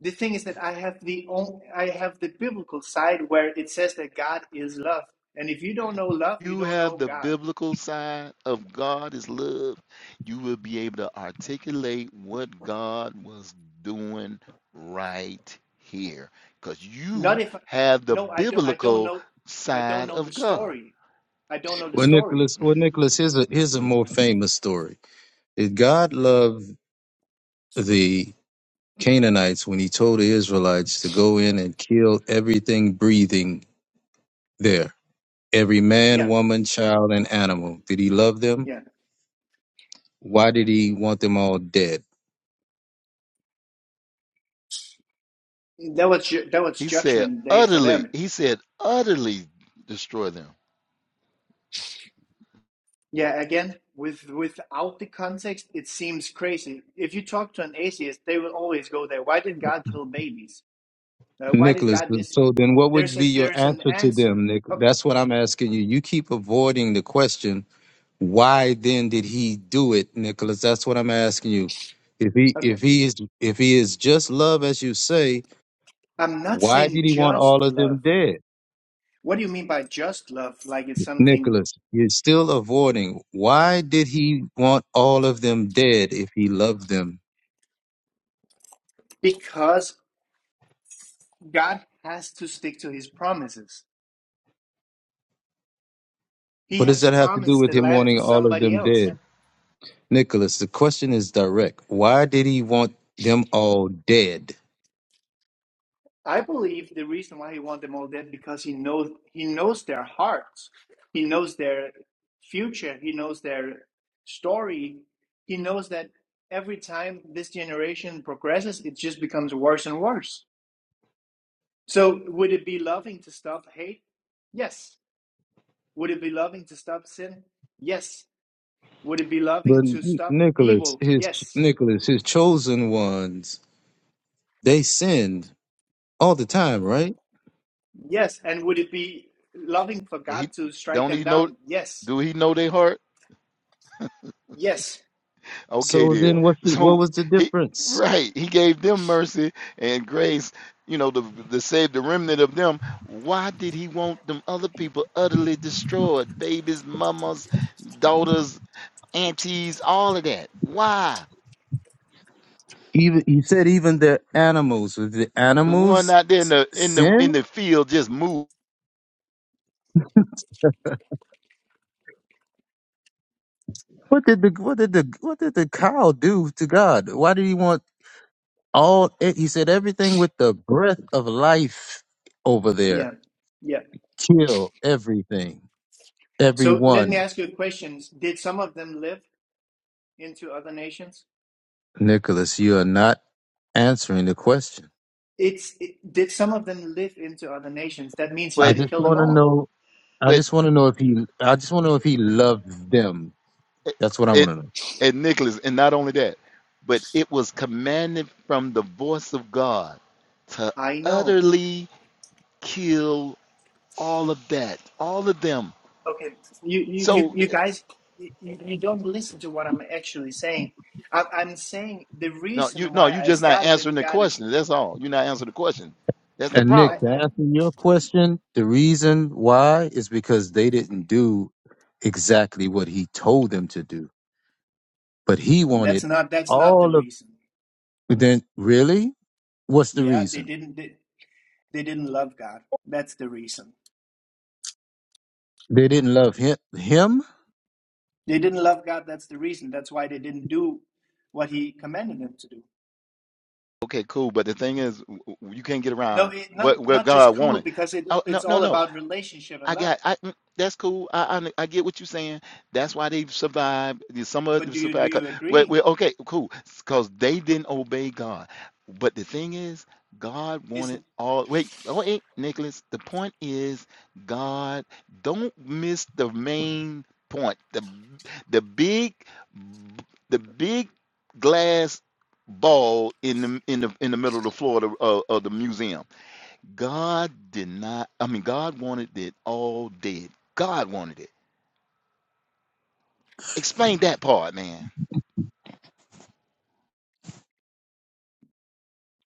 [SPEAKER 7] the thing is that I have the own, I have the biblical side where it says that God is love, and if you don't know love, you
[SPEAKER 8] You
[SPEAKER 7] don't
[SPEAKER 8] have
[SPEAKER 7] know
[SPEAKER 8] the
[SPEAKER 7] God.
[SPEAKER 8] biblical side of God is love. You will be able to articulate what God was doing right here because
[SPEAKER 7] Not
[SPEAKER 8] you
[SPEAKER 7] if
[SPEAKER 8] have the
[SPEAKER 7] no, I don't. I don't
[SPEAKER 8] biblical
[SPEAKER 7] know. I don't
[SPEAKER 8] side
[SPEAKER 7] know the
[SPEAKER 8] of God.
[SPEAKER 7] story. I don't know the
[SPEAKER 2] Well,
[SPEAKER 7] story.
[SPEAKER 2] Nicholas, well, Nicholas, here's a here's a
[SPEAKER 8] Hmm.
[SPEAKER 2] more famous story. Did God love the Canaanites when he told the Israelites to go in and kill everything breathing there? Every man,
[SPEAKER 7] Yeah,
[SPEAKER 2] woman, child, and animal. Did he love them?
[SPEAKER 7] yeah.
[SPEAKER 2] Why did he want them all dead?
[SPEAKER 7] That was ju- that was
[SPEAKER 8] He said
[SPEAKER 7] judgment day for
[SPEAKER 8] utterly.
[SPEAKER 7] them
[SPEAKER 8] He said utterly destroy them.
[SPEAKER 7] Yeah, again, with without the context, it seems crazy. If you talk to an atheist, they will always go there. Why did God kill babies? Uh, why did
[SPEAKER 2] Nicholas,
[SPEAKER 7] God this?
[SPEAKER 2] so then what would
[SPEAKER 7] There's
[SPEAKER 2] be
[SPEAKER 7] a
[SPEAKER 2] your
[SPEAKER 7] there's an
[SPEAKER 2] answer to
[SPEAKER 7] answer.
[SPEAKER 2] them, Nick?
[SPEAKER 7] Okay,
[SPEAKER 2] That's what I'm asking you. You keep avoiding the question why then did he do it, Nicholas? That's what I'm asking you. If he
[SPEAKER 7] okay.
[SPEAKER 2] if he is if he is just love as you say,
[SPEAKER 7] I'm not
[SPEAKER 2] why
[SPEAKER 7] saying
[SPEAKER 2] did he want all
[SPEAKER 7] just
[SPEAKER 2] of them
[SPEAKER 7] love.
[SPEAKER 2] dead?
[SPEAKER 7] What do you mean by just love? Like it's something
[SPEAKER 2] Nicholas, you're still avoiding. Why did he want all of them dead if he loved them?
[SPEAKER 7] because God has to stick to His promises. He
[SPEAKER 2] What does
[SPEAKER 7] has
[SPEAKER 2] that have to do
[SPEAKER 7] promised
[SPEAKER 2] with
[SPEAKER 7] the
[SPEAKER 2] him
[SPEAKER 7] land
[SPEAKER 2] wanting
[SPEAKER 7] for
[SPEAKER 2] all of
[SPEAKER 7] somebody
[SPEAKER 2] them
[SPEAKER 7] else.
[SPEAKER 2] dead? Nicholas, the question is direct. Why did he want them all dead?
[SPEAKER 7] I believe the reason why he wants them all dead because he knows he knows their hearts, he knows their future, he knows their story, he knows that every time this generation progresses, it just becomes worse and worse. So would it be loving to stop hate? Yes. Would it be loving to stop sin? Yes. Would it be
[SPEAKER 2] But
[SPEAKER 7] loving to
[SPEAKER 2] N-
[SPEAKER 7] stop
[SPEAKER 2] Nicholas,
[SPEAKER 7] evil?
[SPEAKER 2] his
[SPEAKER 7] Yes.
[SPEAKER 2] Nicholas, his chosen ones, they sinned all the time, right?
[SPEAKER 7] Yes. And would it be loving for God
[SPEAKER 8] He
[SPEAKER 7] to strike
[SPEAKER 8] don't
[SPEAKER 7] them
[SPEAKER 8] he know?
[SPEAKER 7] down? Yes.
[SPEAKER 8] Do he know their heart?
[SPEAKER 7] Yes.
[SPEAKER 8] Okay,
[SPEAKER 2] So
[SPEAKER 8] then.
[SPEAKER 2] then, what's the, what
[SPEAKER 8] So
[SPEAKER 2] was the
[SPEAKER 8] he
[SPEAKER 2] difference?
[SPEAKER 8] right, he gave them mercy and grace, you know, to, to save the remnant of them. Why did he want them other people utterly destroyed? Babies, mamas, daughters, aunties, all of that. Why?
[SPEAKER 2] Even you said even the animals. Was the
[SPEAKER 8] The one
[SPEAKER 2] animals
[SPEAKER 8] out there in
[SPEAKER 2] s-
[SPEAKER 8] the in the in
[SPEAKER 2] sin?
[SPEAKER 8] the field just moved,
[SPEAKER 2] What did the what did the what did the cow do to God? Why did he want all? eh, He said everything with the breath of life over
[SPEAKER 7] Yeah.
[SPEAKER 2] there.
[SPEAKER 7] Yeah.
[SPEAKER 2] Kill everything,
[SPEAKER 7] So let me
[SPEAKER 2] everyone.
[SPEAKER 7] ask you a question. Did some of them live into other nations?
[SPEAKER 2] Nicholas, you are not answering the question.
[SPEAKER 7] It's it, did some of them live into other nations? That means he
[SPEAKER 2] I
[SPEAKER 8] but
[SPEAKER 7] didn't
[SPEAKER 2] just
[SPEAKER 7] kill them
[SPEAKER 2] want to
[SPEAKER 7] all.
[SPEAKER 2] know. I
[SPEAKER 8] but
[SPEAKER 2] just want to know if he. I just want to know if he loved them.
[SPEAKER 8] it,
[SPEAKER 2] That's what I want
[SPEAKER 8] it
[SPEAKER 2] to know.
[SPEAKER 8] and Nicholas, and not only that, but it was commanded from the voice of God to
[SPEAKER 7] I know.
[SPEAKER 8] utterly kill All of that. All of them.
[SPEAKER 7] Okay, you you you,
[SPEAKER 8] So
[SPEAKER 7] you guys, you, you don't listen to what I'm actually saying. I, I'm saying the
[SPEAKER 8] no, you
[SPEAKER 7] reason
[SPEAKER 8] no,
[SPEAKER 7] why
[SPEAKER 8] you
[SPEAKER 7] I
[SPEAKER 8] just not
[SPEAKER 7] start
[SPEAKER 8] answering
[SPEAKER 7] with
[SPEAKER 8] the
[SPEAKER 7] God is
[SPEAKER 8] question. That's all. You're not answering the question. That's the
[SPEAKER 2] And
[SPEAKER 7] I,
[SPEAKER 2] Nick,
[SPEAKER 8] problem.
[SPEAKER 2] to
[SPEAKER 7] I
[SPEAKER 2] answer your question, the reason why is because they didn't do exactly what he told them to do. But he
[SPEAKER 7] that's
[SPEAKER 2] wanted
[SPEAKER 7] not that's not the
[SPEAKER 2] all of
[SPEAKER 7] reason.
[SPEAKER 2] then really? What's the
[SPEAKER 7] Yeah, they
[SPEAKER 2] reason?
[SPEAKER 7] didn't they, they didn't love God. That's the reason.
[SPEAKER 2] They didn't love him him?
[SPEAKER 7] They didn't love God. That's the reason. That's why they didn't do what He commanded them to do.
[SPEAKER 8] Okay, cool. But the thing is, w- w- you can't get
[SPEAKER 7] No,
[SPEAKER 8] around
[SPEAKER 7] it,
[SPEAKER 8] what
[SPEAKER 7] not
[SPEAKER 8] what
[SPEAKER 7] not just
[SPEAKER 8] God
[SPEAKER 7] cool
[SPEAKER 8] wanted.
[SPEAKER 7] because it
[SPEAKER 8] Oh, no,
[SPEAKER 7] it's
[SPEAKER 8] no,
[SPEAKER 7] all
[SPEAKER 8] no.
[SPEAKER 7] about relationship and
[SPEAKER 8] I
[SPEAKER 7] love.
[SPEAKER 8] got I mm, that's cool. I, I I get what you're saying. That's why they survived. the- Some of
[SPEAKER 7] But
[SPEAKER 8] them
[SPEAKER 7] do you do
[SPEAKER 8] survived. 'cause-
[SPEAKER 7] you
[SPEAKER 8] Well,
[SPEAKER 7] agree?
[SPEAKER 8] well, okay, cool. Because they didn't obey God. But the thing is, God
[SPEAKER 7] Is
[SPEAKER 8] wanted all. Wait, oh wait, Nicholas. The point is, God. Don't miss the main point. The the big the big glass ball in the in the in the middle of the floor of, the- of of the museum God did not, I mean, God wanted it all dead. God wanted it. Explain that part, man.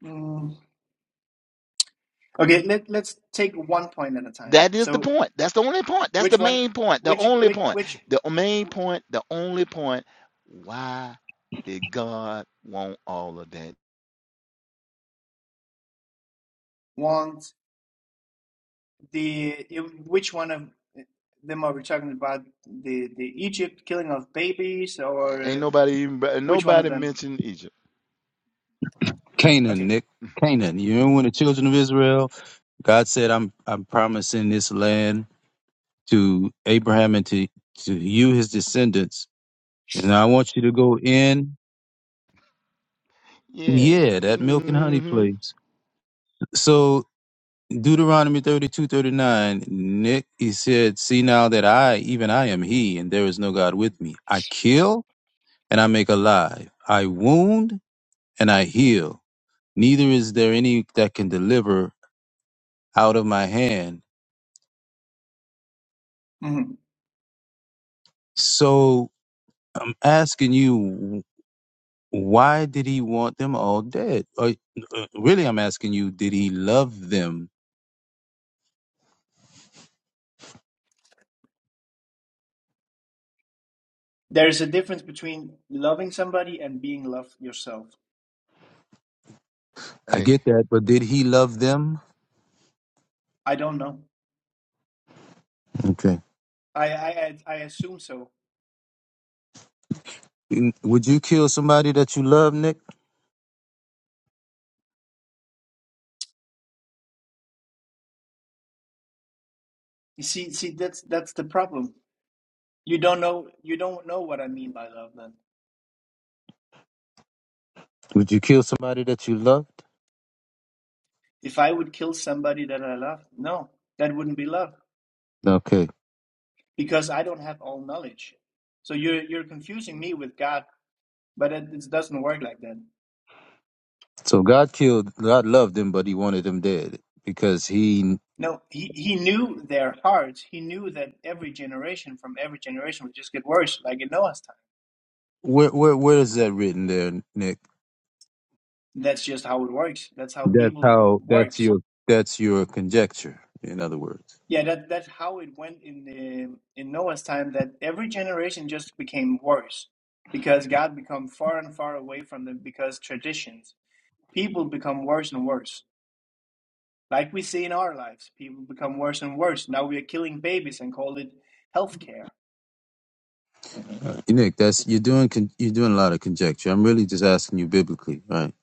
[SPEAKER 7] mm, okay. Let let's take one point at a time.
[SPEAKER 8] That is the
[SPEAKER 7] So
[SPEAKER 8] point. That's the only point. That's
[SPEAKER 7] which
[SPEAKER 8] the
[SPEAKER 7] one?
[SPEAKER 8] main point. The
[SPEAKER 7] Which
[SPEAKER 8] only
[SPEAKER 7] which
[SPEAKER 8] point.
[SPEAKER 7] which
[SPEAKER 8] The main point. The only point. Why did God want all of that?
[SPEAKER 7] want the which one of them are we talking about? The the Egypt killing of babies or
[SPEAKER 8] Ain't
[SPEAKER 7] uh,
[SPEAKER 8] nobody even,
[SPEAKER 7] which one of
[SPEAKER 8] nobody
[SPEAKER 7] them?
[SPEAKER 8] mentioned Egypt.
[SPEAKER 2] Canaan,
[SPEAKER 7] Okay.
[SPEAKER 2] Nick. Canaan. You know when the children of Israel, God said, I'm I'm promising this land to Abraham and to, to you, his descendants. And I want you to go in.
[SPEAKER 8] Yeah.
[SPEAKER 2] Yeah, that milk and honey
[SPEAKER 8] hmm
[SPEAKER 2] place. So. Deuteronomy thirty-two thirty-nine. Nick, he said, See now that I, even I am he, and there is no God with me. I kill and I make alive. I wound and I heal. Neither is there any that can deliver out of my hand.
[SPEAKER 7] hmm
[SPEAKER 2] So I'm asking you, why did he want them all dead? Or, uh, really, I'm asking you, did he love them?
[SPEAKER 7] There's a difference between loving somebody and being loved yourself.
[SPEAKER 2] I
[SPEAKER 8] Hey,
[SPEAKER 2] get that, but did he love them?
[SPEAKER 7] I don't know.
[SPEAKER 2] Okay.
[SPEAKER 7] I I I I assume so.
[SPEAKER 2] Would you kill somebody that you love, Nick?
[SPEAKER 7] You see, see, that's that's the problem. You don't know, you don't know what I mean by love. Then,
[SPEAKER 2] Would you kill somebody that you loved?
[SPEAKER 7] if I would kill somebody that I love, no, that wouldn't be love
[SPEAKER 2] Okay.
[SPEAKER 7] because I don't have all knowledge. So you're you're confusing me with God, but it, it doesn't work like that.
[SPEAKER 2] So God killed, God loved them, but he wanted them dead because he,
[SPEAKER 7] No, he he knew their hearts. He knew that every generation from every generation would just get worse, like in Noah's time.
[SPEAKER 2] where, where, where is that written there, Nick?
[SPEAKER 7] That's just how it works. That's how
[SPEAKER 2] That's
[SPEAKER 7] people
[SPEAKER 2] how, that's
[SPEAKER 7] works.
[SPEAKER 2] your, that's your conjecture. In other words,
[SPEAKER 7] Yeah, that that's how it went in the, in Noah's time. That every generation just became worse because God become far and far away from them because traditions. People become worse and worse, like we see in our lives. People become worse and worse. Now we are killing babies and call it healthcare.
[SPEAKER 2] Nick, that's, you're doing, con, you're doing a lot of conjecture. I'm really just asking you biblically, right?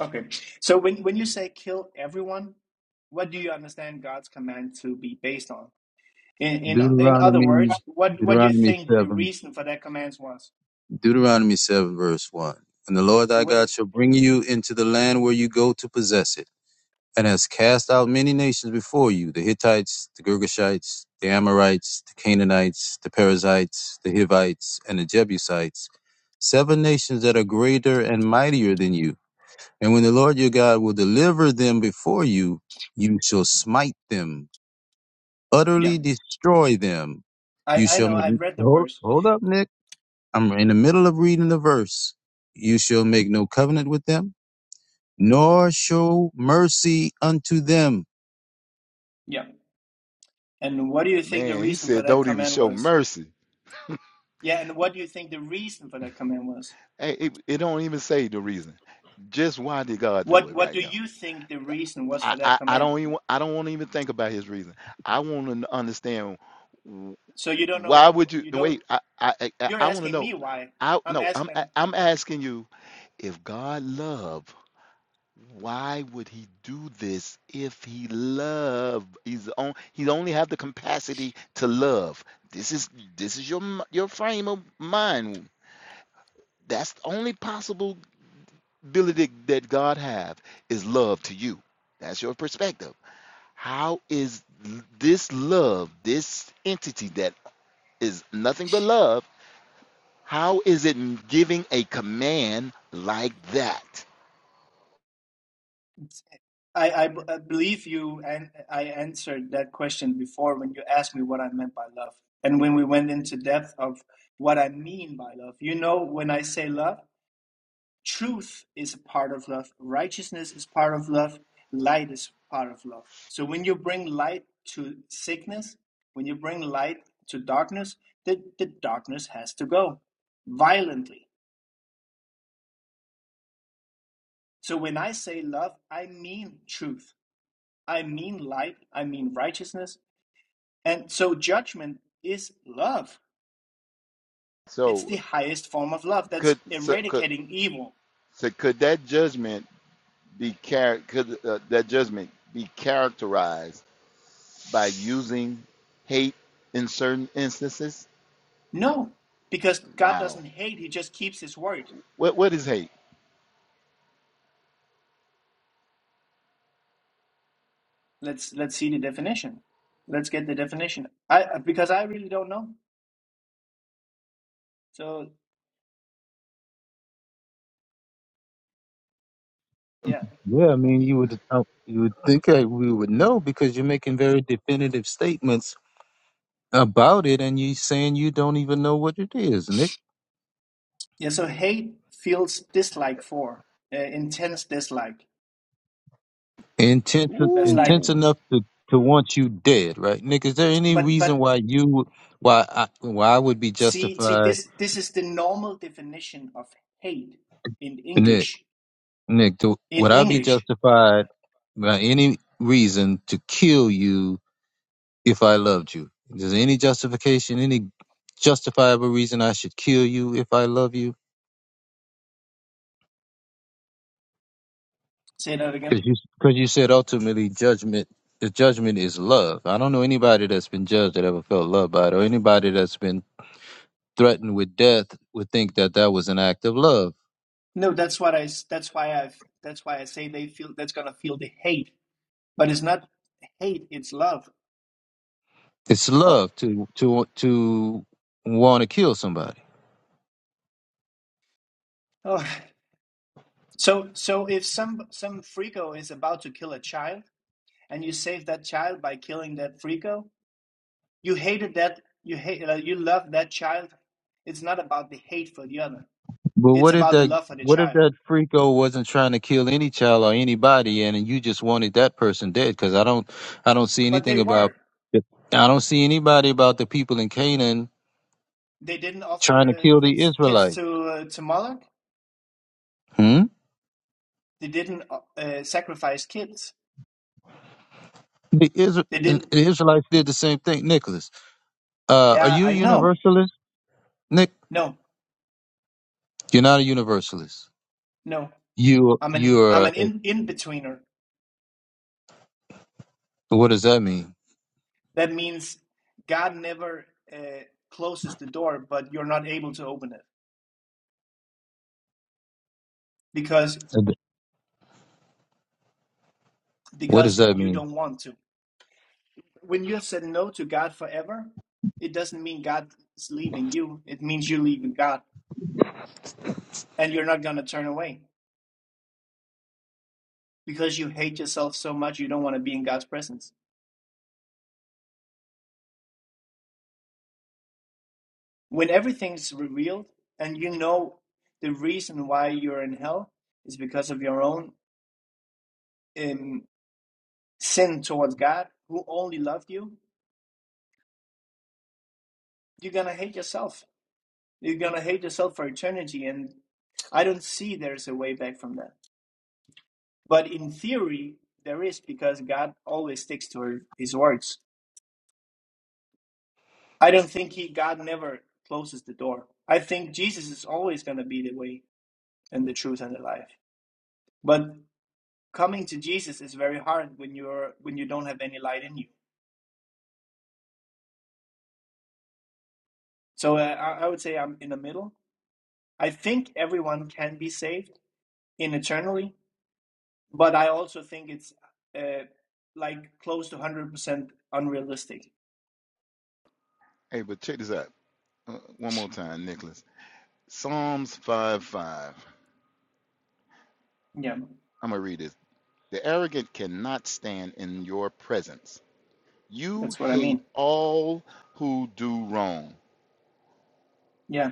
[SPEAKER 7] Okay, so when when you say kill everyone, what do you understand God's command to be based on? In in in other
[SPEAKER 2] Deuteronomy,
[SPEAKER 7] words, what what do you
[SPEAKER 2] Deuteronomy
[SPEAKER 7] think the
[SPEAKER 2] 7,
[SPEAKER 7] reason for that command was?
[SPEAKER 2] Deuteronomy 7 verse 1. And the Lord
[SPEAKER 7] So
[SPEAKER 2] thy
[SPEAKER 7] what?
[SPEAKER 2] God
[SPEAKER 7] do-
[SPEAKER 2] shall bring you into the land where you go to possess it. and has cast out many nations before you the Hittites, the Girgashites, the Amorites, the Canaanites, the Perizzites, the Hivites, and the Jebusites, seven nations that are greater and mightier than you. And when the Lord your God will deliver them before you, you shall smite them,
[SPEAKER 7] yeah,
[SPEAKER 2] utterly destroy them.
[SPEAKER 7] I
[SPEAKER 2] You
[SPEAKER 7] I
[SPEAKER 2] shall
[SPEAKER 7] know I've
[SPEAKER 2] make,
[SPEAKER 7] read the
[SPEAKER 2] hold,
[SPEAKER 7] verse.
[SPEAKER 2] hold up, Nick. I'm in the middle of reading the verse. You shall make no covenant with them, nor show mercy unto them
[SPEAKER 7] Yeah. And what do you think the
[SPEAKER 8] man, he
[SPEAKER 7] reason for
[SPEAKER 8] said,
[SPEAKER 7] that
[SPEAKER 8] don't even
[SPEAKER 7] comment
[SPEAKER 8] show
[SPEAKER 7] was?
[SPEAKER 8] mercy.
[SPEAKER 7] Yeah, and what do you think the reason for that comment was?
[SPEAKER 8] Hey, it, it don't even say the reason. Just why did God do
[SPEAKER 7] What
[SPEAKER 8] it
[SPEAKER 7] what
[SPEAKER 8] right
[SPEAKER 7] do
[SPEAKER 8] now?
[SPEAKER 7] you think the reason was
[SPEAKER 8] I,
[SPEAKER 7] for that
[SPEAKER 8] I, I
[SPEAKER 7] comment?
[SPEAKER 8] don't even I don't want to even think about his reason. I want to understand w-
[SPEAKER 7] So you don't
[SPEAKER 8] why
[SPEAKER 7] know
[SPEAKER 8] would you
[SPEAKER 7] you
[SPEAKER 8] no,
[SPEAKER 7] don't
[SPEAKER 8] wait? I I I,
[SPEAKER 7] you're
[SPEAKER 8] I want to
[SPEAKER 7] asking
[SPEAKER 8] know.
[SPEAKER 7] me why.
[SPEAKER 8] I
[SPEAKER 7] I'm
[SPEAKER 8] no, I'm a-
[SPEAKER 7] asking
[SPEAKER 8] I'm asking you if God love, why would He do this if He love? He's on. He only have the capacity to love. This is this is your m- your frame of mind. That's the only possible ability that God have is love to you. That's your perspective. How is this love, this entity that is nothing but love, how is it giving a command like that?
[SPEAKER 7] I I b- I believe you and I answered that question before when you asked me what I meant by love. And when we went into depth of what I mean by love. You know when I say love, truth is a part of love, righteousness is part of love, light is part of love. So when you bring light to sickness, when you bring light to darkness, the, the darkness has to go violently. So when I say love, I mean truth, I mean light, I mean righteousness. And so judgment is love. It's the
[SPEAKER 8] So
[SPEAKER 7] highest form of love that's
[SPEAKER 8] could so could
[SPEAKER 7] eradicating evil.
[SPEAKER 8] so could that judgment be char- could uh, that judgment be characterized by using hate in certain instances?
[SPEAKER 7] No, because God
[SPEAKER 8] Wow.
[SPEAKER 7] doesn't hate, He just keeps His word.
[SPEAKER 8] What what is hate?
[SPEAKER 7] let's let's see the definition let's get the definition i because i really don't know so yeah
[SPEAKER 2] Yeah, I mean, you would uh, you would think that we would know because you're making very definitive statements about it, and you saying you don't even know what it is, Nick.
[SPEAKER 7] yeah so hate feels dislike for uh, intense dislike
[SPEAKER 2] Intense,
[SPEAKER 7] that's like
[SPEAKER 2] intense
[SPEAKER 8] Ooh.
[SPEAKER 2] enough to to want you dead, right, Nick? Is there any
[SPEAKER 7] but
[SPEAKER 2] reason
[SPEAKER 7] but
[SPEAKER 2] why you would- why I, why I would be
[SPEAKER 7] see see
[SPEAKER 2] justified,
[SPEAKER 7] this this is the normal definition of hate in
[SPEAKER 2] Nick?
[SPEAKER 7] english
[SPEAKER 2] Nick, to,
[SPEAKER 7] in
[SPEAKER 2] would I be
[SPEAKER 7] english
[SPEAKER 2] justified by any reason to kill you if I loved you? Is there any justification, any justifiable reason I should kill you if I love you?
[SPEAKER 7] say that
[SPEAKER 2] Because
[SPEAKER 7] again
[SPEAKER 2] you, cause you said ultimately judgment, the judgment is love. I don't know anybody that's been judged that ever felt loved by it, or anybody that's been threatened with death would think that that was an act of love.
[SPEAKER 7] no that's what i s- that's why i that's why i say they feel that's gonna feel the hate but it's not hate it's love
[SPEAKER 2] It's
[SPEAKER 8] Oh,
[SPEAKER 2] love to to to want to kill somebody.
[SPEAKER 7] Oh. So, so if some some freako is about to kill a child, and you save that child by killing that freako, you hated that you hate uh, you love that child. It's not about the hate for the other;
[SPEAKER 2] But
[SPEAKER 7] it's
[SPEAKER 2] what if
[SPEAKER 7] about the
[SPEAKER 2] that
[SPEAKER 7] love for the
[SPEAKER 2] what if
[SPEAKER 7] child.
[SPEAKER 2] that freako wasn't trying to kill any child or anybody, and you just wanted that person dead? Because I don't I don't see
[SPEAKER 7] But they
[SPEAKER 2] anything about
[SPEAKER 7] were
[SPEAKER 2] I don't see anybody about the people in Canaan
[SPEAKER 7] they didn't offer
[SPEAKER 2] trying to
[SPEAKER 7] uh,
[SPEAKER 2] kill the
[SPEAKER 7] kids kids
[SPEAKER 2] Israelites.
[SPEAKER 7] to uh, to Moloch.
[SPEAKER 2] Hmm?
[SPEAKER 7] They didn't uh, uh, sacrifice kids.
[SPEAKER 2] The, Isra-
[SPEAKER 7] They
[SPEAKER 2] the
[SPEAKER 7] didn't.
[SPEAKER 2] Israelites did the same thing. Nicholas, uh, are
[SPEAKER 7] Yeah,
[SPEAKER 2] you a
[SPEAKER 7] I know.
[SPEAKER 2] universalist? Nick,
[SPEAKER 7] No,
[SPEAKER 2] you're not a universalist.
[SPEAKER 7] no.
[SPEAKER 2] You
[SPEAKER 7] I'm an I'm
[SPEAKER 2] you're.
[SPEAKER 7] an
[SPEAKER 2] A,
[SPEAKER 7] in in betweener.
[SPEAKER 2] what does that mean?
[SPEAKER 7] That means God never uh, closes the door, but you're not able to open it because
[SPEAKER 2] What does
[SPEAKER 7] because
[SPEAKER 2] that
[SPEAKER 7] you
[SPEAKER 2] mean?
[SPEAKER 7] don't want to. When you have said no to God forever, it doesn't mean God is leaving you. It means you're leaving God, and you're not gonna turn away because you hate yourself so much you don't want to be in God's presence. When everything's revealed and you know the reason why you're in hell is because of your own um, sin towards God, who only loved you, you're gonna hate yourself You're gonna hate yourself for eternity, and I don't see there's a way back from that. But in theory, there is because God always sticks to his words. I don't think he God never closes the door. I think Jesus is always going to be the way and the truth and the life. But coming to Jesus is very hard when you're when you don't have any light in you. So uh, I, I would say I'm in the middle. I think everyone can be saved in eternally, but I also think it's uh, like close to one hundred percent unrealistic.
[SPEAKER 8] hey, but check this out. Uh, one more time, Nicholas. Psalms 5 5.
[SPEAKER 7] Yeah,
[SPEAKER 8] I'm gonna read this. The arrogant cannot stand in your presence. You
[SPEAKER 7] that's what I
[SPEAKER 8] hate
[SPEAKER 7] mean.
[SPEAKER 8] all who do wrong.
[SPEAKER 7] Yeah,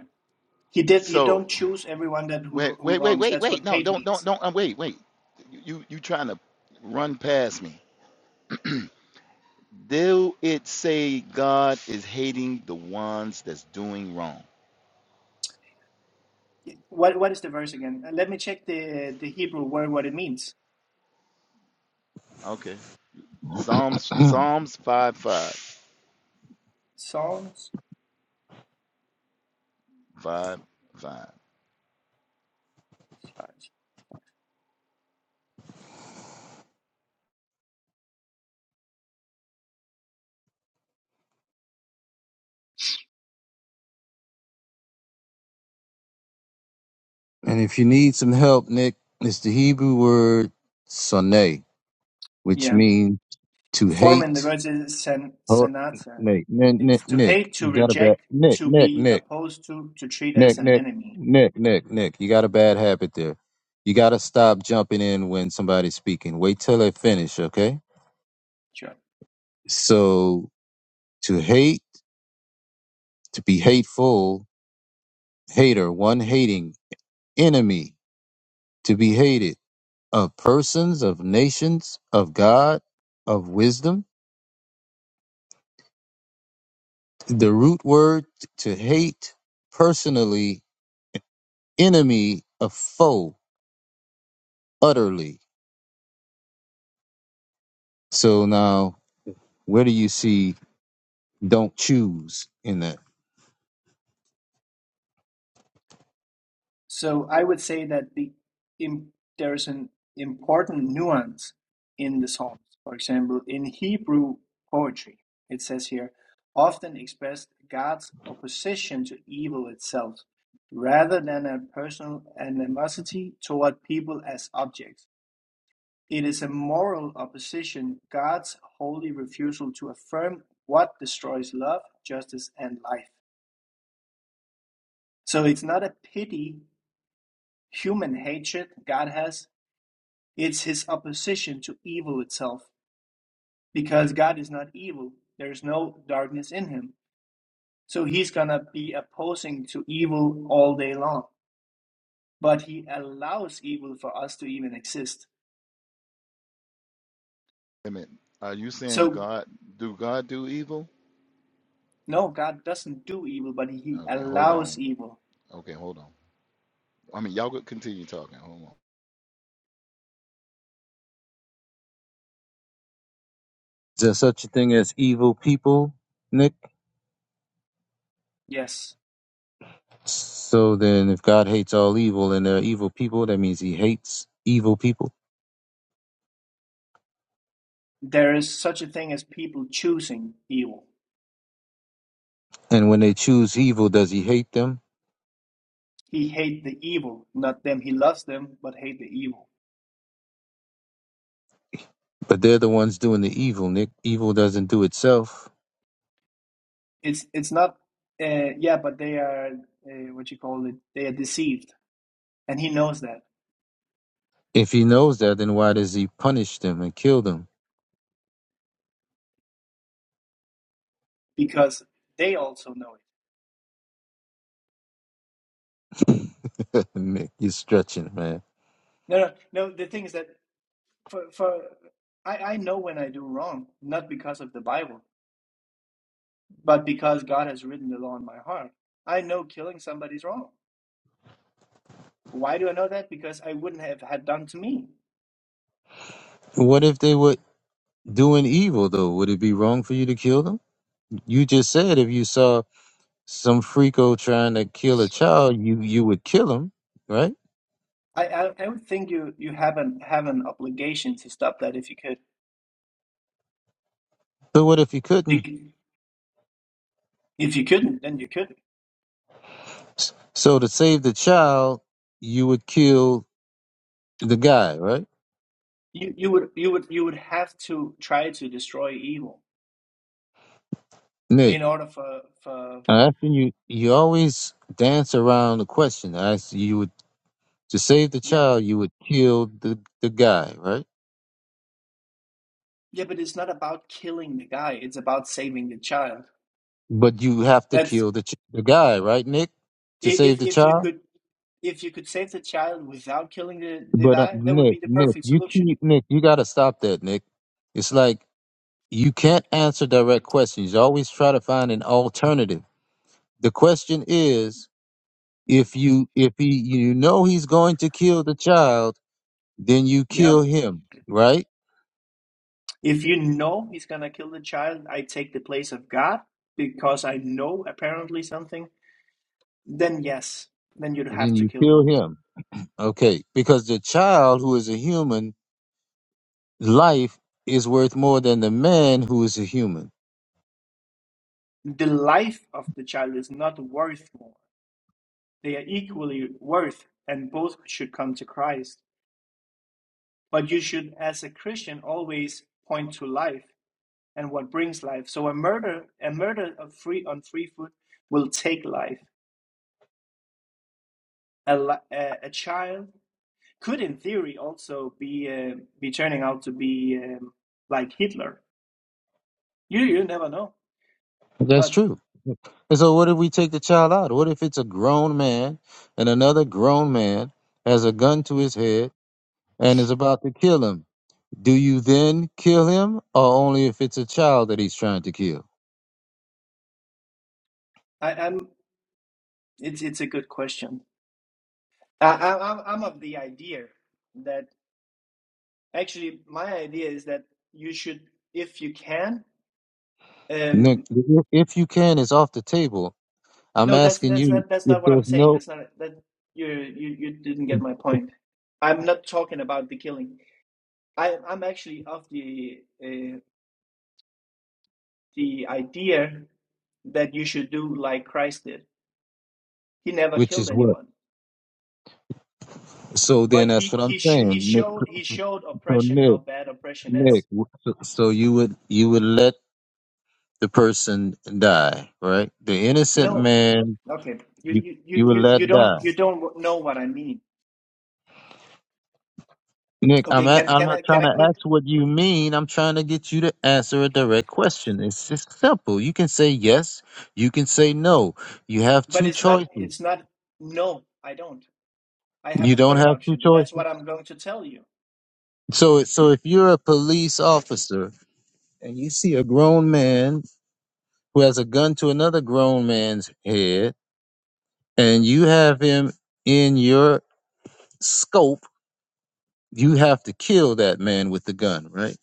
[SPEAKER 7] he did. He don't
[SPEAKER 8] So
[SPEAKER 7] choose everyone that
[SPEAKER 8] wait,
[SPEAKER 7] who who
[SPEAKER 8] wait, wait,
[SPEAKER 7] wrongs.
[SPEAKER 8] wait,
[SPEAKER 7] That's what
[SPEAKER 8] wait. No,
[SPEAKER 7] hate
[SPEAKER 8] don't, don't,
[SPEAKER 7] means.
[SPEAKER 8] don't. Uh, wait, wait. You, you trying to run past me? Do it say God is hating the ones that's doing wrong?
[SPEAKER 7] What what is the verse again? Uh, Let me check the the Hebrew word what it means.
[SPEAKER 8] Okay. Psalms,
[SPEAKER 2] and
[SPEAKER 8] Psalms five, five,
[SPEAKER 7] Psalms.
[SPEAKER 8] five, five.
[SPEAKER 2] if you need some help, Nick, it's the Hebrew word "sonay," which
[SPEAKER 7] Yeah,
[SPEAKER 2] means to
[SPEAKER 7] form in the
[SPEAKER 2] hate.
[SPEAKER 7] verse is sen,
[SPEAKER 2] Oh,
[SPEAKER 7] senata.
[SPEAKER 2] Nick, Nick,
[SPEAKER 7] It's
[SPEAKER 2] Nick,
[SPEAKER 7] to
[SPEAKER 2] Nick,
[SPEAKER 7] hate, to
[SPEAKER 2] you got a bad
[SPEAKER 7] reject,
[SPEAKER 2] Nick,
[SPEAKER 7] to
[SPEAKER 2] Nick,
[SPEAKER 7] be
[SPEAKER 2] Nick,
[SPEAKER 7] opposed to, to treat as
[SPEAKER 2] Nick,
[SPEAKER 7] an
[SPEAKER 2] Nick,
[SPEAKER 7] enemy.
[SPEAKER 2] Nick, Nick, Nick. You got a bad habit there. You got to stop jumping in when somebody's speaking. Wait till they finish, okay?
[SPEAKER 7] Sure.
[SPEAKER 2] So to hate, to be hateful, hater, one hating, enemy, to be hated, of persons, of nations, of God, of wisdom. The root word to hate, personally, enemy, a foe, utterly. So now, where do you see don't choose in that?
[SPEAKER 7] So I would say that the im there is an important nuance in the Psalms. For example, in Hebrew poetry, it says here, often expressed God's opposition to evil itself, rather than a personal animosity toward people as objects. It is a moral opposition, God's holy refusal to affirm what destroys love, justice, and life. So it's not a pity, human hatred God has. It's his opposition to evil itself. Because God is not evil, there's no darkness in him. So he's going to be opposing to evil all day long. But he allows evil for us to even exist.
[SPEAKER 8] Wait a minute. Are you saying
[SPEAKER 7] So,
[SPEAKER 8] God? Do God do evil?
[SPEAKER 7] no, God doesn't do evil, but he
[SPEAKER 8] Okay, hold
[SPEAKER 7] allows
[SPEAKER 8] on.
[SPEAKER 7] evil.
[SPEAKER 8] Okay, hold on. I mean, y'all could continue talking. Hold on.
[SPEAKER 2] Is there such a thing as evil people, Nick?
[SPEAKER 7] Yes,
[SPEAKER 2] So then, if God hates all evil and there are evil people, that means he hates evil people.
[SPEAKER 7] there is such a thing as people choosing evil.
[SPEAKER 2] And when they choose evil, does he hate them?
[SPEAKER 7] He hates the evil, not them. He loves them, but hate the evil.
[SPEAKER 2] But they're the ones doing the evil, Nick. Evil doesn't do itself.
[SPEAKER 7] It's it's not. Uh, yeah, but they are uh, what you call it. They are deceived and he knows that
[SPEAKER 2] If he knows that, then why does he punish them and kill them?
[SPEAKER 7] because they also know it.
[SPEAKER 2] Nick, you're stretching, man.
[SPEAKER 7] No, no, no. The thing is that for for I I know when I do wrong, not because of the Bible, but because God has written the law in my heart. I know killing somebody's wrong. Why do I know that? Because I wouldn't have had done to me.
[SPEAKER 2] What if they were doing evil, though? Would it be wrong for you to kill them? You just said if you saw some freako trying to kill a child, you, you would kill him, right?
[SPEAKER 7] I I, I would think you you have an have an obligation to stop that if you could.
[SPEAKER 2] But what if you couldn't?
[SPEAKER 7] If you couldn't, then you couldn't.
[SPEAKER 2] S- So to save the child, you would kill the guy, right?
[SPEAKER 7] You you would you would you would have to try to destroy evil
[SPEAKER 2] Nick.
[SPEAKER 7] in order for for
[SPEAKER 2] I ask you, you always dance around the question. I asked you, you would to save the
[SPEAKER 7] yeah.
[SPEAKER 2] child, you would kill the, the guy, right?
[SPEAKER 7] Yeah, but it's not about killing the guy. It's about saving the child.
[SPEAKER 2] But you have to
[SPEAKER 7] That's
[SPEAKER 2] kill the ch- the guy, right, Nick, to
[SPEAKER 7] i-
[SPEAKER 2] save
[SPEAKER 7] if
[SPEAKER 2] the
[SPEAKER 7] if you
[SPEAKER 2] child.
[SPEAKER 7] could if you could save the child without killing the, the
[SPEAKER 2] But uh,
[SPEAKER 7] guy, that would
[SPEAKER 2] Nick,
[SPEAKER 7] be the
[SPEAKER 2] Nick,
[SPEAKER 7] perfect
[SPEAKER 2] you
[SPEAKER 7] solution.
[SPEAKER 2] keep Nick, you gotta stop that, Nick. It's like you can't answer direct questions. You always try to find an alternative. The question is, if you if he you know he's going to kill the child, then you
[SPEAKER 7] Yeah.
[SPEAKER 2] kill him, right?
[SPEAKER 7] If you know he's gonna kill the child, I take the place of God because I know apparently something, then yes, then you'd have
[SPEAKER 2] Then
[SPEAKER 7] to
[SPEAKER 2] you
[SPEAKER 7] kill
[SPEAKER 2] kill
[SPEAKER 7] him.
[SPEAKER 2] him Okay, because the child who is a human life is worth more than the man who is a human.
[SPEAKER 7] The life of the child is not worth more. They are equally worth and both should come to Christ. But you should, as a Christian, always point to life and what brings life. So a murder, a murder of free on free foot will take life. A, a, a child could, in theory, also be uh, be turning out to be um, like Hitler. You you never know.
[SPEAKER 2] That's
[SPEAKER 7] But
[SPEAKER 2] true. And so, what if we take the child out? What if it's a grown man and another grown man has a gun to his head and is about to kill him? Do you then kill him, or only if it's a child that he's trying to kill?
[SPEAKER 7] I, I'm it's it's a good question. I, I I'm I'm of the idea that actually my idea is that you should, if you can.
[SPEAKER 2] No,
[SPEAKER 7] Um,
[SPEAKER 2] If you can, it's off the table. I'm
[SPEAKER 7] No, that's
[SPEAKER 2] asking
[SPEAKER 7] that's
[SPEAKER 2] you
[SPEAKER 7] not that's
[SPEAKER 2] if
[SPEAKER 7] not what I'm
[SPEAKER 2] there's
[SPEAKER 7] saying.
[SPEAKER 2] no,
[SPEAKER 7] That's not that you you you didn't get my point. I'm not talking about the killing. I I'm actually of the uh, the idea that you should do like Christ did. He never
[SPEAKER 2] which
[SPEAKER 7] killed
[SPEAKER 2] is what.
[SPEAKER 7] anyone,
[SPEAKER 2] So then,
[SPEAKER 7] but
[SPEAKER 2] that's
[SPEAKER 7] he
[SPEAKER 2] what I'm
[SPEAKER 7] he sh he
[SPEAKER 2] saying. Nick,
[SPEAKER 7] showed he showed
[SPEAKER 2] So
[SPEAKER 7] oppression
[SPEAKER 2] Nick.
[SPEAKER 7] how bad oppression
[SPEAKER 2] Nick,
[SPEAKER 7] is.
[SPEAKER 2] w- so so you would you would let the person die, right? The innocent
[SPEAKER 7] No,
[SPEAKER 2] man,
[SPEAKER 7] okay, you
[SPEAKER 2] you
[SPEAKER 7] you you
[SPEAKER 2] you would
[SPEAKER 7] you you
[SPEAKER 2] let die.
[SPEAKER 7] don't you don't know what I mean.
[SPEAKER 2] Nick, I'm
[SPEAKER 7] Okay,
[SPEAKER 2] at,
[SPEAKER 7] can
[SPEAKER 2] I'm
[SPEAKER 7] can
[SPEAKER 2] not
[SPEAKER 7] I can
[SPEAKER 2] trying
[SPEAKER 7] I
[SPEAKER 2] to ask
[SPEAKER 7] quit?
[SPEAKER 2] what you mean. I'm trying to get you to answer a direct question. It's just simple. You can say yes. You can say no. You have
[SPEAKER 7] But
[SPEAKER 2] two
[SPEAKER 7] it's not
[SPEAKER 2] choices.
[SPEAKER 7] it's not. No, I don't. I have
[SPEAKER 2] You
[SPEAKER 7] a
[SPEAKER 2] don't
[SPEAKER 7] third
[SPEAKER 2] have two
[SPEAKER 7] option, and that's
[SPEAKER 2] choices.
[SPEAKER 7] what I'm going to tell you.
[SPEAKER 2] So it- so if you're a police officer and you see a grown man who has a gun to another grown man's head, and you have him in your scope, you have to kill that man with the gun, right?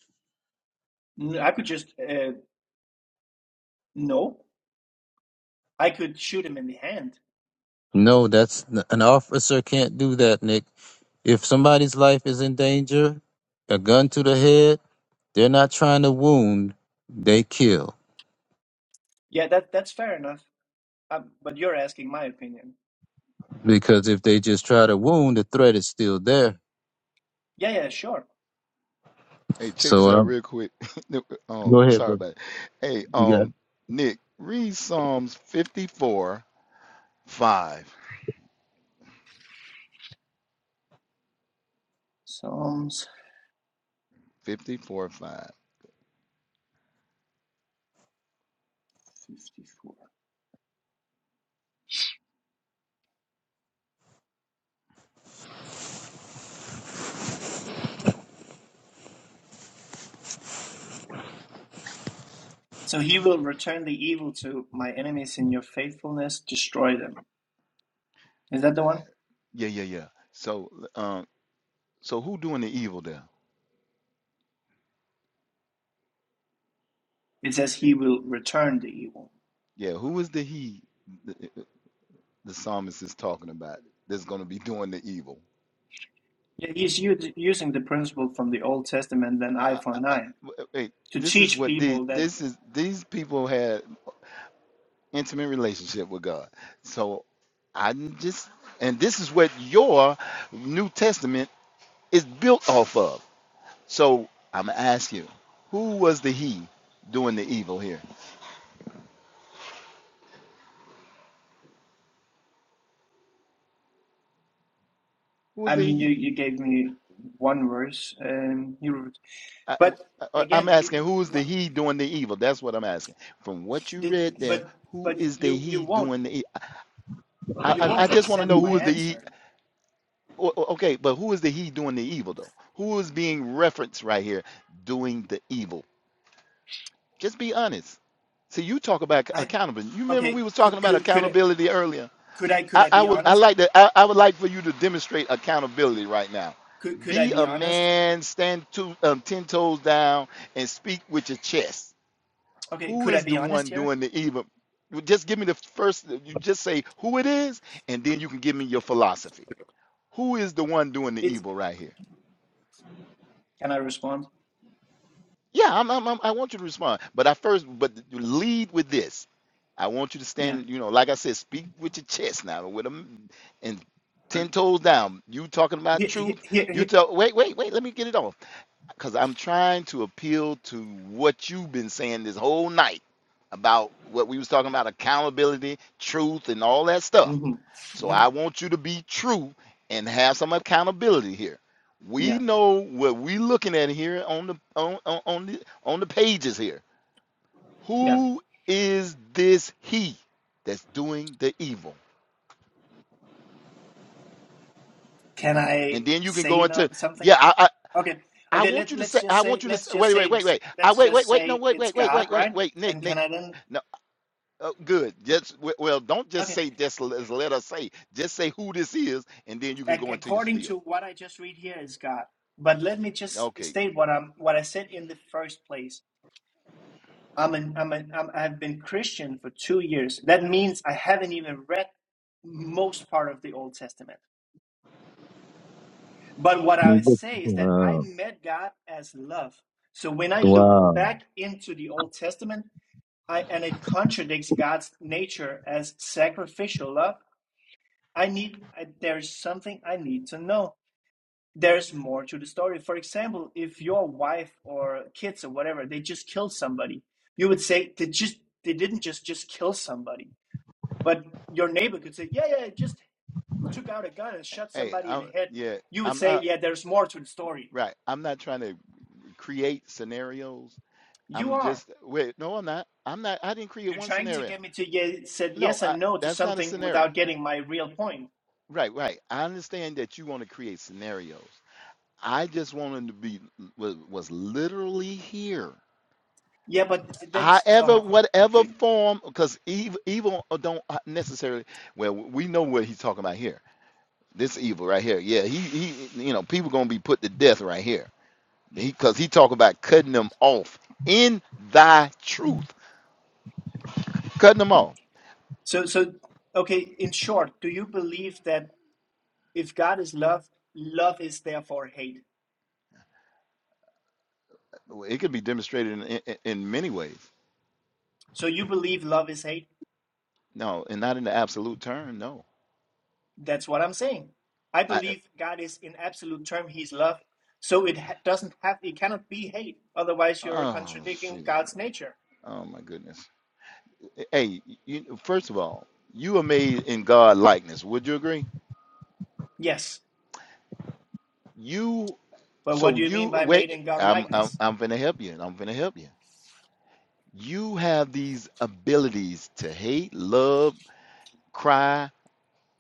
[SPEAKER 7] I could just uh, no. I could shoot him in the hand.
[SPEAKER 2] No, that's an officer can't do that, Nick. If somebody's life is in danger, a gun to the head, they're not trying to wound, they kill.
[SPEAKER 7] Yeah, that that's fair enough. Um, but you're asking my opinion.
[SPEAKER 2] Because if they just try to wound, the threat is still there.
[SPEAKER 7] Yeah, yeah, sure.
[SPEAKER 8] Hey, check
[SPEAKER 2] So
[SPEAKER 8] this out
[SPEAKER 2] um,
[SPEAKER 8] real quick. Um,
[SPEAKER 2] go ahead,
[SPEAKER 8] sorry
[SPEAKER 2] bro.
[SPEAKER 8] about it. Hey,
[SPEAKER 2] You got it.
[SPEAKER 8] um, Nick, read Psalms 54, 5.
[SPEAKER 7] Psalms
[SPEAKER 8] 54, 5.
[SPEAKER 7] 54. So he will return the evil to my enemies in your faithfulness, destroy them. Is that the one?
[SPEAKER 8] Yeah, yeah, yeah. So, um, so who doing the evil there?
[SPEAKER 7] It says he will return the evil.
[SPEAKER 8] Yeah, who is the he the, uh, uh, the psalmist is talking about that's going to be doing the evil?
[SPEAKER 7] Yeah, he's u- using the principle from the Old Testament, then eye
[SPEAKER 8] Uh,
[SPEAKER 7] for an eye,
[SPEAKER 8] wait,
[SPEAKER 7] to
[SPEAKER 8] this is
[SPEAKER 7] teach
[SPEAKER 8] what the
[SPEAKER 7] people that
[SPEAKER 8] this is these people had intimate relationship with God. So, I just and this is what your New Testament Is built off of. So I'm gonna ask you, who was the he doing the evil here? Who was
[SPEAKER 7] I
[SPEAKER 8] the
[SPEAKER 7] mean, you,
[SPEAKER 8] he?
[SPEAKER 7] you gave me one verse, um, you wrote-
[SPEAKER 8] I,
[SPEAKER 7] but
[SPEAKER 8] am
[SPEAKER 7] again, you,
[SPEAKER 8] asking,
[SPEAKER 7] you
[SPEAKER 8] who is the
[SPEAKER 7] what
[SPEAKER 8] he doing the evil? That's what I'm asking. From what you read
[SPEAKER 7] did,
[SPEAKER 8] there,
[SPEAKER 7] but
[SPEAKER 8] who
[SPEAKER 7] but
[SPEAKER 8] is the
[SPEAKER 7] you you
[SPEAKER 8] he
[SPEAKER 7] won't
[SPEAKER 8] doing the? e- I
[SPEAKER 7] you
[SPEAKER 8] I, I
[SPEAKER 7] won't
[SPEAKER 8] just want to
[SPEAKER 7] accept
[SPEAKER 8] know
[SPEAKER 7] my
[SPEAKER 8] who is the he.
[SPEAKER 7] answer.
[SPEAKER 8] o- o- Okay, but who is the he doing the evil though? Who is being referenced right here doing the evil? Just be honest. See, you talk about
[SPEAKER 7] I
[SPEAKER 8] accountability. You remember we
[SPEAKER 7] okay.
[SPEAKER 8] was talking
[SPEAKER 7] Could
[SPEAKER 8] about
[SPEAKER 7] could could I
[SPEAKER 8] accountability earlier
[SPEAKER 7] could I, could
[SPEAKER 8] I,
[SPEAKER 7] I
[SPEAKER 8] I
[SPEAKER 7] be
[SPEAKER 8] would I
[SPEAKER 7] honest?
[SPEAKER 8] like to I, I would like for you to demonstrate accountability right now.
[SPEAKER 7] Could could I
[SPEAKER 8] Be
[SPEAKER 7] be
[SPEAKER 8] a
[SPEAKER 7] honest?
[SPEAKER 8] man, stand two um, ten toes down, and speak with your chest.
[SPEAKER 7] Okay,
[SPEAKER 8] Who
[SPEAKER 7] could I
[SPEAKER 8] is the
[SPEAKER 7] be honest
[SPEAKER 8] one
[SPEAKER 7] here?
[SPEAKER 8] doing the evil? You Just give me the first. You just say who it is, and then you can give me your philosophy. Who is the one doing the
[SPEAKER 7] It's
[SPEAKER 8] evil right here?
[SPEAKER 7] can I respond?
[SPEAKER 8] Yeah, I'm, I'm, I'm, I want you to respond, but I first, but lead with this. I want you to
[SPEAKER 7] Yeah.
[SPEAKER 8] stand, you know, like I said, speak with your chest now, with them, and
[SPEAKER 7] Okay.
[SPEAKER 8] ten toes down. You talking about
[SPEAKER 7] Here, here,
[SPEAKER 8] truth?
[SPEAKER 7] here,
[SPEAKER 8] You
[SPEAKER 7] here.
[SPEAKER 8] tell. Wait, wait, wait. Let me get it off, because I'm trying to appeal to what you've been saying this whole night about what we was talking about accountability, truth, and all that stuff.
[SPEAKER 7] hmm
[SPEAKER 8] So
[SPEAKER 7] hmm
[SPEAKER 8] I want you to be true and have some accountability here. We
[SPEAKER 7] Yeah.
[SPEAKER 8] know what we're looking at here on the on, on, on the on the pages here.
[SPEAKER 7] Yeah.
[SPEAKER 8] Who is this he that's doing the evil?
[SPEAKER 7] Can I
[SPEAKER 8] And then you can go
[SPEAKER 7] say
[SPEAKER 8] into
[SPEAKER 7] no something?
[SPEAKER 8] yeah. I, I
[SPEAKER 7] Okay.
[SPEAKER 8] I
[SPEAKER 7] Okay,
[SPEAKER 8] want
[SPEAKER 7] let
[SPEAKER 8] you to
[SPEAKER 7] let's
[SPEAKER 8] say
[SPEAKER 7] just
[SPEAKER 8] I
[SPEAKER 7] say
[SPEAKER 8] want you to s
[SPEAKER 7] let's just
[SPEAKER 8] wait
[SPEAKER 7] say
[SPEAKER 8] wait wait
[SPEAKER 7] it's-
[SPEAKER 8] wait. I
[SPEAKER 7] let's
[SPEAKER 8] wait
[SPEAKER 7] just
[SPEAKER 8] wait wait no
[SPEAKER 7] say
[SPEAKER 8] wait
[SPEAKER 7] it's
[SPEAKER 8] wait wait
[SPEAKER 7] God,
[SPEAKER 8] wait wait
[SPEAKER 7] right?
[SPEAKER 8] wait Nick
[SPEAKER 7] And can
[SPEAKER 8] Nick.
[SPEAKER 7] I then
[SPEAKER 8] No, oh, good. Just well, don't just
[SPEAKER 7] Okay.
[SPEAKER 8] say this. let us say. Just say who this is, and then you can go
[SPEAKER 7] Ac-
[SPEAKER 8] into your
[SPEAKER 7] according
[SPEAKER 8] spiel.
[SPEAKER 7] to what I just read here is God. But let me just
[SPEAKER 8] Okay,
[SPEAKER 7] state what I'm what I said in the first place. I'm an I'm an I'm, I've been Christian for 2 years. That means I haven't even read most part of the Old Testament. But what I would say is that I
[SPEAKER 2] wow.
[SPEAKER 7] met God as love. So when I look
[SPEAKER 2] Wow.
[SPEAKER 7] back into the Old Testament, I, and it contradicts God's nature as sacrificial love. I need, I, there's something I need to know. There's more to the story. For example, if your wife or kids or whatever, they just killed somebody, you would say they just, they didn't just, just kill somebody. But your neighbor could say, yeah, yeah, I just took out a gun and shot
[SPEAKER 8] Hey,
[SPEAKER 7] somebody in
[SPEAKER 8] I'm
[SPEAKER 7] the head.
[SPEAKER 8] yeah,
[SPEAKER 7] You would
[SPEAKER 8] I'm
[SPEAKER 7] say,
[SPEAKER 8] not
[SPEAKER 7] yeah, there's more to the story.
[SPEAKER 8] right. I'm not trying to create scenarios.
[SPEAKER 7] You
[SPEAKER 8] I'm
[SPEAKER 7] are.
[SPEAKER 8] just wait, no, I'm not. I'm not. I didn't create
[SPEAKER 7] You're
[SPEAKER 8] one
[SPEAKER 7] trying to
[SPEAKER 8] scenario.
[SPEAKER 7] get me to ye- said
[SPEAKER 8] No,
[SPEAKER 7] yes
[SPEAKER 8] I,
[SPEAKER 7] and no to
[SPEAKER 8] that's not a
[SPEAKER 7] something
[SPEAKER 8] scenario.
[SPEAKER 7] without getting my real point
[SPEAKER 8] Right, right. I understand that you want to create scenarios. I just wanted to be was, was literally here.
[SPEAKER 7] Yeah, but that's
[SPEAKER 8] However,
[SPEAKER 7] oh,
[SPEAKER 8] whatever
[SPEAKER 7] okay.
[SPEAKER 8] form, because evil, evil don't necessarily. Well, we know what he's talking about here. This evil right here. Yeah, he, he, you know, people gonna be put to death right here because he talk about cutting them off in thy truth, cutting them off.
[SPEAKER 7] So so okay, in short, do you believe that if God is love, love is therefore hate?
[SPEAKER 8] It could be demonstrated in, in, in many ways.
[SPEAKER 7] So you believe love is hate?
[SPEAKER 8] No, and not in the absolute term. No.
[SPEAKER 7] That's what I'm saying. I
[SPEAKER 8] I,
[SPEAKER 7] believe God is in absolute term he's love, so it ha doesn't have it cannot be hate. Otherwise you're
[SPEAKER 8] oh,
[SPEAKER 7] contradicting
[SPEAKER 8] Jesus.
[SPEAKER 7] God's nature.
[SPEAKER 8] oh my goodness. Hey, you, first of all, you are made in God likeness. Would you agree?
[SPEAKER 7] Yes.
[SPEAKER 8] You
[SPEAKER 7] But what
[SPEAKER 8] so
[SPEAKER 7] do you mean
[SPEAKER 8] you
[SPEAKER 7] by made
[SPEAKER 8] wait.
[SPEAKER 7] in God
[SPEAKER 8] I'm I'm
[SPEAKER 7] likeness?
[SPEAKER 8] I'm gonna help you. I'm gonna help you. You have these abilities to hate, love, cry,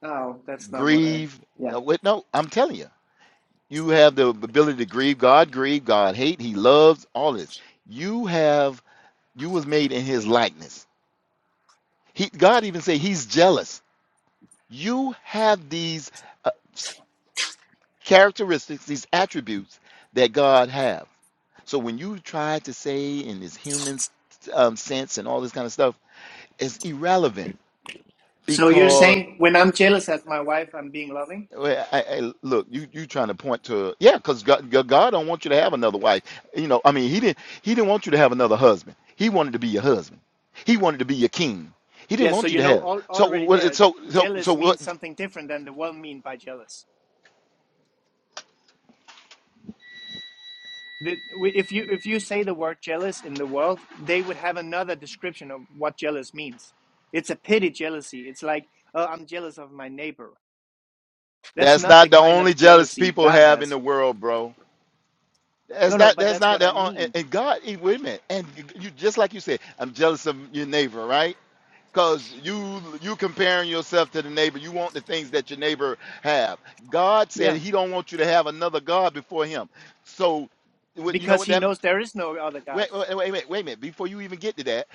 [SPEAKER 7] No, that's not what I
[SPEAKER 8] grieve.
[SPEAKER 7] Yeah.
[SPEAKER 8] Uh, wait, no, I'm telling you You have the ability to grieve God, grieve God, hate, he loves, all this. You have you was made in his likeness. He God even say he's jealous. You have these uh, characteristics, these attributes that God have. So when you try to say in this human um, sense and all this kind of stuff, it's irrelevant
[SPEAKER 7] So you're
[SPEAKER 8] because.
[SPEAKER 7] saying when I'm jealous at my wife, I'm being loving?
[SPEAKER 8] Well, I, I, look, you you trying to point to yeah, because God, God God don't want you to have another wife. You know, I mean, he didn't he didn't want you to have another husband. He wanted to be your husband. He wanted to be your king. He didn't
[SPEAKER 7] Yeah, so
[SPEAKER 8] want you
[SPEAKER 7] you
[SPEAKER 8] to
[SPEAKER 7] know
[SPEAKER 8] have. it.
[SPEAKER 7] all
[SPEAKER 8] So
[SPEAKER 7] already
[SPEAKER 8] what?
[SPEAKER 7] there,
[SPEAKER 8] So so so
[SPEAKER 7] jealous
[SPEAKER 8] what?
[SPEAKER 7] means something different than the world mean by jealous. The, we- if you if you say the word jealous in the world, they would have another description of what jealous means. It's a pity jealousy. It's like, oh, I'm jealous of my neighbor. That's
[SPEAKER 8] That's
[SPEAKER 7] not
[SPEAKER 8] not
[SPEAKER 7] the
[SPEAKER 8] the
[SPEAKER 7] kind
[SPEAKER 8] only
[SPEAKER 7] of
[SPEAKER 8] jealous
[SPEAKER 7] jealousy
[SPEAKER 8] people
[SPEAKER 7] God
[SPEAKER 8] have in
[SPEAKER 7] has.
[SPEAKER 8] the world, bro.
[SPEAKER 7] No,
[SPEAKER 8] That's
[SPEAKER 7] no,
[SPEAKER 8] not
[SPEAKER 7] but
[SPEAKER 8] that's
[SPEAKER 7] that's
[SPEAKER 8] not
[SPEAKER 7] what I
[SPEAKER 8] the on. And
[SPEAKER 7] mean.
[SPEAKER 8] and God, eh, wait a minute. And you you- just like you said, I'm jealous of your neighbor, right? because you you comparing yourself to the neighbor you want the things that your neighbor have god said
[SPEAKER 7] Yeah,
[SPEAKER 8] he don't want you to have another god before him so what- you know
[SPEAKER 7] because
[SPEAKER 8] what
[SPEAKER 7] He
[SPEAKER 8] that
[SPEAKER 7] knows there is no other
[SPEAKER 8] wait
[SPEAKER 7] God.
[SPEAKER 8] wait wait wait, wait a minute before you even get to that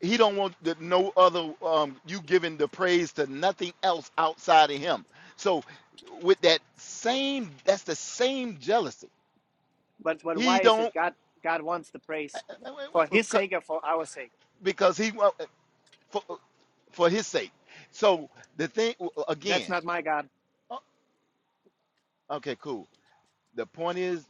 [SPEAKER 8] he
[SPEAKER 7] Yeah.
[SPEAKER 8] don't want the, no other um, you giving the praise to nothing else outside of him so with that same that's the same jealousy
[SPEAKER 7] But but
[SPEAKER 8] he
[SPEAKER 7] why is it
[SPEAKER 8] don't
[SPEAKER 7] God God wants the praise for His sake or for our sake?
[SPEAKER 8] because he want- for, for his sake so the thing
[SPEAKER 7] That's
[SPEAKER 8] again
[SPEAKER 7] not my God.
[SPEAKER 8] Okay, cool. The point is,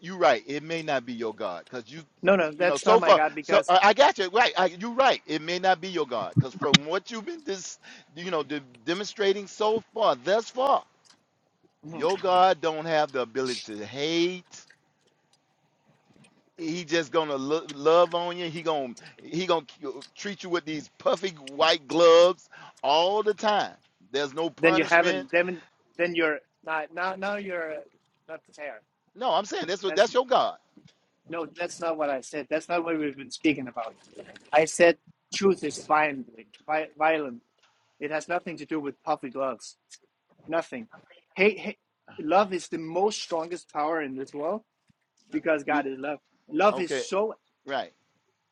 [SPEAKER 8] you're right. It may not be your God because you,
[SPEAKER 7] No, no,
[SPEAKER 8] you know,
[SPEAKER 7] that's not
[SPEAKER 8] so
[SPEAKER 7] my
[SPEAKER 8] far.
[SPEAKER 7] God
[SPEAKER 8] So
[SPEAKER 7] because.
[SPEAKER 8] uh, I got you right. I, you're right. It may not be your God because from what you've been dis, you know, de- demonstrating so far, thus far, your God don't have the ability to hate. He just gonna lo- love on you. He gonna he gonna c- treat you with these puffy white gloves all the time. There's no
[SPEAKER 7] then you
[SPEAKER 8] punishment.
[SPEAKER 7] haven't then then you're not now now you're not fair
[SPEAKER 8] No, I'm saying that's what
[SPEAKER 7] that's
[SPEAKER 8] that's your God.
[SPEAKER 7] no that's not what i said that's not what we've been speaking about i said truth is violent violent it has nothing to do with puffy gloves nothing hate, hate love is the most strongest power in this world because
[SPEAKER 8] You,
[SPEAKER 7] god is love love is
[SPEAKER 8] okay,
[SPEAKER 7] so
[SPEAKER 8] Right.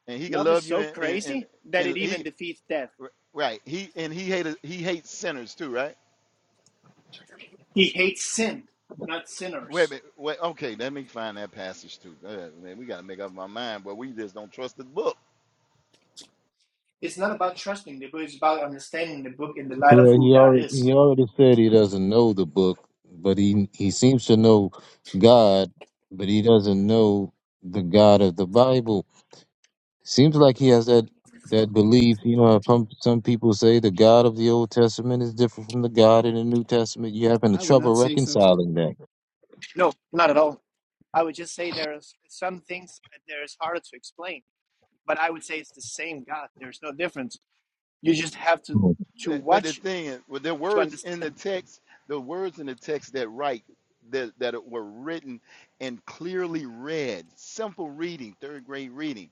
[SPEAKER 8] and he can
[SPEAKER 7] love is
[SPEAKER 8] love you
[SPEAKER 7] so
[SPEAKER 8] and and and,
[SPEAKER 7] crazy that it
[SPEAKER 8] and
[SPEAKER 7] even
[SPEAKER 8] he
[SPEAKER 7] defeats death
[SPEAKER 8] right he and he hated he hates sinners too right
[SPEAKER 7] he hates sin not
[SPEAKER 8] wait a
[SPEAKER 7] sinners
[SPEAKER 8] minute wait okay let me find that passage too Uh, man we got to make up our mind but we just don't trust the book
[SPEAKER 7] it's not about trusting the book it's about understanding the book in the light of
[SPEAKER 2] Well,
[SPEAKER 7] who
[SPEAKER 2] he
[SPEAKER 7] god
[SPEAKER 2] already,
[SPEAKER 7] is
[SPEAKER 2] he already said he doesn't know the book, but he he seems to know God, but he doesn't know the God of the Bible. Seems like he has that that belief. You know, some some people say the God of the Old Testament is different from the God in the New Testament. You having
[SPEAKER 7] I would
[SPEAKER 2] trouble
[SPEAKER 7] not say so.
[SPEAKER 2] reconciling that?
[SPEAKER 7] No, not at all. I would just say there is some things that there is harder to explain, but I would say it's the same God. There's no difference. You just have to
[SPEAKER 2] Mhm.
[SPEAKER 7] to
[SPEAKER 8] but, but the
[SPEAKER 7] watch
[SPEAKER 8] thing is with the
[SPEAKER 7] to
[SPEAKER 8] words in the
[SPEAKER 7] understand.
[SPEAKER 8] text the words in the text that write that, that were written and clearly read simple reading third grade reading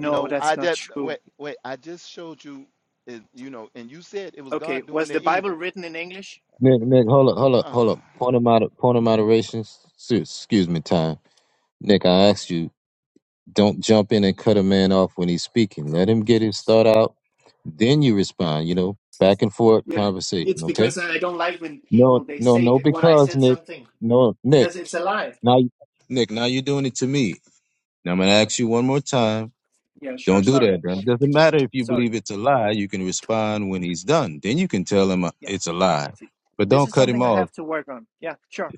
[SPEAKER 8] you know
[SPEAKER 7] that's
[SPEAKER 8] i
[SPEAKER 7] not
[SPEAKER 8] just wait
[SPEAKER 7] true.
[SPEAKER 8] wait i just showed you uh, you know and you said it was
[SPEAKER 7] Okay,
[SPEAKER 8] god doing
[SPEAKER 7] was
[SPEAKER 8] the
[SPEAKER 7] the Bible
[SPEAKER 8] evil
[SPEAKER 7] written in English?
[SPEAKER 2] Nick, Nick, hold up, hold up, hold
[SPEAKER 8] ah.
[SPEAKER 2] up. Point of moder- point of moderation. s- Excuse me, time. Nick, I asked you. Don't jump in and cut a man off when he's speaking. Let him get his thought out. Then you
[SPEAKER 7] Yeah.
[SPEAKER 2] respond, you know, back and forth
[SPEAKER 7] Yeah, It's
[SPEAKER 2] conversation, okay?
[SPEAKER 7] because I don't like when
[SPEAKER 2] No,
[SPEAKER 7] people they
[SPEAKER 2] no,
[SPEAKER 7] say
[SPEAKER 2] no,
[SPEAKER 7] what I
[SPEAKER 2] because
[SPEAKER 7] said
[SPEAKER 2] Nick,
[SPEAKER 7] something
[SPEAKER 2] no, Nick,
[SPEAKER 7] because it's a lie.
[SPEAKER 2] now, you- Nick, now you're doing it to me. Now I'm going to ask you one more time.
[SPEAKER 7] Yeah, sure.
[SPEAKER 2] Don't do
[SPEAKER 7] Sorry,
[SPEAKER 2] that, bro. It doesn't matter if you
[SPEAKER 7] sorry.
[SPEAKER 2] believe it's a lie. You can respond when he's done. Then you can tell him uh,
[SPEAKER 7] Yeah,
[SPEAKER 2] it's a lie.
[SPEAKER 7] See,
[SPEAKER 2] But
[SPEAKER 7] this
[SPEAKER 2] don't
[SPEAKER 7] is
[SPEAKER 2] cut him
[SPEAKER 7] something I
[SPEAKER 2] off.
[SPEAKER 7] have to work on. Yeah, sure.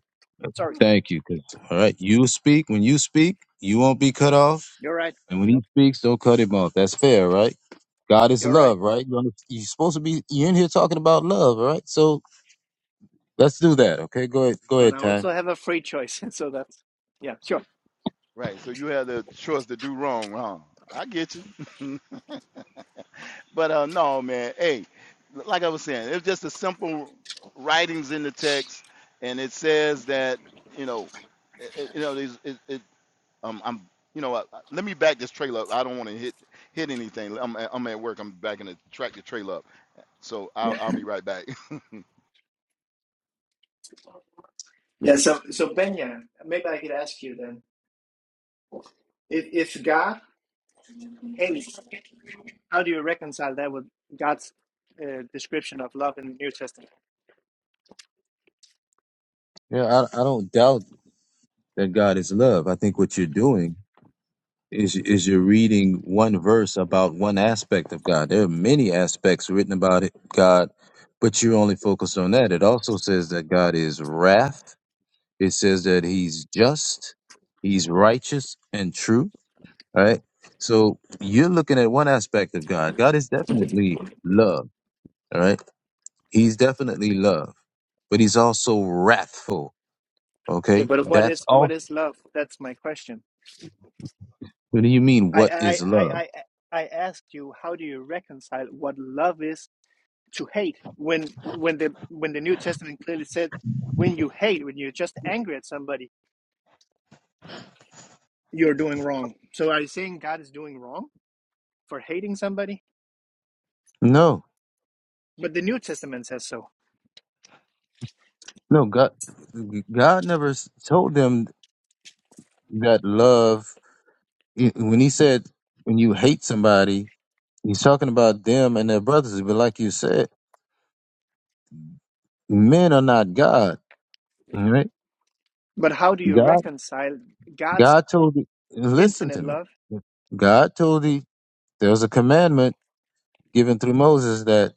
[SPEAKER 7] Sorry,
[SPEAKER 2] Thank you. 'cause, all right, you speak. When you speak, you won't be cut off.
[SPEAKER 7] you're right.
[SPEAKER 2] And when he speaks, don't cut him off. That's fair, right? God is
[SPEAKER 7] You're right.
[SPEAKER 2] love, right? You're, you're supposed to be you're in here talking about love, all right? So let's do that, okay? Go ahead, go
[SPEAKER 7] but I
[SPEAKER 2] ahead, Ty.
[SPEAKER 7] also have a free choice. So that's yeah, sure.
[SPEAKER 8] Right. So you had the choice to do wrong, huh? I get you. but uh no, man. Hey, like I was saying, it's just a simple writings in the text, and it says that you know, it, it- you know, these it, it um I'm you know what? Let me back this trailer up. I don't want to hit hit anything. I'm I'm at work. I'm backing the track the trailer up. So I'll
[SPEAKER 7] Yeah.
[SPEAKER 8] I'll be right back.
[SPEAKER 7] Yeah. So, so Benya, maybe I could ask you then if, if God hates, How do you reconcile that with God's uh, description of love in the New Testament?
[SPEAKER 2] Yeah, I, I don't doubt that God is love. I think what you're doing is is you're reading one verse about one aspect of God. There are many aspects written about it, God, but you are only focused on that. It also says that God is wrath. It says that He's just, He's righteous and true, all right? So you're looking at one aspect of God. God is definitely love All right. He's definitely love, but he's also wrathful.
[SPEAKER 7] Yeah,
[SPEAKER 2] Okay.
[SPEAKER 7] but what
[SPEAKER 2] That's
[SPEAKER 7] is what
[SPEAKER 2] also.
[SPEAKER 7] is love? That's my question.
[SPEAKER 2] What do you mean?
[SPEAKER 7] I
[SPEAKER 2] What
[SPEAKER 7] I
[SPEAKER 2] is
[SPEAKER 7] I
[SPEAKER 2] love?
[SPEAKER 7] I, I asked you how do you reconcile what love is to hate when when the when the New Testament clearly said when you hate when you're just angry at somebody you're doing wrong. So are you saying God is doing wrong? for hating somebody,
[SPEAKER 2] No,
[SPEAKER 7] but the New Testament says so.
[SPEAKER 2] no. God, God never s- told them that love. i- When he said, when you hate somebody, he's talking about them and their brothers. But like you said, men are not God. All right.
[SPEAKER 7] But how do you
[SPEAKER 2] God,
[SPEAKER 7] reconcile God's
[SPEAKER 2] God told you, listen
[SPEAKER 7] infinite
[SPEAKER 2] to me.
[SPEAKER 7] love?
[SPEAKER 2] God told you, there was a commandment given through Moses that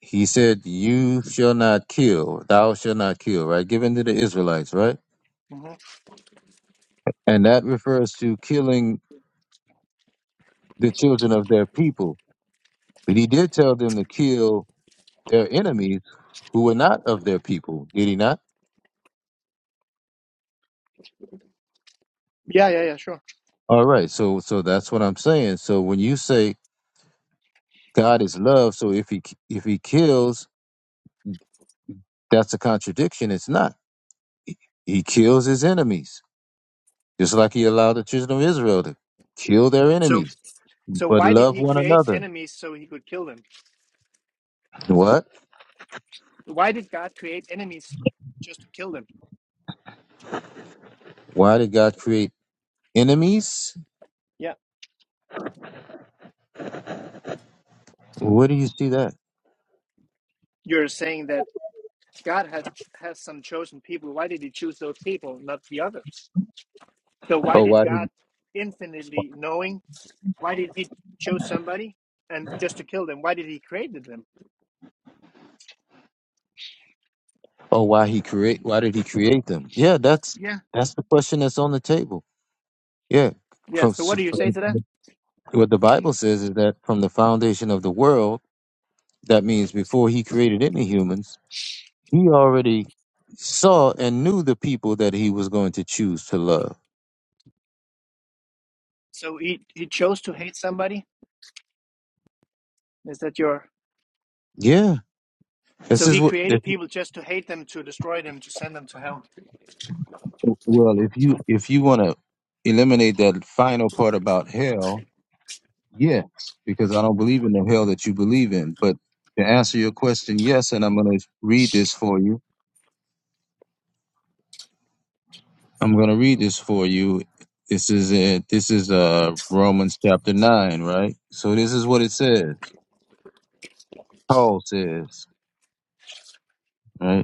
[SPEAKER 2] He said, You shall not kill, thou shall not kill, right? Given to the Israelites, right?
[SPEAKER 7] Mhm.
[SPEAKER 2] And that refers to killing the children of their people. But he did tell them to kill their enemies who were not of their people, did he not?
[SPEAKER 7] Yeah, yeah, yeah, sure.
[SPEAKER 2] All right, so so that's what I'm saying. So when you say God is love, so if he if he kills, that's a contradiction. It's not. He he kills his enemies, just like he allowed the children of Israel to kill their
[SPEAKER 7] So,
[SPEAKER 2] enemies,
[SPEAKER 7] so
[SPEAKER 2] but
[SPEAKER 7] why did
[SPEAKER 2] love
[SPEAKER 7] He
[SPEAKER 2] one
[SPEAKER 7] create
[SPEAKER 2] another.
[SPEAKER 7] enemies so He could kill them?
[SPEAKER 2] What?
[SPEAKER 7] Why did God create enemies just to kill them?
[SPEAKER 2] Why did God create enemies?
[SPEAKER 7] Yeah,
[SPEAKER 2] Where do you see that?
[SPEAKER 7] you're saying that God has has some chosen people. Why did He choose those people, not the others? So why
[SPEAKER 2] Oh,
[SPEAKER 7] did
[SPEAKER 2] why? Did,
[SPEAKER 7] God infinitely knowing? Why did He choose somebody and just to kill them? Why did He create them?
[SPEAKER 2] oh, why he create? Why did he create them? Yeah, that's
[SPEAKER 7] Yeah,
[SPEAKER 2] that's the question that's on the table. Yeah,
[SPEAKER 7] yeah.
[SPEAKER 2] From-
[SPEAKER 7] So what
[SPEAKER 2] so
[SPEAKER 7] do you say
[SPEAKER 2] from-
[SPEAKER 7] to that?
[SPEAKER 2] what the Bible says is that from the foundation of the world, that means before he created any humans, he already saw and knew the people that he was going to choose to love.
[SPEAKER 7] So he he chose to hate somebody. Is that your?
[SPEAKER 2] Yeah, this
[SPEAKER 7] So
[SPEAKER 2] is
[SPEAKER 7] he
[SPEAKER 2] what. This,
[SPEAKER 7] created people just to hate them, to destroy them, to send them to hell.
[SPEAKER 2] well, if you if you want to eliminate that final part about hell, Yes, because I don't believe in the hell that you believe in. But to answer your question, yes, and I'm going to read this for you. I'm going to read this for you. This is it. This is uh Romans chapter nine, right? So this is what it says. Paul says, right?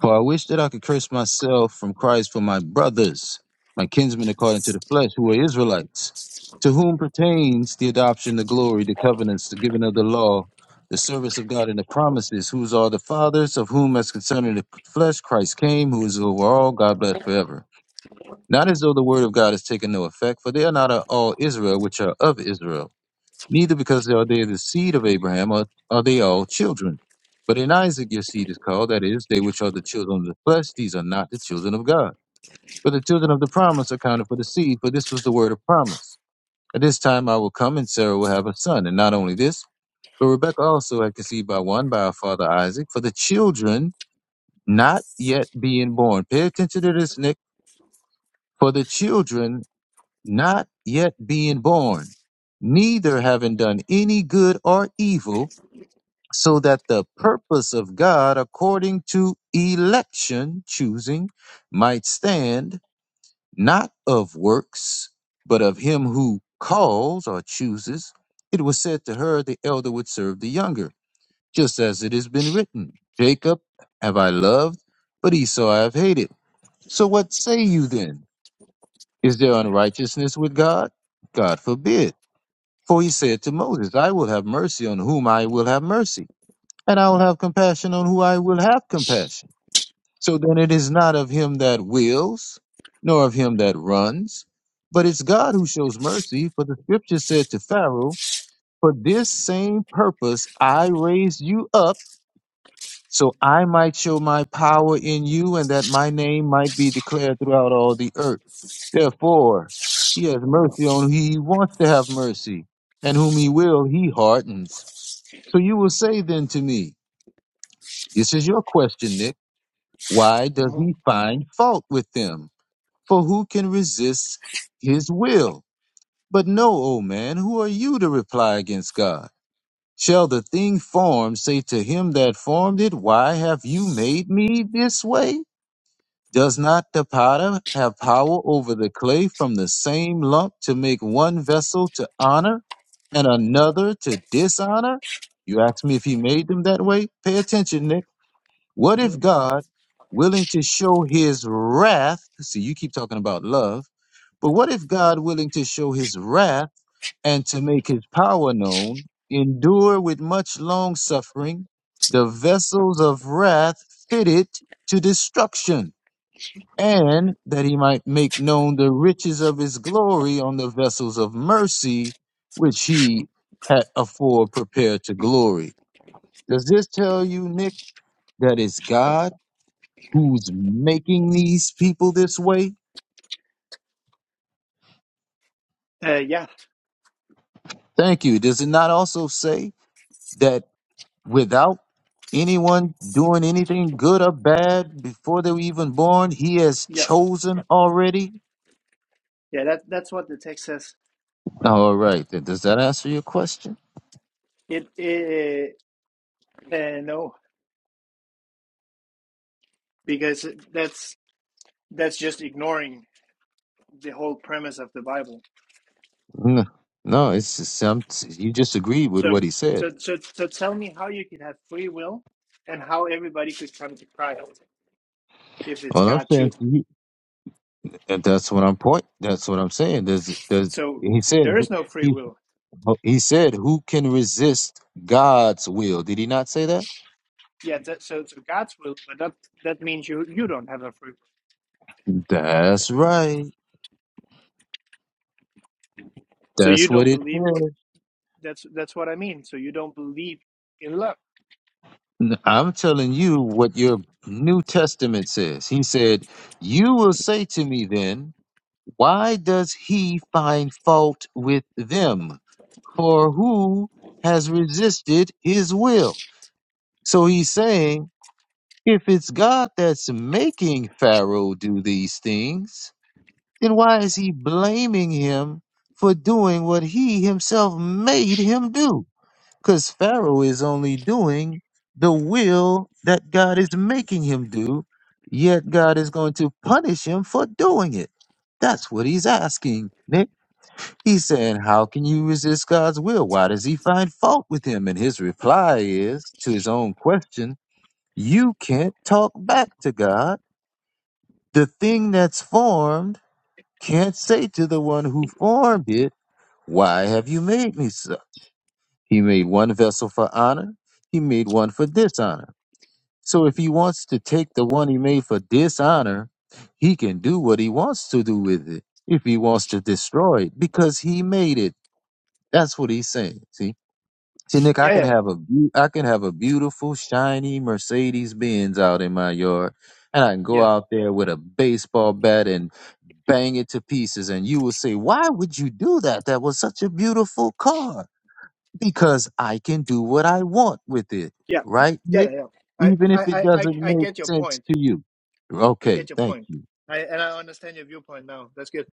[SPEAKER 2] For I wish that I could curse myself from Christ for my brothers, my kinsmen according to the flesh, who are Israelites, to whom pertains the adoption, the glory, the covenants, the giving of the law, the service of God, and the promises, whose are the fathers, of whom, as concerning the flesh, Christ came, who is over all, God bless forever. Not as though the word of God has taken no effect, for they are not all Israel which are of Israel neither because they are they the seed of Abraham, or are they all children. But in Isaac your seed is called, that is, they which are the children of the flesh, these are not the children of God. But the children of the promise are counted for the seed, for this was the word of promise. At this time I will come, and Sarah will have a son. And not only this, but Rebekah also had conceived by one, by our father Isaac, for the children not yet being born. Pay attention to this, Nick. For the children not yet being born, neither having done any good or evil, so that the purpose of God according to election choosing might stand, not of works, but of him who calls or chooses. It was said to her, the elder would serve the younger, just as it has been written, Jacob have I loved, but Esau I have hated. So what say you then? Is there unrighteousness with God? God forbid. For he said to Moses, I will have mercy on whom I will have mercy and I will have compassion on who I will have compassion. So then it is not of him that wills, nor of him that runs, but it's God who shows mercy. For the scripture said to Pharaoh, For this same purpose I raised you up, so I might show my power in you, and that my name might be declared throughout all the earth. Therefore, he has mercy on who he wants to have mercy, and whom he will, he hardens. So you will say then to me, This is your question, Nick. Why does
[SPEAKER 7] Mhm.
[SPEAKER 2] he find fault with them? For who can resist his will? But know, O man, who are you to reply against God? Shall the thing formed say to him that formed it, Why have you made me this way? Does not the potter have power over the clay from the same lump to make one vessel to honor and another to dishonor? You ask me if he made them that way? Pay attention, Nick. What if
[SPEAKER 7] Mhm.
[SPEAKER 2] God, willing to show his wrath, see, you keep talking about love, but what if God, willing to show his wrath and to make his power known, endure with much long suffering the vessels of wrath fitted to destruction, and that he might make known the riches of his glory on the vessels of mercy, which he had afore prepared to glory? Does this tell you, Nick, that it's God? who's making these people this way?
[SPEAKER 7] Uh, yeah,
[SPEAKER 2] Thank you. Does it not also say that without anyone doing anything good or bad before they were even born, he has
[SPEAKER 7] yeah,
[SPEAKER 2] chosen already?
[SPEAKER 7] yeah. That that's what the text says.
[SPEAKER 2] All right. then Does that answer your question?
[SPEAKER 7] It, uh, uh, no, because that's that's just ignoring the whole premise of the Bible.
[SPEAKER 2] No, no it's just, I'm, you just agreed with
[SPEAKER 7] So
[SPEAKER 2] what he said.
[SPEAKER 7] so so so tell me how you can have free will, and how everybody could come to Christ if it's
[SPEAKER 2] All I'm
[SPEAKER 7] God
[SPEAKER 2] saying to
[SPEAKER 7] choosing.
[SPEAKER 2] you, and that's what I'm point. That's what I'm saying. Does does
[SPEAKER 7] So
[SPEAKER 2] he said
[SPEAKER 7] there
[SPEAKER 2] who-
[SPEAKER 7] is no free
[SPEAKER 2] he
[SPEAKER 7] will
[SPEAKER 2] he said who can resist God's will? Did he not say that?
[SPEAKER 7] Yeah, that, so so God's will, but that that means you you don't have a free will.
[SPEAKER 2] That's right.
[SPEAKER 7] So you
[SPEAKER 2] That's what
[SPEAKER 7] don't
[SPEAKER 2] it
[SPEAKER 7] believe.
[SPEAKER 2] says.
[SPEAKER 7] That's that's what I mean. So you don't believe in love.
[SPEAKER 2] I'm telling you what your New Testament says. He said, You will say to me then, Why does he find fault with them? For who has resisted his will? So he's saying, If it's God that's making Pharaoh do these things, then why is he blaming him for doing what he himself made him do? Because Pharaoh is only doing the will that God is making him do, yet God is going to punish him for doing it. That's what he's asking, Nick. He's saying, How can you resist God's will? Why does he find fault with him? And his reply is to his own question, You can't talk back to God. The thing that's formed can't say to the one who formed it, Why have you made me so? He made one vessel for honor, he made one for dishonor. So if he wants to take the one he made for dishonor, he can do what he wants to do with it. If he wants to destroy it, because he made it. That's what he's saying. See? See, Nick, I
[SPEAKER 7] Yeah,
[SPEAKER 2] can
[SPEAKER 7] yeah,
[SPEAKER 2] have a beau- I can have a beautiful, shiny Mercedes Benz out in my yard, and I can go
[SPEAKER 7] yeah,
[SPEAKER 2] out there with a baseball bat and bang it to pieces. And you will say, Why would you do that? That was such a beautiful car because I can do what I want with it,
[SPEAKER 7] yeah,
[SPEAKER 2] right,
[SPEAKER 7] yeah. yeah.
[SPEAKER 2] Nick?
[SPEAKER 7] yeah. I,
[SPEAKER 2] Even if
[SPEAKER 7] I
[SPEAKER 2] it
[SPEAKER 7] I I
[SPEAKER 2] doesn't
[SPEAKER 7] I
[SPEAKER 2] make
[SPEAKER 7] get your
[SPEAKER 2] sense
[SPEAKER 7] point.
[SPEAKER 2] to you.
[SPEAKER 7] I
[SPEAKER 2] Okay,
[SPEAKER 7] get your
[SPEAKER 2] thank
[SPEAKER 7] point.
[SPEAKER 2] you.
[SPEAKER 7] I and I understand your viewpoint now. That's good.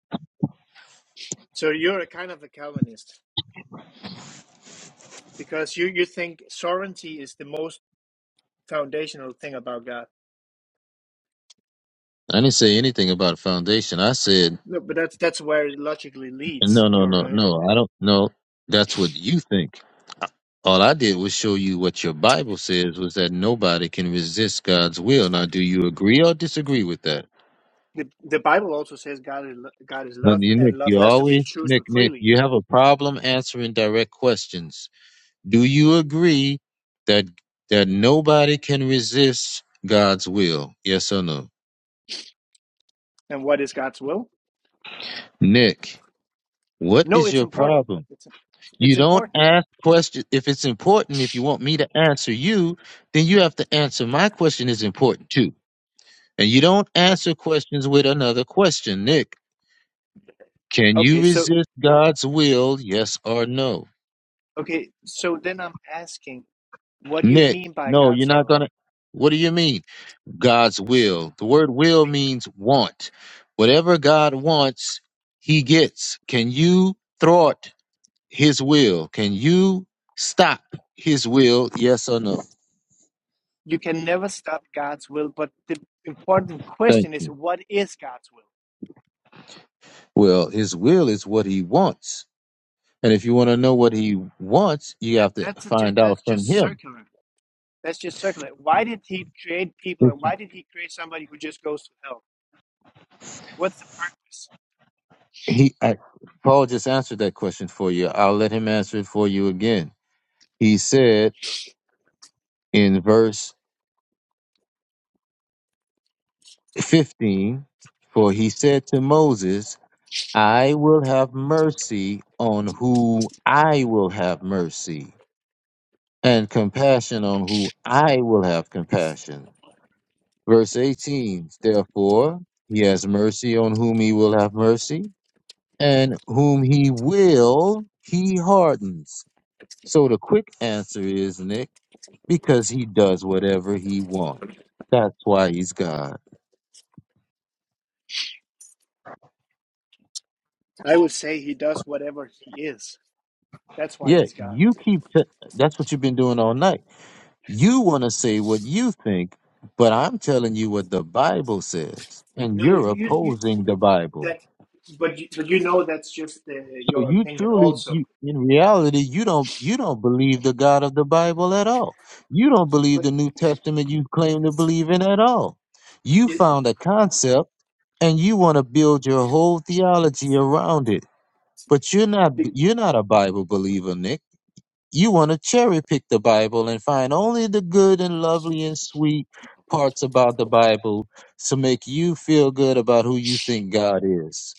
[SPEAKER 7] So you're a kind of a Calvinist because you you think sovereignty is the most foundational thing about God.
[SPEAKER 2] I didn't say anything about a foundation. I said,
[SPEAKER 7] No, but that's that's where it logically leads.
[SPEAKER 2] no, no, no,
[SPEAKER 7] Your uh,
[SPEAKER 2] no. I don't know. That's what you think. All I did was show you what your Bible says was that nobody can resist God's will. Now, do you agree or disagree with that?
[SPEAKER 7] the the Bible also says God is lo- God is
[SPEAKER 2] Now,
[SPEAKER 7] love,
[SPEAKER 2] you- Nick,
[SPEAKER 7] and love
[SPEAKER 2] you
[SPEAKER 7] has to be
[SPEAKER 2] always, Nick,
[SPEAKER 7] chosen
[SPEAKER 2] Nick,
[SPEAKER 7] freely
[SPEAKER 2] you have a problem answering direct questions. Do you agree that that nobody can resist God's will? Yes or no?
[SPEAKER 7] And what is God's will?
[SPEAKER 2] Nick, what
[SPEAKER 7] No,
[SPEAKER 2] is
[SPEAKER 7] it's
[SPEAKER 2] your
[SPEAKER 7] important.
[SPEAKER 2] problem?
[SPEAKER 7] It's it's
[SPEAKER 2] You don't
[SPEAKER 7] important.
[SPEAKER 2] ask questions if it's important. If you want me to answer you, then you have to answer my question is important too. And you don't
[SPEAKER 7] But
[SPEAKER 2] answer questions with another question. Nick, can you
[SPEAKER 7] okay, so
[SPEAKER 2] resist God's will? Yes or no?
[SPEAKER 7] okay, so then I'm asking, what do you
[SPEAKER 2] Nick,
[SPEAKER 7] mean by
[SPEAKER 2] no, you're
[SPEAKER 7] God's
[SPEAKER 2] not
[SPEAKER 7] will?
[SPEAKER 2] gonna. What do you mean? God's will. The word will means want. Whatever God wants, he gets. Can you thwart his will? Can you stop his will? Yes or no?
[SPEAKER 7] You can never stop God's will, but the important
[SPEAKER 2] Thank
[SPEAKER 7] question is,
[SPEAKER 2] you.
[SPEAKER 7] what is God's
[SPEAKER 2] Well, his will is what he wants. And if you want to
[SPEAKER 7] will?
[SPEAKER 2] know what he wants, you have to
[SPEAKER 7] That's a, just
[SPEAKER 2] find out
[SPEAKER 7] that's
[SPEAKER 2] from
[SPEAKER 7] just
[SPEAKER 2] him.
[SPEAKER 7] circular. That's just circular. Why did He create people, and why did He create somebody who just goes to hell? What's the purpose?
[SPEAKER 2] He, I, Paul just answered that question for you. I'll let him answer it for you again. He said in verse 15, For he said to Moses, I will have mercy on who I will have mercy, and compassion on who I will have compassion. Verse 18 Therefore, he has mercy on whom he will have mercy, and whom he will, he hardens. So the quick answer is, Nick, because he does whatever he wants. That's why he's God.
[SPEAKER 7] I would say He does whatever He is. That's why
[SPEAKER 2] Yeah,
[SPEAKER 7] He's God.
[SPEAKER 2] you keep, t- that's what you've been doing all night You want to say what you think, but I'm telling you what the Bible says, and
[SPEAKER 7] No,
[SPEAKER 2] you're
[SPEAKER 7] you, you
[SPEAKER 2] opposing the Bible.
[SPEAKER 7] that, but you, but you know that's just uh,
[SPEAKER 2] So
[SPEAKER 7] your
[SPEAKER 2] you
[SPEAKER 7] opinion
[SPEAKER 2] truly,
[SPEAKER 7] also.
[SPEAKER 2] you, in reality, you don't you don't believe the God of the Bible at all. You don't believe
[SPEAKER 7] But
[SPEAKER 2] the New Testament you claim to believe in at all. You
[SPEAKER 7] it,
[SPEAKER 2] found a concept, and you want to build your whole theology around it. But you're not
[SPEAKER 7] be-
[SPEAKER 2] you're not a Bible believer, Nick. You want to cherry pick the Bible and find only the good and lovely and sweet parts about the Bible to make you feel good about who you think God is.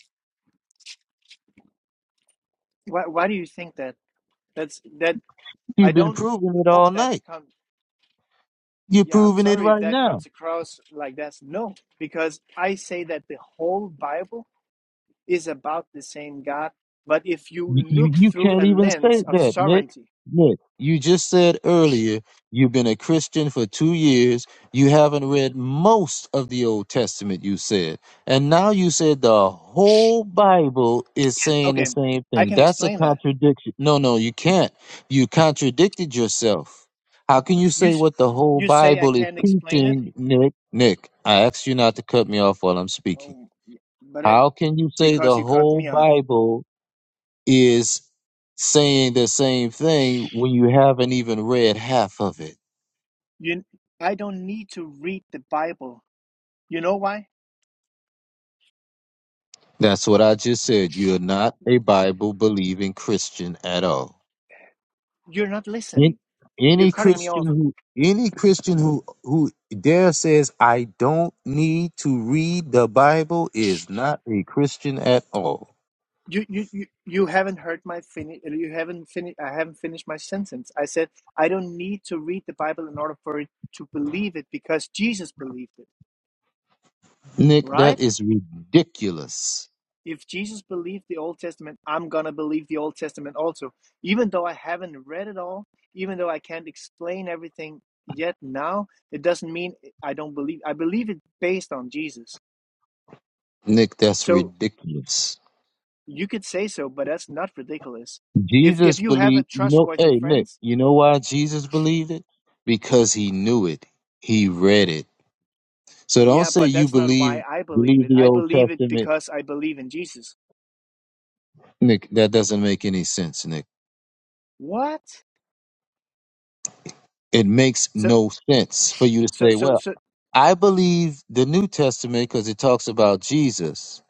[SPEAKER 7] why why do you think that? That's that. I
[SPEAKER 2] You've been
[SPEAKER 7] don't
[SPEAKER 2] proving it
[SPEAKER 7] hope
[SPEAKER 2] all
[SPEAKER 7] that's
[SPEAKER 2] night.
[SPEAKER 7] come.
[SPEAKER 2] You're
[SPEAKER 7] Yeah, I'm
[SPEAKER 2] proving it
[SPEAKER 7] sorry if
[SPEAKER 2] right
[SPEAKER 7] that
[SPEAKER 2] now.
[SPEAKER 7] comes across like that's no, because I say that the whole Bible is about the same God. But if you
[SPEAKER 2] You, you
[SPEAKER 7] look
[SPEAKER 2] you
[SPEAKER 7] through
[SPEAKER 2] can't
[SPEAKER 7] a
[SPEAKER 2] even say
[SPEAKER 7] lens of
[SPEAKER 2] that, Nick.
[SPEAKER 7] sovereignty,
[SPEAKER 2] Nick, you just said earlier you've been a Christian for two years. You haven't read most of the Old Testament, you said. And now you said the whole Bible is saying the
[SPEAKER 7] okay,
[SPEAKER 2] same
[SPEAKER 7] I
[SPEAKER 2] thing.
[SPEAKER 7] can
[SPEAKER 2] That's a
[SPEAKER 7] explain that.
[SPEAKER 2] contradiction. No, no, you can't. You contradicted yourself. How can you
[SPEAKER 7] You
[SPEAKER 2] say
[SPEAKER 7] s-
[SPEAKER 2] what the whole
[SPEAKER 7] you say I
[SPEAKER 2] Bible is
[SPEAKER 7] can't explain it.
[SPEAKER 2] teaching, Nick? Nick, I asked you not to cut me off while I'm speaking.
[SPEAKER 7] Oh, but it,
[SPEAKER 2] How can you say
[SPEAKER 7] because
[SPEAKER 2] the
[SPEAKER 7] you cut
[SPEAKER 2] whole
[SPEAKER 7] me off.
[SPEAKER 2] Bible is saying the same thing when you haven't even read half of it.
[SPEAKER 7] You, I don't need to read the Bible. You know why?
[SPEAKER 2] That's what I just said. You're not a Bible believing Christian at all.
[SPEAKER 7] You're not
[SPEAKER 2] An-
[SPEAKER 7] listening. You're
[SPEAKER 2] Any
[SPEAKER 7] cutting me
[SPEAKER 2] Christian
[SPEAKER 7] off.
[SPEAKER 2] who any Christian who who dare says I don't need to read the Bible is not a Christian at all.
[SPEAKER 7] You, you, you, you haven't heard my finish. You haven't finished. I haven't finished my sentence. I said I don't need to read the Bible in order for it to believe it because Jesus believed it,
[SPEAKER 2] Nick, that
[SPEAKER 7] right?
[SPEAKER 2] is ridiculous.
[SPEAKER 7] If Jesus believed the Old Testament, I'm gonna believe the Old Testament also, even though I haven't read it all, even though I can't explain everything yet now. It doesn't mean I don't believe. I believe it based on Jesus.
[SPEAKER 2] Nick, that's
[SPEAKER 7] So
[SPEAKER 2] ridiculous.
[SPEAKER 7] You could say so, but that's not ridiculous. If
[SPEAKER 2] Jesus
[SPEAKER 7] if you have a
[SPEAKER 2] believed, you know,
[SPEAKER 7] trustworthy
[SPEAKER 2] hey, Nick,
[SPEAKER 7] friends,
[SPEAKER 2] you know why Jesus believed it? Because he knew it. He read it. So don't
[SPEAKER 7] yeah,
[SPEAKER 2] say
[SPEAKER 7] but
[SPEAKER 2] you
[SPEAKER 7] that's not why
[SPEAKER 2] believe
[SPEAKER 7] I believe
[SPEAKER 2] believe
[SPEAKER 7] it.
[SPEAKER 2] the
[SPEAKER 7] I
[SPEAKER 2] Old
[SPEAKER 7] believe it
[SPEAKER 2] Testament.
[SPEAKER 7] because I believe in Jesus.
[SPEAKER 2] Nick, that doesn't make any sense, Nick.
[SPEAKER 7] What?
[SPEAKER 2] It makes
[SPEAKER 7] So
[SPEAKER 2] no sense for you to
[SPEAKER 7] so
[SPEAKER 2] say,
[SPEAKER 7] so
[SPEAKER 2] well,
[SPEAKER 7] so
[SPEAKER 2] I believe the New Testament because it talks about Jesus.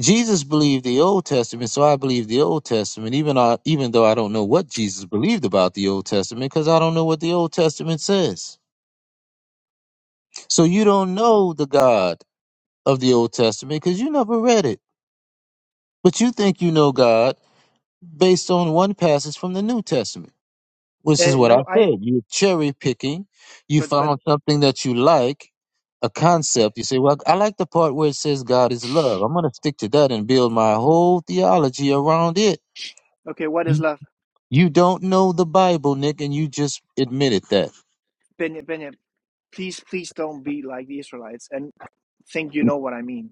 [SPEAKER 2] Jesus believed the Old Testament, so I believe the Old Testament, even I, even though I don't know what Jesus believed about the Old Testament, because I don't know what the Old Testament says. So you don't know the God of the Old Testament because you never read it. But you think you know God based on one passage from the New Testament, which
[SPEAKER 7] uh,
[SPEAKER 2] is what I
[SPEAKER 7] no, I
[SPEAKER 2] said. You're cherry picking. You
[SPEAKER 7] but but
[SPEAKER 2] found something that you like, a concept. You say, Well, I like the part where it says God is love. I'm going to stick to that and build my whole theology around it.
[SPEAKER 7] okay, what is
[SPEAKER 2] You
[SPEAKER 7] love?
[SPEAKER 2] you don't know the Bible, Nick, and you just admitted that.
[SPEAKER 7] Benya Benya, please please don't be like the Israelites and think you know what I mean.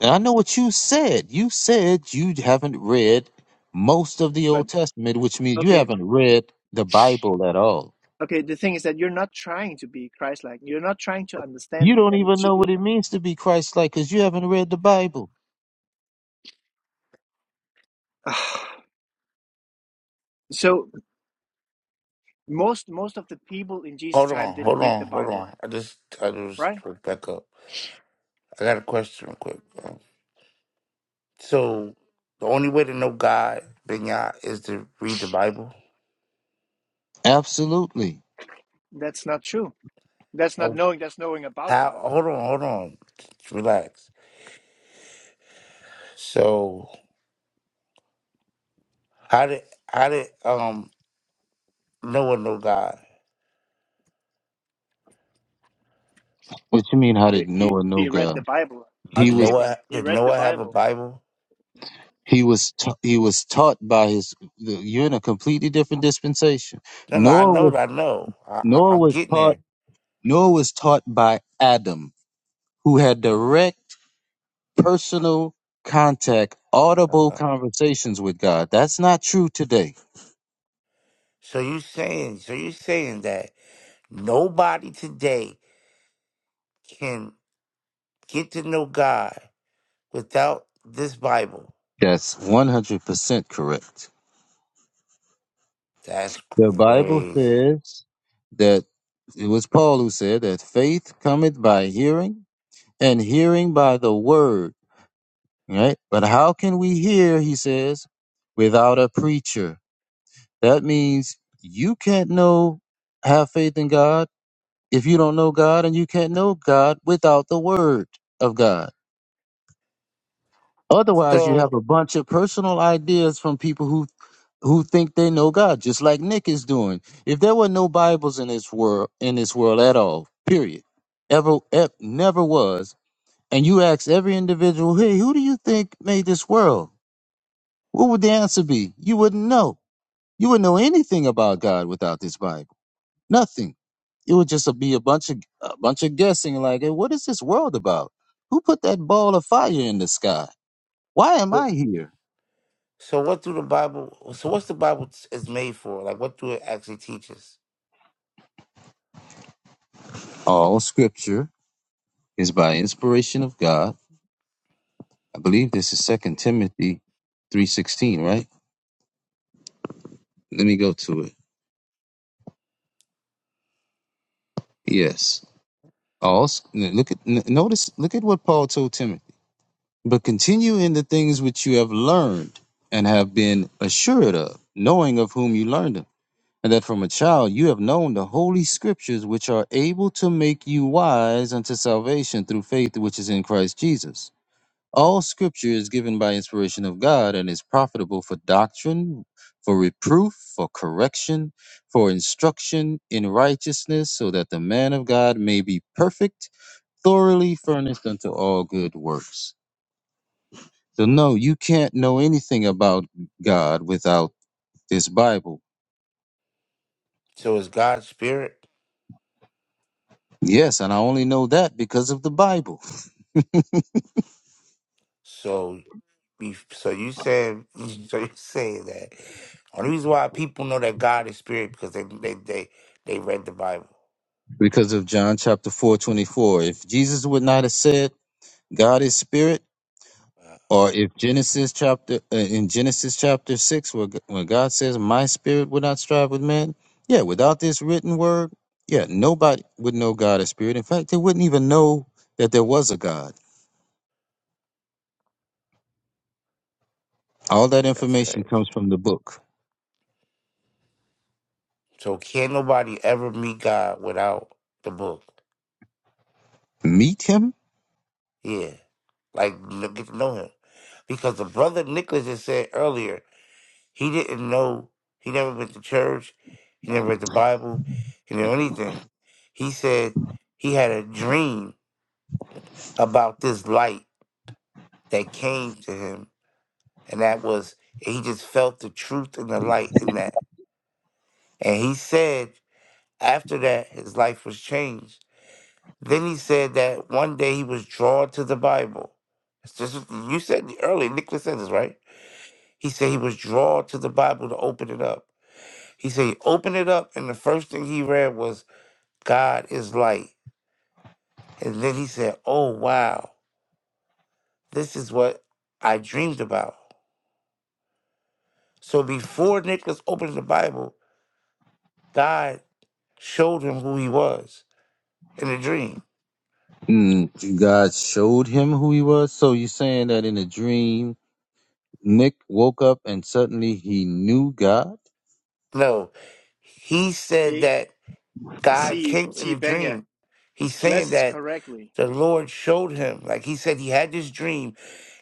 [SPEAKER 2] And I know what you said. You said you haven't read most of the
[SPEAKER 7] But
[SPEAKER 2] Old Testament, which means you
[SPEAKER 7] okay,
[SPEAKER 2] haven't read the Bible at all.
[SPEAKER 7] okay, the thing is that you're not trying to be Christ-like. You're not trying to understand
[SPEAKER 2] You
[SPEAKER 7] me
[SPEAKER 2] don't
[SPEAKER 7] and
[SPEAKER 2] even
[SPEAKER 7] to,
[SPEAKER 2] know what it means to be Christ like because you haven't read the Bible.
[SPEAKER 7] so most most of the people in Jesus
[SPEAKER 6] Hold
[SPEAKER 7] time
[SPEAKER 6] on,
[SPEAKER 7] didn't
[SPEAKER 6] hold
[SPEAKER 7] read the
[SPEAKER 6] on, hold
[SPEAKER 7] Bible,
[SPEAKER 6] on. I just, I
[SPEAKER 7] right?
[SPEAKER 6] just woke back up. I got a question real quick. So the only way to know God, Benya, is to read the Bible.
[SPEAKER 2] Absolutely.
[SPEAKER 7] That's not true. That's not
[SPEAKER 6] Oh,
[SPEAKER 7] knowing. That's knowing about
[SPEAKER 6] how?
[SPEAKER 7] God.
[SPEAKER 6] Hold on, hold on. Just Relax. So how did how did um Noah know God?
[SPEAKER 2] What you mean? How
[SPEAKER 7] He
[SPEAKER 2] did
[SPEAKER 7] he,
[SPEAKER 2] Noah know
[SPEAKER 7] he read the
[SPEAKER 2] God?
[SPEAKER 7] Bible. How
[SPEAKER 2] He
[SPEAKER 6] Did
[SPEAKER 7] did
[SPEAKER 2] was
[SPEAKER 6] Noah
[SPEAKER 7] Abraham? He
[SPEAKER 6] did
[SPEAKER 7] read the
[SPEAKER 6] Noah have a
[SPEAKER 7] Bible.
[SPEAKER 6] Bible?
[SPEAKER 2] he was ta- he was taught by his. You're in a completely different dispensation.
[SPEAKER 6] No, no, I
[SPEAKER 2] Noah
[SPEAKER 6] know,
[SPEAKER 2] was
[SPEAKER 6] that I know. I, I
[SPEAKER 2] Noah
[SPEAKER 6] I'm
[SPEAKER 2] was
[SPEAKER 6] getting
[SPEAKER 2] taught
[SPEAKER 6] there.
[SPEAKER 2] Noah was taught by Adam, who had direct personal contact, audible
[SPEAKER 6] Uh-huh.
[SPEAKER 2] conversations with God. That's not true today.
[SPEAKER 6] So you saying so you saying that nobody today can get to know God without this Bible?
[SPEAKER 2] That's 100% correct.
[SPEAKER 6] That's
[SPEAKER 2] The Bible
[SPEAKER 6] crazy.
[SPEAKER 2] says that it was Paul who said that faith cometh by hearing, and hearing by the word, right? But how can we hear, he says, without a preacher? That means you can't know, have faith in God if you don't know God, and you can't know God without the word of God. Otherwise, you'd
[SPEAKER 6] So
[SPEAKER 2] have a bunch of personal ideas from people who who think they know God, just like Nick is doing. If there were no Bibles in this world, in this world at all, period, ever, ever never was, and you ask every individual, "Hey, who do you think made this world?" What would the answer be? You wouldn't know. You wouldn't know anything about God without this Bible. Nothing. It would just be a bunch of a bunch of guessing. Like, hey, what is this world about? Who put that ball of fire in the sky? Why am
[SPEAKER 6] so
[SPEAKER 2] I here?
[SPEAKER 6] So what do the Bible? So what's the Bible t- is made for? Like what do it actually teach us?
[SPEAKER 2] All scripture is by inspiration of God. I believe this is Second Timothy 3:16, right? Let me go to it. Yes. All s- n- look at n- notice look at what Paul told Timothy. But continue in the things which you have learned and have been assured of, knowing of whom you learned them, and that from a child you have known the holy scriptures which are able to make you wise unto salvation through faith which is in Christ Jesus. All scripture is given by inspiration of God and is profitable for doctrine, for reproof, for correction, for instruction in righteousness, so that the man of God may be perfect, thoroughly furnished unto all good works. So, no, you can't know anything about God without this Bible.
[SPEAKER 6] So it's God's spirit.
[SPEAKER 2] Yes, and I only know that because of the Bible,
[SPEAKER 6] So be, so you saying so you saying that only reason why people know that God is spirit because they they they they read the Bible.
[SPEAKER 2] because of John chapter 4:24. If Jesus would not have said, God is spirit, Or if Genesis chapter uh, in Genesis chapter six, where g- when God says, "My spirit will not strive with man," yeah, without this written word, yeah, nobody would know God as spirit. In fact, they wouldn't even know that there was a God. All that
[SPEAKER 6] That's
[SPEAKER 2] information
[SPEAKER 6] crazy.
[SPEAKER 2] comes from the book.
[SPEAKER 6] So can't nobody ever meet God without the book?
[SPEAKER 2] Meet him.
[SPEAKER 6] Yeah, like kn- get to know Him because the brother Nicholas just said earlier. He didn't know. He never went to church. He never read the Bible. He didn't know anything. He said he had a dream about this light that came to him. And that was, he just felt the truth and the light in that. And he said after that, his life was changed. Then he said that one day he was drawn to the Bible. It's Just, you said earlier, Nicholas said this, right? He said he was drawn to the Bible to open it up. He said, open it up. And the first thing he read was, God is light. And then he said, oh, wow, this is what I dreamed about. So before Nicholas opened the Bible, God showed him who he was in a dream.
[SPEAKER 2] Mm, God showed him who he was. So you're saying that in a dream, Nick woke up and suddenly he knew God?
[SPEAKER 6] No, he said
[SPEAKER 7] He,
[SPEAKER 6] that God
[SPEAKER 7] see
[SPEAKER 6] came in
[SPEAKER 7] see
[SPEAKER 6] a
[SPEAKER 7] Benya.
[SPEAKER 6] dream. He's saying
[SPEAKER 7] Blesses
[SPEAKER 6] that
[SPEAKER 7] correctly.
[SPEAKER 6] the Lord showed him. Like he said, he had this dream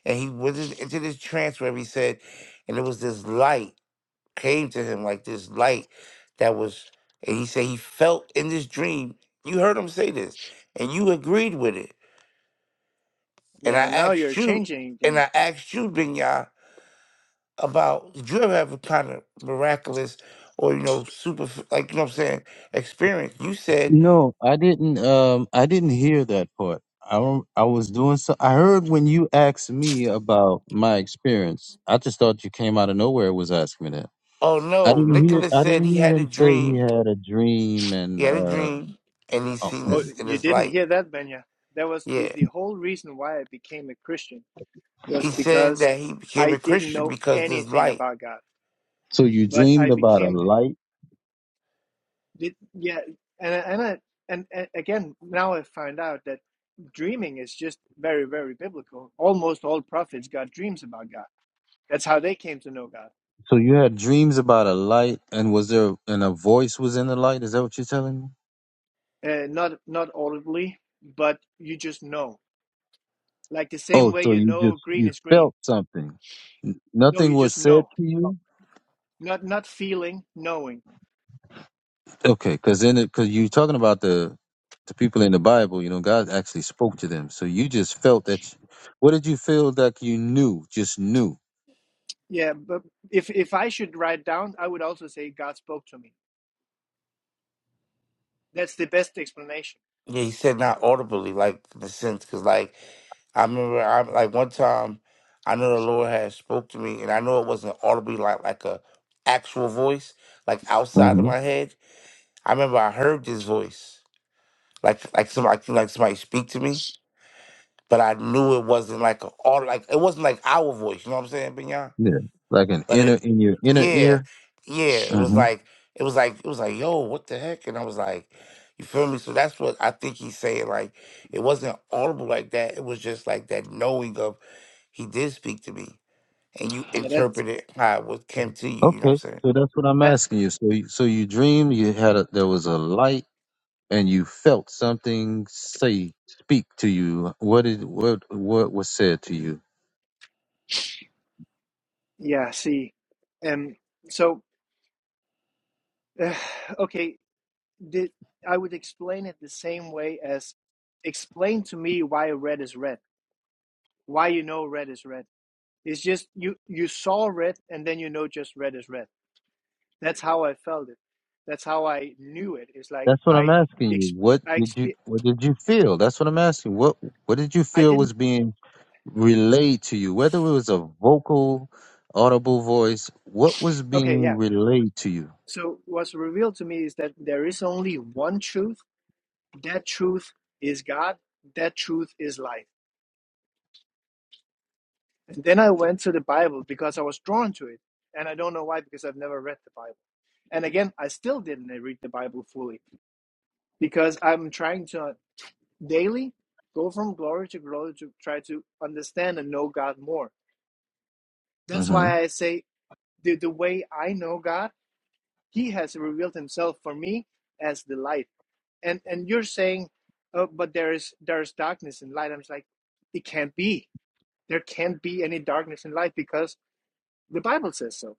[SPEAKER 6] and he went in- into this trance where he said, and it was this light. came to him like this light that was, and he said he felt in this dream. You heard him say this, and you agreed with it. And I
[SPEAKER 7] Yeah. Now you're
[SPEAKER 6] asked you,
[SPEAKER 7] changing
[SPEAKER 6] and
[SPEAKER 7] thing.
[SPEAKER 6] I asked you, Binya, about did you ever have a kind of miraculous or, you know, super, like, you know what I'm saying, experience? You said,
[SPEAKER 2] No, I didn't. Um, I didn't hear that part. I don't- I was doing so. I heard when you asked me about my experience. I just thought you came out of nowhere and was asking me that.
[SPEAKER 6] oh
[SPEAKER 2] I
[SPEAKER 6] no,
[SPEAKER 2] didn't hear.
[SPEAKER 6] Nicholas
[SPEAKER 2] I
[SPEAKER 6] said
[SPEAKER 2] didn't
[SPEAKER 6] he
[SPEAKER 2] hear
[SPEAKER 6] had a
[SPEAKER 2] him say he
[SPEAKER 6] dream.
[SPEAKER 2] had a dream and
[SPEAKER 6] He had a
[SPEAKER 2] uh,
[SPEAKER 6] dream, and he
[SPEAKER 2] oh,
[SPEAKER 6] seen
[SPEAKER 7] Oh,
[SPEAKER 6] this in
[SPEAKER 7] you
[SPEAKER 6] his
[SPEAKER 7] didn't
[SPEAKER 6] light.
[SPEAKER 7] hear that, Benya. That was the
[SPEAKER 6] Yeah.
[SPEAKER 7] the whole reason why I became a Christian was
[SPEAKER 6] He said
[SPEAKER 7] because
[SPEAKER 6] that he became
[SPEAKER 7] I
[SPEAKER 6] a
[SPEAKER 7] didn't
[SPEAKER 6] Christian
[SPEAKER 7] know
[SPEAKER 6] because this
[SPEAKER 7] anything
[SPEAKER 6] light.
[SPEAKER 7] about God,
[SPEAKER 2] so you
[SPEAKER 7] but
[SPEAKER 2] dreamed
[SPEAKER 7] I
[SPEAKER 2] about a
[SPEAKER 7] became
[SPEAKER 2] light.
[SPEAKER 7] It, yeah, and and, I, and and again, now I find out that dreaming is just very very biblical. Almost all prophets got dreams about God. That's how they came to know God.
[SPEAKER 2] So you had dreams about a light, and was there and a voice was in the light? Is that what you're telling me?
[SPEAKER 7] Uh, not not audibly, but you just know. Like the same
[SPEAKER 2] Oh,
[SPEAKER 7] way
[SPEAKER 2] so
[SPEAKER 7] you
[SPEAKER 2] you
[SPEAKER 7] know
[SPEAKER 2] just
[SPEAKER 7] green
[SPEAKER 2] you
[SPEAKER 7] is green.
[SPEAKER 2] felt something. N-
[SPEAKER 7] No,
[SPEAKER 2] Nothing
[SPEAKER 7] you
[SPEAKER 2] was
[SPEAKER 7] just
[SPEAKER 2] said
[SPEAKER 7] know.
[SPEAKER 2] to you.
[SPEAKER 7] Not not feeling, knowing.
[SPEAKER 2] Okay, because then because you're talking about the the people in the Bible, you know, God actually spoke to them. So you just felt that. You, what did you feel like you knew? Just knew.
[SPEAKER 7] Yeah, but if if I should write down, I would also say God spoke to me. That's the best explanation.
[SPEAKER 6] Yeah, he said not audibly, like in a sense, because like I remember, I like one time, I know the Lord had spoke to me, and I know it wasn't audibly, like like a actual voice, like outside of
[SPEAKER 2] hmm
[SPEAKER 6] my head. I remember I heard this voice, like like somebody like like somebody speak to me, but I knew it wasn't like a aud- like it wasn't like our voice. You know what I'm saying, Binyan?
[SPEAKER 2] Yeah, like an
[SPEAKER 6] But
[SPEAKER 2] inner
[SPEAKER 6] it,
[SPEAKER 2] in your inner
[SPEAKER 6] yeah,
[SPEAKER 2] ear.
[SPEAKER 6] yeah, it was
[SPEAKER 2] hmm
[SPEAKER 6] like, it was like, it was like, yo, what the heck? And I was like, you feel me? So that's what I think he's saying. Like, it wasn't audible like that. It was just like that knowing of he did speak to me, and you
[SPEAKER 7] Yeah, that's
[SPEAKER 6] interpreted how it was came to you. You know what I'm
[SPEAKER 2] Okay,
[SPEAKER 6] saying?
[SPEAKER 2] so that's what I'm
[SPEAKER 7] that.
[SPEAKER 2] asking you. So you, so you dreamed you had a there was a light and you felt something say speak to you. What did what what was said to you?
[SPEAKER 7] Yeah, see, um, so. uh, okay, did I would explain it the same way as explain to me why red is red, why you know red is red. It's just you you saw red and then you know just red is red. That's how I felt it. That's how I knew it. It's like
[SPEAKER 2] That's what I'm
[SPEAKER 7] I
[SPEAKER 2] asking you.
[SPEAKER 7] ex
[SPEAKER 2] What
[SPEAKER 7] I
[SPEAKER 2] did you
[SPEAKER 7] exp
[SPEAKER 2] what did you feel? That's what I'm asking. What what did you
[SPEAKER 7] I
[SPEAKER 2] feel
[SPEAKER 7] didn't
[SPEAKER 2] was being relayed to you, whether it was a vocal, audible voice, what was
[SPEAKER 7] okay,
[SPEAKER 2] being
[SPEAKER 7] yeah.
[SPEAKER 2] relayed to you?
[SPEAKER 7] So what's revealed to me is that there is only one truth. That truth is God. That truth is life. And then I went to the Bible because I was drawn to it. And I don't know why because I've never read the Bible And again, I still didn't read the Bible fully because I'm trying to daily go from glory to glory to try to understand and know God more. That's
[SPEAKER 2] hmm
[SPEAKER 7] why I say the, the way I know God, He has revealed Himself for me as the light. And and you're saying, oh, but there is there is darkness and light. I'm just like, it can't be. There can't be any darkness and light because the Bible says so.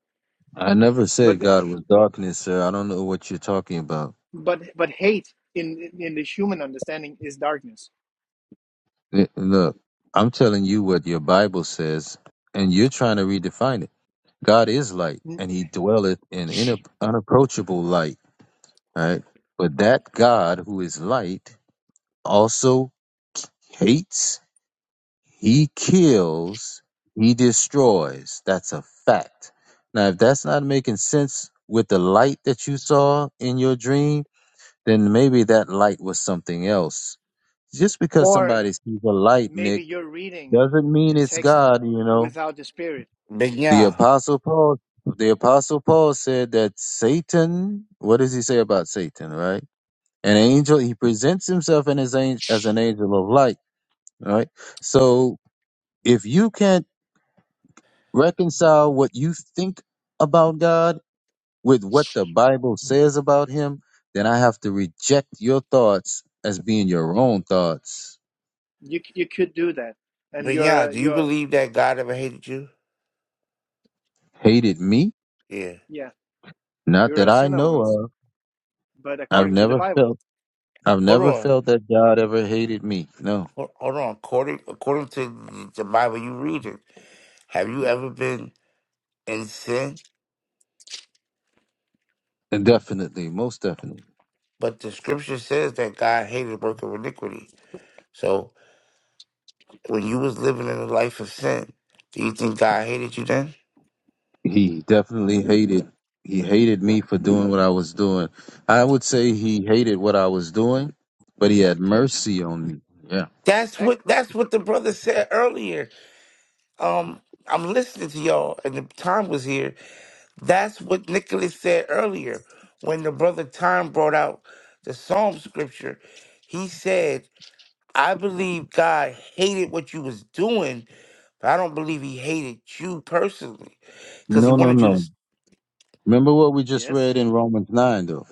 [SPEAKER 2] I never
[SPEAKER 7] But
[SPEAKER 2] said God was darkness, sir. I don't know what you're talking about.
[SPEAKER 7] but but hate in in the human understanding is darkness
[SPEAKER 2] L- Look, I'm telling you what your Bible says, and you're trying to redefine it. God is light, and he dwelleth in inap- unapproachable light, right? But that God who is light also hates He kills, he destroys. That's a fact. Now, if that's not making sense with the light that you saw in your dream, then maybe that light was something else. Just because
[SPEAKER 7] or
[SPEAKER 2] somebody sees a light, Nick,
[SPEAKER 7] maybe you're reading
[SPEAKER 2] doesn't mean
[SPEAKER 7] the
[SPEAKER 2] it's
[SPEAKER 7] text
[SPEAKER 2] God, you know.
[SPEAKER 7] without the spirit
[SPEAKER 6] But
[SPEAKER 2] The
[SPEAKER 6] yeah,
[SPEAKER 2] apostle Paul the apostle Paul said that Satan, what does he say about Satan, right? An angel, he presents himself in his angel, as an angel of light, right? So if you can't reconcile what you think about God with what the Bible says about him, then I have to reject your thoughts as being your own thoughts.
[SPEAKER 7] you you could do that and
[SPEAKER 6] Benya,
[SPEAKER 7] you're
[SPEAKER 6] yeah.
[SPEAKER 7] a,
[SPEAKER 6] do you
[SPEAKER 7] you're
[SPEAKER 6] believe that God ever hated you?
[SPEAKER 2] Hated me?
[SPEAKER 6] Yeah.
[SPEAKER 7] yeah
[SPEAKER 2] Not
[SPEAKER 7] you're
[SPEAKER 2] that
[SPEAKER 7] a
[SPEAKER 2] I
[SPEAKER 7] sinner
[SPEAKER 2] know
[SPEAKER 7] once
[SPEAKER 2] of.
[SPEAKER 7] but
[SPEAKER 2] I've
[SPEAKER 7] according to the
[SPEAKER 2] never
[SPEAKER 7] bible
[SPEAKER 2] felt I've
[SPEAKER 6] Hold
[SPEAKER 2] never
[SPEAKER 6] on,
[SPEAKER 2] felt that God ever hated me. No.
[SPEAKER 6] hold, hold on. According according to the Bible you read it, have you ever been in sin?
[SPEAKER 2] And definitely, most definitely.
[SPEAKER 6] But the scripture says that God hated the work of iniquity. So when you was living in a life of sin, do you think God hated you then?
[SPEAKER 2] He definitely hated he hated me for doing what I was doing. I would say he hated what I was doing, but he had
[SPEAKER 7] yeah
[SPEAKER 2] mercy on me. Yeah.
[SPEAKER 6] That's what
[SPEAKER 7] exactly
[SPEAKER 6] that's what the brother said earlier. Um, I'm listening to y'all, and the time was here. That's what Nicholas said earlier when the brother Time brought out the Psalm scripture. He said, "I believe God hated what you was doing, but I don't believe He hated you personally, because He
[SPEAKER 2] No, no,
[SPEAKER 6] wanted you to
[SPEAKER 2] no. Remember what we just read
[SPEAKER 7] yes
[SPEAKER 2] in Romans 9, though.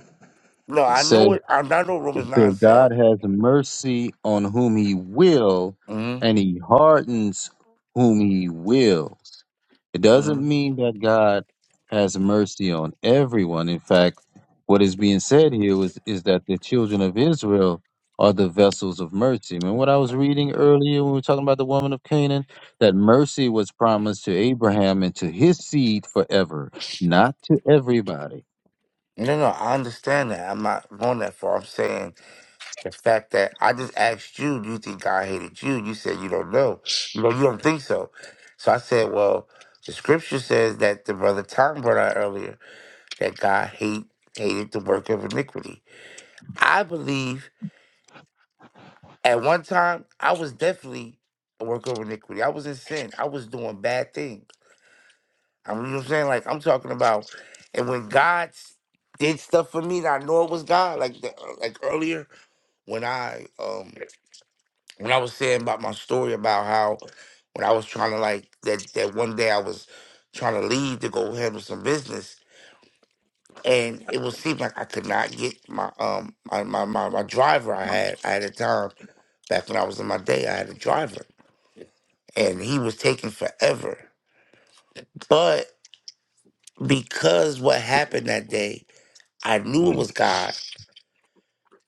[SPEAKER 6] No,
[SPEAKER 2] It
[SPEAKER 6] I know
[SPEAKER 2] says
[SPEAKER 6] it. I, I know. What Romans
[SPEAKER 2] it
[SPEAKER 6] nine
[SPEAKER 2] said,
[SPEAKER 6] said.
[SPEAKER 2] God has mercy on whom he will,
[SPEAKER 6] hmm
[SPEAKER 2] and he hardens whom he wills. It doesn't
[SPEAKER 6] hmm
[SPEAKER 2] mean that God has mercy on everyone. In fact, what is being said here is, is that the children of Israel are the vessels of mercy. Remember what I was reading earlier when we were talking about the woman of Canaan? That mercy was promised to Abraham and to his seed forever, not to everybody.
[SPEAKER 6] No, no, I understand that. I'm not going that far. I'm saying the fact that I just asked you, do you think God hated you? You said you don't know. You know, you don't think so. So I said, well, the scripture says that the brother Tom brought out earlier that God hate hated the work of iniquity. I believe at one time I was definitely a work of iniquity. I was in sin. I was doing bad things. I'm you know what I'm saying like I'm talking about, and when God s- did stuff for me, that I know it was God. Like the, uh, like earlier when I um when I was saying about my story about how when I was trying to like that that one day I was trying to leave to go handle some business, and it was seemed like I could not get my um my my my, my driver I had I had a time back when I was in my day I had a driver and he was taking forever, but because what happened that day I knew it was God,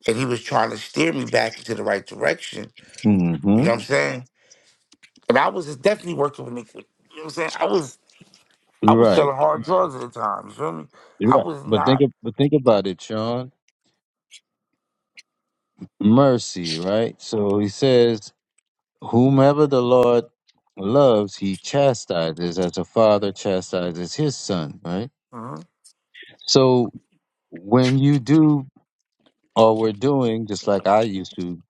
[SPEAKER 6] and He was trying to steer me back into the right direction. You
[SPEAKER 2] Mm-hmm.
[SPEAKER 6] know what I'm saying? And I was just definitely working with iniquity. You know what I'm saying? I was I was
[SPEAKER 2] Right.
[SPEAKER 6] selling hard drugs at the time. You feel me? I
[SPEAKER 2] Right.
[SPEAKER 6] was
[SPEAKER 2] But think
[SPEAKER 6] not.
[SPEAKER 2] ab- but think about it, Sean. Mercy, right? So he says, Whomever the Lord loves, he chastises as a father chastises his son, right?
[SPEAKER 6] mhm.
[SPEAKER 2] So when you do or we're doing, just like I used to,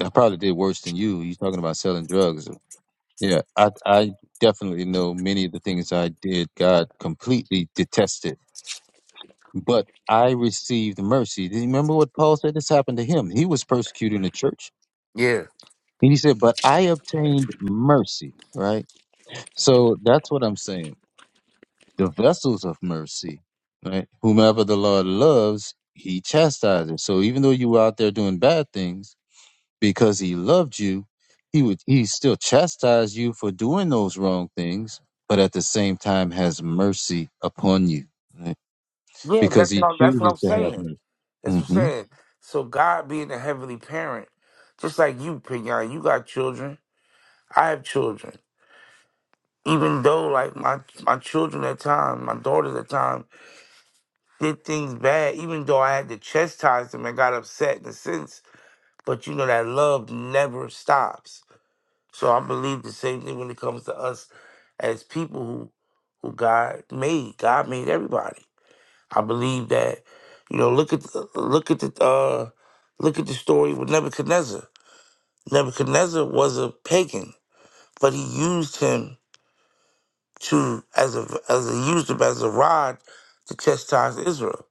[SPEAKER 2] I probably did worse than you. You're talking about selling drugs. Yeah. I I definitely know many of the things I did, God completely detested but I received mercy. Do you remember what Paul said? This happened to him. He was persecuting the church.
[SPEAKER 6] Yeah,
[SPEAKER 2] And he said, But I obtained mercy, right? So that's what I'm saying. The vessels of mercy, right? Whomever the Lord loves, he chastises. So even though you were out there doing bad things, because he loved you, he would he still chastise you for doing those wrong things, but at the same time has mercy upon you. Right?
[SPEAKER 6] yeah.
[SPEAKER 2] Because
[SPEAKER 6] That's
[SPEAKER 2] he
[SPEAKER 6] what I'm, that's what
[SPEAKER 2] chooses
[SPEAKER 6] I'm
[SPEAKER 2] to have
[SPEAKER 6] saying. That's what
[SPEAKER 2] mercy.
[SPEAKER 6] I'm
[SPEAKER 2] hmm
[SPEAKER 6] saying. So God being a heavenly parent, just like you, Pignon, you got children. I have children. Even though like my my children at time, my daughters at time did things bad, even though I had to chastise them and got upset in a sense, But you know that love never stops. So I believe the same thing when it comes to us as people who who God made. God made everybody. I believe that you know look at the, look at the uh, look at the story with Nebuchadnezzar. Nebuchadnezzar was a pagan, but he used him to as a as a used him as a rod to chastise Israel.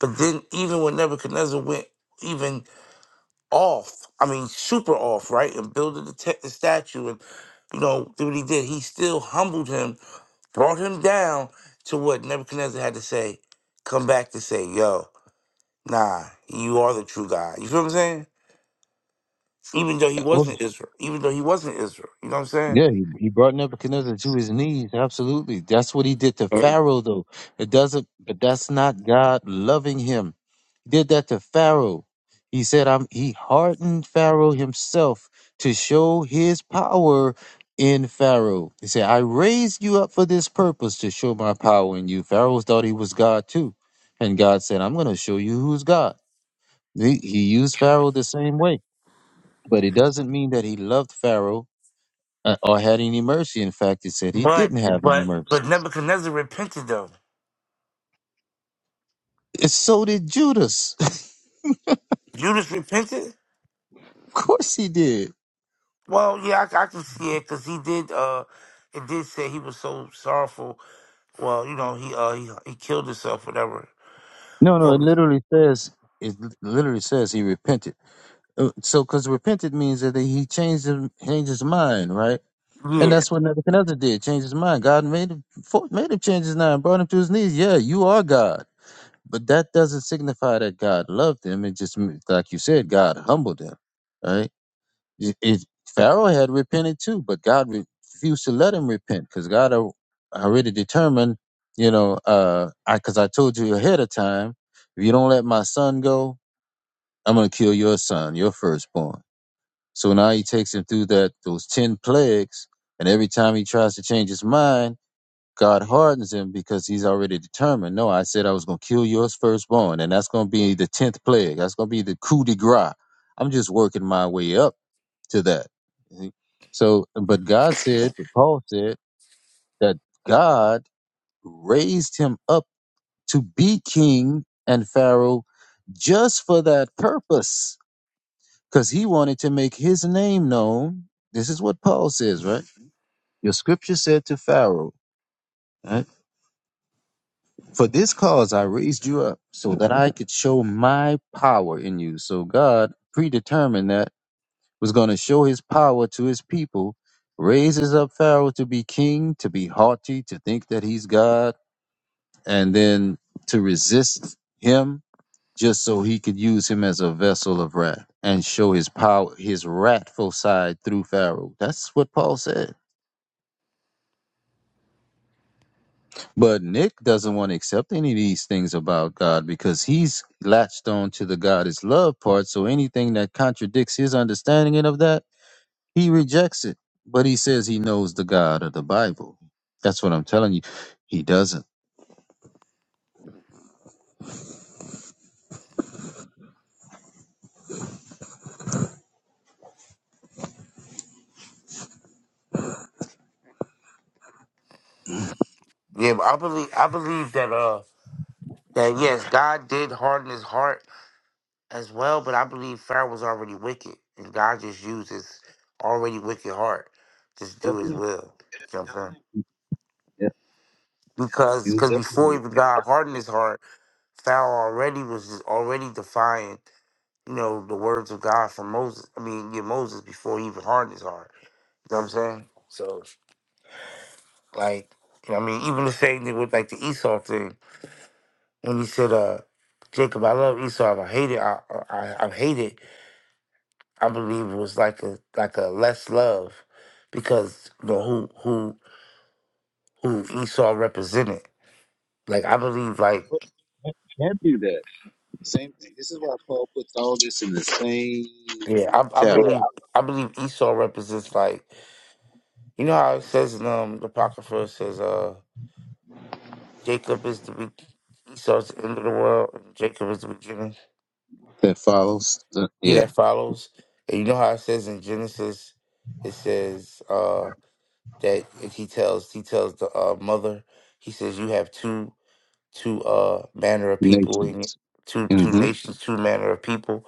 [SPEAKER 6] But then even when Nebuchadnezzar went even off. I mean, super off, right? And building the, te- the statue, and you know, did what he did. He still humbled him, brought him down to what Nebuchadnezzar had to say. Come back to say, yo, nah, you are the true God. You feel what I'm saying? Even though he wasn't Israel, even though he wasn't Israel, you know what I'm saying?
[SPEAKER 2] Yeah, he, he brought Nebuchadnezzar to his knees. Absolutely. That's what he did to
[SPEAKER 6] Mm.
[SPEAKER 2] Pharaoh, though. It doesn't, but that's not God loving him. He did that to Pharaoh. He said, I'm, he hardened Pharaoh himself to show his power in Pharaoh. He said, I raised you up for this purpose to show my power in you. Pharaoh thought he was God too. And God said, I'm going to show you who's God. He, he used Pharaoh the same way, but it doesn't mean that he loved Pharaoh uh, or had any mercy. In fact, it said he
[SPEAKER 6] But
[SPEAKER 2] didn't have any
[SPEAKER 6] but
[SPEAKER 2] mercy.
[SPEAKER 6] but Nebuchadnezzar repented though.
[SPEAKER 2] And so did Judas.
[SPEAKER 6] Judas repented.
[SPEAKER 2] of course he did.
[SPEAKER 6] Well, yeah, I, I can see it because he did. uh It did say he was so sorrowful Well, you know, he uh he, he killed himself, whatever.
[SPEAKER 2] No, no, it
[SPEAKER 6] Well,
[SPEAKER 2] literally says it literally says he repented. Uh, So, because repented means that he changed his, changed his mind, right? And
[SPEAKER 6] yeah,
[SPEAKER 2] that's what Nebuchadnezzar did, changed his mind. God made him fo- made him change his mind, brought him to his knees. Yeah, you are God, but that doesn't signify that God loved him. It just, m- like you said, God humbled him, right? If if Pharaoh had repented too, but God refused to let him repent because God al- already determined, you know, uh, I because I told you ahead of time, if you don't let my son go, I'm gonna kill your son, your firstborn. So now he takes him through that those ten plagues, and every time he tries to change his mind, God hardens him because he's already determined. No, I said I was gonna kill your firstborn, and that's gonna be the tenth plague. That's gonna be the coup de grace. I'm just working my way up to that. See? So, but God said, but Paul said that God raised him up to be king and Pharaoh just for that purpose, because he wanted to make his name known. This is what Paul says, right? Your scripture said to Pharaoh, right? For this cause I raised you up so that I could show my power in you. So God predetermined that was going to show his power to his people, raises up Pharaoh to be king, to be haughty, to think that he's God, and then to resist him just so he could use him as a vessel of wrath and show his power, his wrathful side through Pharaoh. That's what Paul said. But Nick doesn't want to accept any of these things about God because he's latched on to the God is love part. So anything that contradicts his understanding of that He rejects it, but he says he knows the God of the Bible. That's what I'm telling you. He doesn't.
[SPEAKER 6] yeah. But I believe I believe that uh that yes, God did harden his heart as well, but I believe Pharaoh was already wicked, and God just used his already wicked heart just to just do His
[SPEAKER 2] Definitely.
[SPEAKER 6] will. You know what I'm saying?
[SPEAKER 2] Yeah,
[SPEAKER 6] Because
[SPEAKER 2] you
[SPEAKER 6] because before
[SPEAKER 2] definitely
[SPEAKER 6] even God hardened his heart, Pharaoh already was just already defying you know the words of God from Moses. I mean, yeah, Moses before he even hardened his heart. You know what I'm saying? So. Like, you know what I mean, even the same thing with like the Esau thing. When he said, uh, Jacob, I love Esau, but I hate it, I, I, I hate it. I believe it was like a like a less love because you know who who who Esau represented. Like I believe like
[SPEAKER 2] can't be that. Same. This is why Paul puts all this in the same
[SPEAKER 6] yeah, I, I
[SPEAKER 2] chapter
[SPEAKER 6] believe I believe Esau represents like you know how it says in um the Apocrypha it says uh Jacob is the be- Esau's the end of the world and Jacob is the beginning.
[SPEAKER 2] That follows. The,
[SPEAKER 6] He
[SPEAKER 2] yeah,
[SPEAKER 6] that follows, and you know how it says in Genesis, it says uh, that if he tells he tells the uh, mother, he says you have two two uh, manner of people in it,
[SPEAKER 2] nations.
[SPEAKER 6] two two
[SPEAKER 2] hmm
[SPEAKER 6] nations, two manner of people.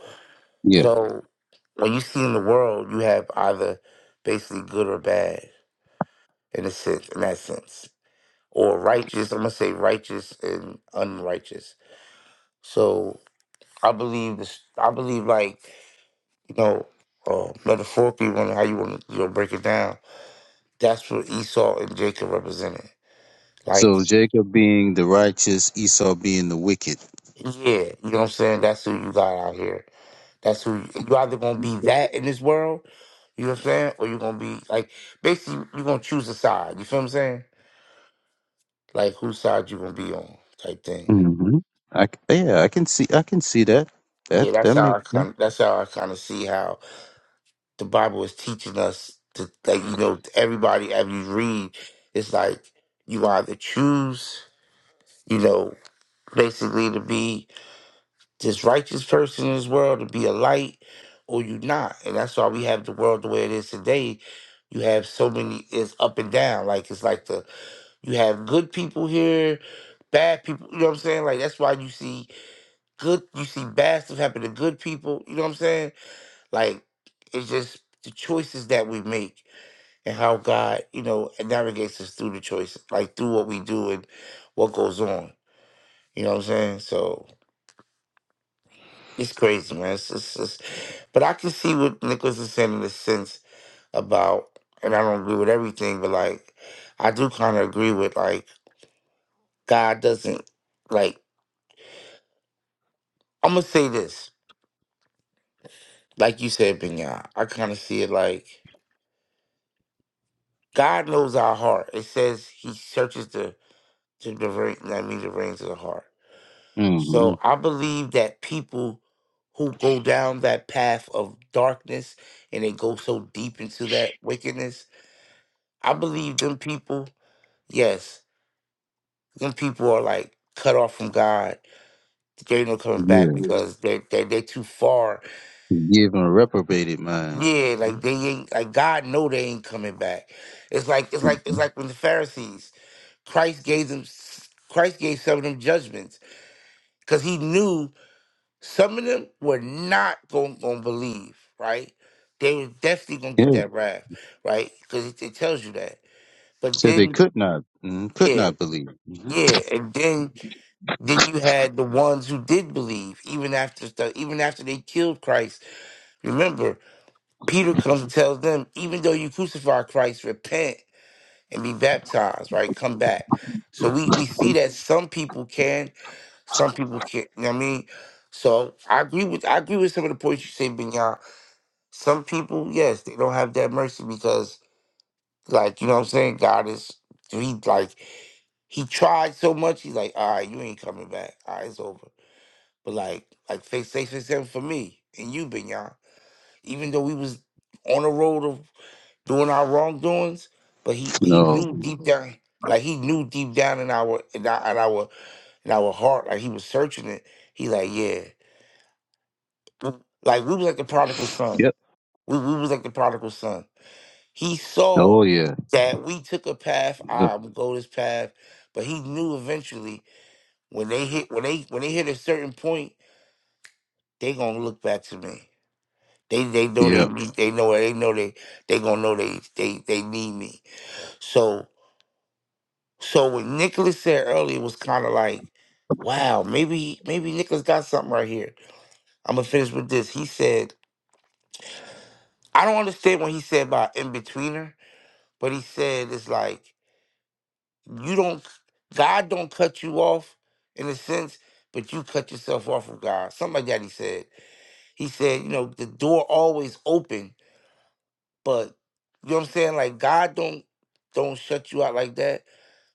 [SPEAKER 2] Yeah.
[SPEAKER 6] So when you see in the world, you have either basically good or bad in a sense, in that sense, or righteous. I'm gonna say righteous and unrighteous. So I believe this. I believe like. you know, uh, metaphorically, when how you want to you know, break it down, that's what Esau and Jacob represented. Like,
[SPEAKER 2] So Jacob being the righteous, Esau being the wicked.
[SPEAKER 6] yeah, you know what I'm saying? That's who you got out here. That's who you either gonna be that in this world, you know what I'm saying, or you're gonna be like basically you're gonna choose a side. You feel what I'm saying? Like whose side you gonna be on, type thing.
[SPEAKER 2] hmm I c yeah, I can see. I can see that. That
[SPEAKER 6] Yeah,
[SPEAKER 2] that
[SPEAKER 6] that's how I
[SPEAKER 2] makes sense.
[SPEAKER 6] kind. of That's how I kind of see how the Bible is teaching us to like you know everybody as you read, it's like you either choose. you know, basically to be this righteous person in this world, to be a light, or you not. And that's why we have the world the way it is today. You have so many it's up and down. Like it's like the you have good people here, bad people, you know what I'm saying? Like that's why you see good you see bad stuff happen to good people, you know what I'm saying? Like it's just the choices that we make and how God, you know, navigates us through the choices, like through what we do and what goes on. You know what I'm saying? So It's crazy, man. It's, it's, it's, but I can see what Nicholas is saying in a sense about, and I don't agree with everything, but like, I do kind of agree with like God doesn't like. I'm gonna say this, like you said, Benya. I kind of see it like God knows our heart. It says He searches the the, the vein, I mean the reins of the heart.
[SPEAKER 2] hmm
[SPEAKER 6] So I believe that people who go down that path of darkness and they go so deep into that wickedness, I believe them people Yes, them people are like cut off from God. They ain't no coming back
[SPEAKER 2] Yeah.
[SPEAKER 6] because they they they too far.
[SPEAKER 2] Give him a reprobated mind.
[SPEAKER 6] Yeah, like they ain't like God know they ain't coming back. It's like it's like
[SPEAKER 2] hmm
[SPEAKER 6] it's like when the Pharisees Christ gave them Christ gave some of them judgments because he knew some of them were not going to believe. Right, they were definitely going to get
[SPEAKER 2] Yeah,
[SPEAKER 6] that wrath. Right, because it, it tells you that. But
[SPEAKER 2] said they
[SPEAKER 6] then
[SPEAKER 2] could not, mm, could
[SPEAKER 6] yeah,
[SPEAKER 2] not believe. Mhm.
[SPEAKER 6] yeah, and then Then you had the ones who did believe, even after stuff, even after they killed Christ. Remember, Peter comes and tells them, even though you crucify Christ, repent and be baptized, right? Come back. So we, we see that some people can, some people can't. You know what I mean? So I agree with I agree with some of the points you say, Binyan. Some people, yes, they don't have that mercy because, like, you know what I'm saying? God is he like he tried so much, he's like, all right, you ain't coming back. All right, it's over. But like like fake six six seven for me and you, Ben Even though we was on the road of doing our wrongdoings, but he he
[SPEAKER 2] No.
[SPEAKER 6] knew deep Mhm. down, like he knew deep down in our in our in our, in our heart, like he was searching it. He like yeah, Mm. like we was like the prodigal son.
[SPEAKER 2] Yep.
[SPEAKER 6] We we was like the prodigal son. He saw
[SPEAKER 2] Oh yeah.
[SPEAKER 6] that we took a path.
[SPEAKER 2] Yep.
[SPEAKER 6] "Ah, I'm gonna go this path, but he knew eventually when they hit when they when they hit a certain point, they gonna look back to me They they know they
[SPEAKER 2] Yeah.
[SPEAKER 6] need they know they know they they gonna know they they they need me. So so what Nicholas said earlier was kind of like, wow, maybe maybe Nicholas got something right here. I'm gonna finish with this. He said, I don't understand what he said about in betweener, but he said it's like you don't God don't cut you off in a sense, but you cut yourself off from God. Something like that. He said. He said, you know, the door always open But you know what I'm saying? Like God don't don't shut you out like that,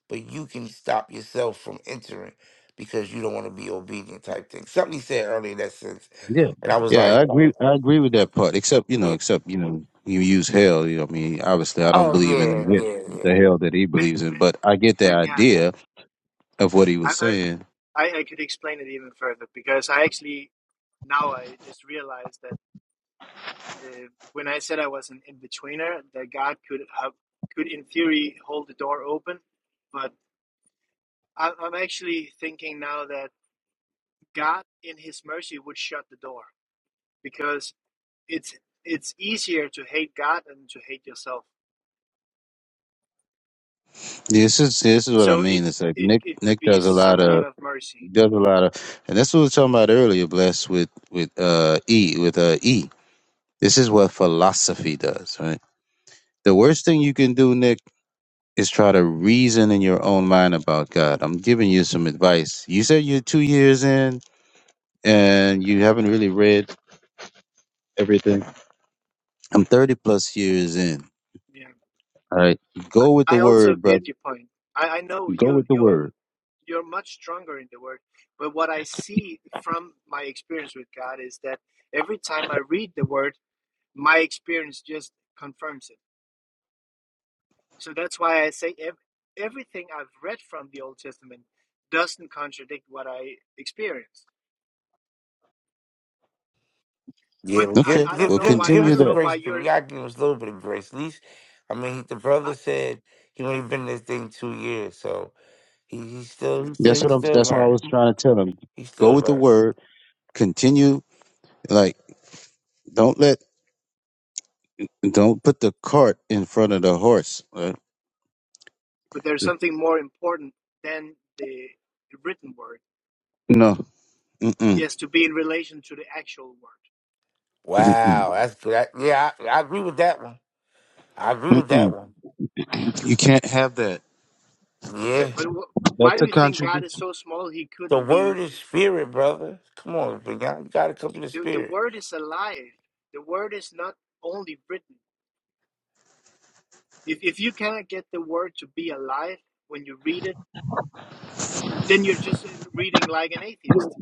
[SPEAKER 6] but you can stop yourself from entering because you don't want to be obedient type thing. Something he said earlier in that sense.
[SPEAKER 2] Yeah.
[SPEAKER 6] And I was
[SPEAKER 2] Yeah.
[SPEAKER 6] like,
[SPEAKER 2] I agree. I agree with that part. Except you know,
[SPEAKER 6] yeah.
[SPEAKER 2] except you know, you use hell. You know, I mean, obviously, I don't
[SPEAKER 6] oh
[SPEAKER 2] believe in the
[SPEAKER 6] yeah,
[SPEAKER 2] hell,
[SPEAKER 7] yeah
[SPEAKER 6] yeah, yeah.
[SPEAKER 2] the hell that he
[SPEAKER 7] ben
[SPEAKER 2] believes in,
[SPEAKER 7] ben,
[SPEAKER 2] but I get the
[SPEAKER 7] ben yeah
[SPEAKER 2] idea of what he was
[SPEAKER 7] I, I
[SPEAKER 2] saying.
[SPEAKER 7] i could explain it even further because i actually now i just realized that uh, when i said i was an in-betweener that god could have could in theory hold the door open but I- i'm actually thinking now that. God in his mercy would shut the door because it's it's easier to hate God than to hate yourself.
[SPEAKER 2] This is this is what I
[SPEAKER 7] So
[SPEAKER 2] mean.
[SPEAKER 7] it
[SPEAKER 2] It's like
[SPEAKER 7] it,
[SPEAKER 2] Nick
[SPEAKER 7] it could
[SPEAKER 2] Nick
[SPEAKER 7] be
[SPEAKER 2] does a lot
[SPEAKER 7] some kind
[SPEAKER 2] of
[SPEAKER 7] of mercy.
[SPEAKER 2] does a lot of, and that's what we were talking about earlier. Blessed with with uh e with uh e. This is what philosophy does, right? The worst thing you can do, Nick, is try to reason in your own mind about God. I'm giving you some advice. You said you're two years in and you haven't really read everything. I'm 30 plus years in.
[SPEAKER 7] Yeah.
[SPEAKER 2] All right.
[SPEAKER 7] I,
[SPEAKER 2] Go with the
[SPEAKER 7] I also
[SPEAKER 2] word, brother.
[SPEAKER 7] get your point. I, I know
[SPEAKER 2] Go
[SPEAKER 7] you
[SPEAKER 2] with the
[SPEAKER 7] you are
[SPEAKER 2] word.
[SPEAKER 7] you're much stronger in the word, but what I see from my experience with God is that every time I read the word, my experience just confirms it. So that's why I say ev- everything I've read from the Old Testament doesn't contradict what I experienced
[SPEAKER 6] Yeah,
[SPEAKER 7] but
[SPEAKER 6] well,
[SPEAKER 7] I,
[SPEAKER 2] Okay.
[SPEAKER 6] give,
[SPEAKER 7] I don't
[SPEAKER 6] give
[SPEAKER 2] We'll
[SPEAKER 7] know
[SPEAKER 6] give
[SPEAKER 7] why
[SPEAKER 6] give him
[SPEAKER 7] I
[SPEAKER 2] continue
[SPEAKER 7] don't
[SPEAKER 6] some
[SPEAKER 7] know
[SPEAKER 2] that.
[SPEAKER 6] grace,
[SPEAKER 7] why
[SPEAKER 6] but
[SPEAKER 7] you're
[SPEAKER 6] y'all give him a little bit of grace. At least I mean the brother
[SPEAKER 7] I,
[SPEAKER 6] said he only been in this thing two years, so he, he's still he's still
[SPEAKER 2] That's what
[SPEAKER 6] he's
[SPEAKER 2] I'm
[SPEAKER 6] still
[SPEAKER 2] that's what I
[SPEAKER 6] learning.
[SPEAKER 2] was trying to tell him.
[SPEAKER 6] He's
[SPEAKER 2] Go
[SPEAKER 6] still
[SPEAKER 2] with the
[SPEAKER 6] learning.
[SPEAKER 2] word. Continue like don't let don't put the cart in front of the horse. all
[SPEAKER 7] but there's
[SPEAKER 2] right?
[SPEAKER 7] something more important than the written word.
[SPEAKER 2] No. Mm-mm.
[SPEAKER 7] Yes, to be in relation to the actual word.
[SPEAKER 2] Mm-mm.
[SPEAKER 6] Wow, that's good. yeah, I, I agree with that one. I agree with that
[SPEAKER 2] Mm-mm.
[SPEAKER 6] one.
[SPEAKER 2] You can't have that.
[SPEAKER 6] Yeah.
[SPEAKER 7] But wh- why
[SPEAKER 2] That's
[SPEAKER 7] do
[SPEAKER 2] a
[SPEAKER 7] you think God is
[SPEAKER 2] contradiction.
[SPEAKER 7] so small he
[SPEAKER 6] The
[SPEAKER 7] couldn't
[SPEAKER 6] word
[SPEAKER 7] be?
[SPEAKER 6] is spirit, brother. Come on, Binyah. You gotta come to the
[SPEAKER 7] The, the
[SPEAKER 6] spirit.
[SPEAKER 7] word is alive. The word is not only written. If if you cannot get the word to be alive when you read it, then you're just reading like an atheist.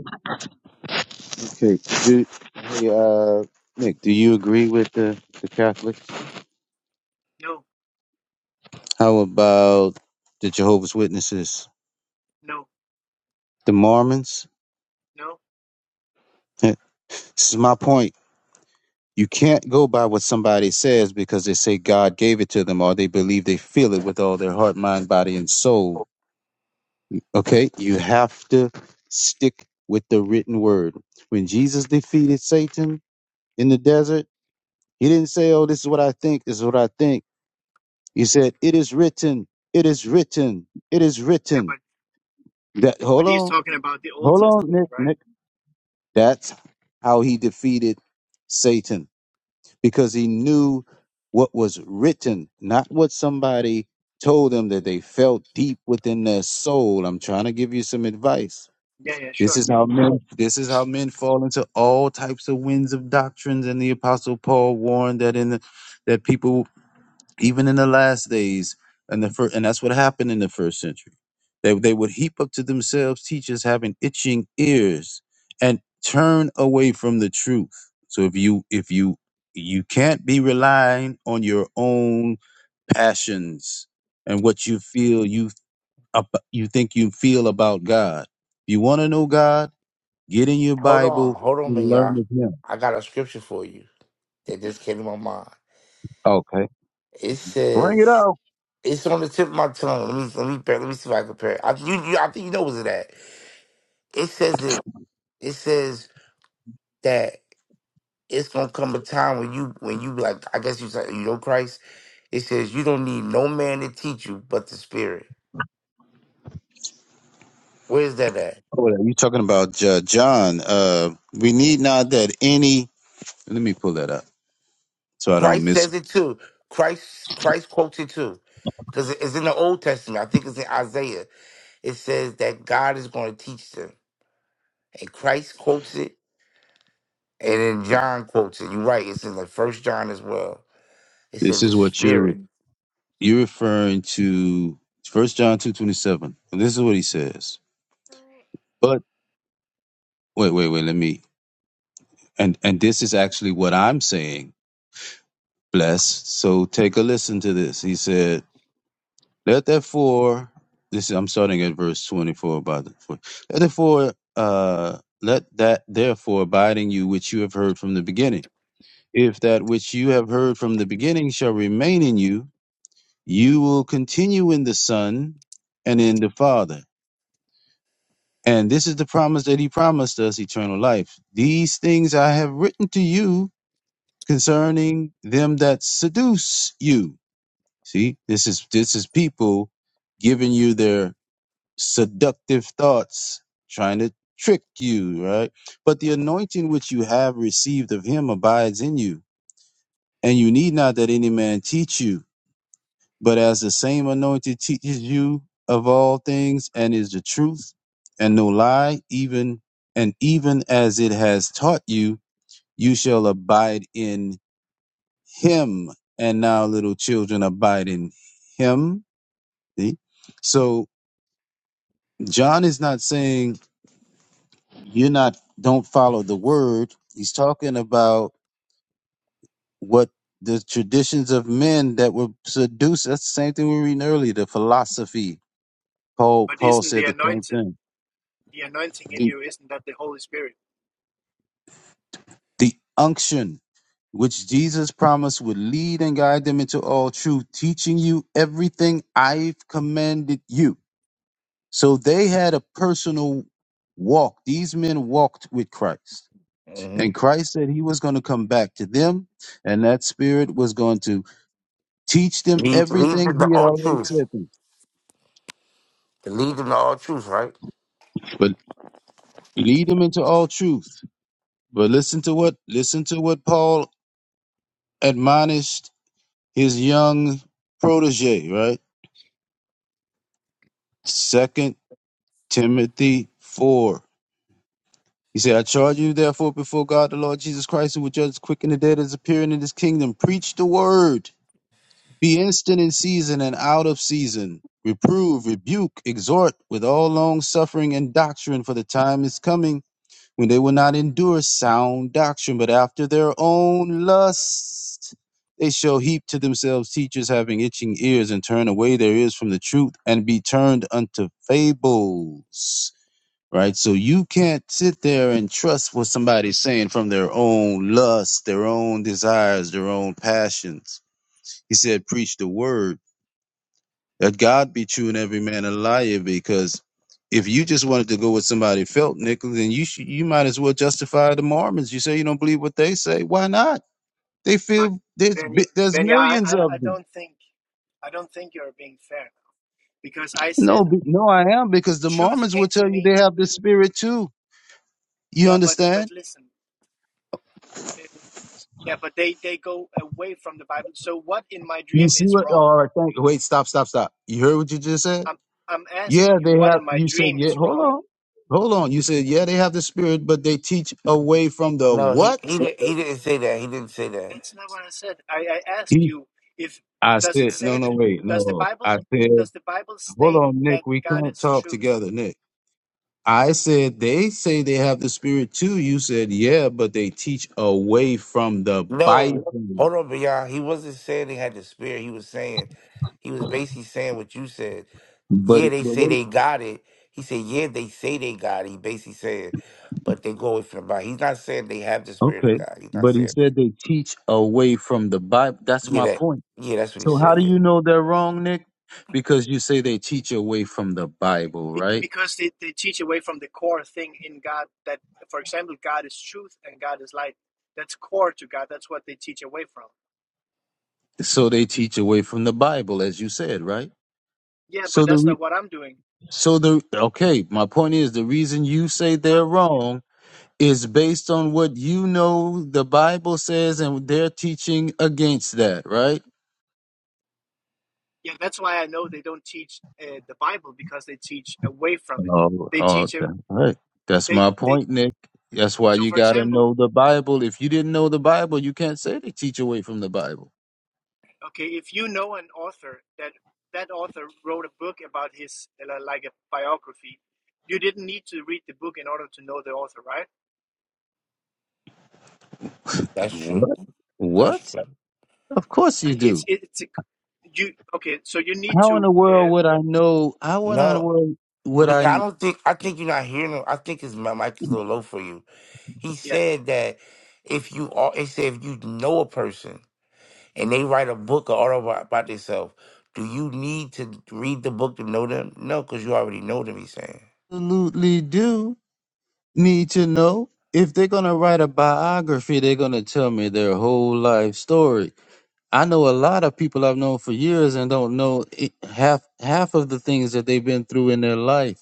[SPEAKER 2] Okay. Do, hey, uh, Nick, do you agree with the, the Catholics?
[SPEAKER 7] No,
[SPEAKER 2] How about the Jehovah's Witnesses,
[SPEAKER 7] no,
[SPEAKER 2] the Mormons?
[SPEAKER 7] no.
[SPEAKER 2] Eh, This is my point. You can't go by what somebody says because they say God gave it to them or they believe they feel it with all their heart, mind, body, and soul. Okay? You have to stick with the written word. When Jesus defeated Satan in the desert, he didn't say, Oh, this is what I think, this is what I think. He said, It is written, it is written, it is
[SPEAKER 7] Yeah,
[SPEAKER 2] written.
[SPEAKER 7] but
[SPEAKER 2] That
[SPEAKER 7] but
[SPEAKER 2] hold
[SPEAKER 7] he's
[SPEAKER 2] on,
[SPEAKER 7] talking about the Old
[SPEAKER 2] hold on,
[SPEAKER 7] Testament,
[SPEAKER 2] Nick,
[SPEAKER 7] right?
[SPEAKER 2] Nick. That's how he defeated Satan. Because he knew what was written, not what somebody told him that they felt deep within their soul. I'm trying to give you some advice.
[SPEAKER 7] Yeah, yeah,
[SPEAKER 2] This
[SPEAKER 7] sure.
[SPEAKER 2] is how men this is how men fall into all types of winds of doctrines. And the apostle Paul warned that in the, that people even in the last days and the first, and that's what happened in the first century they, they would heap up to themselves teachers having itching ears and turn away from the truth so if you if you you can't be relying on your own passions and what you feel you up, you think you feel about god If you want to know god get in your
[SPEAKER 6] Hold on,
[SPEAKER 2] bible
[SPEAKER 6] hold on,
[SPEAKER 2] and learn
[SPEAKER 6] Binyah.
[SPEAKER 2] of him
[SPEAKER 6] I got a scripture for you that just came to my mind.
[SPEAKER 2] okay
[SPEAKER 6] It
[SPEAKER 2] bring it
[SPEAKER 6] says
[SPEAKER 2] out
[SPEAKER 6] it's on the tip of my tongue. Let me let me bear- let me see if I can compare. It. I, you, you, I think you know what's it at. It says it. It says that it's gonna come a time when you when you like. I guess you say you know Christ. It says you don't need no man to teach you but the Spirit. Where's that at?
[SPEAKER 2] Oh, yeah, you talking about uh, John? Uh, we need not that any. Let me pull that up so I don't
[SPEAKER 6] Christ
[SPEAKER 2] miss.
[SPEAKER 6] says it too. Christ Christ quotes it too. Because it's in the Old Testament. I think it's in Isaiah. It says that God is going to teach them. And Christ quotes it. And then John quotes it. You're right. It's in the first John as well. It
[SPEAKER 2] This
[SPEAKER 6] says the
[SPEAKER 2] is what you're
[SPEAKER 6] spirit
[SPEAKER 2] you're referring to. First John two twenty seven. This is what he says. But wait, wait, wait. Let me. And and this is actually what I'm saying. Bless. So take a listen to this. He said, "Let therefore." This is, I'm starting at verse twenty four. By the four. Let therefore. Uh, let that therefore abide in you which you have heard from the beginning. If that which you have heard from the beginning shall remain in you, you will continue in the Son and in the Father. And this is the promise that he promised us eternal life. These things I have written to you concerning them that seduce you. See, this is this is people giving you their seductive thoughts, trying to trick you, right? But the anointing which you have received of him abides in you, and you need not that any man teach you. But as the same anointing teaches you of all things and is the truth and no lie, even and even as it has taught you, you shall abide in him. And now, little children, abide in him. See? So John is not saying you're not don't follow the word. He's talking about what the traditions of men that were seduced. That's the same thing we were reading earlier, the philosophy. Paul
[SPEAKER 7] But
[SPEAKER 2] Paul
[SPEAKER 7] isn't the
[SPEAKER 2] said the same
[SPEAKER 7] anointed?
[SPEAKER 2] thing
[SPEAKER 7] the anointing in you isn't that the Holy Spirit.
[SPEAKER 2] The unction which Jesus promised would lead and guide them into all truth, teaching you everything I've commanded you. So they had a personal walk. These men walked with Christ.
[SPEAKER 6] hmm
[SPEAKER 2] And Christ said he was going to come back to them, and that spirit was going to teach them
[SPEAKER 6] leads, leads
[SPEAKER 2] everything
[SPEAKER 6] them to
[SPEAKER 2] he had
[SPEAKER 6] all
[SPEAKER 2] already
[SPEAKER 6] truth.
[SPEAKER 2] said to them,
[SPEAKER 6] It leads them to all truth, right?
[SPEAKER 2] but lead them into all truth. But listen to what listen to what Paul admonished his young protege, right? Second Timothy 4. He said, I charge you therefore before God the Lord Jesus Christ, who will judge quick and the dead as appearing in his kingdom. Preach the word. Be instant in season and out of season. Reprove, rebuke, exhort with all long suffering and doctrine, for the time is coming when they will not endure sound doctrine, but after their own lust they shall heap to themselves teachers having itching ears, and turn away their ears from the truth, and be turned unto fables right? So you can't sit there and trust what somebody's saying from their own lust, their own desires, their own passions. He said, preach the word that God be true and every man a liar. Because if you just wanted to go with somebody felt, Nicholas, then you should, you might as well justify the Mormons. You say you don't believe what they say. Why not? They
[SPEAKER 7] But
[SPEAKER 2] feel there's
[SPEAKER 7] Ben,
[SPEAKER 2] bi- there's
[SPEAKER 7] Benya, I,
[SPEAKER 2] millions
[SPEAKER 7] I
[SPEAKER 2] of them.
[SPEAKER 7] don't think, I don't think you're being fair because I
[SPEAKER 2] No,
[SPEAKER 7] said
[SPEAKER 2] be- no, I am because the
[SPEAKER 7] truth
[SPEAKER 2] Mormons will
[SPEAKER 7] came to
[SPEAKER 2] tell you they
[SPEAKER 7] me.
[SPEAKER 2] have this spirit too. You
[SPEAKER 7] Yeah, but
[SPEAKER 2] understand?
[SPEAKER 7] but listen, eh, yeah, but they they go away from the Bible. So what in my
[SPEAKER 2] You
[SPEAKER 7] dream
[SPEAKER 2] see
[SPEAKER 7] is
[SPEAKER 2] what?
[SPEAKER 7] wrong?
[SPEAKER 2] All right, thank. Wait, stop, stop, stop. You heard what you just said?
[SPEAKER 7] I'm I'm
[SPEAKER 2] Yeah,
[SPEAKER 7] asking you
[SPEAKER 2] they
[SPEAKER 7] what
[SPEAKER 2] have.
[SPEAKER 7] in my
[SPEAKER 2] You said,
[SPEAKER 7] dream
[SPEAKER 2] yeah.
[SPEAKER 7] is
[SPEAKER 2] Hold
[SPEAKER 7] wrong.
[SPEAKER 2] on, hold on. You said, yeah, they have the spirit, but they teach away from the
[SPEAKER 6] No, he
[SPEAKER 2] what?
[SPEAKER 6] he di- he didn't say that. He didn't say that.
[SPEAKER 7] That's not what I said. I, I asked
[SPEAKER 2] He,
[SPEAKER 7] you if
[SPEAKER 2] I
[SPEAKER 7] does it
[SPEAKER 2] said, no,
[SPEAKER 7] say
[SPEAKER 2] no,
[SPEAKER 7] that
[SPEAKER 2] wait,
[SPEAKER 7] does the
[SPEAKER 2] no.
[SPEAKER 7] Bible
[SPEAKER 2] I said,
[SPEAKER 7] does the Bible
[SPEAKER 2] hold
[SPEAKER 7] state
[SPEAKER 2] on,
[SPEAKER 7] that
[SPEAKER 2] Nick. We
[SPEAKER 7] God
[SPEAKER 2] can't
[SPEAKER 7] is
[SPEAKER 2] talk
[SPEAKER 7] truth?
[SPEAKER 2] together, Nick. I said they say they have the spirit too. You said, yeah, but they teach away from the Bible.
[SPEAKER 6] No. Hold on, beyond. He wasn't saying they had the spirit. He was saying he was basically saying what you said.
[SPEAKER 2] But,
[SPEAKER 6] Yeah,
[SPEAKER 2] it-
[SPEAKER 6] they
[SPEAKER 2] but
[SPEAKER 6] say
[SPEAKER 2] what?
[SPEAKER 6] they got it. He said, yeah, they say they got it. He basically said, but they go away from the body. He's not saying they have the spirit of
[SPEAKER 2] Okay.
[SPEAKER 6] God. He's not
[SPEAKER 2] But he
[SPEAKER 6] saying
[SPEAKER 2] said
[SPEAKER 6] that.
[SPEAKER 2] they teach away from the Bible. That's
[SPEAKER 6] Yeah,
[SPEAKER 2] my
[SPEAKER 6] that.
[SPEAKER 2] point.
[SPEAKER 6] Yeah, that's what he
[SPEAKER 2] So how
[SPEAKER 6] said.
[SPEAKER 2] do
[SPEAKER 6] Yeah,
[SPEAKER 2] you know they're wrong, Nick? Because you say they teach away from the Bible, right?
[SPEAKER 7] because they, they teach away from the core thing in God that, for example, God is truth and God is light. That's core to God. That's what they teach away from.
[SPEAKER 2] So they teach away from the Bible, as you said, right?
[SPEAKER 7] Yeah, but
[SPEAKER 2] So the
[SPEAKER 7] that's
[SPEAKER 2] re-
[SPEAKER 7] not what I'm doing.
[SPEAKER 2] so the okay, my point is the reason you say
[SPEAKER 7] Um,
[SPEAKER 2] they're wrong is based on what you know the Bible says, and they're teaching against that, right?
[SPEAKER 7] yeah, that's why I know they don't teach uh, the Bible because they teach away from it.
[SPEAKER 2] Oh,
[SPEAKER 7] They
[SPEAKER 2] oh,
[SPEAKER 7] teach a,
[SPEAKER 2] okay. All right. That's
[SPEAKER 7] they
[SPEAKER 2] my
[SPEAKER 7] they.
[SPEAKER 2] point, Nick. That's why
[SPEAKER 7] So,
[SPEAKER 2] you
[SPEAKER 7] for
[SPEAKER 2] gotta
[SPEAKER 7] example,
[SPEAKER 2] know the Bible. If you didn't know the Bible, you can't say they teach away from the Bible.
[SPEAKER 7] okay, if you know an author that that author wrote a book about his uh, like a biography, you didn't need to read the book in order to know the author, right?
[SPEAKER 6] that's true.
[SPEAKER 2] What? What?
[SPEAKER 6] That's true.
[SPEAKER 2] Of course you
[SPEAKER 7] And
[SPEAKER 2] do.
[SPEAKER 7] it's it's a, you okay so you need
[SPEAKER 2] How in
[SPEAKER 7] to
[SPEAKER 2] the world
[SPEAKER 7] uh,
[SPEAKER 2] would I know? How in the
[SPEAKER 6] No,
[SPEAKER 2] world would
[SPEAKER 6] but I
[SPEAKER 2] I
[SPEAKER 6] don't think. I think you're not hearing him. I think his my mic is a little low for you. He
[SPEAKER 7] yeah
[SPEAKER 6] said that if you are, he said if you know a person and they write a book or article about about themselves, do you need to read the book to know them? No, because you already know them. He's saying.
[SPEAKER 2] absolutely do need to know? If they're going to write a biography, they're going to tell me their whole life story. I know a lot of people I've known for years and don't know i- half half of the things that they've been through in their life.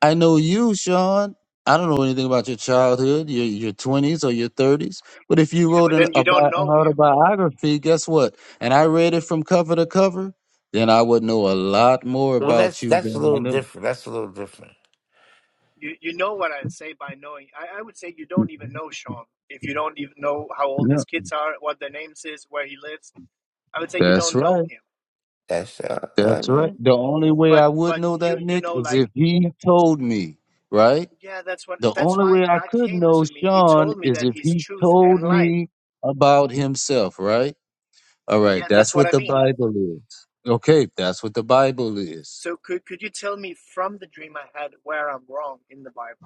[SPEAKER 2] I know you, Sean. I don't know anything about your childhood, your your twenties or your
[SPEAKER 7] yeah
[SPEAKER 2] thirties. But if you
[SPEAKER 7] yeah,
[SPEAKER 2] wrote
[SPEAKER 7] but
[SPEAKER 2] an
[SPEAKER 7] then you
[SPEAKER 2] a
[SPEAKER 7] don't
[SPEAKER 2] an
[SPEAKER 7] know him
[SPEAKER 2] autobiography, guess what? And I read it from cover to cover, then I would know a lot more
[SPEAKER 6] Well,
[SPEAKER 2] about
[SPEAKER 6] that's
[SPEAKER 2] you
[SPEAKER 6] that's a
[SPEAKER 2] than I
[SPEAKER 6] little
[SPEAKER 2] know.
[SPEAKER 6] different. That's a little different.
[SPEAKER 7] you you know what i'd say by knowing I, I would say you don't even know sean if you don't even know how old
[SPEAKER 2] Yeah,
[SPEAKER 7] his kids are what their names is where he lives i would say you
[SPEAKER 2] that's
[SPEAKER 7] don't know
[SPEAKER 2] right.
[SPEAKER 7] him
[SPEAKER 6] That's uh, uh
[SPEAKER 2] That's
[SPEAKER 6] yeah.
[SPEAKER 2] right. The only way
[SPEAKER 7] but
[SPEAKER 2] I would
[SPEAKER 7] but
[SPEAKER 2] know that,
[SPEAKER 7] you you
[SPEAKER 2] Nick,
[SPEAKER 7] know
[SPEAKER 2] is
[SPEAKER 7] like
[SPEAKER 2] if he told me. Right.
[SPEAKER 7] yeah that's what
[SPEAKER 2] The
[SPEAKER 7] that's
[SPEAKER 2] only
[SPEAKER 7] why
[SPEAKER 2] way I
[SPEAKER 7] god
[SPEAKER 2] could
[SPEAKER 7] came
[SPEAKER 2] know
[SPEAKER 7] to me he
[SPEAKER 2] Sean
[SPEAKER 7] told me
[SPEAKER 2] is
[SPEAKER 7] that
[SPEAKER 2] if
[SPEAKER 7] he's
[SPEAKER 2] he
[SPEAKER 7] truth and
[SPEAKER 2] told
[SPEAKER 7] light
[SPEAKER 2] me about himself. Right. All right,
[SPEAKER 7] yeah that's
[SPEAKER 2] that's
[SPEAKER 7] what
[SPEAKER 2] what
[SPEAKER 7] i
[SPEAKER 2] the
[SPEAKER 7] mean
[SPEAKER 2] Bible is. Okay, that's what the Bible is.
[SPEAKER 7] so could could you tell me from the dream i had where i'm wrong in the bible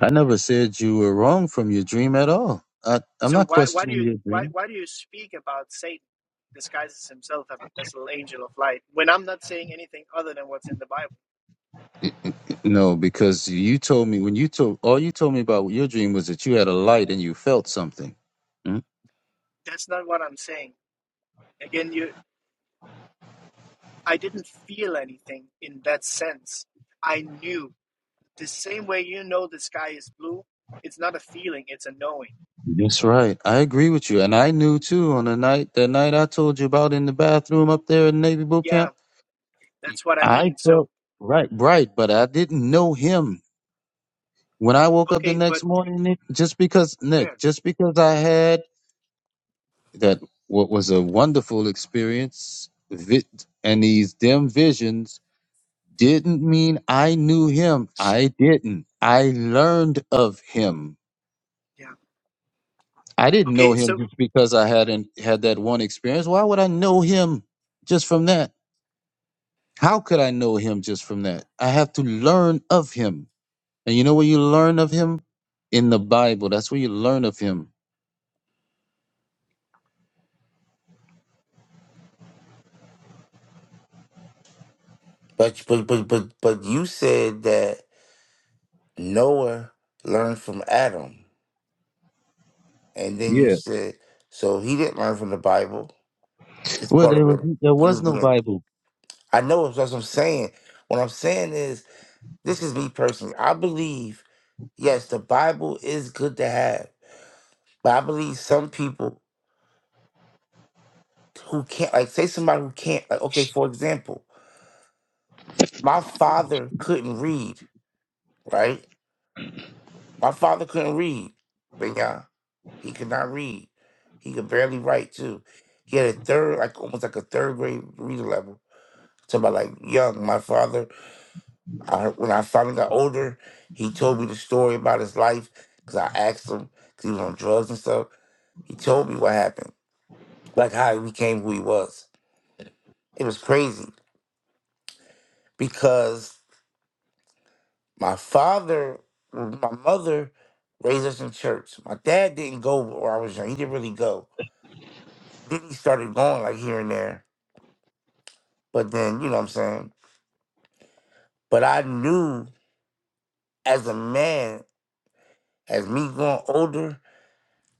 [SPEAKER 2] I never said you were wrong from your dream at all. I, I'm
[SPEAKER 7] So
[SPEAKER 2] not
[SPEAKER 7] why why do
[SPEAKER 2] questioning
[SPEAKER 7] you
[SPEAKER 2] your
[SPEAKER 7] why
[SPEAKER 2] dream.
[SPEAKER 7] why do you speak about Satan disguises himself as a little angel of light when I'm not saying anything other than what's in the Bible?
[SPEAKER 2] No, because you told me when you told all you told me about your dream was that you had a light and you felt something. Mm,
[SPEAKER 7] That's not what I'm saying. Again, you I didn't feel anything in that sense. I knew the same way you know the sky is blue. It's not a feeling; it's a knowing.
[SPEAKER 2] That's right. I agree with you, and I knew too on the night that night I told you about in the bathroom up there in Navy boot
[SPEAKER 7] Yeah,
[SPEAKER 2] camp.
[SPEAKER 7] that's what I
[SPEAKER 2] I
[SPEAKER 7] mean. So
[SPEAKER 2] felt right, right, but I didn't know him. when I woke up the
[SPEAKER 7] okay,
[SPEAKER 2] next
[SPEAKER 7] but
[SPEAKER 2] morning, Nick, just because Nick,
[SPEAKER 7] fair.
[SPEAKER 2] just because I had that what was a wonderful experience, vi- and these dim visions didn't mean I knew him. I didn't. I learned of him.
[SPEAKER 7] Yeah.
[SPEAKER 2] I didn't know
[SPEAKER 7] Okay.
[SPEAKER 2] him
[SPEAKER 7] So
[SPEAKER 2] just because I hadn't had that one experience. Why would I know him just from that? How could I know him just from that? I have to learn of him. And you know where you learn of him? In the Bible. That's where you learn of him.
[SPEAKER 6] But but but but but you said that Noah learned from Adam, and then you said so he didn't learn from the Bible. It's
[SPEAKER 2] Well,
[SPEAKER 6] part
[SPEAKER 2] there
[SPEAKER 6] of
[SPEAKER 2] was
[SPEAKER 6] it.
[SPEAKER 2] there
[SPEAKER 6] He
[SPEAKER 2] was
[SPEAKER 6] was
[SPEAKER 2] no
[SPEAKER 6] being.
[SPEAKER 2] Bible.
[SPEAKER 6] I know. That's what I'm saying. What I'm saying is, this is me personally. I believe Yes, the Bible is good to have, but I believe some people who can't, like, say somebody who can't, like, okay, for example, my father couldn't read, right? My father couldn't read, but yeah, he could not read. He could barely write too. He had a third, like almost like a third grade reader level. So about like young, my father. I, when I finally got older, he told me the story about his life because I asked him because he was on drugs and stuff. He told me what happened. like how he became who he was. It was crazy because my father, my mother raised us in church. My dad didn't go where I was young. He didn't really go. Then he started going like here and there. But then, you know what I'm saying? But I knew as a man, as me going older,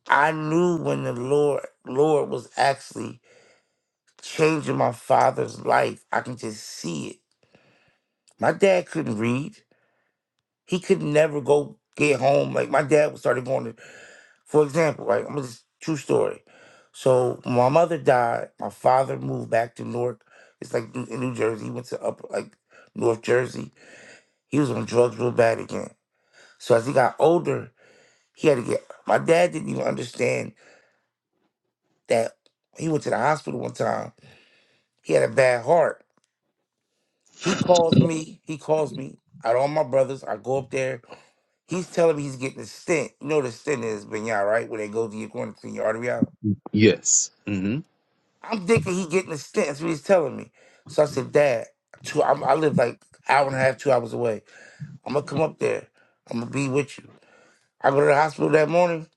[SPEAKER 6] I knew when the Lord Lord was actually changing my father's life. I can just see it. My dad couldn't read. He could never go get home. Like my dad started going to For example, right? I'm just true story. So my mother died. My father moved back to Newark. It's like in in New Jersey. He went to up like North Jersey. He was on drugs real bad again. So as he got older, he had to get. My dad didn't even understand that he went to the hospital one time. He had a bad heart. He calls me. He calls me. Out all my brothers, I go up there. He's telling me he's getting a stent. You know what a stent is, Benyar, right? Where they go to your going to clean your artery out.
[SPEAKER 2] Yes. Mm-hmm.
[SPEAKER 6] I'm thinking he getting a stent. That's what he's telling me. So I said, Dad, two, I'm, I live like hour and a half, two hours away. I'm gonna come up there. I'm gonna be with you. I go to the hospital that morning.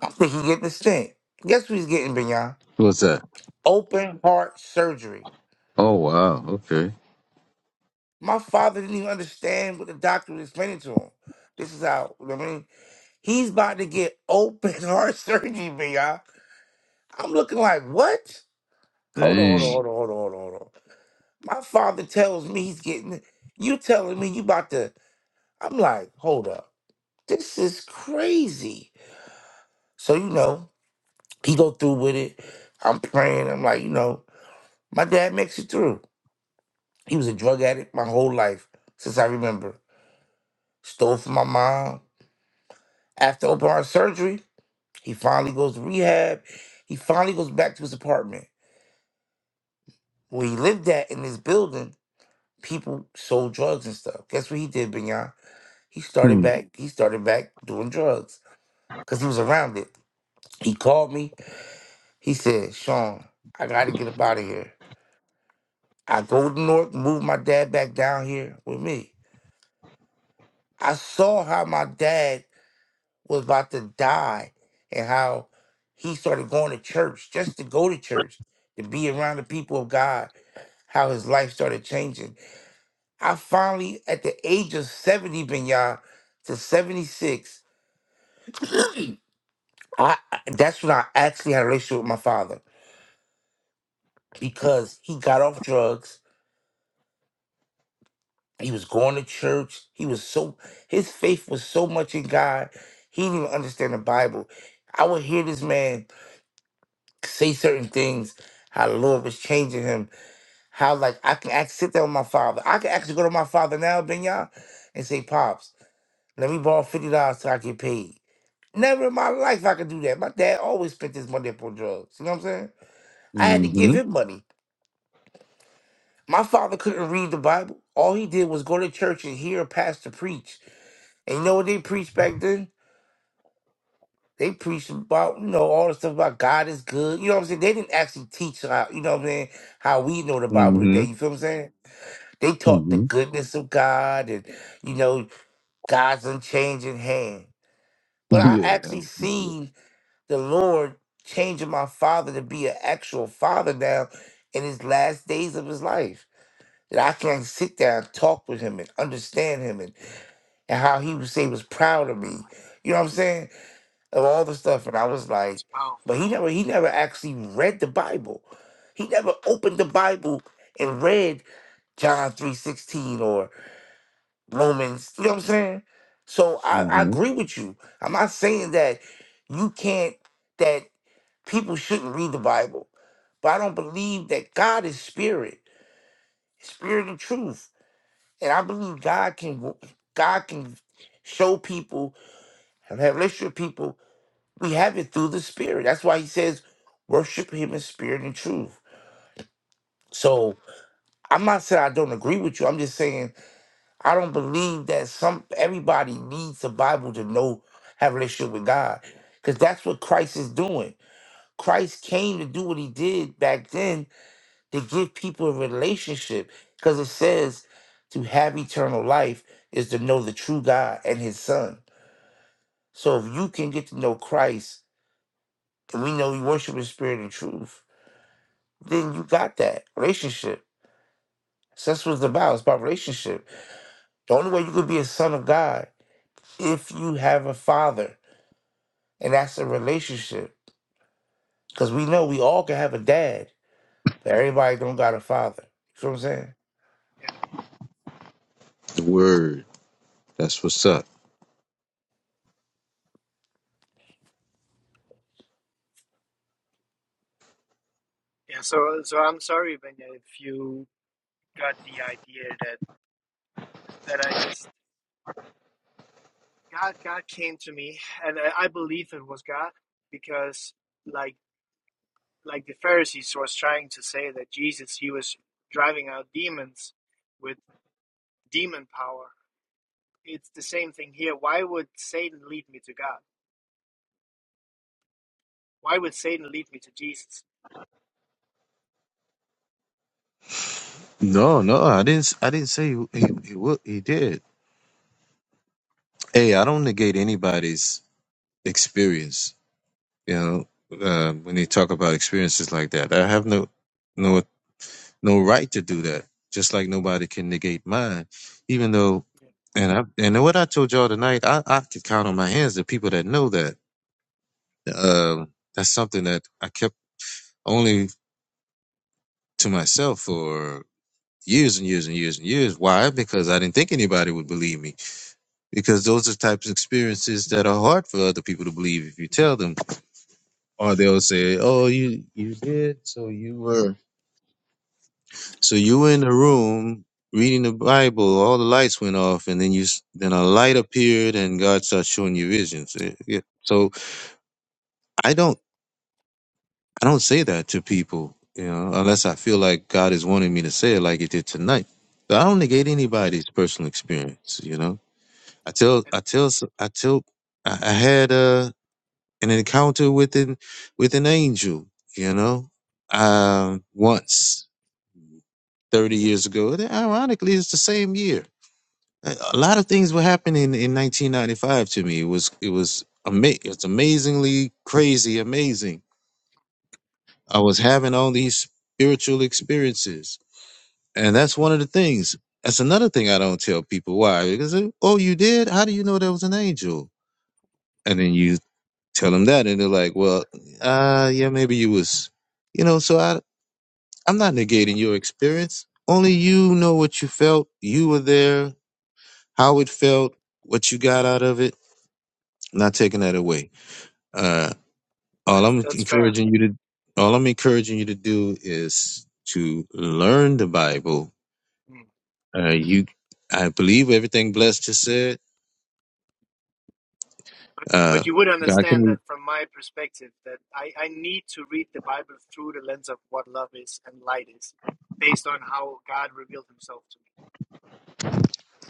[SPEAKER 6] I'm thinking he getting a stent. Guess what he's getting, Bignon?
[SPEAKER 2] What's that?
[SPEAKER 6] Open heart surgery.
[SPEAKER 2] Oh wow. Okay.
[SPEAKER 6] My father didn't even understand what the doctor was explaining to him. This is how you know what I mean. He's about to get open heart surgery, Bignon. I'm looking like what? Hold on, hold on,
[SPEAKER 2] Dang.
[SPEAKER 6] hold on, hold on, hold on, hold on. My father tells me he's getting you telling me you about to I'm like, hold up. This is crazy. So you know, he go through with it. I'm praying. I'm like, you know, my dad makes it through. He was a drug addict my whole life since I remember. Stole from my mom. After open heart surgery, he finally goes to rehab. He finally goes back to his apartment. Where he lived at in this building, people sold drugs and stuff. Guess what he did, Binyan? He started
[SPEAKER 2] Hmm.
[SPEAKER 6] back, he started back doing drugs. because he was around it. He called me. He said, Sean, I got to get up out of here. I go to North, move my dad back down here with me. I saw how my dad was about to die and how he started going to church just to go to church, to be around the people of God, how his life started changing. I finally, at the age of 70, Benya, to 76, I, I- that's when I actually had a relationship with my father because he got off drugs He was going to church. He was so his faith was so much in God. He didn't even understand the Bible. I would hear this man say certain things, how the Lord was changing him, how like I can act sit down with my father. I can actually go to my father now, Benya, and say, Pops, let me borrow fifty dollars till I get paid. Never in my life I could do that. My dad always spent his money up on drugs. You know what I'm saying? I had to
[SPEAKER 2] Mm-hmm.
[SPEAKER 6] give him money. My father couldn't read the Bible. All he did was go to church and hear a pastor preach And you know what they preached back then? They preached about, you know, all the stuff about God is good. You know what I'm saying? They didn't actually teach how, you know what I'm saying, how we know the Bible
[SPEAKER 2] Mm-hmm.
[SPEAKER 6] today. You feel what I'm saying? They taught the
[SPEAKER 2] Mm-hmm.
[SPEAKER 6] goodness of God and, you know, God's unchanging hand. But I
[SPEAKER 2] Yeah.
[SPEAKER 6] actually seen the Lord changing my father to be an actual father now in his last days of his life. That I can sit there and talk with him and understand him and, and how he was say he was proud of me. You know what I'm saying? of all the stuff. And I was like,
[SPEAKER 7] wow.
[SPEAKER 6] but he never he never actually read the Bible. He never opened the Bible and read John 3.16 or Romans. You know what I'm saying? So I, I
[SPEAKER 2] Mm-hmm.
[SPEAKER 6] agree with you. I'm not saying that you can't that people shouldn't read the Bible. But I don't believe that God is spirit, spirit and truth. And I believe God can God can show people and have relationship with people We have it through the Spirit. That's why he says, worship him in spirit and truth. So I'm not saying I don't agree with you. I'm just saying I don't believe that some everybody needs a Bible to know have a relationship with God. Because that's what Christ is doing. Christ came to do what he did back then to give people a relationship. Because it says to have eternal life is to know the true God and his son. So if you can get to know Christ, and we know we worship in spirit and truth then you got that relationship. So that's what it's about. It's about relationship. The only way you could be a son of God if you have a father, and that's a relationship. Because we know we all can have a dad, but everybody don't got a father. You know what I'm saying?
[SPEAKER 7] Yeah.
[SPEAKER 2] Word. That's what's up.
[SPEAKER 7] Yeah. So so I'm sorry, Benya, if you got the idea that that I just God God came to me, and I, believe it was God because like like the Pharisees was trying to say that Jesus he was driving out demons with demon power. It's the same thing here. Why would Satan lead me to God? Why would Satan lead me to Jesus?
[SPEAKER 2] No, no, I didn't. s- I didn't say he he he, wa- he did. Hey, I don't negate anybody's experience. You know, uh, when they talk about experiences like that, I have no no. no right to do that. Just like nobody can negate mine, even though,
[SPEAKER 7] Yeah,
[SPEAKER 2] and I and what I told y'all tonight, I I could count on my hands the people that know that. Um, that's something that I kept only to myself for years and years and years and years. Why? Because I didn't think anybody would believe me. Because those are types of experiences that are hard for other people to believe if you tell them, or they'll say, "Oh, you you did, so you were." So you were in the room reading the Bible, all the lights went off, and then you s- then a light appeared, and God starts showing you visions. Eh, yeah. So I don't I don't say that to people, you know, unless I feel like God is wanting me to say it, like it did tonight. So I don't negate
[SPEAKER 7] yeah.
[SPEAKER 2] anybody's personal experience, you know. I tell
[SPEAKER 7] And
[SPEAKER 2] I tell s- I tell I I had a an encounter with an with an angel, you know, um, once thirty years ago. Ironically, it's the same year a a lot of things were happening in 1995 to me. It was it was ama- it's amazingly crazy, amazing. I was having all these spiritual experiences, and that's one of the things. That's another thing I don't tell people why because they, oh, you did? How do you know there was an angel? And then you tell them that, and they're like, well, uh, yeah, maybe you was, you know. So I I'm not negating your experience. Only you know what you felt. You were there, how it felt, what you got out of it not taking that away. Uh, all
[SPEAKER 7] that's
[SPEAKER 2] I'm
[SPEAKER 7] that's fair.
[SPEAKER 2] encouraging you to, all I'm encouraging you to do is to learn the Bible.
[SPEAKER 7] Mm.
[SPEAKER 2] Uh, you, I believe everything blessed just said. Uh,
[SPEAKER 7] But you would
[SPEAKER 2] God
[SPEAKER 7] understand that
[SPEAKER 2] can,
[SPEAKER 7] from my perspective that I, I need to read the Bible through the lens of what love is and light is, based on how God revealed himself to me.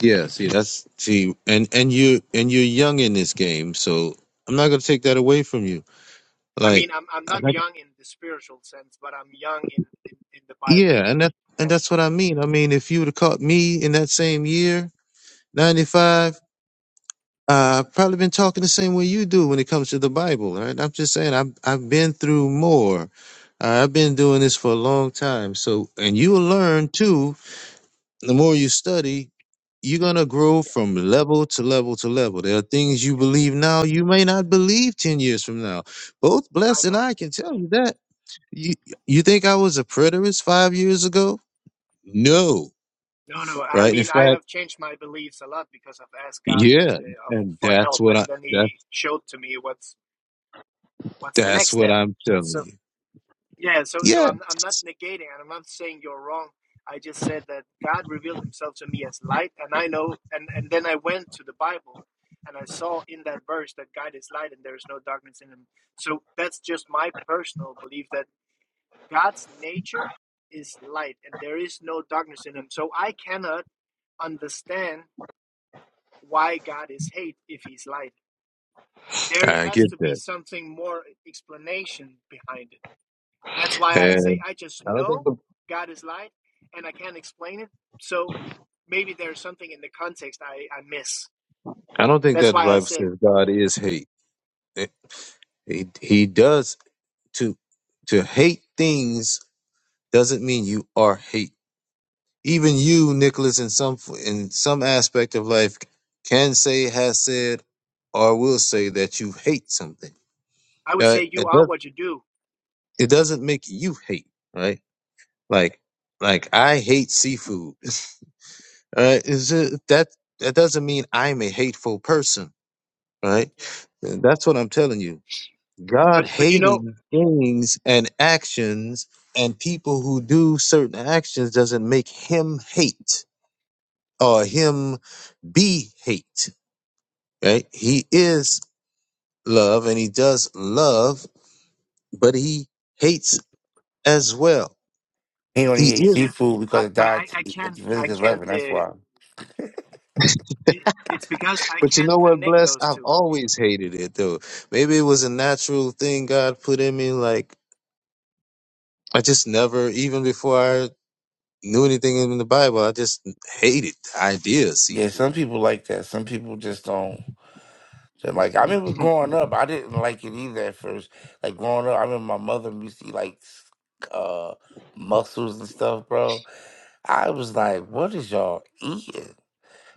[SPEAKER 2] yeah. See, that's see, and and you and you're young in this game, so I'm not gonna take that away from you.
[SPEAKER 7] I
[SPEAKER 2] Like,
[SPEAKER 7] mean, I'm I'm
[SPEAKER 2] I
[SPEAKER 7] not
[SPEAKER 2] like-
[SPEAKER 7] young in the spiritual sense, but I'm young in in, in the Bible.
[SPEAKER 2] yeah, and that and
[SPEAKER 7] And
[SPEAKER 2] that's what I mean. I mean, if you would have caught me in that same year, '95. Uh, I've probably been talking the same way you do when it comes to the Bible, right? I'm just saying I've I've been through more. Uh, I've been doing this for a long time. So, and you'll
[SPEAKER 7] yeah,
[SPEAKER 2] learn too. The more you study, you're gonna grow
[SPEAKER 7] yeah,
[SPEAKER 2] from level to level to level. There are things you
[SPEAKER 7] yeah.
[SPEAKER 2] believe now you may not believe ten years from now. Both
[SPEAKER 7] I
[SPEAKER 2] Bless and
[SPEAKER 7] know.
[SPEAKER 2] I can tell
[SPEAKER 7] Yeah.
[SPEAKER 2] you that. You you think I was a preterist five years ago? No,
[SPEAKER 7] No, no. I
[SPEAKER 2] right? In
[SPEAKER 7] mean, I
[SPEAKER 2] fact,
[SPEAKER 7] have changed my beliefs a lot because I've asked God
[SPEAKER 2] yeah,
[SPEAKER 7] uh,
[SPEAKER 2] and
[SPEAKER 7] for
[SPEAKER 2] that's
[SPEAKER 7] help,
[SPEAKER 2] what I
[SPEAKER 7] and then
[SPEAKER 2] that
[SPEAKER 7] He showed to me what's what's the
[SPEAKER 2] that's
[SPEAKER 7] next
[SPEAKER 2] what
[SPEAKER 7] step.
[SPEAKER 2] I'm telling
[SPEAKER 7] So
[SPEAKER 2] you.
[SPEAKER 7] Yeah, so
[SPEAKER 2] Yeah.
[SPEAKER 7] so I'm I'm not negating and I'm not saying you're wrong. I just said that God revealed himself to me as light and I know and and then I went to the Bible and I saw in that verse that God is light and there is no darkness in him. So that's just my personal belief that God's nature is light and there is no darkness in him. So I cannot understand why God is hate if he's light. There
[SPEAKER 2] I
[SPEAKER 7] has
[SPEAKER 2] get
[SPEAKER 7] to be
[SPEAKER 2] that,
[SPEAKER 7] something more explanation behind it. That's why I
[SPEAKER 2] and
[SPEAKER 7] say I just
[SPEAKER 2] I don't think
[SPEAKER 7] know
[SPEAKER 2] the
[SPEAKER 7] God is light and I can't explain it. So maybe there's something in the context I, I miss.
[SPEAKER 2] I don't think
[SPEAKER 7] That's
[SPEAKER 2] that the
[SPEAKER 7] why I
[SPEAKER 2] Bible
[SPEAKER 7] said,
[SPEAKER 2] says God
[SPEAKER 7] yeah,
[SPEAKER 2] is hate. Eh, He he does to to hate things doesn't mean you are hate. Even you, Nicholas, in some in some aspect of life, can say has said or will say that you hate something.
[SPEAKER 7] I would
[SPEAKER 2] Uh,
[SPEAKER 7] say you
[SPEAKER 2] it
[SPEAKER 7] are
[SPEAKER 2] does
[SPEAKER 7] what you do.
[SPEAKER 2] it doesn't make you hate, right? Like like I hate seafood. Uh, is it that that doesn't mean I'm a hateful person right?
[SPEAKER 7] Yeah.
[SPEAKER 2] And that's what I'm telling you. God
[SPEAKER 7] But, but you know,
[SPEAKER 2] hating things and actions and people who do certain actions doesn't make him hate or him be hate, right? He is love and he does love, but he hates as well.
[SPEAKER 6] He only
[SPEAKER 2] He
[SPEAKER 6] ate
[SPEAKER 2] is.
[SPEAKER 7] yeah,
[SPEAKER 6] seafood
[SPEAKER 7] I,
[SPEAKER 6] because it
[SPEAKER 7] but
[SPEAKER 6] died
[SPEAKER 7] I, I
[SPEAKER 6] at
[SPEAKER 7] can't, I
[SPEAKER 6] the
[SPEAKER 7] can't,
[SPEAKER 6] Lebanon. That's
[SPEAKER 7] uh,
[SPEAKER 6] why.
[SPEAKER 7] it, it's because I
[SPEAKER 2] But you
[SPEAKER 7] can't
[SPEAKER 2] know what,
[SPEAKER 7] connect
[SPEAKER 2] Bless?
[SPEAKER 7] those
[SPEAKER 2] I've
[SPEAKER 7] two.
[SPEAKER 2] always hated it though. Maybe it was a natural thing God put in me. Like, I just never, even before I. knew anything in the Bible. I just hated the idea of
[SPEAKER 6] Yeah,
[SPEAKER 2] seafood.
[SPEAKER 6] some people like that. Some people just don't. So like I remember growing up, I didn't like it either at first. Like growing up, I remember my mother used to eat like s- uh mussels and stuff, bro. I was like, what is y'all eating?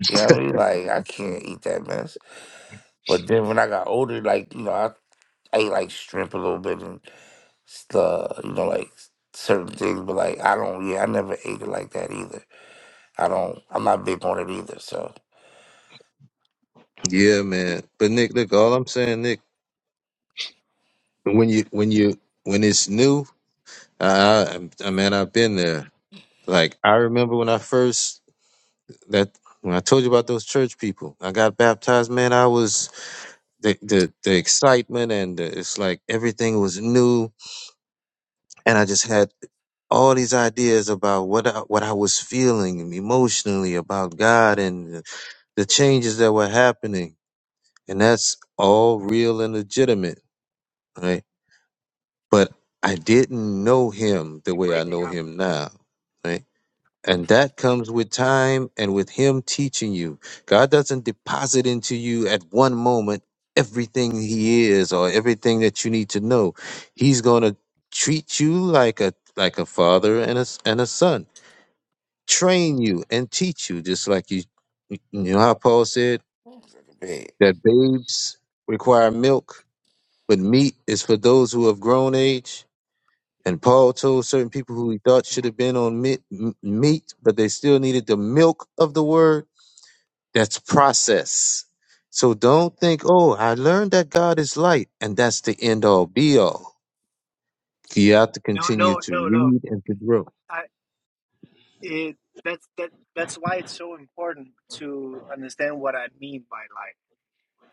[SPEAKER 6] You know what I mean? Like I can't eat that mess. But then when I got older, like, you know, I, I ate like shrimp a little bit and stuff, you know, like certain things, but like I don't yeah, I never ate it like that either. I don't I'm not big on it either, so
[SPEAKER 2] Yeah, man. But Nick, look, all I'm saying, Nick, when you when you when it's new, I, I, I man, I've been there. Like I remember when I first that when I told you about those church people, I got baptized. Man, I was the the, the excitement and the, it's like everything was new, and I just had all these ideas about what I, what I was feeling emotionally about God and the changes that were happening and that's all real and legitimate, right? But I didn't know him the
[SPEAKER 7] You're
[SPEAKER 2] way I
[SPEAKER 7] breaking
[SPEAKER 2] know
[SPEAKER 7] up.
[SPEAKER 2] him now, right? And that comes with time and with him teaching you. God doesn't deposit into you at one moment everything he is or everything that you need to know. He's going to treat you like a like a father and a s- and a son. Train you and teach you just like you you know how Paul said
[SPEAKER 6] like big.
[SPEAKER 2] that babes require milk But meat is for those who have grown age. And Paul told certain people who he thought
[SPEAKER 7] Yeah.
[SPEAKER 2] should
[SPEAKER 7] Mhm.
[SPEAKER 2] have been on meat, m- meat, but they still needed the milk of the word. That's process. So
[SPEAKER 7] Yeah.
[SPEAKER 2] don't think, oh, I learned that God is light, and that's the end all be all. You have to
[SPEAKER 7] No,
[SPEAKER 2] continue
[SPEAKER 7] no,
[SPEAKER 2] to
[SPEAKER 7] no, no.
[SPEAKER 2] read and to grow.
[SPEAKER 7] I, it, that's, that, that's why it's so important to understand what I mean by light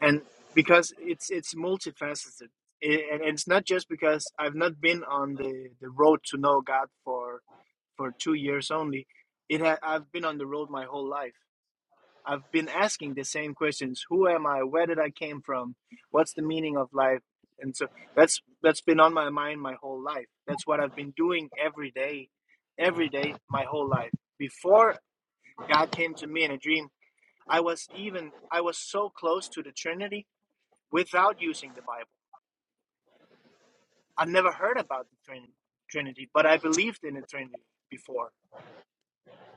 [SPEAKER 7] and because it's it's multifaceted I- and it's not just because i've not been on the the road to know god for for two years only it ha- i've been on the road my whole life i've been asking the same questions who am i where did i came from what's the meaning of life and so that's that's been on my mind my whole life that's what i've been doing every day every day my whole life before god came to me in a dream i was even i was so close to the trinity without using the Bible. I never heard about the Trinity, but I believed in the Trinity before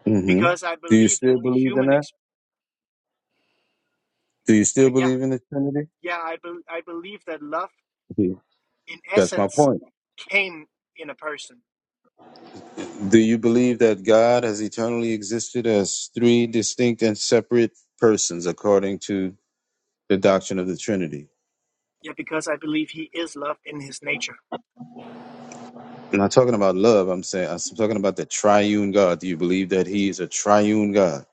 [SPEAKER 2] hmm
[SPEAKER 7] because I
[SPEAKER 2] Do you
[SPEAKER 7] believe
[SPEAKER 2] still
[SPEAKER 7] that the
[SPEAKER 2] believe in
[SPEAKER 7] human,
[SPEAKER 2] that?
[SPEAKER 7] ex-
[SPEAKER 2] Do you still
[SPEAKER 7] uh, yeah,
[SPEAKER 2] believe in the Trinity?
[SPEAKER 7] yeah, I, bel I believe that love
[SPEAKER 2] Mhm.
[SPEAKER 7] in
[SPEAKER 2] That's my
[SPEAKER 7] essence
[SPEAKER 2] point.
[SPEAKER 7] came in a person.
[SPEAKER 2] Do you believe that God has eternally existed as three distinct and separate persons according to the doctrine of the Trinity?
[SPEAKER 7] Yeah, because I believe he is love in his nature.
[SPEAKER 2] I'm not talking about love. I'm saying I'm talking about the triune God. Do you believe that He is a triune God?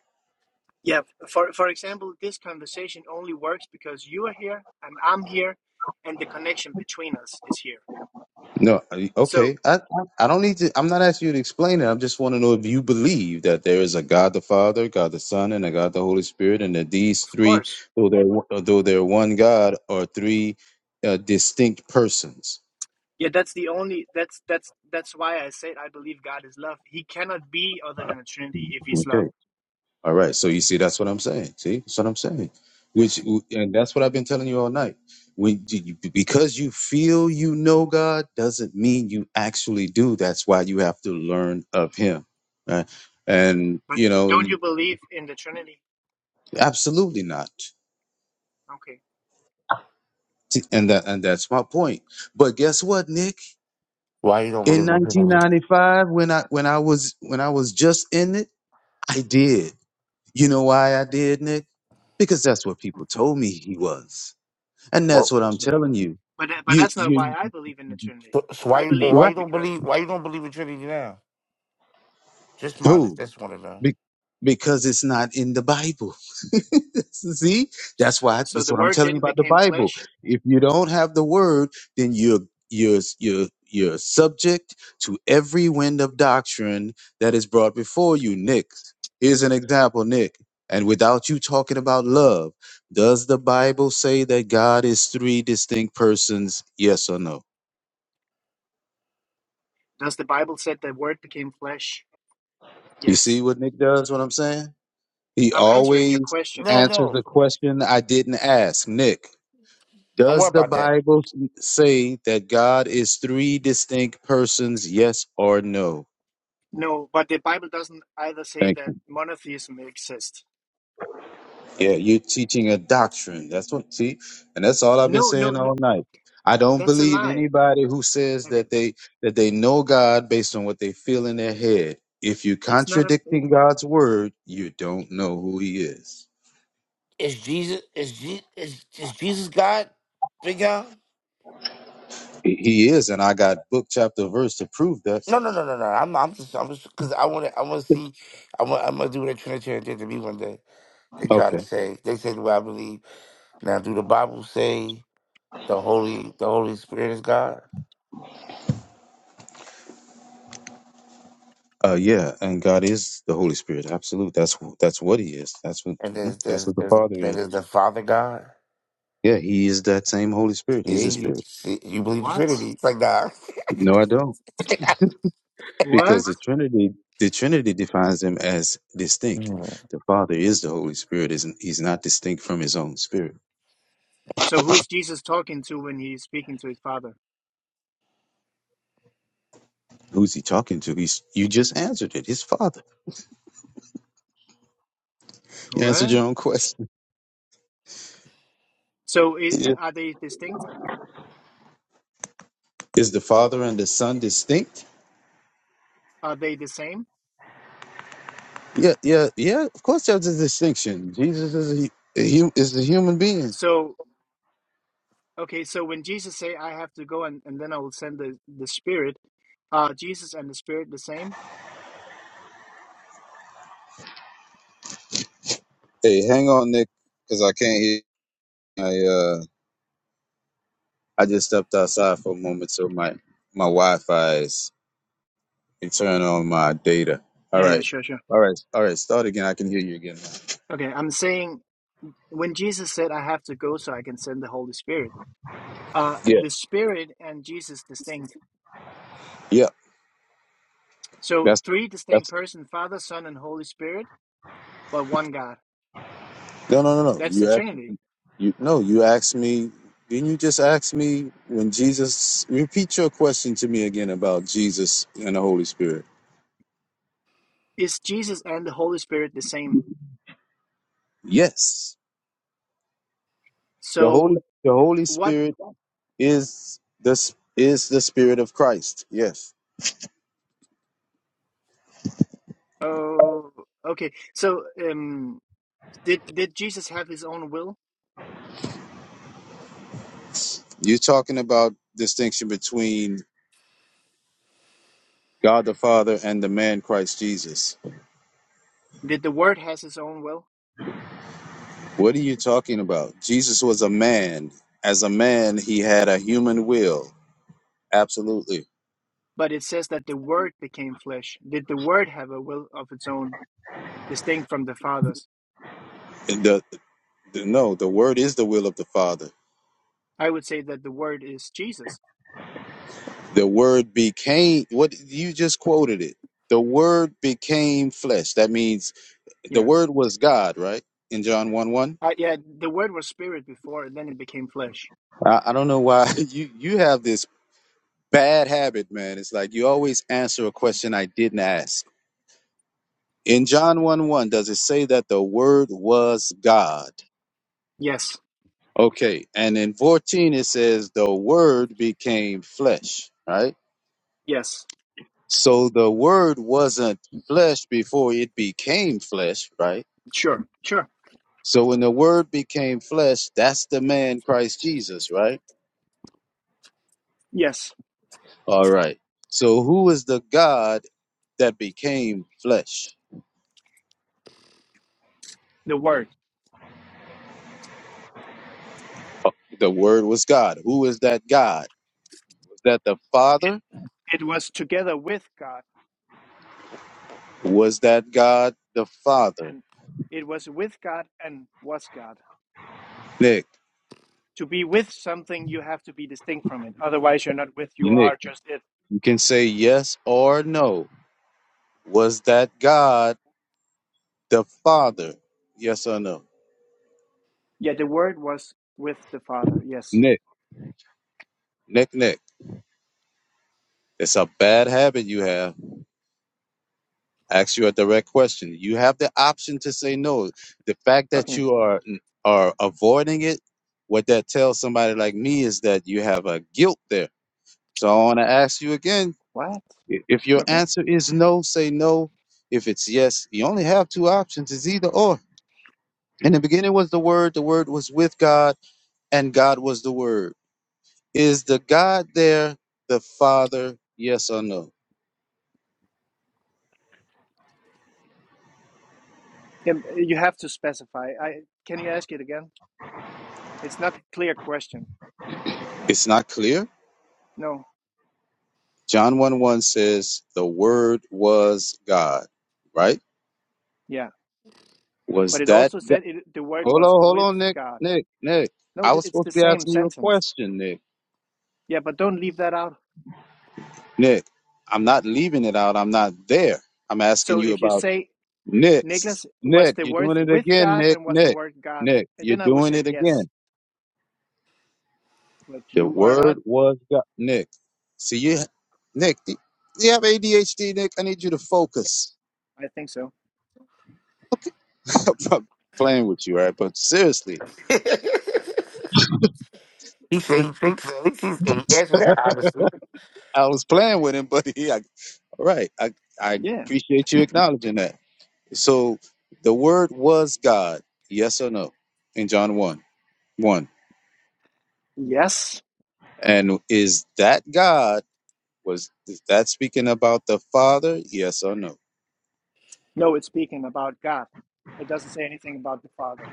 [SPEAKER 7] Yeah, for, for example, this conversation only works because you are here and I'm here and the connection between us is here.
[SPEAKER 2] No. I-
[SPEAKER 7] So,
[SPEAKER 2] Okay. I I I don't need to. I'm not asking you to explain it. I just want to know if you believe that there is a God the Father, God the Son, and a God the Holy Spirit, and that these
[SPEAKER 7] of
[SPEAKER 2] three,
[SPEAKER 7] course,
[SPEAKER 2] though they're one- though they're one God, are three uh, distinct persons.
[SPEAKER 7] Yeah, that's the only that's that's that's why I said I believe God is love. He cannot be other than the Trinity if he's
[SPEAKER 2] Okay.
[SPEAKER 7] love.
[SPEAKER 2] All right. So you see, that's what I'm saying. See, that's what I'm saying. Which, and that's what I've been telling you all night. When you, because you feel you know God doesn't mean you actually do. That's why you have to learn of Him. right? And
[SPEAKER 7] But
[SPEAKER 2] you know,
[SPEAKER 7] don't you believe in the Trinity?
[SPEAKER 2] absolutely not.
[SPEAKER 7] Okay.
[SPEAKER 2] See, And that, and that's my point. But guess what, Nick?
[SPEAKER 6] Why you don't
[SPEAKER 2] In
[SPEAKER 6] believe in me?
[SPEAKER 2] 1995, when I when I was when I was just in it, I did. You know why I did, Nick? Because that's what
[SPEAKER 7] Mhm.
[SPEAKER 2] people told me he was. And that's what I'm telling you.
[SPEAKER 7] But that- but
[SPEAKER 2] You
[SPEAKER 7] that's not
[SPEAKER 2] you
[SPEAKER 7] why I believe in the Trinity.
[SPEAKER 6] So, so
[SPEAKER 7] I
[SPEAKER 6] why
[SPEAKER 7] believe
[SPEAKER 6] why you
[SPEAKER 2] right.
[SPEAKER 7] it
[SPEAKER 6] don't
[SPEAKER 7] because
[SPEAKER 6] believe why you don't believe in Trinity now? Just minus
[SPEAKER 2] Who?
[SPEAKER 6] that's one of them.
[SPEAKER 2] Be- because it's not in the Bible. See? That's why
[SPEAKER 7] so
[SPEAKER 2] that's
[SPEAKER 7] the
[SPEAKER 2] what I'm
[SPEAKER 7] word
[SPEAKER 2] telling you
[SPEAKER 7] didn't
[SPEAKER 2] about the
[SPEAKER 7] become
[SPEAKER 2] Bible.
[SPEAKER 7] flesh.
[SPEAKER 2] If you don't have the word, then you're you're you're you're subject to every wind of doctrine that is brought before you, Nick. Here's an example, Nick. And without you talking about love, does the Bible say that God is three distinct persons? Yes or no?
[SPEAKER 7] Does the Bible said the word became flesh?
[SPEAKER 2] You see
[SPEAKER 7] Yes.
[SPEAKER 2] what Nick does, what I'm saying? He
[SPEAKER 7] I'm answering your
[SPEAKER 2] always
[SPEAKER 7] question.
[SPEAKER 6] No,
[SPEAKER 2] answers
[SPEAKER 6] no,
[SPEAKER 2] the question I didn't ask. Nick,
[SPEAKER 6] don't worry
[SPEAKER 2] does the
[SPEAKER 6] about that.
[SPEAKER 2] Bible say that God is three distinct persons? Yes or no?
[SPEAKER 7] No, but the Bible doesn't either say
[SPEAKER 2] Thank
[SPEAKER 7] that
[SPEAKER 2] you.
[SPEAKER 7] monotheism exists.
[SPEAKER 2] Yeah, you're teaching a doctrine. That's what, see? And that's all I've been
[SPEAKER 7] No, no,
[SPEAKER 2] saying
[SPEAKER 7] no
[SPEAKER 2] all night. I don't
[SPEAKER 7] that's a
[SPEAKER 2] believe
[SPEAKER 7] lie.
[SPEAKER 2] anybody who says that
[SPEAKER 7] Okay.
[SPEAKER 2] they that they know God based on what they feel in their head. If you're
[SPEAKER 7] It's not a it,
[SPEAKER 2] contradicting God's word, you don't know who he is.
[SPEAKER 6] Is Jesus is Je- is, is Jesus God? Big y'all?
[SPEAKER 2] He he is, and I got book, chapter, verse to prove that.
[SPEAKER 6] No, no, no, no, no. I'm I'm just I'm just because I want to I want to see I want I'm gonna do what a Trinitarian did to me one day. They try
[SPEAKER 2] Okay.
[SPEAKER 6] to say they say the way I believe. Now, do the Bible say the Holy the Holy Spirit is God
[SPEAKER 2] Uh, yeah, and God is the Holy Spirit. Absolute. That's wh- that's what He is. That's what
[SPEAKER 6] and
[SPEAKER 2] mm,
[SPEAKER 6] there's
[SPEAKER 2] that's
[SPEAKER 6] there's,
[SPEAKER 2] what the
[SPEAKER 6] there's
[SPEAKER 2] Father
[SPEAKER 6] that
[SPEAKER 2] is.
[SPEAKER 6] is the Father God?
[SPEAKER 2] Yeah, He is that same Holy Spirit.
[SPEAKER 6] Yeah,
[SPEAKER 2] He's the
[SPEAKER 6] you
[SPEAKER 2] Spirit.
[SPEAKER 6] see, you believe the
[SPEAKER 7] what?
[SPEAKER 6] Trinity? It's like
[SPEAKER 2] No, I don't, because
[SPEAKER 7] What?
[SPEAKER 2] the Trinity the Trinity defines them as
[SPEAKER 6] nah.
[SPEAKER 2] distinct. The Father is the Holy Spirit. Isn't He's not distinct from His own Spirit.
[SPEAKER 7] So who is Jesus talking to when he's speaking to his father?
[SPEAKER 2] Who's He talking to? He's you just answered it. His Father. You
[SPEAKER 7] What?
[SPEAKER 2] answered your own question.
[SPEAKER 7] So i i-
[SPEAKER 2] Yeah.
[SPEAKER 7] are they distinct?
[SPEAKER 2] Is the Father and the Son distinct?
[SPEAKER 7] Are they the same?
[SPEAKER 2] Yeah, yeah, yeah. Of course, there's a distinction. Jesus is a hu- a hu- is a human being.
[SPEAKER 7] So okay, so when Jesus say, "I have to go and, and then I will send the the Spirit," are Jesus and the Spirit the same?
[SPEAKER 2] Hey, hang on, Nick, because I can't hear. I uh, I just stepped outside for a moment, so my my Wi-Fi is you turn on my data. All
[SPEAKER 7] Yeah, yeah,
[SPEAKER 2] right,
[SPEAKER 7] sure, sure.
[SPEAKER 2] all right, all right. Start again. I can hear you again. now.
[SPEAKER 7] Okay, I'm saying when Jesus said, "I have to go so I can send the Holy Spirit," uh,
[SPEAKER 2] Yeah,
[SPEAKER 7] the Spirit and Jesus distinct.
[SPEAKER 2] yeah.
[SPEAKER 7] So
[SPEAKER 2] That's
[SPEAKER 7] three distinct
[SPEAKER 2] that's
[SPEAKER 7] persons: Father, Son, and Holy Spirit, but one God.
[SPEAKER 2] no, no, no, no.
[SPEAKER 7] That's
[SPEAKER 2] You
[SPEAKER 7] the
[SPEAKER 2] asked
[SPEAKER 7] Trinity.
[SPEAKER 2] you no. You asked me. Didn't you just ask me when Jesus? Repeat your question to me again about Jesus and the Holy Spirit.
[SPEAKER 7] Is Jesus and the Holy Spirit the same?
[SPEAKER 2] Yes, the
[SPEAKER 7] So
[SPEAKER 2] Holy the Holy
[SPEAKER 7] What?
[SPEAKER 2] Spirit is the s- is the Spirit of Christ. Yes.
[SPEAKER 7] Oh, okay. So, um, did did Jesus have his own will?
[SPEAKER 2] You're talking about distinction between God the Father and the man Christ Jesus.
[SPEAKER 7] Did the Word has his own will?
[SPEAKER 2] What are you talking about? Jesus was a man. As a man, he had a human will. Absolutely.
[SPEAKER 7] But it says that the Word became flesh. Did the Word have a will of its own, distinct from the Father's?
[SPEAKER 2] And The, the- no, the word is the will of the Father.
[SPEAKER 7] I would say that the Word is Jesus.
[SPEAKER 2] The word became what you just quoted it. The word became flesh. That means the
[SPEAKER 7] Yeah.
[SPEAKER 2] word was God, right? In John 1 1.
[SPEAKER 7] Uh, yeah. The Word was spirit before, and then it became flesh.
[SPEAKER 2] I, I don't know why you, you have this bad habit, man. It's like you always answer a question I didn't ask In John 1 1, does it say that the Word was God?
[SPEAKER 7] Yes.
[SPEAKER 2] Okay. And in 14, it says the Word became flesh, right?
[SPEAKER 7] Yes.
[SPEAKER 2] So the Word wasn't flesh before it became flesh, right?
[SPEAKER 7] Sure. Sure.
[SPEAKER 2] So when the Word became flesh, that's the man Christ Jesus, right?
[SPEAKER 7] Yes.
[SPEAKER 2] All right. So who is the God that became flesh?
[SPEAKER 7] The Word.
[SPEAKER 2] The Word was God. Who is that God? Was that the Father?
[SPEAKER 7] It was together with God,
[SPEAKER 2] Was that God the Father?
[SPEAKER 7] and it was with God and was God.
[SPEAKER 2] Nick.
[SPEAKER 7] to be with something you have to be distinct from it otherwise you're not with you
[SPEAKER 2] Nick.
[SPEAKER 7] are just it
[SPEAKER 2] You can say yes or no. Was that God the Father? Yes or no?
[SPEAKER 7] yeah the word was with the father yes
[SPEAKER 2] Nick. Nick, Nick. It's a bad habit you have. Ask you a direct question. You have the option to say no. The fact that
[SPEAKER 7] okay
[SPEAKER 2] you are are avoiding it, what that tells somebody like me is that you have a guilt there. So I want to ask you again.
[SPEAKER 7] what
[SPEAKER 2] i- If your
[SPEAKER 7] okay
[SPEAKER 2] answer is no, say no. If it's yes, you only have two options. It's either or. In the beginning was the Word. The Word was with God and God was the Word. Is the God there the Father? Yes or no?
[SPEAKER 7] yeah, you have to specify i can you ask it again it's not a clear question
[SPEAKER 2] It's not clear.
[SPEAKER 7] no
[SPEAKER 2] John 1 1 says, The Word was God, right?
[SPEAKER 7] yeah but
[SPEAKER 2] Was
[SPEAKER 7] it
[SPEAKER 2] that
[SPEAKER 7] also
[SPEAKER 2] God?
[SPEAKER 7] said it, the word
[SPEAKER 2] Hold
[SPEAKER 7] was
[SPEAKER 2] on, hold
[SPEAKER 7] with
[SPEAKER 2] on, Nick.
[SPEAKER 7] god
[SPEAKER 2] Nick, Nick.
[SPEAKER 7] no
[SPEAKER 2] I was
[SPEAKER 7] it's
[SPEAKER 2] supposed
[SPEAKER 7] the
[SPEAKER 2] to be
[SPEAKER 7] same
[SPEAKER 2] asking you a
[SPEAKER 7] sentence
[SPEAKER 2] question, Nick.
[SPEAKER 7] yeah but don't leave that out
[SPEAKER 2] Nick, I'm not leaving it out. I'm not there. I'm asking
[SPEAKER 7] so
[SPEAKER 2] you
[SPEAKER 7] if you
[SPEAKER 2] about
[SPEAKER 7] say
[SPEAKER 2] Nick.
[SPEAKER 7] nicholas was
[SPEAKER 2] Nick,
[SPEAKER 7] the
[SPEAKER 2] you're
[SPEAKER 7] word
[SPEAKER 2] doing it
[SPEAKER 7] with
[SPEAKER 2] again,
[SPEAKER 7] god
[SPEAKER 2] Nick.
[SPEAKER 7] and was the
[SPEAKER 2] Nick,
[SPEAKER 7] word god
[SPEAKER 2] Nick,
[SPEAKER 7] And
[SPEAKER 2] you're
[SPEAKER 7] then i would
[SPEAKER 2] doing
[SPEAKER 7] said
[SPEAKER 2] it again.
[SPEAKER 7] yes but
[SPEAKER 2] The
[SPEAKER 7] you are not
[SPEAKER 2] word was God. Nick, see you, Nick. Do you have ADHD, Nick? I need you to focus.
[SPEAKER 7] i think so
[SPEAKER 2] I'm playing with you, all right? But seriously,
[SPEAKER 6] he said
[SPEAKER 2] it,
[SPEAKER 6] he thinks so. At least he's he answered that honestly.
[SPEAKER 2] I was playing with him, but he, I, all right. I, I
[SPEAKER 7] yeah
[SPEAKER 2] appreciate you acknowledging that. So the word was God. Yes or no? In John one one,
[SPEAKER 7] Yes.
[SPEAKER 2] and is that God? Was is that speaking about the Father? Yes or no?
[SPEAKER 7] No, it's speaking about God. It doesn't say anything about the Father.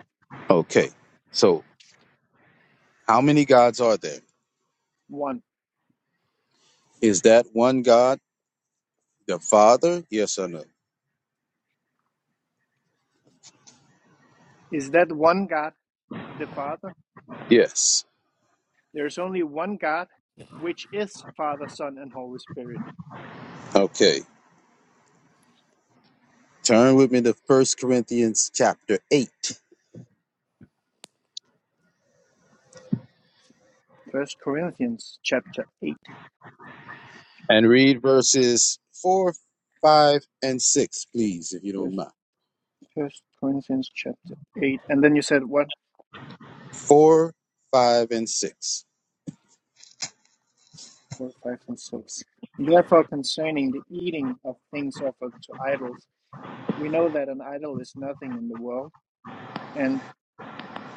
[SPEAKER 2] Okay. So how many gods are there?
[SPEAKER 7] One.
[SPEAKER 2] Is that one God? The Father? Yes or no?
[SPEAKER 7] Is that one God the Father?
[SPEAKER 2] Yes.
[SPEAKER 7] There is only one God, which is Father, Son, and Holy Spirit.
[SPEAKER 2] Okay. Turn with me to First Corinthians chapter 8
[SPEAKER 7] First Corinthians chapter eight.
[SPEAKER 2] and read verses 4, 5, and 6, please, if you don't
[SPEAKER 7] First,
[SPEAKER 2] mind.
[SPEAKER 7] First Corinthians chapter eight. And then you said what?
[SPEAKER 2] 4, 5, and 6.
[SPEAKER 7] Four, five, and six. Therefore, concerning the eating of things offered to idols, we know that an idol is nothing in the world, and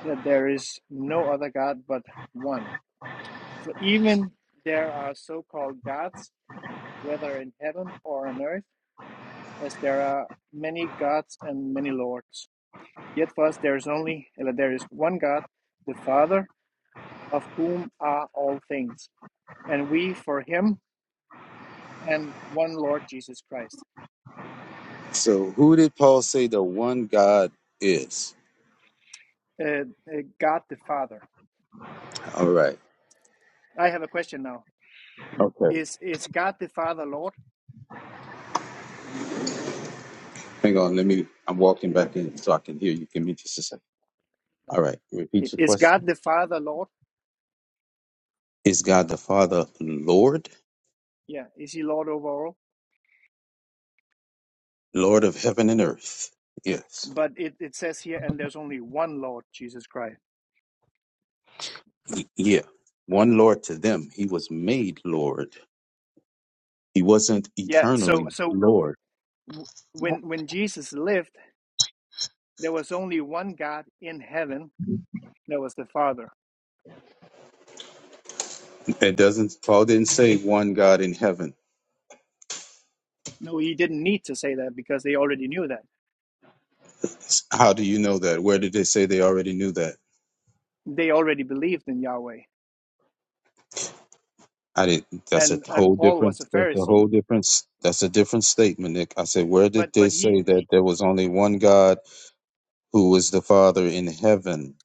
[SPEAKER 7] that there is no other God but one For even there are so called gods, whether in heaven or on earth, as there are many gods and many lords. Yet for us there is only uh, there is one God, the Father, of whom are all things, and we for him, and one Lord Jesus Christ.
[SPEAKER 2] So, who did Paul say the one God is?
[SPEAKER 7] Uh, uh, God the Father.
[SPEAKER 2] All right.
[SPEAKER 7] I have a question now.
[SPEAKER 2] Okay.
[SPEAKER 7] Is is God the Father Lord?
[SPEAKER 2] Hang on. Let me. I'm walking back in so I can hear you. Give me just a second. All right. Repeat your
[SPEAKER 7] Is
[SPEAKER 2] question.
[SPEAKER 7] God the Father Lord?
[SPEAKER 2] Is God the Father Lord?
[SPEAKER 7] Yeah, is he Lord over all?
[SPEAKER 2] Lord of heaven and earth? Yes.
[SPEAKER 7] But it, it says here, and there's only one Lord, Jesus Christ.
[SPEAKER 2] Yeah, one Lord to them. He was made Lord. He wasn't
[SPEAKER 7] Yeah,
[SPEAKER 2] eternally
[SPEAKER 7] so so
[SPEAKER 2] Lord.
[SPEAKER 7] w- when when Jesus lived, there was only one God in heaven, that was the Father.
[SPEAKER 2] It doesn't. Paul didn't say one God in heaven.
[SPEAKER 7] No, he didn't need to say that because they already knew that.
[SPEAKER 2] How do you know that? Where did they say they already knew that?
[SPEAKER 7] They already believed in Yahweh.
[SPEAKER 2] I didn't. That's a
[SPEAKER 7] And and
[SPEAKER 2] whole
[SPEAKER 7] Paul was
[SPEAKER 2] different.
[SPEAKER 7] a
[SPEAKER 2] That's a
[SPEAKER 7] Pharisee.
[SPEAKER 2] whole different. That's a different statement, Nick. I said, where
[SPEAKER 7] But
[SPEAKER 2] did they
[SPEAKER 7] but he
[SPEAKER 2] say that
[SPEAKER 7] he
[SPEAKER 2] there was only one God who was the Father in heaven?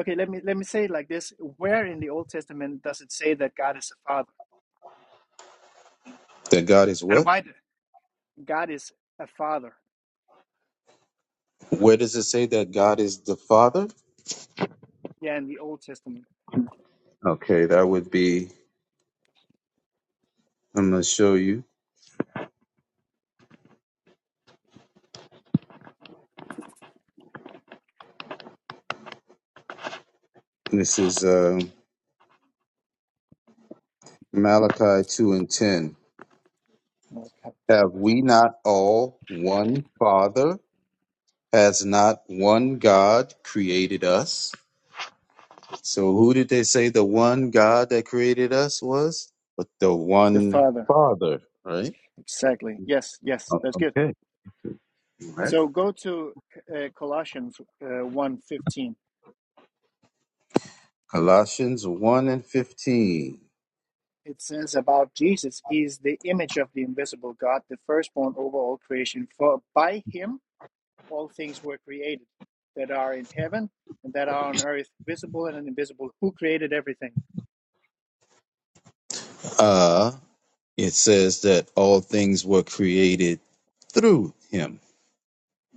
[SPEAKER 7] okay, let me let me say it like this. Where in the Old Testament does it say that God is a father?
[SPEAKER 2] That God is
[SPEAKER 7] And
[SPEAKER 2] what?
[SPEAKER 7] why the- God is a father?
[SPEAKER 2] Where does it say that God is the Father?
[SPEAKER 7] Yeah, in the Old Testament.
[SPEAKER 2] Okay, that would be. I'm gonna show you. This is. um, Malachi 2 and 10.
[SPEAKER 7] No, cap-
[SPEAKER 2] Have we not all one Father? Has not one God created us? So, who did they say the one God that created us was? But the
[SPEAKER 7] The
[SPEAKER 2] one
[SPEAKER 7] Father.
[SPEAKER 2] Father, right?
[SPEAKER 7] Exactly. Yes, yes.
[SPEAKER 2] O-
[SPEAKER 7] That's good.
[SPEAKER 2] Okay. All right.
[SPEAKER 7] So go to uh, Colossians uh, one fifteen.
[SPEAKER 2] Colossians 1 and 15.
[SPEAKER 7] It says about Jesus, he is the image of the invisible God, the firstborn over all creation. For by him all things were created that are in heaven and that are on earth, visible and invisible. Who created everything?
[SPEAKER 2] Uh, it says that all things were created through him.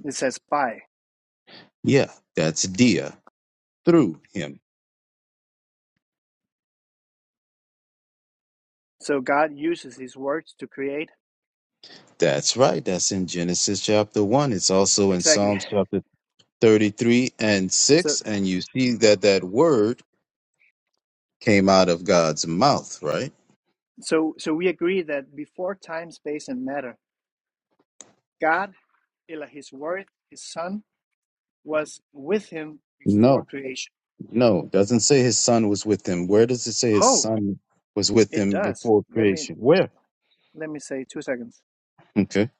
[SPEAKER 7] It says by.
[SPEAKER 2] Yeah, that's Dia, through him.
[SPEAKER 7] So God uses his words to create.
[SPEAKER 2] That's right. That's in Genesis chapter 1. It's also in
[SPEAKER 7] Exactly.
[SPEAKER 2] Psalms chapter 33 and
[SPEAKER 7] So
[SPEAKER 2] 6. And you see that that word came out of God's mouth, right?
[SPEAKER 7] so so we agree that before time, space, and matter, God, Ella, his word, his son, was with him before
[SPEAKER 2] No,
[SPEAKER 7] creation
[SPEAKER 2] no. it Doesn't say his son was with him. Where does it say his
[SPEAKER 7] Oh,
[SPEAKER 2] son was with
[SPEAKER 7] it
[SPEAKER 2] him
[SPEAKER 7] does.
[SPEAKER 2] before
[SPEAKER 7] Let me
[SPEAKER 2] creation? Where?
[SPEAKER 7] let me say two seconds.
[SPEAKER 2] Okay.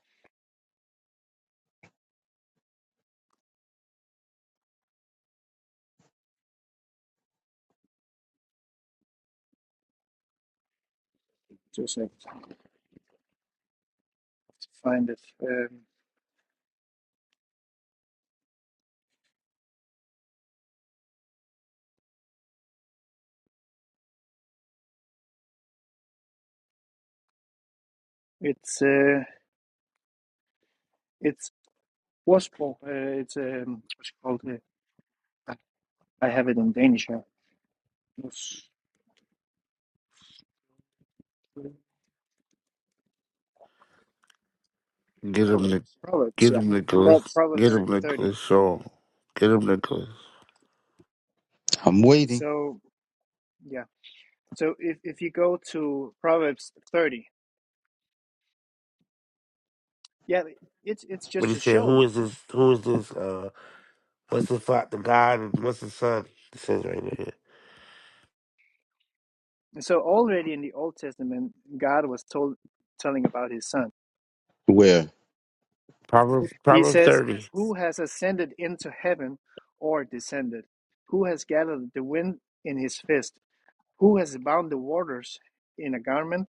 [SPEAKER 7] Two seconds. to Find it. Um, it's uh, it's Waspo. Uh, it's um, what's it called? Uh, I I have it in Danish. Here. It's, uh,
[SPEAKER 6] Get him, Nic-
[SPEAKER 7] Proverbs.
[SPEAKER 6] get
[SPEAKER 7] Yeah.
[SPEAKER 6] him,
[SPEAKER 7] Pro-
[SPEAKER 6] Nicholas. Get
[SPEAKER 7] Proverbs
[SPEAKER 6] him,
[SPEAKER 7] thirty.
[SPEAKER 6] Nicholas. Show him. Get him, Nicholas.
[SPEAKER 2] I'm waiting.
[SPEAKER 7] So yeah. So if if you go to Proverbs thirty, yeah, it's it's
[SPEAKER 6] But
[SPEAKER 7] just
[SPEAKER 6] he
[SPEAKER 7] a
[SPEAKER 6] said, Who
[SPEAKER 7] show.
[SPEAKER 6] is this who is this uh what's the father the God and what's the son? It says right there.
[SPEAKER 7] And So already in the Old Testament, God was told telling about His Son.
[SPEAKER 2] Where?
[SPEAKER 6] Proverbs,
[SPEAKER 7] He
[SPEAKER 6] Proverbs
[SPEAKER 7] says,
[SPEAKER 6] 30.
[SPEAKER 7] Who has ascended into heaven or descended? Who has gathered the wind in his fist? Who has bound the waters in a garment?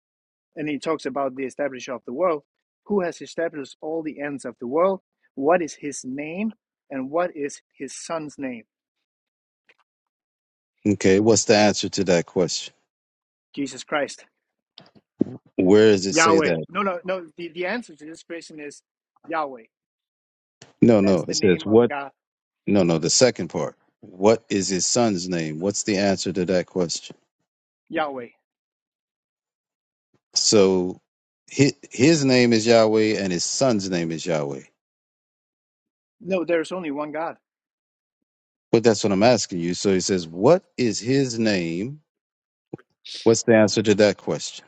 [SPEAKER 7] And he talks about the establishment of the world. Who has established all the ends of the world? What is his name? And what is his son's name?
[SPEAKER 2] Okay. What's the answer to that question?
[SPEAKER 7] Jesus Christ.
[SPEAKER 2] Where does it say
[SPEAKER 7] Yahweh.
[SPEAKER 2] that?
[SPEAKER 7] No, no, no. The, the answer to this question is Yahweh.
[SPEAKER 2] No,
[SPEAKER 7] That's
[SPEAKER 2] no.
[SPEAKER 7] the
[SPEAKER 2] It says
[SPEAKER 7] name of
[SPEAKER 2] what?
[SPEAKER 7] God,
[SPEAKER 2] No, no. The second part. What is his son's name? What's the answer to that question?
[SPEAKER 7] Yahweh.
[SPEAKER 2] So his, his name is Yahweh and his son's name is Yahweh.
[SPEAKER 7] No, there's only one God.
[SPEAKER 2] But that's what I'm asking you. So he says, What is his name? What's the answer to that question?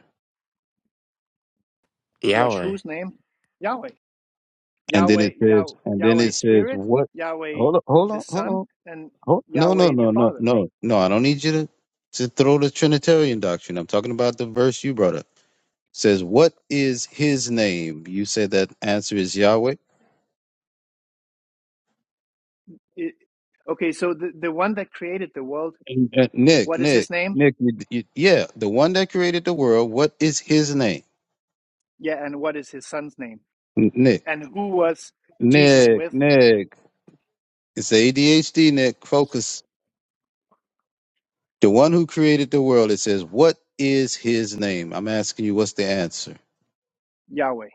[SPEAKER 7] Watch
[SPEAKER 6] Yahweh.
[SPEAKER 7] whose name? Yahweh.
[SPEAKER 2] And then
[SPEAKER 7] Yahweh,
[SPEAKER 2] it says,
[SPEAKER 7] Yah-
[SPEAKER 2] and then
[SPEAKER 7] Yahweh
[SPEAKER 2] it says,
[SPEAKER 7] Spirit,
[SPEAKER 2] What
[SPEAKER 7] Yahweh
[SPEAKER 2] hold on, hold
[SPEAKER 7] the
[SPEAKER 2] on, hold
[SPEAKER 7] Son,
[SPEAKER 2] on.
[SPEAKER 7] and
[SPEAKER 2] Hold, no, no,
[SPEAKER 7] Yahweh the
[SPEAKER 2] no, no,
[SPEAKER 7] Father.
[SPEAKER 2] no, no. I don't need you to, to throw the Trinitarian doctrine. I'm talking about the verse you brought up. says, What is his name? You said that answer is Yahweh.
[SPEAKER 7] It- okay, so the, the one that created the world,
[SPEAKER 2] And, uh, Nick,
[SPEAKER 7] what is
[SPEAKER 2] Nick,
[SPEAKER 7] his name?
[SPEAKER 2] Nick, you, you, yeah, the one that created the world, what is his name?
[SPEAKER 7] Yeah, and what is his son's name?
[SPEAKER 2] Nick,
[SPEAKER 7] And who was Jesus
[SPEAKER 2] Nick,
[SPEAKER 7] with?
[SPEAKER 2] Nick. It's ADHD, Nick. Focus. The one who created the world, it says, What is his name? I'm asking you, what's the answer?
[SPEAKER 7] Yahweh.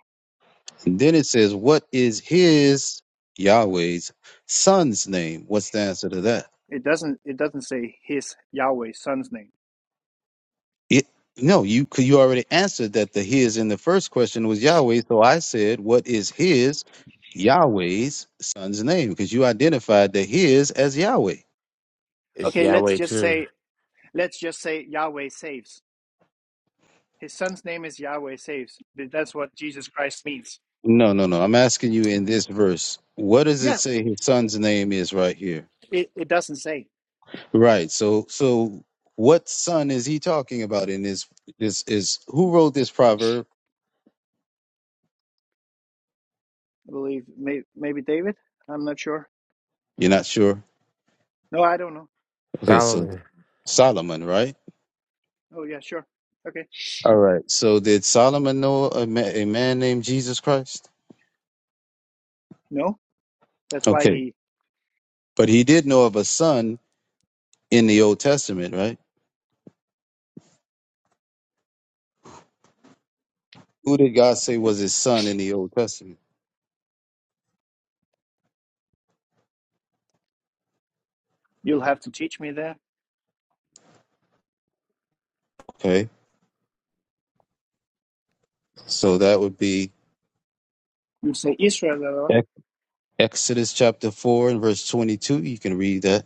[SPEAKER 2] And then it says, What is his, Yahweh's, son's name? What's the answer to that?
[SPEAKER 7] It doesn't it doesn't say his Yahweh son's name.
[SPEAKER 2] It, no, you 'cause you already answered that the his in the first question was Yahweh. So I said, What is his, Yahweh's, son's name? Because you identified the his as Yahweh.
[SPEAKER 6] It's
[SPEAKER 7] Okay, let's
[SPEAKER 6] Yahweh
[SPEAKER 7] just
[SPEAKER 6] too.
[SPEAKER 7] say let's just say Yahweh saves. His son's name is Yahweh saves. That's what Jesus Christ means.
[SPEAKER 2] No, no, no. I'm asking you in this verse, what does it
[SPEAKER 7] Yeah,
[SPEAKER 2] say his son's name is right here?
[SPEAKER 7] it, it doesn't say.
[SPEAKER 2] Right. So so what son is he talking about in this this is who wrote this proverb?
[SPEAKER 7] I believe maybe maybe David. I'm not sure.
[SPEAKER 2] You're not sure?
[SPEAKER 7] No, I don't know.
[SPEAKER 2] Okay, so
[SPEAKER 6] Solomon.
[SPEAKER 2] Solomon, right?
[SPEAKER 7] Oh, yeah, sure. Okay.
[SPEAKER 2] All right. So did Solomon know a, ma- a man named Jesus Christ?
[SPEAKER 7] No, that's why
[SPEAKER 2] Okay.
[SPEAKER 7] he,
[SPEAKER 2] But he did know of a son in the Old Testament, right? Who did God say was his son in the Old Testament?
[SPEAKER 7] you'll have to teach me there.
[SPEAKER 2] Okay. So that would be
[SPEAKER 7] You say Israel, blah, blah,
[SPEAKER 2] Exodus chapter 4 and verse 22. You can read that.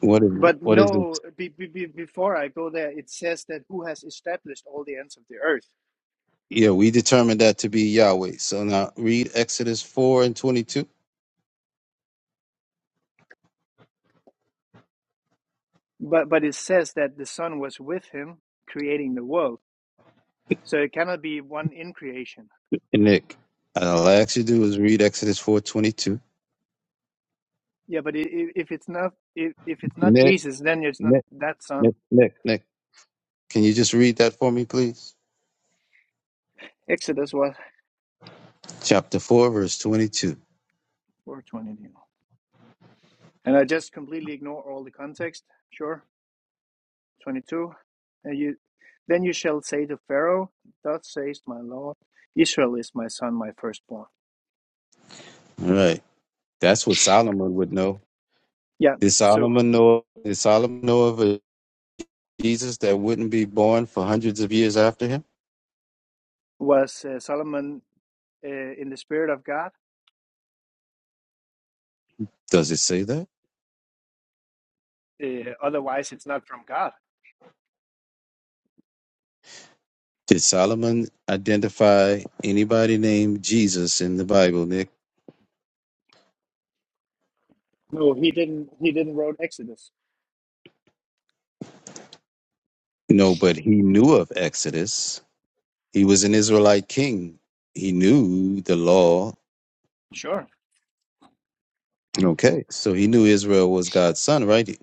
[SPEAKER 2] What is it?
[SPEAKER 7] but
[SPEAKER 2] What is it?
[SPEAKER 7] no, be, be, be, before I go there, it says that who has established all the ends of the earth.
[SPEAKER 2] Yeah, we determined that to be Yahweh. So now read Exodus 4 and 22.
[SPEAKER 7] But, but it says that the Son was with him creating the world. So it cannot be one in creation.
[SPEAKER 2] And Nick, and all I ask you to do is read Exodus 4 22.
[SPEAKER 7] Yeah, but i- i- if it's not if, if it's not
[SPEAKER 2] Nick,
[SPEAKER 7] Jesus, then it's not
[SPEAKER 2] Nick,
[SPEAKER 7] that Son.
[SPEAKER 2] Nick, Nick, Nick, can you just read that for me, please?
[SPEAKER 7] Exodus what
[SPEAKER 2] Chapter 4, verse 22.
[SPEAKER 7] four twenty. And I just completely ignore all the context. Sure 22 and you then you shall say to pharaoh thus says my lord israel is my son my firstborn
[SPEAKER 2] All right. That's what Solomon would know.
[SPEAKER 7] yeah
[SPEAKER 2] Did
[SPEAKER 7] so
[SPEAKER 2] Solomon know, did Solomon know of a Jesus that wouldn't be born for hundreds of years after him?
[SPEAKER 7] was uh, solomon uh, in the spirit of god
[SPEAKER 2] Does it say that?
[SPEAKER 7] uh, otherwise it's not from god
[SPEAKER 2] Did Solomon identify anybody named Jesus in the Bible, Nick?
[SPEAKER 7] no he didn't he didn't wrote exodus
[SPEAKER 2] No, but he knew of Exodus. He was an Israelite king. He knew the law.
[SPEAKER 7] sure Mhm.
[SPEAKER 2] Okay. So he knew Israel was God's son, right?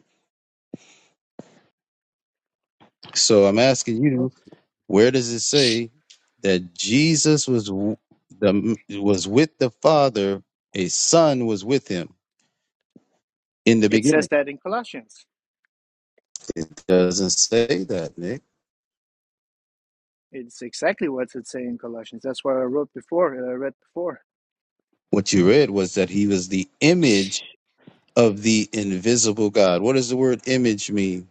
[SPEAKER 2] So I'm asking
[SPEAKER 7] Mhm.
[SPEAKER 2] you, where does it say that Jesus was w- the was with the Father, a son was with him in the
[SPEAKER 7] it says
[SPEAKER 2] beginning?
[SPEAKER 7] that in colossians
[SPEAKER 2] It doesn't say that, Nick.
[SPEAKER 7] it's exactly what it says in colossians that's what i wrote before uh, i read before
[SPEAKER 2] What you read was that he was the image of the invisible God. What does the word image mean?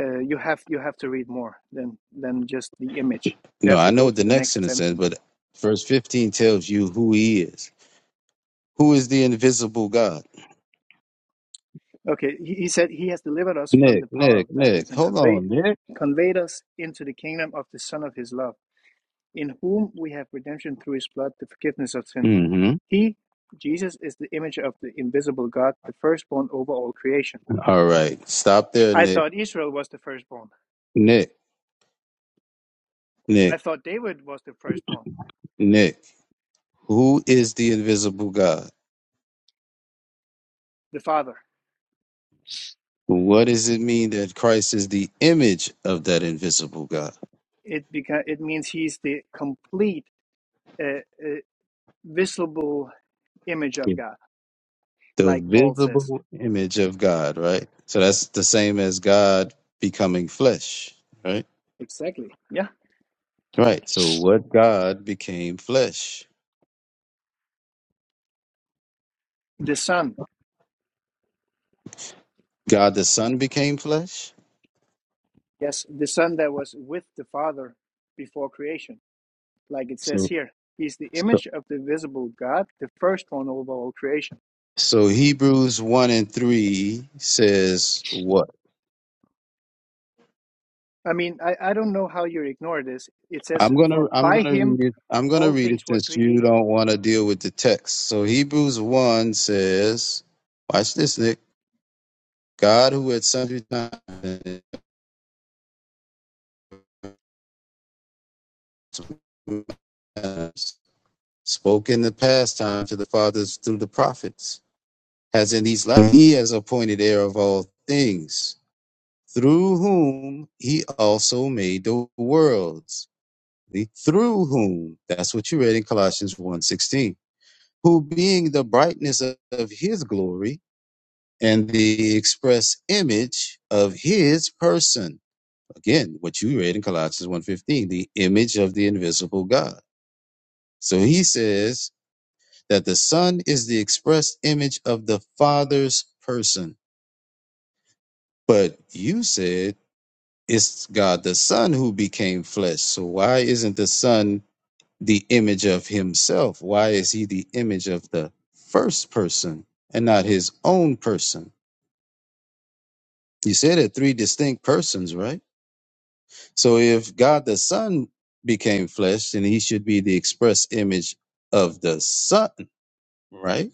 [SPEAKER 7] uh, you have you have to read more than than just the image you
[SPEAKER 2] No,
[SPEAKER 7] have
[SPEAKER 2] I
[SPEAKER 7] to
[SPEAKER 2] know
[SPEAKER 7] go
[SPEAKER 2] what
[SPEAKER 7] to
[SPEAKER 2] the
[SPEAKER 7] the
[SPEAKER 2] next
[SPEAKER 7] next
[SPEAKER 2] sentence says,
[SPEAKER 7] sentence
[SPEAKER 2] but verse 15 tells you who he is. Who is the invisible God?
[SPEAKER 7] Okay, he, he said he has delivered us from
[SPEAKER 2] Nick,
[SPEAKER 7] the power
[SPEAKER 2] Nick,
[SPEAKER 7] of
[SPEAKER 2] Nick.
[SPEAKER 7] darkness and
[SPEAKER 2] Hold
[SPEAKER 7] conveyed
[SPEAKER 2] on, Nick.
[SPEAKER 7] conveyed us into the kingdom of the Son of His love, in whom we have redemption through His blood, the forgiveness of sins.
[SPEAKER 2] hmm
[SPEAKER 7] He, Jesus, is the image of the invisible God, the firstborn over all creation.
[SPEAKER 2] All right. Stop there,
[SPEAKER 7] I
[SPEAKER 2] Nick.
[SPEAKER 7] thought Israel was the firstborn.
[SPEAKER 2] Nick,
[SPEAKER 7] I
[SPEAKER 2] Nick,
[SPEAKER 7] thought David was the firstborn,
[SPEAKER 2] Nick. Who is the invisible God?
[SPEAKER 7] the father.
[SPEAKER 2] What does it mean that Christ is the image of that invisible God?
[SPEAKER 7] It beca- it means he's the complete uh, uh, visible image of God,
[SPEAKER 2] The
[SPEAKER 7] like Paul says.
[SPEAKER 2] visible image of God, right? So that's the same as God becoming flesh, right?
[SPEAKER 7] Yeah,
[SPEAKER 2] Right. So what God became flesh?
[SPEAKER 7] the son.
[SPEAKER 2] God the Son became flesh?
[SPEAKER 7] Yes, the Son that was with the Father before creation, like it says
[SPEAKER 2] So
[SPEAKER 7] here. He's the
[SPEAKER 2] so
[SPEAKER 7] image of the visible God, the firstborn over all creation.
[SPEAKER 2] so Hebrews 1 and 3 says what?
[SPEAKER 7] I mean, I, I don't know how you ignore this. It says,
[SPEAKER 2] I'm going
[SPEAKER 7] For
[SPEAKER 2] to I'm
[SPEAKER 7] by
[SPEAKER 2] going to
[SPEAKER 7] him
[SPEAKER 2] read it. I'm going to
[SPEAKER 7] all
[SPEAKER 2] read it
[SPEAKER 7] things were
[SPEAKER 2] since you
[SPEAKER 7] created.
[SPEAKER 2] don't want to deal with the text. So Hebrews 1 says, watch this Nick, God who at sundry times spoke in the past time to the fathers through the prophets has in these last he has appointed heir of all things through whom he also made the worlds. See? Through whom, that's what you read in Colossians one sixteen. who being the brightness of of his glory and the express image of his person. Again, what you read in Colossians one fifteen, the image of the invisible God. So he says that the Son is the express image of the Father's person. But you said It's God the Son who became flesh. So why isn't the Son the image of himself? Why is he the image of the first person and not his own person? You said it three distinct persons, right? So if God the Son became flesh, then he should be the express image of the Son, right?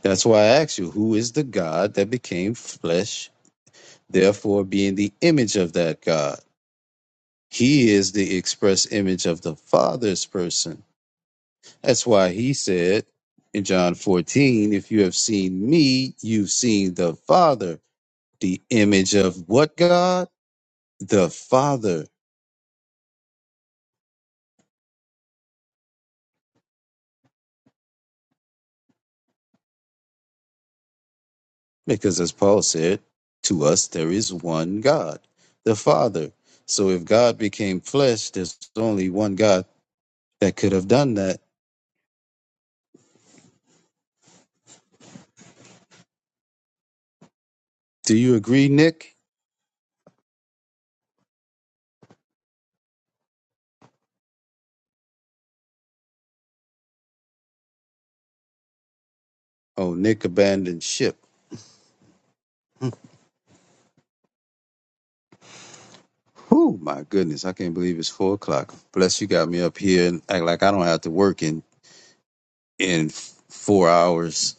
[SPEAKER 2] That's why I asked you, who is the God that became flesh, therefore being the image of that God? He is the express image of the Father's person That's why he said in John 14, if you have seen me, you've seen the Father, the image of what God? The Father. Because as Paul said, to us there is one God, the Father. So if God became flesh, there's only one God that could have done that. Do you agree, Nick? Oh, Nick abandoned ship. Whew, my goodness, I can't believe it's four o'clock. Bless you got me up here and act like I don't have to work in in four hours.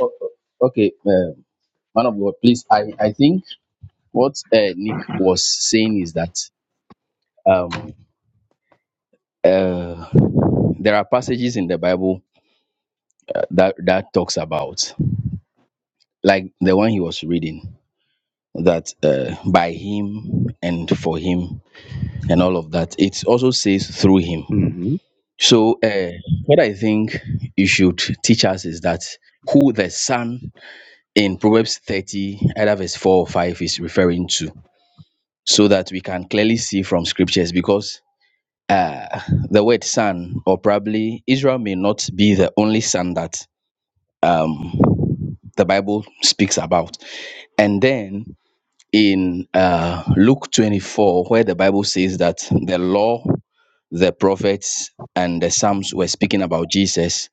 [SPEAKER 9] O- o- Okay, uh, man of God, please. I, I think what uh, Nick was saying is that um, uh, there are passages in the Bible uh, that that talks about, like the one he was reading, that uh, by him and for him and all of that. It also says through him.
[SPEAKER 2] hmm
[SPEAKER 9] So uh, what I think you should teach us is that who the Son in Proverbs 30, either verse 4 or 5, is referring to. so that we can clearly see from scriptures because uh, the word son, or probably Israel, may not be the only son that um, the Bible speaks about. And then in uh, Luke 24, where the Bible says that the law, the prophets, and the Psalms were speaking about Jesus,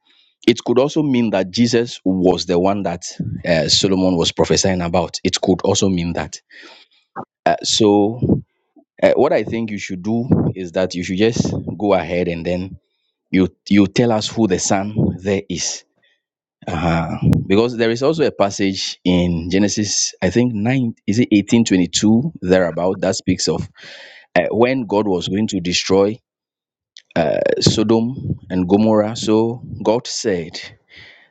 [SPEAKER 9] it could also mean that Jesus was the one that uh, Solomon was prophesying about. It could also mean that. Uh, so Uh, what I think you should do is that you should just go ahead and then you you tell us who the son there is. Uh-huh. Because there is also a passage in Genesis, I think nine is it eighteen twenty two thereabout that speaks of uh, when God was going to destroy uh, Sodom and Gomorrah. So God said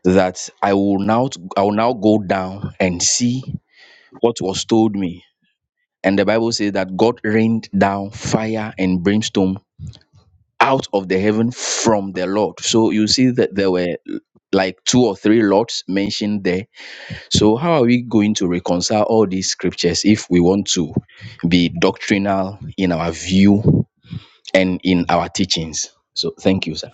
[SPEAKER 9] that I will now I will now go down and see what was told me. And the Bible says that God rained down fire and brimstone out of the heaven from the Lord. So you see that there were like two or three lords mentioned there. So how are we going to reconcile all these scriptures if we want to be doctrinal in our view and in our teachings? So thank you, sir.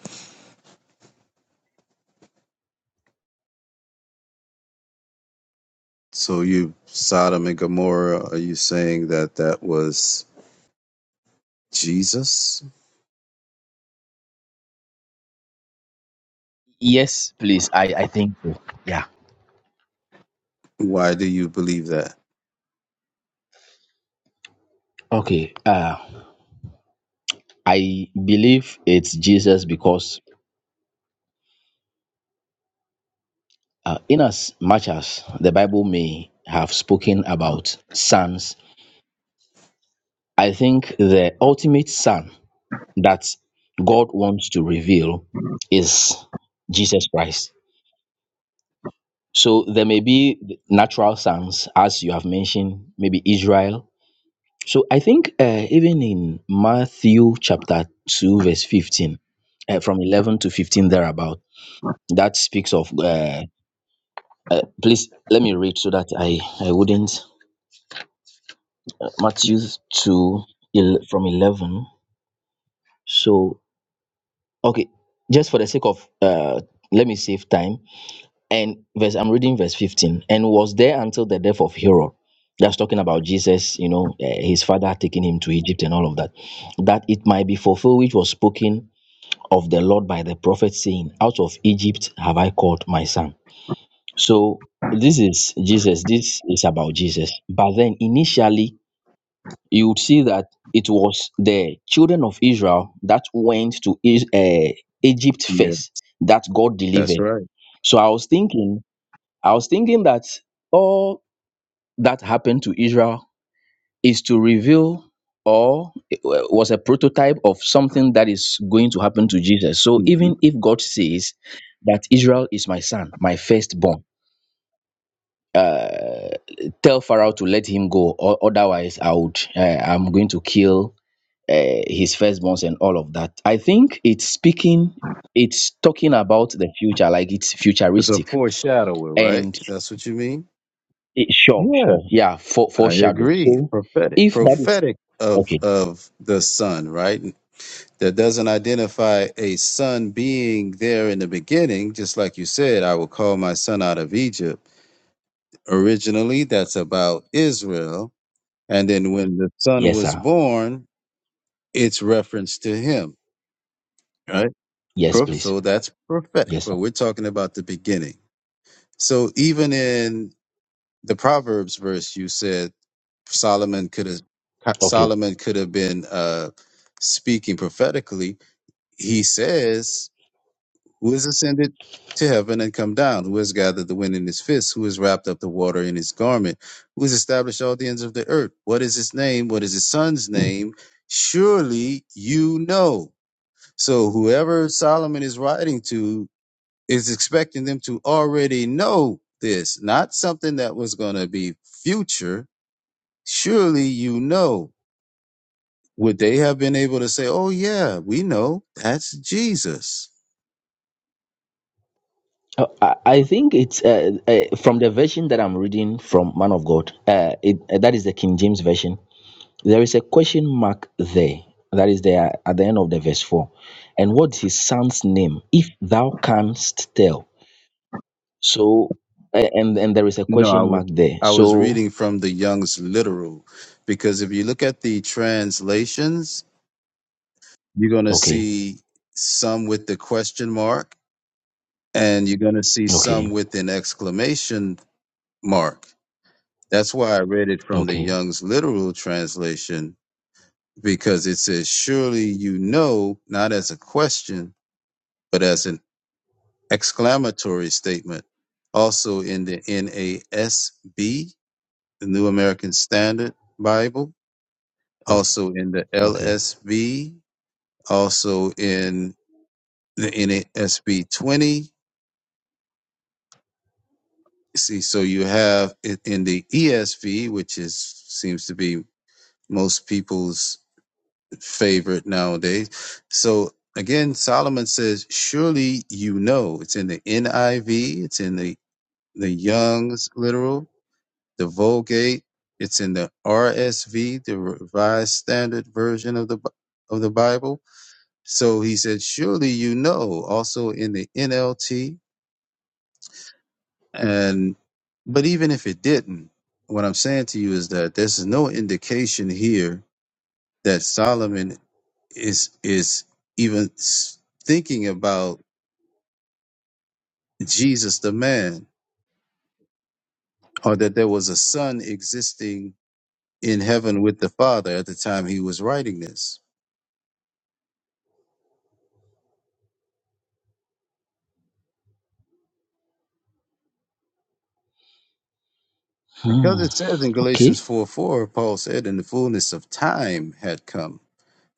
[SPEAKER 2] So you, Sodom and Gomorrah, are you saying that that was Jesus?
[SPEAKER 9] Yes, please. I I think so. yeah.
[SPEAKER 2] Why do you believe that?
[SPEAKER 9] Okay. Uh, I believe it's Jesus because uh, in as much as the Bible may have spoken about sons, I think the ultimate son that God wants to reveal is Jesus Christ. So there may be natural sons, as you have mentioned, maybe Israel. So I think uh, even in Matthew chapter 2, verse 15, uh, from 11 to 15 thereabout, that speaks of. Uh, uh, please let me read so that I, I wouldn't. uh, Matthew 2, el- from 11. So, okay, just for the sake of, uh, let me save time and verse i'm reading verse 15 and was there until the death of herod that's talking about jesus you know eh, his father taking him to egypt and all of that that it might be fulfilled which was spoken of the lord by the prophet saying out of egypt have i called my son so this is jesus this is about jesus but then initially you would see that it was the children of israel that went to uh, egypt
[SPEAKER 2] Yeah,
[SPEAKER 9] first that god
[SPEAKER 2] that's
[SPEAKER 9] delivered
[SPEAKER 2] right.
[SPEAKER 9] so i was thinking I was thinking that all that happened to Israel is to reveal or eh, was a prototype of something that is going to happen to Jesus. So
[SPEAKER 2] hmm
[SPEAKER 9] even if God says that Israel is my son, my firstborn, uh, tell Pharaoh to let him go, or otherwise I would, uh, I'm going to kill uh, his firstborns and all of that. I think it's speaking, it's talking about the future, like it's
[SPEAKER 2] It's a
[SPEAKER 9] futuristic,
[SPEAKER 2] foreshadowing, right?
[SPEAKER 9] and.
[SPEAKER 2] That's what you mean.
[SPEAKER 9] Eh, sure,
[SPEAKER 2] Yeah,
[SPEAKER 9] sure. Yeah, for
[SPEAKER 2] I
[SPEAKER 9] foreshadow.
[SPEAKER 2] agree.
[SPEAKER 9] So
[SPEAKER 2] Prophetic,
[SPEAKER 9] if that is
[SPEAKER 2] prophetic of
[SPEAKER 9] okay,
[SPEAKER 2] of the Son, right? That doesn't identify a son being there in the beginning, just like you said, I will call my son out of Egypt. Originally, that's about Israel. And then when the son
[SPEAKER 9] yes,
[SPEAKER 2] was
[SPEAKER 9] sir.
[SPEAKER 2] born, it's reference to him, right?
[SPEAKER 9] Yes,
[SPEAKER 2] Proof.
[SPEAKER 9] please.
[SPEAKER 2] So that's prophetic,
[SPEAKER 9] Yes, sir.
[SPEAKER 2] but we're talking about the beginning. So even in the Proverbs verse, you said Solomon could have
[SPEAKER 9] Okay.
[SPEAKER 2] Solomon could have been uh, speaking prophetically. He says, "Who has ascended to heaven and come down? Who has gathered the wind in his fist? Who has wrapped up the water in his garment? Who has established all the ends of the earth? What is his name? What is his son's name? Surely you know." So whoever Solomon is writing to is expecting them to already know this, not something that was going to be future. Surely you know. Would they have been able to say, "Oh yeah, we know that's Jesus"?
[SPEAKER 9] Uh, I, I think it's uh, uh, from the version that I'm reading from Man of God. Uh, it, uh, that is the King James version. There is a question mark there. That is there at the end of the verse four. And what's his son's name? If thou canst tell. So, uh, and and there is a
[SPEAKER 2] No, I
[SPEAKER 9] question
[SPEAKER 2] would.
[SPEAKER 9] mark there.
[SPEAKER 2] I was
[SPEAKER 9] So,
[SPEAKER 2] reading from the Young's literal, because if you look at the translations, you're going to
[SPEAKER 9] okay,
[SPEAKER 2] see some with the question mark, and you're going to see
[SPEAKER 9] okay,
[SPEAKER 2] some with an exclamation mark That's why I read it from the
[SPEAKER 9] okay,
[SPEAKER 2] Young's literal translation because it says, Surely you know, not as a question, but as an exclamatory statement. Also in the NASB, the New American Standard Bible,
[SPEAKER 9] okay,
[SPEAKER 2] also in the
[SPEAKER 9] okay.
[SPEAKER 2] LSB, also in the NASB 20. See, so you have it in the ESV, which is seems to be most people's favorite nowadays. So again, Solomon says, Surely you know. It's in the NIV, it's in the, the Young's literal, the Vulgate, it's in the RSV, the Revised Standard Version of the Bi- of the Bible. So he said, Surely you know, also in the NLT. And but even if it didn't, what I'm saying to you is that there's no indication here that Solomon is is even s- thinking about Jesus the man, or that there was a son existing in heaven with the Father at the time he was writing this. Because
[SPEAKER 9] Hmm.
[SPEAKER 2] it says in
[SPEAKER 9] Okay.
[SPEAKER 2] Galatians 4 4, Paul said, In the fullness of time had come,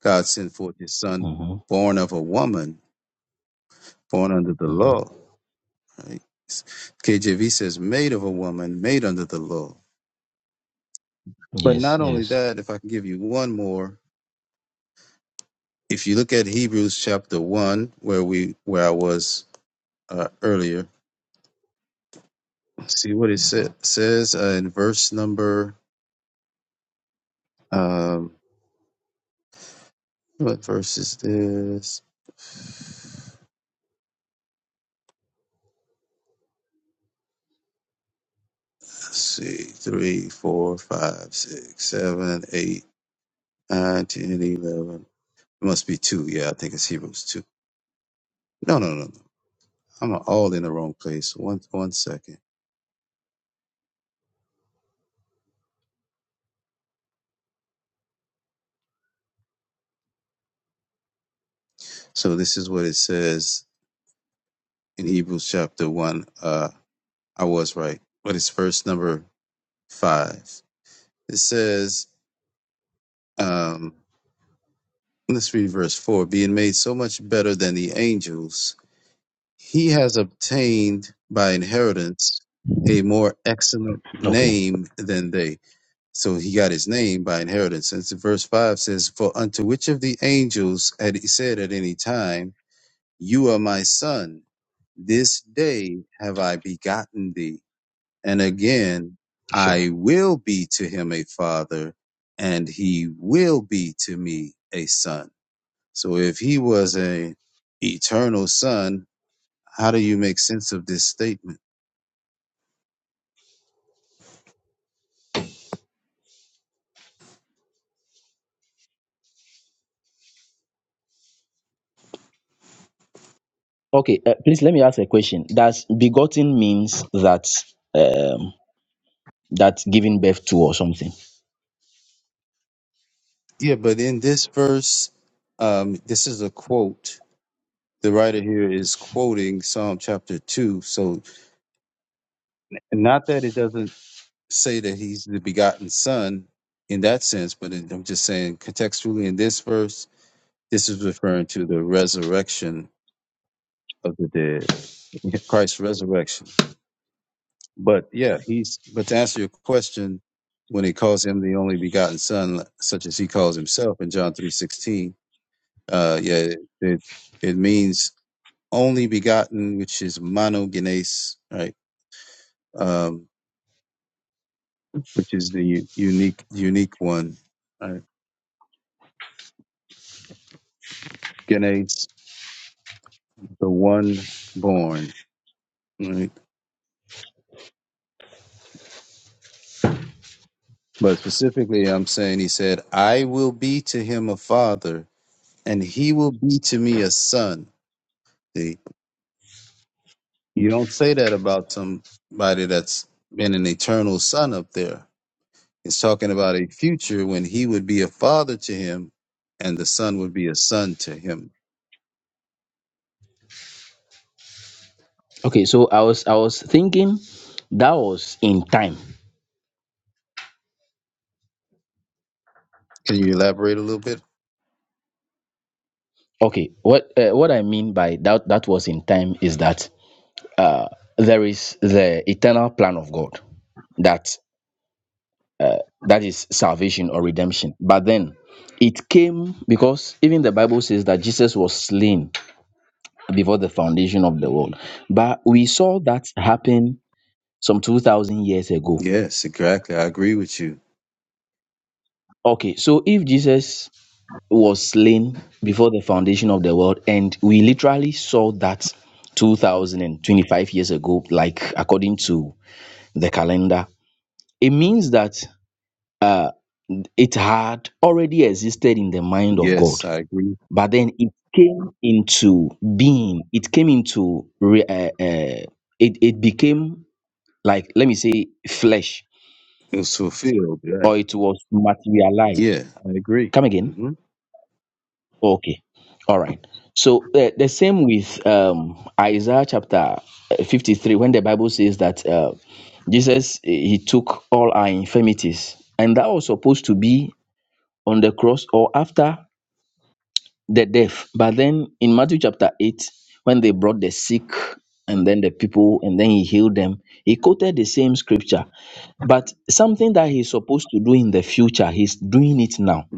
[SPEAKER 2] God sent forth his son,
[SPEAKER 9] Mm-hmm.
[SPEAKER 2] born of a woman, born under the
[SPEAKER 9] Mm-hmm.
[SPEAKER 2] law. Right? KJV says, Made of a woman, made under the law. But
[SPEAKER 9] Yes,
[SPEAKER 2] not only
[SPEAKER 9] yes.
[SPEAKER 2] that, if I can give you one more, if you look at Hebrews chapter one, where we where I was uh, earlier, see what it sa- says uh, in verse number. Um, what verse is this? Let's see, three, four, five, six, seven, eight, nine, ten, eleven. It must be two. Yeah, I think it's Hebrews two. No, no, no, no. I'm all in the wrong place. One, one second. So this is what it says in Hebrews chapter one. Uh, I was right, but it's verse number five. It says Um, let's read verse 4 being made so much better than the angels, he has obtained by inheritance a more excellent
[SPEAKER 9] Okay,
[SPEAKER 2] name than they. So he got his name by inheritance. And so verse 5 says, For unto which of the angels had he said at any time, You are my son, this day have I begotten thee. And again,
[SPEAKER 9] sure.
[SPEAKER 2] I will be to him a father, and he will be to me a son. So if he was a eternal son, how do you make sense of this statement?
[SPEAKER 9] Okay, uh, please let me ask a question. Does begotten means that um that giving birth to or something?
[SPEAKER 2] Yeah, but in this verse, um, this is a quote. The writer here is quoting Psalm chapter two. So and not that it doesn't say that he's the begotten son in that sense, but it, I'm just saying contextually in this verse, this is referring to the resurrection of the dead, Christ's resurrection. But yeah, he's but to answer your question, when he calls him the only begotten son, such as he calls himself in John three sixteen, uh yeah, it it means only begotten, which is monogenes, right? Um, which is the u- unique unique one. Right? Genes, the one born. Right. But specifically I'm saying he said, I will be to him a father, and he will be to me a son. You don't say that about somebody that's been an eternal son up there. It's talking about a future when he would be a father to him and the son would be a son to him.
[SPEAKER 9] Okay, so I was I was thinking that was in time.
[SPEAKER 2] Can you elaborate a little bit?
[SPEAKER 9] Okay, what uh, what I mean by that that was in time is that uh there is the eternal plan of God that that is salvation or redemption. But then it came because even the Bible says that Jesus was slain before the foundation of the world. But we saw that happen some 2000 years ago.
[SPEAKER 2] Yes, exactly. I agree with you.
[SPEAKER 9] Okay, so if Jesus was slain before the foundation of the world, and we literally saw that 2025 years ago, like according to the calendar, it means that uh, it had already existed in the mind of God,
[SPEAKER 2] Yes, I agree.
[SPEAKER 9] but then it came into being, it came into re- uh, uh, it, it became like let me say flesh
[SPEAKER 2] It was fulfilled, right?
[SPEAKER 9] or it was materialized
[SPEAKER 2] Yeah, I agree.
[SPEAKER 9] come again
[SPEAKER 2] hmm
[SPEAKER 9] okay all right so uh, the same with um isaiah chapter uh, 53 when the bible says that uh, jesus eh, he took all our infirmities and that was supposed to be on the cross or after the deaf. But then in Matthew chapter 8, when they brought the sick and then the people, and then he healed them, he quoted the same scripture. But something that he's supposed to do in the future, he's doing it now.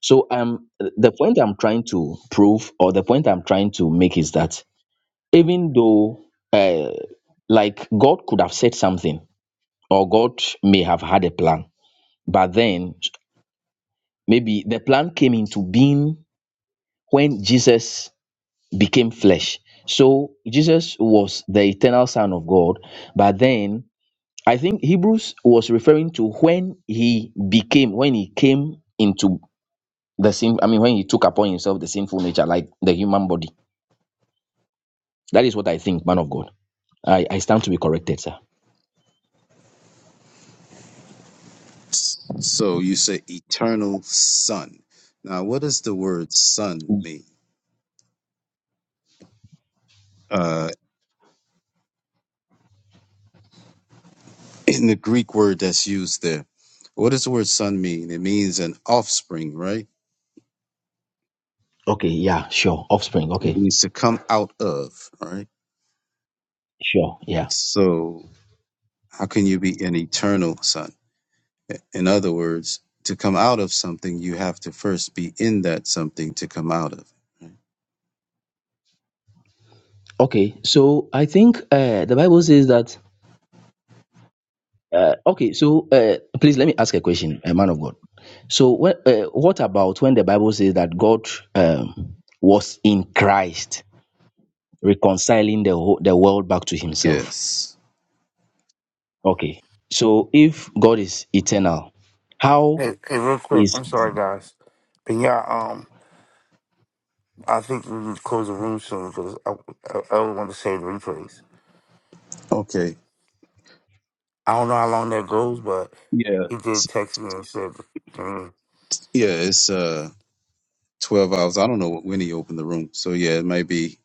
[SPEAKER 9] So um the point I'm trying to prove or the point I'm trying to make is that even though uh, like God could have said something or God may have had a plan, but then maybe the plan came into being when Jesus became flesh. So Jesus was the eternal Son of God. But then I think Hebrews was referring to when he became, when he came into the sin, I mean, when he took upon himself the sinful nature, like the human body. That is what I think, man of God. I, I stand to be corrected, sir.
[SPEAKER 2] So you say eternal son. Now, what does the word son mean? Uh, in the Greek word that's used there. What does the word son mean? It means an offspring, right?
[SPEAKER 9] Okay, yeah, sure. Offspring,
[SPEAKER 2] It
[SPEAKER 9] okay.
[SPEAKER 2] means to come out of, right?
[SPEAKER 9] Sure, yeah.
[SPEAKER 2] So how can you be an eternal son? In other words, to come out of something, you have to first be in that something to come out of.
[SPEAKER 9] Okay, so I think uh, the Bible says that Uh, okay, so uh, please let me ask a question, a man of God. So, wh- uh, what about when the Bible says that God um, was in Christ reconciling the whole, the world back to Himself?
[SPEAKER 2] Yes.
[SPEAKER 9] Okay, so if God is eternal,
[SPEAKER 6] Hey,
[SPEAKER 9] how
[SPEAKER 6] hey real quick,
[SPEAKER 9] is
[SPEAKER 6] I'm sorry guys. But yeah, um I think we need to close the room soon because I, I, I don't want to save the replays.
[SPEAKER 2] Okay.
[SPEAKER 6] I don't know how long that goes, but.
[SPEAKER 2] Yeah.
[SPEAKER 6] He did text me and said mm.
[SPEAKER 2] Yeah, it's uh twelve hours. I don't know when he opened the room. So yeah, it might be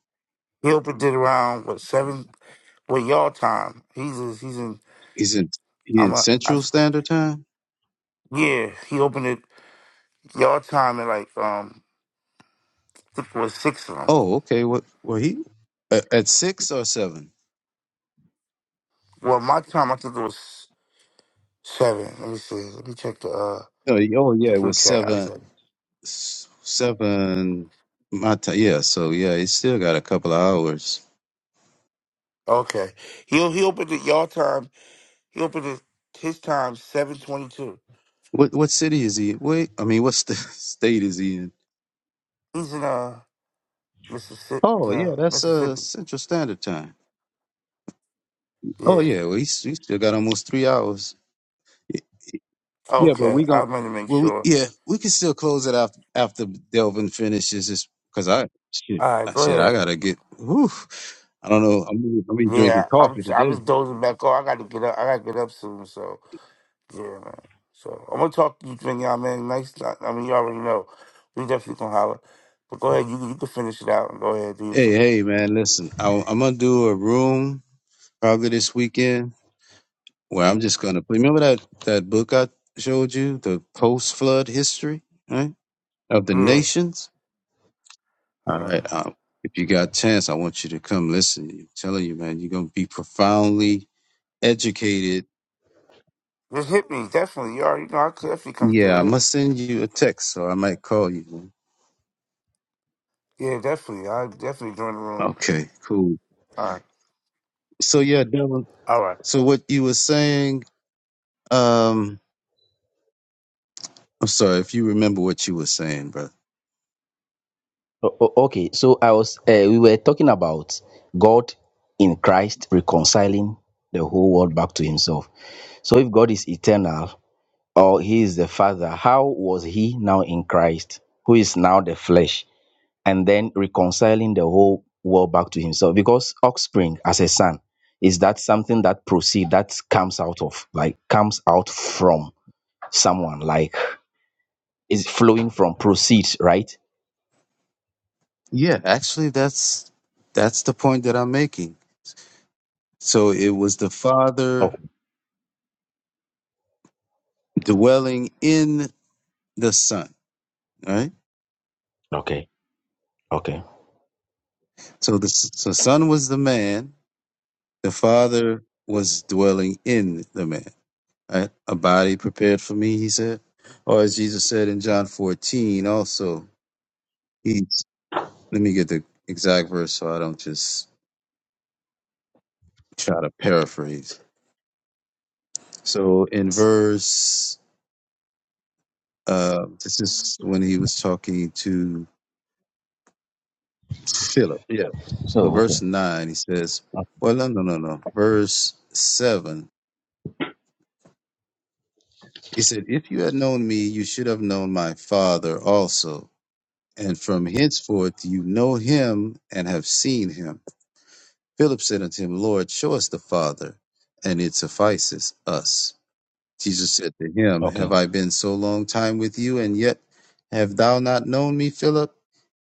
[SPEAKER 6] he opened it around what seven what y'all time. He's in- he's in
[SPEAKER 2] he's in he in
[SPEAKER 6] I'm a I,
[SPEAKER 2] Central Standard Time.
[SPEAKER 6] yeah. He opened it y'all time at like um I think it was six of them.
[SPEAKER 2] Oh, okay. What? Well, he a- at six or seven?
[SPEAKER 6] Well, my time I think it was seven. Let me see. Let me check the uh
[SPEAKER 2] No, oh yeah,
[SPEAKER 6] the
[SPEAKER 2] it
[SPEAKER 6] group
[SPEAKER 2] was
[SPEAKER 6] chat. I
[SPEAKER 2] seven,
[SPEAKER 6] said
[SPEAKER 2] s- seven. My ti yeah, so yeah, he still got a couple of hours.
[SPEAKER 6] okay. He he opened it y'all time. He opened it his time seven twenty two.
[SPEAKER 2] What what city is he? Wait, I mean, what st- state is he in?
[SPEAKER 6] He's in uh Mississippi.
[SPEAKER 2] Oh yeah,
[SPEAKER 6] Uh,
[SPEAKER 2] that's uh
[SPEAKER 6] Mississippi.
[SPEAKER 2] Central Standard Time. Oh
[SPEAKER 6] Yeah.
[SPEAKER 2] yeah, well he's he still got almost three hours. Y- Yeah, but
[SPEAKER 6] Okay.
[SPEAKER 2] we gon'
[SPEAKER 6] I'm gonna make
[SPEAKER 2] well we,
[SPEAKER 6] sure.
[SPEAKER 2] yeah we can still close it after after Delvin finishes this because I shit
[SPEAKER 6] All right.
[SPEAKER 2] I
[SPEAKER 6] Go
[SPEAKER 2] shit
[SPEAKER 6] ahead.
[SPEAKER 2] I gotta get. Whew, I don't know. I'm I'm be drinking
[SPEAKER 6] Yeah, I'm.
[SPEAKER 2] coffee
[SPEAKER 6] I
[SPEAKER 2] today.
[SPEAKER 6] was dozing back off. I got to get up. I got to get up soon. So yeah, man. So I'm gonna talk to you, thing, y'all, man. Nice. time, I mean, you already know. We definitely gonna holler. But go ahead, you can- you can finish it out and go ahead do your
[SPEAKER 2] Hey,
[SPEAKER 6] thing.
[SPEAKER 2] hey, man, listen, I, I'm gonna do a room probably this weekend where I'm just gonna remember that that book I showed you, the post flood history, right, of the
[SPEAKER 6] Yeah.
[SPEAKER 2] nations. All
[SPEAKER 6] Uh-huh.
[SPEAKER 2] right, um, if you got a chance, I want you to come listen. I'm telling you, man, you're gonna be profoundly educated.
[SPEAKER 6] Just hit me, definitely. You already know I could definitely come
[SPEAKER 2] Yeah,
[SPEAKER 6] through.
[SPEAKER 2] I
[SPEAKER 6] Hit me.
[SPEAKER 2] must send you a text, so I might call you. man.
[SPEAKER 6] Yeah, definitely. I definitely join the room.
[SPEAKER 2] Okay, cool.
[SPEAKER 6] All right.
[SPEAKER 2] So yeah, Dylan.
[SPEAKER 6] All right.
[SPEAKER 2] So what you were saying, um, I'm sorry if you remember what you were saying, brother.
[SPEAKER 9] o- o- okay? So I was uh, we were talking about God in Christ reconciling the whole world back to Himself. So if God is eternal, or he is the father, how was he now in Christ, who is now the flesh, and then reconciling the whole world back to himself? Because offspring as a son is that something that proceed that comes out of like comes out from someone like is flowing from proceeds, right?
[SPEAKER 2] Yeah, actually, that's that's the point that I'm making. So it was the
[SPEAKER 9] Oh,
[SPEAKER 2] Father dwelling in the Son, right?
[SPEAKER 9] okay, okay.
[SPEAKER 2] So the S- so Son was the man, the Father was dwelling in the man, right? A body prepared for me, he said. Or as Jesus said in John 14, also, he's, let me get the exact verse so I don't just try to paraphrase. So in verse, uh, this is when he was talking to Philip. Yeah. So
[SPEAKER 9] Oh, okay,
[SPEAKER 2] verse nine, he says, well, no, no, no, no. Verse seven, he said, if you had known me, you should have known my father also. And from henceforth, you know him and have seen him. Philip said unto him, Lord, show us the father and it suffices us. Jesus said to him, Have
[SPEAKER 9] okay,
[SPEAKER 2] I been so long time with you, and yet have thou not known me, Philip?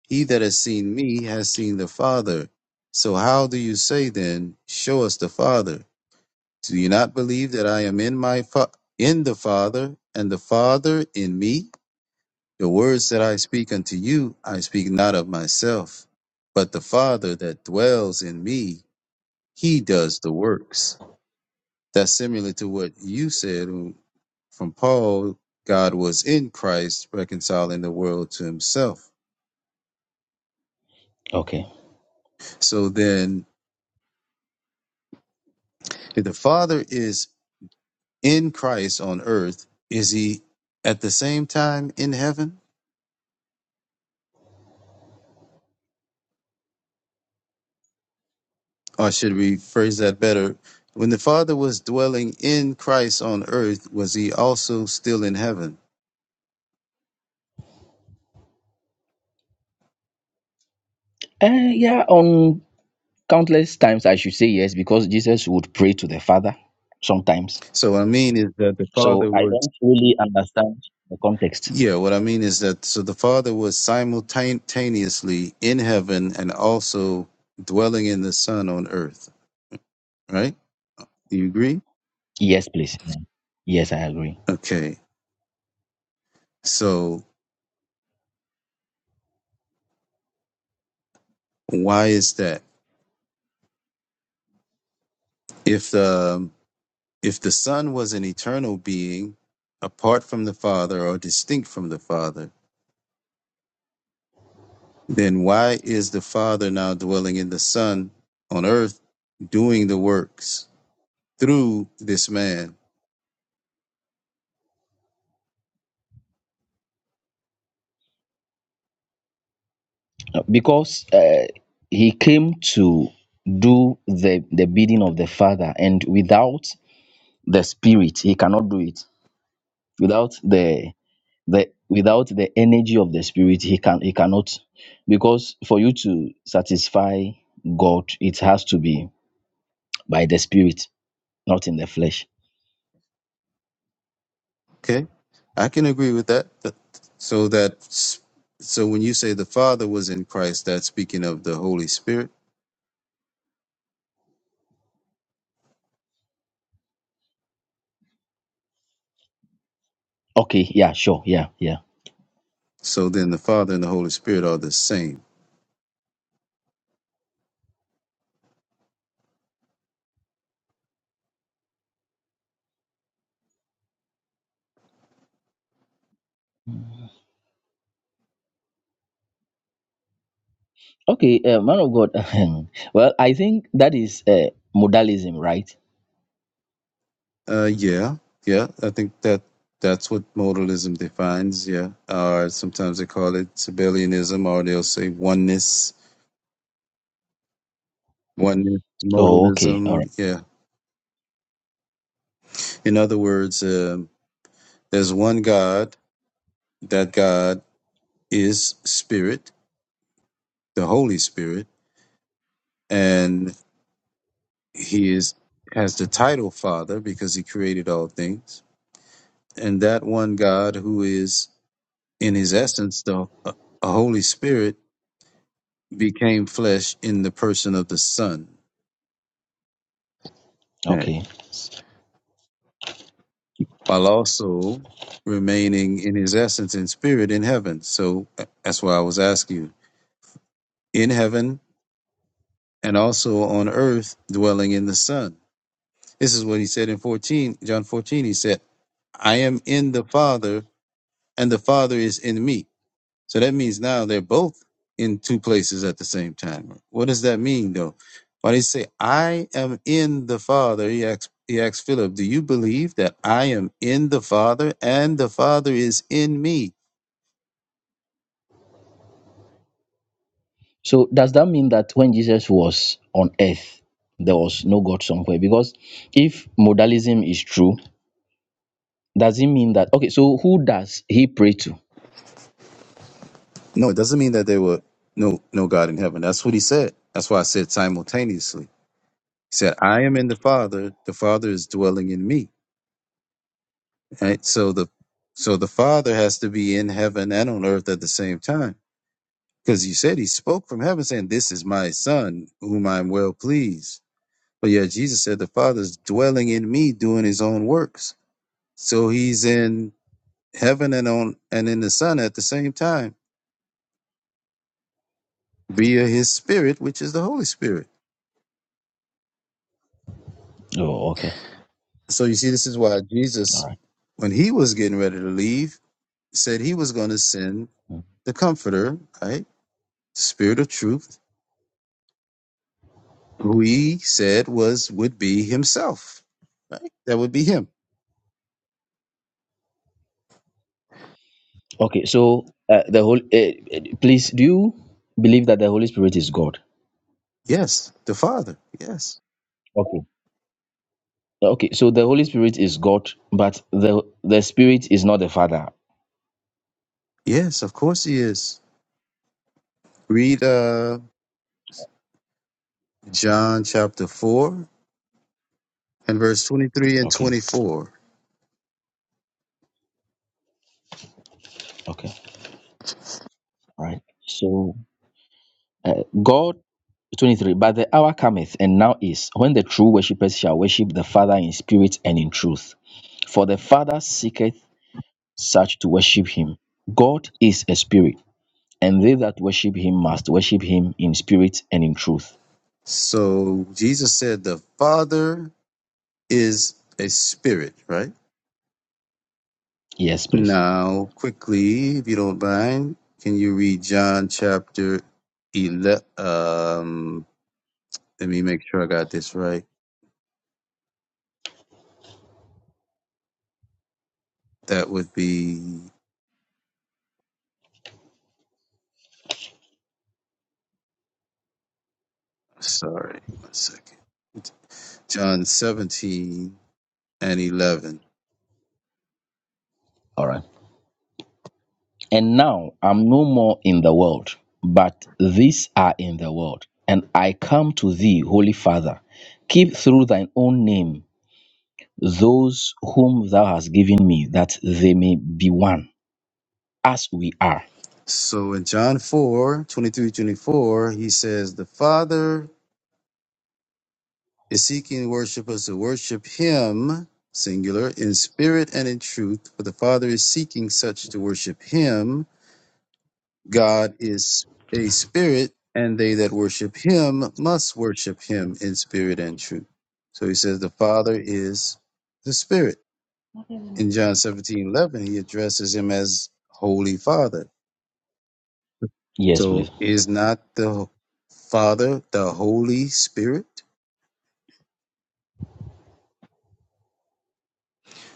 [SPEAKER 2] He that has seen me has seen the Father. So how do you say then, Show us the Father? Do you not believe that I am in my fa- in the Father, and the Father in me? The words that I speak unto you, I speak not of myself, but the Father that dwells in me, he does the works. That's similar to what you said from Paul, God was in Christ reconciling the world to himself.
[SPEAKER 9] okay.
[SPEAKER 2] So then, if the Father is in Christ on earth, is he at the same time in heaven? Or should we phrase that better? When the Father was dwelling in Christ on earth, was he also still in heaven?
[SPEAKER 9] Uh, yeah, on countless times I should say yes because Jesus would pray to the Father sometimes
[SPEAKER 2] So what I mean is that the
[SPEAKER 9] So
[SPEAKER 2] Father
[SPEAKER 9] I
[SPEAKER 2] was.
[SPEAKER 9] don't really understand the context.
[SPEAKER 2] Yeah, what I mean is that so the Father was simultaneously in heaven and also dwelling in the Son on earth, right? Do you agree?
[SPEAKER 9] Yes, please. Yeah. Yes, I agree.
[SPEAKER 2] Okay. So why is that? If the if the Son was an eternal being, apart from the Father or distinct from the Father, then why is the Father now dwelling in the Son on earth, doing the works through this man?
[SPEAKER 9] Uh, Because uh, he came to do the, the bidding of the Father, and without the Spirit, he cannot do it. Without the the without the energy of the Spirit, he can he cannot. Because for you to satisfy God, it has to be by the Spirit, not in the flesh.
[SPEAKER 2] Okay, I can agree with that. Th- So that so when you say the Father was in Christ, that's speaking of the Holy Spirit.
[SPEAKER 9] Okay. Yeah. Sure. Yeah. Yeah.
[SPEAKER 2] So then the Father and the Holy Spirit are the same.
[SPEAKER 9] Okay, uh, man of God. well, I think that is uh, modalism, right?
[SPEAKER 2] Uh, yeah, yeah. I think that that's what modalism defines. Yeah, or sometimes they call it Sabellianism, or they'll say oneness, oneness
[SPEAKER 9] Oh, okay. All right.
[SPEAKER 2] modalism. Yeah. In other words, um, there's one God. That God is Spirit, the Holy Spirit, and He is has the title Father because He created all things. And that one God who is in His essence the uh, a Holy Spirit became flesh in the person of the Son, Right.
[SPEAKER 9] Okay.
[SPEAKER 2] while also remaining in his essence and spirit in heaven. So uh, that's why I was asking you in heaven and also on earth, dwelling in the Son. This is what he said in 14, John 14. He said, I am in the Father, and the Father is in me. So that means now they're both in two places at the same time. What does that mean though? When he say, I am in the Father, he asks, he asks Philip, Do you believe that I am in the Father and the Father is in me?
[SPEAKER 9] So does that mean that when Jesus was on earth, there was no God somewhere? Because if modalism is true, does it mean that okay, so who does he pray to?
[SPEAKER 2] No, it doesn't mean that there were no no God in heaven. That's what he said. That's why I said simultaneously. He said, I am in the Father, the Father is dwelling in me. Right? So the so the Father has to be in heaven and on earth at the same time. Because he said he spoke from heaven, saying, This is my son, whom I am well pleased. But yet Jesus said, The Father's dwelling in me, doing his own works. So he's in heaven and on and in the Son at the same time, via his spirit, which is the Holy Spirit.
[SPEAKER 9] Oh, okay.
[SPEAKER 2] So you see, this is why
[SPEAKER 9] All
[SPEAKER 2] Jesus,
[SPEAKER 9] right.
[SPEAKER 2] when he was getting ready to leave, said he was going to send
[SPEAKER 9] Mm.
[SPEAKER 2] the comforter, right? Spirit of truth, who he said was would be himself. Right? That would be him.
[SPEAKER 9] Okay, so uh, the whole uh, please do you believe that the Holy Spirit is God?
[SPEAKER 2] Yes, the Father. Yes.
[SPEAKER 9] Okay. Okay, so the Holy Spirit is God, but the the Spirit is not the Father.
[SPEAKER 2] Yes, of course he is. Read uh, John chapter 4 and verse 23 and
[SPEAKER 9] Okay.
[SPEAKER 2] 24.
[SPEAKER 9] Okay. right? So uh, God 23 but the hour cometh and now is when the true worshippers shall worship the father in spirit and in truth for the father seeketh such to worship him god is a spirit and they that worship him must worship him in spirit and in truth
[SPEAKER 2] So Jesus said, The Father is a spirit, right?
[SPEAKER 9] yes please
[SPEAKER 2] Now, quickly, if you don't mind, can you read John chapter 11? Um, let me make sure I got this right. That would be, sorry, one second. John 17 and 11.
[SPEAKER 9] all right and now i'm no more in the world but these are in the world and i come to thee holy father keep through thine own name those whom thou hast given me, that they may be one, as we are.
[SPEAKER 2] So in John 4 23 24 he says, The Father is seeking worshipers to worship him, singular, in spirit and in truth, for the Father is seeking such to worship him. God is a spirit, and they that worship him must worship him in spirit and truth. So he says, The Father is the Spirit. In John 17 11 he addresses him as Holy Father.
[SPEAKER 9] Yes,
[SPEAKER 2] So
[SPEAKER 9] please.
[SPEAKER 2] is not the Father the Holy Spirit?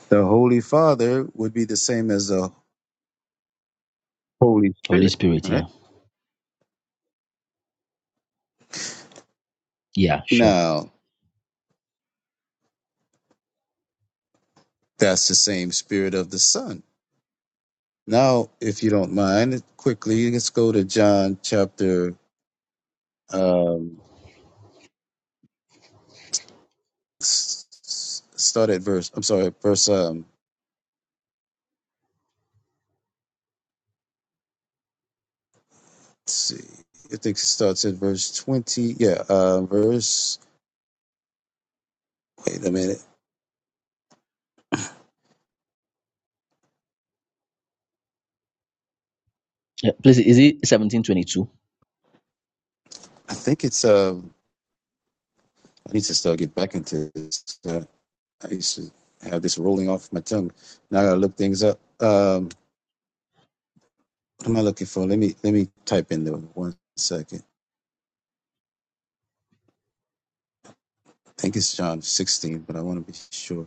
[SPEAKER 2] The Holy Father would be the same as the Holy
[SPEAKER 9] Holy
[SPEAKER 2] Spirit,
[SPEAKER 9] Spirit,
[SPEAKER 2] right?
[SPEAKER 9] yeah. Yeah, sure.
[SPEAKER 2] Now, that's the same spirit of the Son. Now, if you don't mind, quickly, let's go to John chapter, um, s- s- start at verse, I'm sorry, verse, um, let's see, I think it starts at verse 20. Yeah, uh, verse, wait a minute.
[SPEAKER 9] Yeah, please, is it 1722?
[SPEAKER 2] I think it's, um, I need to start get back into this. uh, I used to have this rolling off my tongue. Now I gotta look things up. Um, what am I looking for? Let me let me type in there one second. I think it's John 16, but I want to be sure.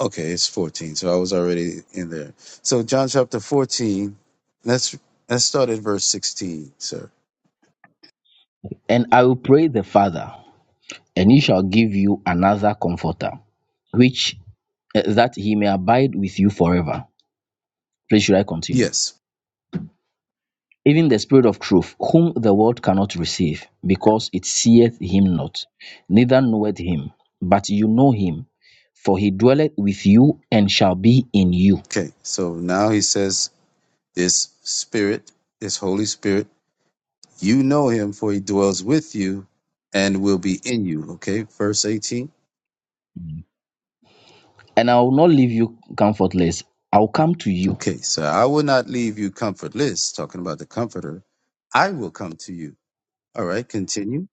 [SPEAKER 2] Okay, it's 14. So I was already in there. So John chapter 14. Let's let's start at verse 16, sir.
[SPEAKER 9] And I will pray the Father, and he shall give you another comforter, which eh, that he may abide with you forever. Please, should I continue?
[SPEAKER 2] Yes.
[SPEAKER 9] Even the Spirit of truth, whom the world cannot receive, because it seeth him not, neither knoweth him, but you know him, for he dwelleth with you and shall be in you.
[SPEAKER 2] Okay. So now he says, "This Spirit, this Holy Spirit, you know him, for he dwells with you and will be in you." Okay, verse 18.
[SPEAKER 9] Mm. And I will not leave you comfortless. I will come to you.
[SPEAKER 2] Okay, so I will not leave you comfortless, talking about the comforter. I will come to you. All right, continue.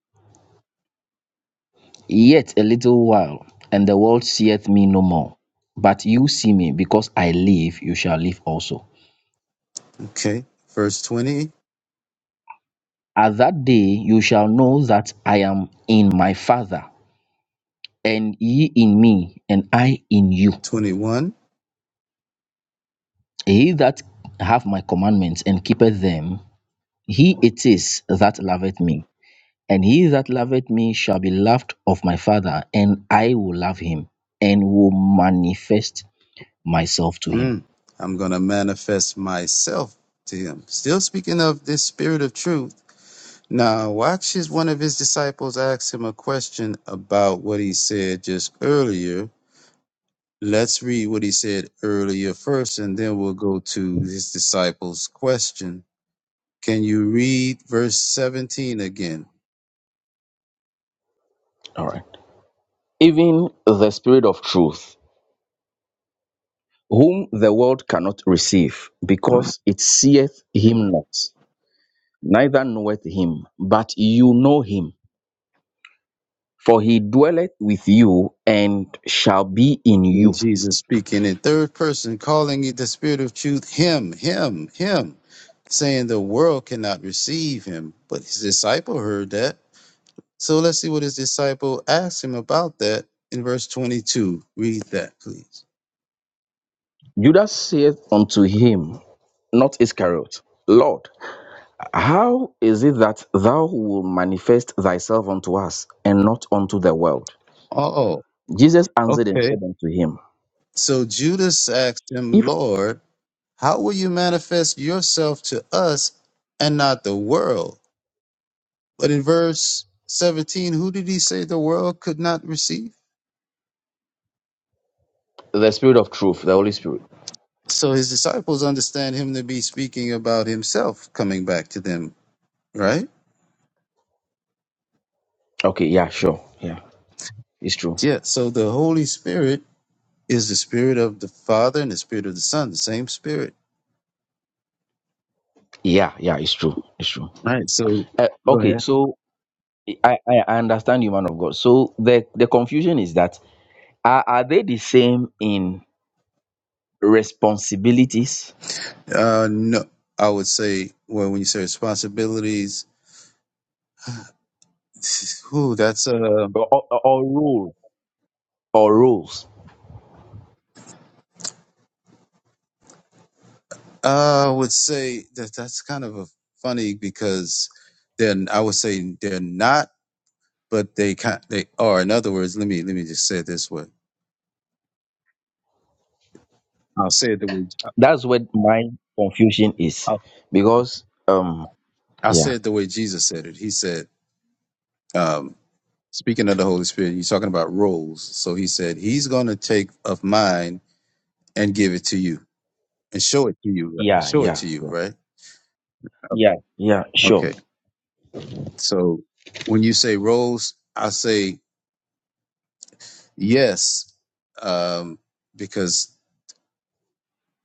[SPEAKER 9] Yet a little while, and the world seeth me no more. But you see me, because I live, you shall live also.
[SPEAKER 2] Okay, verse twenty,
[SPEAKER 9] At that day you shall know that I am in my Father, and ye in me, and I in you.
[SPEAKER 2] twenty-one.
[SPEAKER 9] He that hath my commandments and keepeth them, he it is that loveth me. And he that loveth me shall be loved of my Father, and I will love him, and will manifest myself to him.
[SPEAKER 2] Mm, I'm going to manifest myself to him. Still speaking of this spirit of truth. Now, watch as one of his disciples asked him a question about what he said just earlier. Let's read what he said earlier first, and then we'll go to his disciples' question. Can you read verse 17 again?
[SPEAKER 9] All right. Even the Spirit of truth, whom the world cannot receive, because it seeth him not, neither knoweth him, but you know him, for he dwelleth with you and shall be in
[SPEAKER 2] And
[SPEAKER 9] you.
[SPEAKER 2] Jesus speaking in third person, calling it the spirit of truth, him, him, him, saying the world cannot receive him. But his disciple heard that. So let's see what his disciple asked him about that in verse 22. Read that, please.
[SPEAKER 9] Judas saith unto him, not Iscariot, Lord, how is it that thou wilt manifest thyself unto us and not unto the world?
[SPEAKER 2] Oh,
[SPEAKER 9] Jesus answered and
[SPEAKER 2] okay.
[SPEAKER 9] said unto him,
[SPEAKER 2] So Judas asked him,
[SPEAKER 9] If
[SPEAKER 2] Lord, how will you manifest yourself to us and not the world? But in verse 17, who did he say the world could not receive?
[SPEAKER 9] the Spirit of truth, the Holy Spirit,
[SPEAKER 2] So his disciples understand him to be speaking about himself coming back to them, right?
[SPEAKER 9] Okay, yeah, sure. Yeah, it's true.
[SPEAKER 2] Yeah. So the Holy Spirit is the spirit of the Father and the spirit of the Son, the same spirit.
[SPEAKER 9] Yeah, yeah, it's true. It's true.
[SPEAKER 2] Right. So
[SPEAKER 9] Uh,
[SPEAKER 2] go
[SPEAKER 9] okay,
[SPEAKER 2] ahead.
[SPEAKER 9] so I, I I understand you, man of God. So the, the confusion is that are, are they the same in responsibilities
[SPEAKER 2] Uh no. I would say well when you say responsibilities, who that's uh
[SPEAKER 9] or, or, or role or roles?
[SPEAKER 2] I would say that that's kind of a funny because then I would say they're not, but they kind they are. In other words, let me let me just say it this way. I'll say it the way
[SPEAKER 9] That's what my confusion is because um
[SPEAKER 2] I say
[SPEAKER 9] yeah
[SPEAKER 2] it the way Jesus said it. He said, um, speaking of the Holy Spirit, he's talking about roles. So he said, He's going to take of mine and give it to you and show it to you. right?
[SPEAKER 9] yeah
[SPEAKER 2] Show it
[SPEAKER 9] yeah
[SPEAKER 2] to you,
[SPEAKER 9] yeah
[SPEAKER 2] right?
[SPEAKER 9] yeah, yeah sure
[SPEAKER 2] Okay. So when you say roles, I say yes, um, because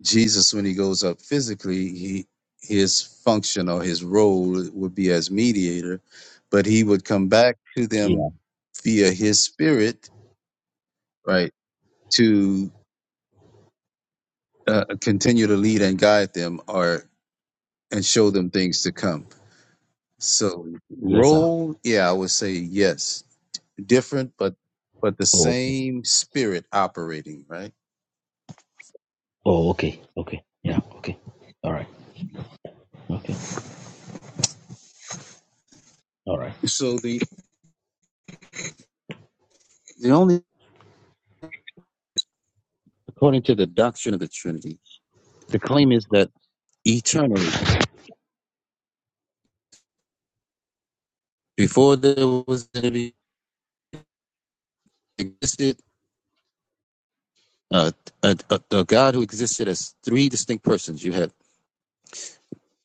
[SPEAKER 2] Jesus, when he goes up physically, he his function or his role would be as mediator, but he would come back to them
[SPEAKER 9] yeah
[SPEAKER 2] via his spirit, right? uh, continue to lead and guide them or and show them things to come. So
[SPEAKER 9] yes sir
[SPEAKER 2] role, yeah, I would say yes, different, but but the
[SPEAKER 9] oh
[SPEAKER 2] same spirit operating, right?
[SPEAKER 9] oh okay okay yeah okay all right okay all right
[SPEAKER 2] So the the only according to the doctrine of the Trinity, the claim is that eternally, before there was any existed uh, a, a, a God who existed as three distinct persons. You had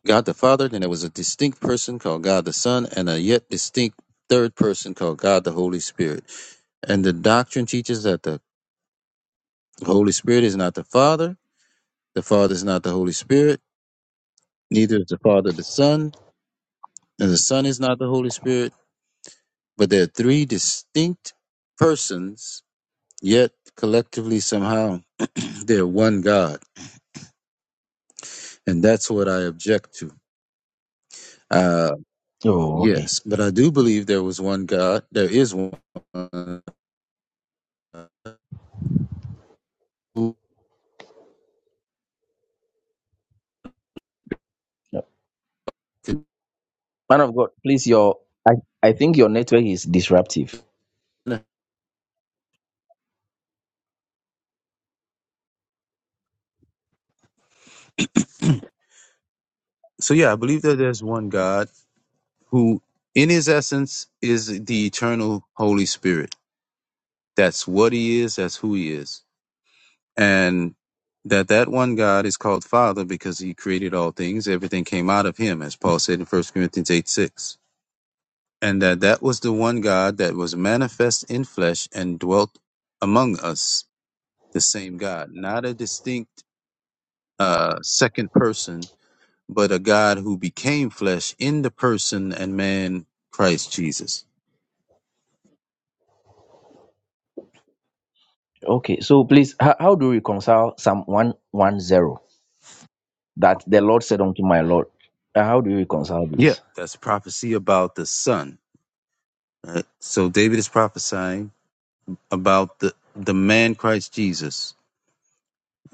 [SPEAKER 2] God the Father, then there was a distinct person called God the Son, and a yet distinct third person called God the Holy Spirit. And the doctrine teaches that the Holy Spirit is not the Father, the Father is not the Holy Spirit, neither is the Father the Son, and the Son is not the Holy Spirit. But there are three distinct persons, yet collectively somehow they're one God. And that's what I object to. Uh,
[SPEAKER 9] oh okay
[SPEAKER 2] yes, but I do believe there was one God. There is one. So
[SPEAKER 9] Man of God, please, your I, I think your network is disruptive.
[SPEAKER 2] yeah, I believe that there's one God who, in his essence, is the eternal Holy Spirit. That's what he is. That's who he is. And that that one God is called Father because he created all things. Everything came out of him, as Paul said in First Corinthians 8, 6. And that that was the one God that was manifest in flesh and dwelt among us, the same God, not a distinct uh, second person but a God who became flesh in the person and man Christ Jesus.
[SPEAKER 9] Okay, so please, how, how do you reconcile Psalm 110 that the Lord said unto my Lord? Uh, How do you reconcile
[SPEAKER 2] Yeah,
[SPEAKER 9] this?
[SPEAKER 2] that's a prophecy about the Son. right? So David is prophesying about the the man Christ Jesus,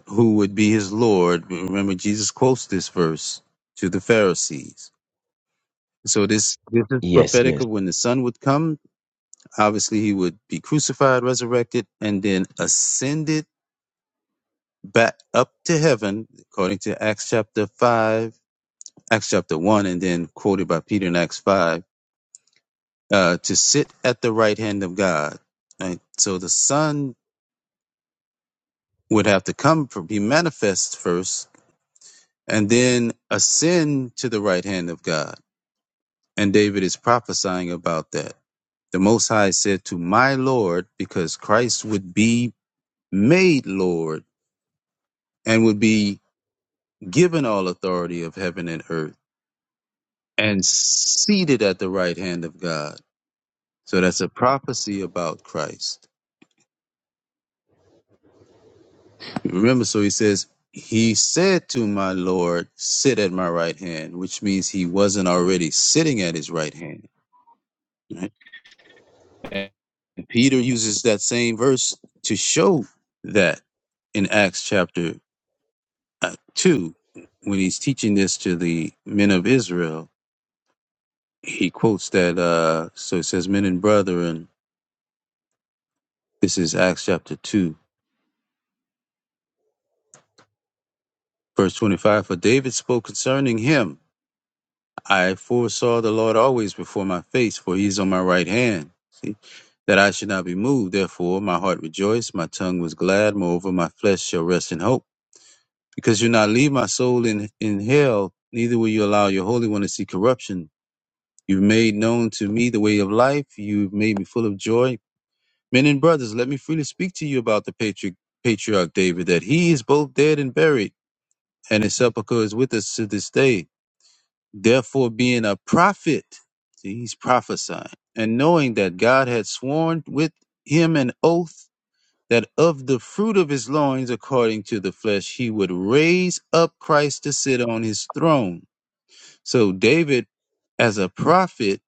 [SPEAKER 2] who would be his Lord. Remember, Jesus quotes this verse to the Pharisees. So this this is
[SPEAKER 9] Yes,
[SPEAKER 2] prophetic
[SPEAKER 9] yes.
[SPEAKER 2] of when the Son would come. Obviously, he would be crucified, resurrected, and then ascended back up to heaven, according to Acts chapter five Acts chapter 1, and then quoted by Peter in Acts 5, uh, to sit at the right hand of God. Right? So the Son would have to come, for, be manifest first, and then ascend to the right hand of God. And David is prophesying about that. The Most High said to my Lord, because Christ would be made Lord and would be given all authority of heaven and earth and seated at the right hand of God. So that's a prophecy about Christ. Remember, so he says, He said to my Lord, Sit at my right hand, which means he wasn't already sitting at his right hand. Right? And Peter uses that same verse to show that in Acts chapter uh, 2, when he's teaching this to the men of Israel, he quotes that. Uh, so it says, Men and brethren, this is Acts chapter 2, verse 25. For David spoke concerning him. I foresaw the Lord always before my face, for he is on my right hand. See, that I should not be moved. Therefore, my heart rejoiced, my tongue was glad. Moreover, my flesh shall rest in hope. Because you not leave my soul in, in hell, neither will you allow your Holy One to see corruption. You've made known to me the way of life. You've made me full of joy. Men and brothers, let me freely speak to you about the patriarch, patriarch David, that he is both dead and buried, and his sepulchre is with us to this day. Therefore, being a prophet, see, he's prophesying, and knowing that God had sworn with him an oath that of the fruit of his loins, according to the flesh, he would raise up Christ to sit on his throne. So, David, as a prophet,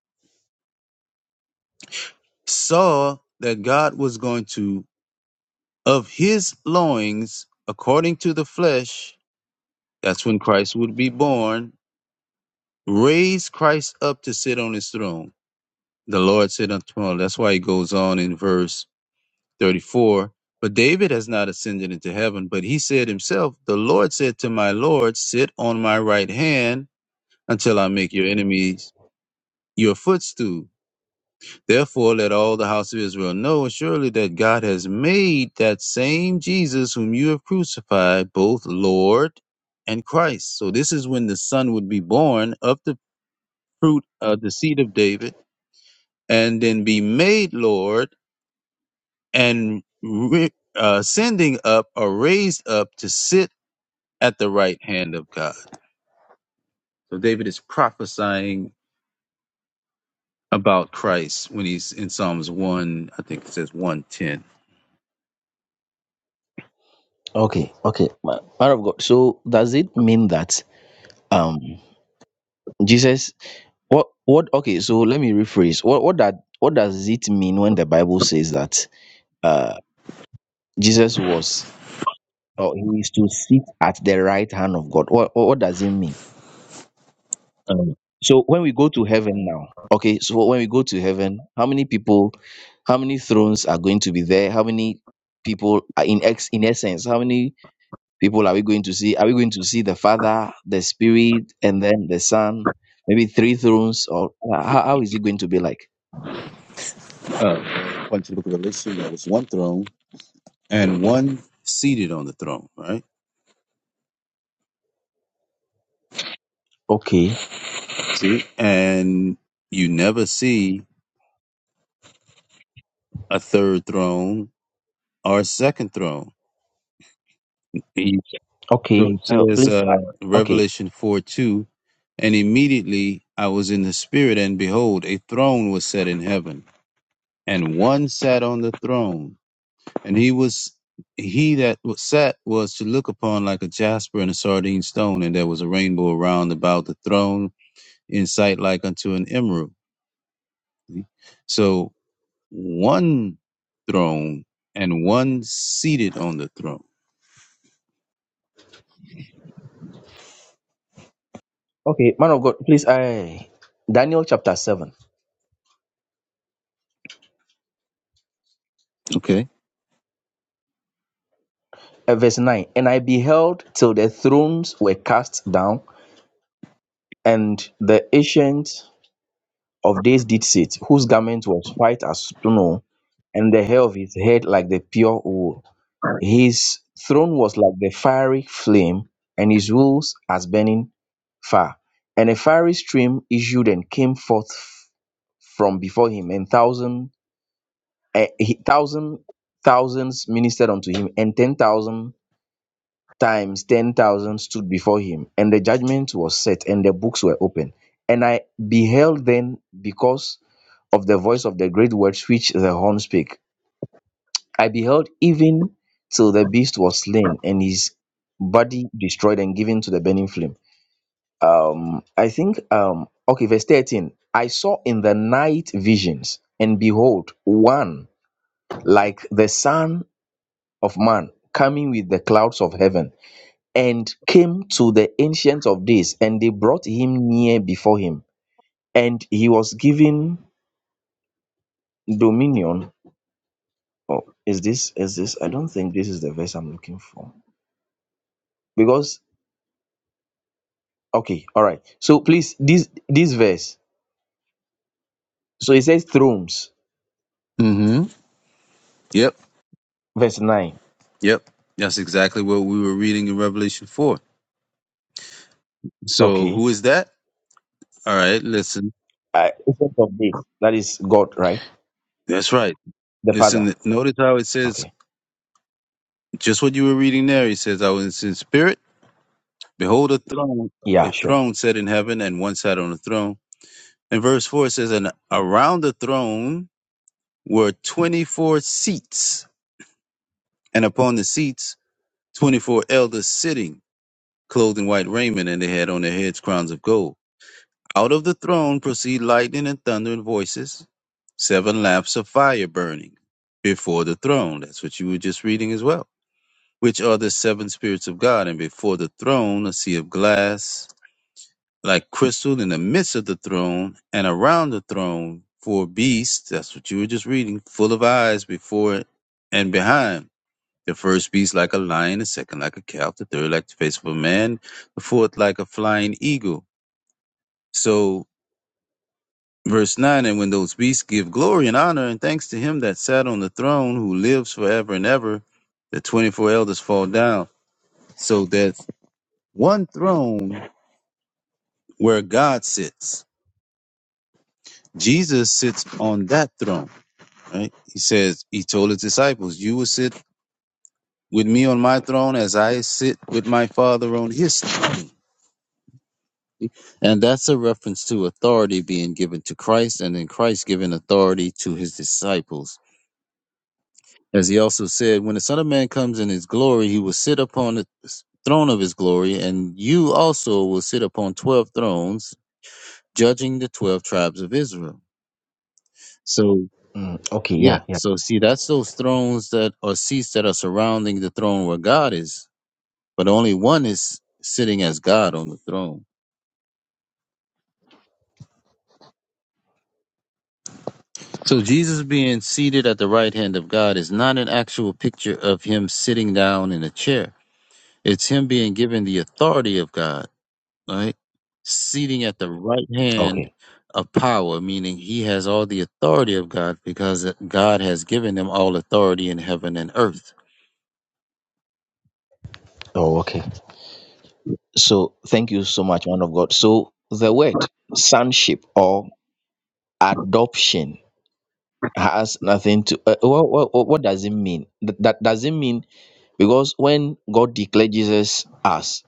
[SPEAKER 2] saw that God was going to, of his loins, according to the flesh, that's when Christ would be born, raise Christ up to sit on his throne The Lord said unto him, that's why he goes on in verse 34. But David has not ascended into heaven, but he said himself, The Lord said to my Lord, Sit on my right hand until I make your enemies your footstool. Therefore, let all the house of Israel know surely that God has made that same Jesus whom you have crucified both Lord and Christ. So, this is when the Son would be born of the fruit of the seed of David and then be made Lord and ri- uh, sending up or raised up to sit at the right hand of God. So David is prophesying about Christ when he's in Psalms 1, I think it says 110.
[SPEAKER 9] Okay, okay. Ma- Man of God, so does it mean that um Jesus what what okay, so let me rephrase. What what that what does it mean when the Bible says that uh Jesus was or he is to sit at the right hand of God? What what, what does it mean? So when we go to heaven now, okay, so when we go to heaven, how many people, how many thrones are going to be there? How many people are in ex in essence, how many people are we going to see? Are we going to see the Father, the Spirit, and then the Son? Maybe three thrones, or uh, how, how is it going to be like?
[SPEAKER 2] Uh, went to the book of Revelation, there was one throne and one seated on the throne, right?
[SPEAKER 9] Okay,
[SPEAKER 2] See? And you never see a third throne or a second throne. So
[SPEAKER 9] okay,
[SPEAKER 2] it
[SPEAKER 9] uh,
[SPEAKER 2] says,
[SPEAKER 9] please,
[SPEAKER 2] uh,
[SPEAKER 9] uh, okay,
[SPEAKER 2] Revelation 4 2, and immediately I was in the spirit, and behold, a throne was set in heaven, and one sat on the throne, and he was he that was sat was to look upon like a jasper and a sardine stone, and there was a rainbow around about the throne in sight like unto an emerald. So one throne and one seated on the throne.
[SPEAKER 9] okay, man of God, please, I Daniel chapter seven,
[SPEAKER 2] Okay.
[SPEAKER 9] uh, verse nine, and I beheld till the thrones were cast down, and the ancient Of days did sit, whose garment was white as snow, and the hair of his head like the pure wool. His throne was like the fiery flame, and his rules as burning fire. And a fiery stream issued and came forth f- from before him, and thousand, eh, he- thousand thousands ministered unto him, and ten thousand times ten thousand stood before him and the judgment was set and the books were opened and i beheld then because of the voice of the great words which the horn spake i beheld even till the beast was slain and his body destroyed and given to the burning flame um i think um okay verse 13 i saw in the night visions and behold one like the son of man coming with the clouds of heaven and came to the ancient of days and they brought him near before him and he was given dominion oh is this is this i don't think this is the verse i'm looking for because okay all right so please this this verse so it says thrones
[SPEAKER 2] Mm-hmm. Yep.
[SPEAKER 9] verse 9
[SPEAKER 2] Yep. That's exactly what we were reading in Revelation 4. So
[SPEAKER 9] okay
[SPEAKER 2] who is that? All right, listen.
[SPEAKER 9] uh, ancient of days that is god right
[SPEAKER 2] That's right.
[SPEAKER 9] the father
[SPEAKER 2] Listen, notice how it says
[SPEAKER 9] okay
[SPEAKER 2] just what you were reading there. He says, I was in spirit. Behold, a throne,
[SPEAKER 9] yeah
[SPEAKER 2] a
[SPEAKER 9] sure
[SPEAKER 2] throne set in heaven, and one sat on the throne. And verse 4 says, And around the throne were 24 seats, and upon the seats, 24 elders sitting, clothed in white raiment, and they had on their heads crowns of gold. Out of the throne proceed lightning and thunder and voices. Seven lamps of fire burning before the throne. That's what you were just reading as well. Which are the seven spirits of God, and before the throne a sea of glass like crystal in the midst of the throne, and around the throne four beasts. That's what you were just reading, full of eyes before it and behind. The first beast like a lion, the second like a calf, the third like the face of a man, the fourth like a flying eagle. So Verse 9 And when those beasts give glory and honor and thanks to him that sat on the throne, who lives forever and ever, the 24 elders fall down. So there's one throne where God sits. Jesus sits on that throne, right? He says, He told his disciples, You will sit with me on my throne as I sit with my Father on his throne. And that's a reference to authority being given to Christ and then Christ giving authority to his disciples As he also said, when the Son of Man comes in his glory, he will sit upon the throne of his glory, and you also will sit upon 12 thrones, judging the 12 tribes of Israel. So,
[SPEAKER 9] Mm, okay
[SPEAKER 2] yeah,
[SPEAKER 9] yeah yeah
[SPEAKER 2] so see, that's those thrones that are seats that are surrounding the throne where God is, but only one is sitting as God on the throne. So, Jesus being seated at the right hand of God is not an actual picture of him sitting down in a chair, it's him being given the authority of God right? Seating at the right hand
[SPEAKER 9] okay
[SPEAKER 2] of power, meaning he has all the authority of God because God has given him all authority in heaven and earth.
[SPEAKER 9] oh okay so thank you so much man of god so the word sonship or adoption has nothing to uh, what, what what what does it mean That that does it mean because when god declared jesus as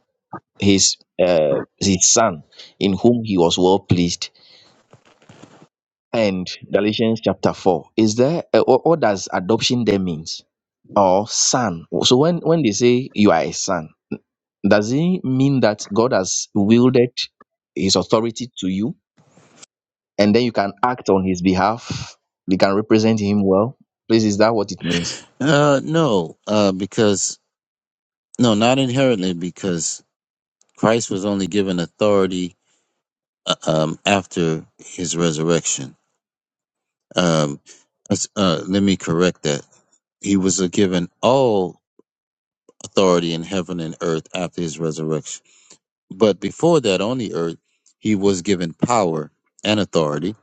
[SPEAKER 9] his uh his son in whom he was well pleased and galatians chapter 4 is there uh, what, what does adoption there means or son so when when they say you are a son does it mean that god has wielded his authority to you and then you can act on his behalf. You can represent him well. Please, is that what it means?
[SPEAKER 2] Uh, no, uh, because, no, not inherently, because Christ was only given authority uh, um, after his resurrection. Um, let's- uh, let me correct that. He was uh, given all authority in heaven and earth after his resurrection But before that, on the earth, he was given power and authority.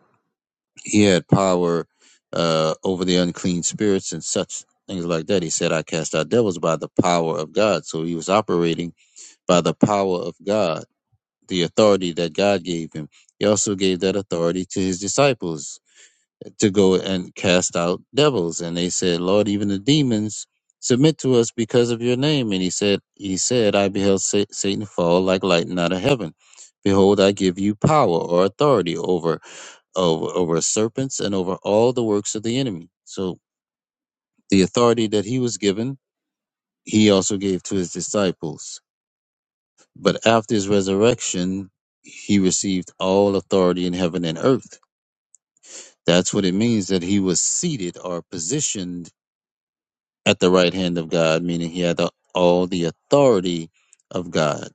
[SPEAKER 2] He had power uh, over the unclean spirits and such things like that. He said, I cast out devils by the power of God. So he was operating by the power of God, the authority that God gave him. He also gave that authority to his disciples to go and cast out devils. And they said, Lord, even the demons submit to us because of your name. And he said, He said, I beheld Sa- Satan fall like lightning out of heaven. Behold, I give you power or authority over, over over serpents and over all the works of the enemy. So the authority that he was given, he also gave to his disciples. But after his resurrection, he received all authority in heaven and earth. That's what it means that he was seated or positioned at the right hand of God, meaning he had the, all the authority of God.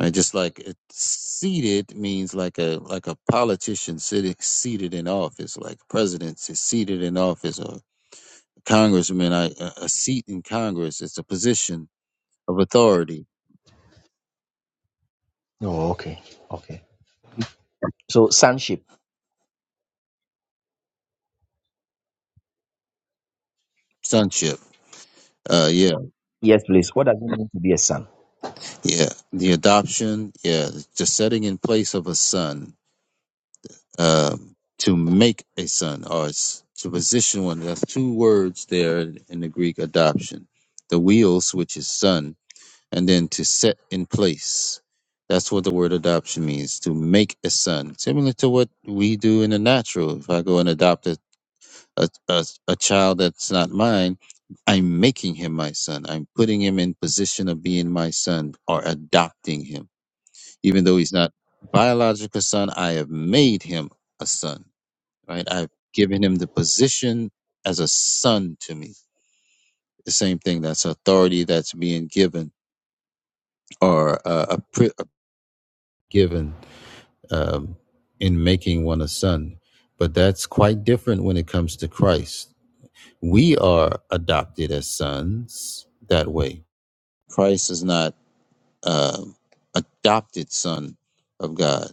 [SPEAKER 2] Right? Just like it, seated means like a like a politician sitting seated in office, like presidents is seated in office, or congressman, I, a a seat in Congress. It's a position of authority,
[SPEAKER 9] Oh, okay. Okay. So, sonship.
[SPEAKER 2] sonship. Uh, yeah,
[SPEAKER 9] Yes, please. What does it mean to be a son?
[SPEAKER 2] yeah. The adoption, yeah, the setting in place of a son um, to make a son or s- to position one. There's two words there in the Greek adoption the wheels, which is son, and then to set in place. That's what the word adoption means to make a son, similar to what we do in the natural. If I go and adopt a, a, a, a child that's not mine, I'm making him my son. I'm putting him in position of being my son or adopting him. Even though he's not biological son, I have made him a son right? I've given him the position as a son to me. The same thing. That's authority that's being given or uh, a pri- given um, in making one a son. But that's quite different when it comes to Christ. We are adopted as sons that way. Christ is not um adopted son of God.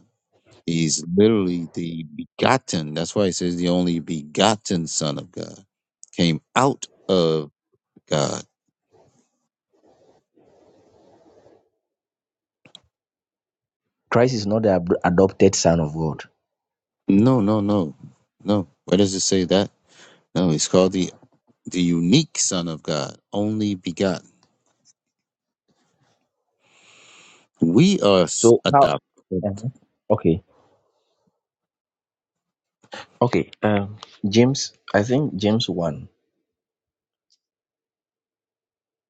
[SPEAKER 2] He's literally the begotten. That's why he says the only begotten son of God came out of God
[SPEAKER 9] Christ is not the ab- adopted son of God.
[SPEAKER 2] No, no, no, no. Where does it say that? No, he's called the the unique Son of God, only begotten. We are s-
[SPEAKER 9] So, how?
[SPEAKER 2] adopted.
[SPEAKER 9] Mhm. Okay. Okay. Um, James, I think James 1.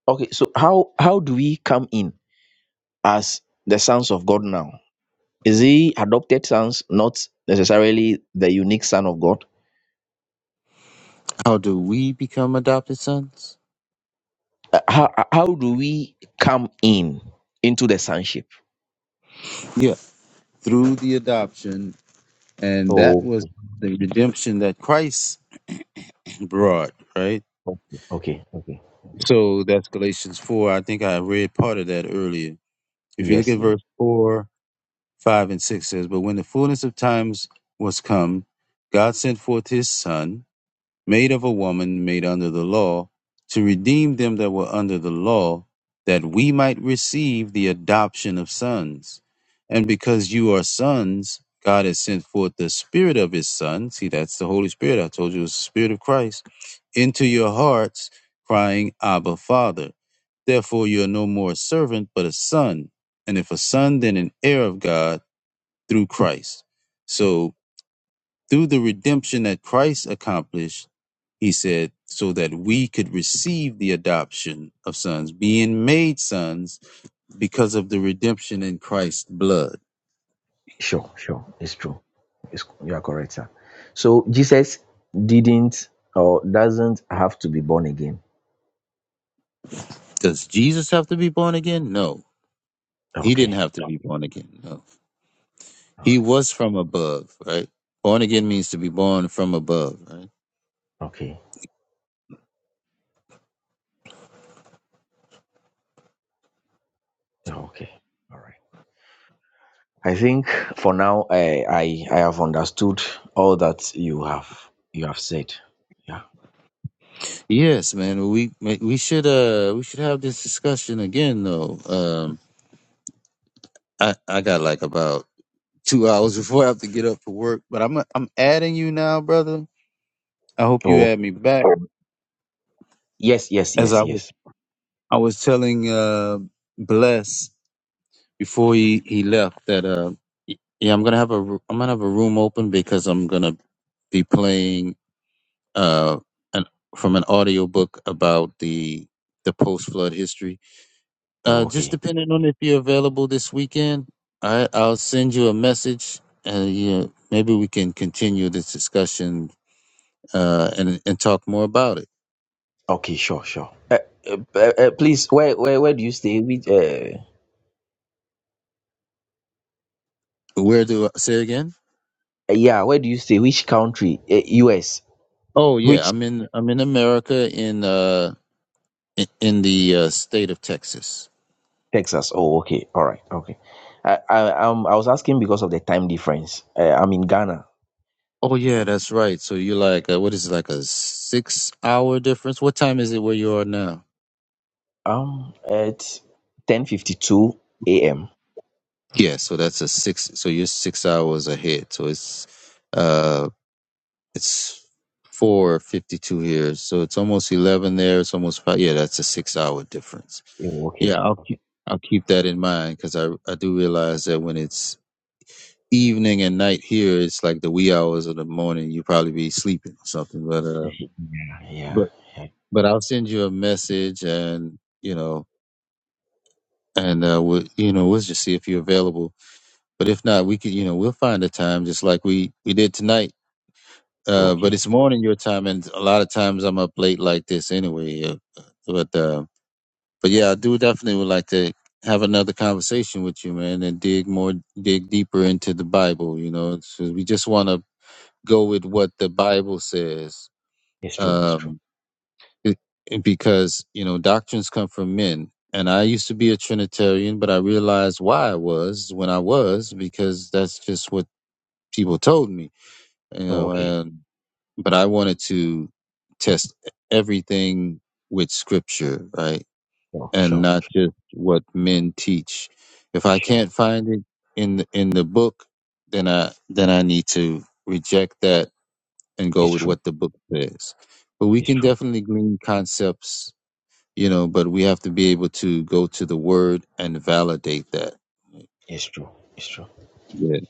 [SPEAKER 9] Okay. So, how, how do we come in as the sons of God now? Is he adopted sons, not necessarily the unique son of God?
[SPEAKER 2] How do we become adopted sons?
[SPEAKER 9] Uh, how how do we come in into the sonship?
[SPEAKER 2] Yeah, through the adoption, and that
[SPEAKER 9] Oh,
[SPEAKER 2] was the redemption that Christ brought, right?
[SPEAKER 9] okay, okay, okay. okay.
[SPEAKER 2] So that's Galatians four. I think I read part of that earlier. If you look
[SPEAKER 9] Yes,
[SPEAKER 2] at
[SPEAKER 9] yes.
[SPEAKER 2] verse four, five, and six says, "But when the fullness of times was come, God sent forth His Son." made of a woman made under the law, to redeem them that were under the law, that we might receive the adoption of sons. And because you are sons, God has sent forth the Spirit of His Son. See, that's the Holy Spirit. I told you it's the Spirit of Christ into your hearts, crying, Abba, Father. Therefore, you are no more a servant, but a son. And if a son, then an heir of God through Christ. So, through the redemption that Christ accomplished, he said, so that we could receive the adoption of sons, being made sons because of the redemption in Christ's blood.
[SPEAKER 9] Sure, sure. It's true. It's, you are correct, sir. So Jesus didn't or doesn't have to be born again.
[SPEAKER 2] Does Jesus have to be born again? No. He
[SPEAKER 9] Okay.
[SPEAKER 2] didn't have to No. be born again. No.
[SPEAKER 9] All
[SPEAKER 2] He
[SPEAKER 9] right.
[SPEAKER 2] was from above, right? Born again means to be born from above, right?
[SPEAKER 9] Okay. Okay. All right. I think for now, I I, I have understood all that you have you have said. Yeah.
[SPEAKER 2] Yes, man. We we should uh we should have this discussion again though. Um I I got like about 2 hours before I have to get up for work, but I'm I'm adding you now, brother. I hope you
[SPEAKER 9] Oh.
[SPEAKER 2] add me back
[SPEAKER 9] Yes. Yes.
[SPEAKER 2] as
[SPEAKER 9] Yes.
[SPEAKER 2] I
[SPEAKER 9] Yes.
[SPEAKER 2] I was telling uh, Bless before he, he left that uh, y- yeah, I'm gonna have a ro- I'm gonna have a room open because I'm gonna be playing uh, an, from an audiobook about the the post flood history. Uh,
[SPEAKER 9] Oh,
[SPEAKER 2] just
[SPEAKER 9] okay.
[SPEAKER 2] depending on if you're available this weekend, I I'll send you a message and yeah, maybe we can continue this discussion uh, and and talk more about it.
[SPEAKER 9] Okay, sure, sure. Uh, uh, uh, uh, please, where, where where do you stay? Which uh,
[SPEAKER 2] Where do I say again?
[SPEAKER 9] uh, yeah, where do you stay? Which country? Uh, U.S.
[SPEAKER 2] Oh yeah,
[SPEAKER 9] Which
[SPEAKER 2] I'm in I'm in America in uh in, in the uh, state of Texas.
[SPEAKER 9] Texas? Oh, okay, all right, okay. I I um I was asking because of the time difference. Uh, I'm in Ghana.
[SPEAKER 2] Oh yeah, that's right. So you're like uh what is it, like a six hour difference? What time is it where you are now?
[SPEAKER 9] Um, it's ten fifty two a.m.
[SPEAKER 2] Yeah, so that's a six. So you're six hours ahead. So it's uh it's four fifty two here. So it's almost eleven there. It's almost five. Yeah, that's a six hour difference.
[SPEAKER 9] Oh, okay,
[SPEAKER 2] Yeah, I'll keep
[SPEAKER 9] okay.
[SPEAKER 2] I'll keep that in mind because I I do realize that when it's evening and night here, it's like the wee hours of the morning. You probably be sleeping or something, but uh.
[SPEAKER 9] Yeah,
[SPEAKER 2] but
[SPEAKER 9] yeah, yeah.
[SPEAKER 2] but I'll send you a message and you know and uh we you know we'll just see if you're available. But if not, we could you know we'll find a time just like we we did tonight. Uh, but
[SPEAKER 9] Okay,
[SPEAKER 2] it's morning your time, and a lot of times I'm up late like this anyway. Uh, But uh, but yeah, I do definitely would like to have another conversation with you, man, and dig more, dig deeper into the Bible. You know, 'cause we just want to go with what the Bible says.
[SPEAKER 9] it's true, it's true.
[SPEAKER 2] Um, it, it- because you know doctrines come from men and i used to be a trinitarian but i realized why i was when i was because that's just what people told me you
[SPEAKER 9] Oh,
[SPEAKER 2] know
[SPEAKER 9] okay,
[SPEAKER 2] and but i wanted to test everything with scripture right
[SPEAKER 9] sure,
[SPEAKER 2] and
[SPEAKER 9] sure,
[SPEAKER 2] not just what men teach if i
[SPEAKER 9] sure.
[SPEAKER 2] can't find it in the, in the book then i then i need to reject that and go
[SPEAKER 9] It's
[SPEAKER 2] with
[SPEAKER 9] true,
[SPEAKER 2] what the book says but we
[SPEAKER 9] it's
[SPEAKER 2] can
[SPEAKER 9] true,
[SPEAKER 2] definitely glean concepts you know, but we have to be able to go to the word and validate that.
[SPEAKER 9] it's true, it's true.
[SPEAKER 2] Yeah.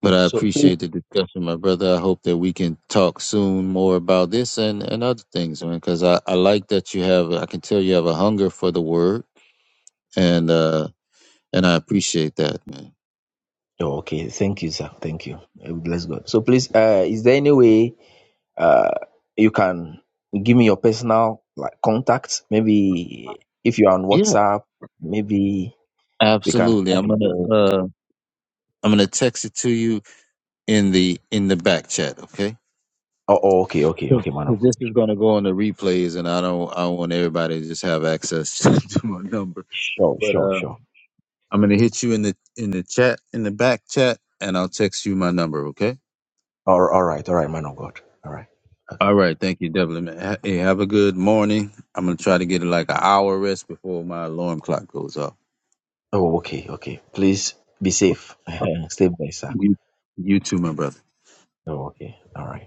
[SPEAKER 2] But I
[SPEAKER 9] So.
[SPEAKER 2] appreciate the discussion, my brother. I hope that we can talk soon more about this and, and other things, man, because I, I like that you have, I can tell you have a hunger for the word and, uh, and I appreciate that, man.
[SPEAKER 9] Oh, okay. Thank you, sir. Thank you. Uh, Bless God. So please, uh, is there any way uh, you can give me your personal like contact? Maybe if you're on
[SPEAKER 2] Yeah,
[SPEAKER 9] WhatsApp, maybe we can
[SPEAKER 2] absolutely.
[SPEAKER 9] chat
[SPEAKER 2] I'm
[SPEAKER 9] again.
[SPEAKER 2] gonna
[SPEAKER 9] Oh,
[SPEAKER 2] uh I'm gonna text it to you in the in the back chat, okay?
[SPEAKER 9] oh, okay, okay,
[SPEAKER 2] Because
[SPEAKER 9] okay, man of God.
[SPEAKER 2] this is gonna go on the replays, and I don't I want everybody to just have access to my number.
[SPEAKER 9] Sure,
[SPEAKER 2] but.
[SPEAKER 9] sure,
[SPEAKER 2] uh,
[SPEAKER 9] sure.
[SPEAKER 2] I'm gonna hit you in the in the chat in the back chat, and I'll text you my number. Okay.
[SPEAKER 9] All, all right, all right, man of God. All right. Okay.
[SPEAKER 2] All right. Thank you, Devlin. man. Ha- Hey, have a good morning. I'm gonna try to get like an hour rest before my alarm clock goes off.
[SPEAKER 9] Oh, okay, okay. Please be safe. Stay blessed, sir.
[SPEAKER 2] You, you too, my brother.
[SPEAKER 9] Oh, okay. All right.